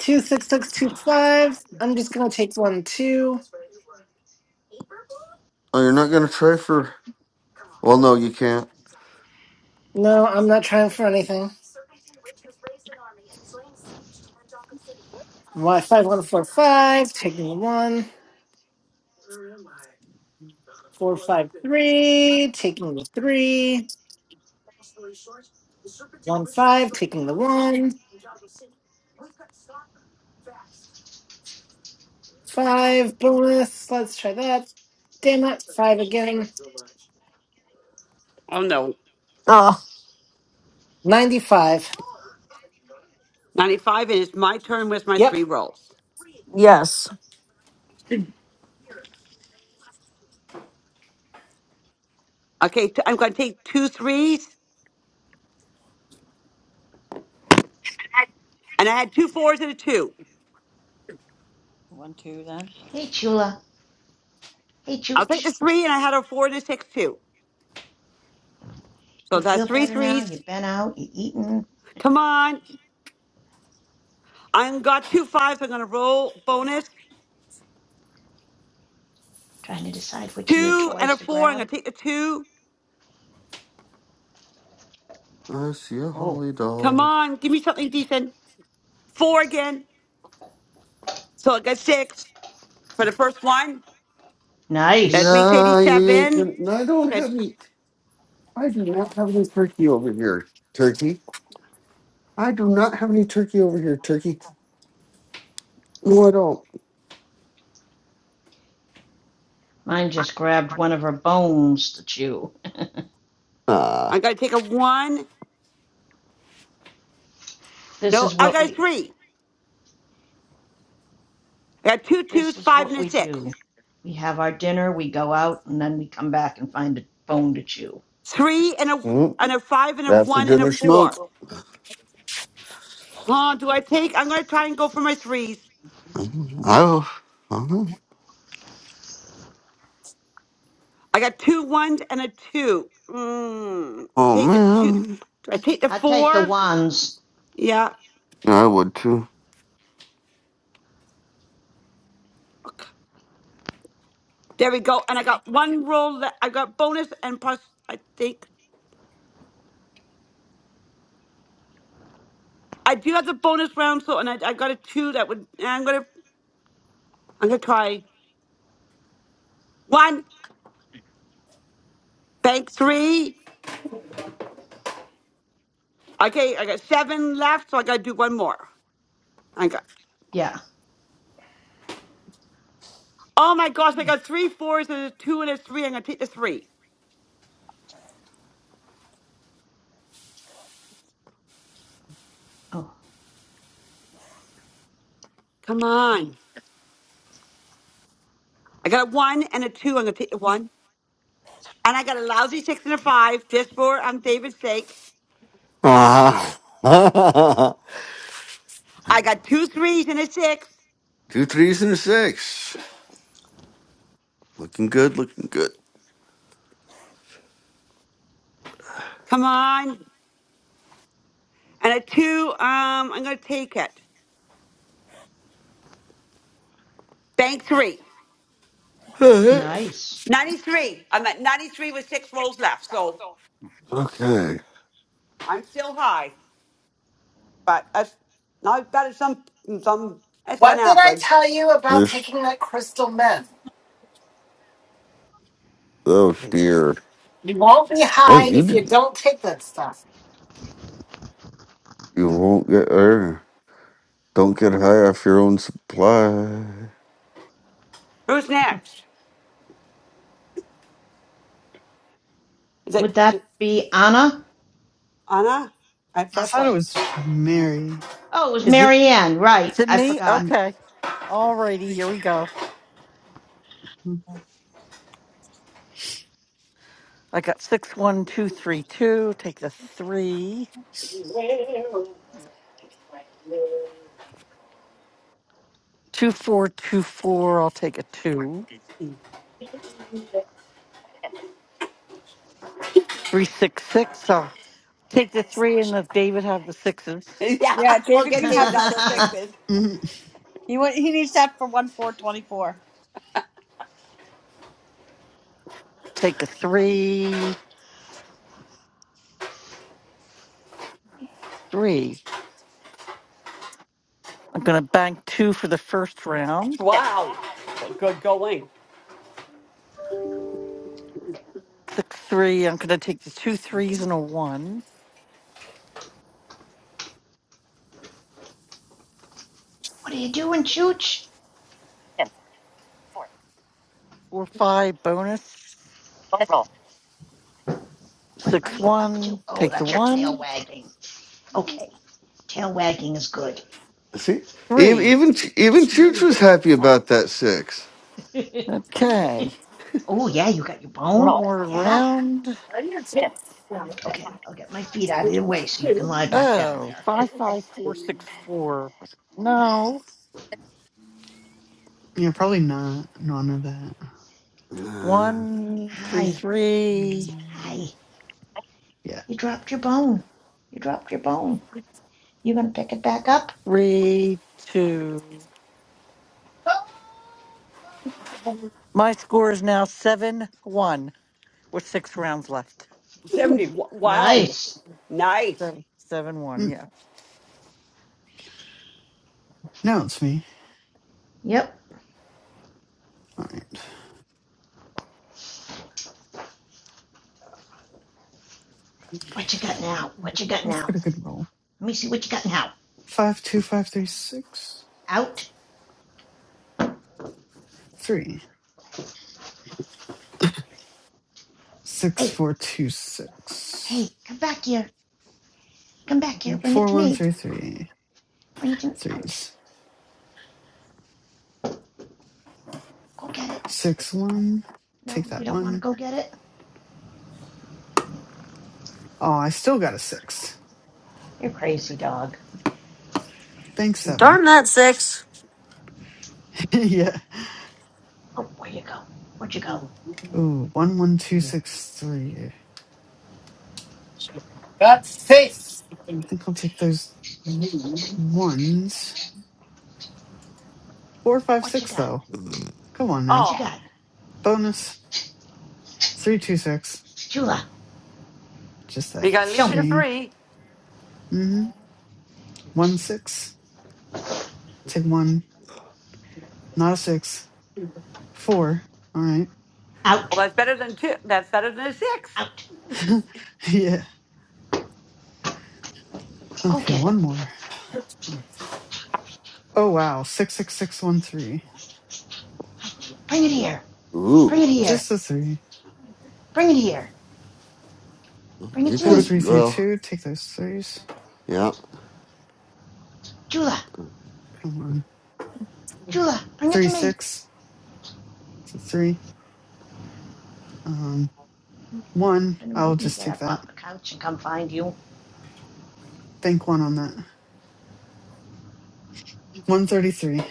Speaker 7: Two, six, six, two, five. I'm just gonna take one, two.
Speaker 5: Oh, you're not gonna try for? Well, no, you can't.
Speaker 7: No, I'm not trying for anything. Why five one four five, taking the one. Four five three, taking the three. One five, taking the one. Five bonus. Let's try that. Damn it, five again.
Speaker 12: Oh no.
Speaker 2: Oh,
Speaker 7: Ninety five.
Speaker 12: Ninety-five, and it's my turn with my
Speaker 7: Yep.
Speaker 12: three rolls.
Speaker 2: yes.
Speaker 12: Okay, t- I'm going to take two threes. And I had two fours and a two.
Speaker 20: One two then.
Speaker 10: Hey, Chula. Hey,
Speaker 12: I'll take the
Speaker 10: Chooch.
Speaker 12: three, and I had a four and a six too. So
Speaker 10: You
Speaker 12: that's
Speaker 10: feel
Speaker 12: three
Speaker 10: better now?
Speaker 12: threes.
Speaker 10: You've been out, you eaten,
Speaker 12: Come on. I got two fives. I'm gonna roll bonus.
Speaker 10: trying to decide which of your
Speaker 12: Two and a
Speaker 10: toys to
Speaker 12: four. I'm gonna
Speaker 10: grab?
Speaker 12: take the two.
Speaker 5: I see a
Speaker 10: Oh,
Speaker 5: holly
Speaker 12: Come
Speaker 5: dog.
Speaker 12: on, give me something decent. Four again. So I got six for the first one. That
Speaker 10: nice.
Speaker 12: makes
Speaker 5: Yeah, you ain't
Speaker 12: eighty-seven.
Speaker 5: gonna. I don't have
Speaker 12: That's-
Speaker 5: any. I do not have any turkey over here, turkey. I do not have any turkey over here, turkey. No, I don't.
Speaker 10: Mine just grabbed one of her bones to chew. [LAUGHS]
Speaker 12: I'm
Speaker 5: Ah,
Speaker 12: gonna take a one.
Speaker 10: this is
Speaker 12: No, I
Speaker 10: what
Speaker 12: got a
Speaker 10: we
Speaker 12: three. I got two twos,
Speaker 10: this is
Speaker 12: five
Speaker 10: what
Speaker 12: and
Speaker 10: we
Speaker 12: a six.
Speaker 10: do. We have our dinner, we go out, and then we come back and find a bone to chew.
Speaker 12: Three and a
Speaker 5: mm,
Speaker 12: and a five and a
Speaker 5: after
Speaker 12: one and a
Speaker 5: dinner smoke.
Speaker 12: four. Oh, do I take? I'm gonna try and go for my threes.
Speaker 5: Oh, oh
Speaker 12: I got two ones and a two. Mm,
Speaker 5: oh,
Speaker 12: take a two.
Speaker 5: man,
Speaker 12: Do I take the
Speaker 10: I take the
Speaker 12: four?
Speaker 10: ones.
Speaker 12: Yeah,
Speaker 5: I would too.
Speaker 12: there we go. And I got one roll. le- I got bonus and plus. I think I do have the bonus round. So and I, I got a two. That would. I'm gonna. I'm gonna try one. Bank three. Okay, I got seven left. So I gotta do one more. I got.
Speaker 10: Yeah.
Speaker 12: Oh my gosh! I got three fours and a two and a three. I'm gonna take the three.
Speaker 10: Oh,
Speaker 12: Come on. I got a one and a two. I'm gonna take the one, and I got a lousy six and a five just for on David's sake.
Speaker 5: Ah, [LAUGHS]
Speaker 12: I got two threes and a six.
Speaker 5: two threes and a six. Looking good, looking good.
Speaker 12: Come on, and a two. Um, I'm gonna take it. Bank three.
Speaker 5: [LAUGHS]
Speaker 10: Nice.
Speaker 12: 93. I'm at 93 with six rolls left, so
Speaker 5: okay,
Speaker 12: I'm still high. But that's not that is some some that's an
Speaker 7: What did I
Speaker 12: average.
Speaker 7: tell you about
Speaker 5: this.
Speaker 7: taking that crystal meth?
Speaker 5: Oh dear,
Speaker 7: You won't be
Speaker 5: boy,
Speaker 7: high
Speaker 5: you
Speaker 7: if you
Speaker 5: did.
Speaker 7: don't take that stuff.
Speaker 5: You won't get there. Don't get high off your own supply.
Speaker 12: Who's next? Is it
Speaker 10: Would that be Anna?
Speaker 12: Anna? I
Speaker 16: I
Speaker 12: thought
Speaker 16: thought it
Speaker 12: so.
Speaker 16: was Mary.
Speaker 10: Oh, it was
Speaker 15: Is it?
Speaker 10: Marianne, right.
Speaker 15: Is it
Speaker 10: I
Speaker 15: me?
Speaker 10: forgot.
Speaker 15: Okay. Alrighty, here we go.
Speaker 16: Mm-hmm.
Speaker 15: I got six one two three two. Take the three. Two four two four. I'll take a two. Three six six. I'll take the three and let David have the sixes.
Speaker 12: [LAUGHS] Yeah,
Speaker 20: Yeah,
Speaker 12: we'll
Speaker 20: David
Speaker 10: [LAUGHS]
Speaker 12: get
Speaker 20: can have
Speaker 12: David
Speaker 20: the
Speaker 12: all the
Speaker 20: sixes.
Speaker 10: what
Speaker 12: sixes.
Speaker 20: He wa- he needs that for one four twenty four.
Speaker 15: Take a three. Three. I'm gonna bank two for the first round.
Speaker 12: Wow. Well, good going.
Speaker 15: Six three. I'm gonna take the two threes and a one.
Speaker 10: are you doing, Chooch?
Speaker 15: Four five bonus.
Speaker 10: What are
Speaker 15: Six
Speaker 10: you up to?
Speaker 15: one.
Speaker 10: Oh,
Speaker 15: Take the
Speaker 10: that's your tail
Speaker 15: one.
Speaker 10: wagging. Okay, tail wagging is good.
Speaker 5: See, even
Speaker 15: Three.
Speaker 5: even even Chooch was happy about that six.
Speaker 10: [LAUGHS]
Speaker 15: Okay.
Speaker 10: Oh, yeah, you got your
Speaker 15: One
Speaker 10: bone?
Speaker 15: more
Speaker 10: Yeah?
Speaker 15: round.
Speaker 10: Okay, I'll get my feet out of the way so you can lie back down
Speaker 15: Oh,
Speaker 10: there.
Speaker 15: five five four six four.
Speaker 16: Yeah, probably not. None of that.
Speaker 5: Uh,
Speaker 10: [LAUGHS]
Speaker 15: One three
Speaker 10: Hi,
Speaker 15: three
Speaker 16: Mm,
Speaker 10: hi,
Speaker 16: Yeah.
Speaker 10: you dropped your bone. You dropped your bone. You gonna pick it back up?
Speaker 15: three two. My score is now seven one with six rounds left.
Speaker 12: 70. Wa- Wow.
Speaker 10: Nice.
Speaker 12: Nice.
Speaker 15: Seven seven one.
Speaker 16: Mm,
Speaker 15: Yeah.
Speaker 16: Now it's me.
Speaker 10: Yep.
Speaker 16: All right.
Speaker 10: What you got now? What you got
Speaker 16: Let's
Speaker 10: now?
Speaker 16: get a good roll.
Speaker 10: Let me see what you got now.
Speaker 16: Five two five three six
Speaker 10: Out,
Speaker 16: three six
Speaker 10: Hey,
Speaker 16: four two
Speaker 10: hey,
Speaker 16: six
Speaker 10: come back here. Come back here. Bring it
Speaker 16: four
Speaker 10: to
Speaker 16: one
Speaker 10: me.
Speaker 16: three three
Speaker 10: Bring it to me. Out.
Speaker 16: threes
Speaker 10: Go get it.
Speaker 16: six one.
Speaker 10: No,
Speaker 16: Take that
Speaker 10: you don't want to
Speaker 16: one.
Speaker 10: go get it?
Speaker 16: Oh, I still got a six.
Speaker 10: You're crazy, dog.
Speaker 16: Bank seven.
Speaker 2: Darn that six.
Speaker 16: [LAUGHS] yeah.
Speaker 10: Oh, where you go? Where'd you go?
Speaker 16: Ooh, one one two six three. I
Speaker 7: That's safe.
Speaker 16: think I'll take those ones. Four five
Speaker 10: What you
Speaker 16: six
Speaker 10: got?
Speaker 16: though. Come on
Speaker 10: What
Speaker 16: now.
Speaker 10: you
Speaker 12: Oh,
Speaker 10: got?
Speaker 16: Bonus three two six.
Speaker 10: Shula,
Speaker 16: Just that
Speaker 12: because at
Speaker 10: show
Speaker 12: least you're
Speaker 10: me.
Speaker 16: 3
Speaker 12: three.
Speaker 16: Mm-hmm. One six. Take one. Not a six. Four. All right.
Speaker 12: Well,
Speaker 10: Out.
Speaker 12: that's better than two. That's better than a six.
Speaker 10: Out.
Speaker 16: [LAUGHS] yeah.
Speaker 10: Go
Speaker 16: Okay.
Speaker 10: get it.
Speaker 16: One more. Oh wow. Six six six one three.
Speaker 10: Bring it here. Bring it
Speaker 5: ooh,
Speaker 10: here.
Speaker 16: Just a three.
Speaker 10: Bring it here. Bring it
Speaker 5: you
Speaker 10: to
Speaker 5: could
Speaker 16: Four
Speaker 5: have.
Speaker 10: me.
Speaker 16: three three
Speaker 5: Well,
Speaker 16: two. Take those threes.
Speaker 5: yeah,
Speaker 10: Jula.
Speaker 16: Come on.
Speaker 10: Jula, bring it to
Speaker 16: Three
Speaker 10: me.
Speaker 16: six. So three. Um.
Speaker 10: You're
Speaker 16: One.
Speaker 10: Gonna
Speaker 16: I'll
Speaker 10: make me
Speaker 16: just
Speaker 10: get
Speaker 16: take
Speaker 10: up
Speaker 16: that.
Speaker 10: off the couch and come find you?
Speaker 16: Bank one on that. One thirty three.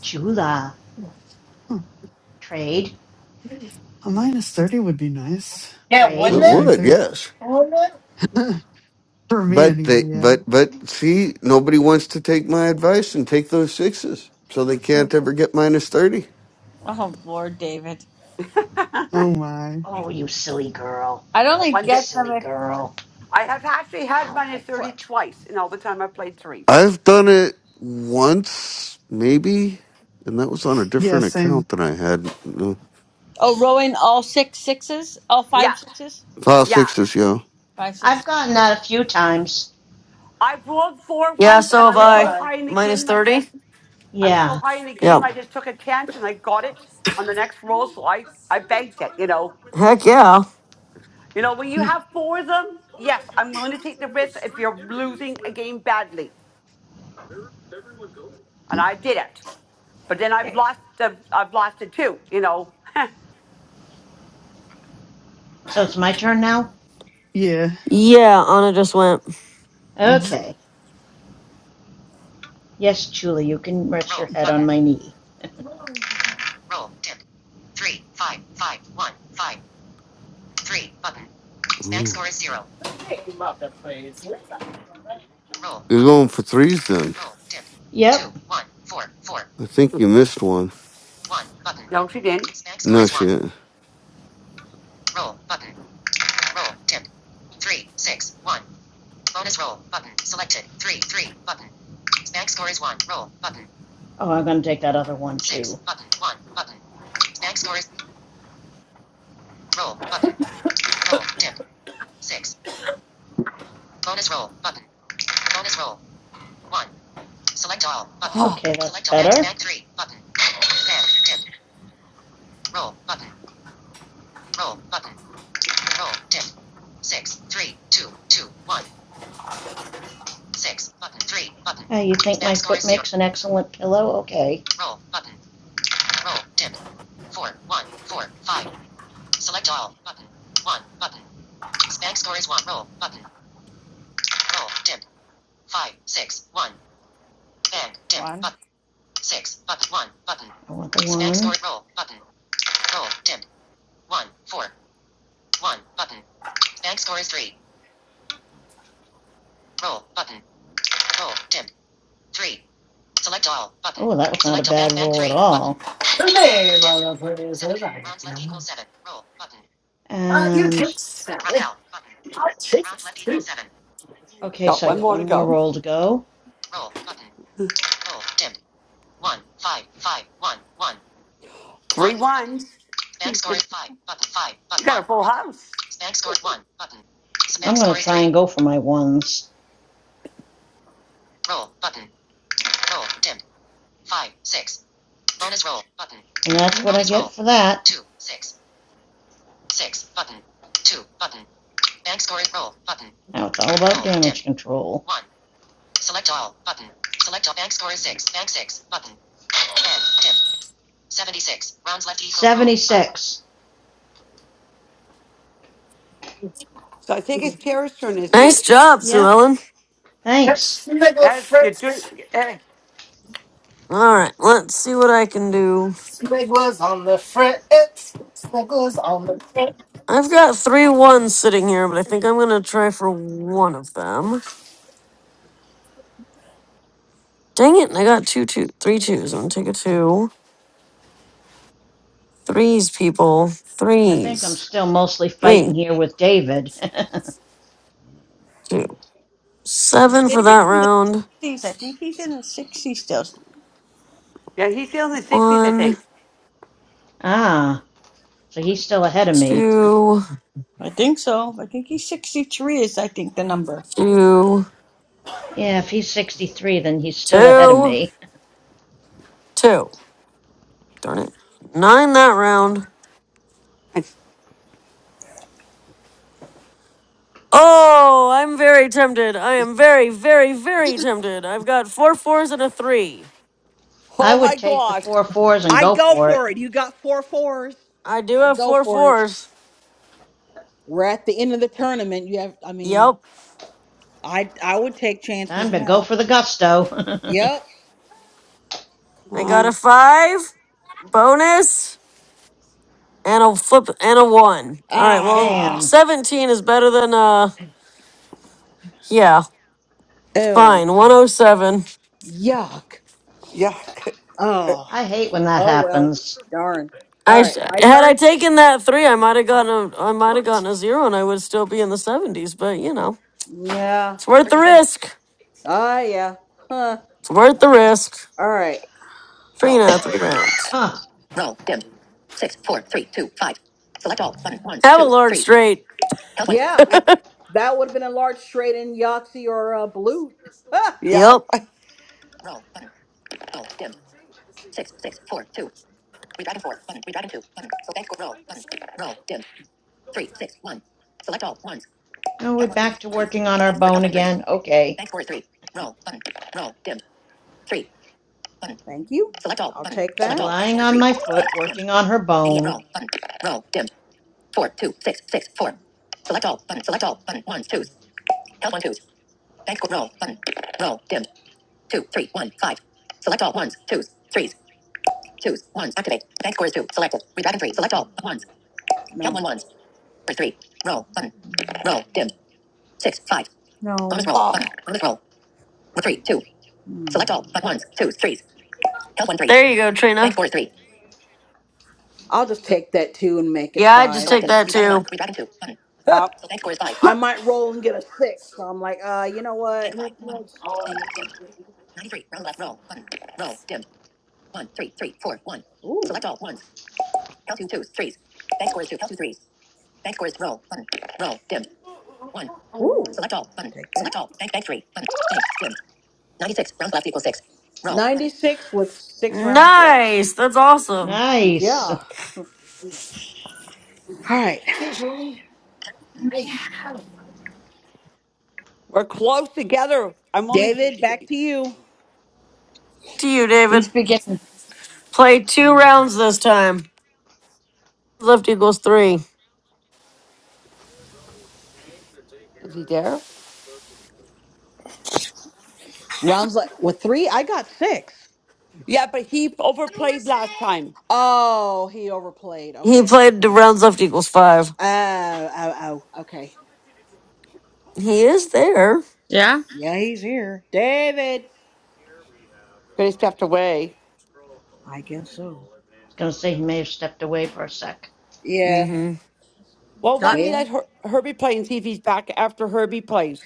Speaker 10: Jula.
Speaker 16: Huh.
Speaker 10: Trade.
Speaker 16: A minus thirty would be nice.
Speaker 7: Yeah,
Speaker 10: Trade.
Speaker 16: One
Speaker 5: it
Speaker 7: wouldn't
Speaker 16: thirty
Speaker 7: it?
Speaker 5: would.
Speaker 16: three.
Speaker 5: Yes,
Speaker 7: Wouldn't it?
Speaker 16: [LAUGHS] For me
Speaker 5: but
Speaker 16: anyway.
Speaker 5: they,
Speaker 16: Yeah.
Speaker 5: but but see, nobody wants to take my advice and take those sixes, so they can't ever get minus thirty.
Speaker 20: Oh Lord, David.
Speaker 16: Oh my.
Speaker 10: Oh, you silly girl.
Speaker 20: I would
Speaker 12: Well,
Speaker 20: only
Speaker 12: one
Speaker 10: You
Speaker 12: day
Speaker 20: get them
Speaker 10: silly
Speaker 20: if
Speaker 10: girl.
Speaker 12: I have actually had
Speaker 10: Ow, my
Speaker 12: minus thirty
Speaker 10: foot.
Speaker 12: twice in all the time I have played threes.
Speaker 5: I've done it once, maybe, and that was on a
Speaker 16: Yeah.
Speaker 5: different
Speaker 16: Same.
Speaker 5: account than I had. Uh,
Speaker 20: oh rolling all six sixes, all
Speaker 12: Yeah,
Speaker 20: five sixes,
Speaker 5: File
Speaker 12: yeah.
Speaker 5: sixes, yo.
Speaker 20: five
Speaker 10: I've
Speaker 20: six
Speaker 10: gotten that a few times.
Speaker 12: I've rolled four
Speaker 2: Yeah,
Speaker 12: once,
Speaker 2: so
Speaker 12: and I
Speaker 2: have
Speaker 12: was
Speaker 7: Oh
Speaker 12: so
Speaker 2: I.
Speaker 7: my.
Speaker 12: high in the
Speaker 2: Minus
Speaker 12: game. I said
Speaker 2: 30?
Speaker 12: I was so
Speaker 10: Yeah.
Speaker 12: high in the game.
Speaker 2: Yep.
Speaker 12: I just took a chance, and I got it on the next roll. So I I banked it. You know,
Speaker 2: Heck yeah.
Speaker 12: you know when you
Speaker 16: Mm,
Speaker 12: have four of them. Yes, I'm willing to take the risk if you're losing a game badly, and I did it. But then I've lost the, I've lost it too, you know.
Speaker 10: So it's my turn now?
Speaker 16: Yeah.
Speaker 2: Yeah, Anna just went.
Speaker 16: hmm
Speaker 10: Okay. Yes, Julie, you can rest roll your head button on my knee.
Speaker 5: Ooh.
Speaker 7: name of the place is I.
Speaker 5: You're going for threes then.
Speaker 10: Yep. Oh,
Speaker 5: I think you missed one.
Speaker 12: [LAUGHS] no, she didn't.
Speaker 5: No shit.
Speaker 10: Oh, I'm going to take that other one too. Okay, that's better. Uh, you think snack my foot makes an excellent pillow? Okay.
Speaker 20: one.
Speaker 10: I want the one. Snack Oh, that was not a bad roll at all.
Speaker 7: the name of the place is I
Speaker 10: Button.
Speaker 7: Ah, you can
Speaker 10: And
Speaker 7: stand it.
Speaker 10: okay,
Speaker 12: No,
Speaker 10: so I
Speaker 12: one
Speaker 10: got
Speaker 12: more to
Speaker 10: one more
Speaker 12: go.
Speaker 10: roll to go.
Speaker 12: Three ones. You got a full house.
Speaker 10: I'm gonna try and go for my ones, and that's what I get for that. Now it's all about damage control. Seventy-six.
Speaker 12: So I think it's Tara's turn, isn't
Speaker 2: Nice
Speaker 12: it?
Speaker 2: job, Sue
Speaker 10: Yep.
Speaker 2: Ellen.
Speaker 7: Yep,
Speaker 10: Thanks.
Speaker 7: Sniggler
Speaker 12: As you're doing,
Speaker 7: Fritz.
Speaker 12: uh,
Speaker 2: Alright, let's see what I can do.
Speaker 7: Sniggler's on the fritz. Sniggler's on the fritz.
Speaker 2: I've got three ones sitting here, but I think I'm gonna try for one of them. Dang it, I got two two three twos. I'm gonna take a two. Threes, people.
Speaker 10: I think I'm
Speaker 2: Threes.
Speaker 10: still mostly
Speaker 2: Three,
Speaker 10: fighting here with David.
Speaker 2: two. Seven for
Speaker 20: David
Speaker 2: that
Speaker 20: in the
Speaker 2: round.
Speaker 20: sixties. I think he's in the sixties still.
Speaker 12: yeah, he's still in the sixties, I
Speaker 2: One.
Speaker 12: think.
Speaker 10: [LAUGHS] ah, so he's still ahead of me.
Speaker 2: Two,
Speaker 20: I think so. I think he's sixty three. Is I think the number.
Speaker 2: two,
Speaker 10: Yeah, if he's sixty-three, then he's still ahead of
Speaker 2: two,
Speaker 10: me.
Speaker 2: two. Darn it. Nine that round.
Speaker 12: It's-
Speaker 2: Oh, I'm very tempted. I am very, very, very tempted. I've got four fours and a three.
Speaker 10: I
Speaker 12: oh my
Speaker 10: would take the
Speaker 12: gosh!
Speaker 10: four fours and
Speaker 4: I'd
Speaker 10: go
Speaker 4: go
Speaker 10: for it.
Speaker 4: for it. You got four fours.
Speaker 2: I do
Speaker 4: I'd
Speaker 2: have
Speaker 4: go
Speaker 2: four
Speaker 4: for it.
Speaker 2: fours.
Speaker 4: We're at the end of the tournament. You have I mean,
Speaker 2: Yep.
Speaker 4: I I would take
Speaker 10: Time
Speaker 4: chances
Speaker 10: to go
Speaker 4: now.
Speaker 10: for the gusto.
Speaker 4: Yep.
Speaker 12: Come
Speaker 2: I got a
Speaker 12: on,
Speaker 2: five, bonus, and a flip and a one. All right.
Speaker 10: [LAUGHS]
Speaker 2: Well,
Speaker 4: Ah
Speaker 10: Damn.
Speaker 2: 17 is better than, uh, yeah,
Speaker 4: ew.
Speaker 2: fine. 107.
Speaker 4: Yuck.
Speaker 12: yeah,
Speaker 4: Oh.
Speaker 10: I hate when that
Speaker 4: Oh well.
Speaker 10: happens.
Speaker 4: Darn. All
Speaker 2: I
Speaker 4: right,
Speaker 2: sh-
Speaker 4: my
Speaker 2: had I
Speaker 4: turn?
Speaker 2: taken that three, I might have gotten a I might have gotten a zero, and I would still be in the seventies. But you know,
Speaker 4: Yeah.
Speaker 2: it's worth the risk.
Speaker 4: Ah yeah. Huh.
Speaker 2: It's worth the risk.
Speaker 4: All right.
Speaker 10: [COUGHS]
Speaker 2: Trina, three rounds.
Speaker 10: Huh.
Speaker 4: Roll. Dim. Six, four, three, two, five. Select all. Button. Ones,
Speaker 2: Have a
Speaker 4: twos,
Speaker 2: large
Speaker 4: threes.
Speaker 2: straight.
Speaker 4: Help. button. Yeah.
Speaker 12: [LAUGHS]
Speaker 4: That would have been a large straight in Yahtzee or uh, Balut. Ah!
Speaker 12: yep.
Speaker 2: Yep.
Speaker 4: [LAUGHS] Roll. Button. Roll. Dim. Six, six, four, two. We dragon four. Button. We dragon two. Button. So thanks. Roll. Button. Roll. Dim. Three, six, one. Select all. Ones.
Speaker 10: Oh, we're
Speaker 4: Count one,
Speaker 10: back
Speaker 4: twos,
Speaker 10: to
Speaker 4: threes.
Speaker 10: working on our
Speaker 4: Thanks for help
Speaker 10: bone
Speaker 4: one threes.
Speaker 10: again. Okay.
Speaker 4: Thanks for three. Roll. Button. Roll. Dim. Three. Button. Thank you. Select all. I'll button. take that.
Speaker 10: She's
Speaker 4: Select all. Thanks
Speaker 10: lying
Speaker 4: for
Speaker 10: on
Speaker 4: three.
Speaker 10: my
Speaker 4: Thanks.
Speaker 10: foot,
Speaker 4: Dim.
Speaker 10: working on her
Speaker 4: Idiot.
Speaker 10: bone.
Speaker 4: Roll. Button. Roll. Dim. four two six six four. Select all button. Select all button. Ones twos. Help one twos. Bank score roll button. Roll dimmed. Two three one five. Select all ones twos threes twos ones. Activate. Bank score is two. Selected. Redragon three. Select all ones. No. Help one ones for three. Roll button. Roll dimmed. Six five. No. Bonus roll button.
Speaker 12: Oh,
Speaker 4: Bonus roll. Three two. Mm. Select all but ones twos threes. Help one threes.
Speaker 2: There you go,
Speaker 4: Bank
Speaker 2: Trina.
Speaker 4: score is three. I'll just take that two and make it
Speaker 2: Yeah, I
Speaker 4: five.
Speaker 2: just take
Speaker 4: Selected. 'cause-
Speaker 2: that
Speaker 4: Redragon one.
Speaker 2: too.
Speaker 4: Redragon two. Button. [LAUGHS]
Speaker 12: yep.
Speaker 4: Select score is five. I might roll and get a six, so I'm like, uh, you know what? Bank five. One. Bank dim. Ninety three. Round left. Roll. Button. Roll. Dim. One. Three. Three. Four. One. Ooh. Select all ones. Count two twos. Threes. Bank score is two. Count two threes. Bank score is roll. Button. Roll. Dim. One. Ooh. Select all. Button. Take that. Select all. Bank bank three. Button. Bank dim. Ninety six. rounds left equals six. Roll. 96 with six rounds left.
Speaker 2: Nice. That's awesome.
Speaker 4: Yeah.
Speaker 10: Nice. I
Speaker 4: All
Speaker 10: was
Speaker 4: right.
Speaker 7: Occasionally, I have.
Speaker 12: We're close together. I'm only.
Speaker 4: David,
Speaker 12: Th-
Speaker 4: back to you.
Speaker 2: To you,
Speaker 20: He's
Speaker 2: David.
Speaker 20: beginning.
Speaker 2: Play two rounds this time. Left equals three.
Speaker 12: is he there?
Speaker 4: Rounds like with three, I got six.
Speaker 12: Yeah, but he overplayed last time.
Speaker 4: Oh, he overplayed.
Speaker 2: He
Speaker 4: Okay,
Speaker 2: played the
Speaker 4: okay.
Speaker 2: rounds left equals five.
Speaker 4: Oh, oh, oh. Okay.
Speaker 2: He is there.
Speaker 20: Yeah.
Speaker 4: Yeah, he's here, David.
Speaker 12: Could have stepped away.
Speaker 4: I guess so.
Speaker 10: going to say he may have stepped away for a sec.
Speaker 4: Yeah.
Speaker 2: Mm-hmm.
Speaker 12: Well, why don't
Speaker 20: Not.
Speaker 12: we let
Speaker 4: Well.
Speaker 12: Her- Herbie play and see if he's back after Herbie plays?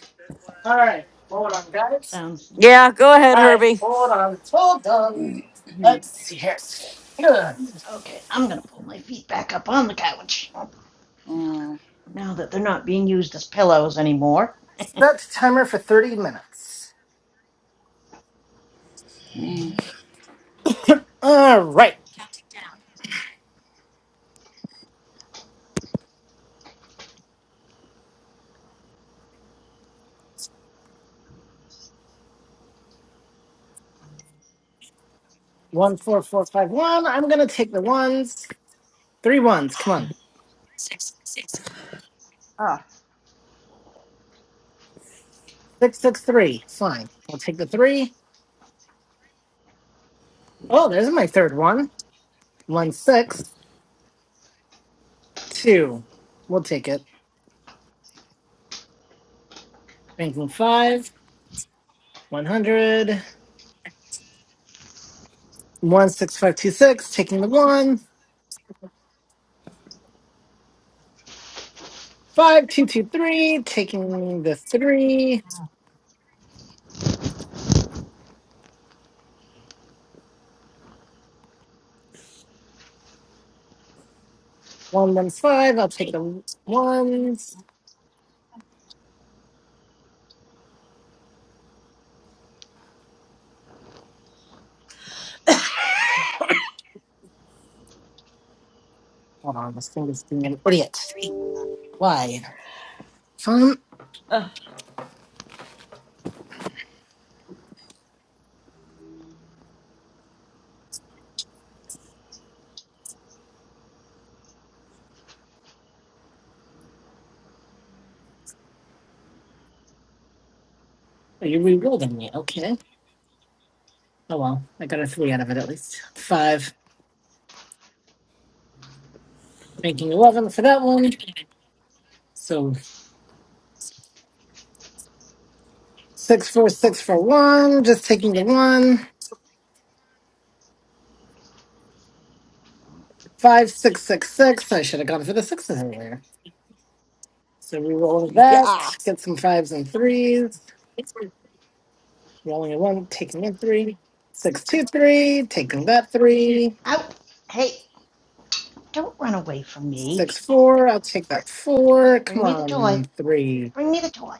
Speaker 7: All right, hold on, guys.
Speaker 10: Sounds
Speaker 2: Yeah, go ahead,
Speaker 7: All right,
Speaker 2: Herbie.
Speaker 7: hold on, hold on. Let's see here. Good.
Speaker 10: okay. I'm going to pull my feet back up on the couch
Speaker 4: Mm.
Speaker 10: now that they're not being used as pillows anymore. [LAUGHS]
Speaker 7: Set timer for 30 minutes. All right. One, four, four, five, one. I'm gonna take the ones. Three ones. Come on.
Speaker 20: Ah.
Speaker 7: Six six three. Fine. We'll take the three. Oh, there's my third one. One six two. We'll take it. Banking five. One hundred. One six five two six. Taking the one. Five two two three. Taking the three. One one five. I'll take the ones. Hold on, this thing is being an idiot. Why? Fun. Are you rewielding me? Okay. Oh well, I got a three out of it at least. Five. Banking eleven for that one. So Six four six for one. Just taking the one. Five six six six. I should have gone for the sixes earlier. So we roll that.
Speaker 12: Yeah.
Speaker 7: Get some fives and threes. Rolling a one, taking a three. Six two three. Taking that three.
Speaker 10: Out. Hey, don't run away from me.
Speaker 7: Six four. I'll take that four.
Speaker 10: Bring
Speaker 7: Come
Speaker 10: me the toy.
Speaker 7: on, three
Speaker 10: Bring me the toy.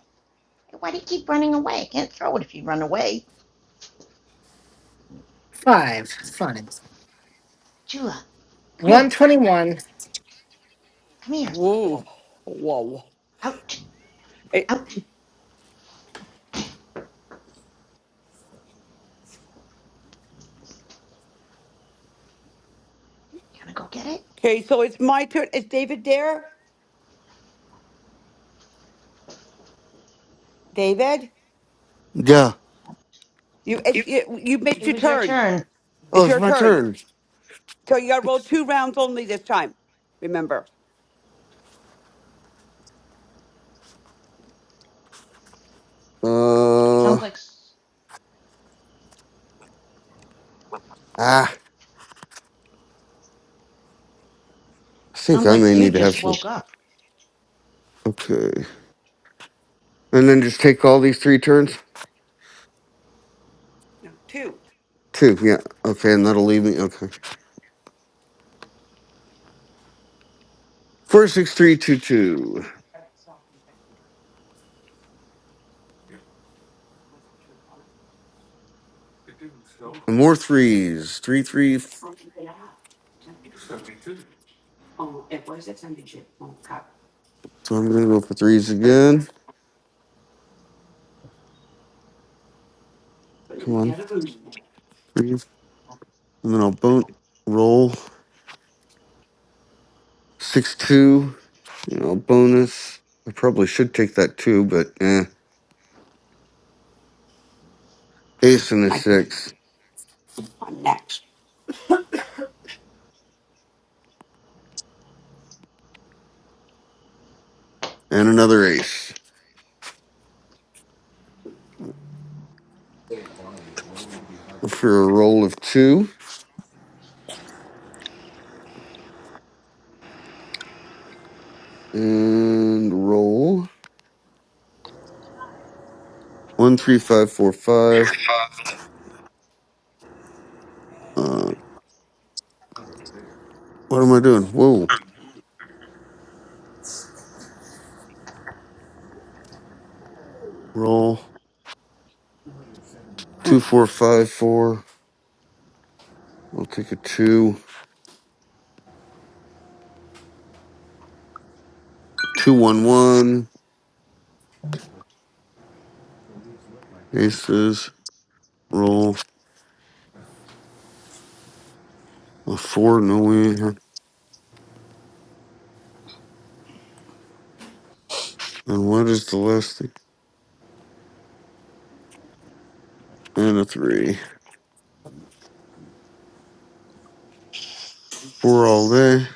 Speaker 10: Hey, why do you keep running away? I can't throw it if you run away.
Speaker 7: five five fives.
Speaker 10: Chula, come
Speaker 7: One
Speaker 10: here.
Speaker 7: twenty one.
Speaker 10: Come here.
Speaker 12: Whoa. Whoa.
Speaker 10: Out.
Speaker 12: It,
Speaker 10: Out. You want to go get it?
Speaker 12: okay, so it's my turn. Is David there? David,
Speaker 5: Yeah.
Speaker 12: you it's, you you missed
Speaker 10: It
Speaker 12: your
Speaker 10: was your
Speaker 12: turn.
Speaker 10: turn.
Speaker 12: It's
Speaker 5: Oh, it's
Speaker 12: your
Speaker 5: my
Speaker 12: turn.
Speaker 5: turn.
Speaker 12: So you got to roll two rounds only this time. Remember.
Speaker 5: Uh,
Speaker 10: Sounds
Speaker 5: ah,
Speaker 10: like
Speaker 5: I think
Speaker 10: sounds
Speaker 5: I may
Speaker 10: like you
Speaker 5: need to have
Speaker 10: just
Speaker 5: some.
Speaker 10: woke up.
Speaker 5: Okay. And then just take all these three turns?
Speaker 12: No, two.
Speaker 5: Two, yeah. Okay, and that'll leave me. Okay. Four, six, three, two, two. And more threes. Three, three. f- So I'm going to go for threes again. Come on. Threes. And then I'll bone roll. Six two, you know, bonus. I probably should take that too, but eh. Ace and a
Speaker 12: My,
Speaker 5: six.
Speaker 12: I'm next.
Speaker 5: And another ace. For a roll of two. And roll. One, three, five, four, five. Uh what am I doing? Whoa. Roll.
Speaker 4: Hmm.
Speaker 5: Two, four, five, four. I'll take a two. Two one one. Aces. Roll. A four, no way. And what is the last thing? And a three. Four all day.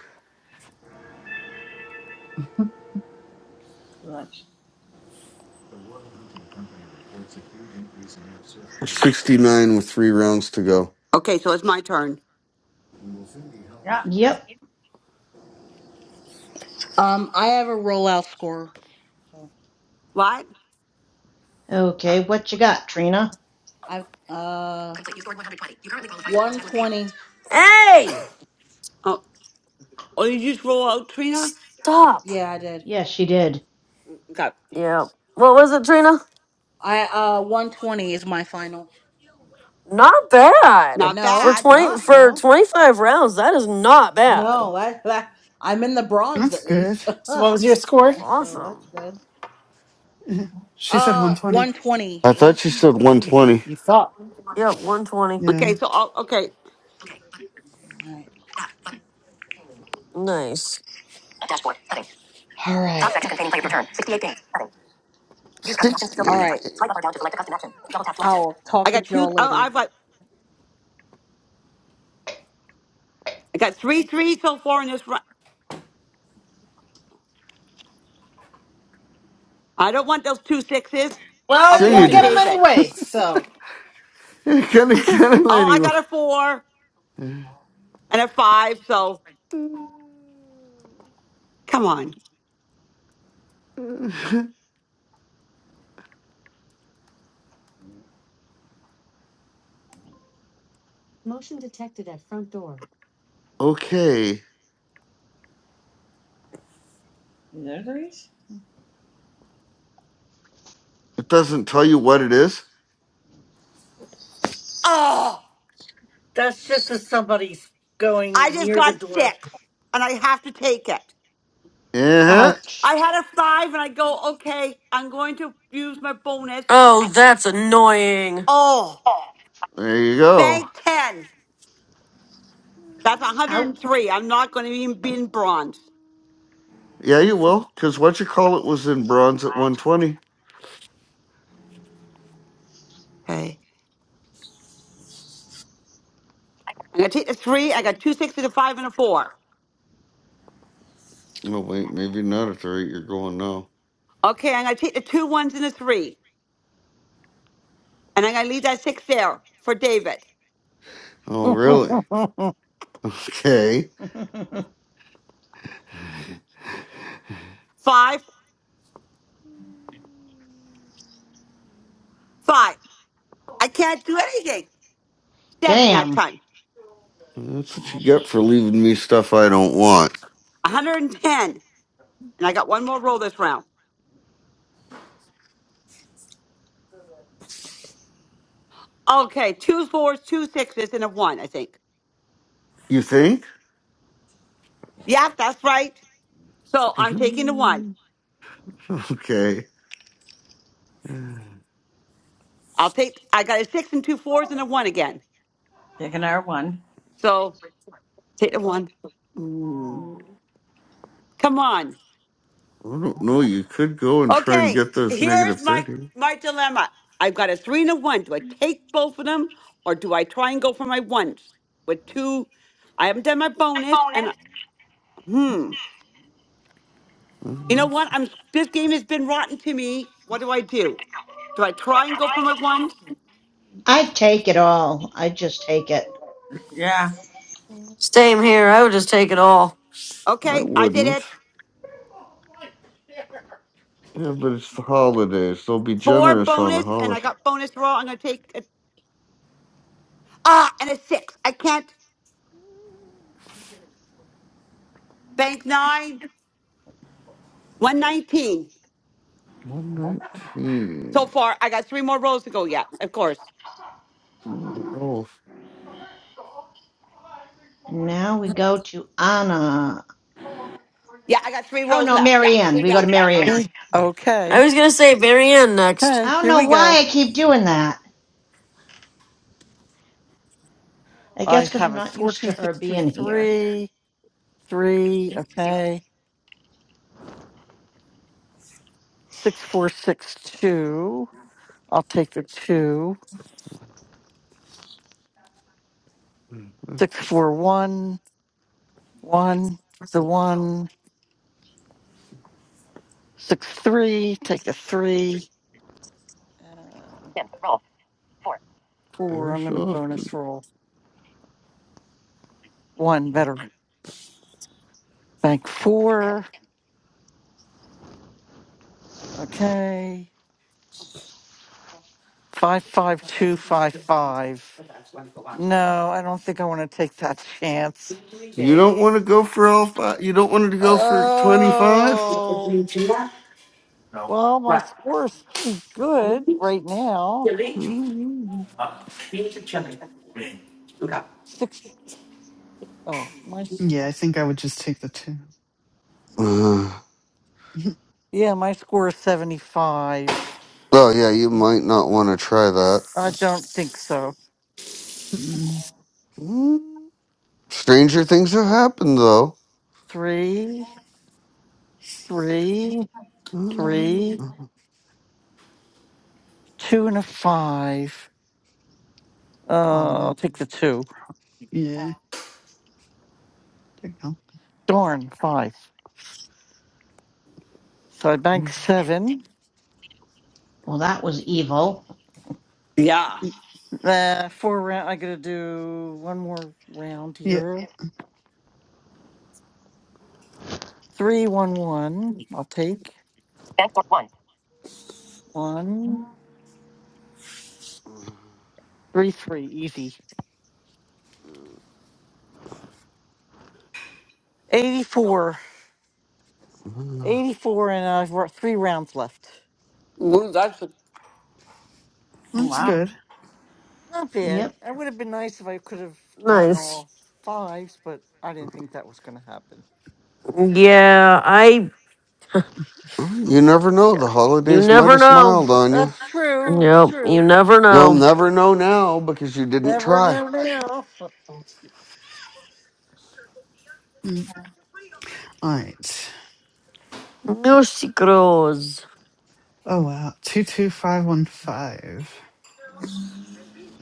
Speaker 20: Lunch.
Speaker 5: 69 with three rounds to go.
Speaker 12: Okay, so it's my turn.
Speaker 20: Yeah.
Speaker 10: Yep.
Speaker 4: Um, I have a rollout score. So
Speaker 12: What?
Speaker 10: Okay, what you got, Trina?
Speaker 4: I uh. Complete. You scored 120. You currently qualify. for 120.
Speaker 2: Hey!
Speaker 12: Oh, oh, did you just roll out, Trina?
Speaker 2: Stop.
Speaker 4: Yeah, I did.
Speaker 10: Yes, she did.
Speaker 12: Okay,
Speaker 2: Yeah. What was it, Trina?
Speaker 4: I uh 120 is my final.
Speaker 2: Not bad.
Speaker 12: not
Speaker 2: For
Speaker 4: No,
Speaker 12: bad.
Speaker 2: 20
Speaker 4: not
Speaker 2: for
Speaker 4: no,
Speaker 2: 25 rounds, that is not bad.
Speaker 4: no. [LAUGHS] I, I I'm in the bronze
Speaker 16: That's
Speaker 4: at
Speaker 16: good.
Speaker 4: least.
Speaker 7: So what was your score?
Speaker 4: [LAUGHS] so that's
Speaker 2: Awesome.
Speaker 4: good.
Speaker 16: Yeah. She said
Speaker 4: Uh,
Speaker 16: 120.
Speaker 4: 120.
Speaker 5: I thought you
Speaker 4: 120.
Speaker 5: said 120.
Speaker 7: You thought.
Speaker 2: Yep, 120.
Speaker 16: Yeah.
Speaker 12: Okay, so I'll, okay,
Speaker 4: Okay. All right.
Speaker 2: Nice.
Speaker 4: Dashboard. Nothing. All right. Top section containing player return. 68 games. Nothing. Use custom actions to
Speaker 5: 68
Speaker 4: filter. All right. Swipe up
Speaker 5: games.
Speaker 4: or down to select a custom action. Double tap to activate. I'll talk
Speaker 12: I
Speaker 4: to
Speaker 12: got two.
Speaker 4: y'all
Speaker 12: Oh,
Speaker 4: later.
Speaker 12: I've got I got three three so far in this round. I don't want those two sixes. I'll
Speaker 7: Well, you're
Speaker 5: Sure
Speaker 12: give them
Speaker 7: gonna
Speaker 5: you
Speaker 12: to [LAUGHS]
Speaker 7: get
Speaker 5: did. [LAUGHS]
Speaker 7: them
Speaker 12: David.
Speaker 7: anyway. So.
Speaker 5: You could have got [LAUGHS] him
Speaker 12: Oh, I
Speaker 5: anyway.
Speaker 12: got a four and a five. So come on.
Speaker 5: okay.
Speaker 20: There's there threes?
Speaker 5: It doesn't tell you what it is.
Speaker 12: Oh,
Speaker 15: That's just as somebody's
Speaker 12: I
Speaker 15: going
Speaker 12: just
Speaker 15: near the
Speaker 12: got
Speaker 15: door.
Speaker 12: six and I have to take it.
Speaker 5: Uh-huh.
Speaker 10: Ouch.
Speaker 12: I had a five and I go, okay, I'm going to use my bonus.
Speaker 2: Oh, that's annoying.
Speaker 12: Oh,
Speaker 5: There you go.
Speaker 12: bank 10. That's
Speaker 10: Out.
Speaker 12: 103. I'm not going to even be in bronze.
Speaker 5: Yeah, you will, because what you call it was in bronze at 120.
Speaker 12: Okay. I'm going to take the three. I got two sixes, a five, and a four.
Speaker 5: No, wait, maybe not at the rate you're going now.
Speaker 12: Okay, I'm going to take the two ones and a three. And I'm going to leave that six there for David.
Speaker 5: Oh, really? [LAUGHS] Okay.
Speaker 10: [LAUGHS]
Speaker 12: Five. five. I can't do anything. Seven that
Speaker 10: Damn.
Speaker 12: time.
Speaker 5: That's what you get for leaving me stuff I don't want.
Speaker 12: 110. And I got one more roll this round. Okay, two fours, two sixes, and a one, I think.
Speaker 5: You think?
Speaker 12: Yep, that's right. So
Speaker 5: [LAUGHS]
Speaker 12: I'm taking the one.
Speaker 5: Mhm. okay. Mm,
Speaker 12: I'll take, I got a six and two fours and a one again.
Speaker 20: Taking our one.
Speaker 12: So take the one.
Speaker 5: I
Speaker 12: Come on.
Speaker 5: don't know. You could go and try and
Speaker 12: Okay,
Speaker 5: get those
Speaker 12: here's
Speaker 5: negative
Speaker 12: my
Speaker 5: 30.
Speaker 12: my dilemma. I've got a three and a one. Do I take both of them or do I try and go for my ones with two? I haven't done my bonus and, I- hmm. You know
Speaker 5: Mhm.
Speaker 12: what? I'm this game has been rotten to me. What do I do? Do I try and go
Speaker 15: [LAUGHS] bonus.
Speaker 12: for my ones?
Speaker 10: I take it all. I just take it.
Speaker 20: Yeah.
Speaker 2: Same here. I would just take it all.
Speaker 5: I
Speaker 12: Okay, I did
Speaker 5: wouldn't.
Speaker 12: it.
Speaker 5: Yeah, but it's the holidays. They'll be
Speaker 12: Four
Speaker 5: generous on the
Speaker 12: bonus, and I
Speaker 5: holiday.
Speaker 12: got bonus roll. I'm gonna take a, ah and a six. I can't bank nine. One nineteen so
Speaker 5: 119.
Speaker 12: far. I got three more rolls to go. Yeah, of course.
Speaker 5: Do a roll.
Speaker 10: Now we go to Anna.
Speaker 12: Yeah, I got three
Speaker 10: Oh
Speaker 12: rolls
Speaker 10: no,
Speaker 12: left. Yeah,
Speaker 10: Marianne.
Speaker 12: three
Speaker 10: We go to
Speaker 12: rounds left.
Speaker 10: Marianne.
Speaker 15: Okay,
Speaker 2: I
Speaker 15: okay,
Speaker 2: was going to say Marianne next.
Speaker 10: I
Speaker 15: okay,
Speaker 10: don't
Speaker 15: here
Speaker 10: know
Speaker 15: we go.
Speaker 10: why I keep doing that. I guess
Speaker 15: I
Speaker 10: because I'm
Speaker 15: have it
Speaker 10: not
Speaker 15: four
Speaker 10: used
Speaker 15: two
Speaker 10: to her
Speaker 15: six two
Speaker 10: being here.
Speaker 15: three three. Okay, six four six two. I'll take the two.
Speaker 5: Mhm.
Speaker 15: Six four one one. The one six three. Take the three. Uh, four.
Speaker 5: Every
Speaker 15: I'm
Speaker 5: so
Speaker 15: going to
Speaker 5: often.
Speaker 15: bonus roll one. Better bank four. Okay, five five two five five. No, I don't think I want to take that chance.
Speaker 5: You don't want to go for all five. You don't want to go for 25?
Speaker 15: Well, my score's pretty good right now.
Speaker 5: Uh,
Speaker 15: Six oh my s-
Speaker 16: Yeah, I think I would just take the two.
Speaker 5: oh,
Speaker 16: [LAUGHS]
Speaker 15: yeah, my score is seventy five.
Speaker 5: [SIGHS] yeah, you might not want to try
Speaker 15: I don't think so.
Speaker 16: Mm.
Speaker 5: that. Stranger things have happened, though.
Speaker 15: Three, three,
Speaker 5: You
Speaker 15: three, two and a five.
Speaker 16: All
Speaker 15: Uh I'll
Speaker 16: in.
Speaker 15: take the two.
Speaker 16: Yeah. There you go.
Speaker 15: Darn, five. So I bank seven.
Speaker 10: Well, that was evil.
Speaker 12: Yeah.
Speaker 15: Uh four round I gotta do one more round
Speaker 16: Yeah.
Speaker 15: here. Three one one. I'll take. One, One, three, three, easy. 84. 84 and I've got three rounds left.
Speaker 12: Ooh, that's
Speaker 20: Oh,
Speaker 16: That's
Speaker 20: wow.
Speaker 16: good.
Speaker 15: Not bad.
Speaker 10: Yep.
Speaker 15: It would have been nice if I could have gotten
Speaker 2: Nice.
Speaker 15: all fives, but I didn't think that was going to happen.
Speaker 2: Yeah, I
Speaker 5: never know. The
Speaker 2: you
Speaker 5: holidays might
Speaker 2: never
Speaker 5: have
Speaker 2: know.
Speaker 5: smiled on you.
Speaker 15: That's true. It's
Speaker 2: Yep, you
Speaker 15: true.
Speaker 2: never
Speaker 5: You'll
Speaker 2: know.
Speaker 5: never know now because you didn't
Speaker 15: Never
Speaker 5: try.
Speaker 15: know now.
Speaker 16: Mm. All right.
Speaker 2: No secrets.
Speaker 16: Oh, wow. 22515.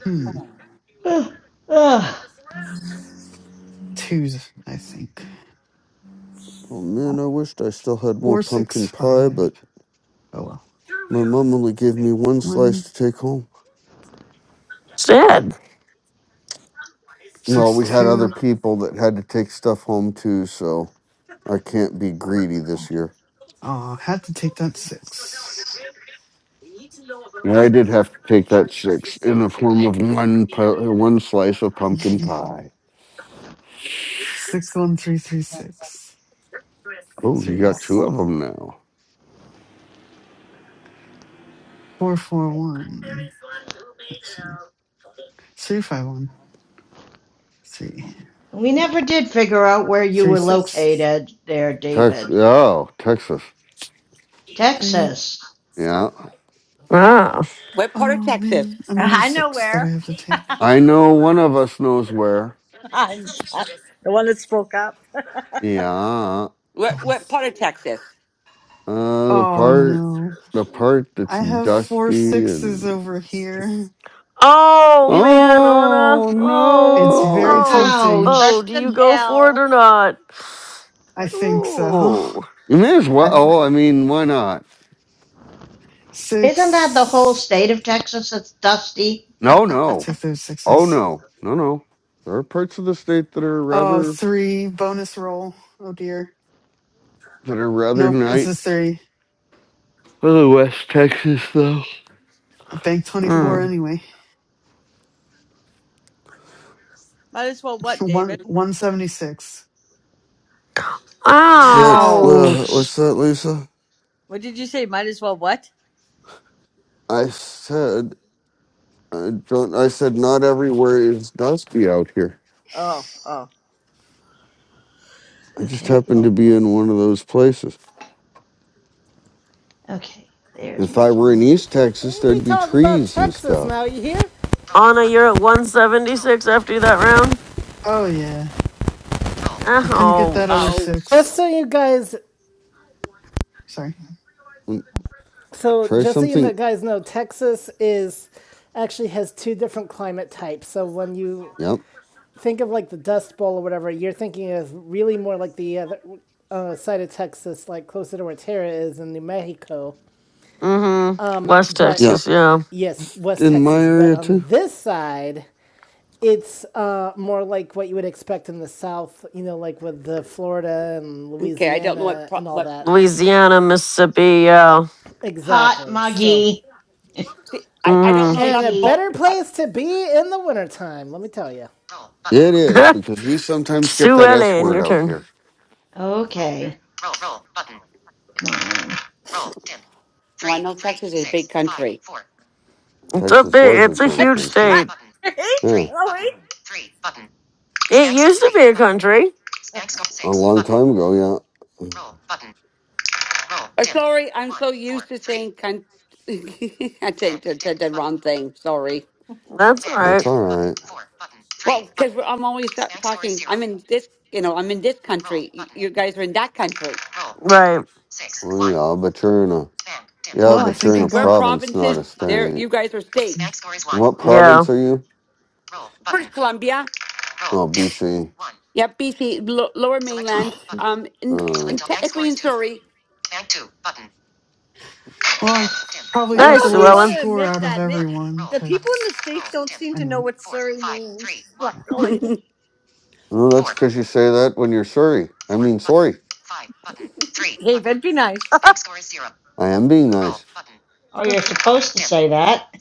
Speaker 16: Hmm.
Speaker 10: Ugh. Ugh.
Speaker 16: Twos, I think.
Speaker 5: Oh man, I wished I still had more pumpkin pie,
Speaker 16: 465.
Speaker 5: but
Speaker 16: Oh, well.
Speaker 5: my mom only gave me one slice to take home.
Speaker 2: Sad.
Speaker 5: Well, we had other
Speaker 16: 162.
Speaker 5: people that had to take stuff home too, so I can't be greedy this year.
Speaker 16: Oh, had to take that six.
Speaker 5: And I did have to take that six in the form of one pu- one slice of pumpkin
Speaker 16: [LAUGHS]
Speaker 5: pie.
Speaker 16: 61336.
Speaker 5: Oh, you got two
Speaker 16: Threes.
Speaker 5: of them now.
Speaker 16: 441. Let's see. Three five one three
Speaker 10: We never did figure out where you
Speaker 16: three
Speaker 10: were
Speaker 16: six
Speaker 10: located there,
Speaker 5: Texas.
Speaker 10: David.
Speaker 5: Oh, Texas.
Speaker 16: three.
Speaker 10: Texas.
Speaker 5: Yeah.
Speaker 2: Ah.
Speaker 12: what part of
Speaker 16: Oh
Speaker 12: Texas?
Speaker 16: man,
Speaker 20: [LAUGHS]
Speaker 16: another
Speaker 20: I know
Speaker 16: six that I
Speaker 20: where.
Speaker 16: have to take.
Speaker 5: I know one of us knows where.
Speaker 20: [LAUGHS] the one that spoke up.
Speaker 5: Yeah.
Speaker 12: What
Speaker 16: Oh,
Speaker 12: what part of Texas?
Speaker 5: Uh, the
Speaker 16: oh
Speaker 5: part,
Speaker 16: no,
Speaker 5: the part that's
Speaker 16: I have four
Speaker 5: dusty
Speaker 16: sixes
Speaker 5: and.
Speaker 16: over here.
Speaker 2: Oh
Speaker 10: Isn't
Speaker 2: man, Anna.
Speaker 5: Oh
Speaker 2: Oh,
Speaker 16: It's very
Speaker 5: no!
Speaker 2: oh,
Speaker 16: tempting.
Speaker 20: Starts
Speaker 2: oh.
Speaker 10: ouch.
Speaker 2: Do
Speaker 20: with an
Speaker 2: you go for it
Speaker 20: L.
Speaker 2: or not?
Speaker 16: I
Speaker 20: Starts with-
Speaker 16: think so.
Speaker 2: Ooh.
Speaker 5: You may as
Speaker 16: [LAUGHS]
Speaker 5: well.
Speaker 16: I
Speaker 5: Oh, I mean, why not?
Speaker 10: Isn't that the whole
Speaker 16: six.
Speaker 10: state of Texas that's dusty?
Speaker 5: No,
Speaker 16: Let's
Speaker 10: [LAUGHS]
Speaker 5: no.
Speaker 16: take those
Speaker 5: Oh
Speaker 16: sixes.
Speaker 5: no, no, no. There are parts of the state that are
Speaker 16: Oh,
Speaker 5: rather
Speaker 16: three bonus roll. Oh dear.
Speaker 5: that are rather
Speaker 16: Nope, it's
Speaker 5: nice.
Speaker 16: a three.
Speaker 5: Oh, West Texas, though.
Speaker 16: I banked twenty four
Speaker 2: Mm.
Speaker 16: anyway.
Speaker 20: Might as well
Speaker 16: [LAUGHS]
Speaker 20: what,
Speaker 16: One
Speaker 20: David?
Speaker 16: one seventy six.
Speaker 5: What's that?
Speaker 16: Yikes.
Speaker 5: Uh,
Speaker 2: Ouch.
Speaker 5: what's
Speaker 10: Ouch.
Speaker 5: that, Lisa?
Speaker 20: What did you say? Might as well what?
Speaker 5: I said. I don't. I said not everywhere is dusty out here.
Speaker 20: Oh, oh.
Speaker 5: I just
Speaker 10: Okay.
Speaker 5: happen
Speaker 10: Oh,
Speaker 5: to be in one of those places.
Speaker 10: okay. There's
Speaker 5: If
Speaker 10: my
Speaker 5: I were in
Speaker 10: phone.
Speaker 5: East
Speaker 1: I'm
Speaker 5: Texas,
Speaker 1: gonna be
Speaker 5: there'd be
Speaker 1: talking about
Speaker 5: trees and
Speaker 1: Texas
Speaker 5: stuff.
Speaker 1: now, you hear?
Speaker 2: Anna, you're at 176 after that round.
Speaker 16: Oh yeah, I couldn't get that other
Speaker 2: Ouch.
Speaker 12: Oh,
Speaker 1: Just
Speaker 16: six.
Speaker 1: so you guys,
Speaker 16: Sorry.
Speaker 5: Mm,
Speaker 1: so
Speaker 5: Try
Speaker 1: just so you know,
Speaker 5: something.
Speaker 1: guys know, Texas is actually has two different climate types. So when you
Speaker 5: Yep.
Speaker 1: think of like the Dust Bowl or whatever, you're thinking of really more like the other uh, side of Texas, like closer to where Terra is in New Mexico.
Speaker 2: Mm-hmm. West
Speaker 1: But
Speaker 5: Yeah.
Speaker 2: Texas, yeah.
Speaker 1: yes, West
Speaker 5: In my
Speaker 1: Texas. But
Speaker 5: area
Speaker 1: on
Speaker 5: too.
Speaker 1: this side, it's uh, more like what you would expect in the South, you know, like with the Florida and
Speaker 12: okay. I don't know what
Speaker 1: Louisiana
Speaker 12: pro,
Speaker 1: and all
Speaker 12: what.
Speaker 1: that.
Speaker 2: Louisiana, Mississippi, yeah.
Speaker 10: Hot,
Speaker 1: Exactly. So,
Speaker 10: muggy, [LAUGHS]
Speaker 12: See, I, I don't know
Speaker 2: Mm-hmm.
Speaker 1: and
Speaker 12: enough
Speaker 1: a
Speaker 10: sticky.
Speaker 12: about.
Speaker 1: better
Speaker 12: I,
Speaker 1: place to be in the wintertime, let me tell you.
Speaker 5: It is because we
Speaker 2: [LAUGHS]
Speaker 5: sometimes get
Speaker 2: Sue
Speaker 5: that S
Speaker 2: Ellen,
Speaker 5: word
Speaker 2: your
Speaker 5: out
Speaker 2: turn.
Speaker 5: here.
Speaker 10: Okay. Come on.
Speaker 12: well, I know Texas is a big country.
Speaker 2: It's a
Speaker 5: Texas
Speaker 2: big,
Speaker 5: was
Speaker 2: it's
Speaker 5: its
Speaker 2: a
Speaker 5: own
Speaker 2: huge
Speaker 20: [LAUGHS]
Speaker 5: country.
Speaker 2: state.
Speaker 20: right?
Speaker 5: Yeah,
Speaker 20: Chloe?
Speaker 2: It used to be a country.
Speaker 5: a long time ago. Yeah,
Speaker 12: Uh, sorry, I'm so used to saying con- [LAUGHS] I did the, the, the wrong thing. Sorry.
Speaker 2: That's all right.
Speaker 5: that's all right.
Speaker 12: Well, because I'm always ta- talking. I'm in this, you know, I'm in this country. You, you guys are in that country.
Speaker 2: Right.
Speaker 5: Well, yeah, but you're in a yeah,
Speaker 16: Well, I
Speaker 5: but you're
Speaker 16: think
Speaker 5: in
Speaker 16: I
Speaker 5: a
Speaker 12: We're
Speaker 16: got,
Speaker 5: province, not a
Speaker 12: provinces. There,
Speaker 5: state.
Speaker 12: you guys are states.
Speaker 5: What
Speaker 2: Yeah.
Speaker 5: province are you?
Speaker 12: British Columbia.
Speaker 5: Oh, BC.
Speaker 12: Yep, BC, lo- Lower Mainland. Um,
Speaker 5: All
Speaker 12: and,
Speaker 5: right.
Speaker 12: and technically in Surrey.
Speaker 16: well, I probably
Speaker 20: I don't
Speaker 16: got
Speaker 2: Nice,
Speaker 20: know
Speaker 16: the
Speaker 20: if
Speaker 2: Sue
Speaker 20: you
Speaker 16: lowest
Speaker 20: want
Speaker 2: Ellen.
Speaker 20: to
Speaker 16: score
Speaker 20: admit
Speaker 16: out of
Speaker 20: that. Ni-
Speaker 16: everyone
Speaker 20: The people in the
Speaker 16: because,
Speaker 20: States don't seem to know
Speaker 16: anyway,
Speaker 20: what Surrey means,
Speaker 16: yeah.
Speaker 20: luckily.
Speaker 12: [LAUGHS]
Speaker 5: No, that's because you say that when you're sorry. I mean, sorry.
Speaker 20: David, be nice.
Speaker 2: [LAUGHS]
Speaker 5: I am being nice.
Speaker 10: Oh, you're supposed to say that.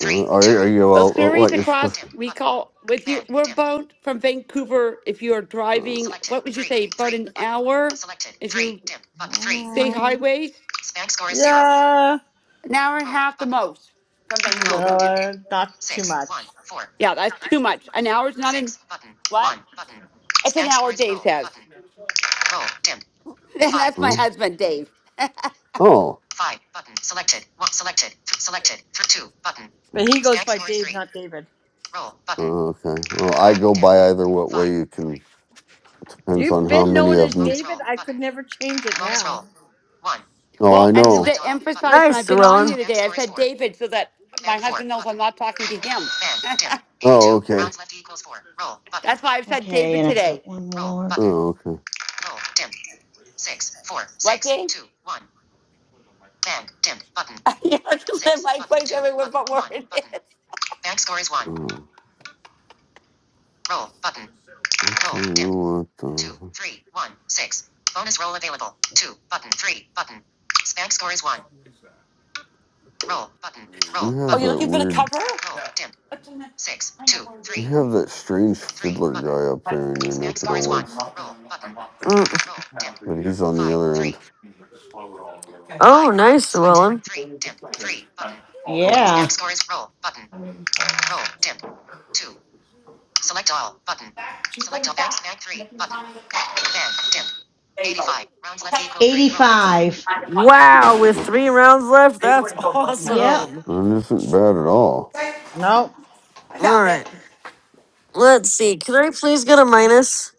Speaker 5: Uh, are, are you
Speaker 12: A
Speaker 5: all uh, what
Speaker 12: series
Speaker 5: you're supposed?
Speaker 12: across, we call with you. We're about from Vancouver. If you are
Speaker 5: Uh,
Speaker 12: driving, what would you say? About an hour, if you state
Speaker 20: Mm,
Speaker 12: highways,
Speaker 20: Yeah,
Speaker 12: an hour and a half the most from Vancouver.
Speaker 20: no, not too much.
Speaker 12: Yeah, that's too much. An hour's not in what? It's an hour. Dave says, [LAUGHS] and that's my
Speaker 5: uh,
Speaker 12: husband, Dave.
Speaker 5: oh,
Speaker 20: But he goes by Dave, not David.
Speaker 5: uh, okay. Well, I go by either what way you can depends
Speaker 20: You've
Speaker 5: on how
Speaker 20: been
Speaker 5: many
Speaker 20: known as
Speaker 5: of them.
Speaker 20: David. I could never change it now.
Speaker 5: Oh,
Speaker 12: Well,
Speaker 5: I
Speaker 12: and
Speaker 5: know.
Speaker 12: to emphasize, when
Speaker 2: Nice,
Speaker 12: I've been on
Speaker 2: Llewellyn.
Speaker 12: here today, I've said David so that my husband knows I'm not talking to him.
Speaker 5: Oh, okay.
Speaker 12: That's why I've said
Speaker 10: Okay,
Speaker 12: David
Speaker 10: and I've
Speaker 12: today.
Speaker 10: got one more. Roll
Speaker 5: Oh, okay.
Speaker 12: What, Dave? [LAUGHS] I never can live [LAUGHS] my life everywhere but where it is.
Speaker 5: Uh, I'll tell you what. Uh, you
Speaker 12: Oh,
Speaker 5: have
Speaker 12: you're
Speaker 5: that
Speaker 12: looking for the
Speaker 5: weird.
Speaker 12: cover?
Speaker 5: You have that strange fiddler guy up there in your neck of the woods,
Speaker 2: Mm.
Speaker 5: but he's on the other end.
Speaker 2: Oh, nice, Llewellyn.
Speaker 10: Yeah. 85.
Speaker 2: Wow, with
Speaker 5: Uh,
Speaker 2: three rounds left, that's [LAUGHS]
Speaker 10: Yep.
Speaker 2: awesome.
Speaker 5: And it isn't bad at all.
Speaker 20: No.
Speaker 2: All right, let's see. Can I please get a minus?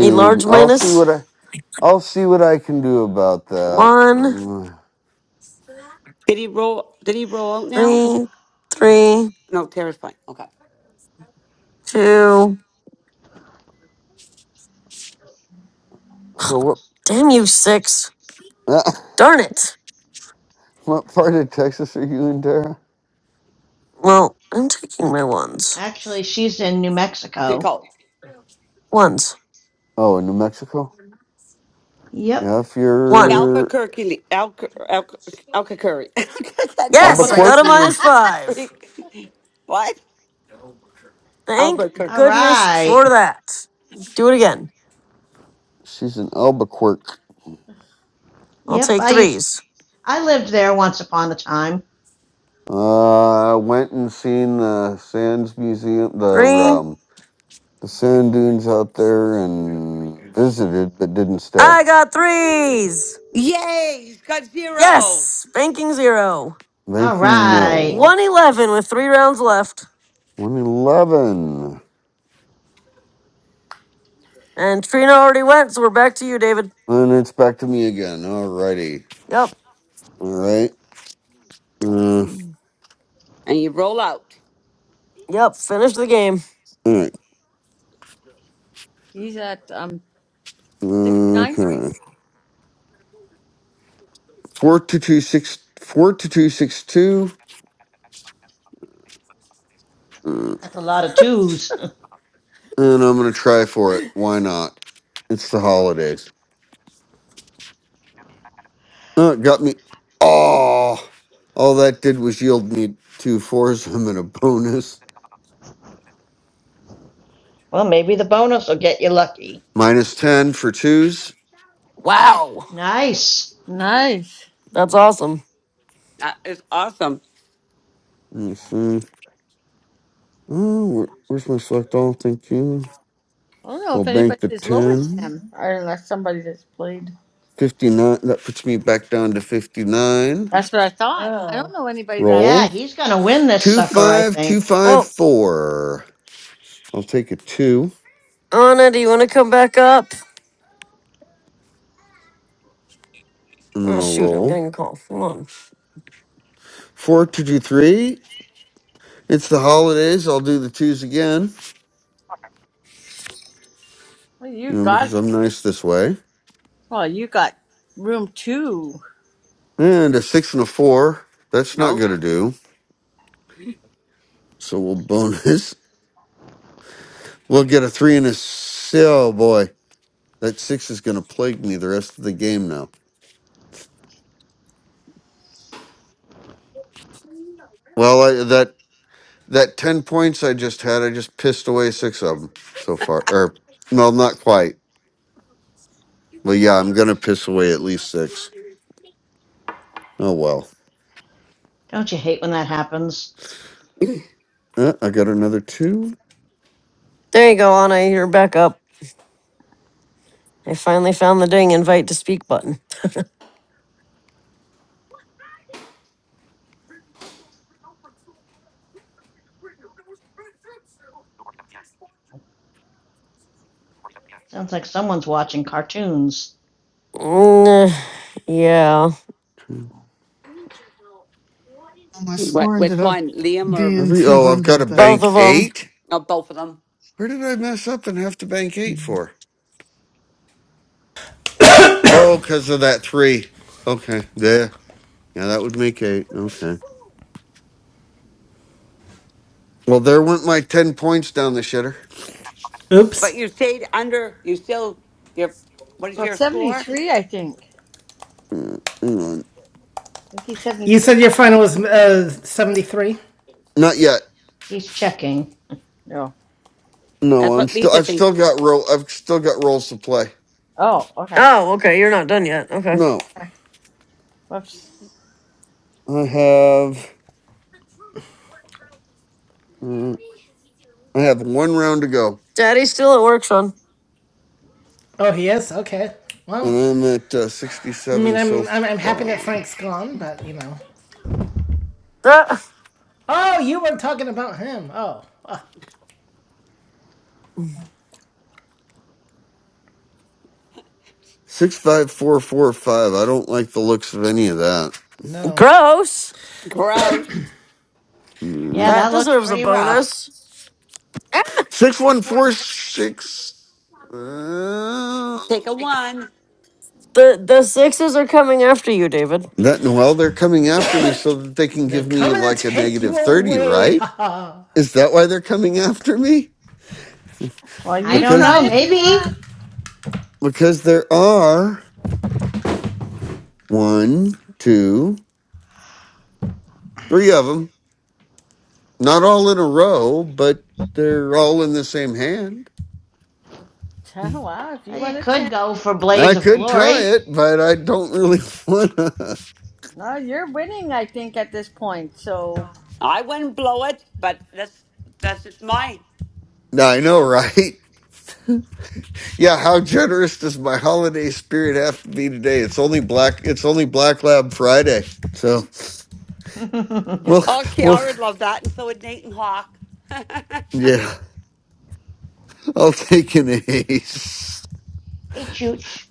Speaker 2: A large
Speaker 5: I'll see
Speaker 2: minus?
Speaker 5: what I. I'll see what I can do about that.
Speaker 2: One,
Speaker 5: Mm.
Speaker 12: Did he roll? Did he roll out now?
Speaker 2: three, three,
Speaker 12: No, Tara's fine. Okay,
Speaker 2: two.
Speaker 5: So what?
Speaker 2: Damn you, six.
Speaker 5: [LAUGHS]
Speaker 2: Darn it.
Speaker 5: what part of Texas are you in, Tara?
Speaker 2: Well, I'm taking my ones.
Speaker 10: Actually, she's in New
Speaker 12: good
Speaker 10: Mexico.
Speaker 12: call.
Speaker 2: Ones.
Speaker 5: Oh, in New Mexico.
Speaker 10: Yep.
Speaker 5: Yeah, if
Speaker 12: In
Speaker 2: One.
Speaker 5: you're
Speaker 12: Albuquerque, Alc- Alc- Albuquerque. [LAUGHS] That's it
Speaker 2: Yes, I got a
Speaker 5: Albuquerque,
Speaker 12: today.
Speaker 10: Albuquerque.
Speaker 2: minus five.
Speaker 12: [LAUGHS] what?
Speaker 2: Thank
Speaker 12: Albuquerque.
Speaker 10: All
Speaker 2: goodness
Speaker 10: right.
Speaker 2: for that. Do it again.
Speaker 5: she's in Albuquerque.
Speaker 2: I'll
Speaker 10: Yep,
Speaker 2: take
Speaker 10: I used
Speaker 2: threes.
Speaker 10: I lived there once upon a time.
Speaker 5: Uh, I went and seen the Sands Museum, the
Speaker 2: Three.
Speaker 5: um, the sand dunes out there, and visited, but didn't stay.
Speaker 2: I got threes.
Speaker 12: Yay! He's got zero.
Speaker 2: Yes, banking zero.
Speaker 10: All
Speaker 5: Banking
Speaker 10: right.
Speaker 5: nil.
Speaker 2: 111 with three rounds left.
Speaker 5: One eleven.
Speaker 2: And Trina already went, so we're back to you, David.
Speaker 5: And it's back to me again. Alrighty.
Speaker 2: Yep,
Speaker 5: All right. Uh,
Speaker 12: And you roll out.
Speaker 2: yep, finish the game.
Speaker 5: all right.
Speaker 20: He's at um 69.
Speaker 5: Okay. Four to two six four to two six two. Uh,
Speaker 10: That's a lot of twos. [LAUGHS]
Speaker 5: and I'm gonna try for it. Why not? It's the holidays. Oh, it got me. Oh, all that did was yield me two fours. [LAUGHS] I'm in a bonus
Speaker 10: Well, maybe the bonus will get you lucky.
Speaker 5: minus ten for twos.
Speaker 12: Ah,
Speaker 2: Wow,
Speaker 10: Nice.
Speaker 20: Nice.
Speaker 2: that's awesome.
Speaker 12: that is awesome.
Speaker 5: Let's see. Oh, where, where's my select all? Thank you.
Speaker 20: I don't know
Speaker 5: Well,
Speaker 20: if
Speaker 5: bank
Speaker 20: anybody's
Speaker 5: the
Speaker 20: as low as
Speaker 5: ten.
Speaker 20: him, or unless somebody that's played.
Speaker 5: 59 that puts me back down to 59
Speaker 20: That's what I thought. I don't know anybody that.
Speaker 10: Yeah,
Speaker 5: roll
Speaker 10: he's gonna win this sucker, I think.
Speaker 2: Oh,
Speaker 5: 25254 I'll take a two
Speaker 2: Anna, do you want to come back up?
Speaker 5: and then
Speaker 2: Oh,
Speaker 5: I'll
Speaker 2: shoot, I'm
Speaker 5: roll.
Speaker 2: getting a call. Hold on.
Speaker 5: Four, two, two, three. It's the holidays. I'll do the twos again,
Speaker 20: Well, you
Speaker 5: you know, because
Speaker 20: got
Speaker 5: I'm nice this way.
Speaker 20: Well, you got room two.
Speaker 5: And a six and a four. That's not
Speaker 12: No,
Speaker 5: going to do. So we'll bonus. [LAUGHS] We'll get a three and a s- Oh boy. That six is going to plague me the rest of the game now. Well, I, that that 10 points I just had, I just pissed away six of them so far. Or, well, not quite. Well, yeah, I'm going to piss away at least six. Oh, well.
Speaker 10: Don't you hate when that happens?
Speaker 5: Uh, I got another two.
Speaker 2: There you go, Anna, you're back up. I finally found the dang invite to speak button.
Speaker 10: Sounds like someone's watching cartoons.
Speaker 2: Mm, eh, yeah,
Speaker 16: Well, my
Speaker 12: what?
Speaker 16: score ended
Speaker 12: Which
Speaker 16: up
Speaker 12: one, Liam or,
Speaker 16: being
Speaker 5: Every oh, I've got
Speaker 16: 200
Speaker 5: to
Speaker 16: though.
Speaker 2: both
Speaker 5: bank
Speaker 2: of
Speaker 16: So,
Speaker 2: them.
Speaker 5: eight.
Speaker 12: or both of them?
Speaker 5: Where did I mess up and have to bank eight
Speaker 16: mm.
Speaker 5: for? Oh, because of that three. Okay, there. Yeah, that would make eight. Okay. Well, there went my ten points down the shitter.
Speaker 12: But
Speaker 1: Oops.
Speaker 12: you stayed under. You still. Your what is
Speaker 20: Well,
Speaker 12: your score?
Speaker 20: 73, I think. I
Speaker 5: Mm, hang on.
Speaker 20: think he's
Speaker 1: You
Speaker 20: 73.
Speaker 1: said your final was uh, 73?
Speaker 5: Not yet.
Speaker 10: He's checking.
Speaker 20: No.
Speaker 5: No,
Speaker 12: That's
Speaker 5: I'm
Speaker 12: what
Speaker 5: still.
Speaker 12: Lisa
Speaker 5: I've still
Speaker 12: thinks.
Speaker 5: got roll. I've still got rolls to play.
Speaker 20: Oh, okay.
Speaker 2: Oh, okay, you're not done yet. Okay.
Speaker 5: No,
Speaker 20: Okay. Whoops.
Speaker 5: I have. mm, I have one round to go.
Speaker 2: Daddy's still at work, son.
Speaker 1: Oh, he is? Okay. Well,
Speaker 5: And I'm at uh,
Speaker 1: I mean,
Speaker 5: sixty-seven so
Speaker 1: I'm, I'm, I'm happy that
Speaker 5: far.
Speaker 1: Frank's gone, but, you know.
Speaker 2: Ah,
Speaker 1: Oh, you were talking about him. Oh, ah,
Speaker 5: Six, five, four, four, five. I don't like the looks of any of that.
Speaker 1: no.
Speaker 2: gross.
Speaker 12: Gross.
Speaker 5: Mm.
Speaker 10: Yeah,
Speaker 2: That
Speaker 10: that looks
Speaker 2: deserves a
Speaker 10: pretty rough.
Speaker 2: bonus.
Speaker 5: Six one four six. Uh,
Speaker 12: Take a one.
Speaker 2: The the sixes are coming after you, David.
Speaker 5: that well, they're coming after me so that they can
Speaker 1: They're
Speaker 5: give me
Speaker 1: coming to
Speaker 5: like a
Speaker 1: take you
Speaker 5: negative thirty,
Speaker 1: away.
Speaker 5: right?
Speaker 1: Ha [LAUGHS] ha.
Speaker 5: Is that why they're coming after me?
Speaker 20: Well,
Speaker 10: I
Speaker 20: you
Speaker 10: don't
Speaker 5: Because
Speaker 20: try
Speaker 10: know,
Speaker 20: if you
Speaker 10: maybe.
Speaker 20: want.
Speaker 5: because there are one, two, three of them. Not all in a row, but they're all in the same hand.
Speaker 20: Oh, wow, if
Speaker 10: Uh,
Speaker 20: you
Speaker 10: You
Speaker 20: want a
Speaker 10: could
Speaker 20: chance.
Speaker 10: go for
Speaker 5: I
Speaker 10: Blaze of
Speaker 5: could try
Speaker 10: Glory.
Speaker 5: it, but I don't really [LAUGHS] want to.
Speaker 20: No, you're winning, I think, at this point. So.
Speaker 12: I wouldn't blow it, but that's that's just mine.
Speaker 5: I know, right? [LAUGHS] Yeah, how generous does my holiday spirit have to be today? It's only black. It's only Black Lab Friday. So,
Speaker 10: [LAUGHS] hey,
Speaker 5: well,
Speaker 12: Okay, I
Speaker 5: well,
Speaker 12: would love that, and so would Nathan Hawk.
Speaker 5: yeah. I'll take an ace.
Speaker 10: Chooch.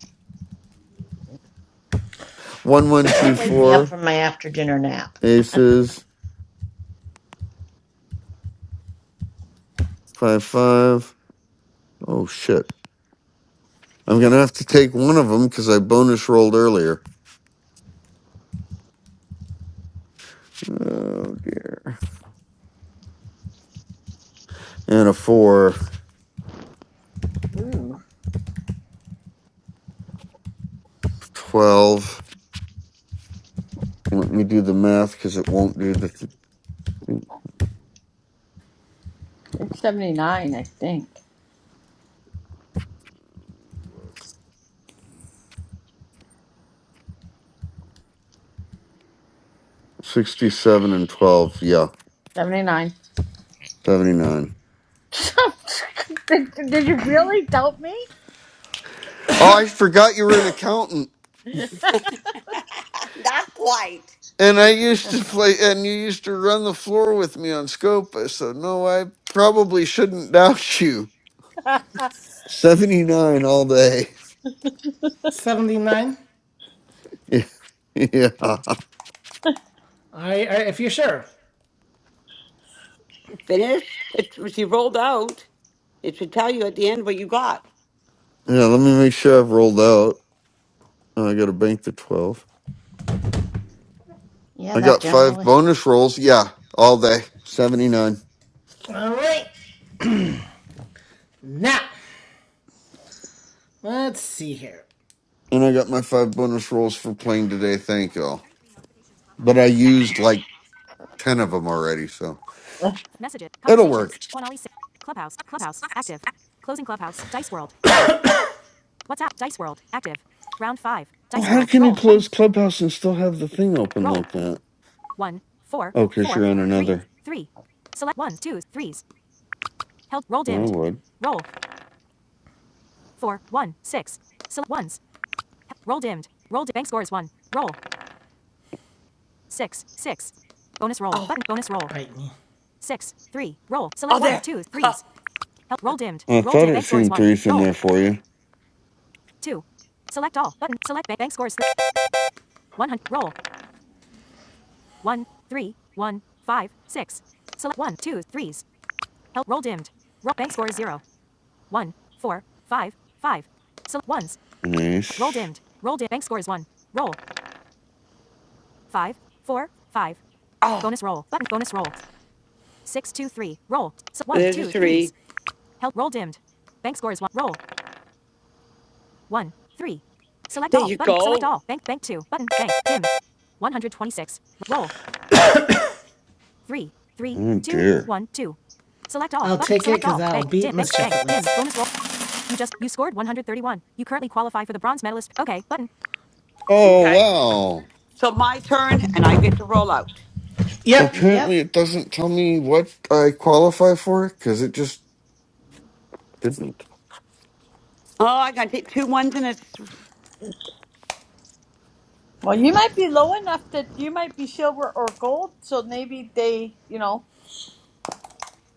Speaker 5: One
Speaker 10: Say,
Speaker 5: one
Speaker 10: don't
Speaker 5: two
Speaker 10: wake me up
Speaker 5: four
Speaker 10: from my after dinner nap.
Speaker 5: aces five five. Oh shit! I'm gonna have to take one of them because I bonus rolled earlier. Oh dear. And a four twelve. Let me do the math because it won't do the th-
Speaker 20: It's 79, I think.
Speaker 5: sixty-seven and twelve. Yeah,
Speaker 20: 79.
Speaker 5: seventy-nine.
Speaker 20: [LAUGHS] did, did you really doubt me?
Speaker 5: Oh, I forgot you were an accountant.
Speaker 12: [LAUGHS] Not quite.
Speaker 5: And I
Speaker 10: [LAUGHS]
Speaker 5: used to play, and you used to run the floor with me on Scopa, so no, I probably shouldn't [LAUGHS] doubt you.
Speaker 20: [LAUGHS]
Speaker 5: 79 all day.
Speaker 1: 79?
Speaker 5: [LAUGHS] yeah. Yeah,
Speaker 1: I, I, if you're sure.
Speaker 12: You finish? It's she rolled out. It should tell you at the end what you got.
Speaker 5: let me make sure I've rolled out. Oh, I got to bank the 12.
Speaker 10: Yeah,
Speaker 5: I
Speaker 10: that
Speaker 5: got five
Speaker 10: generally.
Speaker 5: bonus rolls. Yeah, all day. 79.
Speaker 1: All right. Now, let's see here.
Speaker 5: And I got my five bonus rolls for playing today. Thank y'all. But I used like 10 of them already, so it'll work. Oh, how can you close Clubhouse and still have the thing open like that? Oh, because you're on another. I would.
Speaker 12: Oh,
Speaker 1: Right.
Speaker 12: oh, there. Oh,
Speaker 5: I thought it seemed threes in there for you. An ace.
Speaker 12: oh, there's a three. There you go.
Speaker 5: Oh dear.
Speaker 1: I'll take it 'cause will beat Miss
Speaker 5: Oh
Speaker 12: Okay.
Speaker 5: wow.
Speaker 12: So my turn, and I get to roll out.
Speaker 1: Yep.
Speaker 10: Yep.
Speaker 5: Apparently it doesn't tell me what I qualify for because it just didn't.
Speaker 12: Oh, I gotta take two ones and a th-
Speaker 20: well, you might be low enough that you might be silver or gold, so maybe they, you know.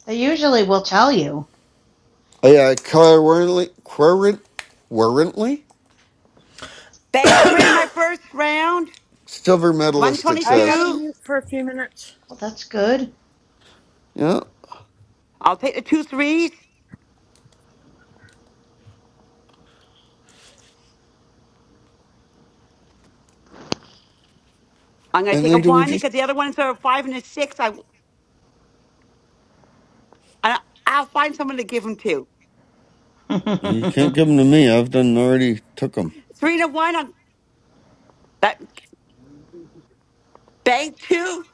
Speaker 10: They usually will tell you.
Speaker 5: Oh, Yeah, I currently, current, currently
Speaker 12: bank three in my first round.
Speaker 5: silver
Speaker 12: One
Speaker 5: medalist. It
Speaker 20: I got
Speaker 5: says.
Speaker 20: to
Speaker 12: twenty-two.
Speaker 20: mute for a few minutes.
Speaker 10: Well, that's good.
Speaker 5: Yeah.
Speaker 12: I'll take the two threes. I'm going to
Speaker 5: And
Speaker 12: take a
Speaker 5: then do we
Speaker 12: one
Speaker 5: just?
Speaker 12: because the other ones are a five and a six. I, I I'll find someone to give them to.
Speaker 5: You can't
Speaker 10: [LAUGHS]
Speaker 5: give them to me. I've done already took them.
Speaker 12: Three and a one. On that bank two.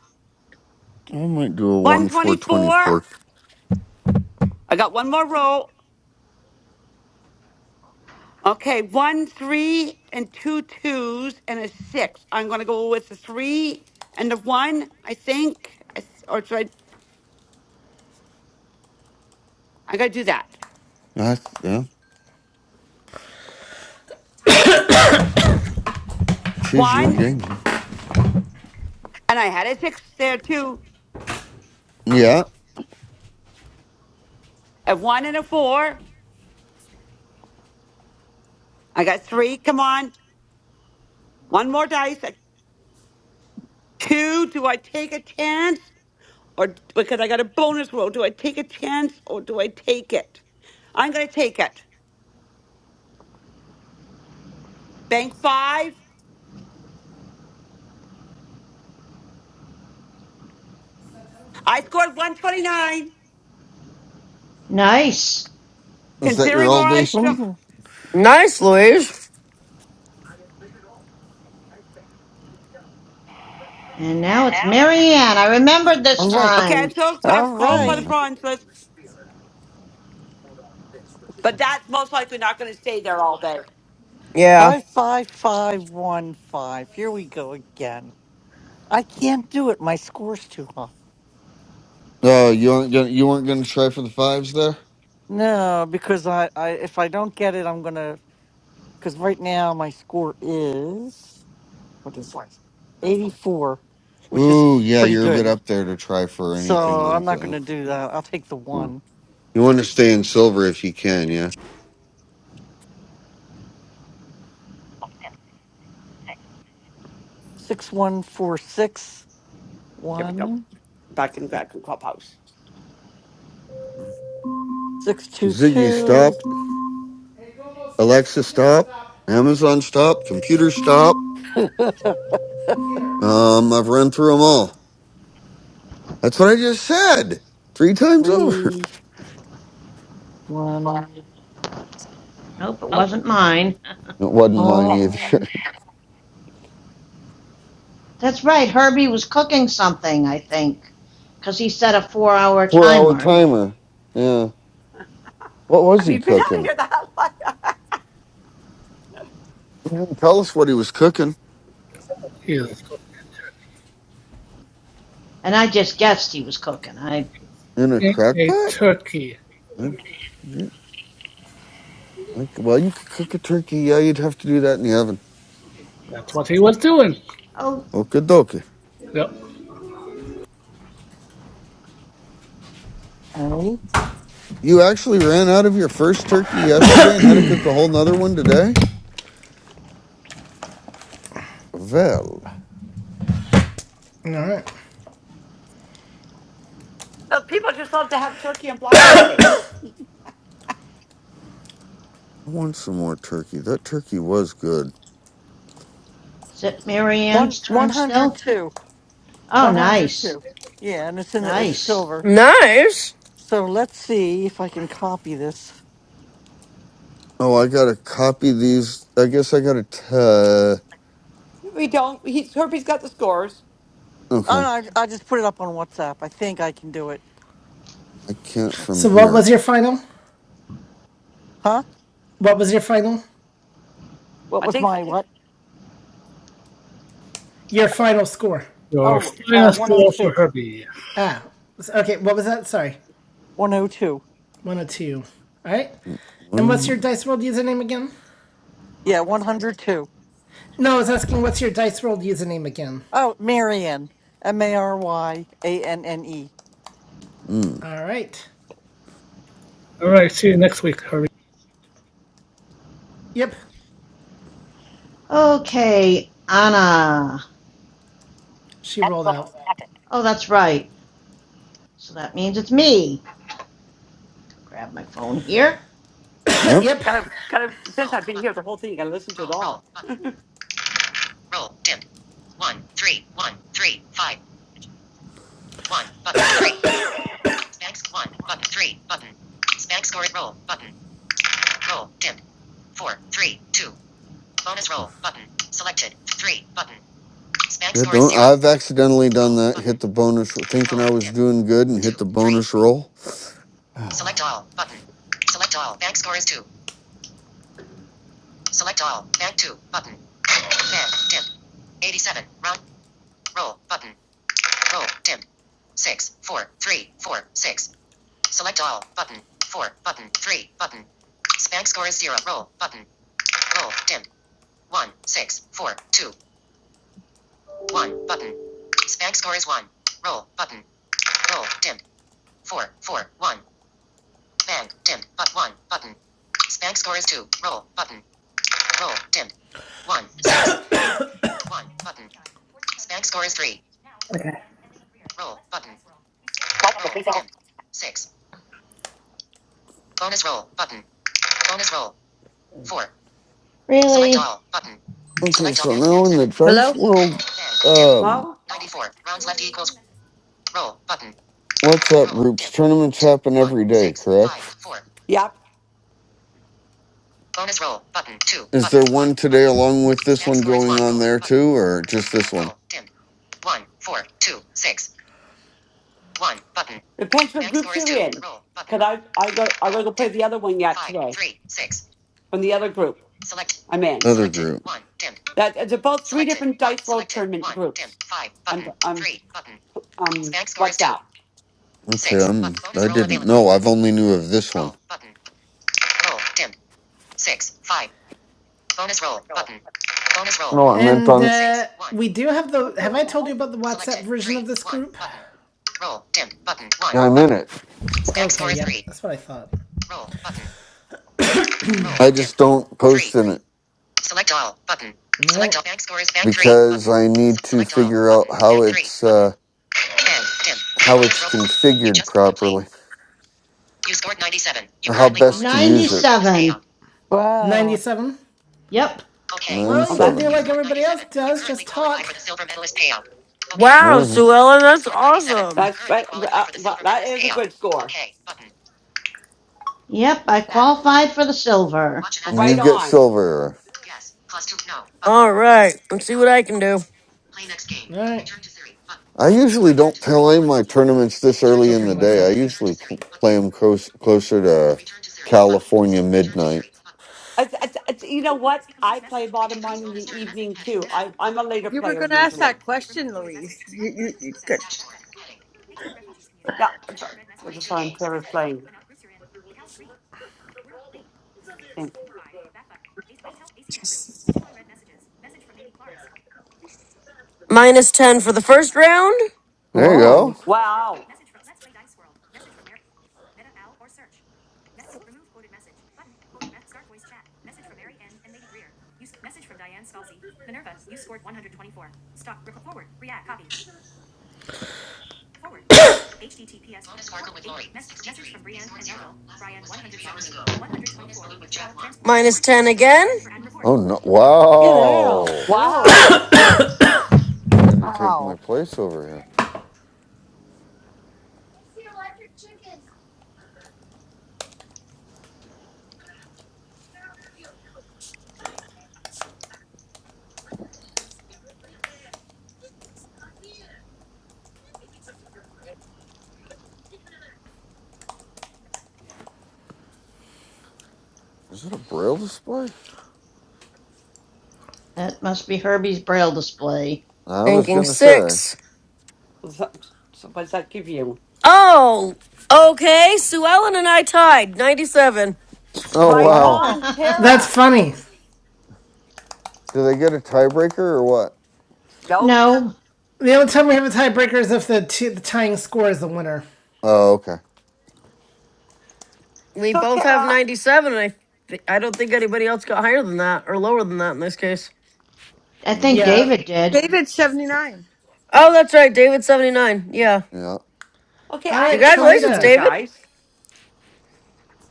Speaker 5: I might do a
Speaker 12: One
Speaker 5: one four
Speaker 12: twenty
Speaker 5: twenty
Speaker 12: four.
Speaker 5: four.
Speaker 12: I got one more roll. Okay, one three and two twos and a six. I'm going to go with the three and the one. I think, I th- or should I? I'm going to do that.
Speaker 5: That's yeah. Choose your
Speaker 12: One,
Speaker 5: game.
Speaker 12: and I had a six there too.
Speaker 5: Yeah.
Speaker 12: A one and a four. I got three. Come on, one more dice. A two. Do I take a chance? or because I got a bonus roll. Do I take a chance or do I take it? I'm going to take it. Bank five. I scored 129,
Speaker 10: nice.
Speaker 5: Is that your
Speaker 12: considering all
Speaker 5: all day?
Speaker 12: I.
Speaker 5: s- I
Speaker 12: st-
Speaker 15: Mhm.
Speaker 2: Nice, Louise.
Speaker 10: And now it's Marianne. I remembered this
Speaker 15: all right.
Speaker 12: Okay, I'm
Speaker 10: time.
Speaker 12: still I'm
Speaker 15: All
Speaker 12: calling
Speaker 5: don't
Speaker 12: for the
Speaker 5: know.
Speaker 15: right.
Speaker 12: Francis, but that's most likely not going to stay there all day.
Speaker 2: Yeah.
Speaker 15: Five, five, five, one, five. Here we go again. I can't do it. My score's too high.
Speaker 5: Oh, you weren't gonna you weren't gonna try for the fives there?
Speaker 15: No, because I, I if I don't get it, I'm gonna. Because right now my score is what is life? 84, which is
Speaker 5: Ooh, yeah,
Speaker 15: pretty
Speaker 5: you're a bit
Speaker 15: good.
Speaker 5: up there to try for anything
Speaker 15: So I'm
Speaker 5: like
Speaker 15: not going
Speaker 5: that.
Speaker 15: to do that. I'll take the
Speaker 5: Hmm.
Speaker 15: one.
Speaker 5: You want to stay in silver if you can, yeah.
Speaker 15: 6146,
Speaker 12: Here we go. Back in back in clubhouse.
Speaker 5: Ziggy, stop.
Speaker 1: Hey, Google,
Speaker 5: Alexa,
Speaker 1: computer,
Speaker 5: stop.
Speaker 1: stop.
Speaker 5: Amazon, stop. Computer, stop.
Speaker 1: Computer,
Speaker 5: Um, I've run through them all.
Speaker 1: stop.
Speaker 5: That's what I just said three times over. [LAUGHS]
Speaker 10: Nope, it wasn't mine.
Speaker 5: It
Speaker 15: [LAUGHS]
Speaker 5: wasn't mine either. [LAUGHS]
Speaker 10: [LAUGHS] that's right. Herbie was cooking something, I think, because he set a four-hour
Speaker 5: Four hour
Speaker 10: timer,
Speaker 5: timer. Yeah. What
Speaker 12: I
Speaker 5: was he
Speaker 12: mean, [LAUGHS] been out of
Speaker 5: cooking?
Speaker 12: here the hell.
Speaker 5: He didn't tell us what he was cooking
Speaker 9: He was
Speaker 10: and I just guessed he was cooking. I
Speaker 5: in a
Speaker 9: cooking
Speaker 5: crack
Speaker 9: a
Speaker 5: pot.
Speaker 9: turkey.
Speaker 5: I- Yeah. Okay, well, you could cook a turkey. Yeah, you'd have to do that in the oven.
Speaker 9: That's what he was doing.
Speaker 10: oh,
Speaker 5: Okay, dokie.
Speaker 9: Yep.
Speaker 15: and 8.
Speaker 5: You actually ran out of your first turkey yesterday and had to cook a whole nother one today? Well,
Speaker 1: All right.
Speaker 12: [LAUGHS] so people just love to have turkey on Black Friday.
Speaker 5: I want some more turkey. That turkey was good.
Speaker 10: is it Marianne's
Speaker 15: One,
Speaker 10: turn still?
Speaker 15: 102.
Speaker 10: Oh, nice,
Speaker 15: 102. [LAUGHS] Yeah, and it's in the, it's
Speaker 10: nice.
Speaker 15: silver.
Speaker 2: Nice.
Speaker 15: So let's see if I can copy this.
Speaker 5: Oh, I gotta copy these. I guess I gotta. T-
Speaker 12: No, We don't. He's Herbie's got the scores.
Speaker 15: Oh, no,
Speaker 5: okay,
Speaker 15: I, I just put it up on WhatsApp. I think I can do it.
Speaker 5: I can't from
Speaker 1: So
Speaker 15: That's,
Speaker 1: what
Speaker 5: here.
Speaker 1: was your final?
Speaker 15: huh?
Speaker 1: What was your final?
Speaker 15: What
Speaker 12: I
Speaker 15: was
Speaker 12: think.
Speaker 15: my what?
Speaker 1: Your final score.
Speaker 9: Your
Speaker 15: Oh, uh,
Speaker 9: final score for
Speaker 15: 102.
Speaker 9: Herbie.
Speaker 1: Ah. Okay. What was that? Sorry.
Speaker 15: 102.
Speaker 1: One or two. All right. And what's
Speaker 5: One.
Speaker 1: your Dice World username again?
Speaker 15: Yeah, 102.
Speaker 1: No, I was asking what's your Dice World username again.
Speaker 15: Oh, Marianne. M A R Y A N N E.
Speaker 5: Mm.
Speaker 1: All right.
Speaker 9: All right, see you next week, Herbie.
Speaker 1: Yep.
Speaker 10: Okay, Anna.
Speaker 1: She
Speaker 15: App
Speaker 1: rolled
Speaker 15: Clubhouse.
Speaker 1: out.
Speaker 15: Active.
Speaker 10: Oh, that's right. So that means it's me. Grab my phone here.
Speaker 1: [CLEARS THROAT] [LAUGHS]
Speaker 5: Yep.
Speaker 1: yep.
Speaker 12: Gotta, gotta. Since I've been here, the whole thing. Gotta listen to it all.
Speaker 5: Yeah, don't. I've accidentally done that. Hit the bonus, thinking I was doing good, and hit the bonus roll. [SIGHS]
Speaker 15: Like the three seconds.
Speaker 5: Okay, so now in the Dice
Speaker 20: Hello?
Speaker 5: World um,
Speaker 12: Well.
Speaker 5: WhatsApp groups, tournaments happen every day, correct?
Speaker 12: Yep.
Speaker 5: Is there one today along with this one going on there too, or just this one?
Speaker 12: Depends what groups you're in. Cause I I go I gotta go play the other one yet today from the other group I'm in.
Speaker 5: Other group.
Speaker 12: That it's about three different dice roll tournament groups on on um WhatsApp.
Speaker 5: Okay, I'm. I didn't know. I've only knew of this one. No, I meant
Speaker 1: And
Speaker 5: on.
Speaker 1: uh, we do have the. Have I told you about the WhatsApp version of this group?
Speaker 5: Yeah, I'm in it.
Speaker 1: Okay, yep. That's what I thought.
Speaker 5: I just don't post in it
Speaker 1: All right.
Speaker 5: because I need to figure out how it's uh, how it's configured properly or how best to use it.
Speaker 10: 97.
Speaker 15: Wow.
Speaker 1: 97.
Speaker 10: Yep.
Speaker 5: Nine
Speaker 1: Well,
Speaker 12: Well,
Speaker 1: you can
Speaker 12: that's
Speaker 1: do
Speaker 5: seven.
Speaker 1: like everybody else does, just talk.
Speaker 2: Wow,
Speaker 5: No,
Speaker 2: Sue Ellen, that's awesome.
Speaker 12: that's uh, uh, well, that is a good score.
Speaker 10: Yep, I qualified for the silver.
Speaker 5: you
Speaker 12: Right
Speaker 5: get
Speaker 12: on.
Speaker 5: silver.
Speaker 2: All right, let's see what I can do.
Speaker 1: All right.
Speaker 5: I usually don't play my tournaments this early in the
Speaker 1: Open
Speaker 5: day. I
Speaker 1: WhatsApp.
Speaker 5: usually pl- play them close, closer to California midnight.
Speaker 12: It's, it's, it's, you know what? I play bottom line in the evening too. I I'm a later
Speaker 20: You were
Speaker 12: player
Speaker 20: going to ask
Speaker 12: usually.
Speaker 20: that question, Louise. You, you, you could.
Speaker 12: Yeah, that's why I'm Clara's playing. I think.
Speaker 2: Minus 10 for the first round.
Speaker 5: There you
Speaker 15: Whoa.
Speaker 5: go.
Speaker 12: Wow,
Speaker 2: Minus 10 again.
Speaker 5: Oh no!
Speaker 15: Get out.
Speaker 5: Wow,
Speaker 12: wow.
Speaker 15: Really?
Speaker 5: trying to take my
Speaker 15: Wow.
Speaker 5: place over here. Is it a braille display?
Speaker 10: That must be Herbie's braille display.
Speaker 5: I was
Speaker 2: Banking
Speaker 5: gonna say.
Speaker 2: six.
Speaker 12: So- so What does that give you?
Speaker 2: Oh, okay. Sue Ellen and I tied 97.
Speaker 5: Oh
Speaker 12: Right
Speaker 10: [LAUGHS]
Speaker 5: wow!
Speaker 15: Wow.
Speaker 12: on,
Speaker 1: That's
Speaker 12: Tara.
Speaker 1: funny.
Speaker 5: Do they get a tiebreaker or what?
Speaker 12: No.
Speaker 10: no,
Speaker 1: The only time we have a tiebreaker is if the, two, the tying score is the winner.
Speaker 5: Oh okay.
Speaker 2: We
Speaker 12: So,
Speaker 2: both have
Speaker 12: Tara,
Speaker 2: 97, and I, th- I don't think anybody else got higher than that or lower than that in this case.
Speaker 10: I think
Speaker 5: Mm,
Speaker 1: Yeah.
Speaker 10: David did.
Speaker 20: David, 79.
Speaker 2: Oh, that's right. David 79. Yeah.
Speaker 5: Yeah,
Speaker 12: okay,
Speaker 1: All
Speaker 12: I have
Speaker 1: right,
Speaker 12: a question
Speaker 2: Congratulations,
Speaker 12: for you
Speaker 1: Trelita.
Speaker 2: David.
Speaker 12: guys.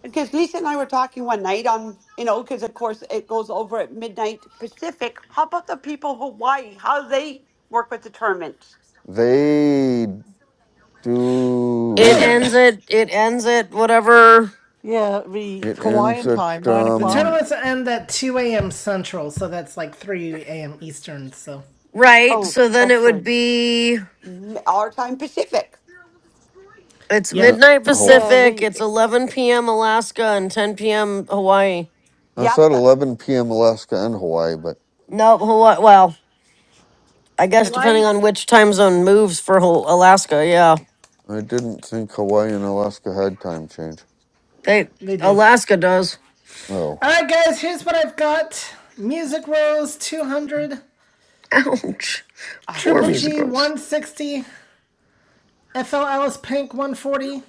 Speaker 12: Because Lisa and I were talking one night on, you know, because of course it goes over at midnight Pacific. How about the people of Hawaii? How they work with the tournaments?
Speaker 5: they
Speaker 2: It
Speaker 5: do.
Speaker 2: ends at it ends at whatever
Speaker 15: Yeah, it'd be
Speaker 5: It ends
Speaker 15: Hawaiian
Speaker 5: at
Speaker 15: time, nine
Speaker 1: The
Speaker 15: o'clock.
Speaker 5: um.
Speaker 1: tournaments end at 2 a.m. Central, so that's like 3 a.m. Eastern, so.
Speaker 2: right.
Speaker 15: Oh,
Speaker 2: So then it
Speaker 15: that's
Speaker 2: would
Speaker 15: right.
Speaker 2: be
Speaker 12: M- Our time Pacific.
Speaker 2: it's
Speaker 1: Yep,
Speaker 5: No,
Speaker 2: midnight
Speaker 5: hold. on.
Speaker 15: Yeah, it'd
Speaker 2: Pacific,
Speaker 15: be
Speaker 2: it's eleven PM Alaska and ten PM Hawaii.
Speaker 5: I
Speaker 12: Yep.
Speaker 5: said
Speaker 12: the-
Speaker 5: 11 p.m. Alaska and Hawaii, but
Speaker 2: No, Hawaii well, I guess
Speaker 20: Why?
Speaker 2: depending on which time zone moves for Hol- Alaska, yeah.
Speaker 5: I didn't think Hawaii and Alaska had time change.
Speaker 2: They
Speaker 1: they do.
Speaker 2: Alaska does.
Speaker 5: Oh.
Speaker 1: All right, guys, here's what I've got Music Rose 200,
Speaker 2: [LAUGHS] Ouch.
Speaker 12: oh,
Speaker 2: Poor
Speaker 1: Triple
Speaker 2: music
Speaker 1: G
Speaker 2: gross.
Speaker 1: 160, FL Alice Pink 140,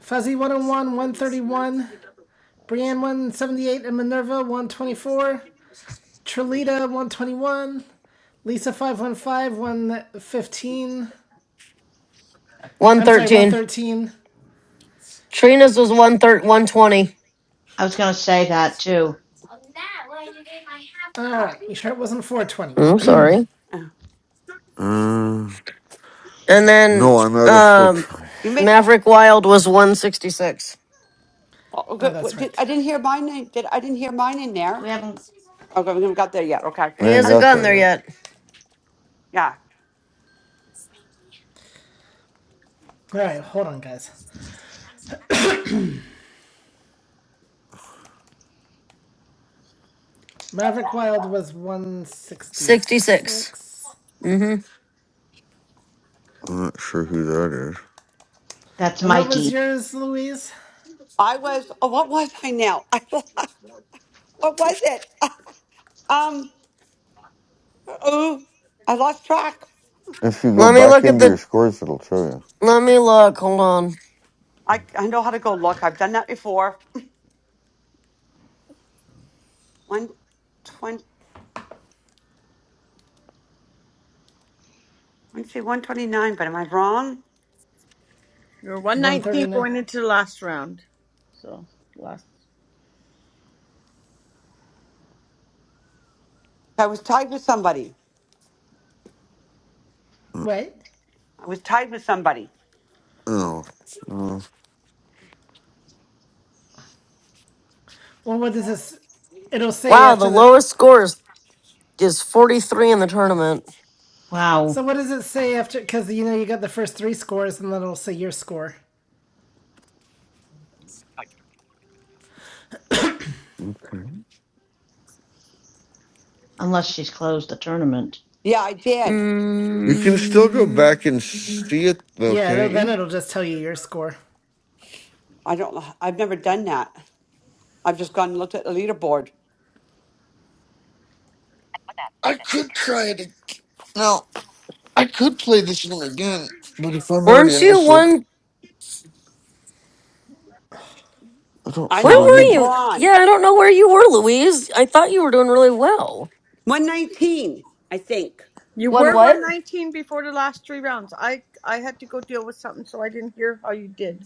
Speaker 1: Fuzzy 101 131, Brienne 178, and Minerva 124, Trilita 121, Lisa 515 115.
Speaker 2: One
Speaker 1: I'm sorry,
Speaker 2: thirteen.
Speaker 1: 113.
Speaker 2: Trina's was one thir- one twenty.
Speaker 10: I was going to say that too.
Speaker 1: All right, you sure it wasn't 420?
Speaker 2: I'm sorry.
Speaker 12: oh,
Speaker 5: Uh,
Speaker 2: And then
Speaker 5: no, I'm out of foot.
Speaker 2: um
Speaker 12: you missed.
Speaker 2: Maverick Wild was one sixty six.
Speaker 12: oh,
Speaker 1: Oh,
Speaker 12: good. what
Speaker 1: that's
Speaker 12: did-
Speaker 1: right.
Speaker 12: I didn't hear mine. in- Did I didn't hear mine in
Speaker 10: We
Speaker 12: there?
Speaker 10: haven't.
Speaker 12: Okay, we haven't got there yet. Okay.
Speaker 5: We
Speaker 2: He
Speaker 5: ain't
Speaker 12: Yep.
Speaker 2: hasn't
Speaker 5: got
Speaker 2: gotten
Speaker 5: that
Speaker 2: there
Speaker 5: yet.
Speaker 2: yet.
Speaker 12: Yeah.
Speaker 1: All right, hold on, guys. Maverick Wild was
Speaker 2: 66.
Speaker 1: 166.
Speaker 2: Mm-hmm.
Speaker 5: I'm not sure who that is.
Speaker 10: That's
Speaker 1: And what was
Speaker 10: Mikey.
Speaker 1: yours, Louise?
Speaker 12: I was. Oh, what was I now? [LAUGHS] I, what was it? [LAUGHS] Um. Oh, I lost track.
Speaker 5: If you go
Speaker 2: Let me
Speaker 5: back
Speaker 2: look at
Speaker 5: into your
Speaker 2: the.
Speaker 5: scores, it'll show you.
Speaker 2: Let me look. Hold on.
Speaker 12: I, I know how to go look. I've done that before. [LAUGHS] 120, I want to say 129, but am I wrong?
Speaker 20: You're 119
Speaker 1: 139.
Speaker 20: going into the last round. So, last.
Speaker 12: I was tied with somebody.
Speaker 5: Uh,
Speaker 1: Wait.
Speaker 12: I was tied with somebody.
Speaker 5: Oh. Oh,
Speaker 1: Well, what does this? It'll say
Speaker 2: Wow, the
Speaker 1: after the.
Speaker 2: lowest score is, is 43 in the tournament.
Speaker 10: Wow.
Speaker 1: So what does it say after? Because you know you got the first three scores, and then it'll say your score.
Speaker 5: okay.
Speaker 10: Unless she's closed the tournament.
Speaker 12: Yeah, I did.
Speaker 5: You can still go
Speaker 2: Mm,
Speaker 5: back and see it, though,
Speaker 1: Yeah. It'll,
Speaker 5: can't
Speaker 1: then
Speaker 5: you?
Speaker 1: it'll just tell you your score.
Speaker 12: I don't, I've never done that. I've just gone and looked at the leaderboard.
Speaker 5: I could try it. ag- No, I could play this one again, but if I'm already
Speaker 2: weren't
Speaker 5: in the
Speaker 2: you
Speaker 5: silver,
Speaker 2: one?
Speaker 5: I don't
Speaker 12: I
Speaker 2: Where
Speaker 5: feel
Speaker 12: know
Speaker 5: I
Speaker 12: it's in
Speaker 5: need
Speaker 2: were
Speaker 5: to
Speaker 2: you? Yeah,
Speaker 12: bronze.
Speaker 2: I don't know where you were, Louise. I thought you were doing really well.
Speaker 12: 119, I think.
Speaker 20: You
Speaker 2: One
Speaker 20: were
Speaker 2: what?
Speaker 20: 119 before the last three rounds. I I had to go deal with something, so I didn't hear how you did.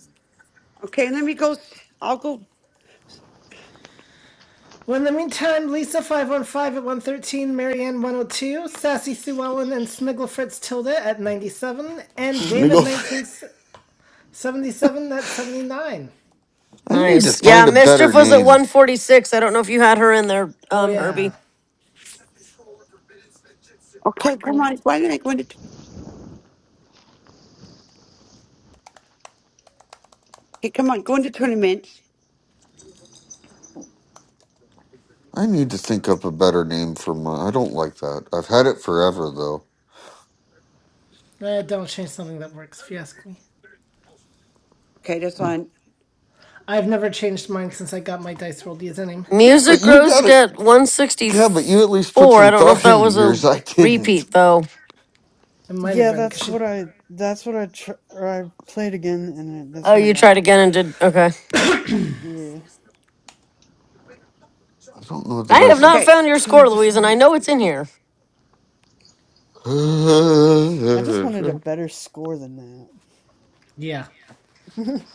Speaker 12: Okay, let me go. s- I'll go.
Speaker 1: Well, in the meantime, Lisa five one five at one thirteen, Marianne one hundred two, Sassy Sue Ellen and Sniggle Fritz Tilda at ninety seven, and
Speaker 2: hmm
Speaker 1: David
Speaker 5: sniggle. [LAUGHS]
Speaker 1: nineteen seventy seven at seventy nine.
Speaker 5: I need to
Speaker 2: Nice. Yeah,
Speaker 5: find a
Speaker 2: Mischief
Speaker 5: better
Speaker 2: was at
Speaker 5: name.
Speaker 2: 146. I don't know if you had her in there,
Speaker 1: Oh
Speaker 2: um,
Speaker 1: yeah.
Speaker 2: Herbie.
Speaker 12: Okay, come on.
Speaker 10: Cool.
Speaker 12: Why didn't I go into, okay, come on, go into tournaments.
Speaker 5: I need to think up a better name for my. I don't like that. I've had it forever though.
Speaker 1: Eh, don't change something that works, if you ask me.
Speaker 12: Okay, this one.
Speaker 1: I've never changed mine since I got my dice rolled username.
Speaker 5: Yeah, but
Speaker 2: Music
Speaker 5: you
Speaker 2: Rose
Speaker 5: gotta.
Speaker 2: got
Speaker 5: Yeah, but you at least put
Speaker 2: 164. I
Speaker 5: some
Speaker 2: don't know if
Speaker 5: thought [LAUGHS]
Speaker 2: that
Speaker 5: into
Speaker 2: was a
Speaker 5: yours. I didn't.
Speaker 2: repeat, though.
Speaker 1: It might have
Speaker 16: Yeah,
Speaker 1: been
Speaker 16: that's
Speaker 1: because
Speaker 16: what
Speaker 1: she
Speaker 16: I that's what I tr- or I played again, and I,
Speaker 2: Oh,
Speaker 16: that's what I
Speaker 2: you tried
Speaker 16: got.
Speaker 2: again and did. Okay.
Speaker 16: Yeah,
Speaker 5: I don't know that
Speaker 2: I
Speaker 5: I
Speaker 2: have
Speaker 5: should.
Speaker 2: not
Speaker 12: Okay.
Speaker 2: found your
Speaker 16: because I
Speaker 2: score,
Speaker 16: just
Speaker 2: Louise, and I
Speaker 16: wanted
Speaker 2: know it's in here.
Speaker 16: I just wanted a
Speaker 5: [LAUGHS] [SIGHS]
Speaker 16: better score than
Speaker 1: Yeah.
Speaker 16: that. [LAUGHS]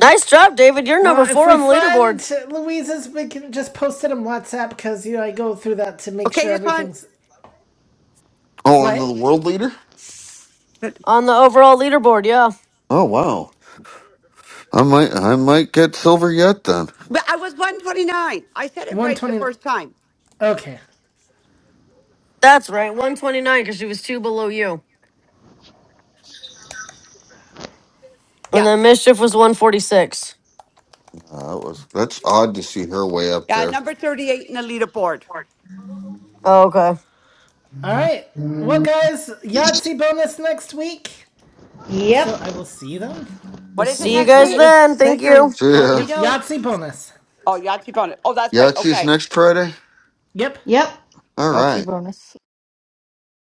Speaker 2: Nice job, David. You're number
Speaker 1: Well, if
Speaker 2: four
Speaker 1: we
Speaker 2: on the leaderboard,
Speaker 1: find Louisa's, we can just post it on WhatsApp because you know I go through that to make
Speaker 12: Okay,
Speaker 1: sure
Speaker 12: this one.
Speaker 1: everything's
Speaker 5: Oh, I'm the
Speaker 1: what
Speaker 5: world leader.
Speaker 2: on the overall leaderboard. Yeah.
Speaker 5: Oh wow. I might. I might get silver yet then.
Speaker 12: But I was 129. I said it
Speaker 1: one
Speaker 12: right the
Speaker 1: twenty.
Speaker 12: first time.
Speaker 1: Okay.
Speaker 2: That's right. 129, because she was two below you. And
Speaker 12: Yeah.
Speaker 2: then Mischief was 146.
Speaker 5: Uh, that was. That's odd to see her way up
Speaker 12: Yeah,
Speaker 5: there.
Speaker 12: number 38 in the leaderboard.
Speaker 2: Oh, okay.
Speaker 1: All right. Well, guys, Yahtzee bonus next week.
Speaker 10: Yep.
Speaker 1: So I will see you then.
Speaker 12: What is it
Speaker 2: See you
Speaker 5: Mm.
Speaker 12: next
Speaker 10: O-
Speaker 2: guys
Speaker 12: week?
Speaker 15: it's
Speaker 2: then. Thank
Speaker 15: take your
Speaker 2: you.
Speaker 5: So
Speaker 10: Okey
Speaker 5: yeah,
Speaker 1: Yep,
Speaker 10: doke.
Speaker 1: Yahtzee bonus.
Speaker 12: Oh, Yahtzee bonus. Oh, that's right.
Speaker 5: Yahtzee's
Speaker 12: Okay.
Speaker 5: next Friday.
Speaker 1: Yep.
Speaker 10: Yep.
Speaker 5: All
Speaker 15: LT
Speaker 5: right.
Speaker 15: bonus.